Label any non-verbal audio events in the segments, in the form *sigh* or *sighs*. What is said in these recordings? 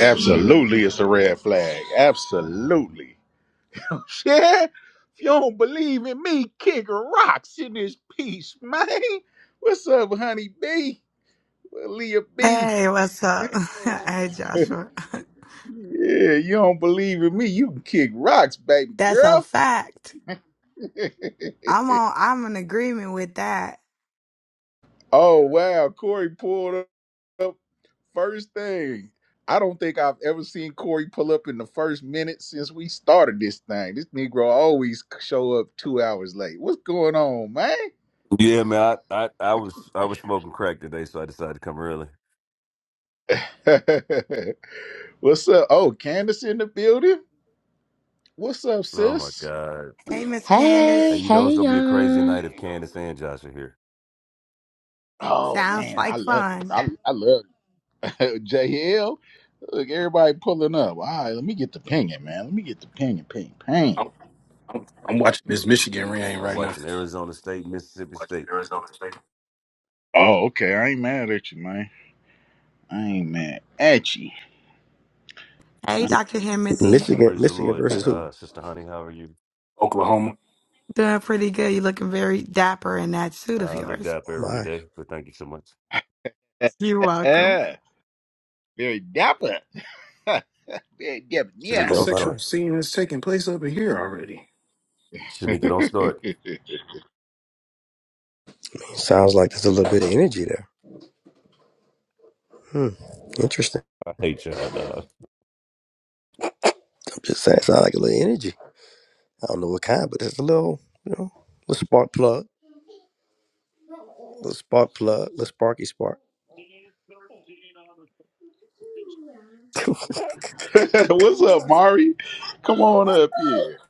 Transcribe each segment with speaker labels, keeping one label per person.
Speaker 1: Absolutely, it's a red flag. Absolutely. *laughs* Yeah. If you don't believe in me, kick rocks in this piece, man. What's up, honey B? Well, Leah B.
Speaker 2: Hey, what's up? *laughs* hey, Joshua. *laughs*
Speaker 1: Yeah, you don't believe in me. You can kick rocks, baby
Speaker 2: That's a
Speaker 1: girl.
Speaker 2: fact.
Speaker 1: *laughs*
Speaker 2: I'm on. I'm in agreement with that.
Speaker 1: oh, wow. Corey pulled up first thing. I don't think I've ever seen Corey pull up in the first minute since we started this thing. This Negro always show up two hours late. What's going on, man?
Speaker 3: Yeah, man. I, I, I was I was smoking crack today, so I decided to come early.
Speaker 1: *laughs* What's up? Oh, Candace in the building. What's up,
Speaker 3: Oh my
Speaker 1: sis?
Speaker 3: god!
Speaker 2: Hey, Miss
Speaker 3: Hey,
Speaker 4: Hey,
Speaker 2: Candace.
Speaker 3: you know
Speaker 4: hey
Speaker 3: it's gonna be a crazy
Speaker 4: y'all.
Speaker 3: night if Candace and Josh are here.
Speaker 1: Oh
Speaker 2: Sounds
Speaker 1: man, I
Speaker 2: like
Speaker 1: love it.
Speaker 2: fun.
Speaker 1: I, I love it. *laughs* JL. Look, everybody pulling up. All right, let me get the pinging, man. Let me get the pinging, ping, ping.
Speaker 5: I'm, I'm, I'm watching this Michigan rain
Speaker 3: I'm
Speaker 5: right now.
Speaker 3: watching Arizona State, Mississippi
Speaker 5: Watching
Speaker 3: State.
Speaker 5: Arizona State,
Speaker 1: Oh, okay. I ain't mad at you, man. I ain't mad at you.
Speaker 2: Hey, Dr. Himothy.
Speaker 6: Michigan,
Speaker 3: Praise the
Speaker 6: Michigan
Speaker 3: Lord,
Speaker 6: versus who?
Speaker 3: uh, Sister Honey. How are you?
Speaker 5: Oklahoma. What
Speaker 2: Doing pretty good. You're looking very dapper in that suit of
Speaker 3: I looked
Speaker 2: yours.
Speaker 3: up
Speaker 6: Oh
Speaker 3: every
Speaker 6: my,
Speaker 3: day, but thank you so much.
Speaker 2: You're
Speaker 1: *laughs*
Speaker 2: welcome.
Speaker 1: Very dapper. *laughs* Very dapper. Yeah.
Speaker 5: kind
Speaker 3: Shanika,
Speaker 5: of
Speaker 6: oh
Speaker 3: don't
Speaker 5: sexual
Speaker 6: my.
Speaker 3: start.
Speaker 5: scene is taking place over here already?
Speaker 1: *laughs*
Speaker 3: Shanika, don't start.
Speaker 6: Sounds like there's a little bit of energy there. Hmm. Interesting.
Speaker 3: I hate y'all, dog.
Speaker 6: I'm just saying, sounds like a little energy. I don't know what kind, but it's a little, you know, little spark plug, little spark plug, little sparky spark. *laughs* oh,
Speaker 1: What's up, Mari? Come on up here.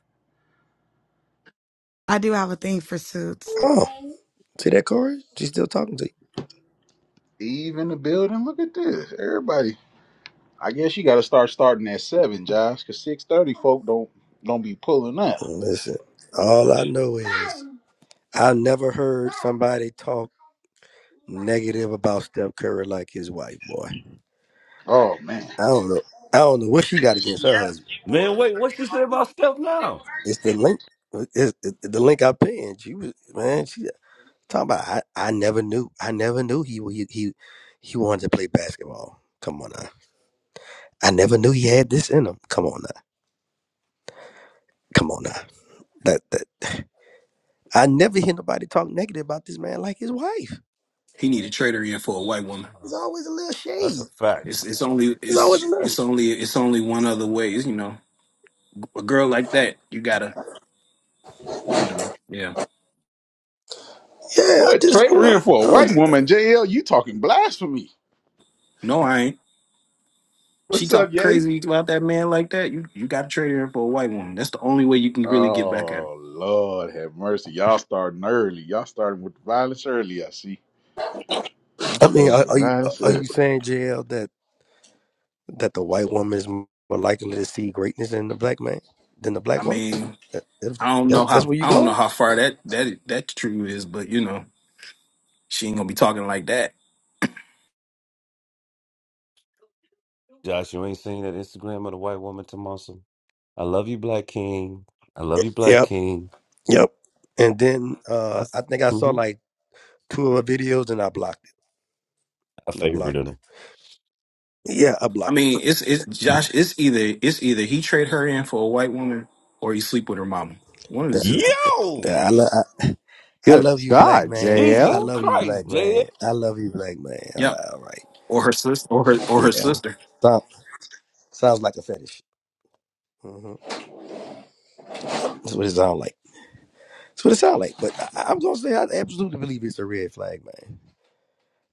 Speaker 2: I do have a thing for suits.
Speaker 6: see that, Corey? She's still talking to you.
Speaker 1: Eve in the building. Look at this. Everybody I guess you got to start starting at seven, Josh, because six thirty folk don't don't be pulling up.
Speaker 6: Listen, all I know is I never heard somebody talk negative about Steph Curry like his wife, boy.
Speaker 1: Oh man,
Speaker 6: I don't know. I don't know what she got against her
Speaker 1: Yes,
Speaker 6: husband.
Speaker 1: you
Speaker 3: Man, wait. What you say about Steph
Speaker 1: would.
Speaker 3: now?
Speaker 6: It's the link. It's it's the link I pinned. She was man. She talking about. I, I never knew. I never knew he he he he wanted to play basketball. Come on now. I never knew he had this in him. Come on now. Come on now. That that. I never hear nobody talk negative about this man like his wife.
Speaker 5: He need to trade her in for a white woman.
Speaker 6: There's always a little shade.
Speaker 3: That's a
Speaker 5: It's
Speaker 3: fact.
Speaker 5: it's only
Speaker 6: There's always
Speaker 5: it's
Speaker 6: a little.
Speaker 5: it's only it's only one other way. You know, a girl like that, you gotta you know yeah.
Speaker 6: Yeah, I
Speaker 1: what
Speaker 6: just
Speaker 1: trade
Speaker 6: you know.
Speaker 1: in for a
Speaker 6: I,
Speaker 1: white
Speaker 6: don't-
Speaker 1: woman, JL? You talking blasphemy?
Speaker 5: No, I ain't. She
Speaker 1: What's up,
Speaker 5: talk
Speaker 1: Yay?
Speaker 5: crazy about that man like that. You you gotta trade her in for a white woman. That's the only way you can really get back at her.
Speaker 1: Oh Lord, have mercy! Y'all starting early. Y'all starting with the violence early. I see. I
Speaker 6: I mean,
Speaker 1: started with
Speaker 6: are,
Speaker 1: the
Speaker 6: are you
Speaker 1: violence
Speaker 6: are
Speaker 1: early.
Speaker 6: you saying JL that that the white woman is more likely to see greatness in the black man than the black
Speaker 5: I
Speaker 6: woman?
Speaker 5: mean,
Speaker 6: That, that,
Speaker 5: I don't know
Speaker 6: that- that's
Speaker 5: how
Speaker 6: where you
Speaker 5: I don't know
Speaker 6: go.
Speaker 5: how far that that that true is, but you know, she ain't gonna be talking like that.
Speaker 3: Josh, you ain't seen that Instagram of the white woman, Tomasa? I love you, Black King. I love you, Black
Speaker 6: Yep,
Speaker 3: King.
Speaker 6: yep. And then uh
Speaker 3: That's
Speaker 6: I think I saw
Speaker 3: hmm
Speaker 6: like two of her videos, and I blocked
Speaker 3: I
Speaker 6: it. And I
Speaker 3: favored
Speaker 6: blocked her.
Speaker 3: him.
Speaker 6: Yeah, I
Speaker 5: I
Speaker 6: blocked her.
Speaker 5: mean, it's it's Josh. It's either it's either he trade her in for a white woman, or he sleep with her mama. One of the two.
Speaker 6: Yeah,
Speaker 3: Yo,
Speaker 6: yeah, I, lo- I, I
Speaker 7: Good
Speaker 6: love you, black
Speaker 7: God,
Speaker 6: man. I
Speaker 3: Jesus
Speaker 7: JL.
Speaker 6: love you, black
Speaker 3: Christ, JF.
Speaker 6: man. I love you, black man. All
Speaker 5: Yep.
Speaker 6: right, all
Speaker 5: Or her sister. Or her or
Speaker 6: right.
Speaker 5: her
Speaker 6: yeah.
Speaker 5: sister.
Speaker 6: Sound, sounds like a fetish. hmm That's what it sounds like. That's what it sounds like. But I, I'm gonna say I absolutely believe it's a red flag, man.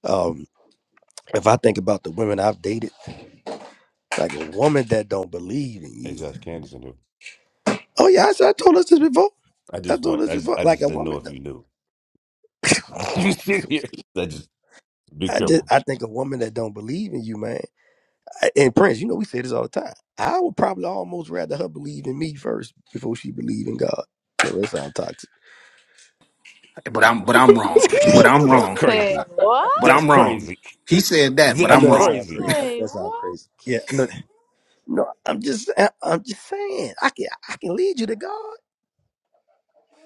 Speaker 6: Um, if I think about the women I've dated, like a woman that don't believe in
Speaker 3: Hey,
Speaker 6: you.
Speaker 3: Josh, Candace in here.
Speaker 6: Oh yeah, I, said- I told us this before.
Speaker 3: I
Speaker 6: I
Speaker 3: just
Speaker 6: told
Speaker 3: want.
Speaker 6: us
Speaker 3: I just.
Speaker 6: before.
Speaker 3: I
Speaker 6: Like
Speaker 3: just
Speaker 6: a
Speaker 3: didn't know
Speaker 6: woman.
Speaker 3: if you knew. *laughs* You
Speaker 6: He's
Speaker 3: sit
Speaker 6: so
Speaker 3: here.
Speaker 6: stupid.
Speaker 3: That just be
Speaker 6: I just
Speaker 3: careful.
Speaker 6: I think a woman that don't believe in you, man. I- And Prince, you know we say this all the time. I would probably almost rather her believe in me first before she believe in God. No, that sounds toxic.
Speaker 5: But I'm but I'm wrong. But
Speaker 6: *laughs*
Speaker 5: I'm
Speaker 3: That's
Speaker 5: wrong.
Speaker 3: crazy.
Speaker 8: Say
Speaker 1: *laughs*
Speaker 8: what?
Speaker 5: But
Speaker 3: That's
Speaker 5: I'm wrong.
Speaker 3: crazy.
Speaker 5: He said that, but
Speaker 6: I
Speaker 3: That's
Speaker 5: I'm
Speaker 6: know that
Speaker 5: wrong.
Speaker 6: sounds
Speaker 3: crazy.
Speaker 6: crazy. I know
Speaker 8: Say
Speaker 6: that sounds
Speaker 8: what?
Speaker 6: crazy. Yeah, I know. No, I'm just I- I'm just saying I can I can lead you to God.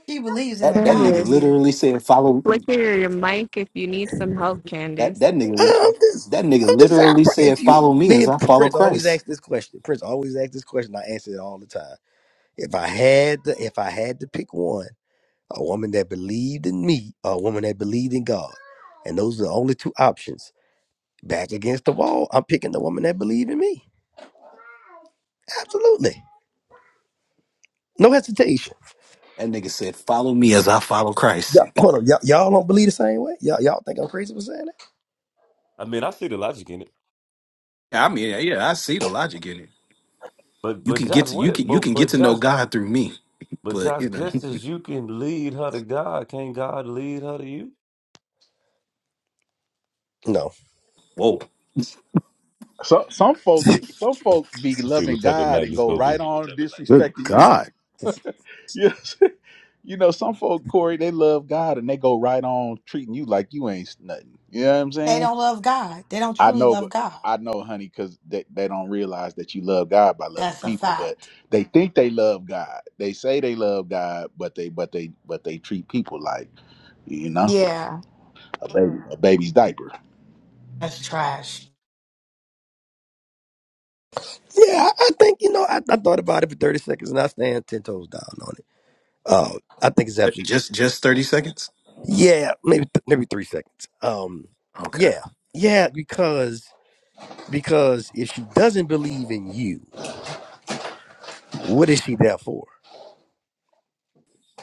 Speaker 2: She believes in
Speaker 5: That
Speaker 2: the
Speaker 5: that
Speaker 2: God
Speaker 5: nigga
Speaker 2: in
Speaker 9: Candace,
Speaker 2: you.
Speaker 5: literally said follow
Speaker 9: flicker your mic if you need some help,
Speaker 5: that
Speaker 9: Candace.
Speaker 5: that nigga
Speaker 6: I'm just
Speaker 5: that nigga
Speaker 6: I'm just saying. I
Speaker 5: literally
Speaker 6: probably,
Speaker 5: said
Speaker 6: if you
Speaker 5: follow me
Speaker 6: me
Speaker 5: as
Speaker 6: and
Speaker 5: I follow
Speaker 6: Prince always
Speaker 5: Christ.
Speaker 6: ask this question. Prince always ask this question. I answer it all the time. If I had to, if I had to pick one. a woman that believed in me, or a woman that believed in God. And those are the only two options. Back against the wall, I'm picking the woman that believed in me. Absolutely. No hesitation.
Speaker 5: That nigga said, "Follow me as I follow
Speaker 6: Yeah,
Speaker 5: Christ."
Speaker 6: hold on. Y'all, y'all don't believe the same way? Y'all, y'all think I'm crazy for saying
Speaker 3: I mean, I see the logic in it,
Speaker 5: *laughs* I mean, yeah, I see the logic in it.
Speaker 3: but
Speaker 5: You
Speaker 3: but
Speaker 5: can
Speaker 3: Josh,
Speaker 5: get to
Speaker 3: what?
Speaker 5: you
Speaker 3: It,
Speaker 5: can you
Speaker 3: but
Speaker 5: can get
Speaker 3: but
Speaker 5: to know
Speaker 3: Josh,
Speaker 5: God through me,
Speaker 3: but
Speaker 5: but
Speaker 3: Josh,
Speaker 5: you know,
Speaker 3: just as you can lead her to God, can God lead her to you?
Speaker 6: that? No.
Speaker 5: *laughs* whoa,
Speaker 1: so, some folk,
Speaker 3: It's-
Speaker 1: some
Speaker 3: *laughs*
Speaker 1: folk be
Speaker 3: Let's see what
Speaker 1: loving
Speaker 3: type of
Speaker 1: God
Speaker 3: night
Speaker 1: and
Speaker 3: this
Speaker 1: go
Speaker 3: gonna
Speaker 1: right
Speaker 3: be.
Speaker 1: on
Speaker 7: Good
Speaker 1: disrespecting you.
Speaker 7: God,
Speaker 1: *laughs* Yes. You know, some folk, Corey, they love God and they go right on treating you like you ain't nothing. You know what I'm
Speaker 2: They
Speaker 1: saying?
Speaker 2: don't love God. They don't
Speaker 1: I
Speaker 2: truly
Speaker 1: know,
Speaker 2: love
Speaker 1: but
Speaker 2: God.
Speaker 1: I know, honey, because they, they don't realize that you love God by loving
Speaker 2: That's a
Speaker 1: people, but
Speaker 2: fact.
Speaker 1: they think they love God. They say they love God, but they but they but they treat people like you know
Speaker 2: Yeah,
Speaker 1: a baby a baby's diaper.
Speaker 2: that's trash.
Speaker 6: Yeah, I, I think, you know, I, I thought about it for 30 seconds and I stand 10 toes down on it. Um, I think it's
Speaker 5: That-
Speaker 6: absolutely.
Speaker 5: just just thirty seconds.
Speaker 6: Yeah, maybe th- maybe three seconds. Um,
Speaker 5: Okay,
Speaker 6: yeah. Yeah, because because if she doesn't believe in you, what is she there for?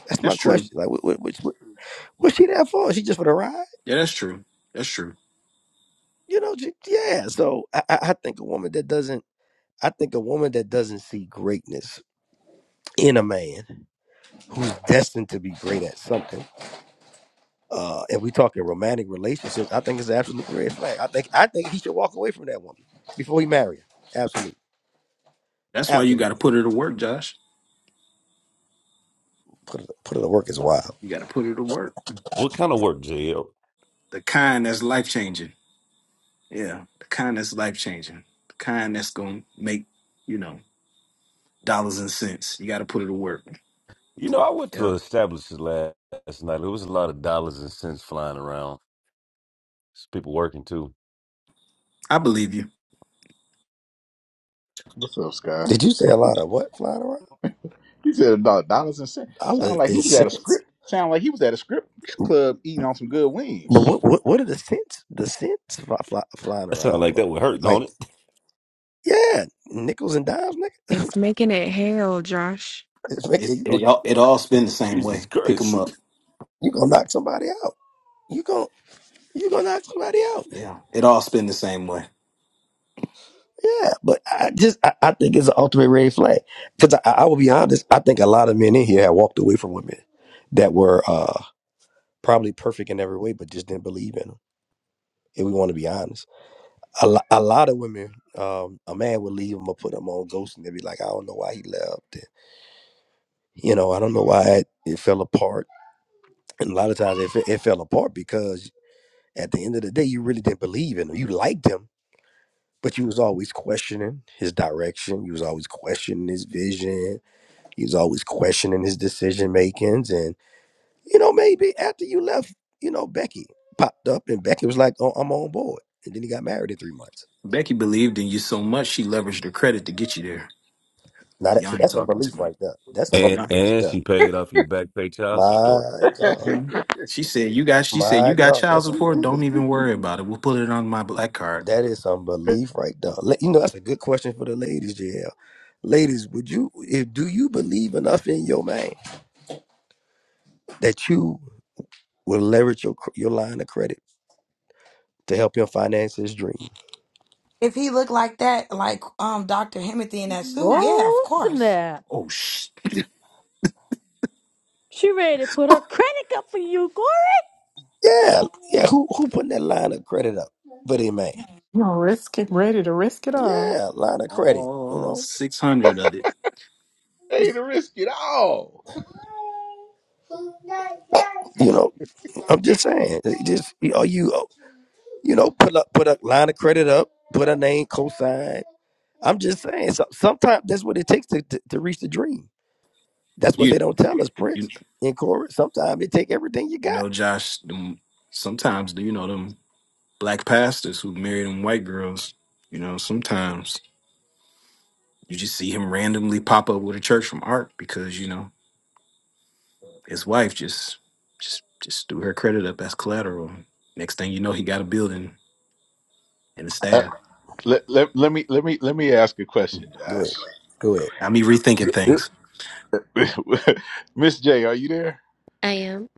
Speaker 6: That's my
Speaker 5: that's true.
Speaker 6: question. Like, what, what, what, what- what's she there for? She just for the ride?
Speaker 5: Yeah, that's true. That's true.
Speaker 6: You know? She, yeah. So I, I I think a woman that doesn't, I think a woman that doesn't see greatness in a man who's destined to be great at something. Uh, and we talking romantic relationships. I think it's an absolute red flag. I think I think he should walk away from that woman before he marry her. Absolutely,
Speaker 5: That's why you got to
Speaker 6: absolutely.
Speaker 5: put her to work, Josh.
Speaker 6: Put it put it to work is wild.
Speaker 5: You got to put her to work.
Speaker 3: What kind of work, JL?
Speaker 5: The kind that's life changing. Yeah, the kind that's life changing, the kind that's gonna make you know dollars and cents. You got to put it to work.
Speaker 3: You know, I went to
Speaker 5: Yep,
Speaker 3: an establishment last, last night. There was a lot of dollars and cents flying around. There's people working too.
Speaker 5: I believe you.
Speaker 1: What's up, Sky?
Speaker 6: Did you say a lot of what flying around?
Speaker 1: He said about dollars and cents.
Speaker 6: I
Speaker 1: Sound
Speaker 6: look
Speaker 1: like he
Speaker 6: in
Speaker 1: was at a
Speaker 6: sense.
Speaker 1: script. Sound like he was at a script club eating on some good
Speaker 6: But
Speaker 1: wings.
Speaker 6: what what what are the scents? The scents fly, fly, flying
Speaker 3: That sounds
Speaker 6: around
Speaker 3: like
Speaker 6: for?
Speaker 3: that would hurt,
Speaker 6: Like.
Speaker 3: don't it? *laughs*
Speaker 6: Yeah, nickels and dimes, nigga. *laughs*
Speaker 9: It's making it hail, Josh.
Speaker 6: It's
Speaker 5: It
Speaker 6: wicked. You gonna
Speaker 5: it all it all spin the same
Speaker 3: Jesus
Speaker 5: way. Pick them
Speaker 3: Christ.
Speaker 5: up.
Speaker 6: you gonna knock somebody out. You gonna you gonna knock somebody out.
Speaker 5: Yeah, it all spin the same way.
Speaker 6: Yeah, but I just I, I think it's an ultimate red flag because I, I will be honest. I think a lot of men in here have walked away from women that were uh probably perfect in every way, but just didn't believe in them. If we want to be honest, a, lo- a lot of women, um, a man would leave them or put them on ghost, and they'd be like, I don't know why he left. And, you know, I don't know why it, it fell apart. And a lot of times it, fe- it fell apart because at the end of the day, you really didn't believe in him. You liked him, but you was always questioning his direction. You was always questioning his vision. You was always questioning his decision makings. And you know, maybe after you left, you know, Becky popped up, and Becky was like, "Oh, I'm on board." And then he got married in three months.
Speaker 5: Becky believed in you so much she leveraged her credit to get you there.
Speaker 6: Now that,
Speaker 5: Y'all
Speaker 6: see,
Speaker 5: ain't
Speaker 6: that's
Speaker 5: talking to
Speaker 6: unbelief right there. That's
Speaker 1: Oh,
Speaker 3: And
Speaker 5: me.
Speaker 6: unbelief right
Speaker 3: and
Speaker 6: there.
Speaker 3: she paid off your back pay child support.
Speaker 6: My
Speaker 1: *laughs*
Speaker 6: God,
Speaker 5: Mhm. She said, "You got." She said,
Speaker 6: my
Speaker 5: "You got
Speaker 6: God,
Speaker 5: child
Speaker 6: that's
Speaker 5: support. Don't
Speaker 6: unbelief.
Speaker 5: even worry about it. We'll put it on my black card."
Speaker 6: That is unbelief right there. Let- You know, that's a good question for the ladies, JL. ladies, would you if do you believe enough in your man that you will leverage your cr- your line of credit to help him finance his dream?
Speaker 2: If he looked like that, like um Dr. Himothy in that suit, yeah, of
Speaker 8: Oh
Speaker 2: course.
Speaker 8: snap!
Speaker 5: Oh shit!
Speaker 8: She ready to put her credit up for you, Gore.
Speaker 6: Yeah, yeah. Who who putting that line of credit up for their man?
Speaker 10: You know, risk it, ready to risk it all.
Speaker 6: Yeah, line of credit. You
Speaker 5: All
Speaker 6: know,
Speaker 5: six hundred of it.
Speaker 1: ain't a risk at all.
Speaker 6: you know. I'm just saying. it Just are you you know put up put a line of credit up, put a name cosign. I'm just saying. So, sometimes that's what it takes to, to to reach the dream. That's what they
Speaker 5: You
Speaker 6: don't tell us, Prince.
Speaker 5: you
Speaker 6: In chorus, sometimes it take everything you
Speaker 5: you
Speaker 6: got.
Speaker 5: know, Josh. Them, sometimes you know them black pastors who marry them white girls. You know, sometimes you just see him randomly pop up with a church from Art because you know his wife just just just threw her credit up as collateral. Next thing you know, he got a building and a
Speaker 1: *laughs*
Speaker 5: staff.
Speaker 1: Let, let, let me let me let me ask a question,
Speaker 6: Go
Speaker 1: Josh.
Speaker 6: ahead. Go ahead.
Speaker 5: Got me rethinking things.
Speaker 1: *laughs* Miss J, are you there?
Speaker 11: I am.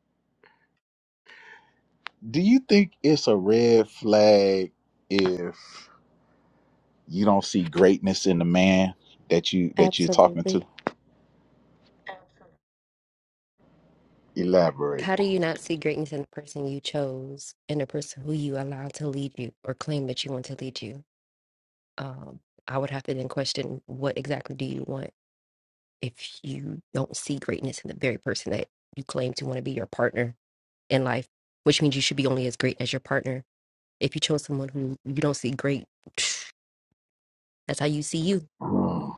Speaker 1: Do you think it's a red flag if you don't see greatness in the man that you that you're talking
Speaker 11: Absolutely.
Speaker 1: to? Elaborate.
Speaker 11: How do you not see greatness in the person you chose and the person who you allowed to lead you or claim that you want to lead you? Um, I would have to then question what exactly do you want if you don't see greatness in the very person that you claim to want to be your partner in life, which means you should be only as great as your partner. If you chose someone who you don't see great, *sniffs* *tsk* that's how you see you.
Speaker 1: Mm.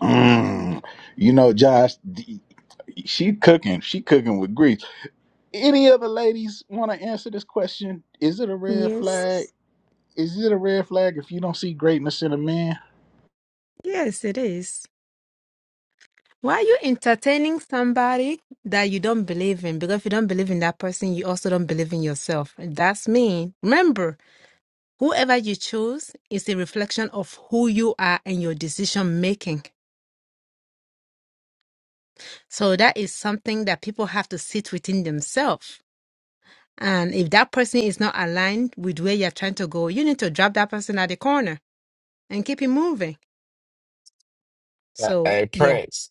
Speaker 1: Mm. You know, Josh, d- she cooking. She cooking with grease. Any other ladies want to answer this question? Is it a red
Speaker 12: Yes.
Speaker 1: flag? Is it a red flag if you don't see greatness in a man?
Speaker 12: Yes, it is. Why are you entertaining somebody that you don't believe in? Because if you don't believe in that person, you also don't believe in yourself. That's me. Remember, whoever you choose is a reflection of who you are and your decision making. So that is something that people have to sit within themselves. And if that person is not aligned with where you're trying to go, you need to drop that person at the corner and keep it moving. So,
Speaker 13: Hey
Speaker 12: yeah.
Speaker 13: Prince,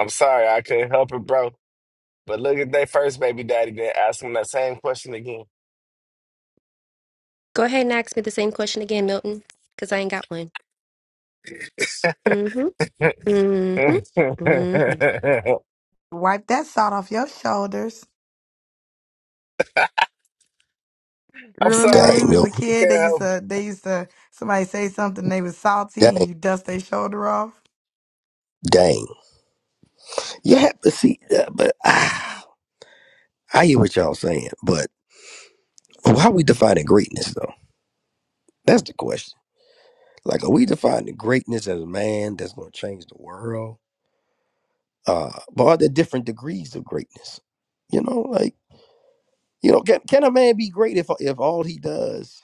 Speaker 13: I'm sorry I couldn't help it, bro. But look at their first baby daddy, then ask him that same question again.
Speaker 11: Go ahead and ask me the same question again, Milton, because I ain't got one. Mm-hmm. Mm-hmm.
Speaker 13: *laughs*
Speaker 2: Wipe that salt off your shoulders.
Speaker 13: I'm
Speaker 2: Remember when we
Speaker 13: sorry,
Speaker 6: Dang, yo.
Speaker 2: was a
Speaker 13: I
Speaker 2: kid, they
Speaker 13: can't
Speaker 2: used
Speaker 13: help. it.
Speaker 2: to they used to somebody say something they was salty and
Speaker 6: Dang,
Speaker 2: you dust their shoulder off.
Speaker 6: dang. You have to see that, but ah, I hear what y'all saying. But how we defining greatness, though? That's the question. Like, are we defining greatness as a man that's going to change the world? Uh, but are there different degrees of greatness? You know, like, you know, can, can a man be great if, if all he does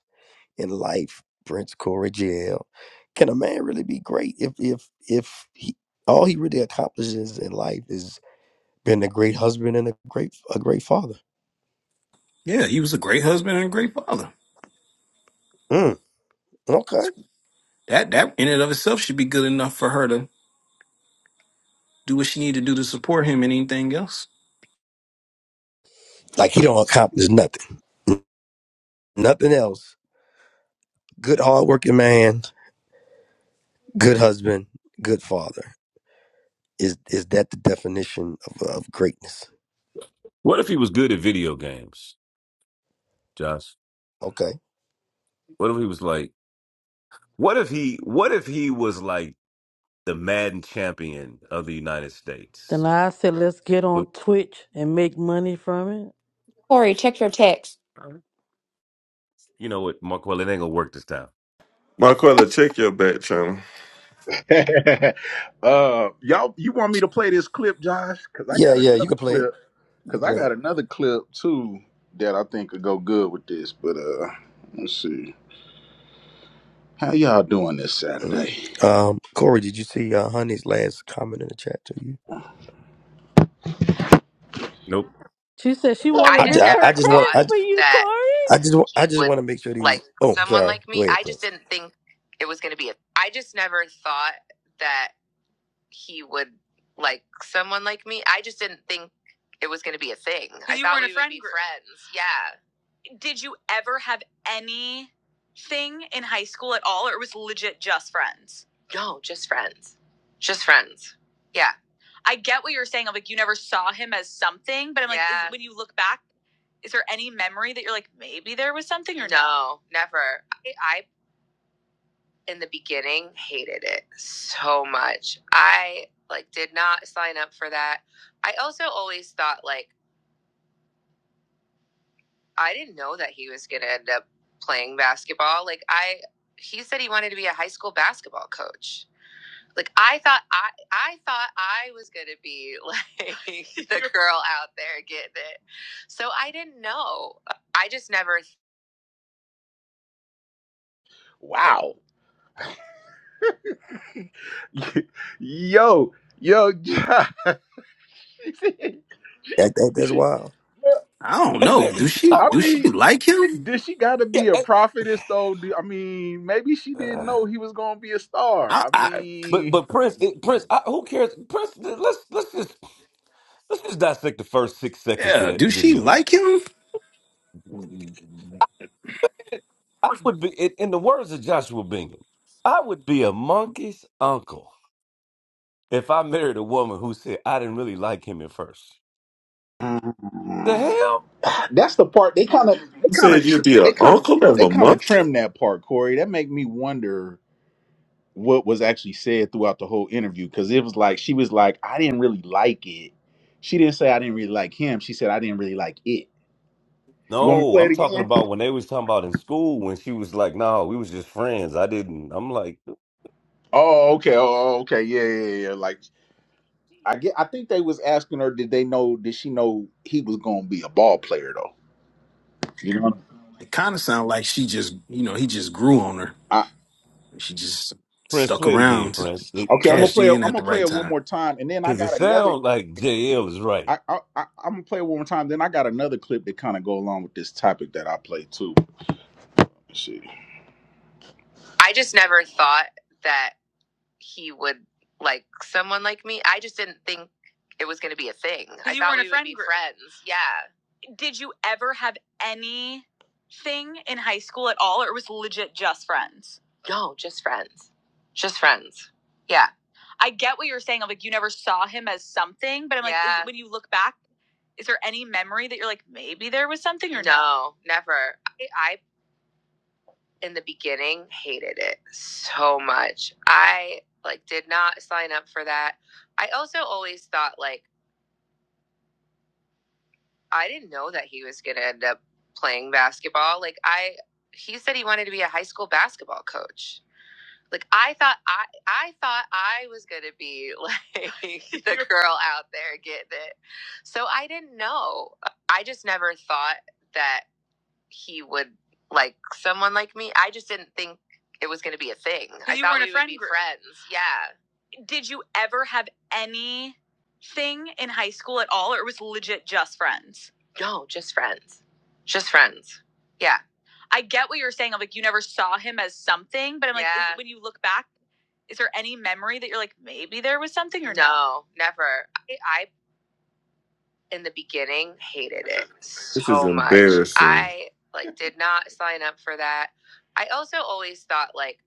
Speaker 6: in life, Prince Corey Jail, can a man really be great if, if, if he, all he really accomplishes in life is being a great husband and a great, a great father?
Speaker 5: Yeah, he was a great husband and a great father.
Speaker 6: Mm, okay
Speaker 5: That that in and of itself should be good enough for her to do what she need to do to support him and anything else.
Speaker 6: Like he don't accomplish nothing. Nothing else. Good hardworking man, good husband, good father. Is is that the definition of, of greatness?
Speaker 3: What if he was good at video games, Josh?
Speaker 6: Okay.
Speaker 3: What if he was like what if he what if he was like the Madden champion of the United
Speaker 8: Then
Speaker 3: States?
Speaker 8: I said, let's get
Speaker 3: Well,
Speaker 8: on Twitch and make money from it.
Speaker 14: Corey, check your text.
Speaker 3: you know what, Mark, well, it ain't gonna work this time.
Speaker 15: Marquella, check your back channel.
Speaker 1: *laughs* uh, y'all, you want me to play this clip, Josh? Because I
Speaker 6: Yeah,
Speaker 1: got
Speaker 6: yeah, you
Speaker 1: another
Speaker 6: can play it.
Speaker 1: clip.
Speaker 6: You can
Speaker 1: Because I
Speaker 6: play
Speaker 1: got
Speaker 6: it.
Speaker 1: another clip too that I think could go good with this. But uh, let's see. How y'all doing this Saturday?
Speaker 6: Mm. Um, Corey, did you see uh, Honey's last comment in the chat to you?
Speaker 3: Nope.
Speaker 8: She said she want
Speaker 1: I
Speaker 8: to
Speaker 6: I, ju-
Speaker 1: just
Speaker 8: risk
Speaker 6: I,
Speaker 8: her
Speaker 6: I
Speaker 1: never
Speaker 6: just want
Speaker 8: credit
Speaker 1: thought
Speaker 6: I,
Speaker 8: for
Speaker 6: ju-
Speaker 8: you,
Speaker 1: that
Speaker 8: Corey.
Speaker 6: I just wa- I
Speaker 1: he
Speaker 6: just
Speaker 1: would
Speaker 6: want to make sure these.
Speaker 1: like
Speaker 6: Oh, I'm
Speaker 1: someone
Speaker 6: sorry.
Speaker 1: like
Speaker 6: Go
Speaker 1: me. I
Speaker 6: ahead,
Speaker 1: just
Speaker 6: Prince.
Speaker 1: didn't think it was going to be a. I just never thought that he would like someone like me. I just didn't think it was going to be a thing. I you thought weren't a we would friend be group. friends. Yeah. Did you ever have anything in high school at all, or it was legit just friends? No, just friends. Just friends. Yeah. I get what you're saying. I'm like, you never saw him as something, but I'm like, yeah. is- Yeah. when you look back, is there any memory that you're like, maybe there was something or no? No, never. I, I in the beginning hated it so much. I like did not sign up for that. I also always thought like I didn't know that he was going to end up playing basketball. Like I he said he wanted to be a high school basketball coach. Like I thought I I thought I was going to be like *laughs* the girl out there getting it. So I didn't know. I just never Wow. *laughs* yo, yo, *laughs*
Speaker 6: That, that that's wild.
Speaker 5: I don't
Speaker 3: Hey
Speaker 5: know.
Speaker 3: man,
Speaker 5: Do she
Speaker 3: I
Speaker 1: I
Speaker 5: do
Speaker 3: wanna
Speaker 5: she
Speaker 1: mean,
Speaker 5: like him?
Speaker 1: did she got to
Speaker 3: yeah,
Speaker 1: be a prophetess though? I mean, maybe she
Speaker 3: I-
Speaker 1: didn't
Speaker 3: *sighs*
Speaker 1: know he was gonna be a star.
Speaker 5: I,
Speaker 1: I
Speaker 5: I
Speaker 3: But
Speaker 1: mean,
Speaker 3: but Prince, it, Prince, I, who cares? Prince, th- let's let's just let's just dissect the first six seconds of
Speaker 5: yeah.
Speaker 3: that
Speaker 5: Do she
Speaker 3: video.
Speaker 5: like him?
Speaker 3: I would be, in, in the words of Joshua Bingham, I would be a monkey's uncle if I married a woman who said I didn't really like him at first. The
Speaker 1: Mm.
Speaker 3: hell?
Speaker 1: That's the part they kind of they
Speaker 15: You
Speaker 1: kind of
Speaker 15: said
Speaker 1: tr-
Speaker 15: you'd be
Speaker 1: they
Speaker 15: an
Speaker 1: kind of
Speaker 15: uncle of
Speaker 1: they
Speaker 15: a
Speaker 1: kind of
Speaker 15: monkey?
Speaker 1: trim that part, Corey. That make me wonder what was actually said throughout the whole interview because it was like she was like, I didn't really like it. She didn't say I didn't really like him. She said I didn't really like it. You want me to
Speaker 3: No,
Speaker 1: play it
Speaker 3: I'm talking
Speaker 1: again?
Speaker 3: about when they was talking about in school when she was like, "No, we was just friends. I didn't." I'm like,
Speaker 1: Oh, okay. Oh, oh, okay. Yeah, yeah, yeah. yeah, Like I get. I think they was asking her, did they know? Did she know he was gonna be a ball player though? You know. what
Speaker 5: It kind of sounds like she just you know he just grew on her.
Speaker 1: i
Speaker 5: She just
Speaker 3: Prince,
Speaker 5: stuck
Speaker 3: play it again,
Speaker 5: around,
Speaker 3: Prince, it,
Speaker 1: okay, I'm gonna
Speaker 5: cashed
Speaker 1: play.
Speaker 3: Prince,
Speaker 1: I'm
Speaker 5: in at
Speaker 1: gonna
Speaker 5: the
Speaker 1: play
Speaker 5: right
Speaker 1: it one
Speaker 5: time.
Speaker 1: more time, and then I
Speaker 3: because it
Speaker 1: got another
Speaker 3: sound like JL is right.
Speaker 1: I, I, I I'm gonna play it one more time. Then I got another clip that kind of go along with this topic that I play too. Let's see. I just never thought. that he would like someone like me. I just didn't think it was going to be a thing. I You thought were in a we friend would be group. friends. Yeah. Did you ever have anything in high school at all, or it was legit just friends? No, just friends. Just friends. Yeah. I get what you're saying. I'm like, you never saw him as something, but I'm like, yeah. is- Yeah. when you look back, is there any memory that you're like, maybe there was something or No, No, never. I, I in the beginning hated it so much. I like did not sign up for that. I also always thought like I didn't know that he was going to end up playing basketball. Like I he said he wanted to be a high school basketball coach. Like I thought I I thought I was going to be like *laughs* the girl out there getting it. So I didn't know. I just never thought that he would like someone like me. I just didn't think it was going to be a thing. I You thought were in a we friend would be group. friends. Yeah. Did you ever have any thing in high school at all, or it was legit just friends? No, just friends. Just friends. Yeah. I get what you're saying. I'm like, you never saw him as something, but I'm like, yeah. is- Yeah. when you look back, is there any memory that you're like, maybe there was something or No, No, never. I, I in the beginning hated it
Speaker 15: This is
Speaker 1: so much.
Speaker 15: embarrassing.
Speaker 1: I like did not sign up for that. I also always thought like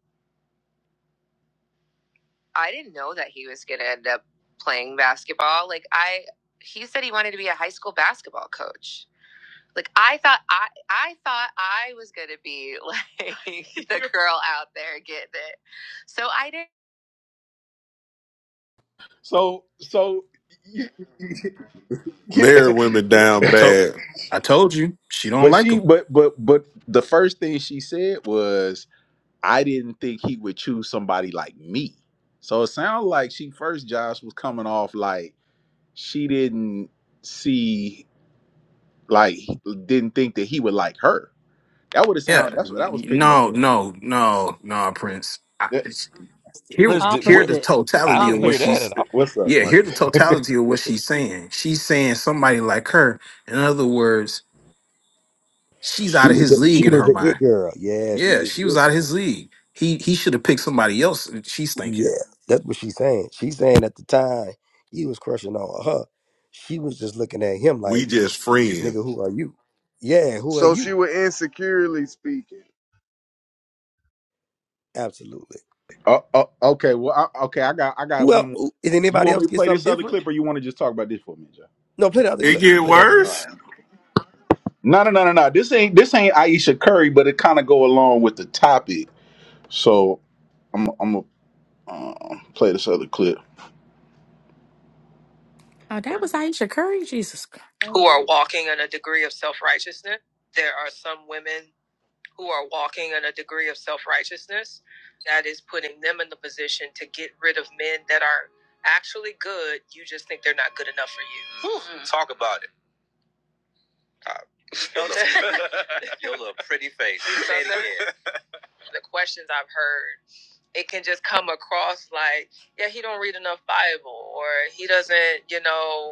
Speaker 1: I didn't know that he was going to end up playing basketball. Like I he said he wanted to be a high school basketball coach. Like I thought I I thought I was going to be like *laughs* the girl out there getting it. So I didn't So so *laughs*
Speaker 15: Married women down
Speaker 5: I told
Speaker 15: bad.
Speaker 5: I told you she don't
Speaker 1: but
Speaker 5: like
Speaker 1: she
Speaker 5: him.
Speaker 1: but but but the first thing she said was I didn't think he would choose somebody like me. So it sounds like she first Josh was coming off like she didn't see like didn't think that he would like her. That would have
Speaker 5: Yeah.
Speaker 1: sounded. That's what I was picking up
Speaker 5: No
Speaker 1: on.
Speaker 5: no no no Prince.
Speaker 1: That-
Speaker 5: Here,
Speaker 3: Prince, did,
Speaker 5: hear
Speaker 3: where,
Speaker 5: the
Speaker 8: Opposite.
Speaker 3: I
Speaker 5: totality of
Speaker 3: didn't
Speaker 5: what
Speaker 3: hear
Speaker 8: Opposite.
Speaker 3: that at
Speaker 5: she's.
Speaker 3: all.
Speaker 1: What's up,
Speaker 5: Yeah, hear
Speaker 1: Mark?
Speaker 5: the totality of what she's saying. She's saying somebody like her. In other words, she's
Speaker 6: She
Speaker 5: out of
Speaker 6: was the,
Speaker 5: his league
Speaker 6: she
Speaker 5: in
Speaker 6: was
Speaker 5: her
Speaker 6: the it
Speaker 5: mind.
Speaker 6: girl. Yeah, she
Speaker 5: Yeah,
Speaker 6: was
Speaker 5: she
Speaker 6: the
Speaker 5: was
Speaker 6: it
Speaker 5: out of
Speaker 6: girl.
Speaker 5: his league. He he should have picked somebody else. She's thinking.
Speaker 6: Yeah, that's what she's saying. She's saying at the time he was crushing on her, she was just looking at him
Speaker 15: We
Speaker 6: like,
Speaker 15: just friends.
Speaker 6: "Nigga, who are you?" Yeah, who are
Speaker 16: So she
Speaker 6: you?
Speaker 16: was insecurely speaking.
Speaker 6: Absolutely.
Speaker 1: *laughs* oh, oh, okay. Well, I, okay. I got I got
Speaker 6: Well,
Speaker 1: one more.
Speaker 6: did
Speaker 1: You
Speaker 6: anybody
Speaker 1: want me
Speaker 6: else
Speaker 1: to
Speaker 6: get
Speaker 1: play
Speaker 6: something
Speaker 1: this other
Speaker 6: different?
Speaker 1: clip, or you want to just talk about this for a minute, Josh?
Speaker 6: No, play the other
Speaker 15: It
Speaker 6: clip. You
Speaker 15: get
Speaker 6: can play the other
Speaker 1: All
Speaker 6: one.
Speaker 1: right.
Speaker 15: worse?
Speaker 1: No, no, no, no, no. This ain't this ain't Aisha Curry, but it kind of go along with the topic. So I'm I'm gonna uh, play this other clip.
Speaker 14: Oh, that was Aisha Curry. Jesus Christ.
Speaker 1: who are walking in a degree of self righteousness. There are some women who are walking in a degree of self righteousness that is putting them in the position to get rid of men that are actually good. You just think they're not good enough for you. Whew, mm. Talk about it. Uh, your, little, *laughs* your little pretty face. Say it again. The questions I've heard, it can just come across like, yeah, he don't read enough Bible, or he doesn't, you know,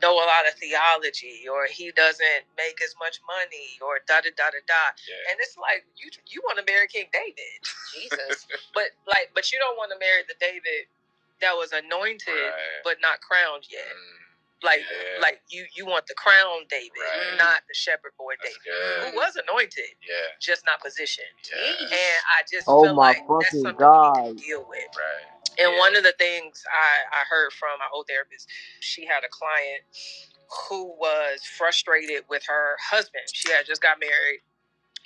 Speaker 1: know a lot of theology or he doesn't make as much money or da da da da da. Yeah. And it's like you you want to marry King David, Jesus, *laughs* but like but you don't want to marry the David that was anointed Right. but not crowned yet. Mm. Like Yeah. like you you want the crown David, Right. not the shepherd boy David, who was anointed, yeah, just not positioned. Yes. And I just
Speaker 16: Oh
Speaker 1: feel
Speaker 16: my
Speaker 1: like that's
Speaker 16: fucking
Speaker 1: something we need to
Speaker 16: god.
Speaker 1: deal with. Right. And Yeah. one of the things I, I heard from my old therapist she had a client who was frustrated with her husband. She had just got married.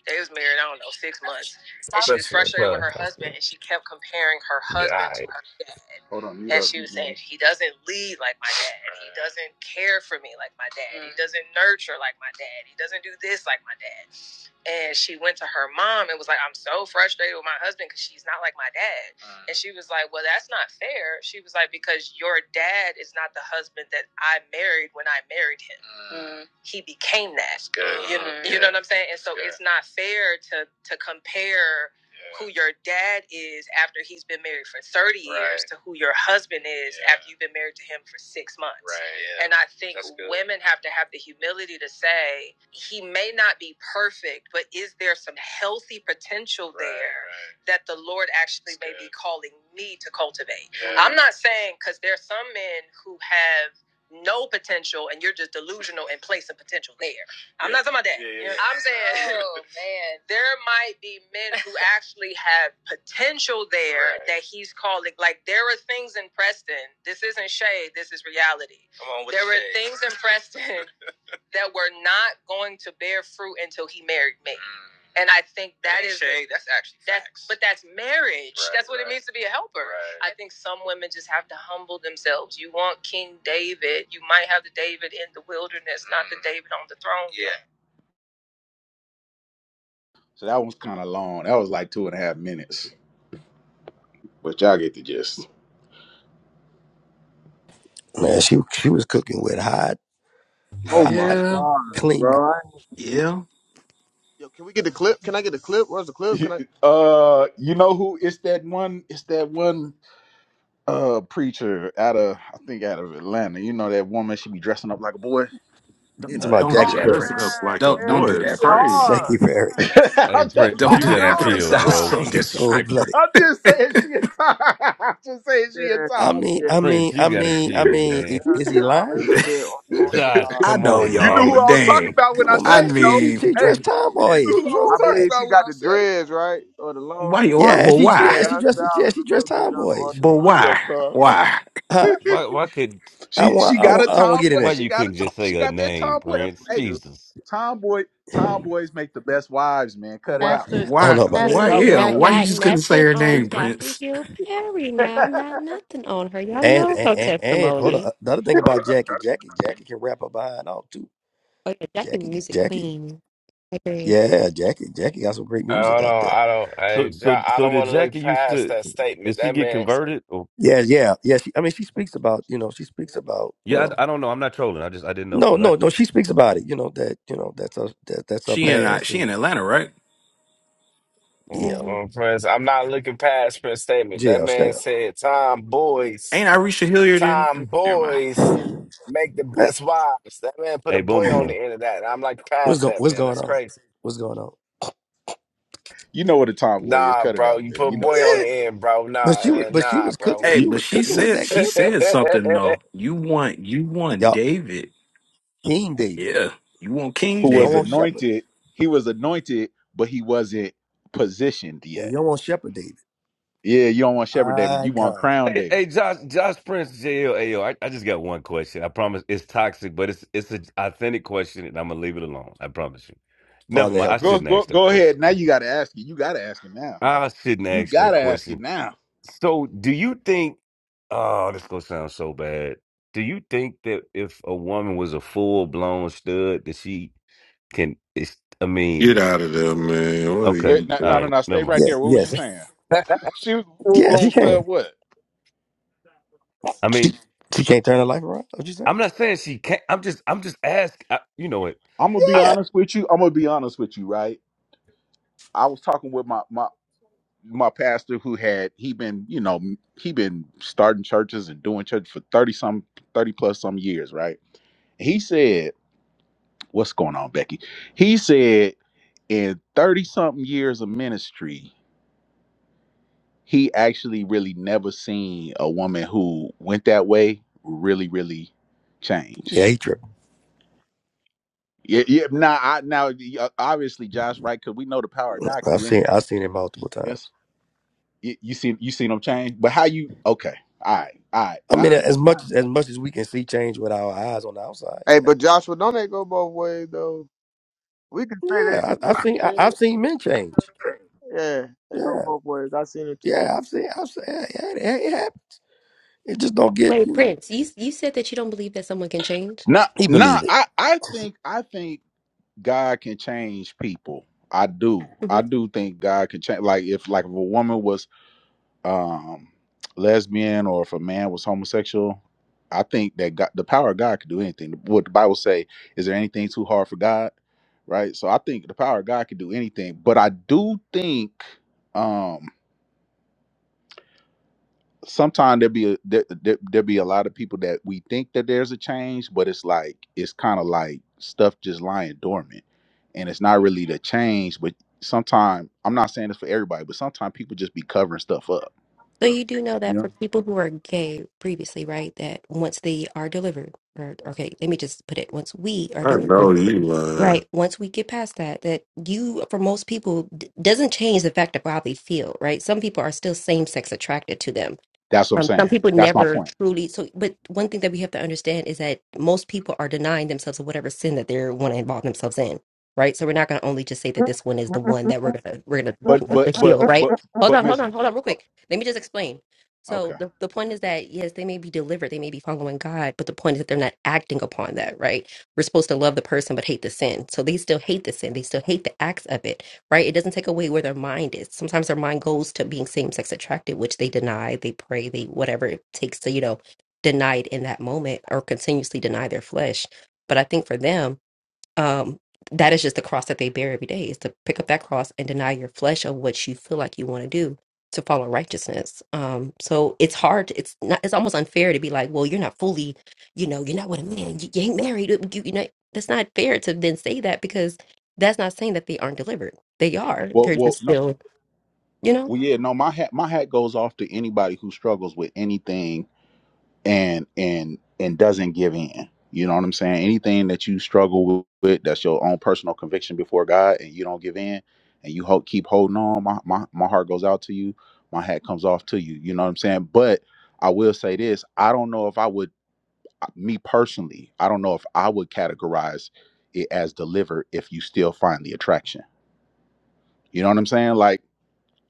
Speaker 1: They was married, I don't know, six months. And she was
Speaker 13: Especially,
Speaker 1: frustrated with
Speaker 13: bro.
Speaker 1: her husband and she kept comparing her
Speaker 13: Yeah,
Speaker 1: husband to
Speaker 13: I
Speaker 1: her dad. Hold on, and she was saying, He doesn't lead like my dad. He doesn't care for me like my dad. He Mm. doesn't nurture like my dad. He doesn't do this like my dad and she went to her mom and was like, "I'm so frustrated with my husband because she's not like my dad." Uh. And she was like, "Well, that's not fair." She was like, "Because your dad is not the husband that I married when I married him. Mm. He became that. That's good. You, mm. you know what I'm saying? And so it's not fair to to compare yeah. who your dad is after he's been married for 30 right. years Right. to who your husband is Yeah. after you've been married to him for six months. Right. Yeah. And I think women have to have the humility to say, he may not be perfect, but is there some healthy potential Right. there Right. that the Lord actually That's may good. be calling me to cultivate? Yeah. I'm not saying because there are some men who have no potential and you're just delusional and place some potential there. I'm yeah. not talking about that. Yeah, yeah, yeah. I'm saying Oh *laughs* man. there might be men who actually have potential there Right. that he's calling. Like there are things in Preston. This isn't shade. This is reality. Come on with there were shade. things in Preston *laughs* that were not going to bear fruit until he married me, and I think that is shade. That's actually that's facts. but that's marriage. Right, that's what right. it means to be a helper. right. I think some women just have to humble themselves. You want King David, you might have the David in the wilderness, mm. not the Mm. David on the throne. yeah, So that was kind of long. That was like two and a half minutes, but y'all get the gist.
Speaker 6: Man, she she was cooking with hot,
Speaker 16: Oh my
Speaker 6: hot,
Speaker 5: Yeah,
Speaker 16: god,
Speaker 6: clean.
Speaker 16: bro. I-
Speaker 5: yeah.
Speaker 16: Yo, can we get the clip? Can I get the clip? Where's the clip? Can I?
Speaker 1: *laughs* uh, you know who? It's that one. It's that one uh preacher out of I think out of Atlanta. You know that woman? She be dressing up like a boy.
Speaker 6: You
Speaker 1: You
Speaker 6: talking
Speaker 1: know that
Speaker 6: about
Speaker 5: Don't
Speaker 16: Oh
Speaker 5: do
Speaker 6: Jackie
Speaker 1: preacher.
Speaker 5: that,
Speaker 6: Perry?
Speaker 15: Dressing up
Speaker 5: Prince.
Speaker 15: like a
Speaker 16: yeah,
Speaker 5: Don't don't
Speaker 16: yeah,
Speaker 5: do
Speaker 15: boy is
Speaker 5: that,
Speaker 16: she
Speaker 6: *laughs*
Speaker 5: Prince.
Speaker 15: crazy.
Speaker 6: Jackie
Speaker 16: hard. Yeah,
Speaker 6: Perry.
Speaker 1: *laughs*
Speaker 3: Hey
Speaker 1: I'm just,
Speaker 16: she
Speaker 3: Prince,
Speaker 16: do
Speaker 5: Don't
Speaker 3: you
Speaker 5: do
Speaker 16: that
Speaker 3: gotta
Speaker 1: I'm
Speaker 5: that,
Speaker 16: all the
Speaker 1: just,
Speaker 5: Prince. *laughs*
Speaker 3: chill,
Speaker 5: That was
Speaker 16: time.
Speaker 1: I'm
Speaker 3: bro.
Speaker 5: so
Speaker 1: just,
Speaker 6: She cold
Speaker 5: disrespectful.
Speaker 6: blooded.
Speaker 1: I'm just saying she a tall. *laughs* I'm just saying she a
Speaker 16: Yeah,
Speaker 6: I
Speaker 16: she,
Speaker 1: tall
Speaker 6: mean,
Speaker 16: yeah,
Speaker 1: boy.
Speaker 6: I
Speaker 16: she
Speaker 3: Prince,
Speaker 6: mean,
Speaker 3: you
Speaker 6: I
Speaker 16: do.
Speaker 3: gotta
Speaker 6: mean, I
Speaker 3: chill,
Speaker 6: mean,
Speaker 3: man.
Speaker 16: Yeah,
Speaker 6: is,
Speaker 16: her
Speaker 6: is he
Speaker 16: style
Speaker 1: *laughs*
Speaker 6: lying?
Speaker 16: is a
Speaker 1: you
Speaker 16: bit
Speaker 3: Josh,
Speaker 16: unorthodox.
Speaker 5: I
Speaker 3: come
Speaker 5: know
Speaker 3: on,
Speaker 1: knew
Speaker 5: y'all,
Speaker 3: man.
Speaker 1: who
Speaker 5: but
Speaker 1: I was talking
Speaker 5: dang.
Speaker 1: about when
Speaker 6: Come
Speaker 1: I
Speaker 6: on,
Speaker 5: I
Speaker 1: said
Speaker 6: man.
Speaker 1: it,
Speaker 6: She
Speaker 1: though.
Speaker 6: she she
Speaker 5: mean,
Speaker 6: dressed
Speaker 1: Hey, you
Speaker 6: tomboyish.
Speaker 1: knew
Speaker 6: What's
Speaker 1: who I
Speaker 6: wrong
Speaker 1: was
Speaker 16: I
Speaker 6: with
Speaker 1: talking
Speaker 6: that?
Speaker 16: believe
Speaker 1: about
Speaker 16: she
Speaker 1: when
Speaker 16: got
Speaker 1: I
Speaker 16: the
Speaker 1: said
Speaker 16: dreads, right? Or the long
Speaker 5: why you
Speaker 16: hair.
Speaker 5: are?
Speaker 6: Yeah,
Speaker 5: But
Speaker 6: she
Speaker 1: it.
Speaker 5: why?
Speaker 6: yeah
Speaker 16: Yeah,
Speaker 6: she
Speaker 1: Yeah.
Speaker 16: her
Speaker 6: dressed
Speaker 16: style
Speaker 6: yeah
Speaker 16: is
Speaker 6: she
Speaker 16: a
Speaker 6: dressed
Speaker 16: little bit
Speaker 6: tomboyish.
Speaker 5: But
Speaker 16: unorthodox.
Speaker 1: What's up,
Speaker 5: why?
Speaker 1: Carl?
Speaker 5: Why?
Speaker 6: Huh?
Speaker 1: *laughs*
Speaker 3: Why why could
Speaker 6: I
Speaker 1: She
Speaker 6: want
Speaker 1: she
Speaker 6: I
Speaker 1: got a
Speaker 6: want I don't want to get
Speaker 1: tomboy.
Speaker 6: in
Speaker 3: why
Speaker 6: it.
Speaker 1: She
Speaker 3: you
Speaker 1: got a
Speaker 3: couldn't
Speaker 1: tom-
Speaker 3: just
Speaker 1: she
Speaker 3: say a
Speaker 1: got that
Speaker 3: name,
Speaker 16: She
Speaker 1: tomboy.
Speaker 3: Prince?
Speaker 16: definitely
Speaker 1: Hey,
Speaker 16: do.
Speaker 3: Jesus.
Speaker 1: tomboy tomboys make the best wives, man. Cut it
Speaker 5: Why?
Speaker 1: out,
Speaker 8: Pastor
Speaker 1: man.
Speaker 6: I don't
Speaker 5: Why?
Speaker 6: know about
Speaker 11: Wait,
Speaker 6: that.
Speaker 8: Pastor
Speaker 5: Why?
Speaker 1: No,
Speaker 11: wait,
Speaker 5: Yeah.
Speaker 11: not
Speaker 5: Why
Speaker 8: Jackie.
Speaker 5: you
Speaker 11: not
Speaker 5: just couldn't say
Speaker 11: nothing
Speaker 5: her
Speaker 11: on
Speaker 5: name,
Speaker 11: Jackie
Speaker 5: Prince?
Speaker 11: Hill Perry
Speaker 1: but,
Speaker 11: now.
Speaker 1: uh,
Speaker 11: Not nothing on her. Y'all
Speaker 6: And
Speaker 11: know
Speaker 6: and
Speaker 11: her
Speaker 6: and, and hold on.
Speaker 11: testimony.
Speaker 6: The other thing about Jackie, Jackie, Jackie can rap her behind off too.
Speaker 11: Oh yeah, Jackie was
Speaker 6: Jackie,
Speaker 11: music
Speaker 6: Jackie,
Speaker 11: queen. I agree.
Speaker 6: yeah, Jackie, Jackie got some great
Speaker 13: I
Speaker 6: music
Speaker 13: don't
Speaker 6: out
Speaker 13: know.
Speaker 6: there.
Speaker 13: I don't. I
Speaker 3: So so
Speaker 13: Ja- I
Speaker 3: so
Speaker 13: don't
Speaker 3: did
Speaker 13: want to
Speaker 3: Jackie
Speaker 13: look
Speaker 3: used
Speaker 13: past
Speaker 3: to
Speaker 13: that
Speaker 3: did
Speaker 13: statement.
Speaker 3: she
Speaker 13: That
Speaker 3: get
Speaker 13: man's
Speaker 3: converted or
Speaker 6: Yeah, yeah, yeah. She, I mean, she speaks about you know she speaks about you
Speaker 3: yeah,
Speaker 6: know
Speaker 3: I, I don't know. I'm not trolling. I just I didn't know
Speaker 6: no
Speaker 3: because
Speaker 6: no no she speaks about it. You know that you know that's her that, that's her
Speaker 5: She in uh,
Speaker 6: past
Speaker 5: she
Speaker 6: and
Speaker 5: in Atlanta, right?
Speaker 13: uh,
Speaker 6: yeah
Speaker 11: hmm
Speaker 13: uh, Prince. I'm not looking past Prince's statement. That
Speaker 6: jail.
Speaker 13: man
Speaker 6: Shut
Speaker 13: said, "Time, boys."
Speaker 5: Ain't Arisha Hilliard in?
Speaker 13: time
Speaker 5: Never mind.
Speaker 13: boys
Speaker 6: up. *sighs*
Speaker 13: make the
Speaker 6: What-
Speaker 13: best wives. That man
Speaker 3: I
Speaker 13: put a
Speaker 3: hey
Speaker 13: boy
Speaker 3: boom the
Speaker 13: on the
Speaker 3: room.
Speaker 13: end of that. I'm like,
Speaker 6: What's
Speaker 13: past
Speaker 6: go
Speaker 13: that,
Speaker 6: What's
Speaker 13: man.
Speaker 6: going
Speaker 13: That's
Speaker 6: on?
Speaker 13: crazy.
Speaker 6: What's going on?
Speaker 1: *laughs* you know what a tomboy is.
Speaker 13: Nah,
Speaker 1: Cut it
Speaker 13: bro.
Speaker 1: out,
Speaker 13: You
Speaker 1: man.
Speaker 13: put a
Speaker 1: You know what a
Speaker 13: boy
Speaker 6: Yeah,
Speaker 13: on the
Speaker 1: tomboy is.
Speaker 13: end, bro. Nah,
Speaker 6: But she was,
Speaker 13: uh,
Speaker 6: but she
Speaker 13: nah,
Speaker 6: was cooking.
Speaker 13: bro.
Speaker 5: Hey,
Speaker 6: She
Speaker 1: You,
Speaker 5: but
Speaker 6: was
Speaker 5: she
Speaker 13: *laughs*
Speaker 6: cooking with
Speaker 13: Let's
Speaker 5: said
Speaker 6: that
Speaker 5: she
Speaker 6: clip
Speaker 5: said
Speaker 6: though.
Speaker 5: something though. You want you want
Speaker 6: Y'all,
Speaker 5: David?
Speaker 6: King David.
Speaker 5: Yeah. You want
Speaker 1: who
Speaker 5: King
Speaker 6: But you don't
Speaker 1: was
Speaker 6: want
Speaker 5: David?
Speaker 6: Shepherd.
Speaker 1: anointed? He was anointed, but he wasn't positioned
Speaker 6: Yeah, you
Speaker 1: yet.
Speaker 6: don't want Shepherd David.
Speaker 1: Yeah, you don't want Shepherd David.
Speaker 6: My
Speaker 1: You want
Speaker 6: God,
Speaker 1: Crown
Speaker 3: Hey,
Speaker 1: David.
Speaker 3: hey Josh Josh Prince JLAO. I, I just got one question. I promise it's toxic, but it's it's an authentic question and I'm gonna leave it alone. I promise you. Never
Speaker 6: Father
Speaker 3: mind. I
Speaker 6: help
Speaker 1: Go
Speaker 6: us.
Speaker 3: shouldn't
Speaker 1: go
Speaker 3: ask that
Speaker 1: go
Speaker 3: question.
Speaker 1: ahead. Now you got to ask it. You got to ask it now.
Speaker 3: I shouldn't
Speaker 1: You
Speaker 3: ask
Speaker 1: got
Speaker 3: that
Speaker 1: to ask
Speaker 3: question.
Speaker 1: it now.
Speaker 3: So, do you think? Oh, this gonna sound so bad. Do you think that if a woman was a full blown stud, that she can? It's, I
Speaker 15: Get
Speaker 3: mean,
Speaker 15: out of there, man. What are
Speaker 3: okay,
Speaker 1: Wait,
Speaker 15: you
Speaker 1: no,
Speaker 3: all
Speaker 1: no, no,
Speaker 15: doing?
Speaker 3: right,
Speaker 1: no.
Speaker 3: never
Speaker 1: Stay
Speaker 3: mind.
Speaker 1: right
Speaker 6: Yeah,
Speaker 1: there. What was you
Speaker 6: Yes,
Speaker 1: saying? *laughs* She was a full
Speaker 6: yes, yeah.
Speaker 1: blown
Speaker 6: She can.
Speaker 1: stud. What?
Speaker 3: I
Speaker 6: She,
Speaker 3: mean,
Speaker 6: she can't turn her life around. What you say?
Speaker 3: I'm not saying she can't. I'm just, I'm just asking. I, you know it.
Speaker 1: I'm gonna be
Speaker 3: I,
Speaker 6: Yeah,
Speaker 1: honest with you. I'm gonna be honest with you, right? I was talking with my my my pastor who had he been you know he been starting churches and doing church for thirty some thirty plus some years, right? He said, "What's going on, Becky?" He said, in thirty something years of ministry, he actually really never seen a woman who went that way really really
Speaker 6: yeah.
Speaker 1: change.
Speaker 6: He tripping.
Speaker 1: Yeah, yeah. Now, I now y- obviously Josh, right? Because we know the power of God can
Speaker 6: I've
Speaker 1: do
Speaker 6: seen,
Speaker 1: anything.
Speaker 6: I've seen it multiple times.
Speaker 1: You, you see, you seen them change, but how you? Okay, all right, all right,
Speaker 6: I
Speaker 1: all
Speaker 6: mean,
Speaker 1: right.
Speaker 6: as much as as much as we can see change with our eyes on the outside.
Speaker 16: Hey,
Speaker 6: Yeah,
Speaker 16: but Joshua, don't they go both ways though? We can say that.
Speaker 6: yeah. I,
Speaker 16: Yeah,
Speaker 6: I've seen, I,
Speaker 16: yeah.
Speaker 6: I've seen men change.
Speaker 16: Yeah, they go
Speaker 6: Yeah,
Speaker 16: both ways. I seen it too.
Speaker 6: yeah. I've seen, I've seen. Yeah, yeah, it, it happens. It just don't get,
Speaker 11: Wait,
Speaker 6: you know.
Speaker 11: Prince, you you said that you don't believe that someone can change.
Speaker 1: No,
Speaker 6: He
Speaker 1: no,
Speaker 6: believed it.
Speaker 1: I, I think, I think God can change people. I do, I
Speaker 11: hmm
Speaker 1: do think God can change. Like if, like if a woman was um lesbian, or if a man was homosexual, I think that God, the power of God could do anything. What the Bible say? Is there anything too hard for God? Right. So I think the power of God can do anything. But I do think, um. sometimes there be a, there, there there be a lot of people that we think that there's a change, but it's like it's kind of like stuff just lying dormant, and it's not really the change. But sometimes I'm not saying this for everybody, but sometimes people just be covering stuff up.
Speaker 11: So you do know
Speaker 1: You
Speaker 11: that for
Speaker 1: know,
Speaker 11: people who are gay previously, right? That once they are delivered, or okay, let me just put it: once we are
Speaker 15: I know
Speaker 11: delivered,
Speaker 15: you lying.
Speaker 11: right? Once we get past that, that you, for most people, d- doesn't change the fact of how they feel, right? Some people are still same sex attracted to them
Speaker 1: that's what I'm
Speaker 11: Um,
Speaker 1: saying.
Speaker 11: some people
Speaker 1: That's my
Speaker 11: never
Speaker 1: point.
Speaker 11: truly so but one thing that we have to understand is that most people are denying themselves of whatever sin that they want to involve themselves in right so we're not going to only just say that this one is the one that we're going to we're going to you
Speaker 1: But
Speaker 11: know,
Speaker 1: but
Speaker 11: the
Speaker 1: but
Speaker 11: heal right
Speaker 1: but
Speaker 11: hold
Speaker 1: but
Speaker 11: on hold
Speaker 1: Miss,
Speaker 11: on hold on real
Speaker 1: oh,
Speaker 11: quick let me just explain so
Speaker 1: okay.
Speaker 11: the, the point is that yes they may be delivered they may be following god but the point is that they're not acting upon that right we're supposed to love the person but hate the sin so they still hate the sin they still hate the acts of it right? It doesn't take away where their mind is. Sometimes their mind goes to being same sex attracted, which they deny, they pray, they whatever it takes to, you know, deny it in that moment or continuously deny their flesh. But I think for them, um that is just the cross that they bear every day is to pick up that cross and deny your flesh of what you feel like you want to do to follow righteousness um so it's hard it's not it's almost unfair to be like well you're not fully you know you're not with a man you, you ain't married you, you know that's not fair to then say that because that's not saying that they aren't delivered they are
Speaker 1: Well
Speaker 11: they're
Speaker 1: well
Speaker 11: just
Speaker 1: no
Speaker 11: still you know
Speaker 1: well yeah no my hat my hat goes off to anybody who struggles with anything and and and doesn't give in. You know what I'm saying? Anything that you struggle with, that's your own personal conviction before God, and you don't give in, and you hope keep holding on. My my my heart goes out to you. My hat comes off to you. You know what I'm saying? But I will say this: I don't know if I would, uh, me personally, I don't know if I would categorize it as delivered if you still find the attraction. You know what I'm saying? Like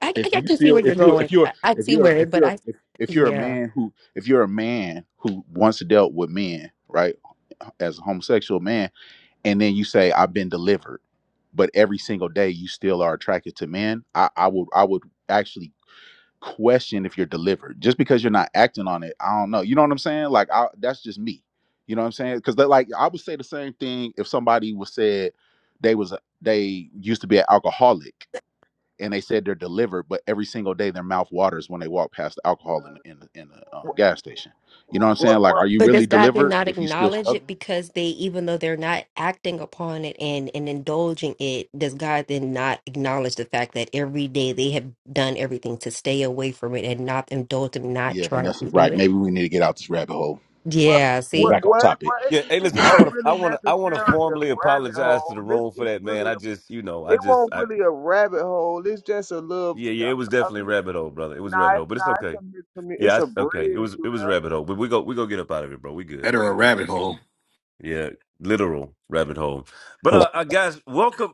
Speaker 11: i,
Speaker 1: if
Speaker 11: I, I
Speaker 1: you
Speaker 11: can see
Speaker 1: still
Speaker 11: where you're
Speaker 1: if you if
Speaker 11: going
Speaker 1: you're
Speaker 11: I, I
Speaker 1: if
Speaker 11: see
Speaker 1: you're
Speaker 11: where
Speaker 1: if
Speaker 11: but
Speaker 1: you're
Speaker 11: i
Speaker 1: if, if you're a
Speaker 11: yeah
Speaker 1: man who if you're a man who once dealt with men right as a homosexual man and then you say i've been delivered but every single day you still are attracted to men i i would i would actually question if you're delivered just because you're not acting on it i don't know you know what i'm saying like I, that's just me you know what i'm saying because like i would say the same thing if somebody was said they was they used to be an alcoholic and they said they're delivered, but every single day their mouth waters when they walk past the alcohol in the, in the, in the uh, gas station. You know what I'm saying?
Speaker 16: What,
Speaker 1: Like,
Speaker 16: what,
Speaker 1: are you
Speaker 11: But
Speaker 1: really
Speaker 11: does God then
Speaker 1: delivered
Speaker 11: not
Speaker 1: if you still
Speaker 11: acknowledge it
Speaker 1: struggling?
Speaker 11: because they, even though they're not acting upon it and, and indulging it, does God then not acknowledge the fact that every day they have done everything to stay away from it and not indulge and not
Speaker 1: Yeah,
Speaker 11: try
Speaker 1: Vanessa,
Speaker 11: to do
Speaker 1: right.
Speaker 11: it?
Speaker 1: Maybe we need to get out this rabbit hole.
Speaker 16: what,
Speaker 11: Yeah,
Speaker 1: Get
Speaker 16: what,
Speaker 11: see?
Speaker 1: back on
Speaker 16: what,
Speaker 1: topic.
Speaker 16: what
Speaker 3: yeah.
Speaker 16: it,
Speaker 3: Hey,
Speaker 16: it's
Speaker 3: listen. I
Speaker 16: not
Speaker 3: want to. I
Speaker 16: really
Speaker 3: want to. I want to
Speaker 16: necessarily a
Speaker 3: formally
Speaker 16: rabbit
Speaker 3: apologize
Speaker 16: hole.
Speaker 3: to the
Speaker 16: This
Speaker 3: room for
Speaker 16: it's
Speaker 3: that,
Speaker 16: really
Speaker 3: man. I
Speaker 16: a,
Speaker 3: just, you know, I
Speaker 16: it
Speaker 3: just,
Speaker 16: won't
Speaker 3: I.
Speaker 16: really a rabbit hole. It's just a little.
Speaker 3: Yeah, yeah. It was
Speaker 16: I
Speaker 3: definitely
Speaker 16: mean,
Speaker 3: rabbit hole, brother. It was
Speaker 16: nah,
Speaker 3: rabbit hole,
Speaker 16: it's
Speaker 3: but it's
Speaker 16: nah, it's
Speaker 3: okay.
Speaker 16: a miscommun- It's
Speaker 3: Yeah,
Speaker 16: a
Speaker 3: I, okay. It
Speaker 16: bridge
Speaker 3: was, it
Speaker 16: to
Speaker 3: was rabbit hole. But we go, we go get up out of here, bro. We good.
Speaker 5: Better a rabbit hole.
Speaker 3: Yeah, literal rabbit hole. But
Speaker 6: Not,
Speaker 3: uh, uh guys, welcome,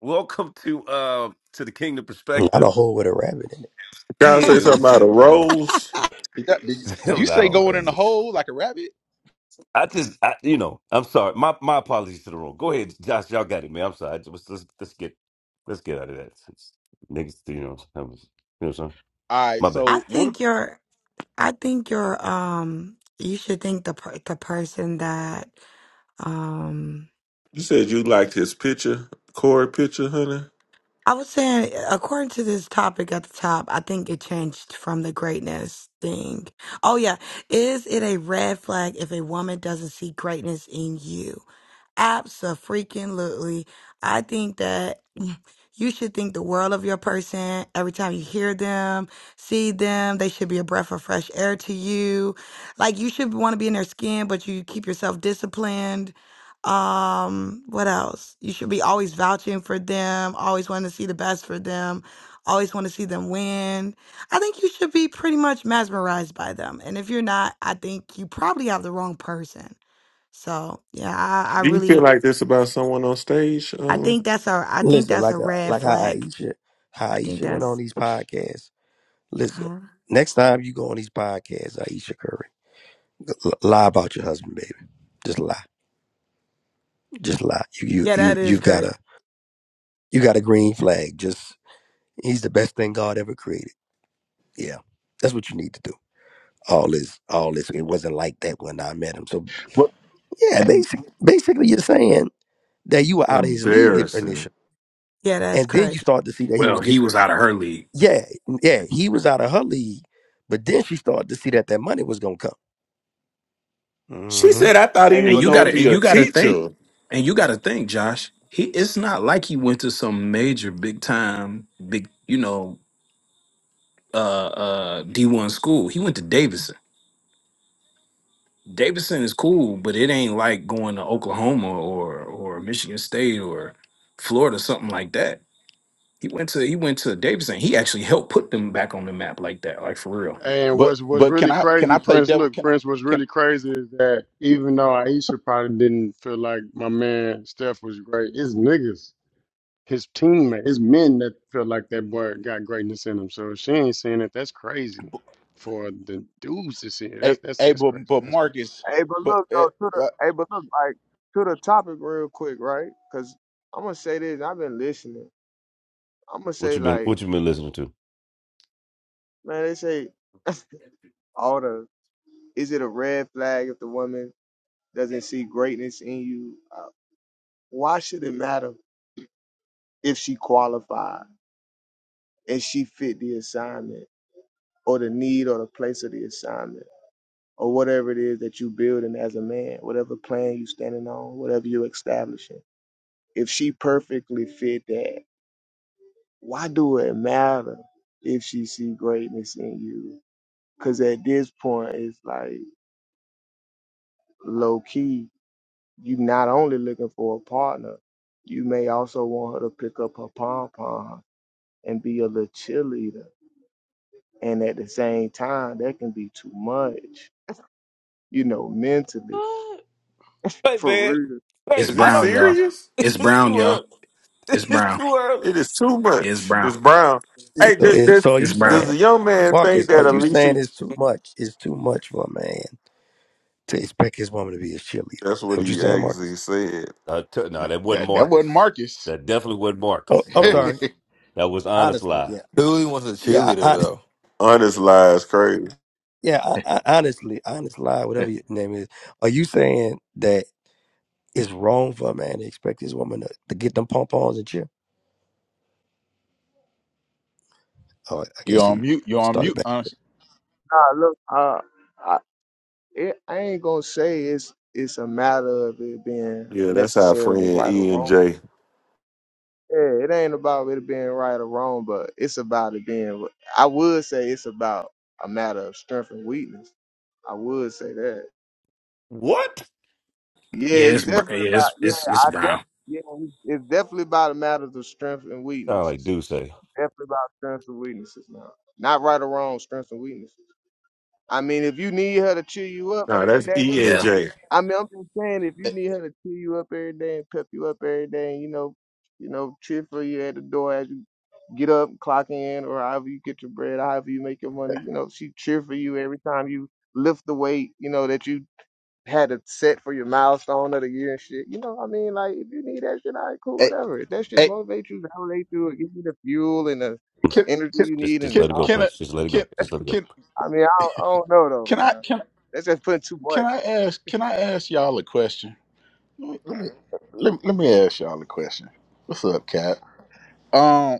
Speaker 3: welcome to uh to the Kingdom
Speaker 6: not a
Speaker 3: Perspective.
Speaker 6: hole with a rabbit in it.
Speaker 15: Gotta
Speaker 2: *laughs*
Speaker 3: Yeah,
Speaker 15: say
Speaker 3: it
Speaker 15: something
Speaker 3: was
Speaker 15: about
Speaker 2: I
Speaker 15: a
Speaker 3: it was.
Speaker 15: rose.
Speaker 1: Did, that, did
Speaker 3: *laughs* I don't
Speaker 1: you say
Speaker 3: know.
Speaker 1: going in
Speaker 3: It's
Speaker 1: the
Speaker 3: just-
Speaker 1: hole like a rabbit?
Speaker 3: I just I, you know I'm sorry. My my apologies to the room. Go ahead, Josh. Y'all got it, man. I'm sorry. I Just- Let's let's, let's get let's get out of that. It's, niggas, you know, I was, you know, what I'm saying?
Speaker 1: All right.
Speaker 3: My bad.
Speaker 1: So what?
Speaker 2: think you're I think you're um you should think the per- the person that um
Speaker 15: You said you liked his picture, Corey picture, honey.
Speaker 2: I was saying according to this topic at the top, I think it changed from the greatness thing. Oh yeah, is it a red flag if a woman doesn't see greatness in you? freaking Absolutely. I think that *laughs* you should think the world of your person every time you hear them, see them. They should be a breath of fresh air to you. Like you should want to be in their skin, but you keep yourself disciplined. Um, what else? You should be always vouching for them, always wanting to see the best for them, always want to see them win. I think you should be pretty much mesmerized by them. And if you're not, I think you probably have the wrong person. So yeah, I, I
Speaker 15: Do you feel
Speaker 2: really
Speaker 15: like this about someone on stage?
Speaker 2: I
Speaker 15: Um,
Speaker 2: think that's a I think
Speaker 6: Listen,
Speaker 2: that's a
Speaker 6: like a,
Speaker 2: red
Speaker 6: like how
Speaker 2: flag.
Speaker 6: Aisha, how
Speaker 2: I think
Speaker 6: Aisha went on
Speaker 2: that's
Speaker 6: these podcasts. Listen,
Speaker 2: uh,
Speaker 6: next time you go on these podcasts, Aisha Curry, l- lie about your husband, baby. Just lie, just lie. You you
Speaker 2: yeah,
Speaker 6: you
Speaker 2: that is
Speaker 6: you've got
Speaker 2: crazy.
Speaker 6: a you got a green flag. Just he's the best thing God ever created. Yeah, that's what you need to do. all this all this it wasn't like that when I met him. So
Speaker 1: What?
Speaker 6: yeah, basically basically you're saying that you were out of his league
Speaker 15: embarrassing.
Speaker 6: initially.
Speaker 2: Yeah, that's
Speaker 6: And then you
Speaker 2: crazy.
Speaker 6: start to see that he was
Speaker 5: Well, he
Speaker 6: getting
Speaker 5: was out of her league,
Speaker 6: yeah, yeah, he was out of her league, but then she started to see that that money was gonna come.
Speaker 15: She
Speaker 6: hmm
Speaker 15: said, I thought
Speaker 16: the.
Speaker 15: he
Speaker 16: Hey,
Speaker 5: and
Speaker 15: was
Speaker 16: but
Speaker 5: you
Speaker 16: let
Speaker 5: got
Speaker 15: gonna
Speaker 5: to
Speaker 16: me
Speaker 5: and
Speaker 15: be
Speaker 16: say.
Speaker 15: a
Speaker 5: you got to think
Speaker 15: teacher.
Speaker 5: and you got to think, Josh. He it's not like he went to some major big time big you know uh uh D one school. He went to Davidson. Davidson is cool, but it ain't like going to Oklahoma or or Michigan State or Florida, something like that. He went to he went to Davidson. He actually helped put them back on the map like that, like for real.
Speaker 17: And
Speaker 1: But
Speaker 17: what's what's
Speaker 1: but can
Speaker 17: really
Speaker 1: I can I
Speaker 17: crazy,
Speaker 1: play
Speaker 17: Prince.
Speaker 1: devil?
Speaker 17: Look,
Speaker 1: Can I
Speaker 17: Prince. What's
Speaker 1: can?
Speaker 17: really crazy is that even though Aisha probably didn't feel like my man Steph was great, his niggas, his teammates, his men that felt like that boy got greatness in him. So if she ain't seeing it. That's crazy for the dudes to see it.
Speaker 1: Hey,
Speaker 17: That's that's
Speaker 1: hey
Speaker 17: that's
Speaker 1: but
Speaker 17: crazy.
Speaker 1: but
Speaker 17: That's crazy.
Speaker 1: Marcus,
Speaker 16: Hey, but
Speaker 1: but
Speaker 16: look
Speaker 1: uh,
Speaker 16: though to the.
Speaker 1: uh,
Speaker 16: Hey, but look like to the topic real quick, right? Cause I'm gonna say this. I've been listening. I'm gonna
Speaker 3: What
Speaker 16: say
Speaker 3: you been
Speaker 16: like,
Speaker 3: What you been listening to?
Speaker 16: man, they say all the. Is it a red flag if the woman doesn't see greatness in you, uh, why should it matter if she qualified and she fit the assignment or the need or the place of the assignment or whatever it is that you building as a man, whatever plan you standing on, whatever you are establishing? If she perfectly fit that, why do it matter if she see greatness in you? Because at this point, it's like low key. You not only looking for a partner, you may also want her to pick up her pom pom and be a little cheerleader. And at the same time, that can be too much, you know, mentally.
Speaker 8: What?
Speaker 3: Hey
Speaker 16: For
Speaker 3: man,
Speaker 16: real.
Speaker 3: hey,
Speaker 5: It's
Speaker 15: Is he
Speaker 3: I
Speaker 5: brown,
Speaker 3: don't.
Speaker 5: y'all.
Speaker 15: serious?
Speaker 5: It's
Speaker 3: *laughs* It's
Speaker 5: brown,
Speaker 3: too
Speaker 5: y'all.
Speaker 3: early. *laughs*
Speaker 5: It's
Speaker 3: It's
Speaker 5: brown.
Speaker 3: too early.
Speaker 15: It is too
Speaker 5: Yeah, it's
Speaker 15: much.
Speaker 5: brown.
Speaker 15: It's brown. Hey,
Speaker 6: So
Speaker 15: this,
Speaker 6: it,
Speaker 15: this,
Speaker 6: so are
Speaker 5: It's
Speaker 6: you
Speaker 15: does
Speaker 5: brown.
Speaker 6: saying
Speaker 15: the young man think
Speaker 6: Marcus, are
Speaker 15: that
Speaker 6: you
Speaker 15: Alicia?
Speaker 6: saying it's too much? It's too much for a man to expect his woman to be his cheerleader. Is
Speaker 15: That's
Speaker 6: that
Speaker 15: what
Speaker 6: what you
Speaker 15: he
Speaker 6: saying, Marcus?
Speaker 15: actually said.
Speaker 3: Uh, t-
Speaker 1: no,
Speaker 3: no, that wasn't
Speaker 1: that that wasn't
Speaker 3: Marcus.
Speaker 1: Marcus.
Speaker 3: That definitely wasn't
Speaker 6: Oh,
Speaker 3: Marcus.
Speaker 6: I'm
Speaker 3: That
Speaker 1: *laughs*
Speaker 6: sorry.
Speaker 3: was that was honest
Speaker 6: Honestly,
Speaker 3: lie.
Speaker 6: yeah.
Speaker 18: Dooley was a
Speaker 6: Yeah,
Speaker 18: cheerleader though.
Speaker 15: Honest lies, crazy.
Speaker 6: Yeah, I, I, honestly, honest lie, whatever your name is. Are you saying that it's wrong for a man to expect his woman to, to get them pom poms and cheer? Oh, I
Speaker 1: You're
Speaker 6: guess
Speaker 1: on
Speaker 6: he
Speaker 1: mute. You're on
Speaker 6: started
Speaker 1: mute.
Speaker 6: back.
Speaker 1: Unc.
Speaker 16: Nah, look, I, I, it, I ain't gonna say it's it's a matter of it being
Speaker 15: Yeah, that's our friend
Speaker 16: necessarily right or
Speaker 15: E and
Speaker 16: wrong.
Speaker 15: J.
Speaker 16: Yeah, it ain't about it being right or wrong, but it's about it being. I would say it's about a matter of strength and weakness. I would say that.
Speaker 3: What?
Speaker 16: Yeah,
Speaker 5: Yeah,
Speaker 16: it's
Speaker 5: it's br-
Speaker 16: definitely
Speaker 5: yeah,
Speaker 16: about.
Speaker 5: it's
Speaker 16: Yeah,
Speaker 5: it's it's
Speaker 16: I definitely.
Speaker 5: brown.
Speaker 16: Yeah, it's definitely about a matter of strength and
Speaker 3: Sound like
Speaker 16: weaknesses.
Speaker 3: do say.
Speaker 16: Definitely about strengths and weaknesses now. Not right or wrong, strengths and weaknesses. I mean, if you need her to cheer you up
Speaker 15: Nah,
Speaker 16: every
Speaker 15: that's
Speaker 16: day,
Speaker 15: E and
Speaker 5: Yeah.
Speaker 15: J.
Speaker 16: I mean, I'm just saying, if you need her to cheer you up every day and pep you up every day, and you know, you know, cheer for you at the door as you get up, clock in, or however you get your bread, however you make your money, you know, she cheer for you every time you lift the weight, you know, that you had it set for your milestone of the year and shit. You know, what I mean, like if you need that shit, all right, cool,
Speaker 1: Hey,
Speaker 16: whatever. If that shit
Speaker 1: hey,
Speaker 16: motivates you, validate you, and give you the fuel and the
Speaker 1: Can
Speaker 16: energy
Speaker 1: can
Speaker 16: you
Speaker 3: Just
Speaker 16: need
Speaker 3: just
Speaker 16: and
Speaker 1: can
Speaker 3: let it go,
Speaker 16: all that.
Speaker 1: can I-
Speaker 3: Prince. Just let it
Speaker 1: can
Speaker 3: go. Just let it go.
Speaker 1: can
Speaker 16: I mean, I don't, I don't know
Speaker 1: can
Speaker 16: though,
Speaker 1: I
Speaker 16: man.
Speaker 1: can
Speaker 16: That's just putting too much.
Speaker 1: can I ask can I ask y'all a question? Let me let me, let me ask y'all a question. What's up, Cap? Um,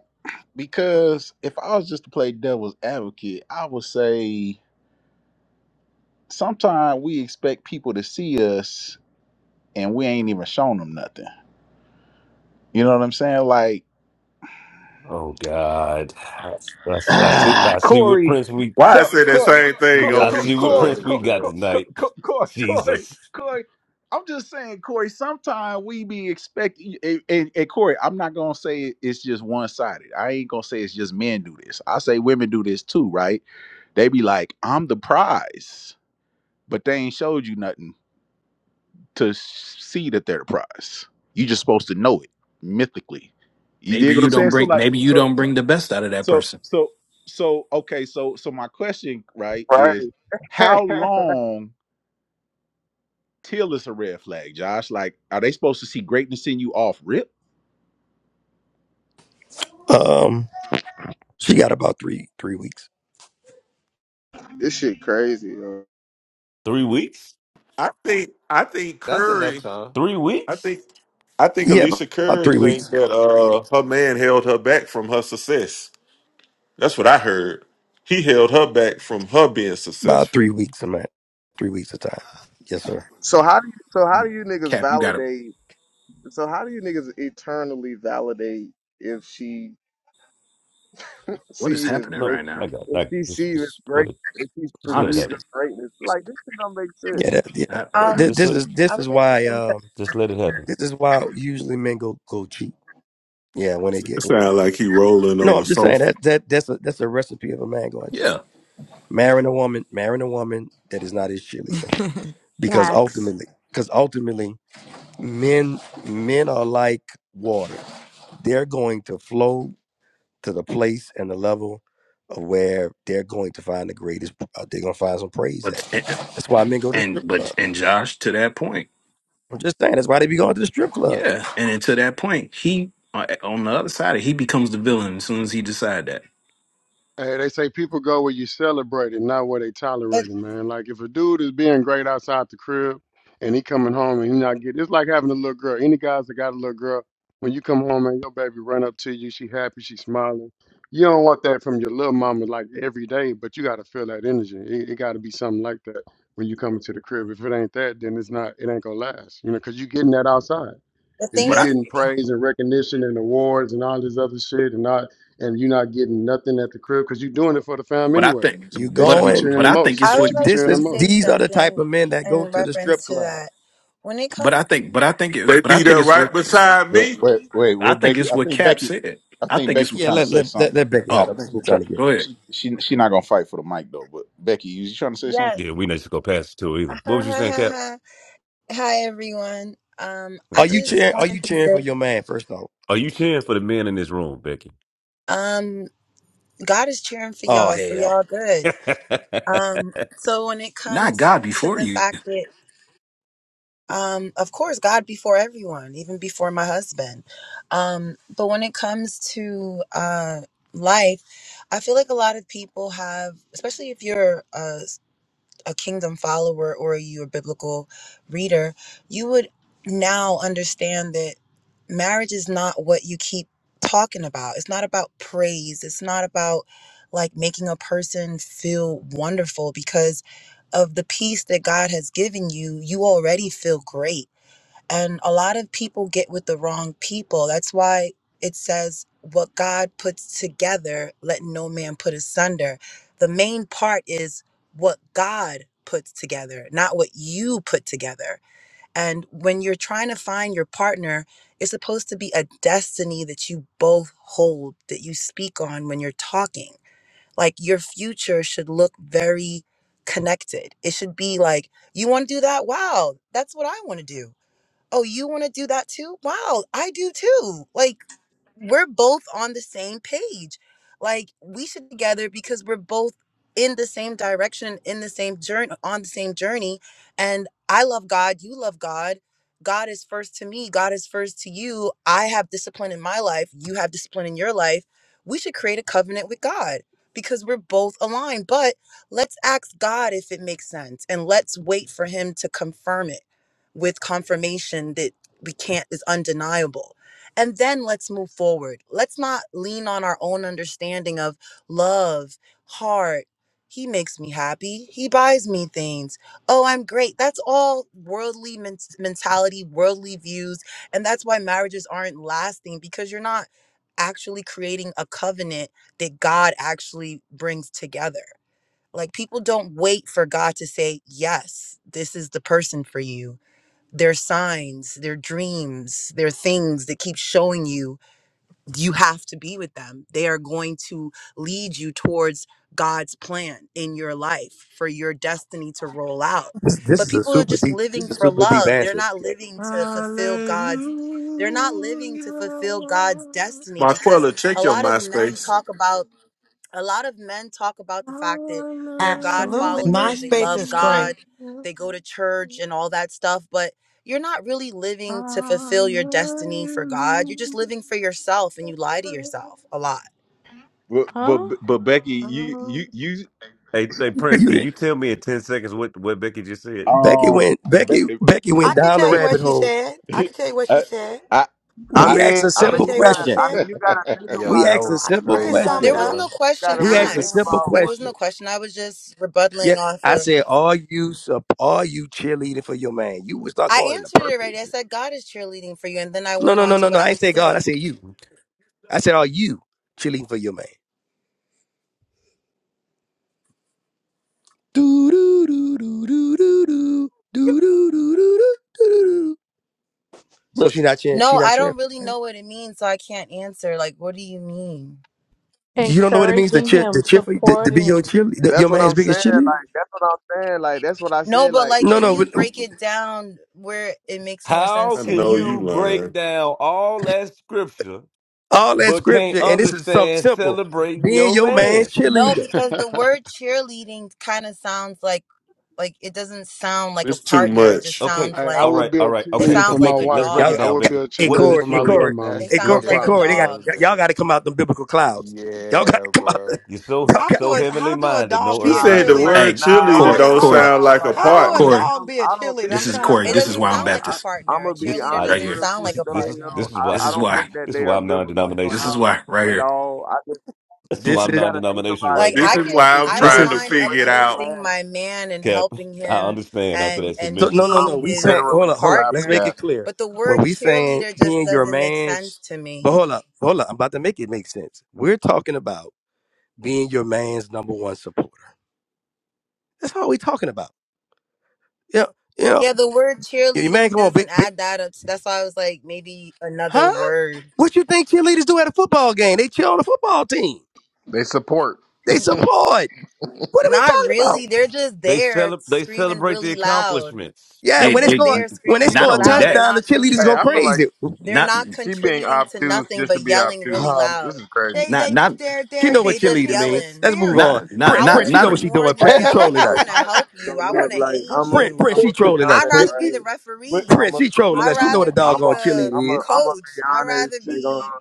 Speaker 1: because if I was just to play devil's advocate, I would say sometimes we expect people to see us and we ain't even shown them nothing. You know what I'm saying? Like
Speaker 3: Oh God, I, I, I
Speaker 1: *sighs*
Speaker 3: see.
Speaker 1: Ah,
Speaker 3: I see what
Speaker 1: Corey,
Speaker 3: Prince we.
Speaker 15: Why I
Speaker 1: Co-
Speaker 15: said that
Speaker 1: Co-
Speaker 15: same thing
Speaker 1: Co-
Speaker 3: I
Speaker 15: on
Speaker 18: Yo,
Speaker 1: Co-
Speaker 18: he
Speaker 15: mute,
Speaker 3: see what
Speaker 1: Corey,
Speaker 18: tried
Speaker 15: Core?
Speaker 3: Prince
Speaker 18: his
Speaker 3: we
Speaker 1: Co-
Speaker 3: got
Speaker 1: Co-
Speaker 18: best.
Speaker 1: Co-
Speaker 3: tonight.
Speaker 1: Co- Corey, *laughs* Corey,
Speaker 3: Jesus,
Speaker 1: Corey. I'm just saying, Corey. Sometimes we be expecting, and, and, and Corey, I'm not gonna say it's just one sided. I ain't gonna say it's just men do this. I say women do this too, right? They be like, I'm the prize, but they ain't showed you nothing to see that they're the prize. You just supposed to know it mythically. You
Speaker 5: Maybe
Speaker 1: dig what I'm
Speaker 5: you don't
Speaker 1: saying? So
Speaker 5: bring
Speaker 1: like,
Speaker 5: maybe you
Speaker 1: so
Speaker 5: don't bring the best out of that
Speaker 1: so
Speaker 5: person.
Speaker 1: so so okay, so so my question, right, is
Speaker 16: Right.
Speaker 1: how long till it's a red flag, Josh? Like, are they supposed to see greatness in you off rip?
Speaker 6: Um, she got about three three weeks.
Speaker 16: *laughs* this shit crazy, yo.
Speaker 3: three weeks.
Speaker 15: I think I think
Speaker 18: That's enough
Speaker 15: Curry.
Speaker 18: time.
Speaker 3: Three
Speaker 15: I
Speaker 3: weeks.
Speaker 15: think I think
Speaker 6: Yeah, about,
Speaker 15: Alicia
Speaker 6: about
Speaker 15: Curry
Speaker 6: three
Speaker 15: think
Speaker 6: weeks.
Speaker 15: that uh her man held her back from her success. That's what I heard. He held her back from her being
Speaker 6: About
Speaker 15: successful.
Speaker 6: three weeks, I'm at three weeks of time. Yes, sir.
Speaker 16: So how do you, so how
Speaker 5: Hmm.
Speaker 16: do you niggas
Speaker 5: Cap, you got to
Speaker 16: validate? So how do you niggas eternally validate if she
Speaker 5: What
Speaker 16: see
Speaker 5: is
Speaker 16: you as
Speaker 5: happening
Speaker 16: great?
Speaker 3: No,
Speaker 5: right
Speaker 3: I
Speaker 5: now?
Speaker 3: got.
Speaker 16: If
Speaker 3: I
Speaker 16: she
Speaker 3: just,
Speaker 16: see you as
Speaker 3: just go
Speaker 16: great,
Speaker 3: ahead.
Speaker 16: if she
Speaker 3: Just let it
Speaker 16: perceives
Speaker 3: happen.
Speaker 5: Honestly,
Speaker 16: your greatness, like this shit don't make sense.
Speaker 6: Yeah, that,
Speaker 5: I, I,
Speaker 6: yeah.
Speaker 5: I
Speaker 19: Um,
Speaker 6: This,
Speaker 3: Just
Speaker 5: was,
Speaker 6: this
Speaker 3: let.
Speaker 6: is this
Speaker 19: I would
Speaker 6: is
Speaker 19: like to
Speaker 6: why
Speaker 19: say something.
Speaker 6: um
Speaker 3: Just let it happen.
Speaker 6: this is why usually men go go cheat. Yeah, when they get
Speaker 15: Sound like he rolling
Speaker 6: no,
Speaker 15: on
Speaker 6: I'm
Speaker 15: a
Speaker 6: just saying
Speaker 15: sofa.
Speaker 6: that that that's a that's a recipe of a man going cheat.
Speaker 5: yeah.
Speaker 6: Marrying a woman, marrying a woman that is not his cheerleader.
Speaker 2: *laughs*
Speaker 6: because
Speaker 2: Facts.
Speaker 6: ultimately because ultimately men men are like water they're going to flow to the place and the level of where they're going to find the greatest uh, they're going to find some praise at
Speaker 5: But and,
Speaker 6: that's why men go to the
Speaker 5: and
Speaker 6: strip club
Speaker 5: but and Josh, to that point.
Speaker 6: i'm just saying that's why they be going to the strip club
Speaker 5: Yeah, and then to that point, he uh, on the other side, he becomes the villain as soon as he decide that.
Speaker 17: Hey, they say people go where you celebrate it, not where they
Speaker 19: But
Speaker 17: tolerate it, man. Like if a dude is being great outside the crib and he coming home and he not getting it's like having a little girl. Any guys that got a little girl, when you come home and your baby run up to you, she happy, she smiling. You don't want that from your little mama like every day, but you gotta feel that energy. It, it gotta be something like that when you come into the crib. If it ain't that, then it's not it ain't gonna last. You know, 'cause you getting that outside.
Speaker 19: the
Speaker 17: If
Speaker 19: thing
Speaker 17: you're
Speaker 5: But I,
Speaker 19: is,
Speaker 17: getting praise and recognition and awards and all this other shit, and not and you're not getting nothing at the crib because you're doing it for the fam
Speaker 5: but I
Speaker 17: anyway,
Speaker 5: think,
Speaker 6: you
Speaker 17: they should be
Speaker 5: but
Speaker 6: going
Speaker 17: cheering
Speaker 5: but
Speaker 17: the
Speaker 5: I think
Speaker 17: most.
Speaker 5: it's
Speaker 19: I
Speaker 17: They
Speaker 5: what,
Speaker 19: would
Speaker 17: should be
Speaker 19: like
Speaker 6: this
Speaker 17: cheering the
Speaker 19: to
Speaker 6: is
Speaker 19: say
Speaker 17: most.
Speaker 6: these are the type
Speaker 19: something
Speaker 6: of men that go
Speaker 19: in
Speaker 6: to the strip
Speaker 19: reference to
Speaker 6: club
Speaker 19: that. When it
Speaker 5: but
Speaker 19: comes,
Speaker 5: I think, but I think it's,
Speaker 15: They
Speaker 5: but I
Speaker 15: be
Speaker 5: think
Speaker 15: there
Speaker 5: it's
Speaker 15: right
Speaker 5: what,
Speaker 15: beside
Speaker 1: Wait,
Speaker 15: me.
Speaker 1: wait, wait.
Speaker 5: I
Speaker 1: We're
Speaker 5: think
Speaker 1: Becky.
Speaker 5: it's
Speaker 1: I
Speaker 5: what
Speaker 1: think
Speaker 5: Cap
Speaker 1: Becky.
Speaker 5: said.
Speaker 1: I
Speaker 5: I
Speaker 1: think
Speaker 5: think it's
Speaker 1: Becky
Speaker 6: yeah
Speaker 5: what.
Speaker 1: trying to
Speaker 6: let
Speaker 1: say
Speaker 6: let let,
Speaker 1: something.
Speaker 6: let becky
Speaker 1: She-
Speaker 6: hop
Speaker 1: I
Speaker 5: Oh,
Speaker 1: think she
Speaker 6: i'm
Speaker 1: try,
Speaker 6: trying to get
Speaker 5: go
Speaker 6: it.
Speaker 5: ahead.
Speaker 1: she she she not gonna fight for the mic though. But Becky, you, you trying to say something?
Speaker 19: yes.
Speaker 3: Yeah, we not just go past it too either. What was you saying, Cap?
Speaker 19: *laughs* Hi, everyone. Um, I
Speaker 6: are you
Speaker 19: just
Speaker 6: cheering
Speaker 3: *laughs*
Speaker 6: are you
Speaker 19: wanted to
Speaker 6: cheering for
Speaker 19: say,
Speaker 6: your man first off
Speaker 3: Are you cheering for the men in this room, Becky?
Speaker 19: um, God is cheering for
Speaker 6: oh
Speaker 19: y'all, so
Speaker 6: hell
Speaker 19: y'all
Speaker 3: *laughs*
Speaker 19: good. Um, so when it
Speaker 5: Not
Speaker 19: comes
Speaker 5: God
Speaker 19: to
Speaker 5: before
Speaker 19: the
Speaker 5: you.
Speaker 19: fact that um of course god before everyone even before my husband um but when it comes to uh life i feel like a lot of people have especially if you're a a kingdom follower or you a biblical reader, you would now understand that marriage is not what you keep talking about. It's not about praise. It's not about like making a person feel wonderful because of the peace that God has given you, you already feel great and a lot of people get with the wrong people. That's why it says, What God puts together, let no man put asunder. The main part is what God puts together, not what you put together. And when you're trying to find your partner, it's supposed to be a destiny that you both hold, that you speak on when you're talking. Like your future should look very connected. It should be like, you want to do that? Wow, that's what I want to do Oh, you want to do that too? Wow, I do too. Like we're both on the same page. Like we should be together because we're both in the same direction, in the same journey, on the same journey. And I love God, you love God. God is first to me, God is first to you. I have discipline in my life, you have discipline in your life. We should create a covenant with God because we're both aligned. But let's ask God if it makes sense and let's wait for him to confirm it with confirmation that we can't is undeniable and then let's move forward. Let's not lean on our own understanding of love, heart. He makes me happy. He buys me things. Oh, I'm great. That's all worldly men- mentality, worldly views. And that's why marriages aren't lasting because you're not actually creating a covenant that God actually brings together. Like people don't wait for God to say, yes, this is the person for you their signs, their dreams, their things that keep showing you you have to be with them. They are going to lead you towards God's plan in your life for your destiny to roll out.
Speaker 6: this, this
Speaker 19: But
Speaker 6: is a
Speaker 19: people are
Speaker 6: super
Speaker 19: just
Speaker 6: deep this
Speaker 19: living
Speaker 6: is a
Speaker 19: for
Speaker 6: super deep
Speaker 19: love. They're
Speaker 6: answer
Speaker 19: not
Speaker 6: becky
Speaker 19: living to fulfill God's they're not living to fulfill God's destiny because
Speaker 15: Marquella,
Speaker 19: a
Speaker 15: check your
Speaker 19: lot of men
Speaker 15: MySpace.
Speaker 19: talk about a lot of men talk about the fact that they're God
Speaker 2: Absolutely.
Speaker 19: followers, they
Speaker 2: MySpace
Speaker 19: love
Speaker 2: is crazy.
Speaker 19: God, they go to church and all that stuff, but you're not really living to fulfill your destiny for God. You're just living for yourself and you lie to yourself a lot.
Speaker 1: But but
Speaker 8: Huh?
Speaker 1: but Becky, you you you
Speaker 3: hey, hey, Prince,
Speaker 6: you
Speaker 3: can
Speaker 6: did
Speaker 3: you tell me in ten seconds what what Becky just said?
Speaker 6: Becky
Speaker 1: Um,
Speaker 6: went Becky
Speaker 1: Be-
Speaker 6: Becky
Speaker 2: I
Speaker 6: went
Speaker 2: could
Speaker 6: down the
Speaker 2: tell you what
Speaker 6: rabbit
Speaker 2: she
Speaker 6: hole.
Speaker 2: said.
Speaker 1: *laughs*
Speaker 2: I
Speaker 1: if-
Speaker 2: could tell you what she
Speaker 1: I
Speaker 2: said.
Speaker 1: I.
Speaker 16: I
Speaker 1: I
Speaker 6: We
Speaker 16: mean,
Speaker 6: asked a
Speaker 2: You
Speaker 16: I
Speaker 2: want me
Speaker 1: *laughs*
Speaker 2: to
Speaker 6: simple
Speaker 16: mean,
Speaker 2: tell
Speaker 16: you
Speaker 2: you what
Speaker 16: gotta,
Speaker 2: she
Speaker 6: question.
Speaker 16: I
Speaker 2: said?
Speaker 16: mean, you gotta think
Speaker 18: Yeah,
Speaker 6: We
Speaker 16: about it
Speaker 18: that
Speaker 6: asked a
Speaker 16: though.
Speaker 18: was
Speaker 2: I,
Speaker 16: You
Speaker 6: simple
Speaker 2: I
Speaker 16: know,
Speaker 2: can
Speaker 18: crazy,
Speaker 2: sum
Speaker 16: like
Speaker 2: it
Speaker 19: There
Speaker 6: question.
Speaker 19: was
Speaker 2: up.
Speaker 19: no
Speaker 18: bro.
Speaker 16: you
Speaker 2: I
Speaker 19: question
Speaker 16: gotta
Speaker 2: can
Speaker 6: We
Speaker 16: really
Speaker 6: asked
Speaker 2: sum
Speaker 6: a
Speaker 2: it
Speaker 16: think
Speaker 2: up.
Speaker 6: simple
Speaker 19: asked.
Speaker 16: about
Speaker 19: There
Speaker 16: what.
Speaker 19: was
Speaker 6: question.
Speaker 19: no question. I was just rebutting
Speaker 6: Yet
Speaker 19: off
Speaker 6: I
Speaker 19: of
Speaker 6: said, "Are you sup- are you cheerleading for your man?" You was not
Speaker 19: I
Speaker 6: going into
Speaker 19: answered it right.
Speaker 6: purpose.
Speaker 19: I said God is cheerleading for you, and then I
Speaker 6: No,
Speaker 19: went
Speaker 6: no,
Speaker 19: on
Speaker 6: no,
Speaker 19: to
Speaker 6: no, no.
Speaker 19: what I
Speaker 6: I ain't
Speaker 19: want to
Speaker 6: say God. I
Speaker 19: say.
Speaker 6: said you. I said, "Are you cheerleading for your man?" Do do do do do do do do do do do do. So
Speaker 1: but
Speaker 6: she not cheering.
Speaker 19: No,
Speaker 6: She not
Speaker 19: I
Speaker 6: cheering.
Speaker 19: don't really know what it means, so I can't answer. Like, what do you mean?
Speaker 6: You don't know what it means to
Speaker 8: Encouraging
Speaker 6: cheer
Speaker 8: him,
Speaker 6: to cheer for to, to be your
Speaker 8: supporting
Speaker 6: cheerleader, your
Speaker 16: That's what
Speaker 6: man's
Speaker 16: I'm
Speaker 6: biggest
Speaker 16: saying.
Speaker 6: cheerleader.
Speaker 16: Like that's what I'm saying. Like that's what I
Speaker 19: No,
Speaker 16: said.
Speaker 19: but
Speaker 16: Like
Speaker 19: like,
Speaker 6: No,
Speaker 16: she,
Speaker 19: can you
Speaker 6: no.
Speaker 19: break it down where it makes more
Speaker 3: How
Speaker 15: I
Speaker 19: sense to
Speaker 3: can
Speaker 15: know you
Speaker 19: me?
Speaker 3: you break
Speaker 15: lying.
Speaker 3: down all that scripture
Speaker 6: All that
Speaker 3: but can't
Speaker 6: scripture, and this is something
Speaker 3: understand
Speaker 6: simple.
Speaker 3: celebrating
Speaker 6: Being
Speaker 3: your
Speaker 6: your
Speaker 3: man?
Speaker 6: man's
Speaker 19: No,
Speaker 6: cheerleader.
Speaker 19: because the
Speaker 17: *laughs*
Speaker 19: word cheerleading kind of sounds like like it doesn't sound like a
Speaker 15: It's too
Speaker 19: partner. It just
Speaker 15: much.
Speaker 3: Okay.
Speaker 19: sounds
Speaker 17: I, I
Speaker 19: like
Speaker 3: All
Speaker 17: would
Speaker 3: right.
Speaker 17: be
Speaker 3: All
Speaker 17: a
Speaker 3: right.
Speaker 19: it
Speaker 3: Okay.
Speaker 17: cheerleader
Speaker 3: So
Speaker 19: sounds
Speaker 17: for my
Speaker 19: like a
Speaker 3: Becky, let's
Speaker 17: wife.
Speaker 3: break
Speaker 6: Y'all,
Speaker 3: it
Speaker 19: dog.
Speaker 17: I
Speaker 3: down.
Speaker 17: would be
Speaker 3: Becky,
Speaker 17: a
Speaker 6: hey
Speaker 3: what is
Speaker 17: cheerleader
Speaker 3: a
Speaker 6: Corey,
Speaker 17: for
Speaker 6: hey
Speaker 17: my little
Speaker 6: Corey,
Speaker 3: cheerleader?
Speaker 17: mama.
Speaker 18: That's
Speaker 19: It
Speaker 6: hey
Speaker 18: two
Speaker 6: Corey,
Speaker 17: No
Speaker 19: sounds
Speaker 6: hey
Speaker 19: like a
Speaker 18: different
Speaker 17: problem.
Speaker 6: Corey, they got
Speaker 19: dog.
Speaker 18: worlds
Speaker 6: y'all
Speaker 18: then.
Speaker 6: got to come out the biblical clouds. Y'all got to
Speaker 18: Yeah,
Speaker 6: come out.
Speaker 18: bro.
Speaker 6: The,
Speaker 3: You're
Speaker 6: *laughs*
Speaker 3: so
Speaker 6: y'all
Speaker 2: How
Speaker 6: got.
Speaker 2: do
Speaker 3: so
Speaker 6: to,
Speaker 2: a
Speaker 3: heavenly
Speaker 2: how do a
Speaker 3: minded,
Speaker 2: dog
Speaker 3: no
Speaker 15: She
Speaker 2: be a
Speaker 3: earthly
Speaker 16: nah,
Speaker 15: said the
Speaker 16: them
Speaker 3: good.
Speaker 2: cheerleader?
Speaker 16: ain't,
Speaker 15: word
Speaker 5: Hey,
Speaker 16: nah. I
Speaker 2: Wait a
Speaker 15: cheerleader
Speaker 16: don't
Speaker 2: minute.
Speaker 5: Corey,
Speaker 15: don't
Speaker 2: Hold
Speaker 16: think.
Speaker 2: on a
Speaker 5: Corey,
Speaker 16: Hold
Speaker 2: sec.
Speaker 15: sound
Speaker 16: on.
Speaker 15: like a
Speaker 16: Like I
Speaker 2: How do
Speaker 16: don't
Speaker 2: a
Speaker 15: partner.
Speaker 16: think
Speaker 5: Corey.
Speaker 2: dog
Speaker 16: them.
Speaker 2: be a
Speaker 16: I don't
Speaker 2: cheerleader?
Speaker 16: think
Speaker 5: This
Speaker 2: I'm
Speaker 5: is
Speaker 16: they
Speaker 2: trying to.
Speaker 16: are
Speaker 5: Corey.
Speaker 19: It
Speaker 2: uh,
Speaker 5: This is
Speaker 19: doesn't
Speaker 5: why I'm
Speaker 16: biblical.
Speaker 19: sound
Speaker 2: What?
Speaker 19: like
Speaker 16: I,
Speaker 19: a
Speaker 5: Baptist
Speaker 16: I'm
Speaker 19: partner. A
Speaker 16: gonna be
Speaker 3: This
Speaker 19: cheerleader
Speaker 3: I
Speaker 16: honest
Speaker 5: right
Speaker 19: doesn't
Speaker 5: here.
Speaker 16: real
Speaker 3: *laughs*
Speaker 19: sound like
Speaker 16: quick
Speaker 3: this
Speaker 19: a
Speaker 3: this
Speaker 16: though.
Speaker 3: is
Speaker 16: You
Speaker 19: partner.
Speaker 16: know,
Speaker 3: this is
Speaker 16: I,
Speaker 3: why
Speaker 5: This
Speaker 16: I
Speaker 5: is
Speaker 16: don't think
Speaker 5: why.
Speaker 16: that
Speaker 3: this is
Speaker 16: they
Speaker 3: why
Speaker 16: are
Speaker 3: I'm
Speaker 16: biblical
Speaker 5: This is
Speaker 3: non-denominational. *laughs*
Speaker 16: clouds
Speaker 5: why right
Speaker 16: at
Speaker 5: here.
Speaker 16: all. I just
Speaker 3: This is why
Speaker 6: This
Speaker 3: I'm
Speaker 16: you
Speaker 6: is
Speaker 16: gotta think
Speaker 3: non-denominational
Speaker 16: about it,
Speaker 3: right
Speaker 19: like
Speaker 3: now.
Speaker 15: This
Speaker 19: i
Speaker 16: bro.
Speaker 15: is
Speaker 19: can
Speaker 15: why
Speaker 16: If, if
Speaker 15: I'm
Speaker 19: i
Speaker 16: you
Speaker 6: this
Speaker 19: don't
Speaker 15: trying
Speaker 16: think
Speaker 6: is
Speaker 15: to
Speaker 16: it's
Speaker 19: mind
Speaker 16: a
Speaker 15: figure it
Speaker 16: red
Speaker 15: out.
Speaker 19: uplifting
Speaker 16: flag,
Speaker 19: my man and
Speaker 3: Cap,
Speaker 19: helping
Speaker 3: I
Speaker 19: him
Speaker 3: understand after
Speaker 19: and
Speaker 3: that
Speaker 19: and
Speaker 6: so, no
Speaker 3: submission.
Speaker 6: no
Speaker 20: I'm
Speaker 6: no.
Speaker 19: being
Speaker 6: We
Speaker 19: his
Speaker 6: saying hold
Speaker 20: literally
Speaker 6: up hold up. Let's
Speaker 19: partner
Speaker 6: make it
Speaker 20: flabbergasted.
Speaker 6: clear.
Speaker 19: but the
Speaker 6: When
Speaker 19: word
Speaker 6: we saying
Speaker 19: cheerleader just
Speaker 6: being your
Speaker 19: doesn't make sense
Speaker 6: man's,
Speaker 19: to
Speaker 6: but
Speaker 19: me
Speaker 6: hold up hold up. I'm about to make it make sense. We're talking about being your man's number one supporter. That's all we talking about. Yeah you know,
Speaker 19: yeah the word
Speaker 6: your man,
Speaker 19: cheerleading
Speaker 6: come on,
Speaker 19: doesn't
Speaker 6: big,
Speaker 19: add that up so that's why i was like maybe another
Speaker 6: Huh?
Speaker 19: word
Speaker 6: What you think cheerleaders do at a football game? They cheer on the football team.
Speaker 20: They support.
Speaker 6: They support. What are we
Speaker 19: not
Speaker 6: talking about?
Speaker 19: really they're just
Speaker 3: They
Speaker 19: there
Speaker 3: cele- they
Speaker 19: screaming
Speaker 3: celebrate the
Speaker 19: really loud
Speaker 3: accomplishments.
Speaker 6: Yeah,
Speaker 19: they're
Speaker 5: They,
Speaker 6: when they
Speaker 19: just
Speaker 5: they.
Speaker 6: score
Speaker 19: there
Speaker 6: when they
Speaker 19: screaming
Speaker 5: Not
Speaker 6: score
Speaker 19: really
Speaker 6: a
Speaker 5: only
Speaker 19: loud they're
Speaker 5: that,
Speaker 6: touchdown, the
Speaker 19: not
Speaker 6: cheerleaders
Speaker 20: Hey,
Speaker 6: go
Speaker 20: I feel
Speaker 19: contributing
Speaker 20: like
Speaker 6: crazy.
Speaker 19: they're
Speaker 5: not,
Speaker 19: not
Speaker 20: she being
Speaker 19: contributing to
Speaker 20: obtuse
Speaker 19: nothing
Speaker 20: just to
Speaker 19: but
Speaker 20: be
Speaker 19: yelling really
Speaker 20: obtuse.
Speaker 6: Um,
Speaker 20: This
Speaker 19: loud
Speaker 20: is crazy.
Speaker 6: you,
Speaker 2: They
Speaker 5: not,
Speaker 2: they
Speaker 5: not,
Speaker 2: they're
Speaker 6: you
Speaker 2: they're
Speaker 6: know what
Speaker 19: they just
Speaker 6: cheerleader
Speaker 2: contributing to
Speaker 6: mean.
Speaker 2: the
Speaker 19: yelling
Speaker 6: Let's move
Speaker 2: spirit.
Speaker 6: on.
Speaker 5: not, not,
Speaker 6: Prince,
Speaker 19: I
Speaker 5: not,
Speaker 19: want
Speaker 16: hey,
Speaker 6: Prince,
Speaker 19: to
Speaker 6: you know
Speaker 19: do
Speaker 5: not.
Speaker 6: what she
Speaker 19: more
Speaker 6: doing.
Speaker 1: *laughs*
Speaker 6: Prince,
Speaker 19: than
Speaker 16: hey,
Speaker 6: she
Speaker 19: yelling.
Speaker 6: trolling
Speaker 19: I
Speaker 16: so look,
Speaker 19: want
Speaker 6: us.
Speaker 19: to
Speaker 1: That-
Speaker 19: help
Speaker 16: so
Speaker 19: you. I
Speaker 16: look,
Speaker 19: want to
Speaker 16: like
Speaker 1: but-
Speaker 19: aid
Speaker 16: I'm a,
Speaker 6: Prince,
Speaker 19: you.
Speaker 6: Prince,
Speaker 1: but-
Speaker 16: I'm
Speaker 6: she
Speaker 16: gonna be
Speaker 1: but-
Speaker 6: trolling us.
Speaker 19: I'd
Speaker 16: honest,
Speaker 6: Prince,
Speaker 19: rather be
Speaker 16: right?
Speaker 19: the
Speaker 1: *laughs* but-
Speaker 19: referee.
Speaker 16: I'm
Speaker 6: Prince,
Speaker 16: a
Speaker 6: she trolling
Speaker 16: look.
Speaker 19: I'd
Speaker 6: us. She
Speaker 16: I'm
Speaker 6: know
Speaker 16: a.
Speaker 6: what
Speaker 19: rather
Speaker 6: a
Speaker 16: I'm
Speaker 19: be
Speaker 6: doggone
Speaker 16: a
Speaker 19: the
Speaker 16: look. I'm a.
Speaker 6: cheerleader is.
Speaker 16: I'm a
Speaker 19: coach.
Speaker 16: be
Speaker 19: I'd
Speaker 16: honest.
Speaker 19: rather
Speaker 16: They gonna.
Speaker 19: be.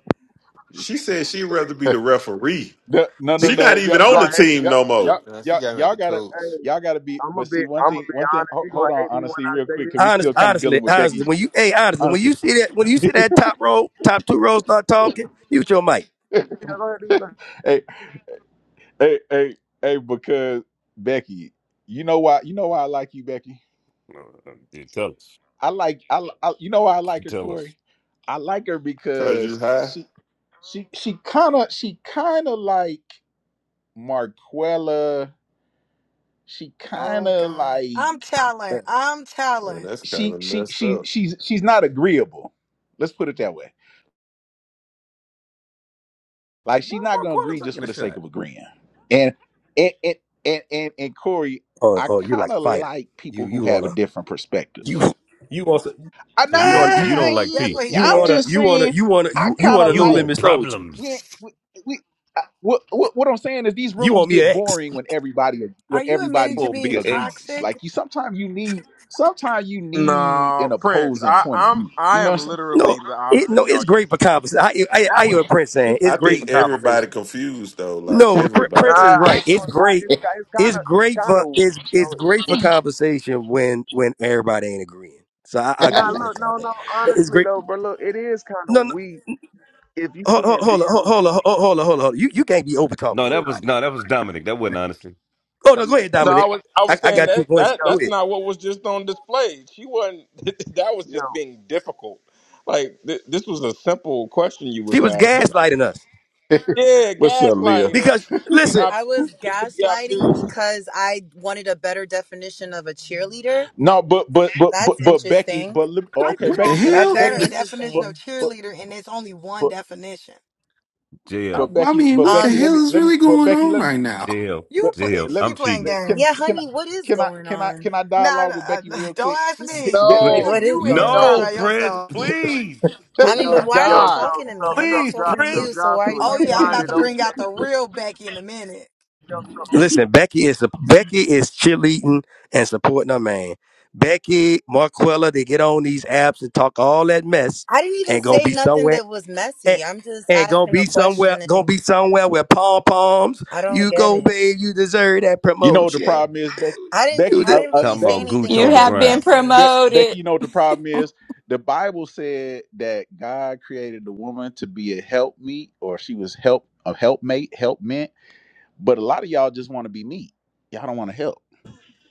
Speaker 15: She said she'd rather be the referee.
Speaker 1: the- no, no,
Speaker 6: Be-
Speaker 15: She
Speaker 1: no.
Speaker 15: not
Speaker 1: Y'all,
Speaker 15: even
Speaker 16: You
Speaker 15: on the
Speaker 1: y'all,
Speaker 16: gonna hate.
Speaker 15: team
Speaker 1: y'all,
Speaker 15: no more.
Speaker 1: y'all,
Speaker 18: And she
Speaker 1: y'all
Speaker 18: got me at the
Speaker 1: gotta,
Speaker 18: coach.
Speaker 16: Hey,
Speaker 1: y'all gotta be.
Speaker 16: I'm a
Speaker 1: But
Speaker 16: be.
Speaker 1: see, one
Speaker 16: I'm a
Speaker 1: thing,
Speaker 16: be
Speaker 1: one thing.
Speaker 16: honest.
Speaker 1: Hold,
Speaker 16: You gonna
Speaker 1: hold on,
Speaker 16: hate me when
Speaker 1: honestly,
Speaker 16: I
Speaker 1: real
Speaker 16: say
Speaker 1: quick,
Speaker 16: this
Speaker 1: because we
Speaker 6: honest,
Speaker 16: shit.
Speaker 1: still kind of
Speaker 6: honestly,
Speaker 1: dealing with Becky.
Speaker 6: honestly, when you, hey, honestly, when
Speaker 1: Honestly,
Speaker 6: you see that, when you
Speaker 1: *laughs*
Speaker 6: see that top row, top two rows start talking, mute your mic.
Speaker 16: You know,
Speaker 3: Come-
Speaker 16: go ahead. Be like,
Speaker 1: hey, hey, hey, hey, because Becky, you know why? You know why I like you, Becky.
Speaker 3: uh, uh, Tell us.
Speaker 1: I like, I, I you know why I like her,
Speaker 3: Tell us.
Speaker 1: Corey. I like her
Speaker 15: Cause you
Speaker 1: because
Speaker 15: high.
Speaker 1: she, she, she kind of, she kind of like. Marquella, she kind
Speaker 2: Oh
Speaker 1: of
Speaker 2: God.
Speaker 1: like
Speaker 2: I'm telling. I'm
Speaker 15: Man,
Speaker 2: telling.
Speaker 15: that's kind
Speaker 1: she
Speaker 15: of
Speaker 1: she
Speaker 15: messed
Speaker 1: she
Speaker 15: up.
Speaker 1: she's she's not agreeable. Let's put it that way. Like
Speaker 3: Why
Speaker 1: she's not
Speaker 3: am
Speaker 1: gonna agree
Speaker 3: I
Speaker 1: just
Speaker 3: taking
Speaker 1: for
Speaker 3: a
Speaker 1: the sake
Speaker 3: shot?
Speaker 1: of agreeing. And and and and and, and Corey,
Speaker 6: Oh,
Speaker 1: I
Speaker 6: oh, you like
Speaker 1: kind
Speaker 6: a
Speaker 1: of
Speaker 6: fighter.
Speaker 1: like people
Speaker 6: You,
Speaker 1: who
Speaker 6: you
Speaker 1: have a
Speaker 6: wanna?
Speaker 1: different perspective.
Speaker 6: you you want some-
Speaker 1: I,
Speaker 3: So you
Speaker 6: you
Speaker 3: don't
Speaker 6: want
Speaker 3: you
Speaker 6: you
Speaker 3: don't like
Speaker 2: That's what he
Speaker 1: nah,
Speaker 6: you
Speaker 3: peace.
Speaker 1: I'm
Speaker 6: want
Speaker 2: said.
Speaker 6: to
Speaker 1: just
Speaker 6: you want to
Speaker 1: saying,
Speaker 6: you want to
Speaker 1: I
Speaker 6: you you
Speaker 1: kind
Speaker 6: want
Speaker 1: of
Speaker 6: a
Speaker 3: You
Speaker 6: no
Speaker 1: like.
Speaker 3: want
Speaker 6: limit soldier.
Speaker 1: we
Speaker 3: problems.
Speaker 1: ain't-
Speaker 3: *laughs*
Speaker 1: we, we I- what, what what I'm saying is these
Speaker 6: You
Speaker 1: rooms
Speaker 6: want me
Speaker 1: get
Speaker 6: an ex?
Speaker 1: boring when everybody when
Speaker 2: Are you admitting to
Speaker 1: everybody's
Speaker 3: Oh, be
Speaker 2: being
Speaker 3: an ex.
Speaker 1: agrees.
Speaker 2: toxic?
Speaker 1: Like you sometimes you need sometimes you need an
Speaker 20: No, Prince.
Speaker 1: opposing
Speaker 20: I,
Speaker 1: point of
Speaker 20: I'm
Speaker 1: view. You
Speaker 20: I
Speaker 1: know
Speaker 20: am
Speaker 1: what I'm saying?
Speaker 6: No,
Speaker 20: literally the
Speaker 6: it,
Speaker 20: opposite of
Speaker 6: no,
Speaker 20: y'all
Speaker 6: it's great
Speaker 20: usually.
Speaker 6: for
Speaker 20: But
Speaker 6: conversation. I, I
Speaker 20: that
Speaker 6: I
Speaker 20: was
Speaker 6: hear what
Speaker 20: just
Speaker 6: Prince
Speaker 20: she
Speaker 6: saying.
Speaker 20: was
Speaker 15: I
Speaker 6: It's
Speaker 20: just
Speaker 6: great for
Speaker 15: think
Speaker 20: being difficult.
Speaker 15: everybody
Speaker 6: conversation.
Speaker 15: confused though. Like
Speaker 6: No, but Prin- Prince
Speaker 15: everybody.
Speaker 6: is
Speaker 16: nah, I
Speaker 6: right.
Speaker 16: ain't
Speaker 6: It's
Speaker 16: gonna lie.
Speaker 6: great.
Speaker 16: It's ki- it's kind
Speaker 6: It's
Speaker 16: of it's
Speaker 6: great
Speaker 16: kind
Speaker 6: for
Speaker 16: of you
Speaker 6: it's
Speaker 16: know.
Speaker 6: it's
Speaker 16: It,
Speaker 6: great for conversation when when everybody ain't agreeing. So I, I agree
Speaker 16: nah,
Speaker 6: with
Speaker 20: Y- y-
Speaker 16: look,
Speaker 6: Prince on
Speaker 16: no,
Speaker 6: that.
Speaker 16: no.
Speaker 6: It's
Speaker 16: Honestly
Speaker 6: great.
Speaker 16: though, bro, look, it is kind of
Speaker 6: No, no,
Speaker 16: weak if you
Speaker 6: hold, hold,
Speaker 16: can't
Speaker 6: hold on, hold
Speaker 16: build.
Speaker 6: hold on, hold hold on, hold on. hold on. You you can't be over talking
Speaker 3: No, that was
Speaker 6: everybody now.
Speaker 3: no, that was Dominic. That wasn't honestly.
Speaker 6: Oh
Speaker 16: Yo,
Speaker 6: no, go ahead,
Speaker 16: listen,
Speaker 20: No, I
Speaker 6: Dominic.
Speaker 20: was I
Speaker 6: I,
Speaker 20: was
Speaker 6: I
Speaker 20: saying
Speaker 6: got your
Speaker 20: that
Speaker 6: voice.
Speaker 20: that
Speaker 16: yo,
Speaker 6: Go
Speaker 20: that's
Speaker 6: ahead.
Speaker 20: not what was just on display. She wasn't. *laughs* That was
Speaker 16: yo,
Speaker 20: just being difficult. Like th- this was a simple question you
Speaker 6: She
Speaker 20: was
Speaker 6: was
Speaker 20: asking.
Speaker 6: gaslighting us.
Speaker 20: Yeah,
Speaker 1: What's up, Leah?
Speaker 20: gaslighting. Like
Speaker 6: Because
Speaker 20: you being
Speaker 6: listen,
Speaker 19: I
Speaker 20: obtuse
Speaker 19: was
Speaker 20: just to be
Speaker 19: gaslighting
Speaker 20: obtuse.
Speaker 19: because I wanted a better definition of a cheerleader.
Speaker 1: No, but but but but
Speaker 19: That's
Speaker 1: but Becky,
Speaker 19: interesting.
Speaker 1: but lem- oh,
Speaker 2: Are
Speaker 1: okay,
Speaker 2: you
Speaker 5: What the
Speaker 1: Becky,
Speaker 2: gonna get
Speaker 1: uh,
Speaker 2: a
Speaker 19: That's
Speaker 5: hell?
Speaker 1: Becky,
Speaker 19: very
Speaker 2: better definition
Speaker 1: but
Speaker 2: of
Speaker 19: interesting.
Speaker 1: but
Speaker 2: cheerleader and it's only one
Speaker 1: but
Speaker 2: definition?
Speaker 3: Jail,
Speaker 5: I,
Speaker 1: but
Speaker 5: I
Speaker 1: Becky,
Speaker 5: mean,
Speaker 1: but
Speaker 5: what the
Speaker 1: Becky,
Speaker 19: Um,
Speaker 1: let me
Speaker 5: hell is
Speaker 1: let me,
Speaker 5: really
Speaker 1: but
Speaker 5: going
Speaker 1: Becky,
Speaker 5: on
Speaker 1: let me,
Speaker 5: right now?
Speaker 3: jail,
Speaker 2: You
Speaker 1: but,
Speaker 2: play
Speaker 1: but
Speaker 3: jail.
Speaker 1: let me,
Speaker 3: I'm
Speaker 2: she playing
Speaker 3: cheating.
Speaker 1: like, can
Speaker 19: yeah,
Speaker 2: games.
Speaker 1: can I
Speaker 19: honey, what is
Speaker 1: can I
Speaker 19: going
Speaker 1: can I
Speaker 19: on?
Speaker 1: can I
Speaker 2: Nah,
Speaker 1: dialogue
Speaker 2: nah,
Speaker 1: with
Speaker 2: uh,
Speaker 1: Becky
Speaker 2: *laughs*
Speaker 1: real
Speaker 2: don't
Speaker 1: quick?
Speaker 2: ask
Speaker 1: Be-
Speaker 2: me. You
Speaker 1: Be-
Speaker 19: Like,
Speaker 3: Please.
Speaker 20: No,
Speaker 2: you
Speaker 19: what is
Speaker 1: Be-
Speaker 2: you in
Speaker 20: please
Speaker 2: this
Speaker 19: going on?
Speaker 2: car
Speaker 3: No,
Speaker 2: by
Speaker 20: don't.
Speaker 3: Prince,
Speaker 2: yourself.
Speaker 1: *laughs*
Speaker 3: please,
Speaker 19: I mean,
Speaker 20: Please,
Speaker 16: yo,
Speaker 19: but why are you
Speaker 16: yo. So,
Speaker 20: God.
Speaker 19: talking to
Speaker 16: so,
Speaker 19: me? I'm
Speaker 16: so,
Speaker 19: not
Speaker 3: please,
Speaker 19: talking
Speaker 16: Jo-
Speaker 19: to
Speaker 16: so,
Speaker 3: Prince.
Speaker 19: you, so why are you
Speaker 16: Joshua,
Speaker 2: Oh
Speaker 16: you
Speaker 19: talking to
Speaker 2: yeah, I'm
Speaker 16: find
Speaker 2: about
Speaker 16: it
Speaker 19: me?
Speaker 2: to bring
Speaker 16: okay?
Speaker 2: out the real Becky in a minute.
Speaker 16: Yo,
Speaker 6: listen, Becky is Becky is cheerleading and supporting her man. Becky, Marquella, they get on these apps and talk all that mess
Speaker 19: I didn't even
Speaker 6: and gonna
Speaker 19: say
Speaker 6: be
Speaker 19: nothing
Speaker 6: somewhere
Speaker 19: that was
Speaker 6: and,
Speaker 19: messy. I'm just
Speaker 6: and gonna
Speaker 19: asking
Speaker 6: be
Speaker 19: a
Speaker 6: somewhere
Speaker 19: question
Speaker 6: gonna be
Speaker 19: and
Speaker 6: somewhere where pom poms.
Speaker 19: I don't
Speaker 6: You
Speaker 19: get
Speaker 6: go,
Speaker 19: it.
Speaker 6: babe. You deserve that
Speaker 1: You know what the
Speaker 6: promotion.
Speaker 1: problem is, Becky?
Speaker 19: I didn't
Speaker 6: You
Speaker 1: Becky,
Speaker 19: I
Speaker 6: de-
Speaker 1: uh,
Speaker 19: didn't
Speaker 1: uh,
Speaker 19: really
Speaker 3: Talking
Speaker 19: say
Speaker 3: about
Speaker 1: Becky,
Speaker 3: Gooch
Speaker 19: anything
Speaker 14: You
Speaker 3: on
Speaker 19: that
Speaker 1: Becky,
Speaker 3: the
Speaker 19: was
Speaker 14: have been
Speaker 3: ground.
Speaker 19: messy.
Speaker 1: Be- Becky.
Speaker 14: promoted.
Speaker 1: You know what the problem is? The Bible said that God created the woman to be a helpmeet, or she was help a helpmate, helpmeet. But a lot of y'all just want to be meat. Y'all don't want to help. *laughs*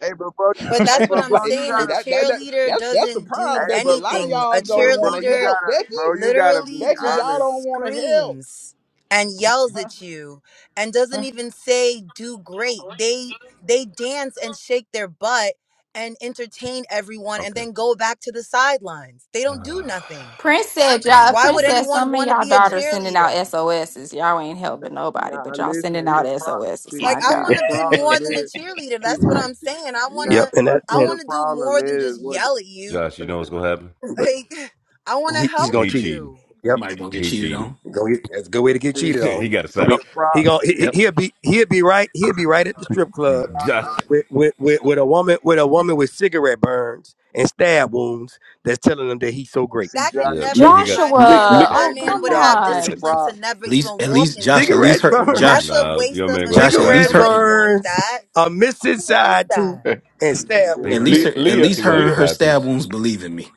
Speaker 16: hey, but bro,
Speaker 1: You
Speaker 16: you,
Speaker 1: know what
Speaker 19: But
Speaker 1: I'm
Speaker 16: hey,
Speaker 19: that's what
Speaker 1: saying,
Speaker 16: but
Speaker 1: *laughs*
Speaker 19: I'm
Speaker 16: bro,
Speaker 1: like
Speaker 16: you
Speaker 19: saying.
Speaker 1: no,
Speaker 19: A
Speaker 16: gotta
Speaker 1: that, that that
Speaker 19: cheerleader
Speaker 1: that that's the
Speaker 19: doesn't do
Speaker 1: problem,
Speaker 16: Hey,
Speaker 1: Becky. A
Speaker 16: but,
Speaker 1: lot of
Speaker 16: but,
Speaker 19: anything. A
Speaker 1: y'all don't
Speaker 16: but bro,
Speaker 1: want to
Speaker 16: you
Speaker 19: cheerleader
Speaker 1: help,
Speaker 16: gotta, bro,
Speaker 1: Becky.
Speaker 16: you gotta be
Speaker 19: literally
Speaker 1: Becky, y'all
Speaker 16: honest.
Speaker 1: don't
Speaker 19: just
Speaker 1: want to help.
Speaker 19: screams and yells
Speaker 1: Huh?
Speaker 19: at you and doesn't
Speaker 1: Huh?
Speaker 19: even say do great. They they dance and shake their butt and entertain everyone and
Speaker 3: Okay.
Speaker 19: then go back to the sidelines. They
Speaker 3: *sighs*
Speaker 19: don't
Speaker 3: oh
Speaker 19: do nothing.
Speaker 14: Prince said, y'all,
Speaker 3: my
Speaker 19: Why would
Speaker 14: Prince
Speaker 3: God,
Speaker 14: said
Speaker 19: anyone
Speaker 14: some of
Speaker 19: want to
Speaker 14: y'all
Speaker 19: be a
Speaker 14: daughters sending out
Speaker 19: cheerleader?
Speaker 14: SOSs. Y'all ain't helping
Speaker 16: N-
Speaker 14: nobody,
Speaker 16: Nah,
Speaker 14: but y'all sending
Speaker 16: listen,
Speaker 14: out
Speaker 16: the pro,
Speaker 14: SOSs.
Speaker 16: see,
Speaker 19: Like
Speaker 14: My
Speaker 19: I
Speaker 16: see, the
Speaker 19: want
Speaker 14: God.
Speaker 19: to be
Speaker 16: problem
Speaker 19: more than a
Speaker 16: is,
Speaker 19: cheerleader.
Speaker 16: see,
Speaker 19: That's what I'm saying. I want
Speaker 16: nah,
Speaker 6: yep,
Speaker 19: to
Speaker 6: and
Speaker 16: but
Speaker 6: that
Speaker 19: I
Speaker 16: see,
Speaker 6: and,
Speaker 16: the
Speaker 19: want to do
Speaker 16: problem
Speaker 19: more than
Speaker 16: is
Speaker 19: just
Speaker 16: what, the-
Speaker 19: yell at you.
Speaker 3: Josh, you know what's gonna happen?
Speaker 6: but
Speaker 19: Like *laughs* I want to
Speaker 6: he, he's
Speaker 19: help
Speaker 6: gonna
Speaker 3: He
Speaker 6: cheat.
Speaker 3: cheating.
Speaker 19: you.
Speaker 6: Yep,
Speaker 5: Somebody gonna get
Speaker 3: He
Speaker 5: cheated
Speaker 3: cheating.
Speaker 5: on.
Speaker 6: gonna get, that's a good way to get
Speaker 16: see,
Speaker 3: *laughs*
Speaker 6: cheated
Speaker 16: see,
Speaker 3: he
Speaker 6: on.
Speaker 3: got a
Speaker 6: Gonna
Speaker 16: see,
Speaker 3: side.
Speaker 6: be
Speaker 5: Yep.
Speaker 16: the pro,
Speaker 6: he gonna he,
Speaker 16: see,
Speaker 6: he-
Speaker 5: Yep.
Speaker 6: he'll be he'll be right he'll be right at the strip club
Speaker 3: Josh.
Speaker 6: with, with, with, with a woman with a woman with cigarette burns and stab wounds that's telling them that he's so great.
Speaker 16: see,
Speaker 19: That could
Speaker 16: Josh,
Speaker 3: yeah,
Speaker 16: see,
Speaker 19: never
Speaker 1: Le-
Speaker 3: He
Speaker 19: be
Speaker 16: see,
Speaker 3: got.
Speaker 19: my
Speaker 1: le-
Speaker 16: see,
Speaker 19: man cuz
Speaker 14: Joshua,
Speaker 16: Josh,
Speaker 1: le-
Speaker 19: my
Speaker 16: hey,
Speaker 14: oh,
Speaker 16: see,
Speaker 19: man
Speaker 14: come
Speaker 19: would
Speaker 16: Josh,
Speaker 19: have
Speaker 6: *laughs*
Speaker 16: see, the
Speaker 6: C-
Speaker 14: on.
Speaker 19: discipline
Speaker 3: *laughs*
Speaker 16: pro,
Speaker 19: to never
Speaker 5: At least,
Speaker 19: even
Speaker 5: at
Speaker 19: walk
Speaker 5: least,
Speaker 19: in
Speaker 5: Josh. At
Speaker 19: there.
Speaker 5: least
Speaker 6: Cigarette
Speaker 5: her,
Speaker 6: burns,
Speaker 19: That's
Speaker 5: Josh.
Speaker 19: a
Speaker 3: Nah,
Speaker 19: waste
Speaker 3: your
Speaker 19: of
Speaker 3: man
Speaker 19: a
Speaker 6: *laughs*
Speaker 3: gonna have a
Speaker 5: Josh. At
Speaker 19: man.
Speaker 3: side
Speaker 5: least
Speaker 6: cigarette
Speaker 19: Nobody
Speaker 3: piece.
Speaker 5: her.
Speaker 19: wants
Speaker 6: burns,
Speaker 19: that.
Speaker 6: a missing
Speaker 19: Who wants
Speaker 6: side tooth,
Speaker 19: that?
Speaker 6: and
Speaker 16: it's
Speaker 6: stab
Speaker 3: He
Speaker 16: still
Speaker 5: At
Speaker 1: *laughs*
Speaker 3: go-
Speaker 5: least
Speaker 1: Le-
Speaker 5: her.
Speaker 16: here,
Speaker 6: wounds.
Speaker 5: At
Speaker 1: Leah,
Speaker 3: he
Speaker 5: least
Speaker 3: gonna have a
Speaker 5: her and
Speaker 1: Leah,
Speaker 5: her
Speaker 3: side
Speaker 5: stab
Speaker 3: piece.
Speaker 5: wounds believe in me.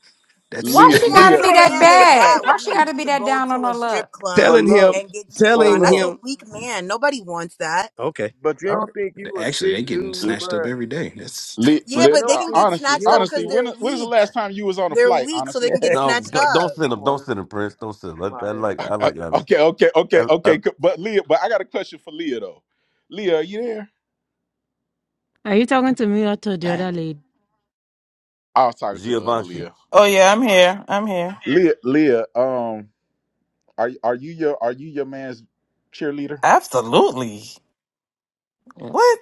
Speaker 5: That's
Speaker 14: Why
Speaker 19: Who
Speaker 1: Leah,
Speaker 14: she
Speaker 3: That's
Speaker 14: gotta
Speaker 19: wants
Speaker 1: Leah.
Speaker 19: a
Speaker 14: be
Speaker 3: right.
Speaker 14: that
Speaker 19: man that's
Speaker 14: bad?
Speaker 19: that
Speaker 14: Why she
Speaker 19: weak
Speaker 14: gotta be
Speaker 19: to
Speaker 14: that
Speaker 19: go
Speaker 14: down on
Speaker 19: to a
Speaker 14: her
Speaker 19: strip
Speaker 14: luck?
Speaker 16: but
Speaker 19: club
Speaker 6: Telling
Speaker 16: look,
Speaker 6: him,
Speaker 19: and get shaped
Speaker 16: but
Speaker 19: on?
Speaker 6: telling
Speaker 19: That's
Speaker 16: look,
Speaker 19: a
Speaker 6: him,
Speaker 19: weak man. Nobody wants that.
Speaker 6: okay,
Speaker 16: but you
Speaker 6: all
Speaker 16: don't think you
Speaker 5: *laughs*
Speaker 16: a
Speaker 5: actually
Speaker 16: sick
Speaker 5: they getting
Speaker 16: dude,
Speaker 5: snatched up
Speaker 16: bro?
Speaker 5: every day. That's
Speaker 1: Le,
Speaker 16: But
Speaker 19: Yeah,
Speaker 1: le,
Speaker 16: you
Speaker 19: but they
Speaker 16: don't
Speaker 1: uh,
Speaker 19: can
Speaker 16: think,
Speaker 19: get
Speaker 1: honestly,
Speaker 16: you
Speaker 19: snatched up
Speaker 16: don't
Speaker 1: honestly,
Speaker 19: because
Speaker 16: think,
Speaker 1: when
Speaker 19: they're
Speaker 1: when is the
Speaker 19: weak.
Speaker 1: last time you was on a
Speaker 19: They're
Speaker 1: flight?
Speaker 19: weak, so they
Speaker 1: Honestly,
Speaker 19: can get
Speaker 6: right.
Speaker 3: No,
Speaker 19: snatched
Speaker 3: go, don't
Speaker 19: up.
Speaker 3: send
Speaker 16: I'm
Speaker 3: him. Don't send him, Prince. Don't send him. I, I
Speaker 16: on,
Speaker 1: *laughs*
Speaker 3: like.
Speaker 1: I,
Speaker 3: I
Speaker 1: I-
Speaker 3: like that.
Speaker 1: okay, okay,
Speaker 3: I,
Speaker 1: okay,
Speaker 3: I,
Speaker 1: okay. c- But Leah, but I got a question for Leah though. Leah, are you there?
Speaker 12: Are you talking to me or to the other
Speaker 1: Dang,
Speaker 12: lady?
Speaker 1: I was talking to the other
Speaker 3: Giovanni.
Speaker 1: Leah.
Speaker 21: Oh yeah, I'm here. I'm here.
Speaker 1: Leah, Leah, um, are are you your are you your man's cheerleader?
Speaker 21: Absolutely. What?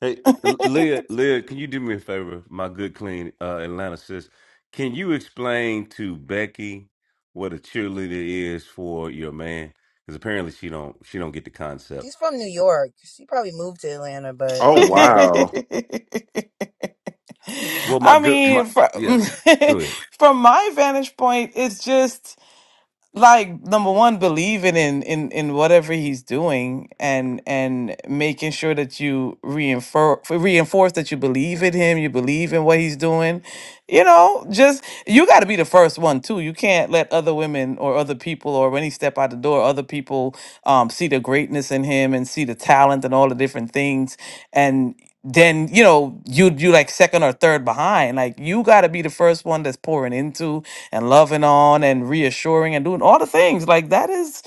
Speaker 3: Hey,
Speaker 21: *laughs*
Speaker 3: uh, L- Leah. Leah, can you do me a favor, my good, clean uh, Atlanta sis? Can you explain to Becky what a cheerleader is for your man? Because apparently she don't. She don't get the concept.
Speaker 19: She's from New York. She probably moved to Atlanta, but
Speaker 15: Oh
Speaker 19: okay.
Speaker 15: wow.
Speaker 3: Well, my
Speaker 21: I
Speaker 3: good.
Speaker 21: mean,
Speaker 3: My
Speaker 21: from,
Speaker 3: yeah.
Speaker 21: *laughs*
Speaker 3: Go ahead.
Speaker 21: from my vantage point, it's just like number one believing in in in whatever he's doing and and making sure that you reinforce reinforce that you believe in him you believe in what he's doing you know just you got to be the first one too you can't let other women or other people or when he step out the door other people um see the greatness in him and see the talent and all the different things and then you know you you like second or third behind like you got to be the first one that's pouring into and loving on and reassuring and doing all the things like that is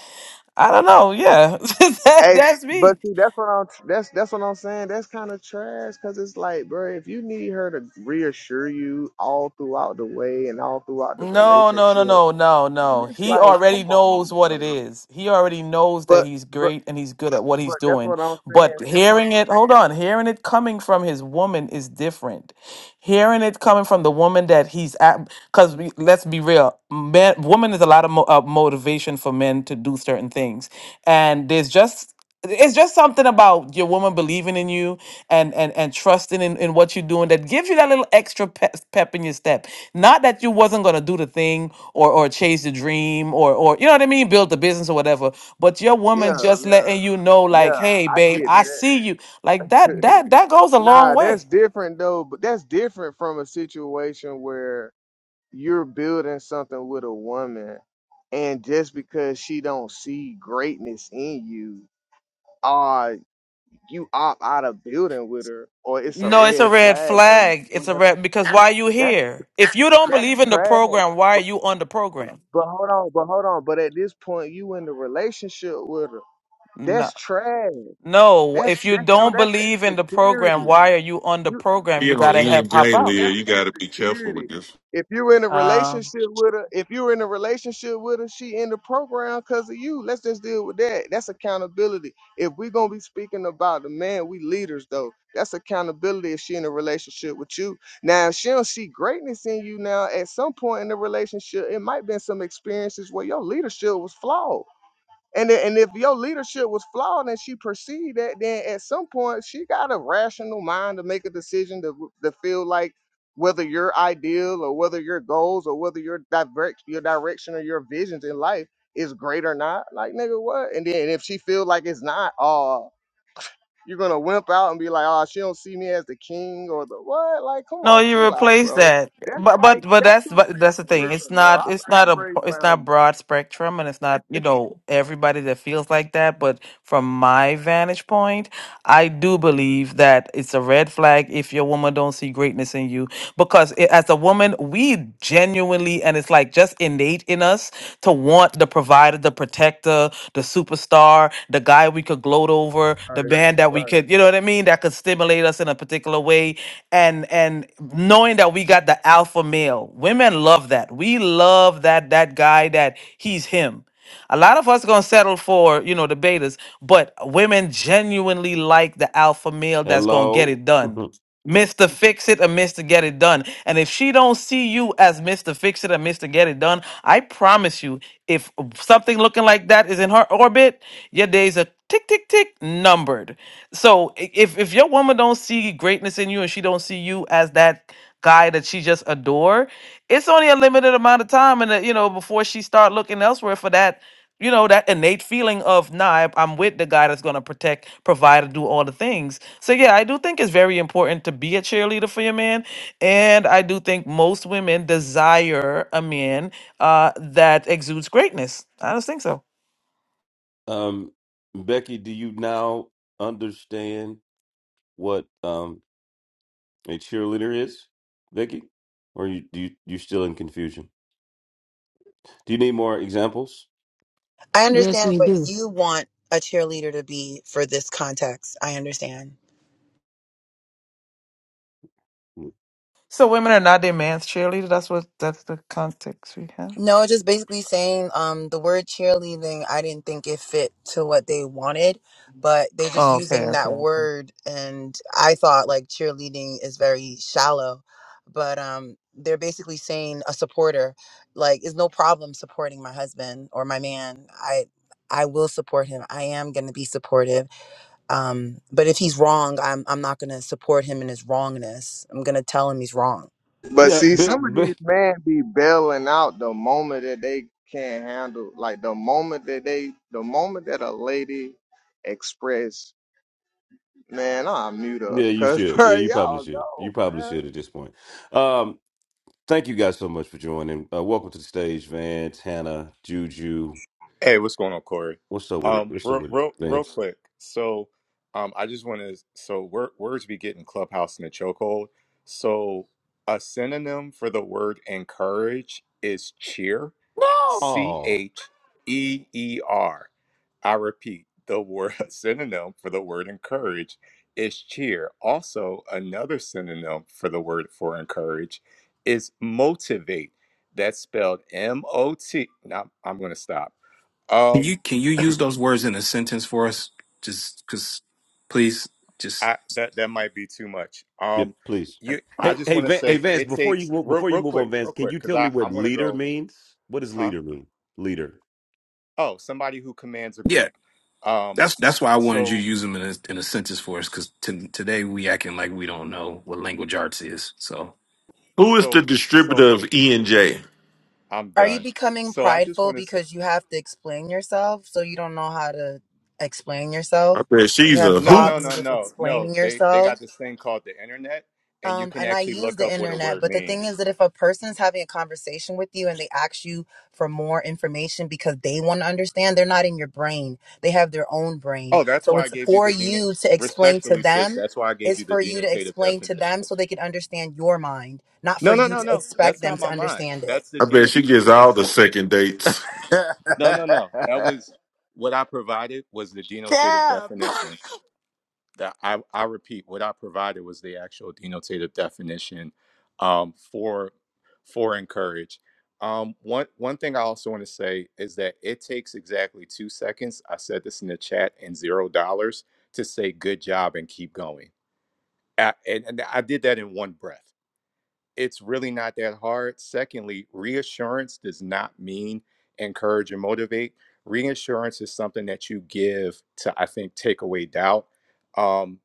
Speaker 21: i don't know yeah *laughs* that,
Speaker 16: Hey,
Speaker 21: that's
Speaker 16: but
Speaker 21: me
Speaker 16: see, that's what I'm. That's that's what I'm saying. That's kind of trash because it's like, bro, if you need her to reassure you all throughout the way and all throughout the
Speaker 21: no
Speaker 16: relationship,
Speaker 21: no no no
Speaker 16: and
Speaker 21: no no
Speaker 16: it's
Speaker 21: he
Speaker 16: like,
Speaker 21: already
Speaker 16: come
Speaker 21: knows
Speaker 16: on,
Speaker 21: what it
Speaker 16: bro.
Speaker 21: is he already knows that
Speaker 16: But
Speaker 21: he's
Speaker 16: but
Speaker 21: great and he's good at what he's
Speaker 16: but that's
Speaker 21: doing
Speaker 16: what I'm
Speaker 21: but
Speaker 16: saying.
Speaker 21: hearing it hold on hearing it coming from his woman is different hearing it coming from the woman that he's at because let's be real man woman is a lot of mo- uh, motivation for men to do certain things and there's just it's just something about your woman believing in you and and and trusting in, in what you're doing that gives you that little extra pep, pep in your step not that you wasn't going to do the thing or or chase the dream or or you know what i mean build the business or whatever but your
Speaker 16: Yeah,
Speaker 21: woman just
Speaker 16: yeah,
Speaker 21: letting you know like
Speaker 16: yeah.
Speaker 21: hey
Speaker 16: I
Speaker 21: babe
Speaker 16: get
Speaker 21: i
Speaker 16: that.
Speaker 21: see you like that that that goes
Speaker 16: *laughs*
Speaker 21: a long
Speaker 16: nah, that's
Speaker 21: way
Speaker 16: different though. But that's different from a situation where you're building something with a woman, and just because she don't see greatness in you. you opt out of building with her, or it's a
Speaker 21: No, it's a
Speaker 16: red
Speaker 21: red
Speaker 16: flag and
Speaker 21: flag. It's a
Speaker 16: whatever.
Speaker 21: red because why you
Speaker 16: That's
Speaker 21: here? If you don't
Speaker 16: that's
Speaker 21: believe in the
Speaker 16: trash.
Speaker 21: program, why
Speaker 16: But,
Speaker 21: are you on the program?
Speaker 16: but hold on, but hold on. But at this point, you in the relationship with her.
Speaker 21: No.
Speaker 16: That's trash.
Speaker 21: No,
Speaker 16: That's
Speaker 21: if you
Speaker 16: that's no,
Speaker 21: don't
Speaker 16: that's
Speaker 21: believe in the program,
Speaker 16: insecurity.
Speaker 21: why are you on the
Speaker 16: You.
Speaker 21: program?
Speaker 15: He
Speaker 21: You
Speaker 15: on
Speaker 21: gotta
Speaker 15: E
Speaker 21: help
Speaker 15: and
Speaker 21: pop
Speaker 15: J
Speaker 21: out.
Speaker 15: Leah.
Speaker 16: That's
Speaker 15: You gotta be careful
Speaker 16: insecurity.
Speaker 15: with this.
Speaker 16: If you're in a
Speaker 21: Um,
Speaker 16: relationship with her, if you're in a relationship with her, she in the program because of you. Let's just deal with that. That's accountability. If we're gonna be speaking about the man, we leaders though. That's accountability if she in a relationship with you. Now if she don't see greatness in you now, at some point in the relationship, it might been some experiences where your leadership was flawed. And then, and if your leadership was flawed and she perceived that, then at some point she got a rational mind to make a decision to to feel like whether your ideal or whether your goals or whether your direct your direction or your visions in life is great or not. Like nigga, what? And then if she feel like it's not, oh, you're gonna wimp out and be like, oh, she don't see me as the king or the what? Like, come
Speaker 21: No,
Speaker 16: on,
Speaker 21: you
Speaker 16: chill out,
Speaker 21: replace
Speaker 16: bro.
Speaker 21: that.
Speaker 16: That's
Speaker 21: But
Speaker 16: like
Speaker 21: but but
Speaker 16: that's
Speaker 21: that's
Speaker 16: a,
Speaker 21: but that's the thing. It's
Speaker 16: listen, bro. I
Speaker 21: not it's
Speaker 16: I
Speaker 21: not a
Speaker 16: break
Speaker 21: it's not
Speaker 16: down.
Speaker 21: broad spectrum and it's not, you know, everybody that feels like that, but from my vantage point, I do believe that it's a red flag if your woman don't see greatness in you because it, as a woman, we genuinely and it's like just innate in us to want the provider, the protector, the superstar, the guy we could gloat over,
Speaker 16: All
Speaker 21: the
Speaker 16: Right,
Speaker 21: man that
Speaker 16: right.
Speaker 21: we could, you know what I mean, that could stimulate us in a particular way and and knowing that we got the alpha male women love that we love that that guy that he's him a lot of us gonna settle for you know the betas but women genuinely like the alpha male that's gonna get
Speaker 3: Hello.
Speaker 21: it done
Speaker 3: *laughs*
Speaker 21: Mr. Fix It or Mr. Get It Done. And if she don't see you as Mr. Fix It or Mr. Get It Done, I promise you, if something looking like that is in her orbit, your days are tick tick tick numbered. So i- if if your woman don't see greatness in you and she don't see you as that guy that she just adore, it's only a limited amount of time and uh, you know before she start looking elsewhere for that you know that innate feeling of nah I- i'm with the guy that's going to protect provide and do all the things so yeah i do think it's very important to be a cheerleader for your man and i do think most women desire a man uh, that exudes greatness i just think so
Speaker 3: um, Becky, do you now understand what? um? A cheerleader is, Vicky? Or you do you, you're still in confusion? Do you need more examples?
Speaker 19: I
Speaker 12: Yes,
Speaker 19: understand
Speaker 12: we
Speaker 19: what
Speaker 12: do.
Speaker 19: you want a cheerleader to be for this context. I understand.
Speaker 3: Mm.
Speaker 21: so women are not their man's cheerleader that's what that's the context we have
Speaker 19: No, just basically saying um the word cheerleading, I didn't think it fit to what they wanted, but they're just Mm.
Speaker 21: oh, okay
Speaker 19: using
Speaker 21: okay
Speaker 19: that
Speaker 21: okay
Speaker 19: word and I thought like cheerleading is very shallow, but um they're basically saying a supporter like is no problem supporting my husband or my man. I I will support him. I am going to be supportive. Um but if he's wrong, I'm I'm not going to support him in his wrongness. I'm going to tell him he's wrong.
Speaker 16: But
Speaker 3: Yeah,
Speaker 16: see,
Speaker 3: but,
Speaker 16: some of these
Speaker 3: but
Speaker 16: men be bailing out the moment that they can't handle, like the moment that they, the moment that a lady express, man, I mute her,
Speaker 3: yeah, you
Speaker 16: cause *laughs*
Speaker 3: should. Yeah,
Speaker 16: bro,
Speaker 3: you probably
Speaker 16: y'all
Speaker 3: should. You
Speaker 16: know,
Speaker 3: probably
Speaker 16: man.
Speaker 3: should at this point. Um, thank you guys so much for joining. Uh, welcome to the stage, Vance, Hannah, Juju.
Speaker 22: Hey, what's going on, Corey?
Speaker 3: What's up with it?
Speaker 22: Um,
Speaker 3: What's up
Speaker 22: real,
Speaker 3: with it,
Speaker 22: real, real
Speaker 3: Vance?
Speaker 22: quick. So, um, I just want to. So, wor- words be getting clubhouse in a chokehold. So, a synonym for the word encourage is cheer, C
Speaker 3: No.
Speaker 22: H E E R. I repeat, the word *laughs* synonym for the word encourage is cheer. Also, another synonym for the word for encourage is motivate. That's spelled M O T. Now, I'm going to stop.
Speaker 5: *laughs* can
Speaker 22: Um,
Speaker 5: you can you use those words in a sentence for us? Just because, please, just
Speaker 22: I, that that might be too much.
Speaker 3: Yep,
Speaker 22: Um,
Speaker 3: please.
Speaker 5: uh,
Speaker 22: you,
Speaker 5: oh.
Speaker 22: I
Speaker 3: Hey,
Speaker 22: just
Speaker 3: hey,
Speaker 22: want to
Speaker 3: Van, hey,
Speaker 22: say
Speaker 3: Vance.
Speaker 22: it
Speaker 3: Before you
Speaker 22: takes
Speaker 3: move,
Speaker 22: real,
Speaker 3: before you
Speaker 22: real
Speaker 3: move
Speaker 22: quick,
Speaker 3: on,
Speaker 22: real
Speaker 3: Vance, can
Speaker 22: quick,
Speaker 3: you
Speaker 22: because
Speaker 3: tell me
Speaker 22: I
Speaker 3: what
Speaker 22: I'm gonna
Speaker 3: leader
Speaker 22: go,
Speaker 3: means? What does
Speaker 22: huh?
Speaker 3: leader mean? Leader.
Speaker 22: Oh, somebody who commands a
Speaker 5: yeah.
Speaker 22: group. Um,
Speaker 5: That's that's why I wanted you
Speaker 22: so
Speaker 5: to use them in a, in a sentence for us. Because today we acting like we don't know what language arts is. So
Speaker 15: Who is
Speaker 22: so
Speaker 15: the
Speaker 22: so
Speaker 15: distributor of E and J?
Speaker 22: I'm
Speaker 19: Are you
Speaker 22: done.
Speaker 19: becoming
Speaker 22: So I just
Speaker 19: prideful
Speaker 22: want to say,
Speaker 19: because you have to explain yourself so you don't know how to explain yourself?
Speaker 15: I bet
Speaker 19: You
Speaker 15: she's
Speaker 19: have
Speaker 15: a
Speaker 22: no, no,
Speaker 15: hoot.
Speaker 19: problems
Speaker 22: no,
Speaker 19: with
Speaker 22: no, no.
Speaker 19: explaining
Speaker 22: They they
Speaker 19: yourself?
Speaker 22: got this thing called the internet, and you
Speaker 19: um,
Speaker 22: can
Speaker 19: and I
Speaker 22: actually
Speaker 19: use
Speaker 22: look
Speaker 19: the
Speaker 22: up what a
Speaker 19: internet.
Speaker 22: word
Speaker 19: But the thing
Speaker 22: means.
Speaker 19: is that if a person is having a conversation with you and they ask you for more information because they want to understand, they're not in your brain. They have their own brain.
Speaker 22: Oh, that's
Speaker 19: So
Speaker 22: why I
Speaker 19: it's
Speaker 22: gave you
Speaker 19: for
Speaker 22: the den.
Speaker 19: you to explain to
Speaker 22: Respectfully, sis,
Speaker 19: them.
Speaker 22: that's why I gave
Speaker 19: It's
Speaker 22: you the
Speaker 19: for you to
Speaker 22: denotative
Speaker 19: explain to
Speaker 22: definition.
Speaker 19: them so they can understand your mind, not
Speaker 22: No,
Speaker 19: for
Speaker 22: no,
Speaker 19: you
Speaker 22: no,
Speaker 19: to
Speaker 22: no.
Speaker 19: expect
Speaker 22: That's
Speaker 19: them
Speaker 22: not
Speaker 19: to
Speaker 22: my mind.
Speaker 19: understand it.
Speaker 22: That's the
Speaker 15: I bet she
Speaker 22: denotative
Speaker 15: gets all the
Speaker 22: definition.
Speaker 15: second dates.
Speaker 20: *laughs*
Speaker 22: No, no, no. That was what I provided was the
Speaker 10: That-
Speaker 22: denotative definition. That I, I repeat, what I provided was the actual denotative definition um, for for encourage. Um, one one thing I also want to say is that it takes exactly two seconds. I said this in the chat and zero dollars to say good job and keep going. I, and, and I did that in one breath. it's really not that hard. Secondly, reassurance does not mean encourage and motivate. Reassurance is something that you give to, I think, take away doubt. Um,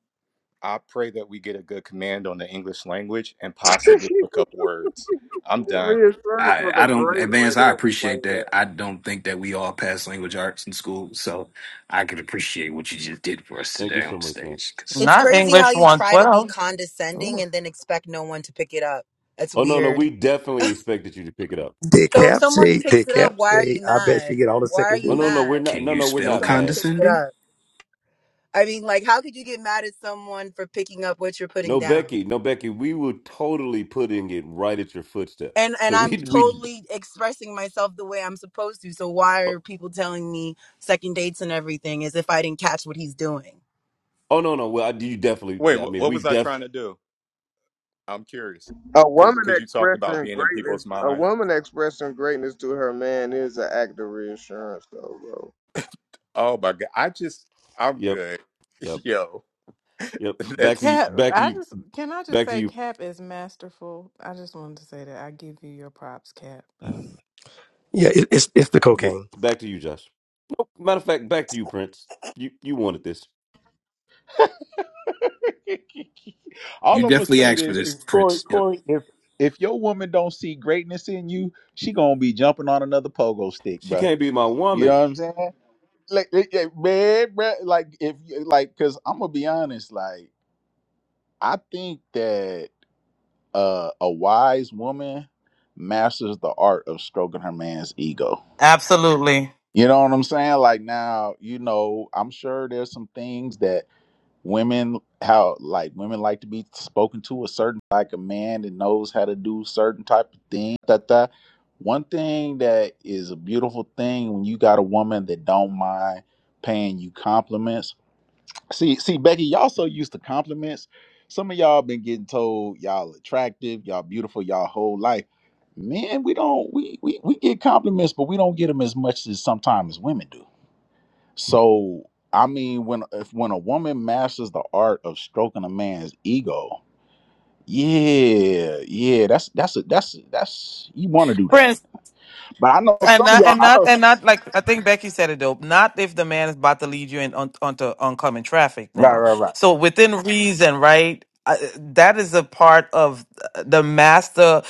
Speaker 22: I pray that we get a good command on the English language and possibly look
Speaker 16: *laughs*
Speaker 22: up words. I'm done.
Speaker 16: Reassurance
Speaker 5: I,
Speaker 16: was a
Speaker 5: I don't
Speaker 16: great way
Speaker 5: advance. I
Speaker 16: to explain
Speaker 5: appreciate that.
Speaker 16: that.
Speaker 5: I don't think that we all pass language arts in school, so I could appreciate what you just did for us
Speaker 3: Thank you
Speaker 5: today
Speaker 3: so
Speaker 5: on
Speaker 3: much,
Speaker 5: stage.
Speaker 3: Vance.
Speaker 5: Because
Speaker 19: It's
Speaker 21: not
Speaker 19: crazy how
Speaker 21: english
Speaker 19: you try to be
Speaker 21: 112
Speaker 19: condescending
Speaker 21: Ooh.
Speaker 19: and then expect no one to pick it up. That's
Speaker 3: Oh no, no,
Speaker 19: weird.
Speaker 3: we definitely expected you to pick it up.
Speaker 6: *laughs* did
Speaker 19: So if
Speaker 6: Cap
Speaker 19: someone
Speaker 6: say?
Speaker 19: picks
Speaker 6: Did
Speaker 19: it up,
Speaker 6: Cap
Speaker 19: why are
Speaker 6: say?
Speaker 19: you
Speaker 6: I bet she
Speaker 19: mad?
Speaker 6: get all the
Speaker 19: Why are
Speaker 6: second
Speaker 3: Oh
Speaker 19: you
Speaker 3: no,
Speaker 6: dates.
Speaker 5: can,
Speaker 3: no, we're
Speaker 19: mad
Speaker 3: not.
Speaker 5: can
Speaker 3: No,
Speaker 5: you
Speaker 3: no, we're
Speaker 19: if
Speaker 5: spell
Speaker 3: not
Speaker 19: someone
Speaker 3: mad.
Speaker 19: picks it
Speaker 5: condescending?
Speaker 19: up? I mean, like, how could you get mad at someone for picking up what you're putting
Speaker 3: No,
Speaker 19: down?
Speaker 3: Becky, no, Becky. We were totally putting it right at your footsteps.
Speaker 19: And and
Speaker 3: So
Speaker 19: I'm
Speaker 3: we, we.
Speaker 19: totally expressing myself the way I'm supposed to. So why are people telling me second dates and everything as if I didn't catch what he's doing?
Speaker 3: Oh no, no. Well, I, you
Speaker 22: Wait,
Speaker 3: definitely. I
Speaker 22: what,
Speaker 3: mean,
Speaker 22: what
Speaker 3: we
Speaker 22: was I
Speaker 3: def.
Speaker 22: trying to do? I'm curious
Speaker 16: A
Speaker 22: because
Speaker 16: woman
Speaker 22: because you talked about
Speaker 16: expressing
Speaker 22: being in
Speaker 16: greatness,
Speaker 22: people's
Speaker 16: a
Speaker 22: mind.
Speaker 16: woman expressing greatness to her man is an act of reassurance, though, bro.
Speaker 22: Oh my God, I just I'm
Speaker 3: Yep,
Speaker 22: good.
Speaker 3: yep,
Speaker 22: *laughs* Yo,
Speaker 3: yep. Back to
Speaker 22: that's
Speaker 3: you.
Speaker 10: Cap,
Speaker 3: Back to
Speaker 10: I
Speaker 3: you.
Speaker 10: just can I just
Speaker 3: Back to
Speaker 10: say
Speaker 3: you.
Speaker 10: Cap is masterful. I just wanted to say that I give you your props, Cap. But
Speaker 6: Yeah, it, it's it's the
Speaker 3: Yep.
Speaker 6: cocaine.
Speaker 3: Back to you, Josh. Nope. Matter of fact, back to you, Prince. You you wanted this.
Speaker 1: *laughs* All
Speaker 5: You
Speaker 1: I'm gonna
Speaker 5: definitely
Speaker 1: say
Speaker 5: asked for
Speaker 1: this
Speaker 5: this,
Speaker 1: is Corey,
Speaker 5: Prince.
Speaker 1: Corey, if if your woman don't see greatness in you, she gonna be jumping on another pogo stick,
Speaker 3: She
Speaker 1: bruh.
Speaker 3: can't be my
Speaker 1: You know
Speaker 3: woman.
Speaker 1: what I'm saying? like, like, like, man, bruh, like if like, cause I'm gonna be honest, like I think that uh, a wise woman masters the art of stroking her man's ego.
Speaker 21: absolutely
Speaker 1: You know what I'm saying? Like now, you know, I'm sure there's some things that women how like women like to be spoken to a certain like a man that knows how to do certain type of thing. That that one thing that is a beautiful thing when you got a woman that don't mind paying you compliments See, see, Becky, y'all so used to compliments. Some of y'all been getting told y'all attractive, y'all beautiful, y'all whole life. Men, we don't we we we get compliments, but we don't get them as much as sometimes women do. So I mean, when if when a woman masters the art of stroking a man's ego, yeah, yeah, that's that's a that's a, that's you want to do
Speaker 21: prince
Speaker 1: that. But I know
Speaker 21: And
Speaker 1: some of
Speaker 21: not,
Speaker 1: y'all,
Speaker 21: and
Speaker 1: I
Speaker 21: not,
Speaker 1: know,
Speaker 21: and
Speaker 1: s-
Speaker 21: not like I think Becky said it though. Not if the man is about to lead you in on, onto oncoming traffic
Speaker 1: right,
Speaker 21: now.
Speaker 1: right, right.
Speaker 21: So within reason, right? Uh, that is a part of the master.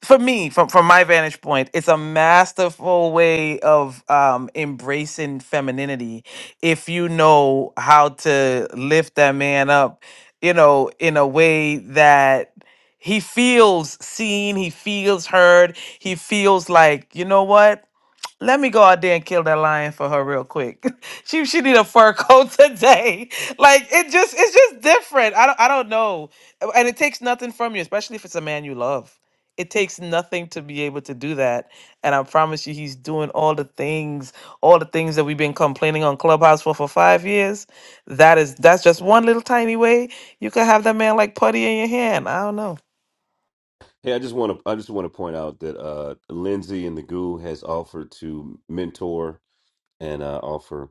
Speaker 21: For me, from from my vantage point, it's a masterful way of um, embracing femininity. If you know how to lift that man up, you know, in a way that he feels seen, he feels heard, he feels like, you know what? Let me go out there and kill that lion for her real quick. *laughs* she she need a fur coat *laughs* today. Like it just it's just different. I don't I don't know. Uh, And it takes nothing from you, especially if it's a man you love. It takes nothing to be able to do that. And I promise you he's doing all the things, all the things that we've been complaining on Clubhouse for for 5 years. That is that's just one little tiny way you could have that man like putty in your hand. I don't know.
Speaker 3: Hey, I just want to I just want to point out that uh Lindsay and the Goo has offered to mentor and uh, offer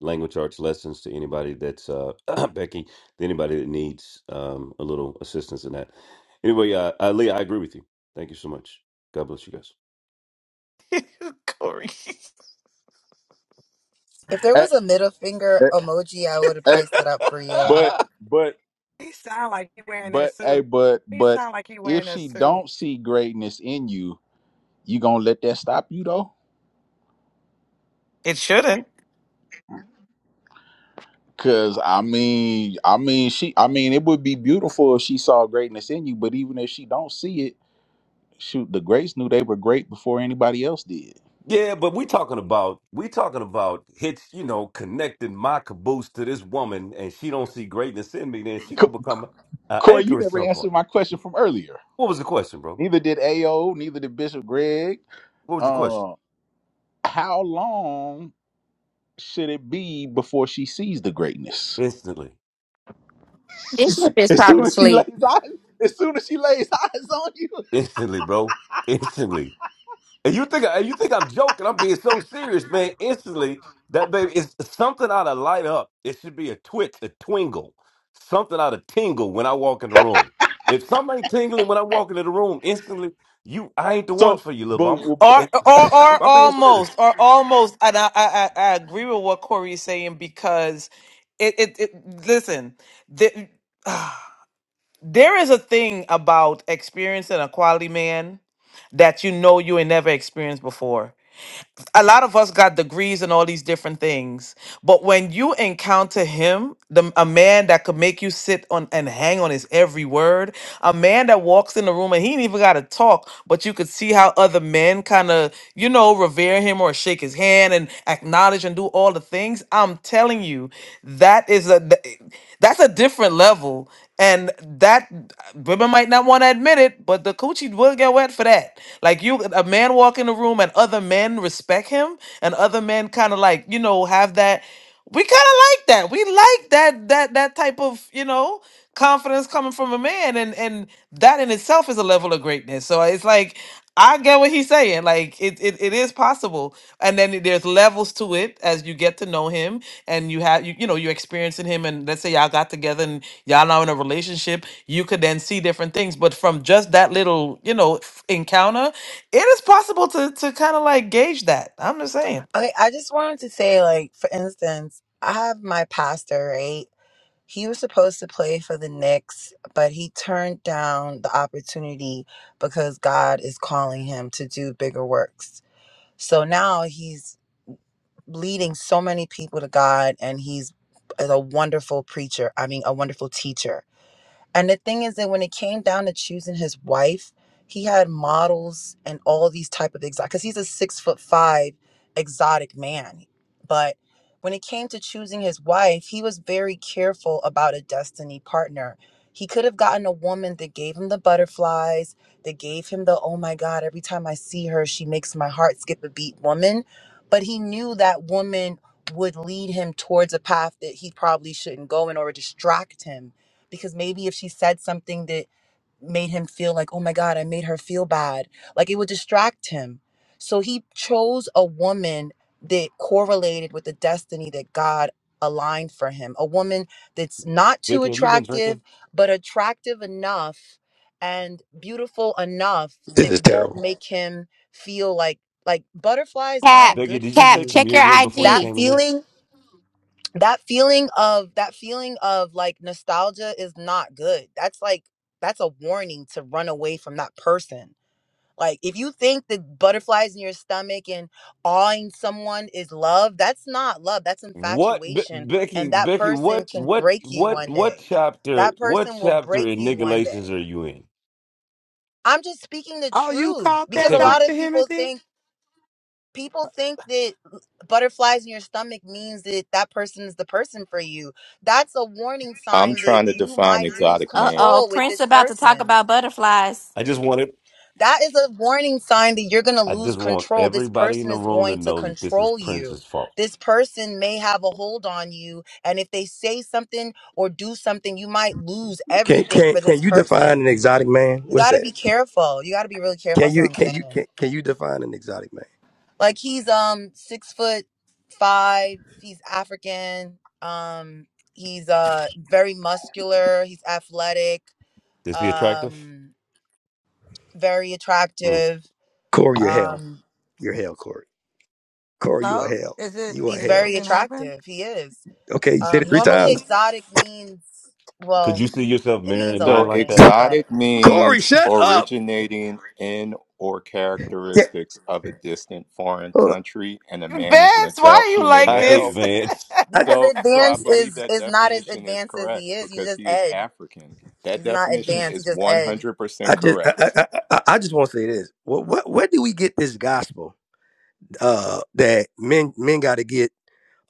Speaker 3: language arts lessons to anybody that's uh *clears throat* Becky, to anybody that needs um a little assistance in that. Anyway, uh, uh Leah, I agree with you. Thank you so much. God bless you guys.
Speaker 21: *laughs* Corey.
Speaker 19: If there
Speaker 1: Eh,
Speaker 19: was a middle finger
Speaker 1: eh,
Speaker 19: emoji, I would have
Speaker 1: eh,
Speaker 19: placed it up for you.
Speaker 1: but.
Speaker 3: *laughs*
Speaker 1: But
Speaker 2: He sound like he wearing that
Speaker 1: But hey,
Speaker 2: suit.
Speaker 1: but
Speaker 2: He
Speaker 1: but
Speaker 2: sound like he
Speaker 1: if
Speaker 2: wearing that
Speaker 1: she
Speaker 2: suit.
Speaker 1: don't see greatness in you, you gonna let that stop you though?
Speaker 21: It shouldn't.
Speaker 1: Cause I mean, I mean, she, I mean, it would be beautiful if she saw greatness in you. But even if she don't see it, shoot, the greats knew they were great before anybody else did.
Speaker 3: Yeah, but we talking about we talking about hits, you know, connecting my caboose to this woman, and she don't see greatness in me. Then she
Speaker 1: C-
Speaker 3: gonna become an
Speaker 1: Corey, you
Speaker 3: anchor at
Speaker 1: never
Speaker 3: some point.
Speaker 1: answered my question from earlier.
Speaker 3: What was the question, bro?
Speaker 1: Neither did Ao. Neither did Bishop Greg.
Speaker 3: What was your question?
Speaker 1: Uh, how long? should it be before she sees the greatness?
Speaker 3: Instantly,
Speaker 1: *laughs*
Speaker 14: Bishop is
Speaker 1: as soon
Speaker 14: probably
Speaker 1: as she
Speaker 14: asleep.
Speaker 1: lays eyes, as soon as she lays *laughs* eyes on you.
Speaker 3: instantly, bro, instantly. And you think I- you think I'm joking? I'm being so serious, man. Instantly, that baby is something out of light up. It should be a twitch, a twingle, something out of tingle when I walk in the room. If somebody tingling when I walk into the room, instantly, you I ain't the one
Speaker 1: So,
Speaker 3: for you, little
Speaker 1: but
Speaker 3: mama.
Speaker 21: Or,
Speaker 3: And yeah,
Speaker 21: or, or
Speaker 3: I'm, I'm being
Speaker 21: almost,
Speaker 3: serious.
Speaker 21: or almost. And I, I, I I agree with what Corey is saying because it, it, it listen, the, *sighs* there is a thing about experiencing a quality man that you know you ain't never experienced before. a lot of us got degrees and all these different things but when you encounter him the a man that could make you sit on and hang on his every word a man that walks in the room and he ain't even got to talk but you could see how other men kind of you know revere him or shake his hand and acknowledge and do all the things i'm telling you that is a th- that's a different level and that women might not want to admit it, but the coochie will get wet for that. Like you, a man walk in the room and other men respect him, and other men kind of like you know have that. We kind of like that. We like that that that type of you know confidence coming from a man, and and that in itself is a level of greatness. So it's like I get what he's saying. Like it, it, it is possible, and then there's levels to it as you get to know him, and you have you, you know you're experiencing him, and let's say y'all got together and y'all now in a relationship, you could then see different things. But from just that little you know f- encounter, it is possible to to kind of like gauge that. I'm just saying,
Speaker 19: Okay, I just wanted to say, like, for instance, I have my pastor, right? He was supposed to play for the Knicks, but he turned down the opportunity because God is calling him to do bigger works. So now he's leading so many people to God and he's is a wonderful preacher. I mean, a wonderful teacher and the thing is that when it came down to choosing his wife, he had models and all these type of exotic because he's a six foot five exotic man. But when it came to choosing his wife, he was very careful about a destiny partner. He could have gotten a woman that gave him the butterflies, that gave him the oh my god, every time I see her, she makes my heart skip a beat woman. But he knew that woman would lead him towards a path that he probably shouldn't go in or distract him because maybe if she said something that made him feel like, oh my God, I made her feel bad, like it would distract him. So he chose a woman that correlated with the destiny that God aligned for him, a woman that's not too
Speaker 3: Becky, have you been
Speaker 19: attractive,
Speaker 3: drinking?
Speaker 19: but attractive enough and beautiful enough
Speaker 6: This
Speaker 19: that
Speaker 6: is
Speaker 19: won't
Speaker 6: terrible.
Speaker 19: make him feel like like butterflies
Speaker 14: Cap,
Speaker 19: aren't
Speaker 3: Becky,
Speaker 19: good
Speaker 3: did
Speaker 19: for
Speaker 3: you
Speaker 14: Cap,
Speaker 3: take
Speaker 19: you.
Speaker 14: check your
Speaker 3: communion before you
Speaker 19: That
Speaker 14: IG.
Speaker 3: came in here?
Speaker 19: feeling that feeling of that feeling of like nostalgia is not good that's like that's a warning to run away from that person like if you think that butterflies in your stomach and awing someone is love that's not love that's
Speaker 3: What Be-
Speaker 19: infatuation and
Speaker 3: Becky?
Speaker 19: that
Speaker 3: Becky,
Speaker 19: person
Speaker 3: what
Speaker 19: can
Speaker 3: what
Speaker 19: break you
Speaker 3: what
Speaker 19: one
Speaker 3: what
Speaker 19: day
Speaker 3: chapter?
Speaker 19: that
Speaker 3: What
Speaker 19: person will
Speaker 3: chapter
Speaker 19: break
Speaker 3: in
Speaker 19: you
Speaker 3: Nigga
Speaker 19: one day
Speaker 3: Galatians are you in?
Speaker 19: i'm just speaking the
Speaker 2: Oh, you
Speaker 19: truth
Speaker 2: caught
Speaker 19: because
Speaker 2: that,
Speaker 19: a
Speaker 3: Okay, but
Speaker 19: lot
Speaker 2: Dr.
Speaker 19: of people
Speaker 2: Himothy?
Speaker 19: think people think that uh, butterflies in your stomach means that that person is the person for you. That's a warning
Speaker 22: I'm
Speaker 19: sign that
Speaker 22: trying to
Speaker 19: you
Speaker 22: define
Speaker 19: might lose
Speaker 22: exotic
Speaker 14: Uh
Speaker 22: man.
Speaker 14: oh,
Speaker 19: control with
Speaker 14: Prince
Speaker 19: this
Speaker 14: about to talk
Speaker 19: person.
Speaker 14: about butterflies.
Speaker 3: I just wanted.
Speaker 19: That is a warning sign that you're going to
Speaker 3: I
Speaker 19: lose
Speaker 3: just want
Speaker 19: control. This
Speaker 3: everybody in
Speaker 19: person
Speaker 3: the
Speaker 19: is
Speaker 3: room to
Speaker 19: going to
Speaker 3: know that this is
Speaker 19: control you.
Speaker 3: Prince's fault.
Speaker 19: This person may have a hold on you. And if they say something or do something, you might lose
Speaker 6: Can
Speaker 19: everything
Speaker 6: can
Speaker 19: for
Speaker 6: can
Speaker 19: this
Speaker 6: you define
Speaker 19: person.
Speaker 6: an exotic man?
Speaker 19: You
Speaker 6: What's
Speaker 19: got to
Speaker 6: that?
Speaker 19: be careful. You got to be really careful.
Speaker 6: Can
Speaker 19: That's what
Speaker 6: you
Speaker 19: I'm
Speaker 6: can you
Speaker 19: saying.
Speaker 6: can, can you define an exotic man?
Speaker 19: Like he's um six foot five. He's African. Um, he's uh very muscular. He's athletic.
Speaker 3: Is he attractive?
Speaker 19: Um, very
Speaker 3: Hmm.
Speaker 19: attractive.
Speaker 6: Corey or hell?
Speaker 19: Um,
Speaker 6: You're hell, Corey. Corey, you are
Speaker 2: Hello?
Speaker 6: hell.
Speaker 2: Is it
Speaker 6: You are
Speaker 19: he's
Speaker 2: is
Speaker 6: hell.
Speaker 19: very
Speaker 2: something happened?
Speaker 19: attractive. He is.
Speaker 6: Okay, you said it
Speaker 19: Um,
Speaker 6: three
Speaker 19: normally
Speaker 6: times.
Speaker 19: exotic means
Speaker 3: Could
Speaker 19: well,
Speaker 3: you see yourself
Speaker 19: it
Speaker 3: marrying
Speaker 19: means
Speaker 3: a
Speaker 19: a lot
Speaker 3: man
Speaker 22: So
Speaker 19: of
Speaker 3: like
Speaker 19: things,
Speaker 3: that?
Speaker 19: but
Speaker 22: exotic
Speaker 6: Corey,
Speaker 22: means
Speaker 6: shut up.
Speaker 22: originating in or
Speaker 6: Yeah,
Speaker 22: characteristics of a distant foreign
Speaker 6: hold on.
Speaker 22: country, and a
Speaker 21: *laughs* Vince,
Speaker 22: man is an
Speaker 21: why
Speaker 22: adult
Speaker 21: are you
Speaker 3: *laughs*
Speaker 22: human
Speaker 21: like
Speaker 3: I hate
Speaker 22: male.
Speaker 21: this? *laughs*
Speaker 3: man. *laughs*
Speaker 19: because
Speaker 6: I,
Speaker 22: So, so I
Speaker 19: advanced
Speaker 22: believe
Speaker 19: is
Speaker 22: that
Speaker 19: is not as
Speaker 22: definition is
Speaker 19: advanced as he
Speaker 22: correct
Speaker 19: is. He's
Speaker 22: because
Speaker 19: just
Speaker 22: he is
Speaker 19: Ed.
Speaker 22: African. That
Speaker 19: He's not
Speaker 22: definition
Speaker 19: advanced.
Speaker 22: is
Speaker 19: He's just
Speaker 22: one
Speaker 19: Ed.
Speaker 22: hundred percent
Speaker 6: I just I,
Speaker 22: correct.
Speaker 6: I, I I just want to say this. What, what where do we get this gospel uh, that men men got to get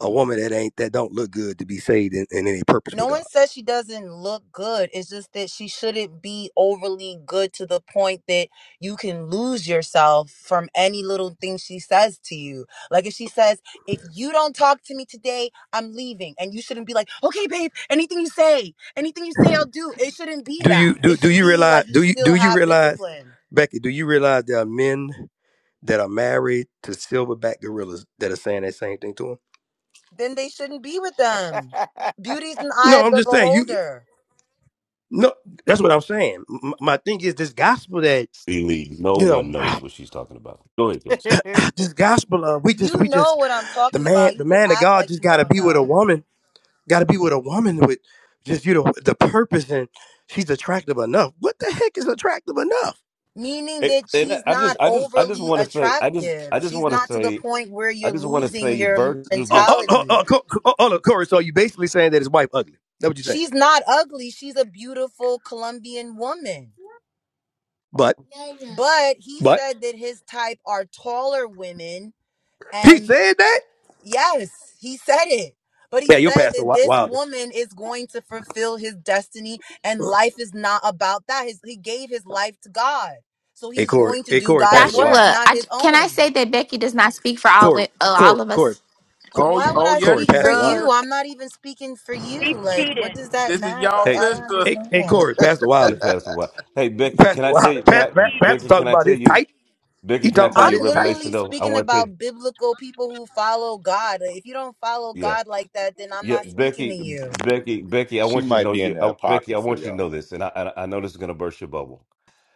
Speaker 6: a woman that ain't that don't look good to be saved in, in any purpose
Speaker 19: No
Speaker 6: with God?
Speaker 19: one says she doesn't look good. It's just that she shouldn't be overly good to the point that you can lose yourself from any little thing she says to you. Like if she says, if you don't talk to me today, I'm leaving. And you shouldn't be like, okay, babe, anything you say, anything you say, I'll do. It shouldn't be
Speaker 6: Do
Speaker 19: that.
Speaker 6: you do
Speaker 19: It
Speaker 6: do
Speaker 19: should
Speaker 6: you
Speaker 19: be
Speaker 6: realize
Speaker 19: like you
Speaker 6: do you do
Speaker 19: still
Speaker 6: you
Speaker 19: have
Speaker 6: realize
Speaker 19: discipline.
Speaker 6: Becky? Do you realize there are men? that are married to silverback gorillas that are saying that same thing to them.
Speaker 19: Then they shouldn't be with them. Beauty's an eye
Speaker 6: No,
Speaker 19: of
Speaker 6: I'm
Speaker 19: the
Speaker 6: just saying you.
Speaker 19: beholder.
Speaker 6: No, that's what I'm saying. M- my thing is this gospel that
Speaker 3: See, Lee, no
Speaker 6: you know,
Speaker 3: one knows what she's talking about. Go ahead, Prince.
Speaker 6: *sighs* this gospel of we just
Speaker 19: You
Speaker 6: we
Speaker 19: know
Speaker 6: just
Speaker 19: what I'm
Speaker 6: the
Speaker 19: talking
Speaker 6: man
Speaker 19: about.
Speaker 6: the
Speaker 19: You just
Speaker 6: man of
Speaker 19: act
Speaker 6: God
Speaker 19: like
Speaker 6: just
Speaker 19: you
Speaker 6: got to
Speaker 19: don't
Speaker 6: be with a
Speaker 19: know.
Speaker 6: woman, got to be with a woman with just you know the purpose and she's attractive enough. What the heck is attractive enough?
Speaker 19: meaning
Speaker 3: It,
Speaker 19: that
Speaker 3: and
Speaker 19: she's
Speaker 3: I just,
Speaker 19: not
Speaker 3: I just, I just
Speaker 19: overly
Speaker 3: want to say, I just,
Speaker 19: attractive.
Speaker 3: I just
Speaker 19: She's
Speaker 3: want to
Speaker 19: not to the
Speaker 3: say,
Speaker 19: point where
Speaker 3: I
Speaker 19: you're
Speaker 3: just want to
Speaker 19: losing
Speaker 3: say,
Speaker 19: your
Speaker 3: Virgil
Speaker 6: Oh,
Speaker 3: just,
Speaker 6: oh, oh,
Speaker 19: mentality.
Speaker 6: oh, Co- Co- oh, look, Corey. So you basically saying that his wife ugly? That what you saying?
Speaker 19: She's not ugly. She's a beautiful Colombian woman.
Speaker 6: But
Speaker 19: But he
Speaker 6: but
Speaker 19: said that his type are taller women.
Speaker 6: he
Speaker 19: And
Speaker 6: said that.
Speaker 19: yes, he said it. But he
Speaker 6: Yeah, your
Speaker 19: said
Speaker 6: pastor
Speaker 19: that
Speaker 6: Wi-
Speaker 19: this
Speaker 6: Wilder.
Speaker 19: woman is going to fulfill his destiny and life is not about that. His, he gave his life to God. So
Speaker 6: Hey
Speaker 19: he's
Speaker 6: Corey.
Speaker 19: going to
Speaker 6: Hey
Speaker 19: do
Speaker 6: Corey.
Speaker 19: God's
Speaker 3: yep.
Speaker 6: Pastor
Speaker 19: work,
Speaker 6: Wilder.
Speaker 14: Joshua,
Speaker 19: not
Speaker 14: I,
Speaker 19: his
Speaker 14: can I
Speaker 19: own.
Speaker 14: say that Becky does not speak for all wo-
Speaker 6: Corey,
Speaker 14: uh,
Speaker 6: Corey,
Speaker 14: all of
Speaker 6: Corey,
Speaker 14: us?
Speaker 6: Co-
Speaker 20: oh,
Speaker 19: why would
Speaker 20: oh,
Speaker 19: I
Speaker 20: yes,
Speaker 6: Corey,
Speaker 19: speak
Speaker 20: she
Speaker 19: for
Speaker 6: Pastor Wiley.
Speaker 19: you?
Speaker 20: does.
Speaker 19: I'm not even speaking for you.
Speaker 23: He's
Speaker 19: Like, what
Speaker 23: cheating.
Speaker 19: does that
Speaker 20: This is
Speaker 19: matter?
Speaker 20: y'all
Speaker 19: Like,
Speaker 3: hey,
Speaker 19: I don't
Speaker 20: sister.
Speaker 6: Hey, hey,
Speaker 19: understand.
Speaker 6: Corey, Pastor
Speaker 3: get
Speaker 6: Wiley,
Speaker 3: past the what? Hey, Becky, can
Speaker 6: Pastor
Speaker 3: I tell
Speaker 6: Wiley,
Speaker 3: you? Can
Speaker 23: He's
Speaker 6: pa-
Speaker 3: I,
Speaker 6: Pa-
Speaker 23: cheating.
Speaker 6: Pastor
Speaker 3: Becky,
Speaker 6: talking
Speaker 3: can I
Speaker 6: about
Speaker 3: tell
Speaker 6: his
Speaker 3: you?
Speaker 6: type.
Speaker 3: Becky,
Speaker 6: He
Speaker 3: can I
Speaker 6: talking
Speaker 3: tell
Speaker 6: about
Speaker 19: I'm
Speaker 3: you a
Speaker 6: his type.
Speaker 3: revelation
Speaker 19: literally
Speaker 3: though? I
Speaker 19: speaking
Speaker 3: want to tell you.
Speaker 19: about biblical people who follow God. If you don't follow
Speaker 3: Yeah,
Speaker 19: God like that, then I'm
Speaker 3: yeah,
Speaker 19: not speaking to
Speaker 3: Becky,
Speaker 19: you.
Speaker 3: Becky, Becky, I
Speaker 22: She
Speaker 3: want you to
Speaker 22: might
Speaker 3: know
Speaker 22: be in
Speaker 3: you,
Speaker 22: the
Speaker 3: oh, Becky, I
Speaker 22: apocrypha,
Speaker 3: want you to know
Speaker 22: y'all.
Speaker 3: this, and I, I, I know this is gonna burst your bubble.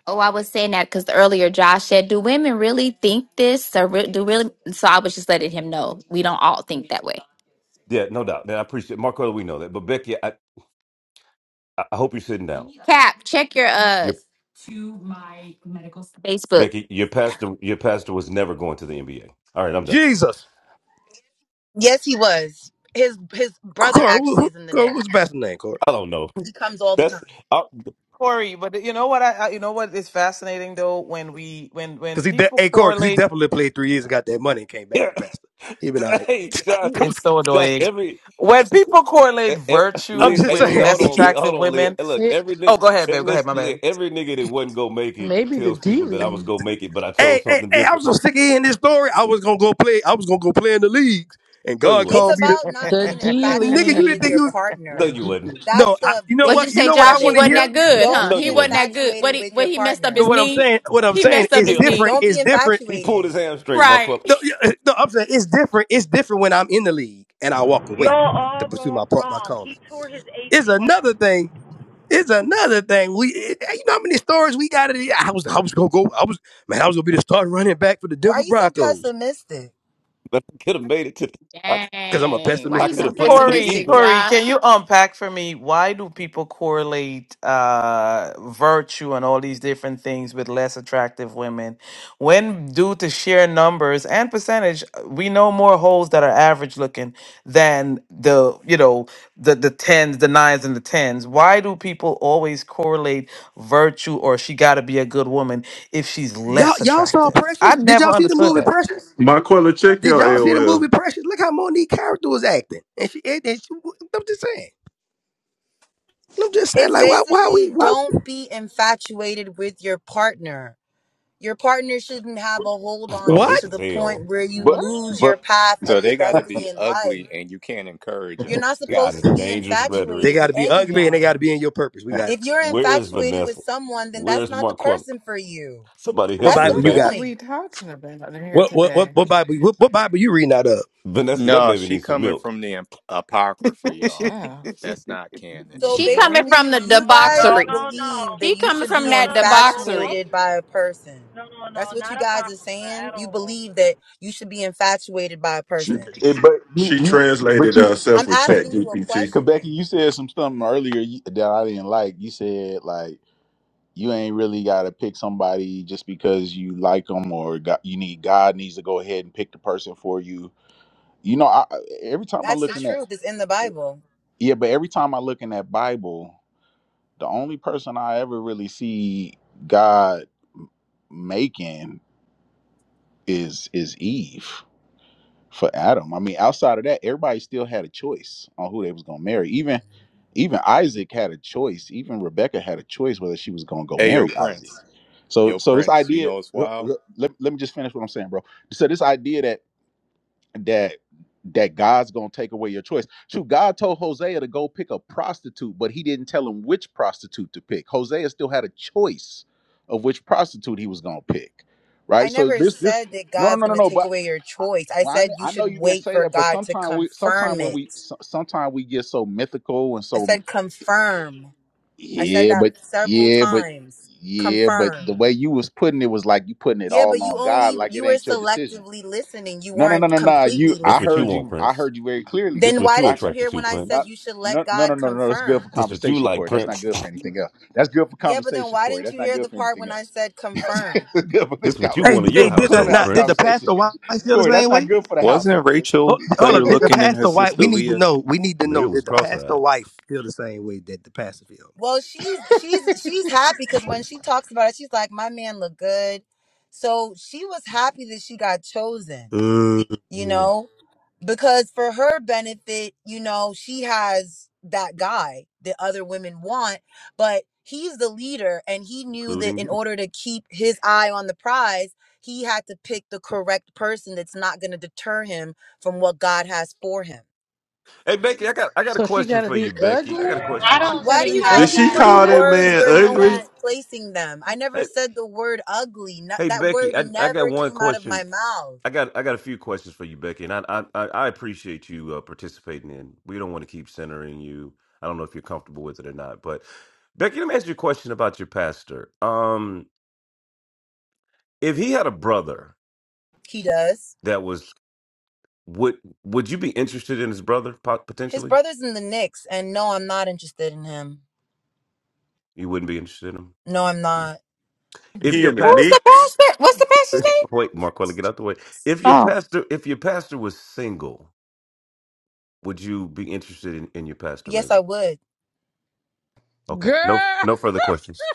Speaker 14: Oh, I was saying that because earlier Josh said, "Do women really think this?" Or re- do really? So I was just letting him know we don't all think that way.
Speaker 3: Yeah, no doubt. And I appreciate Marco. We know that, but Becky, I, I I hope you're sitting down.
Speaker 14: Cap, check your uh
Speaker 3: Your
Speaker 14: Facebook.
Speaker 3: Becky, your pastor, your pastor was never going to the NBA. All right, I'm done.
Speaker 6: Jesus,
Speaker 19: Yes, he was. His his brother
Speaker 6: Corey, who,
Speaker 19: actually
Speaker 6: who,
Speaker 19: is in the
Speaker 6: Corey,
Speaker 19: Knicks.
Speaker 6: what's the pastor's name, Corey?
Speaker 3: I don't know.
Speaker 19: He comes all
Speaker 3: *laughs*
Speaker 19: the time.
Speaker 3: That's.
Speaker 21: Corey, but you know what I, I you know what is fascinating though when we when when
Speaker 6: Because he, de-
Speaker 21: people
Speaker 6: hey, Corey, because he
Speaker 21: correlate
Speaker 6: definitely played three years and got that money and came back
Speaker 3: Yeah.
Speaker 6: to pastor.
Speaker 3: *laughs*
Speaker 6: He been all right.
Speaker 3: Hey,
Speaker 21: He
Speaker 3: Josh,
Speaker 21: is so
Speaker 3: Josh,
Speaker 21: annoying.
Speaker 3: every,
Speaker 21: When people
Speaker 3: e-
Speaker 21: correlate
Speaker 3: e-
Speaker 6: I'm
Speaker 21: virtue
Speaker 3: Lee,
Speaker 6: just
Speaker 3: hey,
Speaker 21: with
Speaker 3: Leah,
Speaker 6: saying. *laughs*
Speaker 3: hold
Speaker 21: less
Speaker 3: on,
Speaker 6: He,
Speaker 3: Leah,
Speaker 21: attractive
Speaker 3: hold on, Leah.
Speaker 21: women.
Speaker 3: Hey, Look,
Speaker 8: it
Speaker 3: every
Speaker 21: Oh,
Speaker 3: nigga,
Speaker 21: go ahead, babe. Go ahead,
Speaker 3: listen,
Speaker 21: my
Speaker 3: Lee,
Speaker 21: bad.
Speaker 3: every nigga that wasn't gonna make it
Speaker 8: maybe the
Speaker 3: tells
Speaker 8: D
Speaker 3: people that I was
Speaker 8: League.
Speaker 3: gonna make it, but I chose
Speaker 6: hey, hey,
Speaker 3: something
Speaker 6: hey, I'm
Speaker 3: different.
Speaker 6: so
Speaker 3: *laughs*
Speaker 6: sick of hearing this story. I was gonna go play. I was gonna go play in the leagues, and
Speaker 3: No, you
Speaker 6: God
Speaker 3: wasn't.
Speaker 19: It's
Speaker 6: called me to
Speaker 19: about not
Speaker 8: The
Speaker 19: being
Speaker 8: D
Speaker 21: *laughs*
Speaker 6: nigga. You
Speaker 19: infatuated
Speaker 6: didn't
Speaker 19: with
Speaker 8: League.
Speaker 6: think
Speaker 19: your
Speaker 6: you was
Speaker 3: No,
Speaker 19: partner.
Speaker 8: The
Speaker 3: you
Speaker 8: D
Speaker 3: wasn't.
Speaker 8: League.
Speaker 19: That's
Speaker 6: no. I,
Speaker 19: the
Speaker 6: you know
Speaker 14: What'd you
Speaker 6: what? You
Speaker 14: say,
Speaker 19: base
Speaker 6: know what
Speaker 19: of
Speaker 6: I
Speaker 14: Josh? He
Speaker 6: want to
Speaker 19: it.
Speaker 14: wasn't
Speaker 6: hear.
Speaker 14: that good,
Speaker 19: Don't
Speaker 14: huh?
Speaker 3: No,
Speaker 19: be
Speaker 14: He
Speaker 3: you
Speaker 14: wasn't
Speaker 3: wasn't.
Speaker 14: that good. What
Speaker 19: infatuated
Speaker 14: he
Speaker 19: with
Speaker 14: what
Speaker 19: your
Speaker 14: he messed up
Speaker 6: You know
Speaker 14: his
Speaker 19: partner.
Speaker 6: what I'm
Speaker 14: knee?
Speaker 6: saying? What I'm
Speaker 14: He
Speaker 6: saying
Speaker 14: messed up
Speaker 6: is
Speaker 14: his
Speaker 3: Yeah,
Speaker 14: knee,
Speaker 6: different.
Speaker 19: Don't
Speaker 6: Is
Speaker 19: be
Speaker 6: different
Speaker 3: *laughs* he pulled
Speaker 19: infatuated.
Speaker 3: his hamstring, walk
Speaker 14: right?
Speaker 3: up,
Speaker 6: No, yeah, eh, no, I'm saying it's different. It's different when I'm in the league and I walk away
Speaker 23: Y'all
Speaker 6: to
Speaker 23: all
Speaker 6: pursue my part, my
Speaker 23: wrong.
Speaker 6: calling.
Speaker 23: He tore his
Speaker 6: It's
Speaker 23: ACL.
Speaker 6: another thing. It's another thing. We, it- you know, how many stories we got. In, I was, I was gonna go. I was, man, I was gonna be the starting running back for the
Speaker 19: Why
Speaker 6: Denver
Speaker 19: are you so
Speaker 6: Broncos
Speaker 19: pessimistic?
Speaker 3: *laughs* but I could have made it to. The,
Speaker 14: *laughs*
Speaker 3: I,
Speaker 6: because I'm a
Speaker 14: Dang, why
Speaker 3: I
Speaker 14: you
Speaker 6: pessimistic
Speaker 3: could
Speaker 14: so
Speaker 3: have
Speaker 6: nigga.
Speaker 3: played for the
Speaker 21: Corey,
Speaker 14: pessimistic,
Speaker 3: Eagles.
Speaker 21: Corey,
Speaker 14: Josh?
Speaker 21: can you unpack for me why do people correlate uh, virtue and all these different things with less attractive women? When, due to sheer numbers and percentage, we know more holes that are average looking than the you know the the tens, the nines, and the tens. Why do people always correlate virtue or she got to be a good woman if she's
Speaker 6: Y'all,
Speaker 21: less
Speaker 6: y'all saw
Speaker 21: attractive?
Speaker 6: Precious.
Speaker 21: I
Speaker 6: Did
Speaker 21: never
Speaker 6: y'all see the
Speaker 21: understood
Speaker 6: movie Precious?
Speaker 15: Marquella, check
Speaker 6: Did
Speaker 15: your
Speaker 6: y'all see the
Speaker 15: AOL.
Speaker 6: movie Precious? Look how Monique character was acting, and she, and she. I'm just saying. I'm just saying.
Speaker 19: It's
Speaker 6: Like, why, why we,
Speaker 19: basically
Speaker 6: why?
Speaker 19: don't be infatuated with your partner. Your partner shouldn't have a hold
Speaker 3: *laughs*
Speaker 19: on
Speaker 3: Oh,
Speaker 19: you
Speaker 6: What?
Speaker 3: this
Speaker 19: to
Speaker 3: is
Speaker 19: the
Speaker 3: hell.
Speaker 19: point where you
Speaker 1: but
Speaker 10: What?
Speaker 19: lose your
Speaker 1: but
Speaker 19: path of
Speaker 22: So
Speaker 19: your
Speaker 22: they got to
Speaker 1: *laughs*
Speaker 19: destiny
Speaker 22: be
Speaker 19: in life.
Speaker 22: ugly, and you can't encourage
Speaker 19: You're
Speaker 22: them.
Speaker 19: not
Speaker 3: This
Speaker 22: Got
Speaker 19: supposed
Speaker 3: is
Speaker 22: it?
Speaker 19: to be
Speaker 3: dangerous
Speaker 6: They
Speaker 19: infatuated
Speaker 3: rhetoric.
Speaker 6: got
Speaker 19: with
Speaker 6: to be ugly and they got to
Speaker 19: anyone.
Speaker 6: be in your purpose. We got
Speaker 19: If you're
Speaker 3: Where is
Speaker 19: infatuated with
Speaker 3: Vanessa?
Speaker 19: someone, then
Speaker 3: Where
Speaker 19: that's
Speaker 3: is
Speaker 19: not the
Speaker 3: Marquella?
Speaker 19: person for you.
Speaker 3: Somebody
Speaker 6: what
Speaker 3: help
Speaker 19: That's the
Speaker 3: this
Speaker 6: Bible
Speaker 10: What
Speaker 6: you
Speaker 10: are
Speaker 6: got?
Speaker 3: baby.
Speaker 19: point.
Speaker 10: we talking about in here
Speaker 6: What what what,
Speaker 10: today?
Speaker 6: what Bible? What, what Bible you reading out of?
Speaker 3: Vanessa, that
Speaker 22: No,
Speaker 3: baby
Speaker 22: she
Speaker 3: needs some
Speaker 22: coming
Speaker 3: milk.
Speaker 22: from the ap- apocrypha,
Speaker 10: Oh,
Speaker 22: y'all.
Speaker 21: that.
Speaker 10: child.
Speaker 21: *laughs*
Speaker 22: That's not canon.
Speaker 19: So
Speaker 14: She coming
Speaker 10: Yeah.
Speaker 19: basically,
Speaker 14: from the
Speaker 19: you guys
Speaker 23: No,
Speaker 14: debauchery.
Speaker 23: no,
Speaker 19: believe
Speaker 23: no.
Speaker 19: that
Speaker 14: She
Speaker 19: you
Speaker 14: coming
Speaker 19: should
Speaker 14: from
Speaker 19: be
Speaker 23: No,
Speaker 14: that
Speaker 23: no, no. Don't.
Speaker 14: debauchery.
Speaker 19: infatuated by a person.
Speaker 23: No, no,
Speaker 19: That's
Speaker 23: no.
Speaker 19: what you
Speaker 23: Not
Speaker 19: guys are
Speaker 23: apocrypha
Speaker 19: saying.
Speaker 23: at
Speaker 19: You
Speaker 23: all.
Speaker 19: believe that you should be infatuated by a
Speaker 15: She
Speaker 19: person.
Speaker 1: it, but you,
Speaker 15: she
Speaker 1: you but
Speaker 15: translated
Speaker 1: you,
Speaker 15: herself
Speaker 19: I'm
Speaker 15: with Chat
Speaker 19: asking you a
Speaker 15: GPT.
Speaker 1: Quebec,
Speaker 19: question.
Speaker 1: you said some something earlier you- that I didn't like. You said like you ain't really got to pick somebody just because you like them or got, you need God needs to go ahead and pick the person for you. You know, I, every time I
Speaker 19: That's
Speaker 1: look
Speaker 19: the
Speaker 1: in that,
Speaker 19: truth. It's in the Bible.
Speaker 1: yeah, but every time I look in that Bible. the only person I ever really see God making is is Eve for Adam. I mean, outside of that, everybody still had a choice on who they was gonna marry. Even even Isaac had a choice. Even Rebecca had a choice whether she was gonna go
Speaker 22: Ayo,
Speaker 1: marry Isaac.
Speaker 22: Prince.
Speaker 1: So
Speaker 22: Yo,
Speaker 1: so this
Speaker 22: Prince, you
Speaker 1: idea,
Speaker 22: know it's
Speaker 1: let,
Speaker 22: wild.
Speaker 1: let, me just finish what I'm saying, bro. So this idea that that that God's gonna take away your choice. Shoot, God told Hosea to go pick a prostitute, but he didn't tell him which prostitute to pick. Hosea still had a choice of which prostitute he was gonna pick, right?
Speaker 19: I
Speaker 1: So
Speaker 19: never
Speaker 1: this, this,
Speaker 19: said that
Speaker 1: no, no,
Speaker 19: God's
Speaker 1: no, no,
Speaker 19: going to
Speaker 1: no.
Speaker 19: take
Speaker 1: But
Speaker 19: away your
Speaker 1: I,
Speaker 19: choice. I
Speaker 1: well, I,
Speaker 19: said
Speaker 1: kn-
Speaker 19: you
Speaker 1: I know
Speaker 19: should
Speaker 1: you didn't
Speaker 19: wait
Speaker 1: say
Speaker 19: for
Speaker 1: that, but
Speaker 19: God to
Speaker 1: sometimes we, sometimes
Speaker 19: confirm
Speaker 1: when
Speaker 19: it.
Speaker 1: we, so, sometimes we get so mythical and
Speaker 19: I
Speaker 1: so
Speaker 19: said confirm. I said
Speaker 1: yeah,
Speaker 19: that
Speaker 1: but
Speaker 19: several
Speaker 1: yeah, but
Speaker 19: times.
Speaker 1: yeah, but the
Speaker 19: Confirm.
Speaker 1: way you was putting it was like you putting it
Speaker 19: Yeah, but
Speaker 1: all
Speaker 19: you
Speaker 1: on God,
Speaker 19: only
Speaker 1: like it
Speaker 19: you were
Speaker 1: ain't your decision.
Speaker 19: selectively listening. You
Speaker 1: No, no, no,
Speaker 19: weren't
Speaker 1: no, no. You,
Speaker 19: completely
Speaker 1: I
Speaker 3: This what you
Speaker 1: heard
Speaker 19: listening.
Speaker 3: want,
Speaker 1: you. I
Speaker 3: Prince.
Speaker 1: heard you very clearly.
Speaker 3: This
Speaker 19: Then
Speaker 3: what
Speaker 19: why
Speaker 3: you
Speaker 19: didn't you
Speaker 3: attracted
Speaker 19: hear
Speaker 3: to,
Speaker 19: when I said
Speaker 1: Not,
Speaker 3: Prince.
Speaker 19: you should let
Speaker 1: no, no, no,
Speaker 19: God
Speaker 1: no, no. That's good for
Speaker 19: confirm?
Speaker 3: This what you
Speaker 1: conversation,
Speaker 3: like,
Speaker 1: Corey. That's not
Speaker 3: Prince.
Speaker 1: good for anything else. That's good for
Speaker 19: Yeah, but then
Speaker 1: conversation,
Speaker 19: why
Speaker 1: Corey.
Speaker 19: didn't
Speaker 1: That's
Speaker 19: you
Speaker 1: not
Speaker 19: hear
Speaker 1: good
Speaker 19: the
Speaker 1: for
Speaker 19: part
Speaker 1: anything
Speaker 19: when I
Speaker 1: else.
Speaker 19: said
Speaker 1: *laughs*
Speaker 19: confirm?
Speaker 1: it's good for
Speaker 3: *laughs*
Speaker 1: this.
Speaker 3: this what
Speaker 1: Con-
Speaker 3: you
Speaker 6: Hey
Speaker 3: want
Speaker 1: it's
Speaker 3: in your
Speaker 6: hey,
Speaker 1: good for
Speaker 6: did the
Speaker 3: household,
Speaker 1: clubhouse
Speaker 6: not did the
Speaker 3: Prince.
Speaker 1: conversation,
Speaker 6: pastor White
Speaker 1: *laughs*
Speaker 6: feel the
Speaker 1: Corey. That's
Speaker 6: same
Speaker 1: not
Speaker 6: way?
Speaker 1: good for the house. huh?
Speaker 22: Wasn't
Speaker 6: Oh,
Speaker 22: Rachel
Speaker 6: hold
Speaker 22: better
Speaker 6: up, did the
Speaker 22: looking than her
Speaker 6: pastor White?
Speaker 22: sister
Speaker 6: We need to
Speaker 22: Leah?
Speaker 6: know. We need to know.
Speaker 3: It
Speaker 6: Did
Speaker 3: was
Speaker 6: the pastor
Speaker 3: cross-eyed,
Speaker 6: wife feel the same way that the pastor feel?
Speaker 19: Well, she's she's she's happy because when she talks about it, she's like, "My man look good," so she was happy that she got chosen. You
Speaker 6: mm
Speaker 19: know, because for her benefit, you know, she has that guy that other women want, but he's the leader, and he knew that
Speaker 3: including
Speaker 19: in
Speaker 3: you.
Speaker 19: order to keep his eye on the prize, he had to pick the correct person that's not going to deter him from what God has for him.
Speaker 3: Hey Becky, I got I got a
Speaker 8: So she
Speaker 3: question
Speaker 8: gotta
Speaker 3: for
Speaker 8: be
Speaker 3: you, Becky. I got a
Speaker 8: ugly?
Speaker 3: question.
Speaker 23: I
Speaker 24: I
Speaker 23: don't
Speaker 8: She
Speaker 24: don't
Speaker 19: Why
Speaker 8: gotta
Speaker 19: do
Speaker 24: see
Speaker 19: you
Speaker 8: be
Speaker 23: understand
Speaker 19: guys
Speaker 15: Did
Speaker 24: how
Speaker 19: keep
Speaker 8: ugly
Speaker 15: she
Speaker 23: that.
Speaker 24: that.
Speaker 8: to do
Speaker 19: putting
Speaker 15: call
Speaker 24: I
Speaker 15: that
Speaker 8: that?
Speaker 24: don't
Speaker 19: words
Speaker 24: see
Speaker 15: man
Speaker 19: where
Speaker 24: how
Speaker 19: no one
Speaker 15: ugly?
Speaker 24: that.
Speaker 19: is placing them? I never
Speaker 3: Hey,
Speaker 19: said the word ugly. No-
Speaker 3: hey
Speaker 19: that word
Speaker 3: Becky, I I got
Speaker 19: never
Speaker 3: one
Speaker 19: came out of my
Speaker 3: question.
Speaker 19: mouth.
Speaker 3: I got I got a few questions for you, Becky, and I I I I appreciate you uh, participating in. We don't want to keep centering you. I don't know if you're comfortable with it or not, but Becky, let me ask you a question about your pastor. Um, if he had a brother
Speaker 19: He does.
Speaker 3: that was Would Would you be interested in his brother po-
Speaker 19: His
Speaker 3: potentially?
Speaker 19: brother's in the Knicks, and no, I'm not interested in him.
Speaker 3: You wouldn't be interested in him
Speaker 19: No, I'm
Speaker 3: Hmm.
Speaker 19: not.
Speaker 3: if
Speaker 15: He
Speaker 3: your
Speaker 15: in the
Speaker 3: pat.
Speaker 14: Who's the
Speaker 15: Knicks?
Speaker 14: pastor? What's the pastor's name?
Speaker 3: *laughs* Wait, Marquella, get out the way. If your
Speaker 14: Oh,
Speaker 3: pastor, if your pastor was single, would you be interested in, in your pastor?
Speaker 19: Yes, I
Speaker 3: Maybe.
Speaker 19: would.
Speaker 3: Okay. No,
Speaker 8: Girl
Speaker 3: no further questions.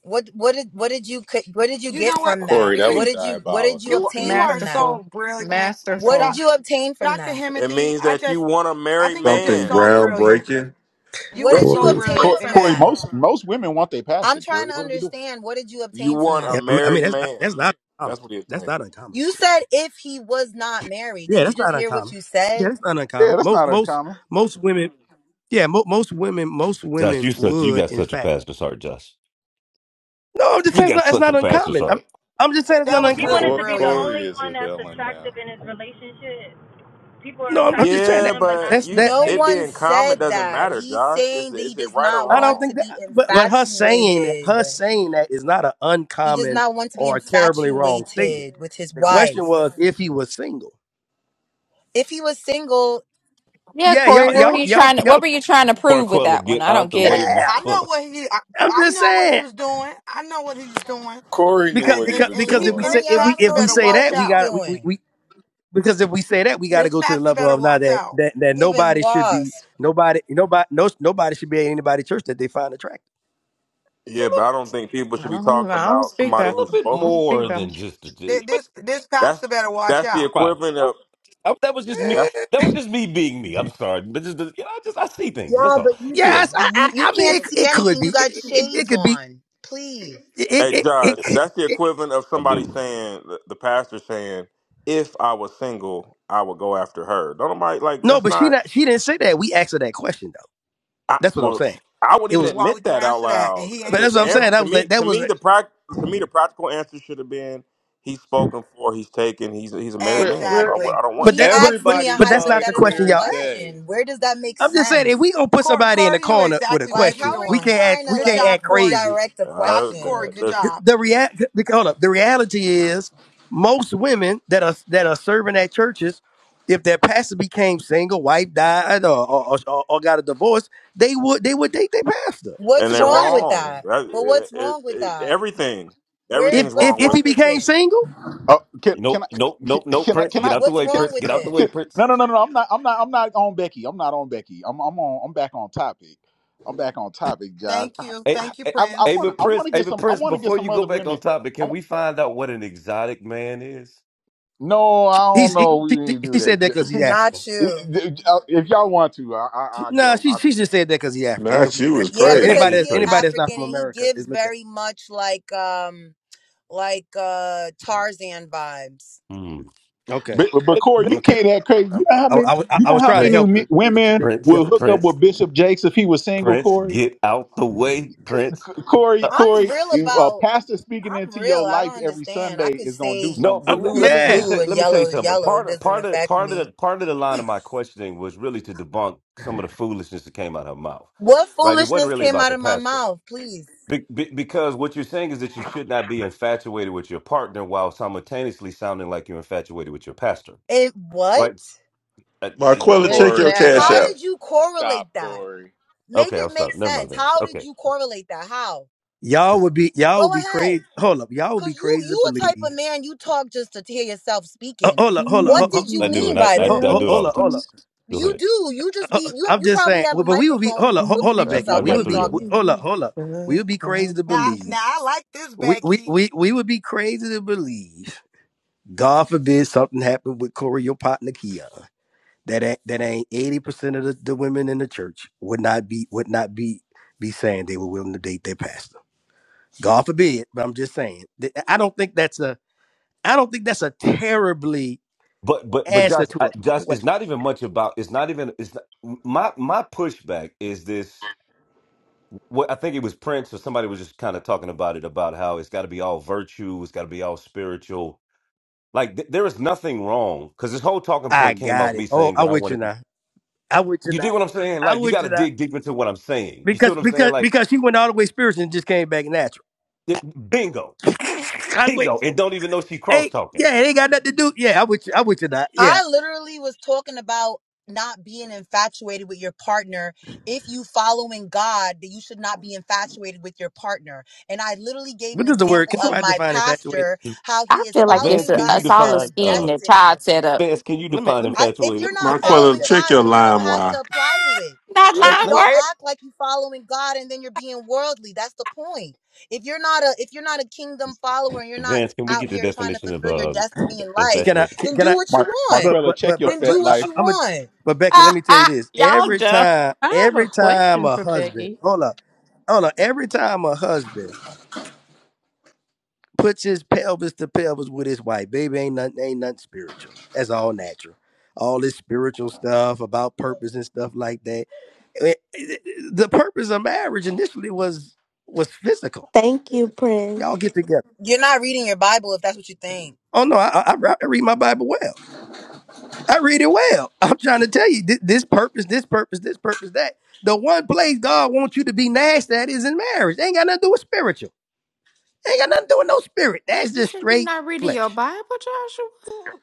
Speaker 19: What what did what did you c- what did you
Speaker 2: You
Speaker 19: get
Speaker 2: know what?
Speaker 19: from that?
Speaker 22: Corey, that
Speaker 19: What
Speaker 22: was
Speaker 2: *clears throat*
Speaker 19: did you what did you
Speaker 22: diabolical.
Speaker 2: you you
Speaker 19: obtain
Speaker 2: are
Speaker 19: from that?
Speaker 10: Masterful.
Speaker 2: so brilliant. Uh,
Speaker 19: What did
Speaker 10: Masterful.
Speaker 2: Doc,
Speaker 19: you obtain from
Speaker 2: Dr.
Speaker 19: that?
Speaker 20: It
Speaker 2: Himothy,
Speaker 20: means
Speaker 2: I
Speaker 20: that you
Speaker 2: just
Speaker 20: want a
Speaker 2: I
Speaker 20: married
Speaker 2: think you're just
Speaker 15: Something
Speaker 20: man.
Speaker 2: so brilliant.
Speaker 15: groundbreaking.
Speaker 2: You
Speaker 19: What
Speaker 1: Yeah,
Speaker 2: were
Speaker 19: did you
Speaker 2: so
Speaker 6: Corey.
Speaker 19: obtain
Speaker 1: Cor-
Speaker 2: brilliant in
Speaker 19: from
Speaker 1: Corey,
Speaker 2: that.
Speaker 19: that?
Speaker 1: most most women want their pastor.
Speaker 19: I'm trying
Speaker 1: Corey,
Speaker 19: to
Speaker 1: what are we doing?
Speaker 19: understand. What did you
Speaker 20: You
Speaker 19: obtain from
Speaker 20: want a
Speaker 6: Yeah,
Speaker 19: that?
Speaker 6: I mean I mean,
Speaker 20: married
Speaker 6: that's not,
Speaker 20: man.
Speaker 6: that's not uncommon.
Speaker 20: That's what you
Speaker 6: That's
Speaker 20: think.
Speaker 6: not uncommon.
Speaker 19: You
Speaker 6: Corey.
Speaker 19: said if he was not married.
Speaker 6: Yeah,
Speaker 19: Didn't you
Speaker 6: that's
Speaker 19: just
Speaker 6: not
Speaker 19: hear what
Speaker 6: uncommon.
Speaker 19: you
Speaker 6: Yeah,
Speaker 19: said?
Speaker 6: that's not
Speaker 1: Yeah,
Speaker 6: uncommon.
Speaker 1: that's
Speaker 6: Most
Speaker 1: not
Speaker 6: most
Speaker 1: uncommon.
Speaker 6: most women. Yeah, mo- most women most
Speaker 3: Josh,
Speaker 6: women
Speaker 3: you such you
Speaker 6: would
Speaker 3: got
Speaker 6: in
Speaker 3: such a
Speaker 6: fact.
Speaker 3: pastor's heart, Josh.
Speaker 6: No, I'm just
Speaker 3: You
Speaker 6: saying it's
Speaker 3: got
Speaker 6: not, it's
Speaker 3: such
Speaker 6: not
Speaker 3: a pastor's
Speaker 6: uncommon. I'm
Speaker 3: heart.
Speaker 6: I'm just saying
Speaker 2: That,
Speaker 6: it's
Speaker 2: that
Speaker 6: not
Speaker 2: was
Speaker 23: He
Speaker 2: really
Speaker 23: wanted
Speaker 6: uncommon.
Speaker 22: Cor-
Speaker 23: to be the
Speaker 2: brilliant.
Speaker 22: Corey
Speaker 23: only
Speaker 22: is
Speaker 23: one
Speaker 22: a
Speaker 23: that's
Speaker 22: villain now.
Speaker 23: attractive in his relationship. People are
Speaker 6: No, I'm, I'm just
Speaker 23: attracted to
Speaker 6: saying
Speaker 20: Yeah,
Speaker 6: that
Speaker 23: him, but not
Speaker 20: but
Speaker 6: that's
Speaker 23: to the
Speaker 20: you
Speaker 6: that.
Speaker 19: No
Speaker 20: it
Speaker 23: wife.
Speaker 19: one
Speaker 20: being common
Speaker 19: said
Speaker 20: doesn't
Speaker 19: that.
Speaker 20: matter,
Speaker 19: He's
Speaker 20: Josh. Is
Speaker 19: saying
Speaker 20: it,
Speaker 19: that he
Speaker 20: is it
Speaker 19: does
Speaker 20: right or
Speaker 19: not
Speaker 6: I don't
Speaker 19: want
Speaker 20: wrong?
Speaker 6: think
Speaker 19: to be
Speaker 6: that, but but her saying that,
Speaker 19: infatuated.
Speaker 6: her saying that is not an
Speaker 19: He does
Speaker 6: uncommon
Speaker 19: not want to be
Speaker 6: or terribly wrong statement.
Speaker 19: infatuated with his
Speaker 6: The question
Speaker 19: wife.
Speaker 6: was if he was single.
Speaker 19: If he was single,
Speaker 14: yeah,
Speaker 6: Yeah,
Speaker 14: Corey.
Speaker 6: y'all,
Speaker 14: What were
Speaker 6: y'all,
Speaker 14: you
Speaker 6: y'all,
Speaker 14: trying to? What
Speaker 6: y'all.
Speaker 14: were you trying to prove with
Speaker 3: Marquella,
Speaker 14: that one?
Speaker 3: get
Speaker 14: I don't
Speaker 3: out the
Speaker 14: get
Speaker 3: way,
Speaker 14: it.
Speaker 6: Yeah,
Speaker 2: I know
Speaker 3: Marquella.
Speaker 2: what he I,
Speaker 6: I'm
Speaker 2: I
Speaker 6: just
Speaker 2: know what he
Speaker 6: saying
Speaker 2: was doing. I know what he was doing.
Speaker 22: Corey knew
Speaker 6: because
Speaker 2: And
Speaker 22: what he
Speaker 2: and
Speaker 6: because
Speaker 22: was
Speaker 2: and
Speaker 6: because if
Speaker 2: he
Speaker 6: we
Speaker 22: doing.
Speaker 2: and
Speaker 6: say
Speaker 19: honey,
Speaker 2: this
Speaker 19: I
Speaker 6: if
Speaker 19: don't
Speaker 6: we
Speaker 19: even
Speaker 2: pastor
Speaker 6: if
Speaker 19: know if
Speaker 6: we
Speaker 2: better
Speaker 19: you
Speaker 6: say
Speaker 19: know
Speaker 2: watch
Speaker 6: that
Speaker 19: what
Speaker 6: we
Speaker 19: you're
Speaker 2: out.
Speaker 6: got we, we,
Speaker 19: doing.
Speaker 6: we because if we say that we got to
Speaker 2: This
Speaker 6: go to the
Speaker 2: pastor
Speaker 6: level
Speaker 2: better
Speaker 6: of now
Speaker 2: watch
Speaker 6: that
Speaker 2: out.
Speaker 6: that that
Speaker 19: Giving
Speaker 6: nobody should be
Speaker 19: wasp.
Speaker 6: nobody nobody no nobody should be at anybody church that they find attractive.
Speaker 3: It's a
Speaker 20: Yeah, but I
Speaker 3: little,
Speaker 20: don't think people should
Speaker 10: I
Speaker 20: be
Speaker 10: don't,
Speaker 20: talking
Speaker 10: I don't
Speaker 20: about
Speaker 10: speak
Speaker 3: it's a
Speaker 20: somebody
Speaker 10: about
Speaker 3: little
Speaker 20: who's
Speaker 10: them.
Speaker 3: bit
Speaker 10: I
Speaker 20: spoken
Speaker 10: don't
Speaker 20: for.
Speaker 10: speak
Speaker 3: more than
Speaker 10: about
Speaker 3: just a.
Speaker 2: Th-
Speaker 3: G, But
Speaker 2: This this pastor
Speaker 20: That's
Speaker 2: better watch
Speaker 20: that's the
Speaker 2: out.
Speaker 3: never
Speaker 20: equivalent
Speaker 3: mind.
Speaker 20: of
Speaker 3: I, that was just me.
Speaker 6: Eh,
Speaker 20: that's
Speaker 3: That was just me being me. I'm sorry, but just you know, I just I see things. That's
Speaker 19: Yeah,
Speaker 3: all.
Speaker 19: but you,
Speaker 3: Anyway,
Speaker 6: Yes, I I,
Speaker 19: you you
Speaker 6: I mean
Speaker 19: can't
Speaker 6: it,
Speaker 19: see
Speaker 6: it could
Speaker 19: anything. You
Speaker 6: be it,
Speaker 19: got
Speaker 6: it, it
Speaker 19: shades
Speaker 6: could be
Speaker 19: on. Please.
Speaker 6: it
Speaker 20: Hey, Josh,
Speaker 6: it,
Speaker 20: that's the
Speaker 6: it
Speaker 20: equivalent of
Speaker 3: I
Speaker 20: somebody
Speaker 3: do.
Speaker 20: saying, the the pastor saying, if I was single, I would go after her. Don't nobody, like,
Speaker 6: No,
Speaker 20: that's
Speaker 6: but she
Speaker 20: not,
Speaker 6: not. She didn't say that. We asked her that question though.
Speaker 20: I,
Speaker 6: That's what I'm
Speaker 20: well,
Speaker 6: saying.
Speaker 20: I
Speaker 6: It
Speaker 20: wouldn't even
Speaker 6: was,
Speaker 2: Why
Speaker 20: admit
Speaker 2: would you
Speaker 20: that out
Speaker 2: answer that?
Speaker 20: loud.
Speaker 2: And he
Speaker 6: but
Speaker 20: The,
Speaker 2: ain't
Speaker 6: that's
Speaker 20: the,
Speaker 6: what I'm
Speaker 20: an-
Speaker 6: saying.
Speaker 2: single.
Speaker 6: That
Speaker 20: to
Speaker 6: was a,
Speaker 20: me,
Speaker 6: that
Speaker 20: to
Speaker 6: was,
Speaker 20: me,
Speaker 6: a,
Speaker 20: the prac, to me, the practical answer should have been, he's spoken for, he's taken, he's, he's a married
Speaker 1: Where,
Speaker 20: man, so
Speaker 1: where,
Speaker 20: I would
Speaker 2: Exactly.
Speaker 20: I w- I don't want
Speaker 6: but
Speaker 20: him.
Speaker 19: He
Speaker 6: that, but
Speaker 19: asked
Speaker 6: but
Speaker 19: me
Speaker 22: Everybody
Speaker 19: a
Speaker 6: but that's
Speaker 22: saw
Speaker 6: not the
Speaker 22: it
Speaker 19: hypothetical
Speaker 6: question
Speaker 22: clear as
Speaker 6: y'all asked.
Speaker 22: day.
Speaker 19: question. Where does that make
Speaker 6: I'm just saying
Speaker 19: sense?
Speaker 6: if we gonna put
Speaker 2: Corey,
Speaker 6: somebody in the
Speaker 2: Corey knew
Speaker 6: corner with a
Speaker 2: exactly what he
Speaker 19: Like,
Speaker 2: was
Speaker 6: question,
Speaker 19: how are
Speaker 6: we
Speaker 19: you
Speaker 2: doing.
Speaker 6: can't
Speaker 19: trying
Speaker 6: act.
Speaker 19: to
Speaker 6: We
Speaker 2: Good
Speaker 6: can't
Speaker 19: like
Speaker 6: act
Speaker 2: job, Corey.
Speaker 6: crazy.
Speaker 19: redirect a
Speaker 2: Dr.
Speaker 20: Uh,
Speaker 19: question?
Speaker 2: Corey,
Speaker 20: that-
Speaker 2: good
Speaker 20: listen,
Speaker 2: job.
Speaker 6: The react. Hold up. The reality is, most women that are that are serving at churches, if their pastor became single, wife died, or or, or, or got a divorce, they would they would date their pastor.
Speaker 19: What's
Speaker 20: and
Speaker 6: That's a
Speaker 20: they're
Speaker 19: wrong
Speaker 6: fact.
Speaker 19: with
Speaker 20: wrong.
Speaker 19: that?
Speaker 20: That,
Speaker 19: But what's
Speaker 20: it,
Speaker 19: wrong with
Speaker 20: it,
Speaker 19: that?
Speaker 20: everything,
Speaker 19: Where's
Speaker 6: If
Speaker 20: everything's
Speaker 19: what's
Speaker 6: if
Speaker 20: wrong
Speaker 6: if
Speaker 20: with
Speaker 19: wrong
Speaker 6: he
Speaker 20: it.
Speaker 19: with
Speaker 6: became
Speaker 19: it?
Speaker 6: single.
Speaker 1: Oh, can can I
Speaker 3: Nope, nope, nope, nope.
Speaker 1: can I
Speaker 3: Prince,
Speaker 1: can
Speaker 3: get
Speaker 1: I
Speaker 3: out the
Speaker 19: What's
Speaker 3: way.
Speaker 1: can,
Speaker 19: wrong
Speaker 3: Prince,
Speaker 19: with
Speaker 3: get out the
Speaker 19: it?
Speaker 3: way.
Speaker 1: can no
Speaker 3: Prince.
Speaker 1: no no no I'm not I'm not I'm not on Becky I'm not on Becky I'm I'm on I'm back on topic I'm back on topic guys
Speaker 2: Thank
Speaker 1: I
Speaker 2: you.
Speaker 3: Hey,
Speaker 1: I
Speaker 2: Thank you,
Speaker 3: hey,
Speaker 1: I
Speaker 3: hey,
Speaker 2: Prince.
Speaker 1: want
Speaker 3: but
Speaker 1: I want
Speaker 3: Prince,
Speaker 1: to
Speaker 3: hey,
Speaker 1: get
Speaker 3: but
Speaker 1: some I
Speaker 3: Prince.
Speaker 1: want to get
Speaker 3: Before
Speaker 1: some
Speaker 3: you go
Speaker 1: other
Speaker 3: back on
Speaker 1: women
Speaker 3: topic,
Speaker 1: I,
Speaker 3: can
Speaker 1: wa-
Speaker 3: we find out what an exotic man is? *laughs*
Speaker 1: no I don't
Speaker 6: He's he,
Speaker 1: know we
Speaker 6: she, she
Speaker 1: need to do
Speaker 6: said that because he's
Speaker 1: that
Speaker 6: African.
Speaker 19: Not you.
Speaker 1: *laughs* if y'all want to I I
Speaker 6: She,
Speaker 1: I'll
Speaker 6: nah,
Speaker 1: go
Speaker 6: she
Speaker 1: I,
Speaker 6: she just said that because he's African. You know,
Speaker 15: Not you is
Speaker 6: you
Speaker 19: Yeah,
Speaker 6: know
Speaker 3: That
Speaker 19: because
Speaker 15: crazy.
Speaker 6: anybody
Speaker 3: is
Speaker 6: that's
Speaker 19: he is
Speaker 6: anybody
Speaker 3: crazy.
Speaker 6: that's not
Speaker 19: African
Speaker 6: from
Speaker 19: and he
Speaker 6: America is
Speaker 19: gives
Speaker 6: looked at.
Speaker 19: very much like um like uh Tarzan vibes.
Speaker 3: Hmm.
Speaker 6: Okay,
Speaker 1: but but
Speaker 3: Hey,
Speaker 1: Corey
Speaker 3: back-
Speaker 1: you
Speaker 6: okay.
Speaker 1: can't act crazy
Speaker 6: i
Speaker 1: you know how
Speaker 6: I,
Speaker 1: many
Speaker 6: I, was- I,
Speaker 1: you know
Speaker 6: was
Speaker 1: how
Speaker 6: trying to
Speaker 3: Prince,
Speaker 1: many
Speaker 6: help you,
Speaker 1: me-
Speaker 6: but you
Speaker 1: women
Speaker 6: making it
Speaker 3: Prince,
Speaker 1: will hook
Speaker 6: difficult.
Speaker 1: up
Speaker 3: Prince,
Speaker 1: with Bishop Jakes if he was single
Speaker 3: Prince,
Speaker 1: Corey
Speaker 3: get out the way, Prince.
Speaker 1: Corey,
Speaker 3: Uh,
Speaker 19: I'm
Speaker 1: Corey,
Speaker 19: real
Speaker 1: if a
Speaker 19: about
Speaker 1: pastor speaking
Speaker 19: I'm
Speaker 1: into your
Speaker 19: real. I
Speaker 1: life
Speaker 19: don't
Speaker 1: every
Speaker 19: understand. I
Speaker 1: Sunday
Speaker 19: could
Speaker 1: is gonna do
Speaker 19: say
Speaker 3: No,
Speaker 1: something to a
Speaker 6: Oh,
Speaker 3: but le-
Speaker 1: woman.
Speaker 19: blue
Speaker 3: let
Speaker 19: is
Speaker 3: me let me
Speaker 6: yeah,
Speaker 3: tell
Speaker 19: blue and
Speaker 3: let me tell you
Speaker 19: yellow is
Speaker 3: something.
Speaker 19: yellow.
Speaker 3: Part
Speaker 19: It
Speaker 3: of
Speaker 19: doesn't
Speaker 3: part of
Speaker 19: affect
Speaker 3: part of the
Speaker 19: me.
Speaker 3: part of the line of my questioning was really to debunk some of the foolishness that came out of her mouth.
Speaker 19: What
Speaker 3: Right? It wasn't
Speaker 19: foolishness
Speaker 3: really
Speaker 19: came
Speaker 3: about
Speaker 19: out
Speaker 3: the
Speaker 19: of my
Speaker 3: pastor.
Speaker 19: mouth, please?
Speaker 3: Be, be, because what you're saying is that you should not be infatuated with your partner while simultaneously sounding like you're infatuated with your pastor.
Speaker 19: It what?
Speaker 3: Right? Uh, it-
Speaker 15: Marquella,
Speaker 3: it-
Speaker 15: check your
Speaker 22: Corey,
Speaker 8: Exactly.
Speaker 15: cash
Speaker 19: How
Speaker 22: stop.
Speaker 15: app.
Speaker 19: did you
Speaker 22: Stop,
Speaker 19: correlate that?
Speaker 22: Corey.
Speaker 19: Make
Speaker 3: okay,
Speaker 19: it
Speaker 3: I'll
Speaker 19: make
Speaker 3: stop. Never mind,
Speaker 19: sense.
Speaker 3: Vance.
Speaker 19: How did
Speaker 3: Okay.
Speaker 19: you correlate that? How?
Speaker 6: y'all would be
Speaker 19: Go
Speaker 6: y'all would be crazy.
Speaker 19: ahead.
Speaker 6: Hold up, y'all would be
Speaker 19: Cause you
Speaker 6: crazy to
Speaker 19: you a type
Speaker 6: believe.
Speaker 19: of man you talk just to hear yourself
Speaker 6: Uh,
Speaker 19: speaking.
Speaker 6: hold up, hold up,
Speaker 19: What
Speaker 6: hold
Speaker 10: them.
Speaker 6: up.
Speaker 19: did you
Speaker 3: I do,
Speaker 19: mean
Speaker 3: and I,
Speaker 19: by
Speaker 3: I
Speaker 6: Hold
Speaker 19: that?
Speaker 3: I
Speaker 6: up,
Speaker 3: do it
Speaker 10: Jesus.
Speaker 3: all
Speaker 6: hold
Speaker 3: the
Speaker 6: up,
Speaker 3: time.
Speaker 6: hold up.
Speaker 10: *laughs*
Speaker 3: Go
Speaker 19: You
Speaker 3: ahead.
Speaker 19: do. You
Speaker 6: Uh,
Speaker 19: just be
Speaker 6: uh,
Speaker 19: you have
Speaker 6: I'm
Speaker 19: you
Speaker 6: just
Speaker 19: probably
Speaker 6: saying,
Speaker 19: have
Speaker 6: well,
Speaker 19: a
Speaker 6: but we would be
Speaker 19: microphone
Speaker 6: hold
Speaker 19: and be
Speaker 6: up, ho-
Speaker 19: looking
Speaker 6: hold up,
Speaker 19: at
Speaker 3: I,
Speaker 6: Becky.
Speaker 19: yourself
Speaker 3: I've
Speaker 6: We
Speaker 19: while
Speaker 3: got
Speaker 19: you're
Speaker 6: would be
Speaker 3: three of them.
Speaker 19: talking.
Speaker 6: hold up, hold up. We
Speaker 10: the
Speaker 6: would be crazy to
Speaker 10: Christ.
Speaker 2: Now,
Speaker 6: believe.
Speaker 2: now I like this,
Speaker 6: We we
Speaker 2: Becky.
Speaker 6: we, we would be crazy to believe God forbid something happened with Corey, your partner Kia. That ain't, that ain't eighty percent of the, the women in the church would not be would not be be saying they were willing to date their pastor. God forbid, but I'm just saying. that- I don't think that's a I don't think that's a terribly
Speaker 3: But but but
Speaker 6: answer
Speaker 3: Josh,
Speaker 6: to
Speaker 3: I,
Speaker 6: a
Speaker 3: Josh, it's
Speaker 6: question.
Speaker 3: not even much about. It's not even. It's not, my my pushback is this. What I think it was Prince or somebody was just kind of talking about it about how it's got to be all virtue. It's got to be all spiritual. Like th- there is nothing wrong because this whole talking
Speaker 6: I
Speaker 3: point came off
Speaker 6: got it.
Speaker 3: me
Speaker 6: Oh,
Speaker 3: saying
Speaker 6: I
Speaker 3: that I
Speaker 6: with you
Speaker 3: wanted.
Speaker 6: now. I with you
Speaker 3: You
Speaker 6: now.
Speaker 3: dig what I'm saying?
Speaker 6: I
Speaker 3: Like you
Speaker 6: with
Speaker 3: got to
Speaker 6: you now.
Speaker 3: dig deep into what I'm saying. You see
Speaker 6: Because
Speaker 3: what I'm
Speaker 6: because
Speaker 3: saying? Like
Speaker 6: because she went all the way spiritual and just came back natural.
Speaker 3: it, bingo,
Speaker 6: *laughs* I with
Speaker 3: bingo,
Speaker 6: you.
Speaker 3: and don't even know she cross
Speaker 6: Hey,
Speaker 3: talking.
Speaker 6: yeah, it ain't got nothing to do. Yeah, I with you. I with you now. Yeah,
Speaker 19: I literally was talking about not being infatuated with your partner. If you following God, that you should not be infatuated with your partner. And I literally gave
Speaker 6: What
Speaker 19: an
Speaker 6: is the word?
Speaker 19: example
Speaker 6: Can
Speaker 19: of
Speaker 6: somebody
Speaker 19: my
Speaker 6: define infatuated?
Speaker 19: pastor, how
Speaker 14: I
Speaker 19: he is
Speaker 14: feel like it's
Speaker 3: Vance,
Speaker 19: following
Speaker 14: a
Speaker 3: can
Speaker 19: God
Speaker 3: you
Speaker 19: and
Speaker 14: it's
Speaker 19: he
Speaker 14: all
Speaker 19: has
Speaker 14: a
Speaker 19: a
Speaker 3: define?
Speaker 14: scheme
Speaker 3: uh
Speaker 14: that
Speaker 19: destiny.
Speaker 14: Todd set up.
Speaker 3: Vance, can you
Speaker 6: Let me
Speaker 3: define
Speaker 6: let me
Speaker 19: I, if
Speaker 3: infatuated?
Speaker 6: let
Speaker 19: you're
Speaker 6: me
Speaker 19: not
Speaker 6: let me ask
Speaker 15: Marquella,
Speaker 19: following
Speaker 6: Shaq.
Speaker 15: check
Speaker 19: God,
Speaker 15: your
Speaker 19: then you don't have to
Speaker 15: LimeWire.
Speaker 19: apply to it.
Speaker 14: Not
Speaker 6: Let
Speaker 19: But
Speaker 6: me
Speaker 14: line
Speaker 6: let me,
Speaker 19: don't act like you're following God and then you're being worldly. That's the point. If you're not a if you're not a kingdom follower and you're not
Speaker 3: Vance, can we
Speaker 19: out
Speaker 3: get the
Speaker 19: here trying to
Speaker 3: definition of
Speaker 19: fulfill your
Speaker 3: um,
Speaker 19: destiny in life,
Speaker 6: can I
Speaker 3: infatuated?
Speaker 6: can,
Speaker 19: then
Speaker 6: can
Speaker 19: do
Speaker 6: I?
Speaker 19: what you
Speaker 1: Mar-
Speaker 19: want.
Speaker 6: But
Speaker 1: Marquella,
Speaker 6: but
Speaker 1: check
Speaker 6: but
Speaker 1: your
Speaker 6: but
Speaker 19: Then
Speaker 1: fat
Speaker 6: but
Speaker 19: do what
Speaker 1: life
Speaker 6: I,
Speaker 19: you
Speaker 6: I'm a.
Speaker 19: want.
Speaker 6: But
Speaker 14: work.
Speaker 6: Becky,
Speaker 14: *laughs*
Speaker 6: let me tell you this:
Speaker 14: Y'all
Speaker 6: every
Speaker 14: dumb.
Speaker 6: time,
Speaker 8: I have
Speaker 6: every
Speaker 8: a
Speaker 6: time
Speaker 8: question
Speaker 6: a
Speaker 8: for
Speaker 6: husband,
Speaker 8: Becky.
Speaker 6: hold up, hold up, every time a husband puts his pelvis to pelvis with his wife, baby, ain't nothing, ain't nothing spiritual. That's all natural. All this spiritual stuff about purpose and stuff like that. Eh, eh, eh, The purpose of marriage initially was was physical.
Speaker 25: Thank you, Prince.
Speaker 6: Y'all get together.
Speaker 19: You're not reading your Bible if that's what you think.
Speaker 6: Oh no, I, I I read my Bible well. I read it well. *laughs* I'm trying to tell you thi- this purpose, this purpose, this purpose, that. The one place God wants you to be nasty at is in marriage. It ain't got nothing to do with spiritual. It ain't got nothing to do with no spirit. That's
Speaker 14: She
Speaker 6: just
Speaker 14: said you're
Speaker 6: straight
Speaker 14: not reading your
Speaker 6: flesh.
Speaker 14: Bible, Joshua.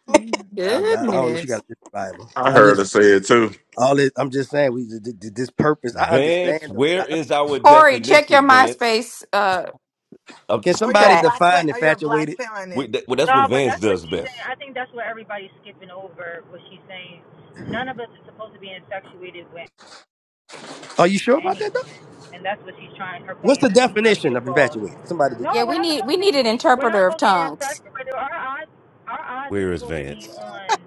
Speaker 14: My
Speaker 6: I, don't I don't know. She got
Speaker 14: Goodness,
Speaker 6: a different Bible.
Speaker 15: I
Speaker 6: I'm
Speaker 15: heard her
Speaker 6: just
Speaker 15: say it too.
Speaker 6: all this. I'm just saying we this purpose. I
Speaker 3: Vance,
Speaker 6: understand.
Speaker 3: where
Speaker 6: I,
Speaker 3: is our
Speaker 14: Corey, check your
Speaker 3: definition, Vance?
Speaker 14: MySpace uh
Speaker 3: Um,
Speaker 6: can
Speaker 2: Or you're a
Speaker 6: somebody
Speaker 14: chat.
Speaker 2: black, pla-
Speaker 6: define
Speaker 2: or you're a black
Speaker 6: infatuated?
Speaker 3: we,
Speaker 2: planet.
Speaker 3: that, well, that's what
Speaker 23: No, but
Speaker 3: Vance
Speaker 23: that's what
Speaker 3: does
Speaker 23: she's saying.
Speaker 3: best.
Speaker 23: I think that's what everybody's skipping over. What she's saying. None of us is supposed to be infatuated with
Speaker 6: Are you sure about that though?
Speaker 23: anyone, and that's what she's trying. Her
Speaker 6: What's
Speaker 23: point is
Speaker 6: the
Speaker 23: she's trying to get
Speaker 6: definition of
Speaker 23: across.
Speaker 6: infatuated? Somebody.
Speaker 14: Yeah,
Speaker 23: No, we're
Speaker 14: we
Speaker 23: not
Speaker 14: need
Speaker 23: supposed
Speaker 14: we
Speaker 23: to be.
Speaker 14: need an
Speaker 23: We're not
Speaker 14: interpreter of
Speaker 23: supposed to be
Speaker 14: tongues.
Speaker 23: abstracted, but our eyes, our eyes are
Speaker 3: Where is
Speaker 23: supposed to be
Speaker 3: Vance?
Speaker 23: on,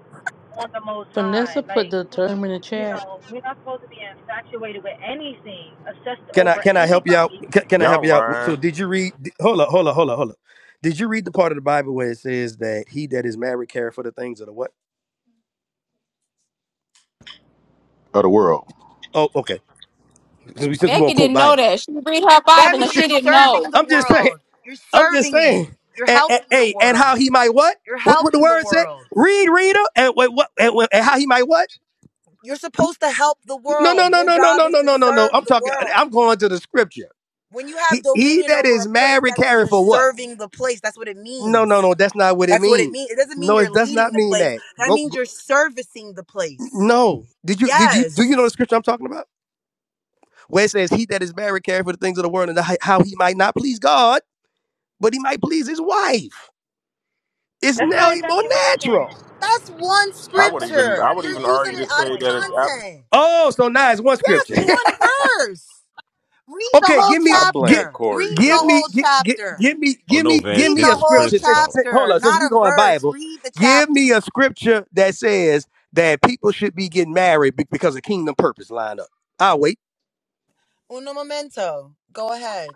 Speaker 23: on the Most High.
Speaker 8: Vanessa put
Speaker 23: Like
Speaker 8: the term in the
Speaker 23: you
Speaker 8: chat.
Speaker 23: know, we're not supposed to be infatuated with anything, obsessed
Speaker 6: Can I
Speaker 23: over
Speaker 6: can I help you out?
Speaker 23: anybody.
Speaker 6: Can, can I help
Speaker 20: Y'all
Speaker 6: you out? So
Speaker 20: lying.
Speaker 6: did you read? Hold up, hold up, hold up, hold up. Did you read the part of the Bible where it says that he that is married care for the things of the what?
Speaker 1: of the world.
Speaker 6: Oh, okay. Since we, since we
Speaker 14: Becky
Speaker 6: won't quote
Speaker 14: didn't know
Speaker 6: Bible,
Speaker 14: that. She read her
Speaker 19: That
Speaker 14: Bible and
Speaker 19: means
Speaker 14: she
Speaker 19: you're
Speaker 14: didn't know.
Speaker 19: serving
Speaker 14: *laughs*
Speaker 19: the
Speaker 6: I'm just saying.
Speaker 19: world. You're
Speaker 6: I'm just
Speaker 19: serving it.
Speaker 6: saying.
Speaker 19: You're
Speaker 6: And, and
Speaker 19: helping the
Speaker 6: hey, and how
Speaker 19: world.
Speaker 6: he might what?
Speaker 19: You're
Speaker 6: What what the
Speaker 19: helping the
Speaker 6: word said?
Speaker 19: world.
Speaker 6: Read, reader, and what what and, what- and how he might what?
Speaker 19: You're supposed to help the
Speaker 6: No, no,
Speaker 19: world.
Speaker 6: no,
Speaker 19: Your
Speaker 6: no, no,
Speaker 19: job
Speaker 6: no,
Speaker 19: is
Speaker 6: no,
Speaker 19: to
Speaker 6: no, no, no.
Speaker 19: serve
Speaker 6: I'm
Speaker 19: the
Speaker 6: talking.
Speaker 19: world.
Speaker 6: I'm going to the scripture.
Speaker 19: When you have
Speaker 6: He, he
Speaker 19: dominion
Speaker 6: that
Speaker 19: over
Speaker 6: is
Speaker 19: a place,
Speaker 6: married
Speaker 19: that means
Speaker 6: carry
Speaker 19: you're
Speaker 6: for what?
Speaker 19: serving the place. That's what it
Speaker 6: No, no,
Speaker 19: means.
Speaker 6: no. That's not what it
Speaker 19: That's what it
Speaker 6: means.
Speaker 19: means. It doesn't mean
Speaker 6: No,
Speaker 19: you're
Speaker 6: it does
Speaker 19: leading
Speaker 6: not
Speaker 19: the
Speaker 6: mean
Speaker 19: place.
Speaker 6: that.
Speaker 19: That
Speaker 6: Go
Speaker 19: means you're servicing the place.
Speaker 6: No. Did you did you do you know the
Speaker 19: Yes.
Speaker 6: scripture I'm talking about? Where it says, He that is married careth for the things of the world and the- how he might not please God, but he might please his wife. It's
Speaker 23: That's not
Speaker 6: now more
Speaker 23: infatuation.
Speaker 6: natural.
Speaker 19: That's one
Speaker 20: I
Speaker 23: Josh,
Speaker 20: would
Speaker 23: that's not
Speaker 20: even,
Speaker 19: scripture.
Speaker 20: I would
Speaker 19: You're
Speaker 20: even
Speaker 19: using
Speaker 20: argue
Speaker 23: infatuation.
Speaker 19: it
Speaker 20: to
Speaker 19: out
Speaker 23: Come
Speaker 20: say
Speaker 19: of
Speaker 23: on,
Speaker 20: that it's
Speaker 23: y'all.
Speaker 20: app.
Speaker 19: content.
Speaker 6: Oh, so now it's one
Speaker 19: Yes,
Speaker 6: scripture.
Speaker 19: it's one verse.
Speaker 6: *laughs*
Speaker 19: Read the
Speaker 6: okay,
Speaker 19: whole
Speaker 6: give me
Speaker 22: I
Speaker 6: get
Speaker 22: blame
Speaker 19: chapter.
Speaker 22: Corey
Speaker 19: Read
Speaker 22: for
Speaker 19: the
Speaker 6: give me
Speaker 19: whole
Speaker 22: this.
Speaker 6: get, get,
Speaker 19: chapter.
Speaker 6: give me
Speaker 3: Oh
Speaker 6: give
Speaker 3: no,
Speaker 6: me
Speaker 3: Vance,
Speaker 6: give
Speaker 19: Read
Speaker 6: me
Speaker 3: this
Speaker 6: a
Speaker 19: the
Speaker 3: is
Speaker 19: whole
Speaker 6: scripture
Speaker 3: Prince's
Speaker 6: since,
Speaker 3: fault.
Speaker 6: since hold
Speaker 19: chapter,
Speaker 6: on, since
Speaker 19: not
Speaker 6: we
Speaker 19: a
Speaker 6: going
Speaker 19: verse.
Speaker 6: Bible,
Speaker 19: Read the
Speaker 6: give me a
Speaker 19: chapter.
Speaker 6: scripture that says that people should be getting married be- because of kingdom purpose lined up. I'll wait.
Speaker 19: Uno momento. Go ahead.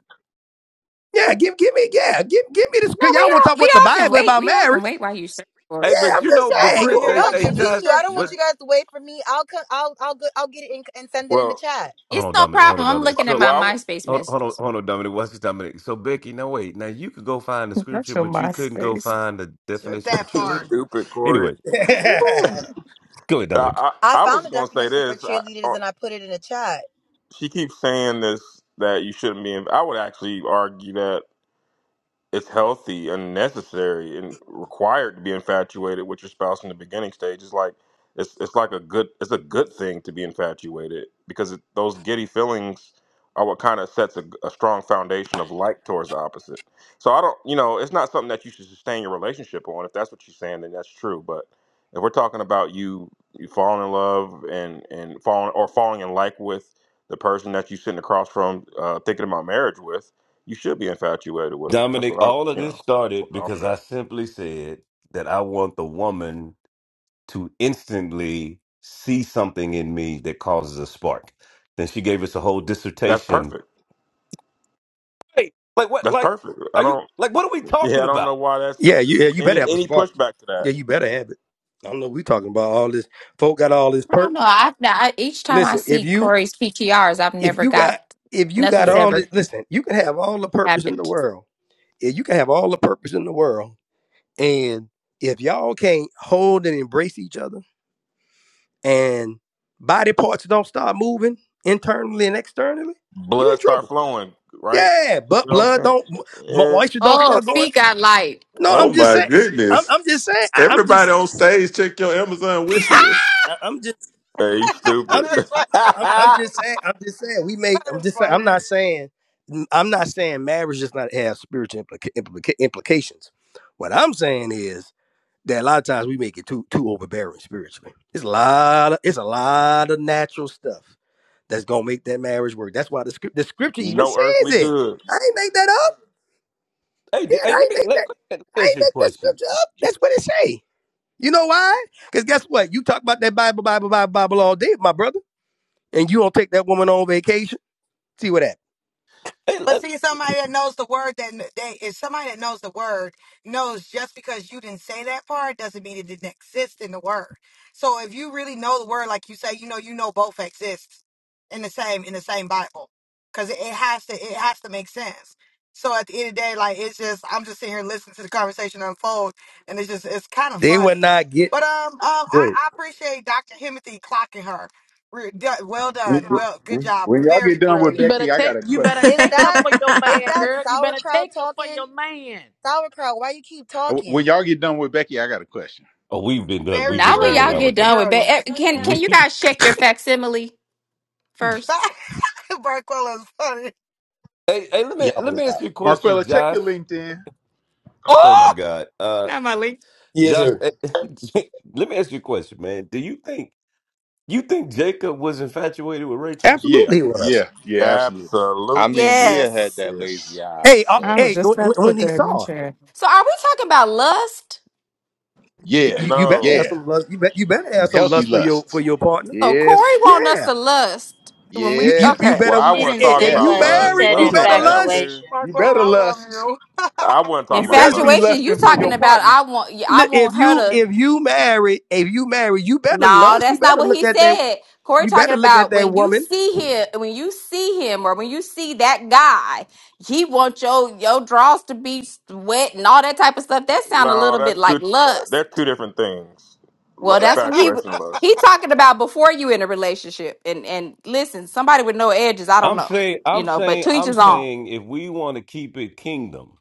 Speaker 6: Yeah, give give me yeah, give give me this cause
Speaker 14: No,
Speaker 6: y'all
Speaker 14: we
Speaker 6: want to
Speaker 14: all
Speaker 6: talk
Speaker 14: we
Speaker 6: about the
Speaker 14: all can
Speaker 6: Bible
Speaker 14: wait.
Speaker 6: about
Speaker 14: We all
Speaker 6: marriage.
Speaker 14: can wait while you search for it.
Speaker 3: Hey,
Speaker 6: Yeah, I'm
Speaker 3: but you know,
Speaker 6: just
Speaker 2: Yeah, I
Speaker 3: but
Speaker 6: saying.
Speaker 2: want to
Speaker 3: Prince,
Speaker 6: You
Speaker 2: hear
Speaker 3: hey,
Speaker 2: her
Speaker 19: No,
Speaker 3: hey
Speaker 2: give the
Speaker 3: Josh,
Speaker 19: continue. I don't
Speaker 3: what?
Speaker 19: want
Speaker 2: scripture.
Speaker 19: you guys to wait for me. I'll co- I'll I'll go- I'll get it in, and send it in the
Speaker 20: Well,
Speaker 19: chat.
Speaker 3: Hold
Speaker 14: It's
Speaker 3: on,
Speaker 14: no
Speaker 3: Dominic. Hold
Speaker 14: problem.
Speaker 3: on,
Speaker 14: I'm
Speaker 3: Dominic.
Speaker 14: looking at
Speaker 3: So.
Speaker 14: my
Speaker 20: well,
Speaker 14: MySpace
Speaker 3: Hold hold on,
Speaker 14: messages.
Speaker 3: hold on, Dominic. What's this, Dominic? So, Becky, no, wait. Now, you could go find the scripture,
Speaker 10: That's your
Speaker 3: but you couldn't go
Speaker 10: MySpace.
Speaker 3: find the definition for
Speaker 2: That
Speaker 20: I, *laughs*
Speaker 3: cheerleader?
Speaker 2: part.
Speaker 20: stupid
Speaker 3: Anyway,
Speaker 20: Corey.
Speaker 6: *laughs*
Speaker 10: Ooh.
Speaker 3: go ahead,
Speaker 20: I,
Speaker 3: Dominic.
Speaker 19: I
Speaker 20: I I
Speaker 19: found
Speaker 20: was
Speaker 19: a
Speaker 20: gonna say
Speaker 19: definition for
Speaker 20: this. I,
Speaker 19: cheerleaders
Speaker 20: uh,
Speaker 19: and I put it in the chat.
Speaker 20: she keeps saying this that you shouldn't be. In, I would actually argue that. it's healthy and necessary and required to be infatuated with your spouse in the beginning stages. Like it's it's like a good it's a good thing to be infatuated because it, those giddy feelings are what kind of sets a, a strong foundation of like towards the opposite. So I don't, you know, it's not something that you should sustain your relationship on. If that's what you're saying, then that's true. But if we're talking about you you falling in love and and falling or falling in like with the person that you're sitting across from, uh, thinking about marriage with you should be infatuated with him. That's
Speaker 3: Dominic,
Speaker 20: what I,
Speaker 3: all of
Speaker 20: you
Speaker 3: this
Speaker 20: know,
Speaker 3: started
Speaker 20: offer
Speaker 3: because I
Speaker 20: that.
Speaker 3: simply said that I want the woman to instantly see something in me that causes a spark. Then she gave us a whole
Speaker 20: That's
Speaker 3: dissertation.
Speaker 20: perfect.
Speaker 3: Hey, like what?
Speaker 20: That's
Speaker 3: Like,
Speaker 20: perfect. I
Speaker 3: are you
Speaker 20: don't.
Speaker 3: like what are we
Speaker 20: Yeah,
Speaker 3: talking
Speaker 20: I don't
Speaker 3: about?
Speaker 20: know why that's
Speaker 6: Yeah, you yeah, you better
Speaker 20: any
Speaker 6: have a
Speaker 20: any
Speaker 6: spark.
Speaker 20: pushback to that.
Speaker 6: Yeah, you better have it. I don't know we talking about all this folk got all this
Speaker 14: I
Speaker 6: perp.
Speaker 14: don't know. I've not, I, each time I
Speaker 6: Listen, if
Speaker 14: see
Speaker 6: you
Speaker 14: Corey's PTRs, I've
Speaker 6: if
Speaker 14: never
Speaker 6: you
Speaker 14: got
Speaker 6: got if you got
Speaker 14: nothing's
Speaker 3: Shut
Speaker 6: all
Speaker 14: ever
Speaker 6: this
Speaker 3: up.
Speaker 6: listen, you can have all the purpose in the
Speaker 14: happened.
Speaker 6: world. If you can have all the purpose in the world and if y'all can't hold and embrace each other and body parts don't start moving internally and externally, you in
Speaker 20: Blood start
Speaker 6: trouble.
Speaker 20: flowing, right?
Speaker 6: Yeah, but
Speaker 20: You know what
Speaker 6: blood
Speaker 20: I'm
Speaker 6: don't
Speaker 20: saying?
Speaker 6: mo-
Speaker 20: Yeah.
Speaker 6: moisture don't
Speaker 14: Oh,
Speaker 6: start going
Speaker 14: feet got light.
Speaker 6: No, I'm
Speaker 15: Oh
Speaker 6: just
Speaker 15: my
Speaker 6: saying. I'm,
Speaker 15: goodness.
Speaker 6: I'm just saying. I, I'm just.
Speaker 15: Everybody on stage, check your Amazon wish list.
Speaker 6: I, I'm just.
Speaker 20: Hey, you
Speaker 2: *laughs*
Speaker 6: I'm
Speaker 20: stupid.
Speaker 6: just.
Speaker 2: That's
Speaker 6: I,
Speaker 2: funny.
Speaker 6: I- I'm, i am i am just saying. I'm just saying. We make. I'm
Speaker 2: That's
Speaker 6: just saying. I'm
Speaker 2: funny.
Speaker 6: not saying. I'm not saying marriage does not have spiritual implica- implica- implications. What I'm saying is that a lot of times we make it too too overbearing spiritually. It's a lot. Of, it's a lot of natural stuff that's gonna make that marriage work. That's why the script the
Speaker 20: *laughs*
Speaker 6: scripture even
Speaker 20: no earthly
Speaker 6: says it.
Speaker 20: good.
Speaker 6: I ain't make that up.
Speaker 3: Hey, d-
Speaker 6: Yeah, I
Speaker 3: hey, let
Speaker 6: ain't
Speaker 3: me
Speaker 6: make
Speaker 3: let,
Speaker 6: that.
Speaker 3: let me
Speaker 6: I
Speaker 3: ask
Speaker 6: ain't
Speaker 3: you a
Speaker 6: make that
Speaker 3: question.
Speaker 6: scripture up. That's what it say. You know why? Because guess what? You talk about that Bible, Bible, Bible, Bible all day, my brother, and you don't take that woman on vacation. See what happened?
Speaker 3: Hey,
Speaker 2: But
Speaker 3: let,
Speaker 2: see, somebody that knows the word that they if somebody that knows the word knows just because you didn't say that part doesn't mean it didn't exist in the word. So if you really know the word, like you say, you know, you know both exist in the same in the same Bible, because it, it has to it has to make sense. So at the end of the day, like it's just I'm just sitting here listening to the conversation unfold, and it's just it's kind of
Speaker 6: They would
Speaker 2: funny.
Speaker 6: not get.
Speaker 2: But um um
Speaker 6: Go
Speaker 2: I,
Speaker 6: ahead.
Speaker 2: I appreciate Dr. Himothy clocking her. Re- do- Well
Speaker 1: When,
Speaker 2: done,
Speaker 1: when-
Speaker 2: well good job,
Speaker 1: when y'all
Speaker 2: very
Speaker 1: get done with
Speaker 8: You
Speaker 2: brilliant.
Speaker 8: better
Speaker 1: Becky, I got
Speaker 8: take
Speaker 1: a
Speaker 8: you
Speaker 25: *laughs*
Speaker 8: better
Speaker 1: question.
Speaker 19: Is
Speaker 8: take up
Speaker 19: that
Speaker 8: for your
Speaker 19: is
Speaker 8: man,
Speaker 19: that
Speaker 8: girl. You better
Speaker 19: sauerkraut
Speaker 8: take up for
Speaker 19: talking?
Speaker 8: your man.
Speaker 19: Sauerkraut, why you keep
Speaker 1: Uh, When
Speaker 19: talking?
Speaker 1: y'all get done with Becky, I got a question.
Speaker 3: oh, we've been done. We've
Speaker 2: Very
Speaker 3: been
Speaker 14: Now when
Speaker 3: done an
Speaker 14: y'all
Speaker 2: brilliant,
Speaker 3: hour
Speaker 14: get
Speaker 3: ago.
Speaker 14: done with bed,
Speaker 2: brilliant.
Speaker 14: eh, can can
Speaker 3: We
Speaker 14: you
Speaker 3: *laughs*
Speaker 14: guys check your facsimile
Speaker 2: *laughs*
Speaker 14: first?
Speaker 2: Marquella's funny.
Speaker 3: Hey, hey, let me let
Speaker 6: Y'all
Speaker 3: me ask
Speaker 6: wow.
Speaker 3: you a question,
Speaker 1: Marquella, check
Speaker 3: Josh.
Speaker 1: your LinkedIn.
Speaker 3: Oh my
Speaker 14: Oh,
Speaker 3: God, uh,
Speaker 14: Not my link.
Speaker 6: Yes,
Speaker 3: Josh. *laughs*
Speaker 6: sir.
Speaker 3: let me ask you a question, man. Do you think you think Jacob was infatuated with Rachel?
Speaker 1: Yeah,
Speaker 6: Absolutely, it was.
Speaker 1: yeah, yeah, absolutely.
Speaker 22: I
Speaker 20: Absolutely.
Speaker 22: mean,
Speaker 1: Yeah,
Speaker 22: Leah had
Speaker 14: Yes.
Speaker 22: that lazy
Speaker 1: yes,
Speaker 22: eye,
Speaker 6: Hey, uh,
Speaker 10: I
Speaker 22: so.
Speaker 10: was
Speaker 6: hey,
Speaker 10: just
Speaker 6: when,
Speaker 10: about to
Speaker 6: when
Speaker 10: put
Speaker 6: he
Speaker 10: that in the
Speaker 6: saw, her,
Speaker 10: chat.
Speaker 14: So are we talking about lust?
Speaker 1: yeah,
Speaker 6: you, you
Speaker 20: No.
Speaker 6: better have
Speaker 1: yeah.
Speaker 6: some lust. You, bet, you better
Speaker 1: Some
Speaker 6: have some
Speaker 1: healthy
Speaker 6: lust for your for
Speaker 1: lusts.
Speaker 6: your partner.
Speaker 14: So Corey
Speaker 1: Yes,
Speaker 14: want us
Speaker 6: Yeah.
Speaker 14: to lust when we
Speaker 6: You you you
Speaker 14: okay.
Speaker 6: better
Speaker 20: Well,
Speaker 1: yes,
Speaker 20: I
Speaker 24: She
Speaker 20: wasn't
Speaker 3: *laughs*
Speaker 24: didn't
Speaker 6: hey,
Speaker 20: talking
Speaker 6: if
Speaker 24: say
Speaker 20: about
Speaker 6: you
Speaker 22: I
Speaker 24: lust. She
Speaker 1: yes.
Speaker 20: lust.
Speaker 22: mean,
Speaker 6: married,
Speaker 20: I
Speaker 24: said
Speaker 6: you
Speaker 20: don't know
Speaker 22: wasn't
Speaker 6: better
Speaker 20: about that one.
Speaker 6: lust.
Speaker 22: Esther.
Speaker 24: infatuation.
Speaker 1: You
Speaker 2: Marquella,
Speaker 1: better
Speaker 2: I love
Speaker 1: lust.
Speaker 2: you.
Speaker 20: I wasn't talking
Speaker 1: You
Speaker 20: about
Speaker 1: better
Speaker 6: Listen,
Speaker 1: be
Speaker 20: lust.
Speaker 14: Infatuation, you
Speaker 1: lusting for
Speaker 14: talking
Speaker 1: your
Speaker 14: about
Speaker 1: partner.
Speaker 14: I want I
Speaker 6: li- if
Speaker 14: want her
Speaker 6: you
Speaker 14: to
Speaker 6: if you married, if you married, you better
Speaker 14: No,
Speaker 6: lust. You
Speaker 14: that's not
Speaker 6: better
Speaker 14: what
Speaker 6: look
Speaker 14: he
Speaker 6: at that.
Speaker 14: said. Corey
Speaker 6: You
Speaker 14: talking
Speaker 6: better look at
Speaker 14: about
Speaker 6: that
Speaker 14: when you
Speaker 6: woman.
Speaker 14: see him, when you see him, or when you see that guy, he wants your your draws to be wet and all that type of stuff. That sound a
Speaker 20: No,
Speaker 14: little bit
Speaker 20: that's two.
Speaker 14: like
Speaker 20: They're
Speaker 14: lust.
Speaker 20: two different things.
Speaker 14: Well,
Speaker 20: L-
Speaker 14: that's what he w-
Speaker 20: Infatuation and lust.
Speaker 14: he talking about before you in a relationship. And and listen, somebody with no edges, I don't
Speaker 3: I'm
Speaker 14: know,
Speaker 3: saying,
Speaker 14: you
Speaker 3: I'm
Speaker 14: know, but
Speaker 3: saying,
Speaker 14: to each
Speaker 3: I'm
Speaker 14: his own.
Speaker 3: saying, if we want to keep it kingdom,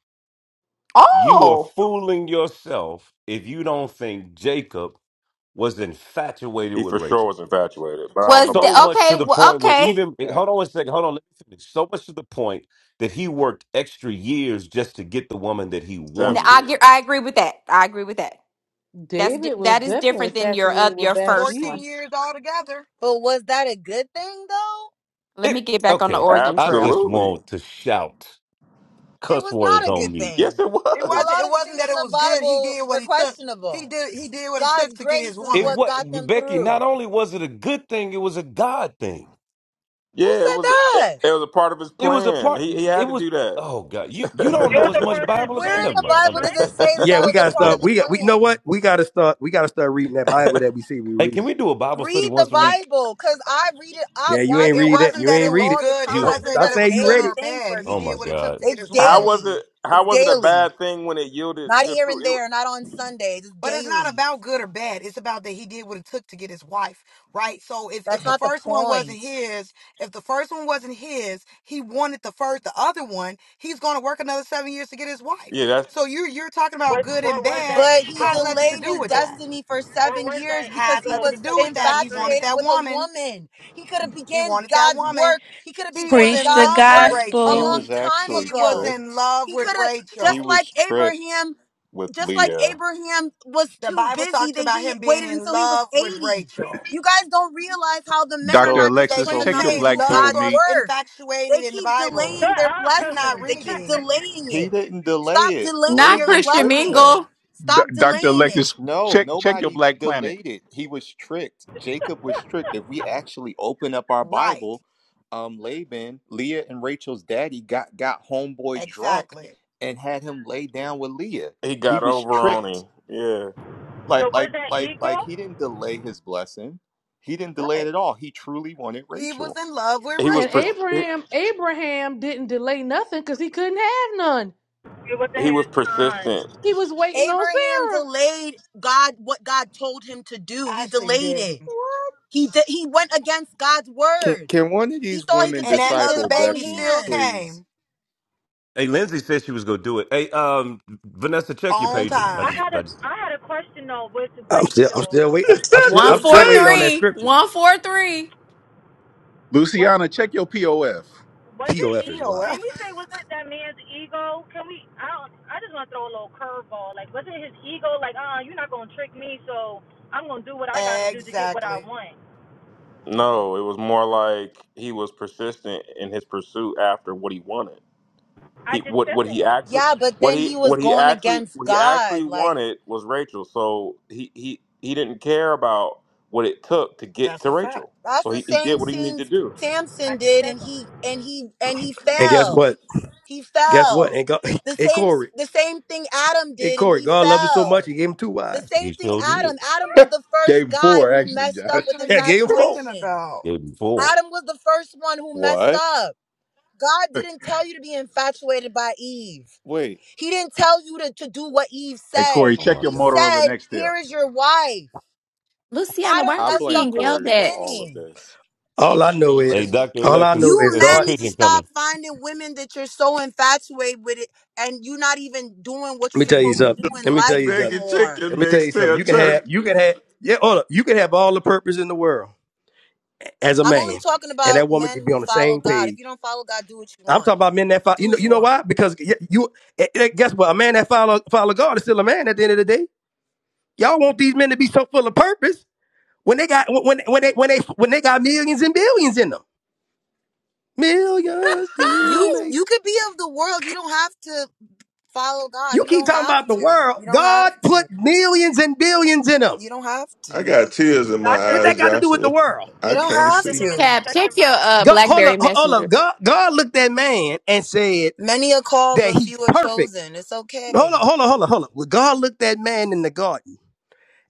Speaker 3: You are
Speaker 14: Oh,
Speaker 3: fooling yourself if you don't think Jacob was infatuated
Speaker 20: He
Speaker 3: with
Speaker 20: for sure
Speaker 3: Rachel.
Speaker 20: was infatuated, but I don't know
Speaker 14: was the,
Speaker 20: about
Speaker 3: So
Speaker 20: love.
Speaker 3: much to
Speaker 14: okay.
Speaker 3: the
Speaker 14: Well,
Speaker 3: point where
Speaker 14: okay,
Speaker 3: even hold on a
Speaker 22: Facts.
Speaker 3: second, hold on, let me finish. So much to the point that he worked extra years just to get the woman that he
Speaker 14: N-
Speaker 20: Seven
Speaker 14: I
Speaker 20: years.
Speaker 3: wanted.
Speaker 14: get, I agree with that. I agree with that. That's di-
Speaker 8: David was
Speaker 14: that is
Speaker 8: definitely
Speaker 14: different than your uh,
Speaker 8: infatuated with
Speaker 14: your first one.
Speaker 8: Bathsheba.
Speaker 2: Fourteen years altogether.
Speaker 19: But was that a good thing though?
Speaker 14: Let me
Speaker 3: It
Speaker 14: get back on the
Speaker 3: okay.
Speaker 14: Oregon
Speaker 3: I
Speaker 14: Trail.
Speaker 3: just
Speaker 20: Absolutely.
Speaker 3: want to shout
Speaker 19: It
Speaker 3: cuss
Speaker 19: was
Speaker 3: words
Speaker 19: not a
Speaker 3: on
Speaker 19: good
Speaker 3: mute.
Speaker 20: Yes,
Speaker 19: thing.
Speaker 20: it
Speaker 2: It
Speaker 19: A
Speaker 2: wasn't.
Speaker 20: was.
Speaker 19: lot
Speaker 2: It
Speaker 19: of the things
Speaker 2: wasn't that
Speaker 19: in
Speaker 2: it
Speaker 19: the
Speaker 2: was good. He
Speaker 19: Bible
Speaker 2: did
Speaker 19: were
Speaker 2: what he took. He
Speaker 19: questionable.
Speaker 2: did. He did what it
Speaker 19: God's
Speaker 2: took to get his
Speaker 19: grace is
Speaker 3: It
Speaker 2: woman.
Speaker 19: what
Speaker 3: was
Speaker 19: got them
Speaker 3: Becky. Not
Speaker 19: through.
Speaker 3: only was it a good thing, it was a God thing.
Speaker 19: Who
Speaker 20: Yeah, it
Speaker 19: said
Speaker 20: was. It
Speaker 19: that?
Speaker 20: was a part of his
Speaker 3: It was a
Speaker 20: plan.
Speaker 3: part.
Speaker 20: He he
Speaker 3: It
Speaker 20: had to
Speaker 3: was.
Speaker 20: do
Speaker 3: Oh God, you you don't
Speaker 23: It
Speaker 20: that.
Speaker 3: know
Speaker 23: was
Speaker 3: as
Speaker 23: a
Speaker 3: much
Speaker 23: part of this
Speaker 3: Bible as I.
Speaker 19: Where
Speaker 23: plan
Speaker 19: in
Speaker 23: to
Speaker 3: Never
Speaker 19: the
Speaker 23: get
Speaker 3: mind. I
Speaker 19: Bible
Speaker 3: know.
Speaker 19: does
Speaker 23: tricked.
Speaker 19: it
Speaker 3: Okay.
Speaker 19: say that
Speaker 6: Yeah,
Speaker 3: Never
Speaker 19: that
Speaker 6: we
Speaker 19: was a
Speaker 6: gotta
Speaker 19: part
Speaker 3: never
Speaker 19: of
Speaker 6: start.
Speaker 19: the
Speaker 3: mind.
Speaker 6: We got. We you know
Speaker 19: plan?
Speaker 6: what? We gotta start. We gotta start reading that Bible that we see we
Speaker 3: Hey,
Speaker 6: read.
Speaker 3: can we do a Bible study
Speaker 19: Read the
Speaker 3: once a week?
Speaker 19: Bible because I read it, I
Speaker 6: Yeah, you
Speaker 19: watch
Speaker 2: It,
Speaker 6: ain't
Speaker 19: it,
Speaker 2: it
Speaker 6: read
Speaker 19: I
Speaker 6: that.
Speaker 2: wasn't
Speaker 6: You
Speaker 19: read
Speaker 2: that it
Speaker 6: ain't
Speaker 19: it
Speaker 6: read
Speaker 2: was
Speaker 6: it.
Speaker 19: all the
Speaker 2: good. It
Speaker 3: You.
Speaker 19: time.
Speaker 6: Don't
Speaker 19: It's
Speaker 2: wasn't
Speaker 6: stop
Speaker 2: that
Speaker 19: a
Speaker 2: it
Speaker 6: saying
Speaker 2: was
Speaker 6: you
Speaker 2: good
Speaker 6: read
Speaker 19: daily
Speaker 6: it.
Speaker 2: or
Speaker 19: thing
Speaker 2: bad.
Speaker 19: for
Speaker 2: He
Speaker 3: Oh
Speaker 19: me.
Speaker 2: did
Speaker 3: my
Speaker 2: what it took
Speaker 3: God.
Speaker 2: to get
Speaker 19: It's
Speaker 2: his
Speaker 20: *laughs* how
Speaker 2: woman.
Speaker 20: was
Speaker 19: daily.
Speaker 20: it? How
Speaker 19: It's
Speaker 20: was it a
Speaker 19: daily.
Speaker 20: bad thing when it yielded
Speaker 19: Not
Speaker 20: good
Speaker 19: here and
Speaker 20: fruit? It, wa-
Speaker 19: there, not on Sundays. It's
Speaker 2: But it's not
Speaker 19: daily.
Speaker 2: about good or bad. It's about that he did what it took to get his wife, right? So if, if
Speaker 19: That's
Speaker 2: the
Speaker 19: not the
Speaker 2: first one wasn't
Speaker 19: point.
Speaker 2: his, if the first one wasn't his, he wanted the first, the other one, he's going to work another seven years to get his wife.
Speaker 20: yeah, that's
Speaker 2: So you're, you're talking about
Speaker 23: Was
Speaker 2: good
Speaker 23: or
Speaker 2: and
Speaker 23: was
Speaker 2: bad
Speaker 23: that
Speaker 19: But he
Speaker 2: has
Speaker 23: ego?
Speaker 2: nothing to
Speaker 19: delayed
Speaker 2: do
Speaker 19: his
Speaker 2: with that.
Speaker 19: destiny for
Speaker 23: Or
Speaker 19: seven
Speaker 23: was
Speaker 19: years
Speaker 23: that
Speaker 19: because
Speaker 2: Has
Speaker 19: he
Speaker 23: ego
Speaker 2: nothing
Speaker 19: was
Speaker 2: to
Speaker 23: because
Speaker 2: do
Speaker 23: he
Speaker 2: with
Speaker 23: got
Speaker 2: that. He
Speaker 23: tricked?
Speaker 2: wanted
Speaker 19: infatuated
Speaker 2: that
Speaker 19: with a
Speaker 2: woman.
Speaker 19: woman. He could have
Speaker 2: He
Speaker 19: began
Speaker 2: wanted that
Speaker 19: God's
Speaker 2: woman.
Speaker 19: work. He could have
Speaker 2: He was
Speaker 19: began
Speaker 25: Preach
Speaker 2: in
Speaker 25: the
Speaker 19: God's
Speaker 2: love with
Speaker 19: work
Speaker 22: He,
Speaker 19: a
Speaker 22: he
Speaker 2: Rachel.
Speaker 25: gospel.
Speaker 19: long
Speaker 22: was
Speaker 19: time
Speaker 2: He
Speaker 22: actually
Speaker 2: was
Speaker 19: ago.
Speaker 2: in
Speaker 22: tricked.
Speaker 2: love
Speaker 19: He
Speaker 2: with
Speaker 19: could have just
Speaker 22: He
Speaker 2: Rachel.
Speaker 19: like
Speaker 22: was tricked
Speaker 19: Abraham,
Speaker 22: with
Speaker 19: just like
Speaker 22: Leah.
Speaker 19: Abraham was
Speaker 2: The
Speaker 19: too
Speaker 2: Bible
Speaker 19: busy
Speaker 2: talks
Speaker 19: that
Speaker 2: about
Speaker 19: he
Speaker 2: him being
Speaker 19: waited
Speaker 2: in
Speaker 19: until he was
Speaker 2: love with
Speaker 19: 80.
Speaker 2: Rachel.
Speaker 19: You guys don't realize how the men are
Speaker 1: Dr.
Speaker 22: So
Speaker 19: not
Speaker 2: They
Speaker 1: Alexis,
Speaker 19: disciplined
Speaker 22: so
Speaker 2: didn't
Speaker 1: check
Speaker 22: he
Speaker 19: enough
Speaker 1: your
Speaker 19: to
Speaker 2: say
Speaker 22: was
Speaker 19: do
Speaker 1: black people
Speaker 2: lust
Speaker 19: God's
Speaker 2: or
Speaker 22: tricked.
Speaker 1: meet.
Speaker 19: work. They
Speaker 2: infatuated in the
Speaker 19: keep
Speaker 2: Bible.
Speaker 19: delaying
Speaker 23: Shut
Speaker 19: their
Speaker 23: up.
Speaker 2: You're
Speaker 23: *laughs*
Speaker 2: not
Speaker 19: blessing. They keep
Speaker 2: reading.
Speaker 19: delaying
Speaker 22: He
Speaker 19: it.
Speaker 22: didn't delay
Speaker 19: Stop
Speaker 22: it.
Speaker 19: delaying
Speaker 14: Not
Speaker 19: your
Speaker 22: Laban
Speaker 14: Christian
Speaker 22: tricked
Speaker 19: blessing.
Speaker 22: him.
Speaker 14: Mingle.
Speaker 1: D-
Speaker 19: Stop
Speaker 1: Dr.
Speaker 19: delaying it.
Speaker 1: Alexis,
Speaker 22: No,
Speaker 1: check check your
Speaker 22: nobody
Speaker 1: black planet.
Speaker 22: delayed it. He was tricked. Jacob was tricked. If we actually open up our
Speaker 2: Right.
Speaker 22: Bible, um, Laban, Leah and Rachel's daddy got got homeboy drunk
Speaker 2: Exactly.
Speaker 22: and had him lay down with Leah.
Speaker 20: he
Speaker 22: He
Speaker 20: got
Speaker 22: was
Speaker 20: over on
Speaker 22: tricked.
Speaker 20: him. Yeah,
Speaker 22: Like
Speaker 23: so was
Speaker 22: like
Speaker 23: that
Speaker 22: like like
Speaker 23: eagle?
Speaker 22: he didn't delay his blessing. He didn't delay it
Speaker 2: Right.
Speaker 22: at all. He truly wanted
Speaker 2: He was
Speaker 22: Rachel.
Speaker 2: in love with
Speaker 20: he was
Speaker 8: And
Speaker 2: Rachel.
Speaker 20: pers-
Speaker 8: Abraham, Abraham didn't delay nothing because he couldn't have none.
Speaker 23: It was
Speaker 20: he
Speaker 23: ahead
Speaker 20: was
Speaker 23: of time.
Speaker 20: persistent.
Speaker 8: He was waiting on
Speaker 19: Abraham
Speaker 8: Sarah.
Speaker 19: delayed God what God told him to do. He
Speaker 2: Ashley
Speaker 19: delayed
Speaker 2: did.
Speaker 19: it. He did, he went against God's
Speaker 22: Can
Speaker 19: word.
Speaker 22: can one of
Speaker 19: He
Speaker 22: these
Speaker 19: thought he
Speaker 22: women
Speaker 19: could
Speaker 2: And
Speaker 19: take it
Speaker 2: that
Speaker 19: into his
Speaker 2: other
Speaker 22: disciple
Speaker 19: own
Speaker 2: baby
Speaker 22: Becky,
Speaker 2: still
Speaker 19: hands.
Speaker 22: please?
Speaker 2: came
Speaker 3: Hey, Lindsay said she was gonna do it. Hey, um, Vanessa, check your
Speaker 2: on
Speaker 3: pager. I
Speaker 23: I
Speaker 3: just,
Speaker 2: time.
Speaker 23: had
Speaker 3: I
Speaker 23: a
Speaker 3: just.
Speaker 23: I had a question though with
Speaker 6: I'm still. I'm
Speaker 23: Rachel.
Speaker 6: still waiting. I'm, I'm still.
Speaker 15: That's
Speaker 6: I'm
Speaker 15: a
Speaker 6: still waiting on
Speaker 15: page.
Speaker 6: that
Speaker 23: Um,
Speaker 14: 143.
Speaker 6: scripture.
Speaker 14: 143.
Speaker 23: what
Speaker 1: Luciana, check your POF.
Speaker 23: was it?
Speaker 2: *laughs*
Speaker 6: Pof is
Speaker 23: E-
Speaker 6: wild.
Speaker 23: can
Speaker 2: POF.
Speaker 23: we say was it that man's ego? Can we? I don't, I just want to throw a little curveball. Like was it his ego? Like uh, you're not gonna trick me, so I'm gonna do what I gotta do to get what I
Speaker 2: Exactly.
Speaker 23: want.
Speaker 20: No, it was more like he was persistent in his pursuit after what he wanted. He
Speaker 23: I just
Speaker 20: what
Speaker 23: said
Speaker 20: what he
Speaker 23: that.
Speaker 20: actually
Speaker 19: Yeah, but
Speaker 20: what
Speaker 19: then
Speaker 20: he
Speaker 19: he was
Speaker 20: what he
Speaker 19: going
Speaker 20: actually
Speaker 19: against
Speaker 20: what he
Speaker 19: God.
Speaker 20: actually
Speaker 19: Like
Speaker 20: wanted was Rachel. So he he he didn't care about what it took to get
Speaker 2: That's
Speaker 20: to
Speaker 2: a fact.
Speaker 20: Rachel.
Speaker 19: that's
Speaker 20: So
Speaker 19: the
Speaker 20: he, he
Speaker 19: same
Speaker 20: did what he needed
Speaker 19: thing
Speaker 20: to do.
Speaker 19: Samson
Speaker 23: I just
Speaker 19: did
Speaker 23: said
Speaker 19: and
Speaker 23: that.
Speaker 19: he and he and he
Speaker 6: And guess
Speaker 19: fell.
Speaker 6: what?
Speaker 19: He
Speaker 6: Guess what?
Speaker 19: fell.
Speaker 6: And God, *laughs*
Speaker 19: The
Speaker 6: hey
Speaker 19: same
Speaker 6: Corey,
Speaker 19: the same thing Adam
Speaker 6: hey
Speaker 19: did and
Speaker 6: Corey,
Speaker 19: he
Speaker 6: God loved him so much he
Speaker 19: fell.
Speaker 6: gave him two
Speaker 19: The
Speaker 6: wives.
Speaker 19: same
Speaker 3: He
Speaker 19: thing
Speaker 3: sure did.
Speaker 19: Adam. Adam was the first
Speaker 1: Gave *laughs*
Speaker 19: guy
Speaker 1: four,
Speaker 19: who
Speaker 1: actually, Josh.
Speaker 19: messed
Speaker 2: What
Speaker 19: up with
Speaker 2: are
Speaker 6: Yeah,
Speaker 2: you
Speaker 6: gave him four.
Speaker 2: talking
Speaker 19: infatuation.
Speaker 2: about?
Speaker 3: It before.
Speaker 19: Adam was the first one who messed
Speaker 22: What?
Speaker 19: up. God didn't tell you to be infatuated by Eve.
Speaker 22: Wait,
Speaker 19: He didn't tell you to, to do what Eve
Speaker 1: Hey,
Speaker 19: said.
Speaker 1: Corey,
Speaker 3: Oh
Speaker 1: check
Speaker 3: my
Speaker 1: your
Speaker 19: He
Speaker 3: God.
Speaker 1: Motorola
Speaker 19: said,
Speaker 1: Nextel.
Speaker 19: Here is your wife.
Speaker 14: Luciana, why
Speaker 19: Adam
Speaker 14: are
Speaker 22: I
Speaker 14: we
Speaker 19: messed
Speaker 22: blame
Speaker 19: up
Speaker 14: being
Speaker 19: from the
Speaker 14: yelled
Speaker 22: Corey for
Speaker 14: at?
Speaker 22: all of
Speaker 19: beginning.
Speaker 22: this.
Speaker 6: All I know
Speaker 3: Hey,
Speaker 6: is,
Speaker 3: Doctor
Speaker 6: all I
Speaker 3: Alexis,
Speaker 6: know is
Speaker 19: You
Speaker 3: it's a
Speaker 19: men
Speaker 6: God.
Speaker 19: need to
Speaker 3: pigeon
Speaker 19: stop
Speaker 3: coming.
Speaker 19: finding women that you're so infatuated with it and you're not even doing what
Speaker 6: Let
Speaker 19: you're
Speaker 6: me tell you
Speaker 19: supposed to do
Speaker 6: something.
Speaker 19: in
Speaker 6: Let me tell
Speaker 19: life
Speaker 6: you something.
Speaker 15: Begging
Speaker 19: anymore.
Speaker 15: chicken
Speaker 6: Let me tell
Speaker 15: next
Speaker 6: you something.
Speaker 15: to
Speaker 6: You
Speaker 15: a
Speaker 6: can have.
Speaker 15: church.
Speaker 6: You can have. Yeah, hold up. You can have all the purpose in the world. as a
Speaker 19: I'm only
Speaker 6: man,
Speaker 19: talking
Speaker 6: and
Speaker 19: about
Speaker 6: that woman
Speaker 19: men
Speaker 6: could be
Speaker 19: who
Speaker 6: on the
Speaker 19: follow
Speaker 6: same
Speaker 19: God. If
Speaker 6: page.
Speaker 19: you don't follow God, do what you
Speaker 6: I'm
Speaker 19: want.
Speaker 6: talking about men that follow.
Speaker 19: Do
Speaker 6: You know,
Speaker 19: what
Speaker 6: you
Speaker 19: you
Speaker 6: know
Speaker 19: want.
Speaker 6: why? Because y- you eh, eh, guess what? A man that follow follow God is still a man at the end of the day. Y'all want these men to be so full of purpose when they got when when they when they when they got millions and billions in them. Millions
Speaker 19: You
Speaker 6: didn't make.
Speaker 19: you could be of the world. You don't have to Follow God.
Speaker 6: You
Speaker 19: You
Speaker 6: keep
Speaker 19: don't
Speaker 6: talking
Speaker 19: have
Speaker 6: about the
Speaker 19: to.
Speaker 6: world.
Speaker 19: You don't have
Speaker 6: God put
Speaker 19: to.
Speaker 6: millions and billions in them.
Speaker 19: You don't have
Speaker 15: I
Speaker 19: to.
Speaker 15: got tears in my
Speaker 23: Dr.
Speaker 6: What that
Speaker 15: eyes,
Speaker 6: got to
Speaker 23: Himothy,
Speaker 6: do with the
Speaker 15: Joshua.
Speaker 6: world?
Speaker 19: You
Speaker 15: I
Speaker 19: don't
Speaker 15: can't
Speaker 19: have
Speaker 23: Dr.
Speaker 15: see.
Speaker 19: to.
Speaker 23: Himothy,
Speaker 14: Tab,
Speaker 23: check
Speaker 14: check
Speaker 23: your
Speaker 14: your
Speaker 23: mindset.
Speaker 14: uh
Speaker 6: God, hold up,
Speaker 14: Blackberry
Speaker 6: hold up.
Speaker 14: Messenger.
Speaker 6: God, God looked at man and said
Speaker 19: Many are called,
Speaker 6: that
Speaker 19: but
Speaker 6: he's
Speaker 19: few are
Speaker 6: perfect
Speaker 19: chosen. It's
Speaker 6: Hold on,
Speaker 19: okay.
Speaker 6: hold on, hold on, hold on. Well, God looked that man in the garden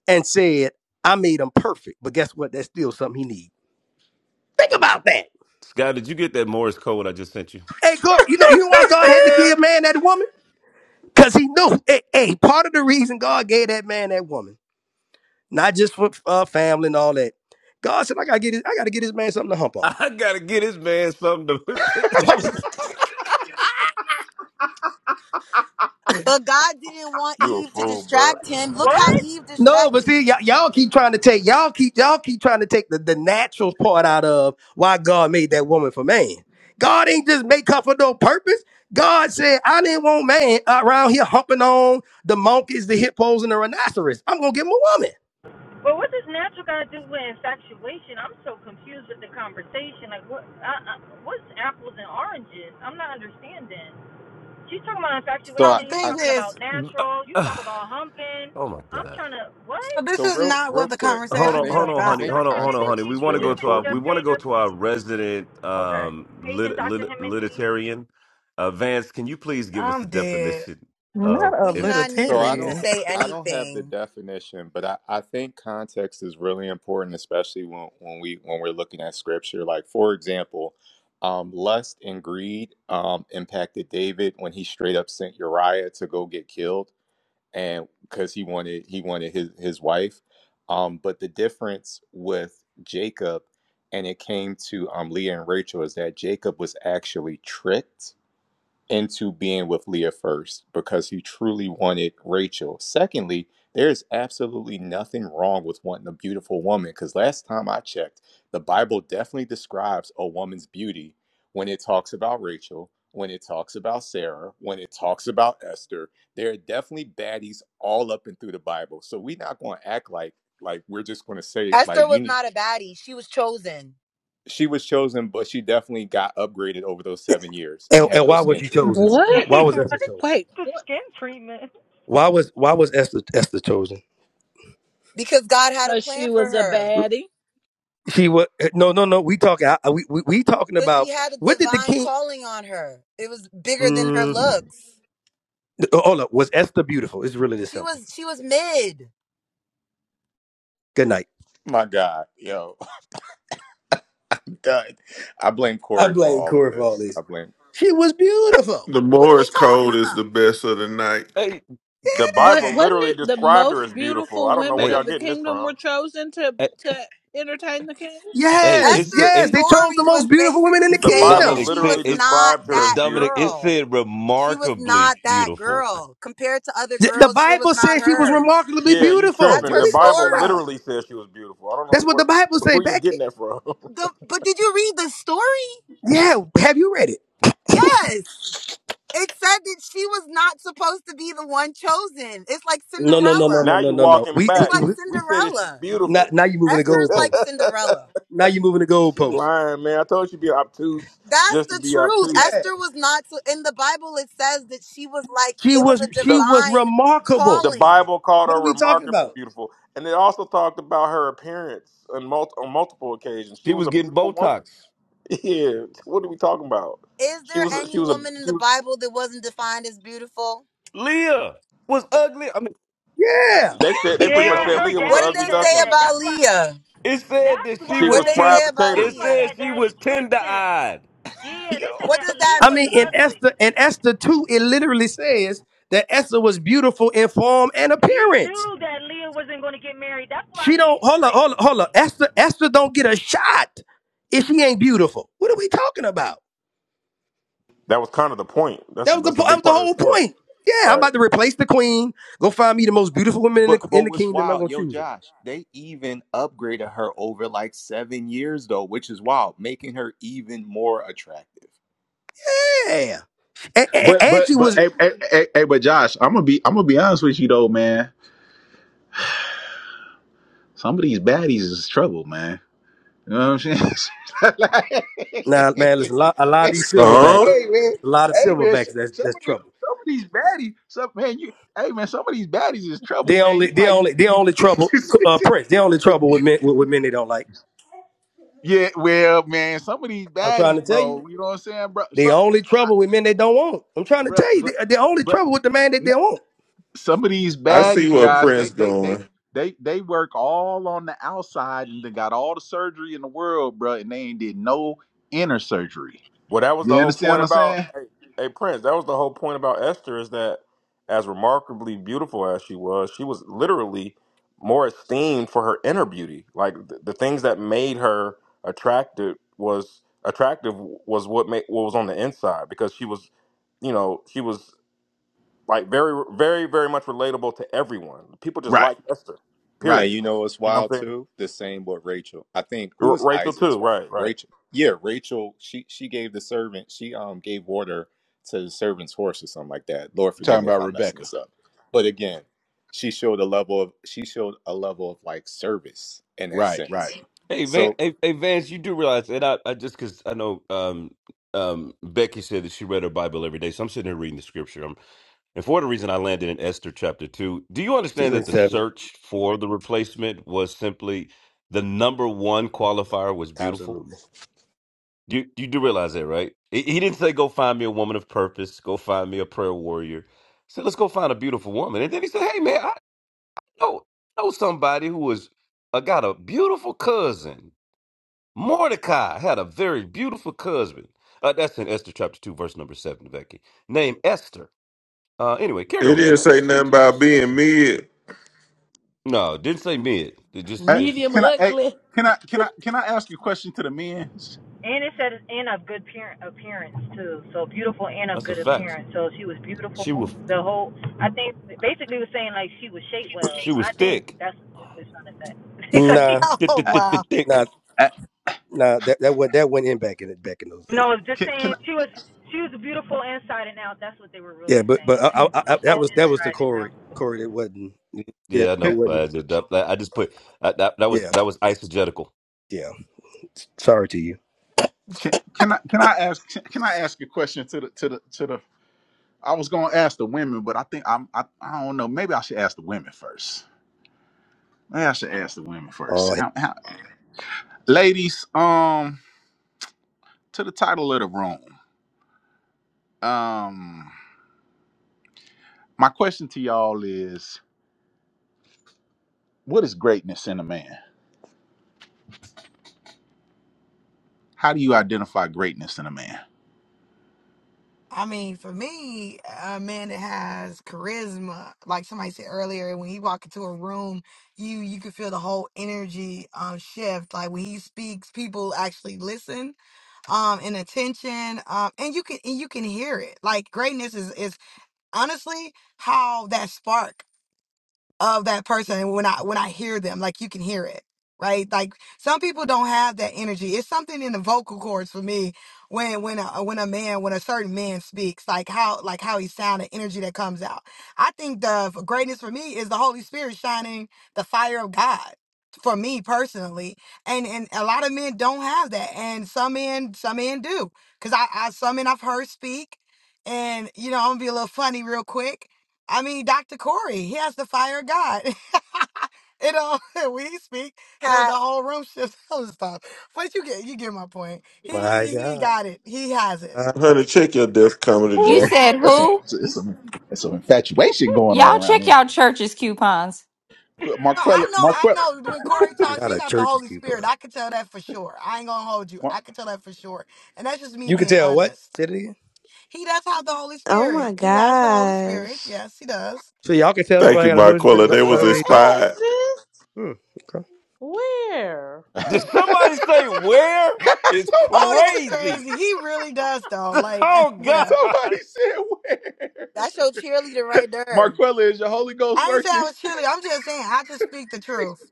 Speaker 6: and said, I made him perfect. But guess what? That's still something he needs. Think about that.
Speaker 3: Scott, did you get that Morris code I just sent you?
Speaker 6: Hey, God, you know, you know why God had to give man that woman? Because he knew. Hey, hey, part of the reason God gave that man that woman, not just for uh, family and all that. God said, I gotta get this, I gotta get this man something to hump
Speaker 3: *laughs*
Speaker 6: on.
Speaker 3: I gotta get this man something to.
Speaker 6: Yo,
Speaker 19: But God didn't want
Speaker 20: You a
Speaker 19: Eve to
Speaker 20: fool, bro.
Speaker 19: distract him. Look how
Speaker 23: What?
Speaker 19: Eve
Speaker 6: No, but
Speaker 19: distracted
Speaker 6: see,
Speaker 19: him.
Speaker 6: y'all y'all keep trying to take y'all keep y'all keep trying to take the, the natural part out of why God made that woman for man. God ain't just make her for no purpose. God said, I didn't want man around here humping on the monkeys, the hippos, and the rhinoceros. I'm gonna give him a woman.
Speaker 23: But what does natural got to do with infatuation? I'm so confused with the conversation. Like, what? I, I, what's apples and oranges? I'm not understanding. You talking about
Speaker 22: So
Speaker 2: So
Speaker 22: I,
Speaker 2: the
Speaker 23: infatuation? You
Speaker 22: I
Speaker 2: thing
Speaker 23: talking
Speaker 2: is,
Speaker 23: about natural? You talk
Speaker 3: *sighs*
Speaker 23: about humping?
Speaker 3: *laughs* oh my
Speaker 23: I'm
Speaker 3: God.
Speaker 23: trying to
Speaker 2: so
Speaker 23: what?
Speaker 2: this
Speaker 22: so
Speaker 2: is
Speaker 22: real
Speaker 2: not
Speaker 22: real
Speaker 2: what the
Speaker 22: quick, I
Speaker 3: Hold on,
Speaker 2: conversation is
Speaker 23: Doctor
Speaker 22: think
Speaker 3: hold on,
Speaker 23: H-
Speaker 22: I
Speaker 2: about.
Speaker 3: honey.
Speaker 22: think
Speaker 3: Hold on,
Speaker 23: Doctor
Speaker 3: hold on, honey.
Speaker 22: context
Speaker 23: Hemingway,
Speaker 3: We
Speaker 22: is
Speaker 3: want
Speaker 23: can
Speaker 3: to
Speaker 22: really
Speaker 23: you
Speaker 3: go to
Speaker 23: get
Speaker 3: our
Speaker 23: your
Speaker 3: we
Speaker 22: important.
Speaker 3: want to go
Speaker 23: pager,
Speaker 3: to our
Speaker 23: please?
Speaker 3: resident
Speaker 2: Okay.
Speaker 3: um
Speaker 23: Paging
Speaker 3: lit,
Speaker 23: Doctor
Speaker 3: lit,
Speaker 23: Hemingway.
Speaker 3: literatarian. Uh, Vance, can you please give us a
Speaker 2: I'm dead. *laughs*
Speaker 3: definition of
Speaker 10: Not a
Speaker 19: We do
Speaker 3: it?
Speaker 19: not need
Speaker 22: So I
Speaker 19: him to
Speaker 22: don't
Speaker 10: libertarian.
Speaker 19: say
Speaker 22: I don't have the
Speaker 19: anything.
Speaker 22: definition, but I, I think context is really important, especially when, when we when we're looking at scripture. Like for example, um, lust and greed um, impacted David when he straight up sent Uriah to go get killed and because he wanted he wanted his his wife. Um, but the difference with Jacob and it came to um, Leah and Rachel is that Jacob was actually tricked into being with Leah first because he truly wanted Rachel. Secondly, there's absolutely nothing wrong with wanting a beautiful woman because last time I checked, the Bible definitely describes a woman's beauty when it talks about Rachel, when it talks about Sarah, when it talks about Esther. There are definitely baddies all up and through the Bible. So we're not going to act like like we're just going to say
Speaker 19: Esther
Speaker 22: like you
Speaker 19: was
Speaker 22: need
Speaker 19: not a baddie. She was chosen
Speaker 22: she was chosen but she definitely got upgraded over those 7 years and
Speaker 6: And,
Speaker 22: had
Speaker 6: and
Speaker 22: those
Speaker 6: why was
Speaker 22: skin
Speaker 6: she chosen?
Speaker 22: treatments.
Speaker 26: What?
Speaker 23: *laughs*
Speaker 6: Why was Esther
Speaker 23: what?
Speaker 6: chosen?
Speaker 26: Wait,
Speaker 23: The
Speaker 26: what?
Speaker 23: skin treatment.
Speaker 6: Why was why was Esther Esther chosen?
Speaker 19: because God had a
Speaker 26: 'Cause she
Speaker 19: plan for
Speaker 26: was a
Speaker 19: her,
Speaker 26: baddie.
Speaker 6: She was no no no. We talking I- we we, we talking
Speaker 19: because she
Speaker 6: about
Speaker 19: had a
Speaker 6: what did the
Speaker 19: divine
Speaker 6: king?
Speaker 19: calling on her. It was bigger than her
Speaker 6: Mm,
Speaker 19: looks.
Speaker 6: hold up. Was Esther beautiful? It's really this
Speaker 19: She
Speaker 6: simple.
Speaker 19: was she was mid.
Speaker 6: Good night.
Speaker 22: My God, yo God, I blame
Speaker 6: I
Speaker 22: Corey for
Speaker 6: blame
Speaker 22: all of
Speaker 6: Corey for all
Speaker 22: this. I
Speaker 6: this.
Speaker 22: blame
Speaker 6: She was beautiful.
Speaker 15: the
Speaker 6: What are
Speaker 15: more
Speaker 6: we
Speaker 15: it's
Speaker 6: talking
Speaker 15: cold is
Speaker 6: about?
Speaker 15: the best of the night.
Speaker 3: Hey,
Speaker 20: The
Speaker 26: What?
Speaker 20: Bible
Speaker 6: Yeah.
Speaker 26: Wasn't
Speaker 20: literally
Speaker 26: it the
Speaker 20: described her
Speaker 26: most
Speaker 20: as beautiful. I
Speaker 26: beautiful
Speaker 20: don't know where
Speaker 26: women
Speaker 3: hey,
Speaker 20: y'all
Speaker 26: of the
Speaker 20: getting this
Speaker 26: kingdom
Speaker 20: from.
Speaker 26: were chosen to
Speaker 3: hey,
Speaker 26: to entertain the king?
Speaker 3: hey,
Speaker 6: Yes,
Speaker 3: it's
Speaker 19: Esther's
Speaker 6: yes.
Speaker 3: it,
Speaker 6: They chose the
Speaker 19: story was
Speaker 6: most beautiful women in
Speaker 19: basically
Speaker 6: the
Speaker 20: The
Speaker 19: saying
Speaker 6: kingdom.
Speaker 19: that
Speaker 20: Bible
Speaker 3: Dominic
Speaker 19: she
Speaker 3: said
Speaker 19: was
Speaker 20: literally
Speaker 3: it.
Speaker 19: not
Speaker 20: described
Speaker 3: D-
Speaker 20: her as
Speaker 19: that
Speaker 3: Dominic, it
Speaker 20: beautiful.
Speaker 19: girl.
Speaker 3: said
Speaker 19: She was not
Speaker 3: remarkably
Speaker 19: that
Speaker 3: beautiful.
Speaker 19: girl. Compared to other
Speaker 6: Th- The
Speaker 19: girls, it was
Speaker 6: Bible
Speaker 19: not
Speaker 6: says she was
Speaker 19: her.
Speaker 6: remarkably
Speaker 20: Yeah, you
Speaker 6: beautiful.
Speaker 19: That's
Speaker 6: What
Speaker 20: tripping.
Speaker 6: are
Speaker 19: her
Speaker 20: The
Speaker 6: we talking
Speaker 20: Bible
Speaker 6: about?
Speaker 19: story.
Speaker 20: literally says she was beautiful. I don't know
Speaker 6: That's what
Speaker 20: where
Speaker 6: the Bible
Speaker 20: *laughs*
Speaker 6: say,
Speaker 20: where you
Speaker 6: Becky.
Speaker 20: getting that from. *laughs*
Speaker 19: The, but did you read the story?
Speaker 6: Yeah. Have you read it?
Speaker 19: Yes. It said that she was not supposed to be the one chosen. It's like
Speaker 6: No, no, no, no,
Speaker 19: Cinderella.
Speaker 6: no,
Speaker 20: now
Speaker 6: no,
Speaker 20: you
Speaker 6: no, no.
Speaker 20: walking
Speaker 6: We,
Speaker 19: It's
Speaker 20: back.
Speaker 6: we,
Speaker 19: like
Speaker 6: we
Speaker 20: We said that she's
Speaker 19: Cinderella.
Speaker 6: now,
Speaker 20: beautiful.
Speaker 6: now you're moving the
Speaker 19: Esther's like
Speaker 6: goalpost.
Speaker 20: *laughs*
Speaker 19: Cinderella.
Speaker 6: Now you're moving the
Speaker 20: She
Speaker 6: goalpost.
Speaker 20: lying, man. I told you she'd be obtuse
Speaker 19: That's
Speaker 20: just to
Speaker 19: the
Speaker 20: be
Speaker 19: truth.
Speaker 6: Yeah.
Speaker 20: obtuse.
Speaker 19: Esther was not so in the Bible it says that she was like
Speaker 6: She
Speaker 19: it was
Speaker 6: was
Speaker 19: a
Speaker 6: she
Speaker 20: The
Speaker 6: was
Speaker 19: divine
Speaker 6: remarkable.
Speaker 20: the
Speaker 19: calling.
Speaker 20: Bible called
Speaker 6: What are
Speaker 20: her
Speaker 6: we talking
Speaker 20: remarkably
Speaker 6: about?
Speaker 20: beautiful, and it also talked about her appearance on, mul- on multiple occasions. She
Speaker 3: She
Speaker 20: was
Speaker 3: was
Speaker 20: a
Speaker 3: getting
Speaker 20: beautiful
Speaker 3: Botox.
Speaker 20: woman. *laughs* Yeah, what are we talking about?
Speaker 19: Is
Speaker 20: She
Speaker 19: there
Speaker 20: was she
Speaker 19: any
Speaker 20: was a
Speaker 19: woman in
Speaker 20: she
Speaker 19: the
Speaker 20: was.
Speaker 19: Bible that wasn't defined as beautiful?
Speaker 3: Leah was ugly. I mean,
Speaker 6: Yeah.
Speaker 20: They said they
Speaker 22: *laughs*
Speaker 20: pretty much
Speaker 22: yo,
Speaker 23: Yeah,
Speaker 20: said
Speaker 23: her
Speaker 20: Leah was an
Speaker 19: What did
Speaker 23: daddy
Speaker 20: ugly
Speaker 19: they
Speaker 23: said
Speaker 19: say
Speaker 20: duckling.
Speaker 23: that.
Speaker 19: about
Speaker 23: That's why.
Speaker 19: Leah?
Speaker 3: it said
Speaker 23: That's
Speaker 3: that she
Speaker 20: She
Speaker 19: What
Speaker 3: was
Speaker 20: was
Speaker 19: did
Speaker 23: why.
Speaker 19: they
Speaker 3: ten.
Speaker 20: fried
Speaker 19: say about
Speaker 20: potatoes.
Speaker 23: That's
Speaker 3: It
Speaker 23: why
Speaker 19: Leah?
Speaker 3: said
Speaker 23: that
Speaker 3: she
Speaker 23: daddy
Speaker 3: was
Speaker 23: tricked
Speaker 3: tender
Speaker 23: him.
Speaker 3: eyed.
Speaker 23: Yeah, they
Speaker 22: yo.
Speaker 23: said
Speaker 19: What
Speaker 23: that
Speaker 19: does that
Speaker 23: Leah
Speaker 6: I
Speaker 23: was
Speaker 6: mean, in
Speaker 19: mean?
Speaker 23: ugly.
Speaker 6: Esther, in Esther 2, it literally says that Esther was beautiful in form and
Speaker 23: He
Speaker 6: appearance.
Speaker 23: knew that Leah wasn't going to get married. That's why
Speaker 6: She don't
Speaker 23: he
Speaker 6: hold on,
Speaker 23: tricked.
Speaker 6: hold on, hold on. Esther, Esther don't get a shot if she ain't beautiful. What are we talking about?
Speaker 20: That was kind of the point. That's
Speaker 6: That
Speaker 20: a,
Speaker 6: was the
Speaker 20: that's a
Speaker 6: that was
Speaker 20: big
Speaker 6: the
Speaker 20: part of the
Speaker 6: whole
Speaker 20: story,
Speaker 6: point. Yeah, I'm
Speaker 20: right?
Speaker 6: about to replace the queen. Go find me the most beautiful woman in
Speaker 22: But
Speaker 6: the, in
Speaker 22: but
Speaker 6: the
Speaker 22: what's
Speaker 6: kingdom. I'm
Speaker 22: wild,
Speaker 6: gonna
Speaker 22: yo,
Speaker 6: choose her.
Speaker 22: Josh, they even upgraded her over like seven years though, which is wild, making her even more attractive.
Speaker 6: Yeah, and, and,
Speaker 1: But
Speaker 6: and she
Speaker 1: but but
Speaker 6: was
Speaker 1: hey, hey, hey, hey, but Josh, I'm gonna be I'm gonna be honest with you though, man. Some of these baddies is trouble, man. You know what I'm saying? *laughs* Like, *laughs* man,
Speaker 6: nah, man. Listen, a
Speaker 1: hey
Speaker 6: lot, a lot of these
Speaker 15: Huh?
Speaker 6: silverbacks,
Speaker 1: man,
Speaker 6: a lot of
Speaker 1: hey man, s-
Speaker 6: silverbacks. That's
Speaker 1: some
Speaker 6: that's
Speaker 1: of these
Speaker 6: trouble.
Speaker 1: some of these baddies, some man, you hey man, some of these baddies is trouble,
Speaker 6: They
Speaker 1: man.
Speaker 6: only,
Speaker 1: You
Speaker 6: they
Speaker 1: might
Speaker 6: only,
Speaker 1: just
Speaker 6: they
Speaker 1: need
Speaker 6: only trouble. Uh, Prince. They only trouble with
Speaker 1: to
Speaker 6: men with, with men they don't like.
Speaker 1: *laughs* Yeah, well, man, some of these
Speaker 6: I'm trying to
Speaker 1: baddies,
Speaker 6: tell you.
Speaker 1: bro. You know what I'm saying, bro? So,
Speaker 6: The only
Speaker 1: I,
Speaker 6: trouble with men they don't want. I'm trying to
Speaker 1: bro,
Speaker 6: tell you.
Speaker 1: bro,
Speaker 6: The, the only
Speaker 1: bro.
Speaker 6: trouble with the man that they want.
Speaker 1: some of these
Speaker 15: I see
Speaker 1: baddies,
Speaker 15: where
Speaker 1: Josh, they
Speaker 15: Prince
Speaker 1: they they
Speaker 15: going.
Speaker 1: they they work all on the outside and they got all the surgery in the world, bro, and they ain't did no inner surgery.
Speaker 20: Well, that was
Speaker 1: You
Speaker 20: the whole
Speaker 1: understand
Speaker 20: point
Speaker 1: what I'm
Speaker 20: about
Speaker 1: saying?
Speaker 20: hey, hey Prince. That was the whole point about Esther is that as remarkably beautiful as she was, she was literally more esteemed for her inner beauty. Like the, the things that made her attractive was attractive was what made what was on the inside because she was you know she was like very very very much relatable to everyone. People just
Speaker 1: Right,
Speaker 20: liked Esther.
Speaker 1: right.
Speaker 22: And
Speaker 20: Period.
Speaker 22: you know what's
Speaker 20: You know
Speaker 22: wild
Speaker 20: what I'm saying?
Speaker 22: too? The same with Rachel. I think who
Speaker 20: R-
Speaker 22: was
Speaker 20: Rachel
Speaker 22: Isaac's
Speaker 20: too.
Speaker 22: wife?
Speaker 20: Right. Right.
Speaker 22: Rachel. Yeah, Rachel. She she gave the servant. She um gave water to the servant's horse or something like that. Lord,
Speaker 1: You
Speaker 22: forgive
Speaker 1: talking
Speaker 22: me if
Speaker 1: about
Speaker 22: I'm messing
Speaker 1: Rebecca.
Speaker 22: this up. But again, she showed a level of she showed a level of like service in that
Speaker 1: Right, right.
Speaker 22: sense.
Speaker 3: Hey, Van,
Speaker 22: So
Speaker 3: hey, hey, Vance, you do realize, and I, I just because I know um, um, Becky said that she read her Bible every day, so I'm sitting here reading the scripture. i and for the reason I landed in Esther chapter two, do you
Speaker 6: Two
Speaker 3: understand
Speaker 6: and
Speaker 3: that the
Speaker 6: seven.
Speaker 3: search for the replacement was simply the number one qualifier was beautiful?
Speaker 6: Absolutely.
Speaker 3: You you do realize that, right? He, he didn't say go find me a woman of purpose, go find me a prayer warrior. He said let's go find a beautiful woman, and then he said, hey man, I know know somebody who was uh, got a beautiful cousin. Mordecai had a very beautiful cousin. Uh, that's in Esther chapter two, verse number seven, Becky. Named Esther. Uh, anyway, carry
Speaker 15: It
Speaker 3: on, guys.
Speaker 15: didn't
Speaker 3: I
Speaker 15: say
Speaker 3: just just
Speaker 15: nothing
Speaker 3: just,
Speaker 15: about
Speaker 3: just
Speaker 15: being
Speaker 3: mentioned.
Speaker 15: mid.
Speaker 3: No, didn't say mid. It just
Speaker 1: Uh,
Speaker 3: it's
Speaker 8: Medium
Speaker 1: can I hey,
Speaker 8: ugly.
Speaker 1: can I can I can I ask a question to the men?
Speaker 23: And it said and of good parent appearance too. So beautiful and of
Speaker 3: that's a
Speaker 23: good
Speaker 3: fact.
Speaker 23: appearance. So she was beautiful.
Speaker 3: She was
Speaker 23: The whole I think basically was saying like she was shaped well.
Speaker 3: she was
Speaker 23: I think
Speaker 3: thick,
Speaker 23: that's what it's trying to say.
Speaker 6: Nah,
Speaker 3: thick,
Speaker 2: Oh,
Speaker 1: Uh,
Speaker 3: thick,
Speaker 2: wow.
Speaker 3: thick, thick.
Speaker 6: nah,
Speaker 1: uh,
Speaker 6: nah. That that went that went in back in back in those
Speaker 23: *laughs*
Speaker 6: days.
Speaker 23: no, it's just
Speaker 1: can, can
Speaker 23: saying
Speaker 1: I
Speaker 23: she was she was beautiful inside and out. That's what they were
Speaker 6: Yeah,
Speaker 23: really
Speaker 6: but but
Speaker 23: saying.
Speaker 6: I,
Speaker 23: She was
Speaker 6: I, I, that
Speaker 23: beautiful
Speaker 6: was that was the
Speaker 23: inside and out.
Speaker 6: Corey. Corey, it wasn't. Yeah,
Speaker 3: Yeah, I
Speaker 6: it
Speaker 1: can,
Speaker 3: know.
Speaker 6: wasn't.
Speaker 3: I just, that, that- I just put I, that. That was
Speaker 6: Yeah,
Speaker 3: that was isogetical.
Speaker 6: yeah. Sorry to you.
Speaker 1: can, can I can I ask can I ask a question to the to the to the I was gonna ask the women, but I think I'm I, I don't know. Maybe I should ask the women first. Maybe I should ask the women first.
Speaker 6: Oh
Speaker 1: How, how, ladies, um, to the title of the room. Um, my question to y'all is, what is greatness in a man? How do you identify greatness in a man?
Speaker 2: I mean, for me, a man that has charisma, like somebody said earlier, when he walk into a room, you you can feel the whole energy um shift. Like when he speaks, people actually listen, um, and attention, um, and you can and you can hear it. Like greatness is is honestly how that spark of that person when I when I hear them, like you can hear it, right? Like some people don't have that energy. It's something in the vocal cords for me when when a when a man when a certain man speaks, like how like how he sound, the energy that comes out. I think the f- greatness for me is the Holy Spirit shining the fire of God for me personally and and a lot of men don't have that and some men some men do because I, I some men i've heard speak and you know i'm gonna be a little funny real quick I mean, Dr. Corey, he has the fire of God. *laughs* you know, *laughs* when he speak, the, the
Speaker 19: Cat,
Speaker 2: whole room shifts *laughs* and stuff. But you get you get my point. He
Speaker 6: my
Speaker 2: he
Speaker 6: God.
Speaker 2: got it. He has it.
Speaker 6: Uh,
Speaker 15: Honey, check your death comedy,
Speaker 14: You
Speaker 23: Who
Speaker 15: John.
Speaker 14: said
Speaker 23: has
Speaker 1: That's some
Speaker 23: it?
Speaker 14: who?
Speaker 1: it's some it's some infatuation going on
Speaker 14: Y'all
Speaker 1: around
Speaker 14: check
Speaker 1: there.
Speaker 14: y'all church's coupons.
Speaker 1: Qu-
Speaker 2: No, I
Speaker 1: Marquella
Speaker 2: know, I
Speaker 1: Marquella
Speaker 2: know. When Corey
Speaker 23: *laughs*
Speaker 2: talks,
Speaker 6: not
Speaker 2: he
Speaker 6: a
Speaker 2: got the
Speaker 6: church
Speaker 2: Holy Spirit.
Speaker 6: keeper.
Speaker 2: I can tell that for sure. I ain't gonna hold you.
Speaker 1: Mar-
Speaker 2: I
Speaker 1: *laughs*
Speaker 2: can tell that for sure. And that's just me
Speaker 6: You can
Speaker 2: being
Speaker 6: tell what?
Speaker 2: honest.
Speaker 6: Say it again.
Speaker 2: He does have the Holy
Speaker 25: Oh
Speaker 2: Spirit.
Speaker 25: my
Speaker 2: He has the Holy Spirit.
Speaker 25: gosh.
Speaker 2: Yes, he does.
Speaker 6: So y'all can tell
Speaker 15: Thank
Speaker 6: somebody
Speaker 15: you,
Speaker 6: got a Holy Spirit
Speaker 15: Marquella.
Speaker 6: by,
Speaker 15: They
Speaker 6: by
Speaker 15: was
Speaker 6: the way
Speaker 8: Where
Speaker 6: they talk.
Speaker 8: at,
Speaker 15: inspired.
Speaker 8: sis?
Speaker 6: Hmm. Okay.
Speaker 8: Where?
Speaker 3: Did somebody say where?
Speaker 1: somebody
Speaker 3: It's
Speaker 2: Oh, that's
Speaker 1: said
Speaker 3: crazy.
Speaker 2: crazy. He really does, though.
Speaker 3: *laughs*
Speaker 2: Like, *laughs*
Speaker 3: Oh God.
Speaker 2: yeah.
Speaker 1: somebody said where
Speaker 19: that's your cheerleader right there.
Speaker 1: Marquella is your Holy Ghost
Speaker 2: I ain't say I
Speaker 1: working.
Speaker 2: was chilly. I'm just saying I just speak the truth.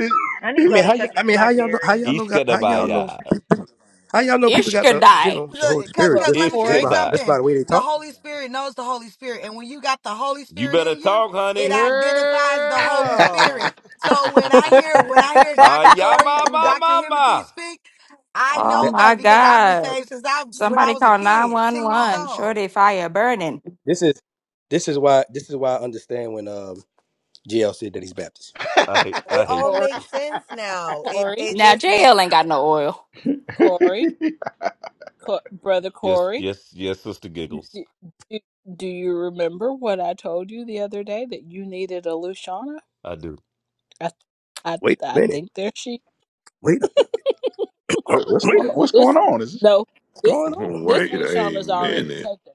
Speaker 1: *laughs*
Speaker 23: I need
Speaker 6: I
Speaker 23: y'all
Speaker 6: mean,
Speaker 23: to
Speaker 6: how
Speaker 23: check
Speaker 6: y'all,
Speaker 23: your
Speaker 6: mean, how y'all know? How
Speaker 23: BlackBerry.
Speaker 6: y'all know? Got how y'all know?
Speaker 3: Ishkadabaya.
Speaker 6: people- How y'all know people got the you
Speaker 14: Ishkadai.
Speaker 6: know the Holy
Speaker 2: Cause,
Speaker 6: Spirit
Speaker 26: Well,
Speaker 2: cause,
Speaker 6: just
Speaker 2: let me
Speaker 6: just
Speaker 2: tell you
Speaker 26: Corey,
Speaker 6: by
Speaker 3: Ishkadai.
Speaker 6: just by
Speaker 2: something.
Speaker 6: the way they
Speaker 2: The
Speaker 6: talk?
Speaker 2: Holy Spirit knows the Holy Spirit, and when you got the Holy
Speaker 3: You
Speaker 2: Spirit
Speaker 3: better
Speaker 2: in you,
Speaker 3: talk,
Speaker 2: it
Speaker 3: honey.
Speaker 2: identifies the Holy
Speaker 8: Girl.
Speaker 2: Spirit. So when I hear when I hear
Speaker 25: *laughs*
Speaker 3: Uh,
Speaker 2: Dr.
Speaker 3: yeah,
Speaker 2: Corey,
Speaker 3: ma, ma,
Speaker 2: Dr.
Speaker 3: ma,
Speaker 2: Himothy
Speaker 3: ma.
Speaker 2: speak, I
Speaker 14: Oh
Speaker 6: That,
Speaker 2: know
Speaker 14: my
Speaker 2: that because I've been
Speaker 14: God.
Speaker 2: saved since I when I
Speaker 14: Somebody
Speaker 2: was a
Speaker 14: call
Speaker 2: kid, ten years
Speaker 14: 911.
Speaker 2: old.
Speaker 14: Shorty fire burning.
Speaker 6: this is this is why this is why I understand when um GL said that he's Baptist.
Speaker 3: I hate.
Speaker 19: It
Speaker 3: I hate.
Speaker 19: all
Speaker 26: Corey,
Speaker 19: makes sense now. It
Speaker 26: Corey,
Speaker 19: it
Speaker 14: Now
Speaker 19: just
Speaker 14: JL
Speaker 19: makes
Speaker 14: ain't got no oil.
Speaker 26: Corey, Co- brother
Speaker 3: Yes,
Speaker 26: Corey.
Speaker 3: yes, yes. Sister giggles.
Speaker 26: Do, do, do you remember what I told you the other day that you needed a Luciana?
Speaker 3: I do.
Speaker 26: I, I,
Speaker 6: Wait a
Speaker 26: I
Speaker 6: minute.
Speaker 26: think there she.
Speaker 6: Wait a minute.
Speaker 1: What- what's
Speaker 6: Wait
Speaker 1: going
Speaker 6: a
Speaker 1: on? What's
Speaker 6: minute.
Speaker 1: going
Speaker 26: This
Speaker 1: on? Is this-
Speaker 26: no,
Speaker 6: What's
Speaker 26: this
Speaker 6: going on?
Speaker 26: this
Speaker 15: Wait a
Speaker 26: Luciana's already
Speaker 15: minute.
Speaker 26: taken.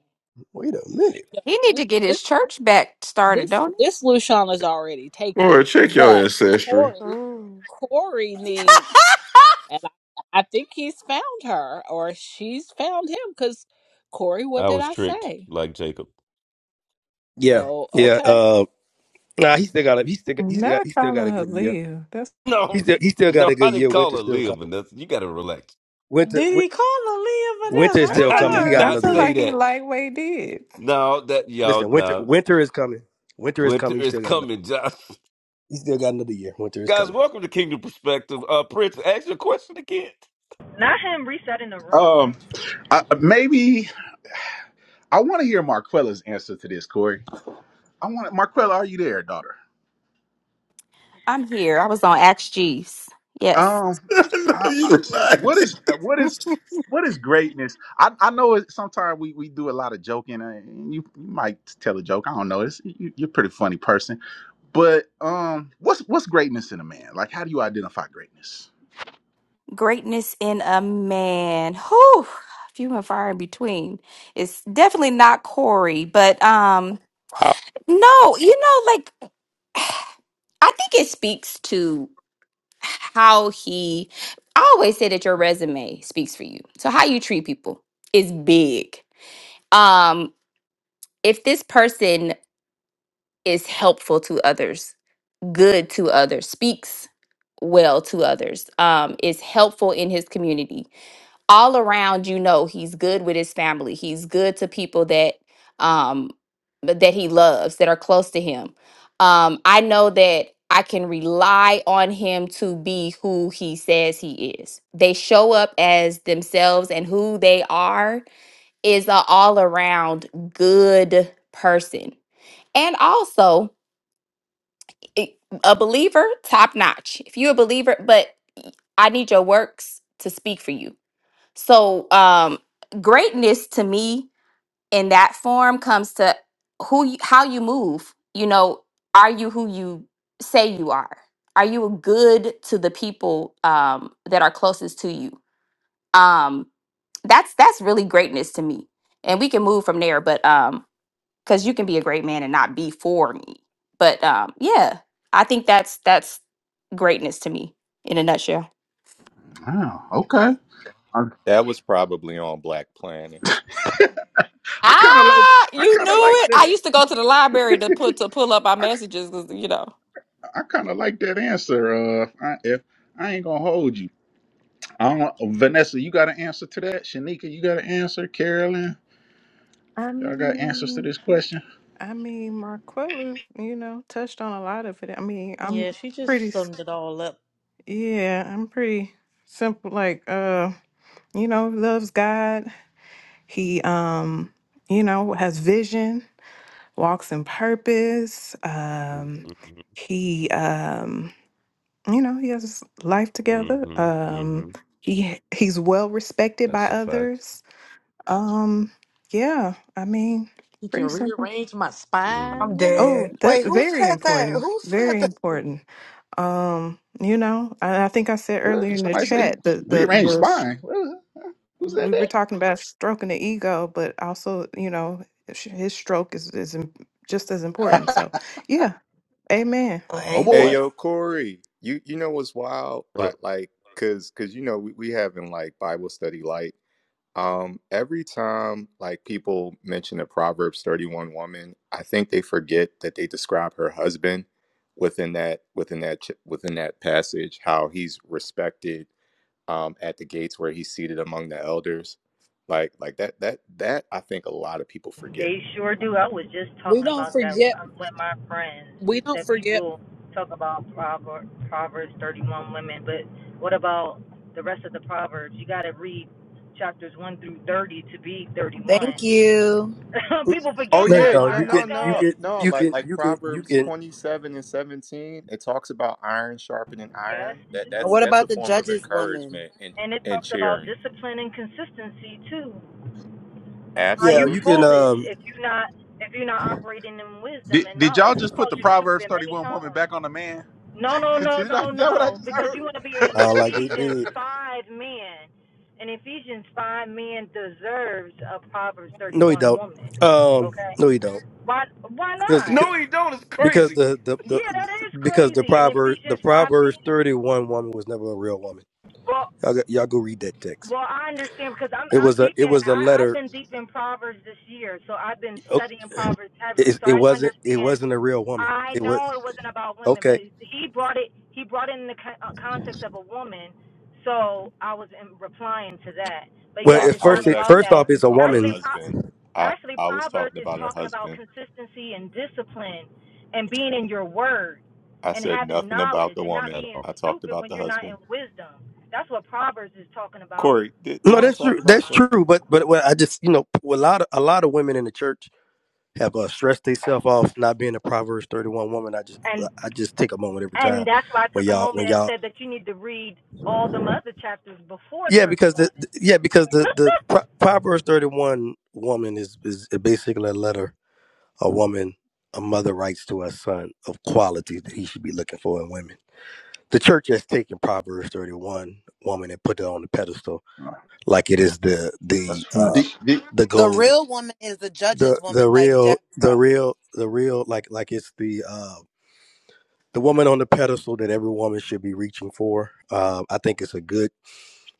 Speaker 6: Wait a minute.
Speaker 14: He need to get
Speaker 26: Yeah,
Speaker 14: his church back started,
Speaker 26: This
Speaker 14: don't he?
Speaker 26: this Lushawn is already
Speaker 15: Corey,
Speaker 26: taken,
Speaker 15: check your
Speaker 26: but
Speaker 15: ancestry.
Speaker 26: Corey
Speaker 25: Mm.
Speaker 26: Corey needs, and I, I think he's found her or she's found him because Corey, what
Speaker 3: I
Speaker 26: did
Speaker 3: was
Speaker 26: I
Speaker 3: tricked,
Speaker 26: say?
Speaker 3: like Jacob.
Speaker 6: Yeah.
Speaker 26: Oh,
Speaker 6: Yeah.
Speaker 26: okay.
Speaker 6: Uh, nah, he still got a he still got, he still got
Speaker 10: Not
Speaker 6: he still got
Speaker 10: calling
Speaker 6: a
Speaker 10: her
Speaker 6: good year.
Speaker 10: Leah. That's
Speaker 3: *laughs*
Speaker 6: He
Speaker 3: No,
Speaker 6: still he still got
Speaker 3: no.
Speaker 6: a
Speaker 3: I
Speaker 6: good
Speaker 3: didn't
Speaker 6: year.
Speaker 3: call
Speaker 6: Winter's
Speaker 3: her
Speaker 6: still
Speaker 3: Leah,
Speaker 6: coming.
Speaker 3: Vanessa. You got to relax.
Speaker 6: Winter
Speaker 8: Did
Speaker 6: wi-
Speaker 8: he call her Leah for
Speaker 6: winter
Speaker 8: this? I
Speaker 6: is
Speaker 10: I
Speaker 3: *laughs*
Speaker 6: still
Speaker 8: know I
Speaker 3: I
Speaker 10: feel
Speaker 6: coming. He
Speaker 10: like,
Speaker 3: did
Speaker 6: got
Speaker 10: I
Speaker 8: heard
Speaker 3: not
Speaker 6: another
Speaker 10: feel
Speaker 8: too.
Speaker 6: year.
Speaker 3: say
Speaker 10: like he
Speaker 3: that.
Speaker 10: lightweight did.
Speaker 3: No, that y'all.
Speaker 6: Listen, winter
Speaker 3: No.
Speaker 6: winter is coming. Winter is
Speaker 3: Winter
Speaker 6: coming. He
Speaker 3: is
Speaker 6: still got another,
Speaker 3: coming, Josh. *laughs*
Speaker 6: he still got another year. Winter is
Speaker 3: Guys,
Speaker 6: coming.
Speaker 3: welcome to Kingdom Perspective. Uh, Prince, ask your question again.
Speaker 23: Not him resetting the room.
Speaker 1: um I, maybe I want to hear Marquella's answer to this, Corey. I want Marquella, are you there, daughter?
Speaker 14: I'm here. I was on Acts G's. Yes.
Speaker 1: Um,
Speaker 15: *laughs* I know
Speaker 1: I, I,
Speaker 15: you like
Speaker 1: what
Speaker 15: it.
Speaker 1: is uh, what is what is greatness? I, I know it, sometimes we, we do a lot of joking, uh, and you, you might tell a joke. I don't know. It's you, you're a pretty funny person, but um, what's what's greatness in a man? Like, how do you identify greatness?
Speaker 14: Greatness in a man. Whew. Few and far in between. It's definitely not Corey, but um
Speaker 6: Wow.
Speaker 14: no, you know, like *sighs* I think it speaks to how he I always say that your resume speaks for you. So how you treat people is big. Um if this person is helpful to others, good to others, speaks well to others, um, is helpful in his community. All around, you know, he's good with his family. He's good to people that um, that he loves, that are close to him. Um, I know that I can rely on him to be who he says he is. They show up as themselves, and who they are is an all around good person. And also, it- a believer, top notch. If you're a believer, but I need your works to speak for you. So, um, greatness to me in that form comes to who, you, how you move. You know, are you who you say you are? Are you a good to the people um, that are closest to you? Um, that's that's really greatness to me, and we can move from there. But um, because you can be a great man and not be for me. But um, yeah, I think that's that's greatness to me in a nutshell.
Speaker 1: Wow. Okay. I,
Speaker 22: that was probably on Black Planet.
Speaker 1: I kind of like.
Speaker 14: Ah,
Speaker 1: I
Speaker 14: you
Speaker 1: kind of
Speaker 14: knew
Speaker 1: like
Speaker 14: it. I
Speaker 1: that.
Speaker 14: used to go to the library to put to pull up our
Speaker 1: I,
Speaker 14: messages because you know.
Speaker 1: I kind of like that answer. Uh, I, if I ain't gonna hold you. I don't, Vanessa, you got an answer to that? Shanika, you got an answer? Carolyn,
Speaker 10: I
Speaker 1: y'all got answers to
Speaker 10: mean,
Speaker 1: this question?
Speaker 10: I mean, Marquella, you know, touched on a lot of it. I mean, I'm
Speaker 8: Yeah, she
Speaker 10: pretty,
Speaker 8: just
Speaker 10: s-
Speaker 8: summed it all up.
Speaker 10: yeah, I'm pretty simple. Like, uh, you know, loves God. He, um, you know, has vision, walks in purpose. Um,
Speaker 3: Mm-hmm,
Speaker 10: he, um, you know, he has his life together.
Speaker 3: hmm hmm
Speaker 10: Um, he he's well respected by
Speaker 3: That's a fact.
Speaker 10: others. Um, yeah, I mean,
Speaker 8: You can
Speaker 10: pretty simple.
Speaker 8: rearrange my
Speaker 3: hmm
Speaker 2: I'm
Speaker 8: spine, you know?
Speaker 10: Oh,
Speaker 2: dead.
Speaker 10: that
Speaker 2: Wait, who
Speaker 10: very
Speaker 2: said that?
Speaker 10: important.
Speaker 2: Who said
Speaker 10: Very
Speaker 2: that?
Speaker 10: important. Um, you know, I, I think I said
Speaker 1: Well,
Speaker 10: earlier in the
Speaker 1: somebody say
Speaker 10: chat the the
Speaker 1: rearrange
Speaker 10: the s-
Speaker 1: spine. Well, who
Speaker 10: we
Speaker 1: said
Speaker 10: were talking about stroking the ego, but also you know sh- his stroke is is im- just as important.
Speaker 1: that?
Speaker 10: So
Speaker 1: *laughs*
Speaker 10: yeah, amen.
Speaker 2: Oh,
Speaker 1: oh
Speaker 22: Hey
Speaker 2: amen.
Speaker 1: boy.
Speaker 22: yo, Corey. You you know what's wild? Like like cause cause you know we we having like Bible study light Um, every time like people mention a Proverbs 31 woman, I think they forget that they describe her husband within that within that ch- within that passage how he's respected um at the gates where he's seated among the elders. Like like that that that I think a lot of people forget.
Speaker 23: They sure do. I was just
Speaker 26: We
Speaker 23: talking
Speaker 26: don't
Speaker 23: about that
Speaker 26: forget.
Speaker 23: um, with my friends.
Speaker 26: We don't
Speaker 23: That
Speaker 26: forget.
Speaker 23: people talk about Prover- Proverbs 31 women, but what about the rest of the Proverbs? You got to read chapters 1 through 30 to be
Speaker 19: Thank
Speaker 23: 31.
Speaker 19: you.
Speaker 23: *laughs* people
Speaker 22: Oh
Speaker 23: forget
Speaker 6: No, you
Speaker 22: yeah,
Speaker 23: that
Speaker 6: don't.
Speaker 22: no
Speaker 6: You
Speaker 23: part,
Speaker 22: no
Speaker 6: can you
Speaker 22: no
Speaker 23: okay?
Speaker 6: can
Speaker 22: no
Speaker 6: you
Speaker 22: like
Speaker 6: can
Speaker 22: like
Speaker 6: you can you
Speaker 22: Proverbs
Speaker 6: can
Speaker 22: 27 and 17, it talks about iron sharpening
Speaker 23: Yes,
Speaker 22: iron. That
Speaker 23: they
Speaker 19: And
Speaker 22: that's
Speaker 19: What
Speaker 23: do.
Speaker 22: that's
Speaker 19: about
Speaker 22: a
Speaker 19: the
Speaker 22: form of
Speaker 19: judge's woman?
Speaker 22: encouragement and
Speaker 23: And it
Speaker 22: and
Speaker 23: talks about
Speaker 22: cheering.
Speaker 23: discipline and consistency too. Are
Speaker 6: yeah,
Speaker 23: you
Speaker 6: you
Speaker 22: Absolutely.
Speaker 6: can
Speaker 22: uh,
Speaker 23: foolish
Speaker 6: um
Speaker 23: if you not if you're not operating in wisdom
Speaker 1: Did,
Speaker 23: and
Speaker 1: did y'all
Speaker 23: knowledge? He
Speaker 1: just put
Speaker 23: called
Speaker 1: the
Speaker 23: you
Speaker 1: Proverbs
Speaker 23: stupid many
Speaker 1: 31 woman
Speaker 23: times.
Speaker 1: back on the man?
Speaker 23: No,
Speaker 1: *laughs*
Speaker 23: no, no,
Speaker 1: did I, is
Speaker 23: no,
Speaker 1: that what I
Speaker 23: no.
Speaker 1: just
Speaker 23: Because
Speaker 1: heard?
Speaker 23: you want to be
Speaker 1: *laughs*
Speaker 23: an
Speaker 6: uh like they
Speaker 23: Ephesians
Speaker 6: did.
Speaker 23: five man. An Ephesians five man deserves a Proverbs thirty
Speaker 6: No you
Speaker 23: one
Speaker 6: don't.
Speaker 23: woman.
Speaker 6: Um
Speaker 23: Okay.
Speaker 6: no you don't.
Speaker 23: Why why
Speaker 6: Cuz
Speaker 23: not?
Speaker 3: No, he don't. It's
Speaker 6: because
Speaker 3: crazy.
Speaker 6: the, the the
Speaker 23: Yeah,
Speaker 6: the
Speaker 23: that is
Speaker 6: because the
Speaker 23: crazy. An
Speaker 6: proverb the
Speaker 23: Ephesians five
Speaker 6: proverbs
Speaker 23: man.
Speaker 6: 31 woman was never a real woman.
Speaker 23: Well
Speaker 6: Y'all go, y'all go read that text.
Speaker 23: well I understand because I'm
Speaker 6: It
Speaker 23: I'm
Speaker 6: was a
Speaker 23: deep
Speaker 6: it
Speaker 23: in
Speaker 6: was a
Speaker 23: I, I've
Speaker 6: letter
Speaker 23: been deep in Proverbs this year, so I've been
Speaker 6: oh,
Speaker 23: studying Proverbs heavily,
Speaker 6: it,
Speaker 23: so
Speaker 6: it
Speaker 23: I
Speaker 6: wasn't it
Speaker 23: understand
Speaker 6: wasn't a real woman.
Speaker 23: I
Speaker 6: It
Speaker 23: know
Speaker 6: was
Speaker 23: it wasn't about women, but
Speaker 6: okay.
Speaker 23: he brought it. He brought it in the co- uh, context of a woman, so I was in replying to that. But
Speaker 6: Well,
Speaker 23: yes,
Speaker 22: I,
Speaker 6: at
Speaker 23: it's
Speaker 22: I
Speaker 23: not
Speaker 6: first,
Speaker 22: was
Speaker 6: it,
Speaker 23: about
Speaker 22: actually
Speaker 6: first
Speaker 23: that.
Speaker 6: off,
Speaker 22: talking
Speaker 6: it's a
Speaker 22: about her
Speaker 6: woman
Speaker 23: Actually, Pro-
Speaker 22: husband. I,
Speaker 23: actually,
Speaker 22: I was
Speaker 23: Proverbs
Speaker 22: talking
Speaker 23: is
Speaker 22: about her
Speaker 23: talking about
Speaker 22: husband.
Speaker 23: consistency and discipline, and being in your word,
Speaker 22: I
Speaker 23: and
Speaker 22: said
Speaker 23: having
Speaker 22: nothing about
Speaker 23: knowledge,
Speaker 22: the
Speaker 23: and not
Speaker 22: woman.
Speaker 3: At
Speaker 23: being
Speaker 3: all.
Speaker 22: I talked
Speaker 23: stupid
Speaker 22: about
Speaker 23: when
Speaker 22: the
Speaker 23: you're not in
Speaker 22: husband.
Speaker 23: wisdom. That's what Proverbs is talking about
Speaker 22: Corey, did,
Speaker 6: No,
Speaker 22: didn't I
Speaker 6: that's
Speaker 23: multiple
Speaker 22: talk
Speaker 6: true.
Speaker 22: about
Speaker 6: That's
Speaker 23: times,
Speaker 22: the?
Speaker 6: true. But but what I just you know a lot of a lot of women in the church have uh, stressed themselves off not being a Proverbs thirty one woman. I just
Speaker 23: and
Speaker 6: I just take a moment every time
Speaker 23: and that's why I
Speaker 6: when
Speaker 23: took a
Speaker 6: y'all when
Speaker 23: moment and
Speaker 6: y'all
Speaker 23: said that you need to read all them other chapters before
Speaker 6: yeah because
Speaker 23: 31
Speaker 6: the the- yeah because the the Pro-
Speaker 23: *laughs*
Speaker 6: Proverbs thirty one woman is is basically a letter a woman a mother writes to her son of qualities that he should be looking for in women. The church has taken Proverbs thirty one woman and put it on the pedestal like it is the
Speaker 27: That's
Speaker 6: the uh
Speaker 1: The-
Speaker 27: facts.
Speaker 1: the-
Speaker 6: the
Speaker 19: The
Speaker 6: gold.
Speaker 19: real woman is the judge's
Speaker 6: the
Speaker 19: woman
Speaker 6: the
Speaker 19: like
Speaker 6: real the
Speaker 19: Deborah.
Speaker 6: real the real like like it's the uh the woman on the pedestal that every woman should be reaching for um i think it's a good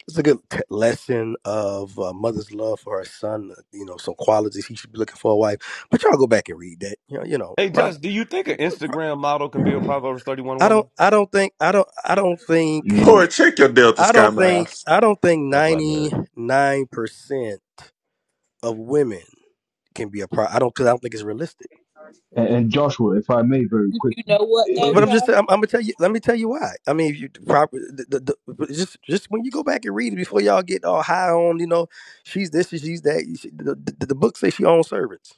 Speaker 6: it's a good t- lesson of uh, mother's love for her son uh, you know some qualities he should be looking for a wife but y'all go back and read that you know you know
Speaker 3: Hey,
Speaker 6: prob-
Speaker 3: Josh, do you think an Instagram model can be a Proverbs 31
Speaker 6: i don't
Speaker 3: woman?
Speaker 6: i don't think i don't i don't
Speaker 27: You
Speaker 6: think
Speaker 15: Corey,
Speaker 27: know,
Speaker 15: check your Delta
Speaker 6: i
Speaker 15: Sky
Speaker 6: don't
Speaker 15: Miles.
Speaker 6: think i don't think
Speaker 3: That's like American.
Speaker 6: 99% of women can be a pro i don't because i don't think it's realistic
Speaker 27: and, and Joshua, if I may, very
Speaker 26: You know
Speaker 27: quickly, i-
Speaker 26: what
Speaker 6: But,
Speaker 26: though,
Speaker 6: but I'm
Speaker 27: if
Speaker 6: just
Speaker 26: Josh?
Speaker 6: I'm, I'm gonna tell you. Let me tell you why. I mean, if you proper the, the, the, just just when you go back and read it before y'all get all high on you know she's this she's that. you the, the, the book says she owns servants.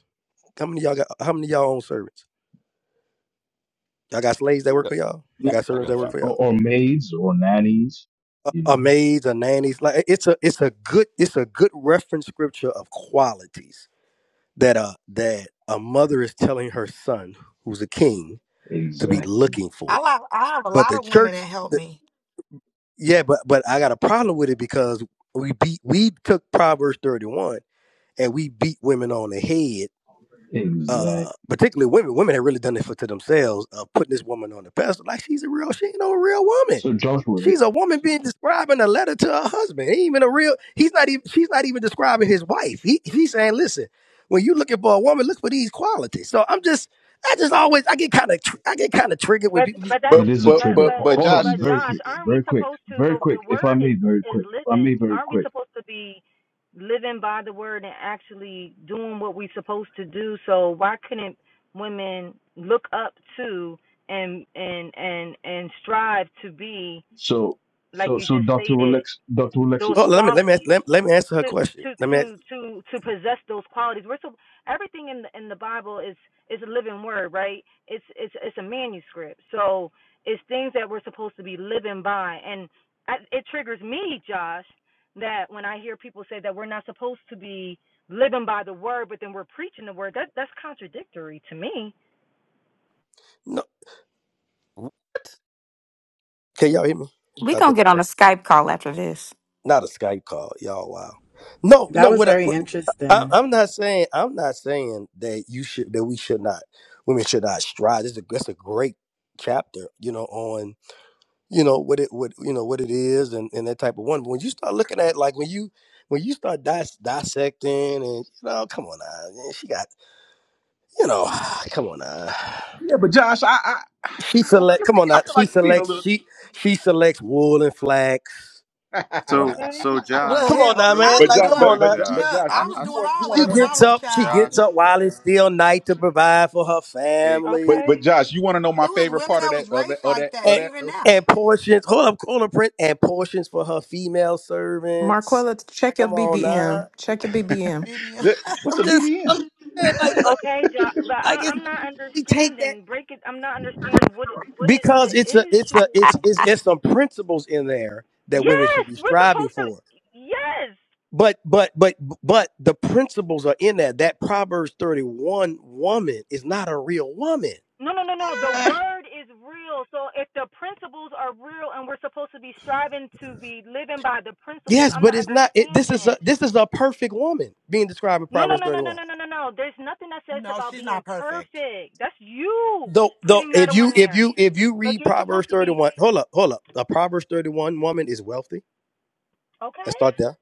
Speaker 6: How many of y'all got? How many of y'all own servants? Y'all got slaves that
Speaker 3: I
Speaker 6: work
Speaker 3: got,
Speaker 6: for y'all. Y'all got
Speaker 3: I
Speaker 6: servants
Speaker 3: got a
Speaker 6: that work
Speaker 3: few.
Speaker 6: for
Speaker 27: or,
Speaker 6: y'all.
Speaker 27: or maids or nannies, you
Speaker 6: A, a
Speaker 27: know,
Speaker 6: maids, a nannies. Like it's a it's a good it's a good reference scripture of qualities that uh that a mother is telling her son who's a king to be
Speaker 27: exactly,
Speaker 6: looking for.
Speaker 2: I have I have a
Speaker 6: But the
Speaker 2: lot of women that
Speaker 6: church.
Speaker 2: help me.
Speaker 6: Yeah, but but I got a problem with it because we beat we took Proverbs thirty one and we beat women on the head.
Speaker 27: exactly.
Speaker 6: Uh, particularly women. Women have really done it for to themselves of putting this woman on the pedestal. Like she's a real, she ain't no real woman.
Speaker 27: So Joshua,
Speaker 6: She's
Speaker 27: it,
Speaker 6: a woman being describing a letter to her husband. Ain't even a real. He's not even. She's not even describing his wife. He he's saying, listen, when you looking for a woman, look for these qualities. So I'm just, I just always, I get kind of, I get kind of triggered when
Speaker 23: but
Speaker 6: people be
Speaker 23: but that's
Speaker 1: but
Speaker 27: it is a
Speaker 1: but
Speaker 23: but
Speaker 27: trigger.
Speaker 1: but
Speaker 23: but
Speaker 27: Ho-
Speaker 1: but
Speaker 27: Hold
Speaker 1: Josh,
Speaker 27: on,
Speaker 23: but
Speaker 1: it-
Speaker 27: very
Speaker 1: it-
Speaker 23: Josh,
Speaker 27: quick,
Speaker 1: it-
Speaker 23: aren't we
Speaker 27: very quick,
Speaker 23: supposed to
Speaker 27: very
Speaker 23: the the
Speaker 27: quick. If I
Speaker 23: word
Speaker 27: may,
Speaker 23: is
Speaker 27: very
Speaker 23: is
Speaker 27: quick. If I may,
Speaker 23: living?
Speaker 27: very
Speaker 23: Aren't we
Speaker 27: quick.
Speaker 23: supposed to be living by the word and actually doing what we're supposed to do? So why couldn't women look up to and and and and strive to be
Speaker 27: So,
Speaker 23: like
Speaker 27: so,
Speaker 23: you
Speaker 27: so,
Speaker 23: just
Speaker 27: Doctor
Speaker 23: stated
Speaker 27: Alex, Doctor
Speaker 23: those
Speaker 6: Oh,
Speaker 27: Alexis.
Speaker 6: let me let me
Speaker 23: qualities?
Speaker 6: let, let me answer her
Speaker 23: to
Speaker 6: question.
Speaker 23: to
Speaker 6: Let me. Ask,
Speaker 23: to to to possess those qualities. We're so everything in the in the Bible is is a living word, right? It's it's it's a manuscript, so it's things that we're supposed to be living by, and I, it triggers me, Josh, that when I hear people say that we're not supposed to be living by the word, but then we're preaching the word. That that's contradictory to me.
Speaker 6: Can y'all hear me?
Speaker 14: We
Speaker 6: I
Speaker 14: gonna
Speaker 6: think
Speaker 14: get on
Speaker 6: I'm-
Speaker 14: a Skype call after this.
Speaker 6: not a Skype call. Y'all, wow. No,
Speaker 19: That
Speaker 6: no.
Speaker 19: was
Speaker 6: What, I,
Speaker 19: very
Speaker 6: what I,
Speaker 19: interesting.
Speaker 6: I'm not saying, I'm not saying that you should, that we should not, women should not strive. This is a, that's a great chapter, you know, on you know what it, what you know what it is, and and that type of one. But when you start looking at like when you when you start dis- dissecting, and you know, come on now, man, she got, you know, *sighs* come on now.
Speaker 1: Yeah, but Josh, I I,
Speaker 6: She
Speaker 1: I don't know.
Speaker 6: select, come on
Speaker 1: I
Speaker 6: now.
Speaker 1: feel
Speaker 6: She
Speaker 1: like you're being a
Speaker 6: selects,
Speaker 1: little.
Speaker 6: she she selects wool and flax.
Speaker 1: *laughs*
Speaker 6: Come on now.
Speaker 22: So
Speaker 23: Okay,
Speaker 22: so Josh,
Speaker 2: Look,
Speaker 6: Come on
Speaker 2: hell,
Speaker 6: now,
Speaker 22: real
Speaker 6: man.
Speaker 2: I
Speaker 1: but
Speaker 2: was
Speaker 6: Like,
Speaker 1: Josh,
Speaker 22: real
Speaker 6: come
Speaker 2: doing
Speaker 1: but
Speaker 6: on
Speaker 22: quick,
Speaker 1: but
Speaker 6: now.
Speaker 1: Jo-
Speaker 6: She
Speaker 1: but
Speaker 22: Josh.
Speaker 2: look,
Speaker 1: Josh,
Speaker 2: I
Speaker 22: I
Speaker 1: you
Speaker 2: was
Speaker 22: I,
Speaker 1: you
Speaker 2: doing
Speaker 1: want you
Speaker 2: all
Speaker 1: want to
Speaker 6: she
Speaker 2: that
Speaker 1: know
Speaker 2: when I
Speaker 6: gets
Speaker 2: was a
Speaker 6: up. She
Speaker 2: child.
Speaker 6: gets
Speaker 1: my?
Speaker 22: Josh,
Speaker 6: up while it's still night to provide for her
Speaker 22: hey,
Speaker 1: But
Speaker 6: family
Speaker 23: okay,
Speaker 1: but Josh, you want to know my
Speaker 2: It was
Speaker 1: favorite
Speaker 2: women
Speaker 1: part of
Speaker 2: that
Speaker 1: that
Speaker 2: was
Speaker 1: of that
Speaker 2: raised
Speaker 1: of
Speaker 2: like
Speaker 1: that of
Speaker 2: that,
Speaker 6: and
Speaker 1: that?
Speaker 2: even
Speaker 1: though?
Speaker 2: now.
Speaker 6: and portions. Hold up, corner print and portions for her female servants.
Speaker 10: Marquella, check your
Speaker 6: Come on now.
Speaker 10: BBM. Check your
Speaker 1: *laughs*
Speaker 10: BBM.
Speaker 2: Maybe
Speaker 1: That- What's
Speaker 6: I'm
Speaker 1: a
Speaker 6: just, I'm
Speaker 1: BBM?
Speaker 6: just saying, like, like,
Speaker 23: okay, Josh, but
Speaker 6: like
Speaker 23: I,
Speaker 6: it's
Speaker 23: I'm not
Speaker 6: we take that
Speaker 23: understanding. Break it. I'm not understanding what what is
Speaker 6: because
Speaker 23: the
Speaker 6: it's a, it's a, it's
Speaker 23: issue.
Speaker 6: it's it's some principles in there that women
Speaker 23: Yes,
Speaker 6: should be
Speaker 23: we're
Speaker 6: striving
Speaker 23: supposed to.
Speaker 6: for.
Speaker 23: Yes.
Speaker 6: But but but but the principles are in that. That Proverbs 31 woman is not a real woman.
Speaker 23: No, no, no, no. The word is real. So if the principles are real and we're supposed to be striving to be living by the principles,
Speaker 6: Yes,
Speaker 23: I'm
Speaker 6: but
Speaker 23: not
Speaker 6: it's not. It, this is a
Speaker 23: understanding.
Speaker 6: this is a perfect woman being described in
Speaker 23: No, no,
Speaker 6: Proverbs
Speaker 23: no, no,
Speaker 6: thirty
Speaker 23: no,
Speaker 6: one.
Speaker 23: no, no, no, no. There's nothing that
Speaker 2: *laughs*
Speaker 23: says
Speaker 2: no,
Speaker 23: about
Speaker 2: she's
Speaker 23: being
Speaker 2: not perfect.
Speaker 23: perfect. That's you
Speaker 6: Though though,
Speaker 23: putting that
Speaker 6: if you
Speaker 23: on
Speaker 6: if
Speaker 23: there.
Speaker 6: you if you
Speaker 23: But
Speaker 6: read
Speaker 23: you're supposed
Speaker 6: Proverbs
Speaker 23: to
Speaker 6: thirty
Speaker 23: be
Speaker 6: one, hold up, hold up. A Proverbs thirty one woman is wealthy. Let's
Speaker 23: okay.
Speaker 6: start there.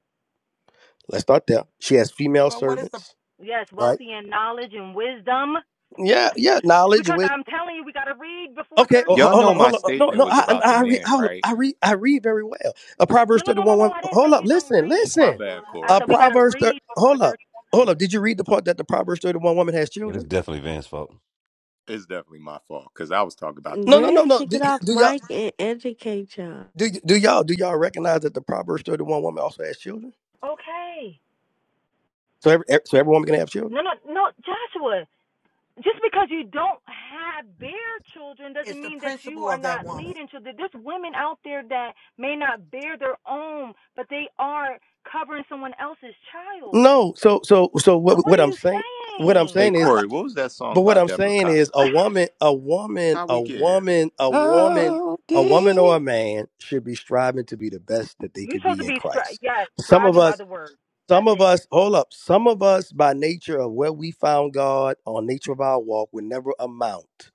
Speaker 6: Let's start there. She has female
Speaker 2: But what is the
Speaker 6: servants,
Speaker 23: Yes,
Speaker 6: right?
Speaker 23: wealthy in knowledge and wisdom.
Speaker 6: Yeah, yeah. Knowledge,
Speaker 23: Because
Speaker 6: wisdom.
Speaker 23: I'm telling you, we got to read before
Speaker 6: Okay, oh, ho-
Speaker 22: y'all
Speaker 23: 31.
Speaker 6: hold
Speaker 22: know
Speaker 6: up,
Speaker 22: my
Speaker 6: hold up. No,
Speaker 22: statement
Speaker 6: no.
Speaker 22: was
Speaker 6: I
Speaker 22: about the
Speaker 6: I I read
Speaker 22: man,
Speaker 6: hold up,
Speaker 22: right?
Speaker 6: I read I read very well. A
Speaker 23: No,
Speaker 6: Proverbs
Speaker 23: no,
Speaker 6: thirty
Speaker 23: no, no,
Speaker 6: one
Speaker 23: no.
Speaker 6: woman.
Speaker 23: I didn't
Speaker 6: Hold
Speaker 23: say
Speaker 6: up,
Speaker 23: you don't
Speaker 6: listen,
Speaker 23: read,
Speaker 22: My
Speaker 6: listen.
Speaker 23: Joshua.
Speaker 22: bad,
Speaker 23: I
Speaker 6: A
Speaker 23: said
Speaker 22: Corey.
Speaker 23: we gotta
Speaker 6: Proverbs thirty.
Speaker 23: read before
Speaker 6: Hold up, hold
Speaker 23: thirty-one.
Speaker 6: up. Did you read the part that the Proverbs thirty one woman has
Speaker 3: it's
Speaker 6: children?
Speaker 3: definitely Van's fault.
Speaker 22: It's definitely my fault because I was talking about the
Speaker 6: No, no,
Speaker 22: man.
Speaker 6: no,
Speaker 25: Greg
Speaker 6: no.
Speaker 25: should
Speaker 6: Do,
Speaker 25: get off
Speaker 6: do y'all?
Speaker 25: mic and educate y'all.
Speaker 6: Do do y'all do y'all recognize that the Proverbs thirty one woman also has children?
Speaker 23: Okay.
Speaker 6: So every e, so every woman can have children.
Speaker 23: No, no, no, Joshua. Just because you don't have bear children doesn't
Speaker 2: it's the
Speaker 23: mean that you
Speaker 2: principle
Speaker 23: are
Speaker 2: of that
Speaker 23: not
Speaker 2: woman.
Speaker 23: leading children. There's women out there that may not bear their own, but they are covering someone else's child.
Speaker 6: No, so so so
Speaker 23: So
Speaker 6: what
Speaker 23: what
Speaker 6: what
Speaker 23: are
Speaker 6: I'm
Speaker 23: you
Speaker 6: saying what I'm
Speaker 23: saying?
Speaker 22: Hey,
Speaker 6: saying is,
Speaker 22: Corey, what was that song
Speaker 6: but what
Speaker 22: by
Speaker 6: I'm
Speaker 22: Deborah
Speaker 6: saying is a
Speaker 22: Cox?
Speaker 23: *laughs*
Speaker 6: woman a woman
Speaker 22: How
Speaker 6: a
Speaker 22: we get here?
Speaker 6: woman a woman
Speaker 3: Oh,
Speaker 6: a woman or
Speaker 3: dear.
Speaker 6: a man should be striving to be the best that they
Speaker 23: You're
Speaker 6: could
Speaker 23: supposed
Speaker 6: be
Speaker 23: to
Speaker 6: in
Speaker 23: be stri-
Speaker 6: Christ.
Speaker 23: yes,
Speaker 6: Some of
Speaker 23: striving by
Speaker 6: us
Speaker 23: the word.
Speaker 6: some
Speaker 23: That's
Speaker 6: of
Speaker 23: it.
Speaker 6: us hold up some of us by nature of where we found God on nature of our walk would never amount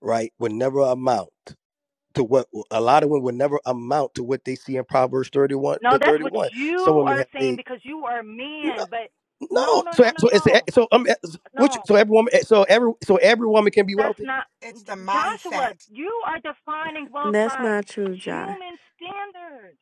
Speaker 6: right would never amount to what a lot of women would never amount to what they see in Proverbs 31
Speaker 23: No,
Speaker 6: to
Speaker 23: that's what
Speaker 6: 31. Some
Speaker 23: you
Speaker 6: women
Speaker 23: are
Speaker 6: have
Speaker 23: saying
Speaker 6: a
Speaker 23: because you are a man. But no,
Speaker 6: no.
Speaker 23: no,
Speaker 6: So
Speaker 23: no, no,
Speaker 6: so it's
Speaker 23: no,
Speaker 6: a, so um which
Speaker 23: no.
Speaker 6: so every woman eh, so every so every woman can be
Speaker 23: That's
Speaker 6: wealthy.
Speaker 23: not
Speaker 2: It's the
Speaker 23: J- Joshua.
Speaker 2: mindset.
Speaker 23: You are defining wealth
Speaker 25: That's
Speaker 23: by
Speaker 25: not true,
Speaker 23: human standards.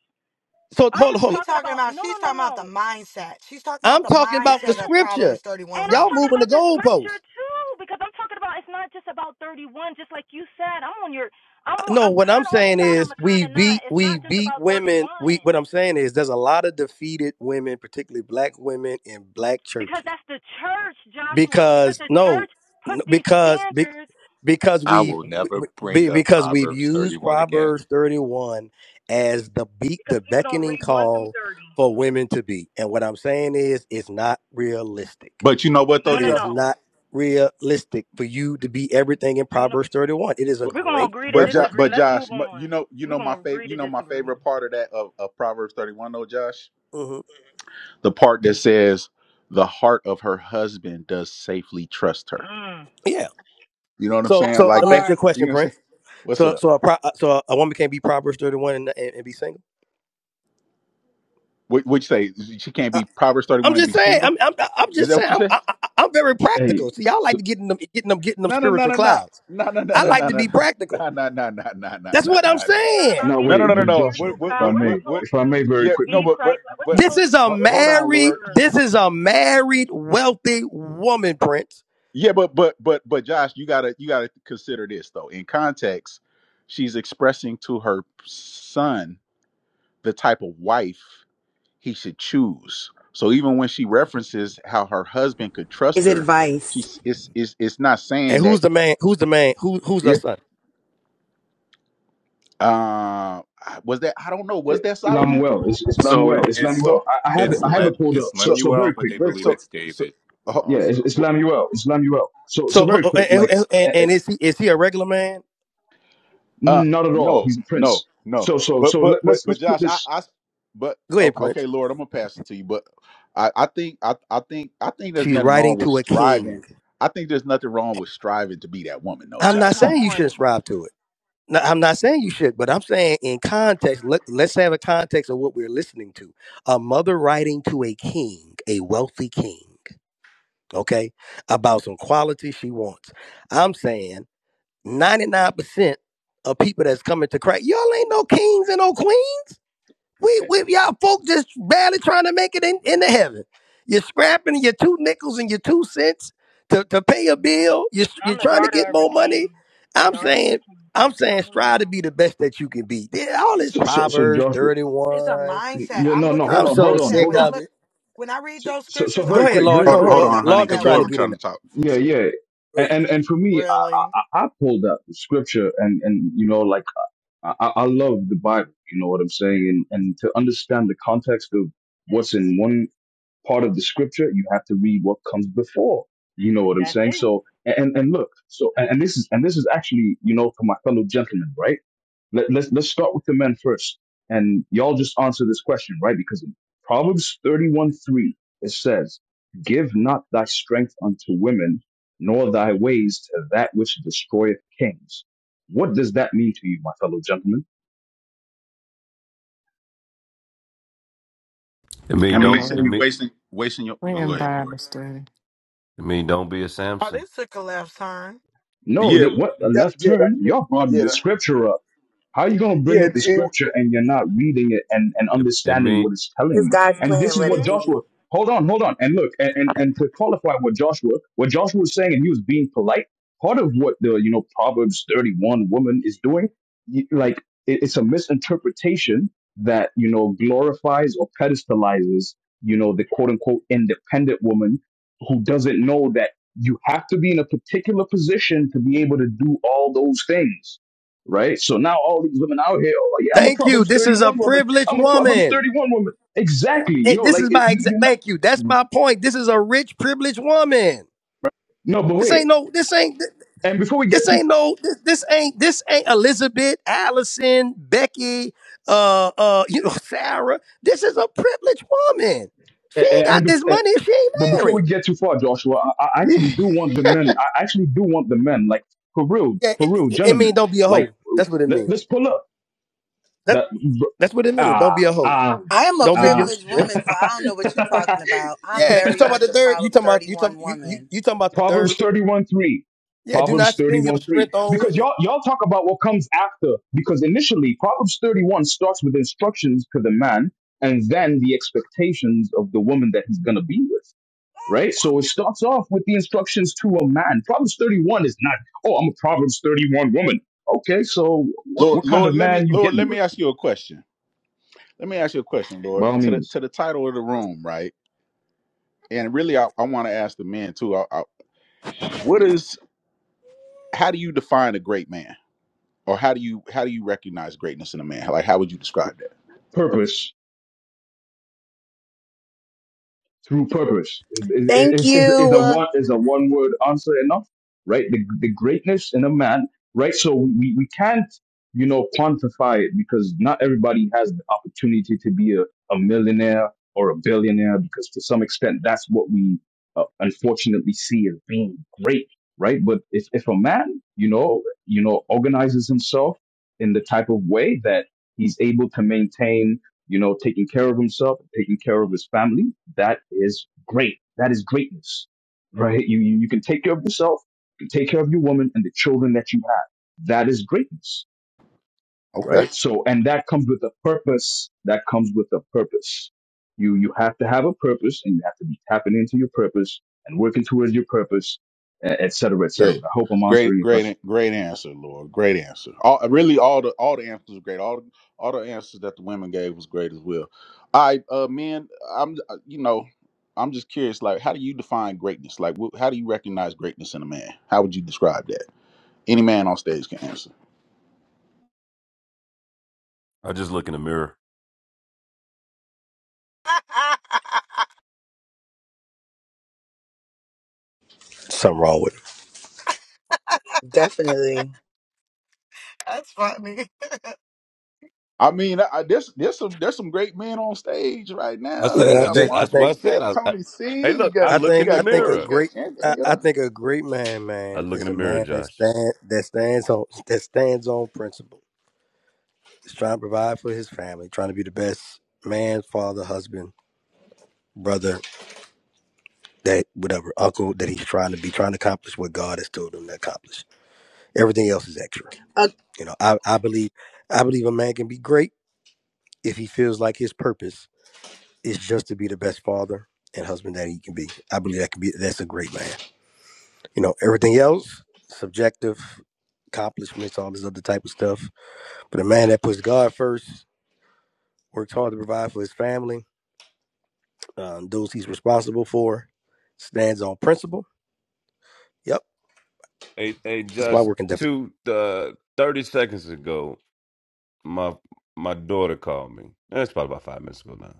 Speaker 6: So
Speaker 23: I
Speaker 6: hold on,
Speaker 23: am
Speaker 6: hold on.
Speaker 2: We
Speaker 23: talking
Speaker 2: talking
Speaker 23: about
Speaker 2: about
Speaker 23: no, no,
Speaker 2: she's
Speaker 23: no,
Speaker 2: talking
Speaker 23: no.
Speaker 2: about the mindset. She's talking about
Speaker 6: I'm
Speaker 2: the
Speaker 6: talking about the
Speaker 2: mindset of
Speaker 23: Yes,
Speaker 6: scripture.
Speaker 2: Proverbs
Speaker 23: and
Speaker 2: 31
Speaker 23: I'm
Speaker 6: Y'all
Speaker 2: woman.
Speaker 23: talking
Speaker 6: moving the
Speaker 23: about the scripture
Speaker 6: goalposts.
Speaker 23: too because I'm talking about it's not just about 31. Just like you said, I'm on your, I'm,
Speaker 6: Uh,
Speaker 23: on,
Speaker 6: No,
Speaker 23: I'm
Speaker 6: what
Speaker 23: kind
Speaker 6: I'm
Speaker 23: of on your
Speaker 6: saying
Speaker 23: side. I'm
Speaker 6: is
Speaker 23: kind
Speaker 6: we
Speaker 23: of not.
Speaker 6: beat
Speaker 23: It's not
Speaker 6: we
Speaker 23: just
Speaker 6: beat
Speaker 23: about 31
Speaker 6: women. We what I'm saying is there's a lot of defeated women, particularly black women in black
Speaker 23: because
Speaker 6: churches
Speaker 23: that's the church, Joshua. Because
Speaker 6: because
Speaker 23: the
Speaker 6: no
Speaker 23: church put these
Speaker 6: because be-
Speaker 23: standards
Speaker 6: because
Speaker 22: I
Speaker 6: we
Speaker 22: will never bring
Speaker 6: be-
Speaker 22: up
Speaker 6: because we've
Speaker 22: Proverbs
Speaker 6: used
Speaker 22: thirty-one again.
Speaker 6: proverbs 31 as the beat
Speaker 23: because
Speaker 6: the
Speaker 23: people don't
Speaker 6: beckoning
Speaker 23: read one through
Speaker 6: call
Speaker 23: thirty.
Speaker 6: for women to be and what i'm saying is it's not realistic
Speaker 1: But you know what though,
Speaker 23: No,
Speaker 6: it
Speaker 23: no,
Speaker 1: Josh.
Speaker 6: is
Speaker 23: no.
Speaker 6: not realistic for you to be everything in
Speaker 23: You know,
Speaker 6: proverbs 31 it is a
Speaker 1: But
Speaker 23: we're gonna
Speaker 6: great
Speaker 23: agree to
Speaker 1: but Josh,
Speaker 6: reference
Speaker 23: disagree.
Speaker 1: but
Speaker 23: Let's
Speaker 1: Josh,
Speaker 23: move
Speaker 1: m- you
Speaker 23: on.
Speaker 1: know you
Speaker 23: We're
Speaker 1: know my
Speaker 23: gonna
Speaker 1: favorite
Speaker 23: agree
Speaker 1: you
Speaker 23: to
Speaker 1: know my
Speaker 23: disagree.
Speaker 1: favorite part of that of, of Proverbs thirty one though, Josh,
Speaker 6: hmm
Speaker 1: the part that says the heart of her husband does safely trust her.
Speaker 23: Mm.
Speaker 6: yeah
Speaker 1: You know what I'm
Speaker 6: so
Speaker 26: That
Speaker 1: saying?
Speaker 6: so let
Speaker 1: Like
Speaker 6: me ask
Speaker 1: that.
Speaker 6: you a
Speaker 26: part.
Speaker 1: You know
Speaker 6: question
Speaker 1: what I'm saying?
Speaker 6: prince
Speaker 1: What's
Speaker 6: so
Speaker 1: up?
Speaker 6: so a pro, uh, so a woman can't be proverbs 31 and, and, and be single
Speaker 1: What what you say? She can't be Proverbs thirty
Speaker 6: I'm
Speaker 1: one and
Speaker 6: just
Speaker 1: be
Speaker 6: saying.
Speaker 1: single.
Speaker 6: I'm I'm, I'm
Speaker 1: Is
Speaker 6: just
Speaker 1: that what
Speaker 6: saying.
Speaker 1: you
Speaker 6: I'm,
Speaker 1: said?
Speaker 6: I, I- I'm very
Speaker 27: Hey,
Speaker 6: practical. See, y'all like
Speaker 27: so
Speaker 6: to get in them, getting them, getting them
Speaker 1: No no no
Speaker 6: spiritual
Speaker 1: no no
Speaker 6: clouds.
Speaker 1: no no no
Speaker 6: I
Speaker 1: no no
Speaker 6: like
Speaker 1: no
Speaker 6: to be practical.
Speaker 1: no no no no no no no no no
Speaker 6: That's
Speaker 1: no,
Speaker 6: what I'm
Speaker 1: no,
Speaker 23: It's not
Speaker 6: saying.
Speaker 23: about
Speaker 27: no
Speaker 1: No,
Speaker 23: getting
Speaker 1: no,
Speaker 27: wait,
Speaker 1: no, no,
Speaker 23: to
Speaker 27: but
Speaker 1: no.
Speaker 27: Joshua,
Speaker 23: spiritual
Speaker 1: What,
Speaker 27: if
Speaker 1: what,
Speaker 23: cloud.
Speaker 27: I
Speaker 1: what,
Speaker 23: We're
Speaker 27: may,
Speaker 1: what, what?
Speaker 23: supposed
Speaker 27: if I may,
Speaker 23: to
Speaker 27: very
Speaker 1: Yeah, no,
Speaker 23: be
Speaker 27: quickly.
Speaker 1: but, but,
Speaker 23: Christ. like, We're
Speaker 1: but,
Speaker 6: This
Speaker 23: supposed to
Speaker 6: is
Speaker 23: be
Speaker 6: a
Speaker 1: ho-
Speaker 23: living
Speaker 1: hold
Speaker 23: by
Speaker 1: on,
Speaker 23: the
Speaker 6: married.
Speaker 1: Lord.
Speaker 6: This
Speaker 23: word.
Speaker 6: is a married, wealthy woman, Prince.
Speaker 1: Yeah, but, but, but, but, Josh, you gotta, you gotta consider this though. In context, she's expressing to her son the type of wife he should choose. So even when she references how her husband could trust
Speaker 19: Is
Speaker 1: her,
Speaker 19: advice.
Speaker 1: she's it's it's it's not
Speaker 6: And
Speaker 1: saying that.
Speaker 6: who's the man? Who's the man? Who who's the
Speaker 1: It,
Speaker 6: son?
Speaker 1: uh, was that I don't know.
Speaker 27: Eh,
Speaker 1: Was that Solomon?
Speaker 27: Lamuel, it's, it's
Speaker 22: So
Speaker 27: Lamuel,
Speaker 22: it,
Speaker 27: it's
Speaker 22: it's
Speaker 1: So,
Speaker 27: Lamuel. I, I have it,
Speaker 22: it's
Speaker 27: I have
Speaker 22: Lem
Speaker 1: so,
Speaker 27: it pulled up.
Speaker 22: it's
Speaker 27: So,
Speaker 1: so,
Speaker 27: so
Speaker 22: Lemuel,
Speaker 27: very
Speaker 22: but
Speaker 27: quick,
Speaker 22: they
Speaker 27: very quick.
Speaker 22: believe
Speaker 1: so,
Speaker 22: it's
Speaker 1: so.
Speaker 22: David
Speaker 1: Uh,
Speaker 27: yeah,
Speaker 22: also.
Speaker 27: Is- Islamuel, Islamuel. So,
Speaker 6: So
Speaker 27: so very
Speaker 6: uh, uh,
Speaker 27: quick, like,
Speaker 6: and and,
Speaker 27: eh, eh,
Speaker 6: and is he is he a regular man?
Speaker 1: Uh,
Speaker 27: not at all.
Speaker 1: no,
Speaker 27: He's a
Speaker 1: no,
Speaker 27: prince.
Speaker 1: no.
Speaker 27: So, so,
Speaker 1: But
Speaker 27: so
Speaker 1: but
Speaker 27: let,
Speaker 1: but
Speaker 27: let's
Speaker 1: but
Speaker 27: let's put
Speaker 1: Josh, I
Speaker 27: this.
Speaker 1: I but
Speaker 6: Go
Speaker 1: o-
Speaker 6: ahead, Prince.
Speaker 1: okay, Lord, I'm gonna pass it to you. But I I think I I think I think there's
Speaker 6: She's
Speaker 1: nothing wrong
Speaker 6: writing
Speaker 1: with
Speaker 6: to a
Speaker 1: striving.
Speaker 6: king.
Speaker 1: I think there's nothing wrong with striving to be that woman, though,
Speaker 6: I'm
Speaker 2: That
Speaker 1: Josh.
Speaker 2: was
Speaker 6: not
Speaker 1: Come
Speaker 2: my
Speaker 6: saying
Speaker 1: on,
Speaker 6: you shouldn't
Speaker 2: point.
Speaker 6: subscribe to it. No, I'm not saying you should, but I'm saying in context, let, let's have a context of what we're listening to. A mother writing to a king, a wealthy king, okay, about some quality she wants. I'm saying 99% of people that's coming to Christ, y'all ain't no kings and no queens. We, we y'all folk just barely trying to make it in, into heaven. You're scrapping your two nickels and your two cents to, to pay a bill. You're, you're
Speaker 23: I'm the
Speaker 6: trying to get
Speaker 23: daughter of a
Speaker 6: more
Speaker 23: king.
Speaker 6: money. I'm
Speaker 23: Daughter of
Speaker 6: saying,
Speaker 23: a king.
Speaker 6: I'm
Speaker 23: I
Speaker 6: saying
Speaker 23: don't
Speaker 6: strive
Speaker 23: know.
Speaker 6: to be the best that you can be. Yeah, All this
Speaker 27: So, so, so
Speaker 6: Proverbs
Speaker 27: Joshua,
Speaker 2: It's a
Speaker 6: 31.
Speaker 2: mindset.
Speaker 27: yeah,
Speaker 2: I'm
Speaker 27: no, no,
Speaker 2: looking at
Speaker 6: I'm
Speaker 27: hold
Speaker 2: the
Speaker 27: on,
Speaker 6: so
Speaker 27: hold on,
Speaker 2: mindset.
Speaker 6: sick
Speaker 27: hold
Speaker 2: When I
Speaker 27: on.
Speaker 6: of
Speaker 2: look
Speaker 6: it.
Speaker 2: when I read
Speaker 27: So,
Speaker 2: those
Speaker 27: so, so
Speaker 2: scriptures,
Speaker 6: Go
Speaker 27: very
Speaker 2: I'm
Speaker 6: ahead,
Speaker 27: quick,
Speaker 2: looking at
Speaker 6: Lord.
Speaker 27: very
Speaker 2: the
Speaker 1: hold
Speaker 6: No,
Speaker 27: quick.
Speaker 6: hold
Speaker 1: hold
Speaker 6: on.
Speaker 2: mindset
Speaker 1: on, honey,
Speaker 2: of
Speaker 6: Lord been
Speaker 1: because
Speaker 2: that
Speaker 6: trying
Speaker 1: Lord
Speaker 6: to
Speaker 1: been
Speaker 6: get
Speaker 2: woman.
Speaker 6: in
Speaker 1: trying
Speaker 6: there.
Speaker 1: to talk for a
Speaker 27: Yeah,
Speaker 1: second.
Speaker 27: yeah.
Speaker 6: Go
Speaker 27: And
Speaker 6: ahead.
Speaker 27: and, and for me, I,
Speaker 2: Really?
Speaker 27: I I I pulled out the scripture, and and you know, like, I I I love the Bible. You know what I'm saying, and and to understand the context of what's in one part of the scripture, you have to read what comes before. You know what I'm
Speaker 23: That's
Speaker 27: saying?
Speaker 23: it.
Speaker 27: So and and look, so and, and this is and this is actually, you know, for my fellow gentlemen, right? Let, let's let's start with the men first. And y'all just answer this question, right? Because in Proverbs 31 3, it says, Give not thy strength unto women, nor thy ways to that which destroyeth kings. What does that mean to you, my fellow gentlemen?
Speaker 3: It
Speaker 1: I
Speaker 10: Oh
Speaker 3: mean
Speaker 1: mean, you
Speaker 3: don't
Speaker 1: shouldn't
Speaker 3: it
Speaker 1: be
Speaker 10: Lord,
Speaker 3: mean
Speaker 1: wasting wasting your. Oh,
Speaker 10: we're
Speaker 1: go
Speaker 10: in
Speaker 1: ahead,
Speaker 10: Bible
Speaker 1: Corey.
Speaker 10: study.
Speaker 3: it mean don't be a
Speaker 2: Oh,
Speaker 3: Samson.
Speaker 2: this took a left turn.
Speaker 27: No,
Speaker 1: Yeah,
Speaker 27: that what a
Speaker 1: yeah,
Speaker 27: left
Speaker 1: yeah, that,
Speaker 27: turn.
Speaker 1: yeah,
Speaker 27: Y'all brought
Speaker 1: yeah,
Speaker 27: the
Speaker 1: that,
Speaker 27: scripture up How are you going to bring
Speaker 1: yeah,
Speaker 27: up the
Speaker 1: it-
Speaker 27: scripture and you're not reading it and, and
Speaker 3: It, it
Speaker 27: understanding
Speaker 3: mean
Speaker 27: what it's telling
Speaker 19: It's
Speaker 27: you?
Speaker 19: God's
Speaker 27: And this
Speaker 19: plan,
Speaker 27: is
Speaker 19: let
Speaker 27: what
Speaker 19: it
Speaker 23: hmm
Speaker 19: be.
Speaker 27: Joshua, hold on, hold on. And look, and, and, and to qualify what Joshua, what Joshua was saying, and he was being polite, part of what the, you know, Proverbs 31 woman is doing, you- like, it, it's a misinterpretation that, you know, glorifies or pedestalizes, you know, the quote unquote independent woman who doesn't know that you have to be in a particular position to be able to do all those things right? So now all these women out here, oh yeah, I'm a
Speaker 6: Thank you.
Speaker 27: Proverbs
Speaker 6: This is a
Speaker 27: 31 woman.
Speaker 6: privileged
Speaker 27: I'm a Proverbs
Speaker 6: woman.
Speaker 27: 31 woman. Exactly,
Speaker 6: It-
Speaker 27: yo.
Speaker 6: this
Speaker 27: Like
Speaker 6: is
Speaker 27: it-
Speaker 6: my
Speaker 27: you,
Speaker 6: exact. Thank you. That's
Speaker 27: you.
Speaker 6: my point. This is a rich, privileged woman.
Speaker 27: No, but
Speaker 6: This
Speaker 27: wait.
Speaker 6: ain't no. This ain't.
Speaker 27: And before we get
Speaker 6: This
Speaker 27: too
Speaker 6: ain't
Speaker 27: far,
Speaker 6: no. This, this ain't. This ain't Elizabeth, Allison, Becky, uh, uh, you know, *laughs* Sarah. This is a privileged woman. She
Speaker 27: and,
Speaker 6: ain't got
Speaker 27: and bef-
Speaker 6: this
Speaker 27: eh,
Speaker 6: money. if She ain't
Speaker 27: but before
Speaker 6: married.
Speaker 27: we get too far, Joshua, I, I
Speaker 1: yeah.
Speaker 27: actually do want the men. I actually do want the men. Like for real,
Speaker 6: Yeah,
Speaker 27: for
Speaker 6: it,
Speaker 27: real,
Speaker 6: it, it mean
Speaker 27: gentlemen.
Speaker 6: don't be a
Speaker 27: Like
Speaker 6: hoe. That's what it
Speaker 27: let's
Speaker 6: means.
Speaker 27: let's pull up
Speaker 6: That
Speaker 27: that.
Speaker 6: that's what it means. Don't
Speaker 27: Ah
Speaker 6: be a hoe.
Speaker 27: ah
Speaker 19: I am a
Speaker 6: Don't give
Speaker 27: ah.
Speaker 6: your
Speaker 19: privileged
Speaker 6: strength.
Speaker 19: woman, so I don't know what you're
Speaker 27: *laughs*
Speaker 19: talking about. I'm
Speaker 6: Yeah, you
Speaker 19: very
Speaker 6: talking about the
Speaker 19: much a
Speaker 6: third? You
Speaker 19: Proverb
Speaker 6: talking about you talking
Speaker 19: 31
Speaker 6: you you,
Speaker 19: woman.
Speaker 6: you talking about the
Speaker 27: Proverbs
Speaker 6: third?
Speaker 27: 31 3.
Speaker 6: Yeah, do
Speaker 27: Proverbs
Speaker 6: not spend your
Speaker 27: 31 3.
Speaker 6: strength on
Speaker 27: Because
Speaker 6: women.
Speaker 27: y'all, y'all talk about what comes after. Because initially, Proverbs 31 starts with instructions to the man and then the expectations of the woman that he's going to be with. Right? So it starts off with the instructions to a man. Proverbs 31 is not, oh, I'm a Proverbs 31 woman. Okay, so
Speaker 1: *laughs*
Speaker 27: what,
Speaker 1: Lord,
Speaker 27: what kind
Speaker 1: Lord,
Speaker 27: of
Speaker 1: let me,
Speaker 27: man you
Speaker 1: Lord,
Speaker 27: getting
Speaker 1: let me
Speaker 27: with?
Speaker 1: ask you a question. Let me ask you a question, Lord.
Speaker 27: By all
Speaker 1: To the to
Speaker 27: means,
Speaker 1: the title of the room, right? and really i, I want to ask the men too I, I, what is how do you define a great man or how do you how do you recognize greatness in a man like how would you describe that
Speaker 27: purpose. through purpose. Is is,
Speaker 19: Thank
Speaker 27: is, is, a
Speaker 19: you.
Speaker 27: one is a one word answer enough? Right? The the greatness in a man, right? So we, we can't, you know, quantify it because not everybody has the opportunity to be a, a millionaire or a billionaire because to some extent that's what we uh, unfortunately see as being great, right? But if, if a man, you know, you know, organizes himself in the type of way that he's able to maintain you know, taking care of himself, taking care of his family, that is great. That is greatness, right? You, you, you can take care of yourself, you can take care of your woman and the children that you have. That is greatness,
Speaker 1: okay
Speaker 27: right? So, and that comes with a purpose. That comes with a purpose. You, you have to have a purpose and you have to be tapping into your purpose and working towards your purpose, e- et cetera, et cetera.
Speaker 1: Great,
Speaker 27: I hope I'm answering
Speaker 1: great,
Speaker 27: your question.
Speaker 1: great, great answer, Lord. Great answer. All, really, all the all the answers were great. All the- all the answers that the women gave was great as well. All right, uh, men, I'm uh, you know, I'm just curious. Like, how do you define greatness? Like, wh- how do you recognize greatness in a man? How would you describe that? Any man on stage can answer.
Speaker 3: I just look in the mirror.
Speaker 2: *laughs*
Speaker 6: Something wrong with it.
Speaker 19: Definitely.
Speaker 2: That's funny.
Speaker 1: I mean, I, I- there's there's some there's some great men on stage right
Speaker 3: I
Speaker 1: now.
Speaker 3: said,
Speaker 1: You
Speaker 6: Man, I
Speaker 3: I
Speaker 1: got
Speaker 6: think
Speaker 3: just,
Speaker 6: I
Speaker 3: that's what
Speaker 6: think
Speaker 3: I
Speaker 1: Marcus, you got
Speaker 3: said. I, I,
Speaker 1: Tony
Speaker 3: hey,
Speaker 1: C, you
Speaker 3: look,
Speaker 1: got
Speaker 3: I
Speaker 6: I
Speaker 3: look
Speaker 1: you
Speaker 3: in
Speaker 6: think
Speaker 3: the
Speaker 6: I
Speaker 1: got
Speaker 6: think a
Speaker 1: Corey, you
Speaker 3: mirror.
Speaker 1: got
Speaker 6: great I,
Speaker 1: Anthony.
Speaker 6: I
Speaker 1: uh,
Speaker 6: think a great man,
Speaker 3: I
Speaker 6: man,
Speaker 3: look in
Speaker 6: is
Speaker 3: the
Speaker 6: a
Speaker 3: mirror,
Speaker 6: man that
Speaker 3: Josh.
Speaker 6: stand that stands on that stands on principle. He's trying to provide for his family, trying to be the best man, father, husband, brother, that whatever, uncle that he's trying to be, trying to accomplish what God has told him to accomplish. Everything else is extra.
Speaker 19: Uh,
Speaker 6: You know, I, I believe I believe a man can be great if he feels like his purpose is just to be the best father and husband that he can be. I believe that can be that's a great man. You know, everything else, subjective accomplishments, all this other type of stuff. But a man that puts God first, works hard to provide for his family, um, those he's responsible for, stands on principle. Yep,
Speaker 3: Hey, hey,
Speaker 6: that's my
Speaker 3: just
Speaker 6: working definition.
Speaker 3: two, uh, 30 seconds ago, my my daughter called me. That's probably about five minutes ago now.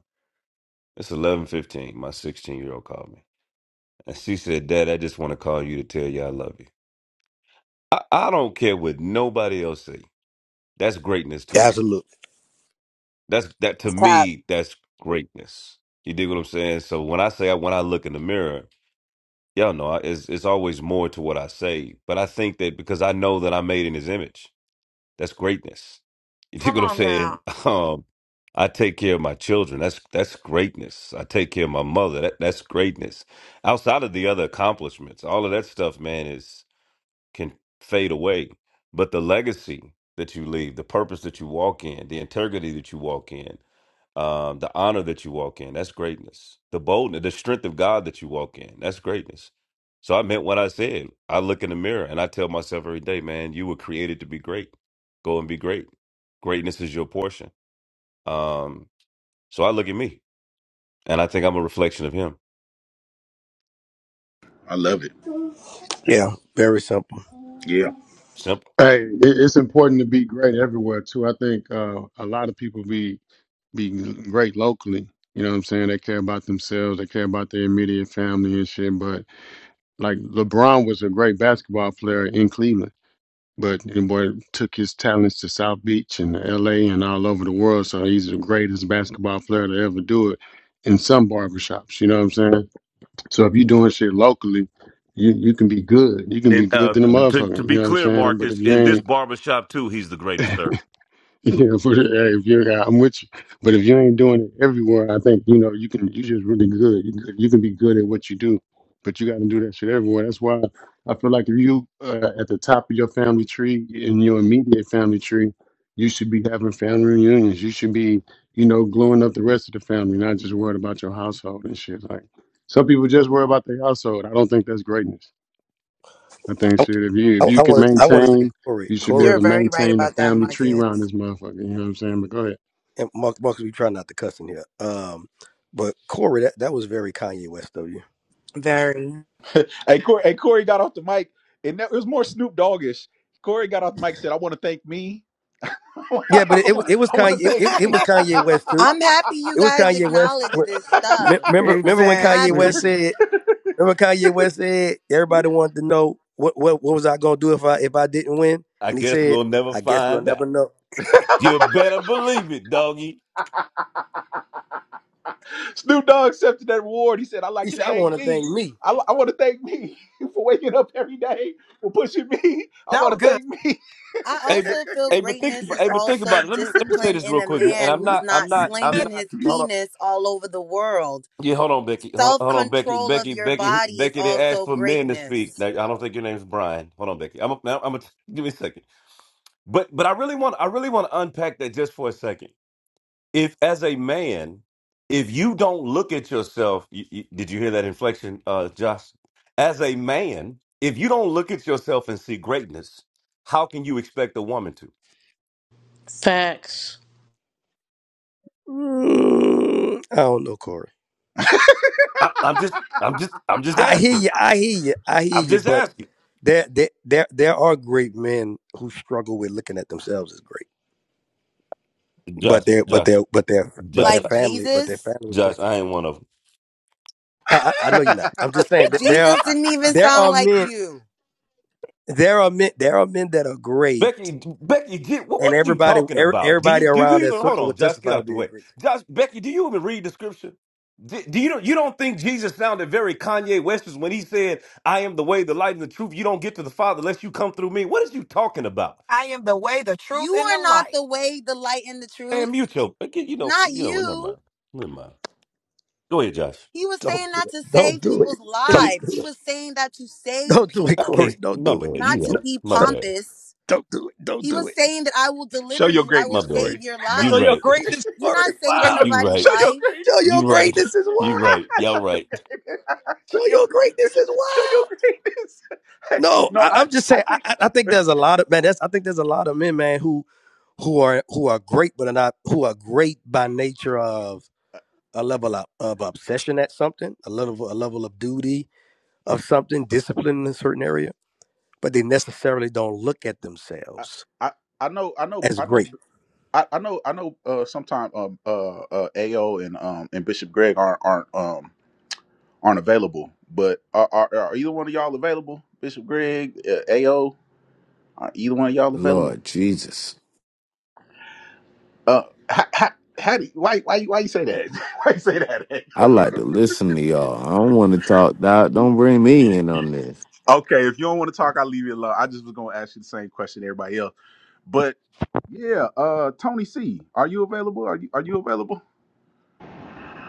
Speaker 3: It's 11.15. My 16-year-old called me. And she said, Dad, I just want to call you to tell you I love you. I, I don't care what nobody else say. That's greatness to
Speaker 6: Yeah,
Speaker 3: me.
Speaker 6: absolutely.
Speaker 3: That's that to
Speaker 19: Cap,
Speaker 3: me, that's greatness. You dig what I'm saying? So when I say when I look in the mirror, Yeah, no, I- it's it's always more to what I say, but I think that because I know that I'm made in His image, that's greatness. You dig
Speaker 2: Come
Speaker 3: what I'm
Speaker 2: on
Speaker 3: saying?
Speaker 2: now. *laughs*
Speaker 3: *laughs* Um, I take care of my children. That's that's greatness. I take care of my mother. That that's greatness. Outside of the other accomplishments, all of that stuff, man, can fade away, but the legacy that you leave, the purpose that you walk in, the integrity that you walk in, um, the honor that you walk in, that's greatness. The boldness, the strength of God that you walk in, that's greatness. So I meant what I said. I look in the mirror and I tell myself every day, man, you were created to be great. Go and be great. Greatness is your portion. Um, so I look at me and I think I'm a reflection of him.
Speaker 1: I love it.
Speaker 6: Yeah, very simple.
Speaker 1: Yeah.
Speaker 3: Simple.
Speaker 17: Hey, it, it's important to be great everywhere too. I think uh, a lot of people be be great locally. You know what I'm saying? They care about themselves. They care about their immediate family and shit. But like LeBron was a great basketball player in Cleveland. But the boy took his talents to South Beach and LA and all over the world. So he's the greatest basketball player to ever do it in some barbershops. You know what I'm saying? So if you're doing shit locally, you, you can be good. You can be
Speaker 3: And
Speaker 17: good
Speaker 3: uh,
Speaker 17: than a
Speaker 3: to,
Speaker 17: motherfucker.
Speaker 3: to
Speaker 17: You
Speaker 3: be
Speaker 17: know what I'm
Speaker 3: clear,
Speaker 17: saying? But if
Speaker 3: Marcus,
Speaker 17: you
Speaker 3: in this
Speaker 17: ain't
Speaker 3: barbershop, too, he's the
Speaker 17: *laughs*
Speaker 3: greatest, sir.
Speaker 17: *laughs* Yeah, but hey, if you're, hey, I'm with you. But if you ain't doing it everywhere, I think you know you can. You just really good. You can, you can be good at what you do, but you got to do that shit everywhere. That's why I feel like if you uh, at the top of your family tree in your immediate family tree, you should be having family reunions. You should be, you know, gluing up the rest of the family, not just worried about your household and shit. Like some people just worry about their household. I don't think that's greatness. I think
Speaker 6: I,
Speaker 17: shit. If you
Speaker 6: I,
Speaker 17: if you
Speaker 6: I
Speaker 17: can
Speaker 6: want I want to say
Speaker 17: maintain,
Speaker 6: Corey,
Speaker 17: you should be able
Speaker 6: Corey,
Speaker 19: you're
Speaker 17: to
Speaker 19: very right
Speaker 17: maintain the
Speaker 19: about that,
Speaker 17: family tree
Speaker 19: Marcus.
Speaker 17: around this motherfucker. You know what I'm saying? But go ahead.
Speaker 6: and Mark, Mark, we try not to cuss in here. Um, but Corey, that, that was very Kanye West of you.
Speaker 19: Very.
Speaker 1: Hey Corey, hey Corey got off the mic, and that, it was more Snoop Doggish. Corey got off the mic, and said, "I want to thank me. *laughs* I
Speaker 6: Yeah, but it, it was
Speaker 1: want to
Speaker 6: Kanye.
Speaker 1: thank
Speaker 6: it, it
Speaker 1: me."
Speaker 6: was Kanye West too.
Speaker 19: I'm happy
Speaker 1: *laughs*
Speaker 19: you
Speaker 6: It was
Speaker 19: guys
Speaker 6: Kanye West.
Speaker 19: acknowledge this stuff.
Speaker 6: Remember, remember when
Speaker 19: I'm
Speaker 6: Kanye
Speaker 10: Exactly.
Speaker 6: West
Speaker 19: happy.
Speaker 6: said, "Remember Kanye West said everybody wanted to know what what what was I gonna do if I if I didn't win?"
Speaker 3: I
Speaker 6: And he
Speaker 3: guess
Speaker 6: said,
Speaker 3: we'll never
Speaker 6: "I guess we'll
Speaker 3: find
Speaker 6: never
Speaker 3: out.
Speaker 6: know."
Speaker 3: You better believe it, doggy.
Speaker 1: Snoop Dogg accepted that award. He said, "I like
Speaker 6: He
Speaker 1: to
Speaker 6: said, "I
Speaker 1: thank
Speaker 6: want to
Speaker 1: me.
Speaker 6: thank me."
Speaker 1: I, I want to thank me *laughs* for waking up every day, for pushing me. I
Speaker 2: That was
Speaker 1: want to
Speaker 2: good.
Speaker 1: thank me."
Speaker 19: I
Speaker 3: Hey, but
Speaker 19: also feel
Speaker 3: hey, but think,
Speaker 19: greatness is
Speaker 3: hey, but think
Speaker 19: also
Speaker 3: about it. Let me let me say
Speaker 19: discipline
Speaker 3: this
Speaker 19: in
Speaker 3: real
Speaker 19: a
Speaker 3: quick, and
Speaker 19: man
Speaker 3: I'm
Speaker 19: who's
Speaker 3: not, I'm
Speaker 19: not
Speaker 3: not,
Speaker 2: *laughs*
Speaker 3: I'm
Speaker 19: slinging
Speaker 3: not.
Speaker 19: his
Speaker 3: Hold on,
Speaker 19: penis all over the world.
Speaker 3: yeah, hold on, Becky, hold,
Speaker 19: Self
Speaker 3: hold on, Becky,
Speaker 19: control of
Speaker 3: Becky,
Speaker 19: your
Speaker 3: Becky,
Speaker 19: body is
Speaker 3: Becky. They asked
Speaker 19: also
Speaker 3: for men to speak.
Speaker 19: greatness.
Speaker 3: Now, I don't think your name's Brian. Hold on, Becky. I'm, a, I'm, a, give me a second. But, but I really want, I really want to unpack that just for a second if as a man, if you don't look at yourself, you, you- did you hear that inflection, uh, Josh? As a man, if you don't look at yourself and see greatness, how can you expect a woman to?
Speaker 8: Facts.
Speaker 6: Mm, I don't know, Corey.
Speaker 3: I, I'm just, I'm just, I'm just
Speaker 6: I hear
Speaker 3: asking.
Speaker 6: you. I hear you. I
Speaker 3: I'm
Speaker 6: hear you.
Speaker 3: just
Speaker 6: But
Speaker 3: asking,
Speaker 6: there there there there are great men who struggle with looking at themselves as great. But
Speaker 3: Josh,
Speaker 6: their but
Speaker 3: Josh,
Speaker 6: their but their but
Speaker 3: Josh,
Speaker 6: their
Speaker 19: Like
Speaker 6: family but their
Speaker 19: Jesus.
Speaker 6: family. was
Speaker 3: Josh.
Speaker 6: test-
Speaker 3: I ain't one of 'em.
Speaker 6: I I, I know you're
Speaker 1: *laughs*
Speaker 6: not. I'm just saying that there are
Speaker 19: Jesus didn't even
Speaker 6: there
Speaker 19: sound
Speaker 6: are
Speaker 19: like
Speaker 6: men
Speaker 19: you.
Speaker 6: there are men there are men that are great
Speaker 3: Becky, Becky, get, what,
Speaker 6: and
Speaker 3: what are you
Speaker 6: everybody
Speaker 3: talking
Speaker 6: er,
Speaker 3: about? Do you
Speaker 6: everybody
Speaker 3: do you
Speaker 6: around that
Speaker 3: even hold
Speaker 6: circle
Speaker 3: on,
Speaker 6: would
Speaker 3: Josh? Get
Speaker 6: testify to
Speaker 3: out the
Speaker 6: being
Speaker 3: way,
Speaker 6: great
Speaker 3: Josh. Becky, do you even read the scripture? Do, do you you don't think Jesus sounded very Kanye Westish when he said, "I am the way, the light, and the truth. You don't get to the Father unless you come through me." What is you talking about?
Speaker 2: I am the way, the truth,
Speaker 19: You
Speaker 2: and
Speaker 19: are
Speaker 2: the
Speaker 19: not
Speaker 2: life.
Speaker 19: the way, the light, and the
Speaker 3: And
Speaker 19: truth.
Speaker 3: mute your, again, you know,
Speaker 19: Not
Speaker 3: you know, what, never
Speaker 19: you.
Speaker 3: mind, never mind. Go ahead, Josh.
Speaker 19: He was
Speaker 6: don't
Speaker 19: saying
Speaker 6: do
Speaker 19: not
Speaker 6: it
Speaker 19: to
Speaker 6: don't
Speaker 19: save
Speaker 6: do it
Speaker 19: people's
Speaker 6: don't
Speaker 3: Nigga,
Speaker 19: lives.
Speaker 6: do
Speaker 19: He
Speaker 6: it
Speaker 19: was saying that to save
Speaker 6: don't do it
Speaker 3: I
Speaker 19: people,
Speaker 6: corey
Speaker 3: can't.
Speaker 6: don't
Speaker 3: My
Speaker 6: do it
Speaker 3: bad.
Speaker 19: not
Speaker 3: You
Speaker 19: to
Speaker 6: no,
Speaker 3: right.
Speaker 19: be
Speaker 3: My
Speaker 6: don't,
Speaker 3: bad.
Speaker 19: pompous.
Speaker 6: don't do it don't
Speaker 19: He
Speaker 6: do
Speaker 19: was
Speaker 6: it
Speaker 19: saying that I will
Speaker 1: Show
Speaker 19: deliver
Speaker 1: your
Speaker 19: you, I will
Speaker 3: My
Speaker 1: greatness,
Speaker 3: bad.
Speaker 19: save
Speaker 1: Corey.
Speaker 19: your
Speaker 3: You
Speaker 6: show
Speaker 19: life.
Speaker 6: your
Speaker 3: right.
Speaker 6: greatness
Speaker 19: You're
Speaker 6: corey
Speaker 19: not
Speaker 6: is
Speaker 1: *laughs* Show
Speaker 19: saving
Speaker 6: wild
Speaker 1: your,
Speaker 3: You
Speaker 19: nobody's
Speaker 1: show
Speaker 3: right.
Speaker 1: your
Speaker 19: life,
Speaker 6: show your
Speaker 3: You right. *laughs*
Speaker 6: greatness is
Speaker 3: You
Speaker 6: wild
Speaker 3: right.
Speaker 1: greatness. *laughs* show
Speaker 3: Y'all
Speaker 1: your
Speaker 3: right.
Speaker 1: greatness. *laughs* Show
Speaker 6: show
Speaker 1: your
Speaker 6: your
Speaker 1: greatness.
Speaker 6: greatness is
Speaker 1: Show your
Speaker 6: wild
Speaker 1: greatness. *laughs* Hey,
Speaker 6: no
Speaker 1: no,
Speaker 6: I,
Speaker 1: I,
Speaker 6: i'm just
Speaker 1: I
Speaker 6: saying I,
Speaker 1: think
Speaker 6: I I think
Speaker 1: eh,
Speaker 6: there's a lot of man that's i think there's a lot of men man who who are who are great but are not who are great by nature of a level of, of obsession at something, a level a level of duty of something, discipline in a certain area, but they necessarily don't look at
Speaker 1: I,
Speaker 6: themselves
Speaker 1: I, I know, I know,
Speaker 6: as
Speaker 1: I know,
Speaker 6: great.
Speaker 1: I, I know, I know. Uh, sometime um, uh, uh, Ao and um, and Bishop Greg aren't aren't um aren't available. But are are, are either one of y'all available? Bishop Greg, uh, Ao, are either one of y'all available?
Speaker 7: Lord Jesus.
Speaker 1: Uh, how, how, how do you, why why you- why you say that? *laughs* why you say that?
Speaker 7: I like to listen to y'all. I don't want to talk. Don't don't bring me in
Speaker 1: *laughs*
Speaker 7: on this.
Speaker 1: Okay, if you don't want to talk, I'll leave you alone. I just was gonna ask you the same question everybody else. But yeah, uh Tony C, are you available? Are you are you available?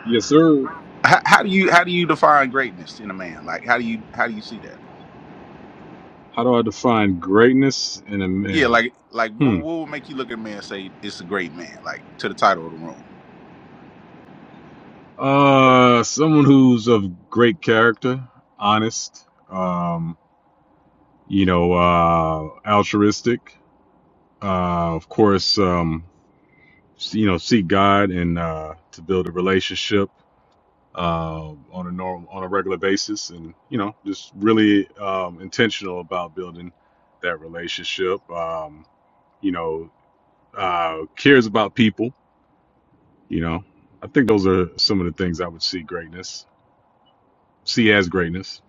Speaker 28: Yes, sir.
Speaker 1: How, how do you how do you define greatness in a man? Like how do you how do you see that?
Speaker 28: How do I define greatness in a
Speaker 1: Yeah,
Speaker 28: man?
Speaker 1: like like what
Speaker 28: Hmm.
Speaker 1: what would make you look at a man and say it's a great man, like to the title of the room.
Speaker 28: Uh, someone who's of great character, honest, um, you know, uh, altruistic. Uh, of course, um, s- you know, seek God and uh, to build a relationship uh, on a normal, on a regular basis, and you know, just really um, intentional about building that relationship. Um, you know, uh, cares about people You know, I think those are some of the things I would see greatness, see as greatness.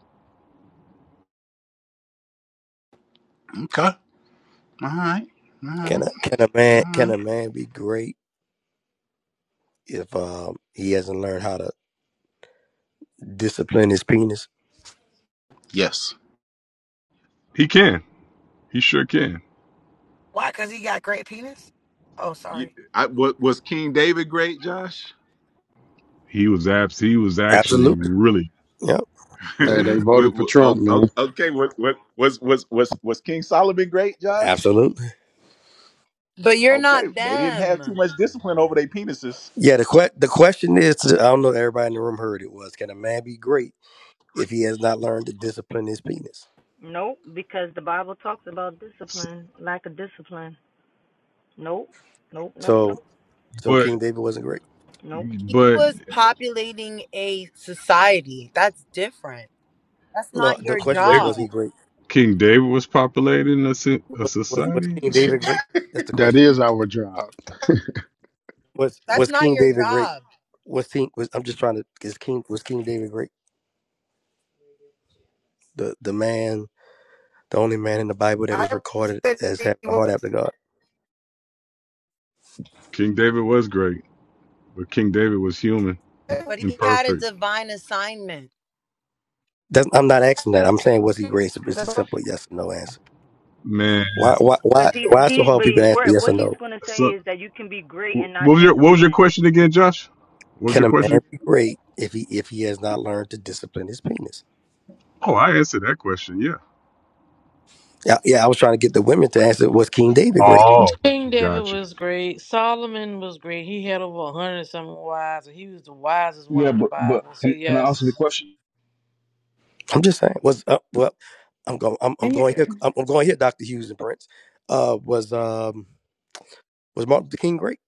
Speaker 1: Okay. All right. All
Speaker 6: Can
Speaker 1: right.
Speaker 6: a can a man
Speaker 1: All
Speaker 6: can
Speaker 1: right.
Speaker 6: a man be great if um, he hasn't learned how to discipline his penis?
Speaker 1: Yes.
Speaker 28: He can. He sure can.
Speaker 2: Why? Because he got great penis? Oh,
Speaker 1: You,
Speaker 2: sorry.
Speaker 1: I, wa- was King David great, Josh?
Speaker 28: He was abs. He was actually
Speaker 6: Absolutely.
Speaker 28: really,
Speaker 6: Yep.
Speaker 1: *laughs* Wa-
Speaker 17: Hey, they
Speaker 6: Mhm.
Speaker 17: voted for
Speaker 1: wa- o-
Speaker 17: Trump,
Speaker 1: o-
Speaker 17: man.
Speaker 1: okay, what what Was was was was King Solomon great, Josh?
Speaker 6: Absolutely.
Speaker 19: but you're
Speaker 1: Okay,
Speaker 19: not
Speaker 1: they didn't have too
Speaker 19: them.
Speaker 1: much discipline over their penises.
Speaker 6: Yeah. The que- the question is, I don't know. if Everybody in the room heard it was, can a man be great if he has not learned to discipline his penis?
Speaker 23: Nope, because the Bible talks about discipline, lack of discipline. Nope, nope, nope,
Speaker 6: So
Speaker 23: nope,
Speaker 6: so
Speaker 28: but
Speaker 6: King David wasn't great.
Speaker 23: nope.
Speaker 19: He
Speaker 28: but
Speaker 19: was populating a society. That's different. That's
Speaker 6: No,
Speaker 19: not
Speaker 6: the
Speaker 19: your
Speaker 6: question is, was
Speaker 19: job.
Speaker 6: he
Speaker 28: David-
Speaker 6: great?
Speaker 28: King David was populated in a, so- a
Speaker 6: Was, was was
Speaker 28: society.
Speaker 6: King
Speaker 1: *laughs*
Speaker 6: David great? That's the
Speaker 17: That
Speaker 6: question.
Speaker 17: is our job. *laughs*
Speaker 6: Was
Speaker 19: That's
Speaker 6: was
Speaker 19: not
Speaker 6: King
Speaker 19: your
Speaker 6: David great?
Speaker 19: job.
Speaker 6: Was King was I'm just trying to is King was King David great? The the man, the only man in the Bible that is
Speaker 2: Bible
Speaker 6: recorded
Speaker 2: said
Speaker 6: as
Speaker 2: he
Speaker 6: having a heart
Speaker 2: was
Speaker 6: after God.
Speaker 28: King David was great, but King David was human,
Speaker 19: But he had a
Speaker 28: imperfect.
Speaker 19: divine assignment
Speaker 6: That's, I'm not asking that. I'm saying was he great? It's a it's a
Speaker 2: the
Speaker 6: simple yes or no answer.
Speaker 28: Man,
Speaker 6: Why why
Speaker 23: Cause
Speaker 6: why
Speaker 23: he's
Speaker 6: why is it so
Speaker 23: he,
Speaker 6: hard
Speaker 23: but
Speaker 6: for people
Speaker 23: he-
Speaker 6: to answer
Speaker 23: where-
Speaker 6: yes
Speaker 23: what
Speaker 6: or
Speaker 23: he's
Speaker 6: no?
Speaker 23: gonna say
Speaker 28: so
Speaker 23: is that you can be
Speaker 28: wh-
Speaker 23: great and not
Speaker 28: what was your what was your
Speaker 23: disciplined.
Speaker 28: question again, Josh? What was
Speaker 6: Can
Speaker 28: your
Speaker 6: a man
Speaker 28: question?
Speaker 6: be great if he if he has not learned to discipline his penis?
Speaker 28: Oh, I answered that question. Yeah.
Speaker 6: Yeah, yeah. I was trying to get the women to answer was King David great?
Speaker 28: Oh,
Speaker 8: King David
Speaker 28: got you.
Speaker 8: was great. Solomon was great. He had over a hundred and something wives, and he was the wisest one
Speaker 27: Yeah,
Speaker 8: in the
Speaker 27: but, but
Speaker 8: Bible. So
Speaker 27: can, can I answer the
Speaker 8: yes.
Speaker 27: question?
Speaker 6: I'm just saying. Was uh, well, I'm going. I'm, I'm going here. I'm, I'm going here. Doctor Hughes and Prince. Uh, was um was Martin Luther King great?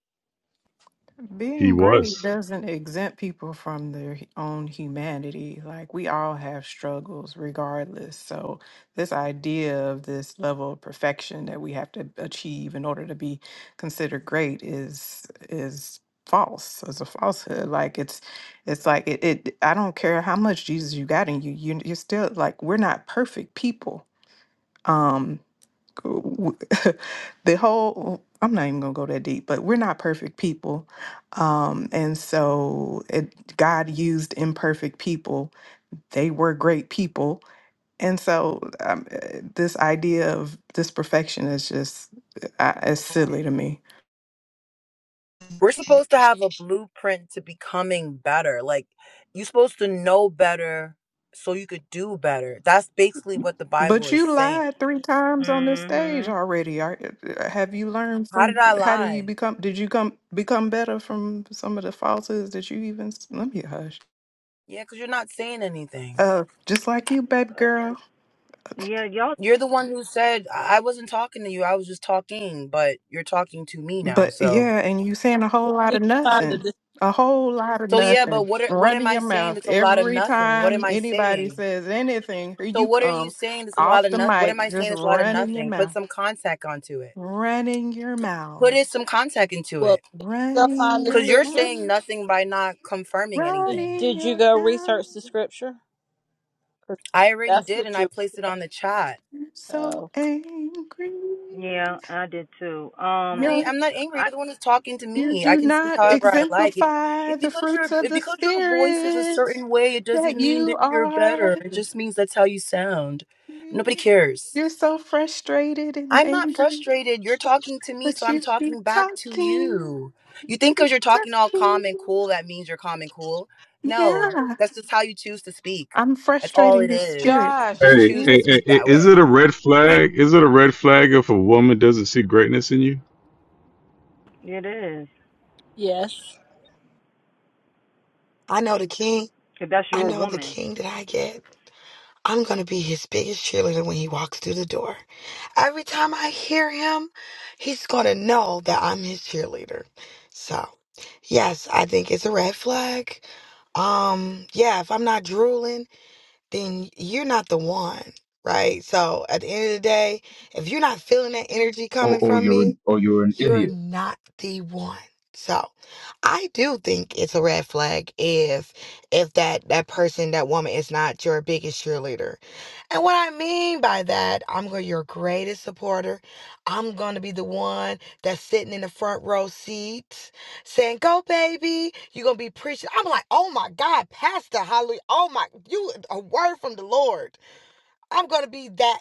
Speaker 28: He
Speaker 10: Being great
Speaker 28: was.
Speaker 10: doesn't exempt people from their hu- own humanity. Like we all have struggles regardless. So this idea of this level of perfection that we have to achieve in order to be considered great is is false. It's a falsehood. Like it's it's like it, it I don't care how much Jesus you got in you, you you're still like we're not perfect people. um, w- *laughs* the whole I'm not even gonna go that deep, but we're not perfect people, um, and so it, God used imperfect people. They were great people, and so um, eh, this idea of this perfection is just uh, it's silly to me.
Speaker 19: we're supposed to have a blueprint to becoming better. Like you're supposed to know better so you could do better. That's basically what the Bible
Speaker 10: But
Speaker 19: is
Speaker 10: you
Speaker 19: saying.
Speaker 10: lied three times on this stage
Speaker 23: Mhm.
Speaker 10: already. Are, eh, have you learned
Speaker 19: How did
Speaker 10: from?
Speaker 19: I
Speaker 10: How do you
Speaker 19: lie?
Speaker 10: become? Did you come become better from some of the falsehoods that you even? s- Let me hush.
Speaker 19: Yeah, because you're not saying anything.
Speaker 10: Uh, just like you, baby girl.
Speaker 23: Yeah, y'all.
Speaker 19: You're the one who said I I wasn't talking to you. I was just talking, but you're talking to me now.
Speaker 10: But
Speaker 19: So,
Speaker 10: yeah, and you saying a whole lot of
Speaker 26: You find
Speaker 10: nothing.
Speaker 26: the
Speaker 10: A whole lot of
Speaker 19: so yeah. But
Speaker 10: nothing.
Speaker 19: what are, what am
Speaker 10: Running
Speaker 19: I
Speaker 10: your
Speaker 19: saying?
Speaker 10: mouth
Speaker 19: That's a lot of
Speaker 10: every
Speaker 19: nothing. What am
Speaker 10: time
Speaker 19: I
Speaker 10: anybody
Speaker 19: saying?
Speaker 10: says anything, here
Speaker 19: So
Speaker 10: you
Speaker 19: what are you
Speaker 10: come
Speaker 19: saying? That's a lot
Speaker 10: off
Speaker 19: of
Speaker 10: the
Speaker 19: nothing. What am I
Speaker 10: mic,
Speaker 19: saying?
Speaker 10: just
Speaker 19: That's a lot of
Speaker 10: running your
Speaker 19: nothing. Put
Speaker 10: mouth.
Speaker 19: some contact onto it.
Speaker 10: Running your
Speaker 19: Put
Speaker 10: mouth.
Speaker 19: it some contact into it
Speaker 26: well. Go find
Speaker 10: Running
Speaker 26: the
Speaker 19: Because
Speaker 10: your
Speaker 19: you're
Speaker 26: scripture.
Speaker 19: saying
Speaker 10: mouth.
Speaker 19: nothing by not confirming anything.
Speaker 26: Did
Speaker 10: Running
Speaker 26: Did you
Speaker 10: your
Speaker 26: go research the
Speaker 10: mouth.
Speaker 26: scripture? 'Cause
Speaker 19: I already
Speaker 26: that's
Speaker 19: did,
Speaker 26: what
Speaker 19: and I
Speaker 26: you.
Speaker 19: placed it on the chat.
Speaker 10: You're So
Speaker 26: Oh,
Speaker 10: angry.
Speaker 23: Yeah, I did too.
Speaker 19: I
Speaker 23: Um,
Speaker 19: ain't-
Speaker 10: You,
Speaker 19: I'm not angry.
Speaker 23: I
Speaker 19: You're the one who's talking to
Speaker 10: you
Speaker 19: me. I
Speaker 10: do
Speaker 19: can speak
Speaker 10: not
Speaker 19: however I like. It, it
Speaker 10: exemplify the
Speaker 19: because
Speaker 10: fruits
Speaker 19: your
Speaker 10: of
Speaker 19: it,
Speaker 10: the
Speaker 19: because your voice is a
Speaker 10: spirit
Speaker 19: certain way, it doesn't
Speaker 10: that
Speaker 19: mean
Speaker 10: you
Speaker 19: that you're
Speaker 10: are.
Speaker 19: better. It just means that's how you sound.
Speaker 10: Yeah.
Speaker 19: Nobody cares.
Speaker 10: You're so frustrated and
Speaker 19: I'm not
Speaker 10: angry,
Speaker 19: frustrated. You're talking to me, so
Speaker 10: but
Speaker 19: I'm
Speaker 10: you keep
Speaker 19: talking back to
Speaker 10: talking.
Speaker 19: you.
Speaker 10: You
Speaker 19: You think because
Speaker 10: keep
Speaker 19: you're talking all
Speaker 10: talking.
Speaker 19: calm and cool, that means you're calm and cool? No,
Speaker 10: Yeah,
Speaker 19: that's just how you choose to speak.
Speaker 10: I'm
Speaker 19: That's all
Speaker 10: frustrating
Speaker 19: it
Speaker 10: your
Speaker 19: is.
Speaker 10: spirits.
Speaker 19: You
Speaker 8: Josh,
Speaker 19: just
Speaker 28: Hey,
Speaker 8: you
Speaker 19: choose to
Speaker 28: hey,
Speaker 8: did,
Speaker 28: hey,
Speaker 19: speak
Speaker 28: hey,
Speaker 19: that
Speaker 28: is
Speaker 19: way.
Speaker 28: it a red flag? Is it a red flag if a woman doesn't see greatness in you?
Speaker 23: it is.
Speaker 26: yes.
Speaker 2: I know the king.
Speaker 23: if that's
Speaker 2: I
Speaker 23: your
Speaker 2: know the
Speaker 23: woman.
Speaker 2: king that I get. I'm going to be his biggest cheerleader when he walks through the door. Every time I hear him, he's going to know that I'm his cheerleader. So, yes, I think it's a red flag. Um, yeah, if I'm not drooling. then you're not the one, right? So at the end of the day, if you're not feeling that energy
Speaker 27: Or,
Speaker 2: coming
Speaker 27: or
Speaker 2: from
Speaker 27: you're
Speaker 2: me,
Speaker 27: an, or you're an
Speaker 2: you're
Speaker 27: idiot.
Speaker 2: not the one. So I do think it's a red flag if if that that person, that woman is not your biggest cheerleader. And what I mean by that, I'm going to your greatest supporter. I'm going to be the one that's sitting in the front row seat saying, "Go baby." You're going to be preaching. I'm like, "Oh my God, pastor, hallelujah. Oh my, you a word from the Lord." I'm going to be that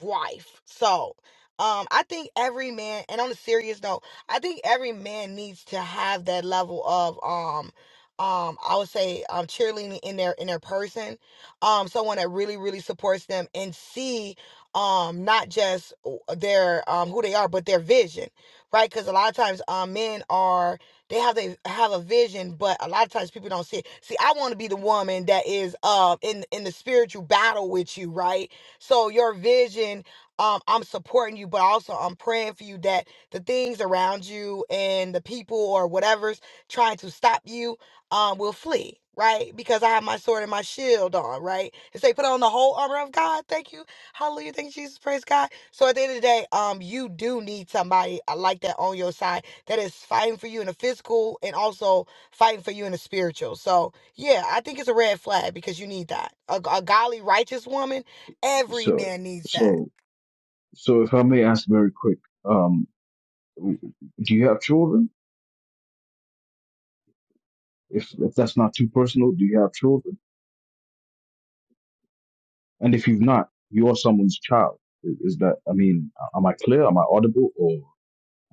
Speaker 2: wife. So, um, I think every man, and on a serious note, I think every man needs to have that level of um, um, I would say um, cheerleading in their in their person, um, someone that really really supports them and see um not just w- their um who they are but their vision right because a lot of times um men are they have they have a vision but a lot of times people don't see it see i want to be the woman that is uh in in the spiritual battle with you right so your vision, um, I'm supporting you, but also I'm praying for you that the things around you and the people or whatever's trying to stop you um will flee. Right, because I have my sword and my shield on. Right, and say, put on the whole armor of God. Thank you, Hallelujah. Thank you, Jesus. Praise God. So at the end of the day, um, you do need somebody uh, like that on your side that is fighting for you in the physical and also fighting for you in the spiritual. So yeah, I think it's a red flag because you need that. A, a godly, righteous woman Every
Speaker 27: So,
Speaker 2: man needs that.
Speaker 27: so So, if I may ask very quick, um, do you have children? If if that's not too personal, do you have children? And if you've not, you're someone's child. I- Is that? I mean, am I clear? Am I audible? Or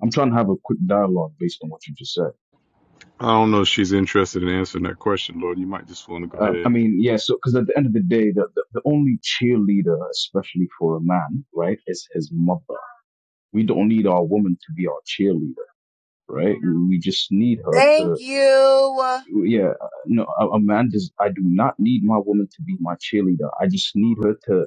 Speaker 27: I'm trying to have a quick dialogue based on what you just said.
Speaker 28: I don't know if she's interested in answering that question, Lord. You might just want to go
Speaker 27: Uh, I
Speaker 28: ahead.
Speaker 27: mean, yeah. So, because at the end of the day, the, the the only cheerleader, especially for a man, right, is his mother. We don't need our woman to be our cheerleader, right? We, we just need her to
Speaker 19: Thank you.
Speaker 27: yeah, uh, no, a, a man does. I do not need my woman to be my cheerleader. I just need her to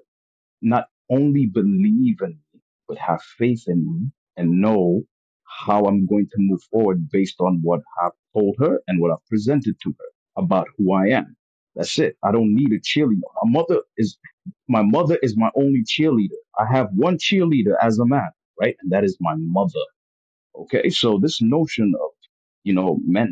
Speaker 27: not only believe in me, but have faith in me and know how I'm going to move forward based on what I've told her and what I've presented to her about who I am. That's it. I don't need a cheerleader. My mother is my mother is my only cheerleader. I have one cheerleader as a man, right? And that is my mother. Okay. So this notion of, you know, men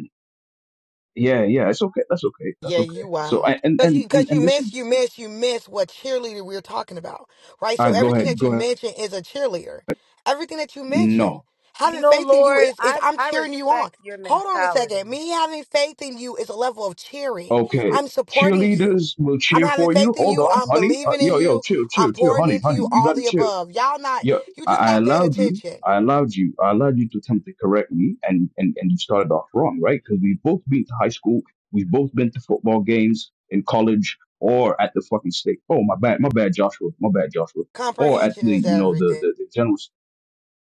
Speaker 27: yeah, yeah, it's okay. That's okay. That's
Speaker 2: Yeah, you
Speaker 27: okay. So I
Speaker 2: wild.
Speaker 27: and
Speaker 2: Cause
Speaker 27: and
Speaker 2: you,
Speaker 27: and
Speaker 2: cause you
Speaker 27: and this is
Speaker 2: miss, you miss, you miss what cheerleader we're talking about, right?
Speaker 27: uh,
Speaker 2: So
Speaker 27: go
Speaker 2: everything
Speaker 27: ahead,
Speaker 2: that
Speaker 27: go
Speaker 2: you
Speaker 27: ahead.
Speaker 2: mention is a cheerleader. Everything that you mention,
Speaker 27: No,
Speaker 19: You
Speaker 2: having
Speaker 19: know,
Speaker 2: faith in you
Speaker 19: Lord,
Speaker 2: is, is
Speaker 19: I,
Speaker 2: I'm
Speaker 19: I
Speaker 2: cheering you on.
Speaker 19: respect your
Speaker 2: Hold on a second.
Speaker 19: mentality.
Speaker 2: Me having faith in you is a level of cheering.
Speaker 27: okay.
Speaker 2: I'm supporting you.
Speaker 27: Cheerleaders will
Speaker 2: I'm
Speaker 27: cheer
Speaker 2: having
Speaker 27: for you.
Speaker 2: faith in
Speaker 27: Hold
Speaker 2: you.
Speaker 27: on,
Speaker 2: I'm
Speaker 27: honey. Uh,
Speaker 2: believing in
Speaker 27: yo, yo,
Speaker 2: you.
Speaker 27: chill,
Speaker 2: I'm
Speaker 27: chill, chill,
Speaker 2: pouring
Speaker 27: honey,
Speaker 2: into
Speaker 27: honey.
Speaker 2: you.
Speaker 27: You
Speaker 2: All
Speaker 27: gotta
Speaker 2: the
Speaker 27: chill.
Speaker 2: above. Y'all not,
Speaker 27: Yo,
Speaker 2: you
Speaker 27: I,
Speaker 2: just
Speaker 27: I
Speaker 2: not paying
Speaker 27: allowed you.
Speaker 2: attention.
Speaker 27: I allowed you. I allowed you to attempt to correct me, and and and you started off wrong, right? Because we've both been to high school. We've both been to football games in college or at the fucking state. Oh, my bad, my bad, Joshua. My bad, Joshua. Or at
Speaker 2: Comprehension
Speaker 27: the
Speaker 2: is
Speaker 27: you know the
Speaker 2: everything.
Speaker 27: the, the general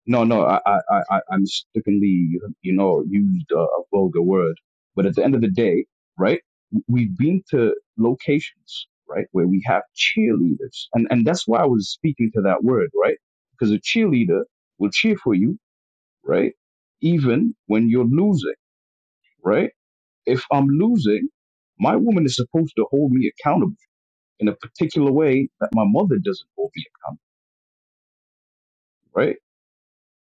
Speaker 27: No, no, I, I, I, I- i mistakenly, you know, used a, a vulgar word. But at the end of the day, right, we've been to locations, right, where we have cheerleaders. And, and that's why I was speaking to that word, right? Because a cheerleader will cheer for you, right? Even when you're losing, right? If I'm losing, my woman is supposed to hold me accountable in a particular way that my mother doesn't hold me accountable, right?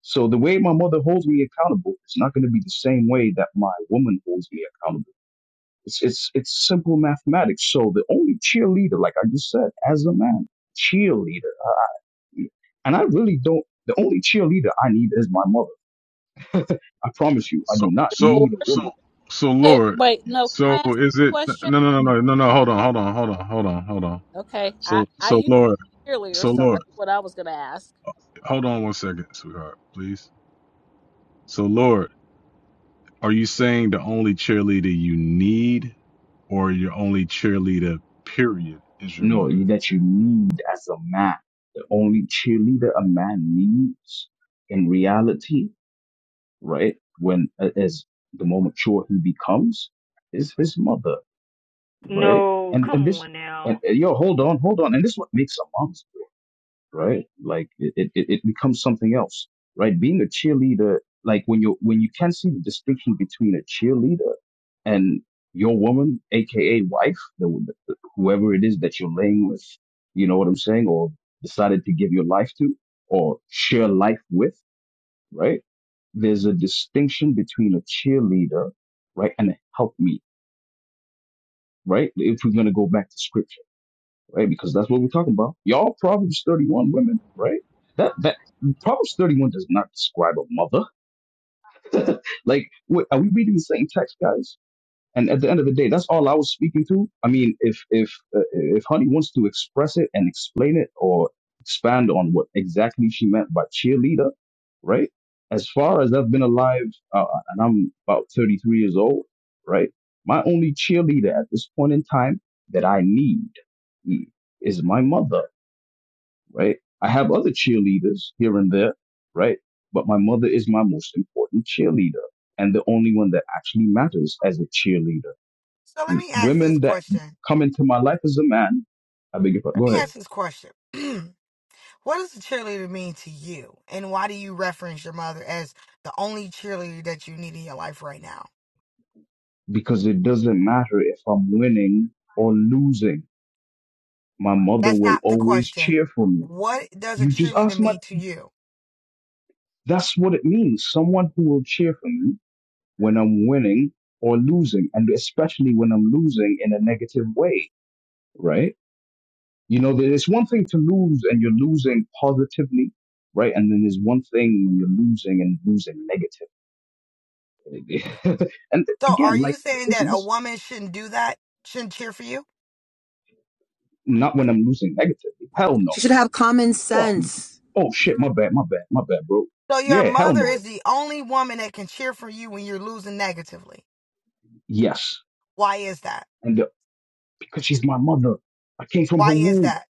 Speaker 27: So the way my mother holds me accountable is not going to be the same way that my woman holds me accountable. It's it's it's simple mathematics. So the only cheerleader, like I just said, as a man, cheerleader, and I really don't. The only cheerleader I need is my mother. *laughs* I promise you, I do
Speaker 28: So,
Speaker 27: not
Speaker 28: so,
Speaker 26: Lord,
Speaker 27: need a
Speaker 28: so,
Speaker 27: woman.
Speaker 28: so,
Speaker 26: wait,
Speaker 28: Lord.
Speaker 26: wait, no. Can
Speaker 28: So,
Speaker 26: I ask
Speaker 28: is
Speaker 26: a
Speaker 28: it?
Speaker 26: question?
Speaker 28: No, no, no, no, no, no. Hold on, hold on, hold on, hold on, hold on.
Speaker 26: Okay. I
Speaker 28: So,
Speaker 26: I
Speaker 28: so,
Speaker 26: used
Speaker 28: Lord.
Speaker 26: to be a cheerleader,
Speaker 28: So,
Speaker 26: so
Speaker 28: Lord.
Speaker 26: that's what I was gonna ask.
Speaker 28: Hold on one second, sweetheart, please. So, Lord, are you saying the only cheerleader you need, or your only cheerleader, period, is your
Speaker 27: No,
Speaker 28: mother?
Speaker 27: that you need as a man. The only cheerleader a man needs in reality, right? When as the more mature he becomes, is his mother right?
Speaker 23: No,
Speaker 27: And
Speaker 23: come
Speaker 27: and this,
Speaker 23: on
Speaker 27: and,
Speaker 23: now.
Speaker 27: and, yo, hold on, hold on, and this is what makes a mom's sport, right? Like it, it, it it becomes something else, right? Being a cheerleader, like when you when you can see the distinction between a cheerleader and your woman, aka wife, the, the, whoever it is that you're laying with, you know what I'm saying, or decided to give your life to, or share life with, right? There's a distinction between a cheerleader, right, and a helpmeet, right? If we're gonna go back to scripture right? Because that's what we're talking about. Y'all Proverbs 31 women, right? That that Proverbs 31 does not describe a mother. *laughs* like, wait, are we reading the same text, guys? And at the end of the day, that's all I was speaking to. I mean, if if uh, if Honey wants to express it and explain it or expand on what exactly she meant by cheerleader, right? As far as I've been alive, uh, and I'm about 33 years old, right? My only cheerleader at this point in time that I need mm, is my mother, right? I have other cheerleaders here and there, right? But my mother is my most important cheerleader and the only one that actually matters as a cheerleader
Speaker 2: So let me ask this
Speaker 27: Women that
Speaker 2: question.
Speaker 27: come into my life as a man, I beg your pardon, go
Speaker 2: Let me
Speaker 27: ahead,
Speaker 2: ask this question. *clears throat* what does a cheerleader mean to you? And why do you reference your mother as the only cheerleader that you need in your life right now?
Speaker 27: because it doesn't matter if I'm winning or losing. My mother
Speaker 2: That's
Speaker 27: will
Speaker 2: not the
Speaker 27: always
Speaker 2: question.
Speaker 27: cheer for me.
Speaker 2: What does a
Speaker 27: You just
Speaker 2: cheerleader
Speaker 27: ask my,
Speaker 2: mean to you?
Speaker 27: that's what it means. Someone who will cheer for me when I'm winning or losing, and especially when I'm losing in a negative way, right? You know, there's one thing to lose and you're losing positively right? And then there's one thing when you're losing and losing negatively. *laughs* and
Speaker 2: So are
Speaker 27: again,
Speaker 2: you
Speaker 27: like
Speaker 2: saying
Speaker 27: this,
Speaker 2: that a
Speaker 27: this.
Speaker 2: woman shouldn't do that? Shouldn't cheer for you?
Speaker 27: Not when I'm losing negatively. Hell no.
Speaker 19: She should have common
Speaker 27: Fuck no.
Speaker 19: sense.
Speaker 27: Oh shit, my bad, my bad, my bad, bro.
Speaker 2: So your
Speaker 27: Yeah, hell
Speaker 2: mother
Speaker 27: no.
Speaker 2: is
Speaker 27: It's
Speaker 2: the only woman that can cheer for you when you're losing negatively.
Speaker 27: yes.
Speaker 2: Why is that?
Speaker 27: And the, because she's my mother. I came from her
Speaker 2: Why is
Speaker 27: womb.
Speaker 2: that?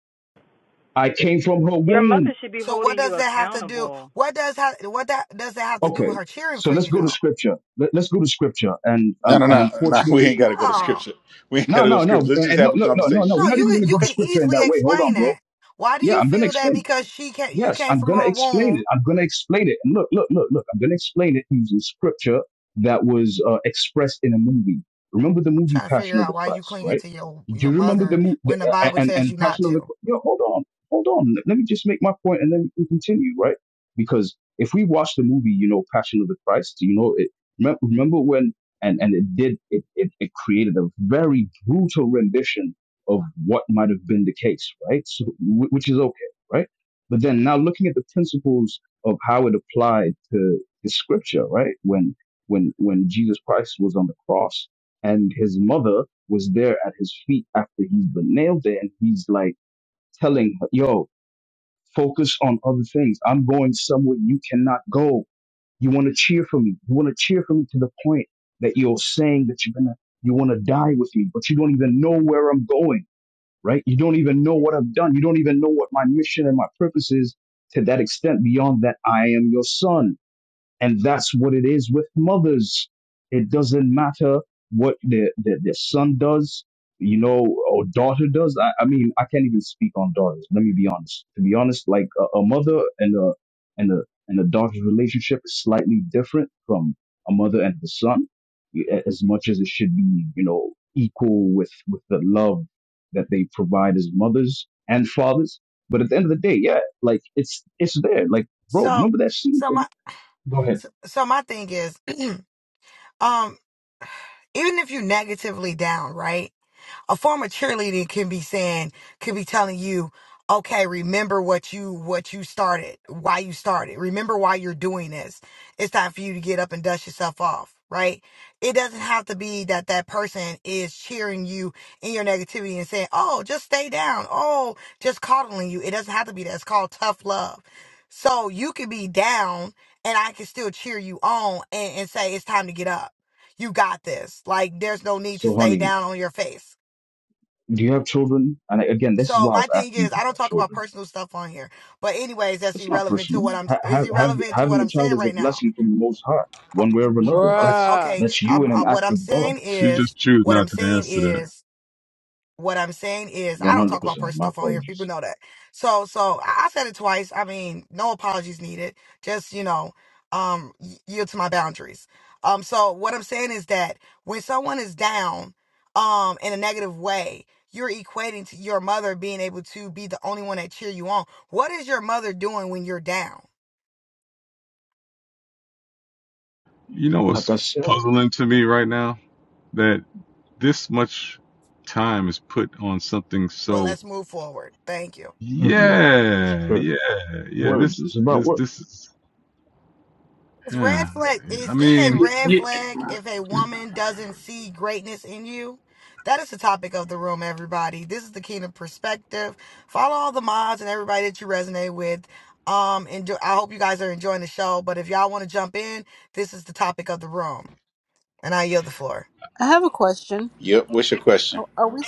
Speaker 27: I came from her
Speaker 23: Your
Speaker 27: womb.
Speaker 23: mother should be
Speaker 2: So what
Speaker 23: holding you
Speaker 2: does that have to do?
Speaker 23: accountable.
Speaker 2: What does ha- what that does that have to do
Speaker 27: Okay.
Speaker 2: with her cheering
Speaker 27: So
Speaker 2: for
Speaker 27: let's
Speaker 2: you
Speaker 27: go to
Speaker 2: though?
Speaker 27: scripture. Let, let's go to scripture. And
Speaker 1: No,
Speaker 27: um
Speaker 1: no,
Speaker 27: and
Speaker 1: no, no. We ain't got
Speaker 27: unfortunately
Speaker 1: to go to
Speaker 2: No.
Speaker 1: scripture. We ain't
Speaker 27: no,
Speaker 1: got to go to
Speaker 27: no,
Speaker 1: scripture.
Speaker 27: no.
Speaker 1: Let's
Speaker 27: And
Speaker 1: just have
Speaker 27: look,
Speaker 1: a
Speaker 27: look, no, no, no.
Speaker 1: conversation.
Speaker 27: We're
Speaker 2: No,
Speaker 27: not
Speaker 2: you
Speaker 27: even
Speaker 2: can
Speaker 27: gonna go
Speaker 2: you
Speaker 27: to
Speaker 2: can
Speaker 27: scripture in
Speaker 2: easily
Speaker 27: that way. Hold on,
Speaker 2: explain
Speaker 27: bro.
Speaker 2: that. Why do
Speaker 27: Yeah,
Speaker 2: you
Speaker 27: I'm gonna
Speaker 2: feel that?
Speaker 27: explain.
Speaker 2: Because she can you
Speaker 27: Yes,
Speaker 2: came
Speaker 27: I'm
Speaker 2: from
Speaker 27: going to
Speaker 2: her
Speaker 27: explain it.
Speaker 2: womb.
Speaker 27: I'm going to explain it. And look, look, look, look, I'm going to explain it using scripture that was uh, expressed in a movie. Remember the
Speaker 2: I'm
Speaker 27: movie
Speaker 2: trying to figure
Speaker 27: Passion of the
Speaker 2: out why you
Speaker 27: Christ,
Speaker 2: clinging
Speaker 27: right?
Speaker 2: to your
Speaker 27: Do
Speaker 2: your
Speaker 27: you remember the
Speaker 2: mother
Speaker 27: movie
Speaker 2: when the Bible
Speaker 27: and,
Speaker 2: tells
Speaker 27: and
Speaker 2: you not
Speaker 27: Passion of the
Speaker 2: to.
Speaker 27: Christ? Yo, hold on, hold on. Let me just make my point and then we can continue, right? Because if we watch the movie, you know, Passion of the Christ, you know, it, remem- remember when, and, and it did, it, it, it created a very brutal rendition of what might have been the case, right? So, wh- which is okay, right? But then now looking at the principles of how it applied to the scripture, right? When when when Jesus Christ was on the cross and his mother was there at his feet after he's been nailed there, and he's like telling her, Yo, focus on other things. I'm going somewhere you cannot go. You want to cheer for me. You want to cheer for me to the point that you're saying that you're gonna you want to die with me, but you don't even know where I'm going right? You don't even know what I've done. You don't even know what my mission and my purpose is to that extent beyond that I am your son. And that's what it is with mothers. It doesn't matter what their, their, their son does, you know, or daughter does. I, I mean, I can't even speak on daughters. Let me be honest. To be honest, like a, a mother and a, and a, and a daughter's relationship is slightly different from a mother and the son a- as much as it should be, you know, equal with, with the love that they provide as mothers and fathers. But at the end of the day, yeah, like it's, it's there. Like, bro,
Speaker 2: So
Speaker 27: remember that scene
Speaker 2: so
Speaker 27: from,
Speaker 2: my
Speaker 27: go ahead.
Speaker 2: so, so my thing is, *clears throat* um, even if you negatively down, right? A former cheerleader can be saying, can be telling you, okay, remember what you what you started, why you started. Remember why you're doing this. It's time for you to get up and dust yourself off, right? It doesn't have to be that that person is cheering you in your negativity and saying, "Oh, just stay down." Oh, just coddling you. It doesn't have to be that. It's called tough love. So you could be down and I can still cheer you on and, and say it's time to get up. You got this. Like there's no need to
Speaker 27: So,
Speaker 2: stay
Speaker 27: honey,
Speaker 2: down on your face.
Speaker 27: do you have children? And I- again, this is
Speaker 2: So
Speaker 27: why I
Speaker 2: my
Speaker 27: was
Speaker 2: thing
Speaker 27: asking
Speaker 2: is,
Speaker 27: if you
Speaker 2: I don't
Speaker 27: have
Speaker 2: talk about
Speaker 27: children.
Speaker 2: personal stuff on here. But anyways, that's
Speaker 27: It's not
Speaker 2: irrelevant to
Speaker 27: personal.
Speaker 2: what I'm.
Speaker 27: Ha-
Speaker 2: It's
Speaker 27: have, have,
Speaker 2: irrelevant to what
Speaker 27: having a
Speaker 2: I'm
Speaker 27: child
Speaker 2: saying
Speaker 27: is a
Speaker 2: right now.
Speaker 27: blessing from the Most High,
Speaker 2: Uh,
Speaker 27: one way or another.
Speaker 2: uh,
Speaker 27: That's
Speaker 8: bruh,
Speaker 2: Okay,
Speaker 27: that's you
Speaker 2: I'm.
Speaker 27: in an
Speaker 2: uh, What
Speaker 27: act
Speaker 2: I'm
Speaker 27: of
Speaker 2: saying
Speaker 27: God.
Speaker 28: She
Speaker 2: is,
Speaker 28: just choose
Speaker 2: what I'm
Speaker 28: not to
Speaker 2: saying
Speaker 28: answer that.
Speaker 2: is. What I'm saying is, I
Speaker 27: One
Speaker 2: don't
Speaker 27: hundred
Speaker 2: talk about
Speaker 27: percent. My
Speaker 2: personal stuff on here. People
Speaker 27: apologies.
Speaker 2: know that. So, so I I said it twice. I mean, no apologies needed. Just you know, um, y- yield to my boundaries. Um, so what I'm saying is that when someone is down, um, in a negative way, you're equating to your mother being able to be the only one that cheer you on. What is your mother doing when you're down?
Speaker 28: You know
Speaker 27: Like I
Speaker 28: what's
Speaker 27: said,
Speaker 28: puzzling to me right now? That this much time is put on something
Speaker 2: Well,
Speaker 28: so
Speaker 2: let's move forward. Thank you.
Speaker 27: trivia, it's
Speaker 28: yeah,
Speaker 27: trivia.
Speaker 28: yeah, yeah.
Speaker 27: Words.
Speaker 28: This
Speaker 27: It's about
Speaker 28: this
Speaker 27: words.
Speaker 28: this is
Speaker 2: It's red
Speaker 28: yeah.
Speaker 2: flag
Speaker 28: I
Speaker 2: is it a
Speaker 28: mean,
Speaker 2: red flag if a woman doesn't see greatness in you? That is the topic of the room, everybody. This is the kingdom perspective. Follow all the mods and everybody that you resonate with. Um, enjoy, I hope you guys are enjoying the show. But if y'all want to jump in, this is the topic of the room, and I yield the floor.
Speaker 26: I have a question.
Speaker 1: Yep. What's your question?
Speaker 26: Are, are we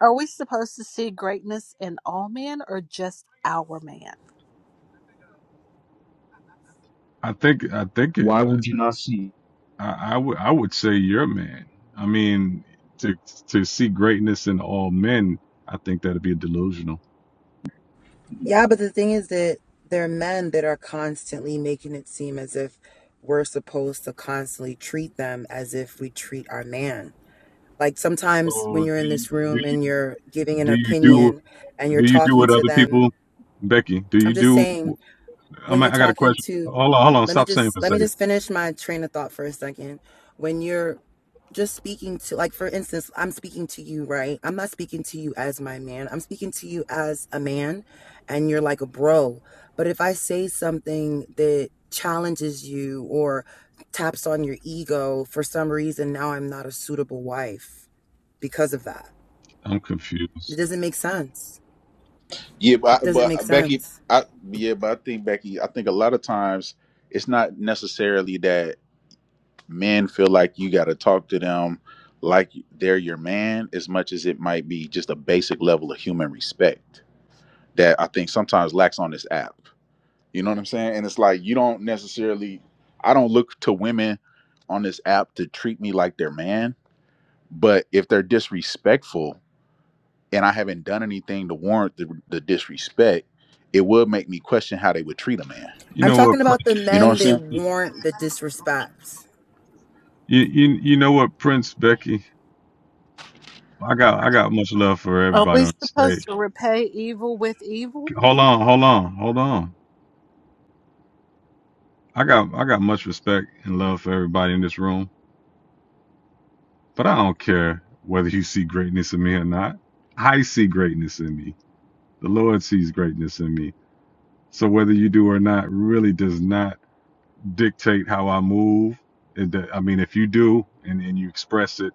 Speaker 26: are we supposed to see greatness in all men or just our man?
Speaker 28: I think I think it,
Speaker 27: Why would you not see
Speaker 28: I, I would I would say you're a man. I mean, to to see greatness in all men, I think that'd be delusional.
Speaker 19: Yeah, but the thing is that there are men that are constantly making it seem as if we're supposed to constantly treat them as if we treat our man. like sometimes when
Speaker 28: So
Speaker 19: you're
Speaker 28: do
Speaker 19: in
Speaker 28: you
Speaker 19: this
Speaker 28: do
Speaker 19: room and
Speaker 28: you
Speaker 19: you're giving an
Speaker 28: do you do
Speaker 19: opinion and you're
Speaker 28: do you do
Speaker 19: talking
Speaker 28: what
Speaker 19: to
Speaker 28: other
Speaker 19: them
Speaker 28: people, Becky? Do
Speaker 19: i'm
Speaker 28: you
Speaker 19: just
Speaker 28: do?
Speaker 19: saying when
Speaker 28: I'm,
Speaker 19: you're
Speaker 28: I got a
Speaker 19: talking
Speaker 28: question.
Speaker 19: to
Speaker 28: Hold on, hold on.
Speaker 19: let me
Speaker 28: Stop saying for
Speaker 19: just
Speaker 28: a
Speaker 19: let me
Speaker 28: second.
Speaker 19: just finish my train of thought for a second when you're just speaking to like for instance i'm speaking to you right i'm not speaking to you as my man i'm speaking to you as a man and you're like a bro but if i say something that challenges you or taps on your ego for some reason now i'm not a suitable wife because of that
Speaker 28: I'm
Speaker 19: It
Speaker 28: confused.
Speaker 19: doesn't make sense.
Speaker 1: Yeah,
Speaker 19: It
Speaker 1: but,
Speaker 19: doesn't
Speaker 1: but
Speaker 19: make
Speaker 1: uh, Becky,
Speaker 19: sense.
Speaker 1: I yeah, but I think Becky, I think a lot of times it's not necessarily that men feel like you got to talk to them like they're your man as much as it might be just a basic level of human respect that I think sometimes lacks on this app. You know what I'm saying? And it's like you don't necessarily I don't look to women on this app to treat me like their man, but if they're disrespectful and I haven't done anything to warrant the, the disrespect, it would make me question how they would treat a man.
Speaker 28: You
Speaker 19: I'm
Speaker 28: know
Speaker 19: talking
Speaker 28: what,
Speaker 19: about the
Speaker 28: Prince?
Speaker 1: You know what
Speaker 19: men
Speaker 1: I'm
Speaker 19: that
Speaker 1: saying?
Speaker 28: You,
Speaker 19: warrant the disrespect.
Speaker 28: you, you know what, Prince Becky? I got I got much love for
Speaker 26: Are
Speaker 28: everybody
Speaker 26: we
Speaker 28: on the stage.
Speaker 26: supposed to repay evil with evil?
Speaker 28: Hold on, hold on, hold on. I got I got much respect and love for everybody in this room, but I don't care whether you see greatness in me or not. I see greatness in me. The Lord sees greatness in me. So whether you do or not really does not dictate how I move. It, do- I mean, if you do and, and you express it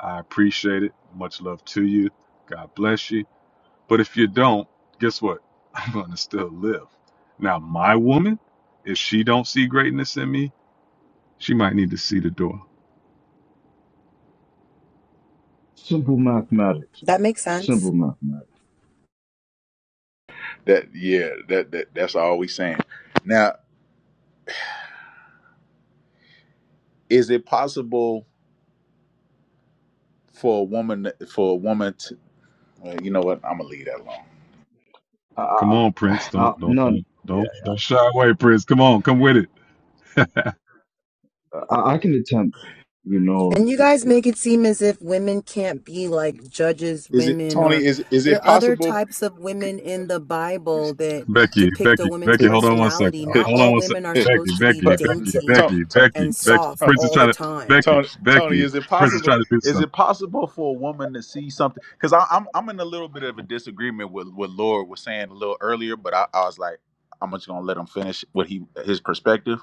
Speaker 28: I appreciate it. Much love to you. God bless you. But if you don't, guess what? *laughs* I'm going to still live. Now, my woman, if she don't see greatness in me, she might need to see the door.
Speaker 27: simple mathematics?
Speaker 19: That makes sense.
Speaker 27: Simple mathematics.
Speaker 1: That yeah, that, that that's all we saying. Now, is it possible for a woman for a woman to well, you know what? I'm gonna leave that alone.
Speaker 27: I,
Speaker 28: Come
Speaker 27: I,
Speaker 28: on, Prince.
Speaker 27: I, I-
Speaker 28: Don't don't
Speaker 27: none.
Speaker 28: don't don't, don't shy away, Prince. Come on, come with it.
Speaker 27: I, I I can attempt. You know,
Speaker 19: And you guys make it seem as if women can't be like judges,
Speaker 1: Is it
Speaker 19: women,
Speaker 1: Tony?
Speaker 19: or
Speaker 1: Is is
Speaker 19: there
Speaker 1: it
Speaker 19: are other
Speaker 1: possible? *laughs*
Speaker 19: types of women in the Bible that
Speaker 28: Becky,
Speaker 19: depict a
Speaker 28: Becky,
Speaker 19: woman's
Speaker 28: Becky, hold on one second.
Speaker 19: personality. Not
Speaker 28: Hold on
Speaker 19: all
Speaker 28: one second.
Speaker 19: women are
Speaker 28: Becky,
Speaker 19: supposed to be
Speaker 28: Becky,
Speaker 1: But,
Speaker 28: Becky,
Speaker 19: dainty
Speaker 28: Becky, Becky,
Speaker 19: and
Speaker 28: Becky.
Speaker 1: *laughs* Huh.
Speaker 19: soft
Speaker 28: Prince is
Speaker 19: all the
Speaker 28: trying to
Speaker 19: time.
Speaker 28: Becky,
Speaker 1: Tony, Tony,
Speaker 28: Becky,
Speaker 1: is it
Speaker 28: Prince is
Speaker 1: possible?
Speaker 28: trying to do
Speaker 1: Is
Speaker 28: something.
Speaker 1: it possible for a woman to see something? Because I'm I'm in a little bit of a disagreement with what Laura was saying a little earlier, but I, I was like, I'm just gonna let him finish what he his perspective.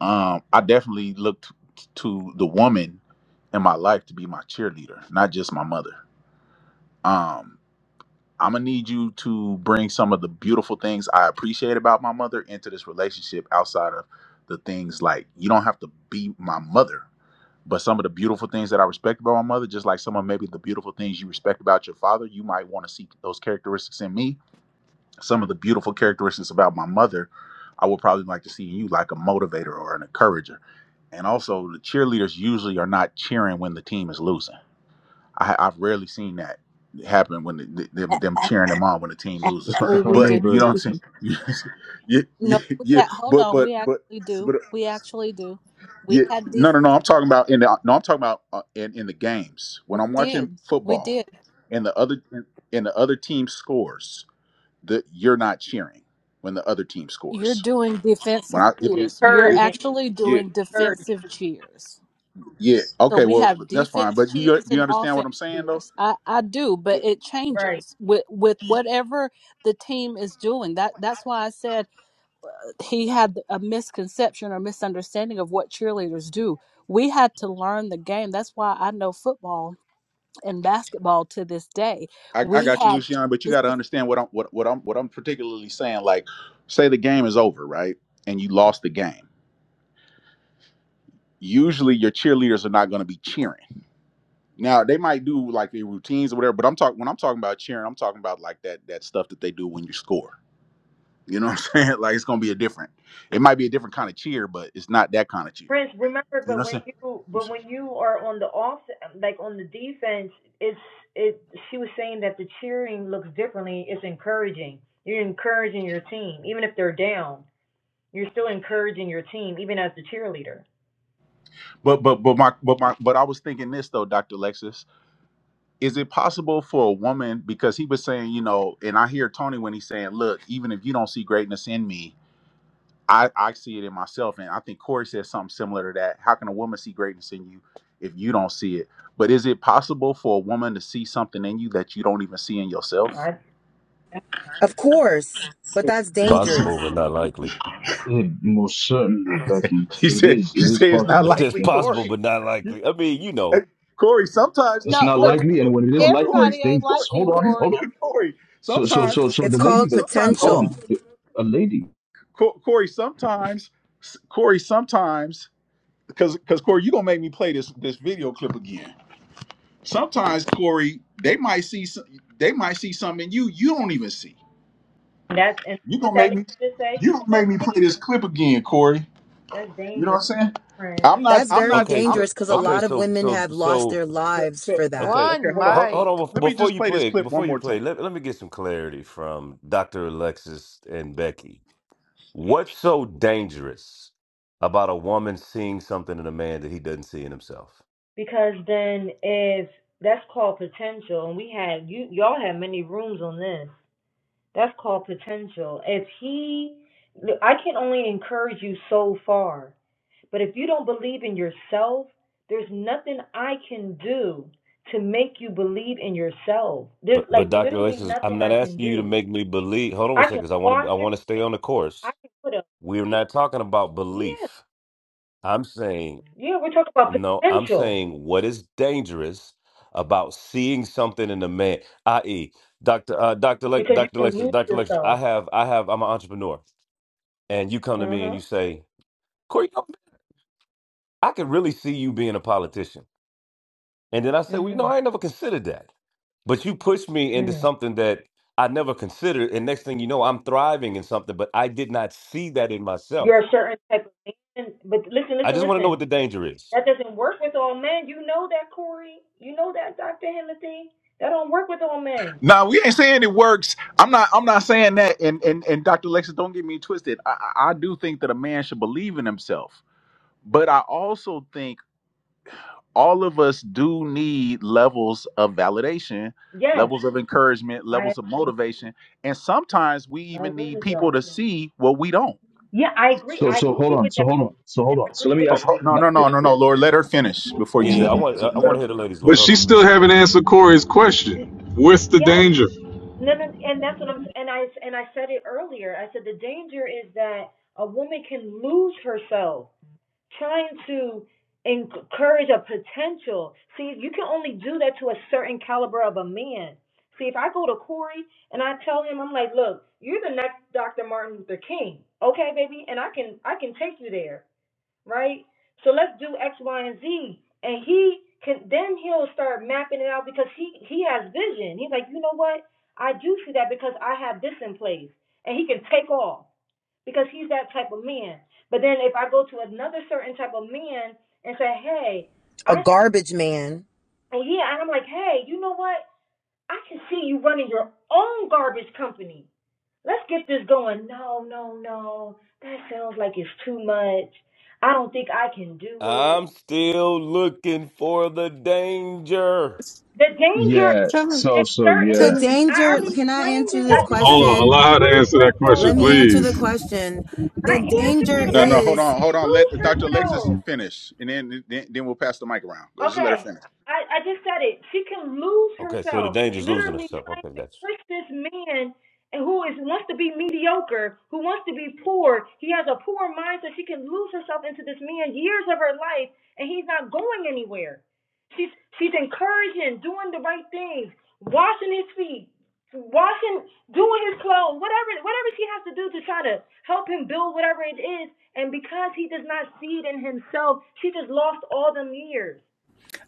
Speaker 1: Um, I definitely looked to the woman in my life to be my cheerleader, not just my mother. Um, I'm gonna need you to bring some of the beautiful things I appreciate about my mother into this relationship outside of the things like you don't have to be my mother but some of the beautiful things that I respect about my mother, just like some of maybe the beautiful things you respect about your father, you might want to see those characteristics in me. Some of the beautiful characteristics about my mother, I would probably like to see in you, like a motivator or an encourager. And also, the cheerleaders usually are not cheering when the team is losing. I, I've rarely seen that happen when the,
Speaker 26: A-
Speaker 1: them them
Speaker 26: a-
Speaker 1: cheering them on when the team loses.
Speaker 27: if I,
Speaker 26: Actually,
Speaker 27: if I
Speaker 26: we
Speaker 1: But
Speaker 27: may,
Speaker 26: do.
Speaker 1: you
Speaker 27: very
Speaker 1: know what
Speaker 27: quickly.
Speaker 1: I'm saying? *laughs* yeah, yeah,
Speaker 26: No, we
Speaker 1: yeah.
Speaker 26: a- hold
Speaker 1: But
Speaker 26: on.
Speaker 1: but
Speaker 26: We
Speaker 1: but.
Speaker 26: actually
Speaker 1: so,
Speaker 26: do.
Speaker 1: but
Speaker 26: We actually do. We
Speaker 1: yeah,
Speaker 26: had
Speaker 1: no,
Speaker 26: def-
Speaker 1: no, no. I'm talking about in the no. I'm talking about uh, in in the games when
Speaker 26: We
Speaker 1: I'm watching
Speaker 26: did. We
Speaker 1: football,
Speaker 26: did.
Speaker 1: and the other and the other team scores. The you're not cheering when the other team
Speaker 26: You're
Speaker 1: scores.
Speaker 26: doing
Speaker 1: When
Speaker 26: defensive
Speaker 1: I if it
Speaker 26: cheers. You're
Speaker 1: you
Speaker 23: Purging,
Speaker 26: actually
Speaker 1: yeah
Speaker 26: doing
Speaker 23: purging,
Speaker 26: defensive cheers.
Speaker 1: yeah
Speaker 26: So
Speaker 1: okay
Speaker 26: we
Speaker 1: well
Speaker 26: have
Speaker 1: that's fine.
Speaker 26: defense
Speaker 1: But you
Speaker 26: cheers
Speaker 1: do you
Speaker 26: and
Speaker 1: understand what
Speaker 26: offense
Speaker 1: I'm saying though?
Speaker 26: cheers. I, I do, but
Speaker 1: Yeah,
Speaker 26: it changes with with whatever the team is doing. That that's why I said he had a misconception or misunderstanding of what cheerleaders do. We had to learn the game. That's why I know football and basketball to this day.
Speaker 1: I, I
Speaker 26: We
Speaker 1: got you,
Speaker 26: had
Speaker 1: Lucian. But you got to
Speaker 26: specific-
Speaker 1: understand what I'm what, what I'm what I'm particularly saying. Like, say the game is over, right? And you lost the game. Usually, your cheerleaders are not going to be cheering Now they might do like their routines or whatever, but I'm talking when I'm talking about cheering, I'm talking about like that that stuff that they do when you score. You know what I'm *laughs* saying? Like it's gonna be a different. It might be a different kind of cheer, but it's not that kind of cheer.
Speaker 23: Prince, remember,
Speaker 1: You know
Speaker 23: but
Speaker 1: what
Speaker 23: when you
Speaker 1: I'm
Speaker 23: but
Speaker 1: saying?
Speaker 23: when you are on the off like on the defense, it's it. She was saying that the cheering looks differently. It's encouraging. You're encouraging your team, even if they're down. You're still encouraging your team, even as the cheerleader.
Speaker 1: But but but my but my but I was thinking this though, Dr. Lexus. Is it possible for a woman because he was saying, you know, and I hear Tony when he's saying, look, even if you don't see greatness in me, I, I see it in myself, and I think Corey said something similar to that. How can a woman see greatness in you if you don't see it? But is it possible for a woman to see something in you that you don't even see in yourself?
Speaker 23: Right?
Speaker 19: Of course, but that's
Speaker 1: *laughs*
Speaker 3: Possible, but
Speaker 19: dangerous.
Speaker 3: not likely.
Speaker 27: It most certainly, Becky.
Speaker 1: he
Speaker 27: It
Speaker 1: said,
Speaker 27: is it
Speaker 1: "You
Speaker 27: is
Speaker 1: say it's
Speaker 3: *laughs*
Speaker 1: not
Speaker 27: possible,
Speaker 3: It
Speaker 27: but it's
Speaker 3: says
Speaker 1: likely,
Speaker 3: possible,
Speaker 27: dangerous.
Speaker 1: Corey."
Speaker 3: but not likely. I mean, you
Speaker 1: hey,
Speaker 3: know.
Speaker 1: Corey, sometimes
Speaker 27: It's
Speaker 26: no,
Speaker 27: not
Speaker 26: but
Speaker 1: Corey,
Speaker 27: likely, and when it is
Speaker 1: Corey,
Speaker 27: likely,
Speaker 1: Corey,
Speaker 27: it's
Speaker 26: everybody ain't
Speaker 1: Corey,
Speaker 27: dangerous.
Speaker 26: like you,
Speaker 27: Hold
Speaker 1: Corey,
Speaker 27: on, hold
Speaker 26: Corey.
Speaker 27: on.
Speaker 1: *laughs* Corey
Speaker 27: So so
Speaker 1: sometimes,
Speaker 27: so so
Speaker 19: It's
Speaker 27: the
Speaker 1: some,
Speaker 27: lady
Speaker 19: called
Speaker 27: that
Speaker 1: sometimes.
Speaker 27: hold
Speaker 1: Oh,
Speaker 19: potential.
Speaker 27: on,
Speaker 1: you know what?
Speaker 27: the, a lady.
Speaker 1: Co- Corey, sometimes, Corey, sometimes, because because Corey, you gonna make me play this this video clip again. Sometimes, Corey, they might see some, they might see something in you you don't even see.
Speaker 23: That's and
Speaker 1: You
Speaker 23: what
Speaker 1: gonna
Speaker 23: that
Speaker 1: make
Speaker 23: lady
Speaker 1: me
Speaker 23: just said.
Speaker 1: you
Speaker 23: She
Speaker 1: gonna
Speaker 23: said
Speaker 1: make me
Speaker 23: that's
Speaker 1: play this
Speaker 23: dangerous.
Speaker 1: clip again, Corey.
Speaker 23: That's
Speaker 1: You know what
Speaker 23: dangerous,
Speaker 1: I'm saying?
Speaker 23: Prince,
Speaker 1: I'm not.
Speaker 19: That's
Speaker 1: I'm
Speaker 19: very
Speaker 1: not.
Speaker 3: Okay,
Speaker 1: I'm.
Speaker 3: so
Speaker 19: dangerous because a
Speaker 1: I'm not.
Speaker 3: okay,
Speaker 19: lot of
Speaker 3: so
Speaker 19: women
Speaker 3: so
Speaker 19: have lost
Speaker 3: so
Speaker 19: their
Speaker 1: th-
Speaker 19: lives
Speaker 1: th-
Speaker 19: for that.
Speaker 3: okay.
Speaker 1: Okay,
Speaker 8: one
Speaker 1: hold on.
Speaker 3: Hold,
Speaker 1: Let me
Speaker 3: hold
Speaker 8: mic.
Speaker 3: on bef-
Speaker 1: let me
Speaker 3: before
Speaker 1: just
Speaker 3: you
Speaker 1: play this
Speaker 3: play.
Speaker 1: clip one
Speaker 3: Before you
Speaker 1: more time.
Speaker 3: play, let let me get some clarity from Doctor Alexis and Becky. What's so dangerous about a woman seeing something in a man that he doesn't see in himself?
Speaker 23: because then if that's called potential, and we had you y'all had many rooms on this. That's called potential. If he, look, I can only encourage you so far, but if you don't believe in yourself, there's nothing I can do to make you believe in yourself. There's
Speaker 3: But but
Speaker 23: like
Speaker 3: Doctor
Speaker 23: literally
Speaker 3: Alexis, I'm
Speaker 23: nothing
Speaker 3: not
Speaker 23: I can
Speaker 3: asking you to
Speaker 23: do.
Speaker 3: make me believe. Hold on one
Speaker 23: I
Speaker 3: second.
Speaker 23: can
Speaker 3: 'cause I want to
Speaker 23: wash
Speaker 3: I
Speaker 23: your
Speaker 3: want to stay
Speaker 23: feet.
Speaker 3: on the
Speaker 23: I
Speaker 3: course.
Speaker 23: can put a,
Speaker 3: We're not talking about
Speaker 23: yeah,
Speaker 3: belief. I'm saying
Speaker 23: yeah, we're talking about
Speaker 3: No, I'm
Speaker 23: potential
Speaker 3: saying what is dangerous about seeing something in a man, i.e., Doctor uh, Doctor Le-
Speaker 23: because you
Speaker 3: Doctor
Speaker 23: can
Speaker 3: Lexus,
Speaker 23: lose
Speaker 3: Doctor Lexus. I
Speaker 23: yourself.
Speaker 3: have I have I'm an entrepreneur, and you come to
Speaker 23: Uh
Speaker 3: me and
Speaker 23: huh.
Speaker 3: you say, Corey, you know, I could really see you being a politician, and then I say,
Speaker 23: Mm
Speaker 3: well, you know, I ain't
Speaker 23: hmm.
Speaker 3: never considered that, but you pushed me
Speaker 23: Mm
Speaker 3: into
Speaker 23: hmm.
Speaker 3: something that I never considered, and next thing you know, I'm thriving in something, but I did not see that in myself.
Speaker 23: You're a certain type of man, but listen,
Speaker 3: I
Speaker 23: listen,
Speaker 3: just want to know
Speaker 23: listen.
Speaker 3: what the danger is.
Speaker 23: That doesn't work with all men. You know that, Corey. You know that, Dr. Hennessy. That don't work with all men.
Speaker 1: Now we ain't saying it works. I'm not. I'm not saying that. And and and Dr. Lexus, don't get me twisted. I I I do think that a man should believe in himself, but I also think all of us do need levels of validation,
Speaker 23: Yes,
Speaker 1: levels of encouragement,
Speaker 23: I
Speaker 1: levels of
Speaker 23: agree.
Speaker 1: motivation, and sometimes we
Speaker 23: I
Speaker 1: even
Speaker 23: agree
Speaker 1: need
Speaker 23: with
Speaker 1: people
Speaker 23: y'all.
Speaker 1: to see what we don't.
Speaker 23: Yeah, I agree.
Speaker 27: So
Speaker 23: I
Speaker 27: so hold
Speaker 23: agree
Speaker 27: on,
Speaker 23: with
Speaker 27: so
Speaker 23: that.
Speaker 27: hold on, so
Speaker 23: And
Speaker 27: hold on.
Speaker 23: I
Speaker 27: So
Speaker 23: agree
Speaker 27: let me
Speaker 23: with
Speaker 1: Ho-
Speaker 27: ask.
Speaker 1: ho- No,
Speaker 27: Can I,
Speaker 1: no,
Speaker 27: eh,
Speaker 1: no, no,
Speaker 27: eh,
Speaker 1: no, Lord, let her finish before
Speaker 3: Yeah,
Speaker 1: you
Speaker 3: yeah.
Speaker 1: said.
Speaker 3: I want I
Speaker 1: Let
Speaker 3: want to
Speaker 1: her.
Speaker 3: hear the ladies, Lord.
Speaker 28: But
Speaker 3: Hold
Speaker 28: she
Speaker 3: on, give me a
Speaker 28: still
Speaker 3: second,
Speaker 28: haven't
Speaker 3: brother.
Speaker 28: answered Corey's
Speaker 23: mm,
Speaker 28: question. What's the
Speaker 23: Yes,
Speaker 28: danger?
Speaker 23: no, no, and that's what I'm, and I and I said it earlier. I said the danger is that a woman can lose herself. trying to encourage a potential. See, you can only do that to a certain caliber of a man. See, if I go to Corey and I tell him, I'm like, look, you're the next Dr. Martin Luther King, okay, baby, and I can I can take you there right? So let's do X, Y, and Z. And he can then he'll start mapping it out because he he has vision. He's like, you know what? I do see that because I have this in place, and he can take off because he's that type of man. But then if I go to another certain type of man and say, hey,
Speaker 19: A
Speaker 23: I see,
Speaker 19: garbage man.
Speaker 23: and yeah, and I'm like, hey, you know what? I can see you running your own garbage company. Let's get this going. No, no, no. That sounds like it's too much. I don't think I can do it.
Speaker 3: I'm still looking for the danger.
Speaker 23: The danger,
Speaker 27: yeah.
Speaker 10: To,
Speaker 27: So
Speaker 23: the
Speaker 27: so
Speaker 23: certain.
Speaker 19: The
Speaker 27: yeah.
Speaker 10: to,
Speaker 23: I
Speaker 19: danger,
Speaker 23: already
Speaker 19: can I
Speaker 23: explained
Speaker 19: answer
Speaker 23: it. I
Speaker 19: this
Speaker 28: Well,
Speaker 23: just said
Speaker 28: hold
Speaker 23: that she
Speaker 19: question?
Speaker 28: Allow
Speaker 23: can
Speaker 28: her to
Speaker 23: lose
Speaker 28: answer that question,
Speaker 19: Let me
Speaker 23: herself.
Speaker 19: answer the
Speaker 28: please.
Speaker 19: question.
Speaker 23: I
Speaker 19: The
Speaker 23: answered
Speaker 19: danger
Speaker 23: it.
Speaker 1: No,
Speaker 23: I
Speaker 1: no,
Speaker 23: said that
Speaker 1: hold
Speaker 23: she
Speaker 19: is,
Speaker 1: on, hold
Speaker 23: can
Speaker 1: on. Let
Speaker 23: lose
Speaker 1: Dr. Alexis
Speaker 23: herself.
Speaker 1: finish, and then then, then we'll pass the mic around. Just let her
Speaker 23: Okay,
Speaker 1: finish.
Speaker 23: I, I just said it. She can lose
Speaker 3: Okay, so the
Speaker 23: herself,
Speaker 3: danger's losing
Speaker 23: literally
Speaker 3: herself.
Speaker 23: trying
Speaker 3: Okay,
Speaker 23: to
Speaker 3: gotcha.
Speaker 23: push this man who is wants to be mediocre, who wants to be poor. He has a poor mind, so she can lose herself into this man years of her life, and he's not going anywhere. She's she's encouraging, doing the right things, washing his feet, washing, doing his clothes, whatever whatever she has to do to try to help him build whatever it is. And because he does not see it in himself, she just lost all them years.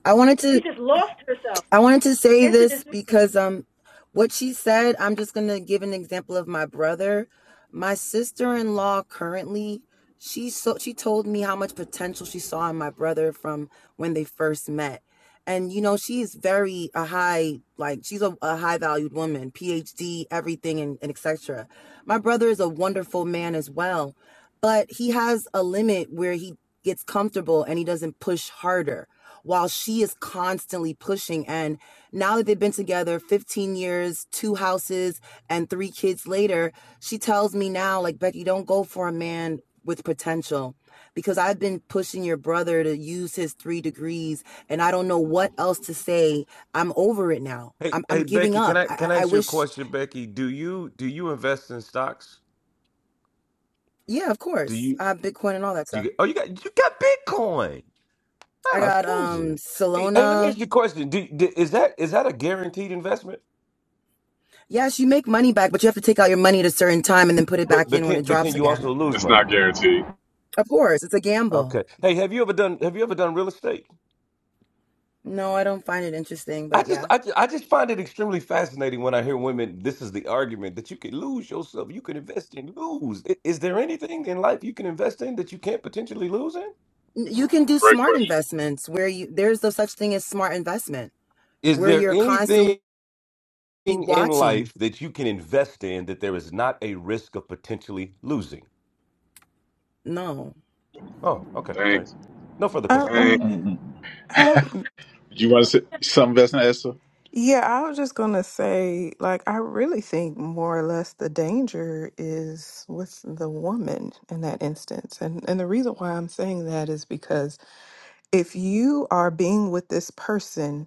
Speaker 19: I wanted
Speaker 23: She
Speaker 19: to
Speaker 23: just lost herself.
Speaker 19: I wanted to say
Speaker 23: Into this
Speaker 19: this
Speaker 23: man.
Speaker 3: Okay.
Speaker 19: because um what she said, I'm just going to give an example of my brother. My sister-in-law currently, she so she told me how much potential she saw in my brother from when they first met. And you know, she's very a high like she's a, a high valued woman, PhD, everything and, and etc. My brother is a wonderful man as well, but he has a limit where he gets comfortable and he doesn't push harder while she is constantly pushing. And now that they've been together 15 years, two houses, and three kids later, she tells me now, like, Becky, don't go for a man with potential because I've been pushing your brother to use his three degrees and I don't know what else to say. I'm over it now.
Speaker 3: Hey,
Speaker 19: I'm, I'm
Speaker 3: hey,
Speaker 19: giving
Speaker 3: Becky, can
Speaker 19: up.
Speaker 3: I
Speaker 19: I,
Speaker 3: can I
Speaker 19: I
Speaker 3: ask you a
Speaker 19: wish,
Speaker 3: question, Becky? Do you do you invest in stocks?
Speaker 19: yeah, of
Speaker 3: Do
Speaker 19: course.
Speaker 3: you
Speaker 19: I have Bitcoin and all that
Speaker 3: do
Speaker 19: stuff.
Speaker 3: you oh you got you got Bitcoin? Oh,
Speaker 19: I
Speaker 3: that's
Speaker 19: got
Speaker 3: crazy.
Speaker 19: um
Speaker 3: Hey, hey, let me ask
Speaker 19: Solana.
Speaker 3: you a question. Do, do, is that is that a guaranteed investment?
Speaker 19: Yes, you make money back, but you have to take out your money at a certain time and then put it
Speaker 3: But
Speaker 19: back
Speaker 3: but
Speaker 19: in when it
Speaker 3: can but
Speaker 19: drops
Speaker 3: can you
Speaker 19: again.
Speaker 3: also lose
Speaker 28: It's not
Speaker 3: money?
Speaker 28: guaranteed.
Speaker 19: Of course, it's a gamble.
Speaker 3: Okay. Hey, have you ever done have you ever done real estate?
Speaker 19: No, I don't find it interesting,
Speaker 3: I
Speaker 19: but
Speaker 3: just
Speaker 19: yeah.
Speaker 3: I just, I just find it extremely fascinating when I hear women. This is the argument that you can lose yourself. You can invest and lose. I- Is there anything in life you can invest in that you can't potentially lose in?
Speaker 19: You can do
Speaker 28: Great
Speaker 19: smart
Speaker 28: question.
Speaker 19: investments where you there's no such thing as smart investment
Speaker 3: Is
Speaker 19: where
Speaker 3: there
Speaker 19: you're
Speaker 3: anything?
Speaker 19: constantly
Speaker 3: thing in
Speaker 19: watching.
Speaker 3: life that you can invest in that there is not a risk of potentially losing?
Speaker 19: No.
Speaker 3: Oh, okay. All right.
Speaker 28: Thanks.
Speaker 3: No further
Speaker 10: I,
Speaker 3: questions.
Speaker 27: Uh,
Speaker 28: Thanks.
Speaker 10: um,
Speaker 27: uh, uh,
Speaker 10: I,
Speaker 1: Do you want to say something, Vesna Esther?
Speaker 10: yeah, I was just gonna say, like, I really think more or less the danger is with the woman in that instance, and and the reason why I'm saying that is because if you are being with this person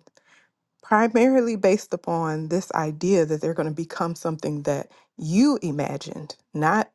Speaker 10: primarily based upon this idea that they're going to become something that you imagined, not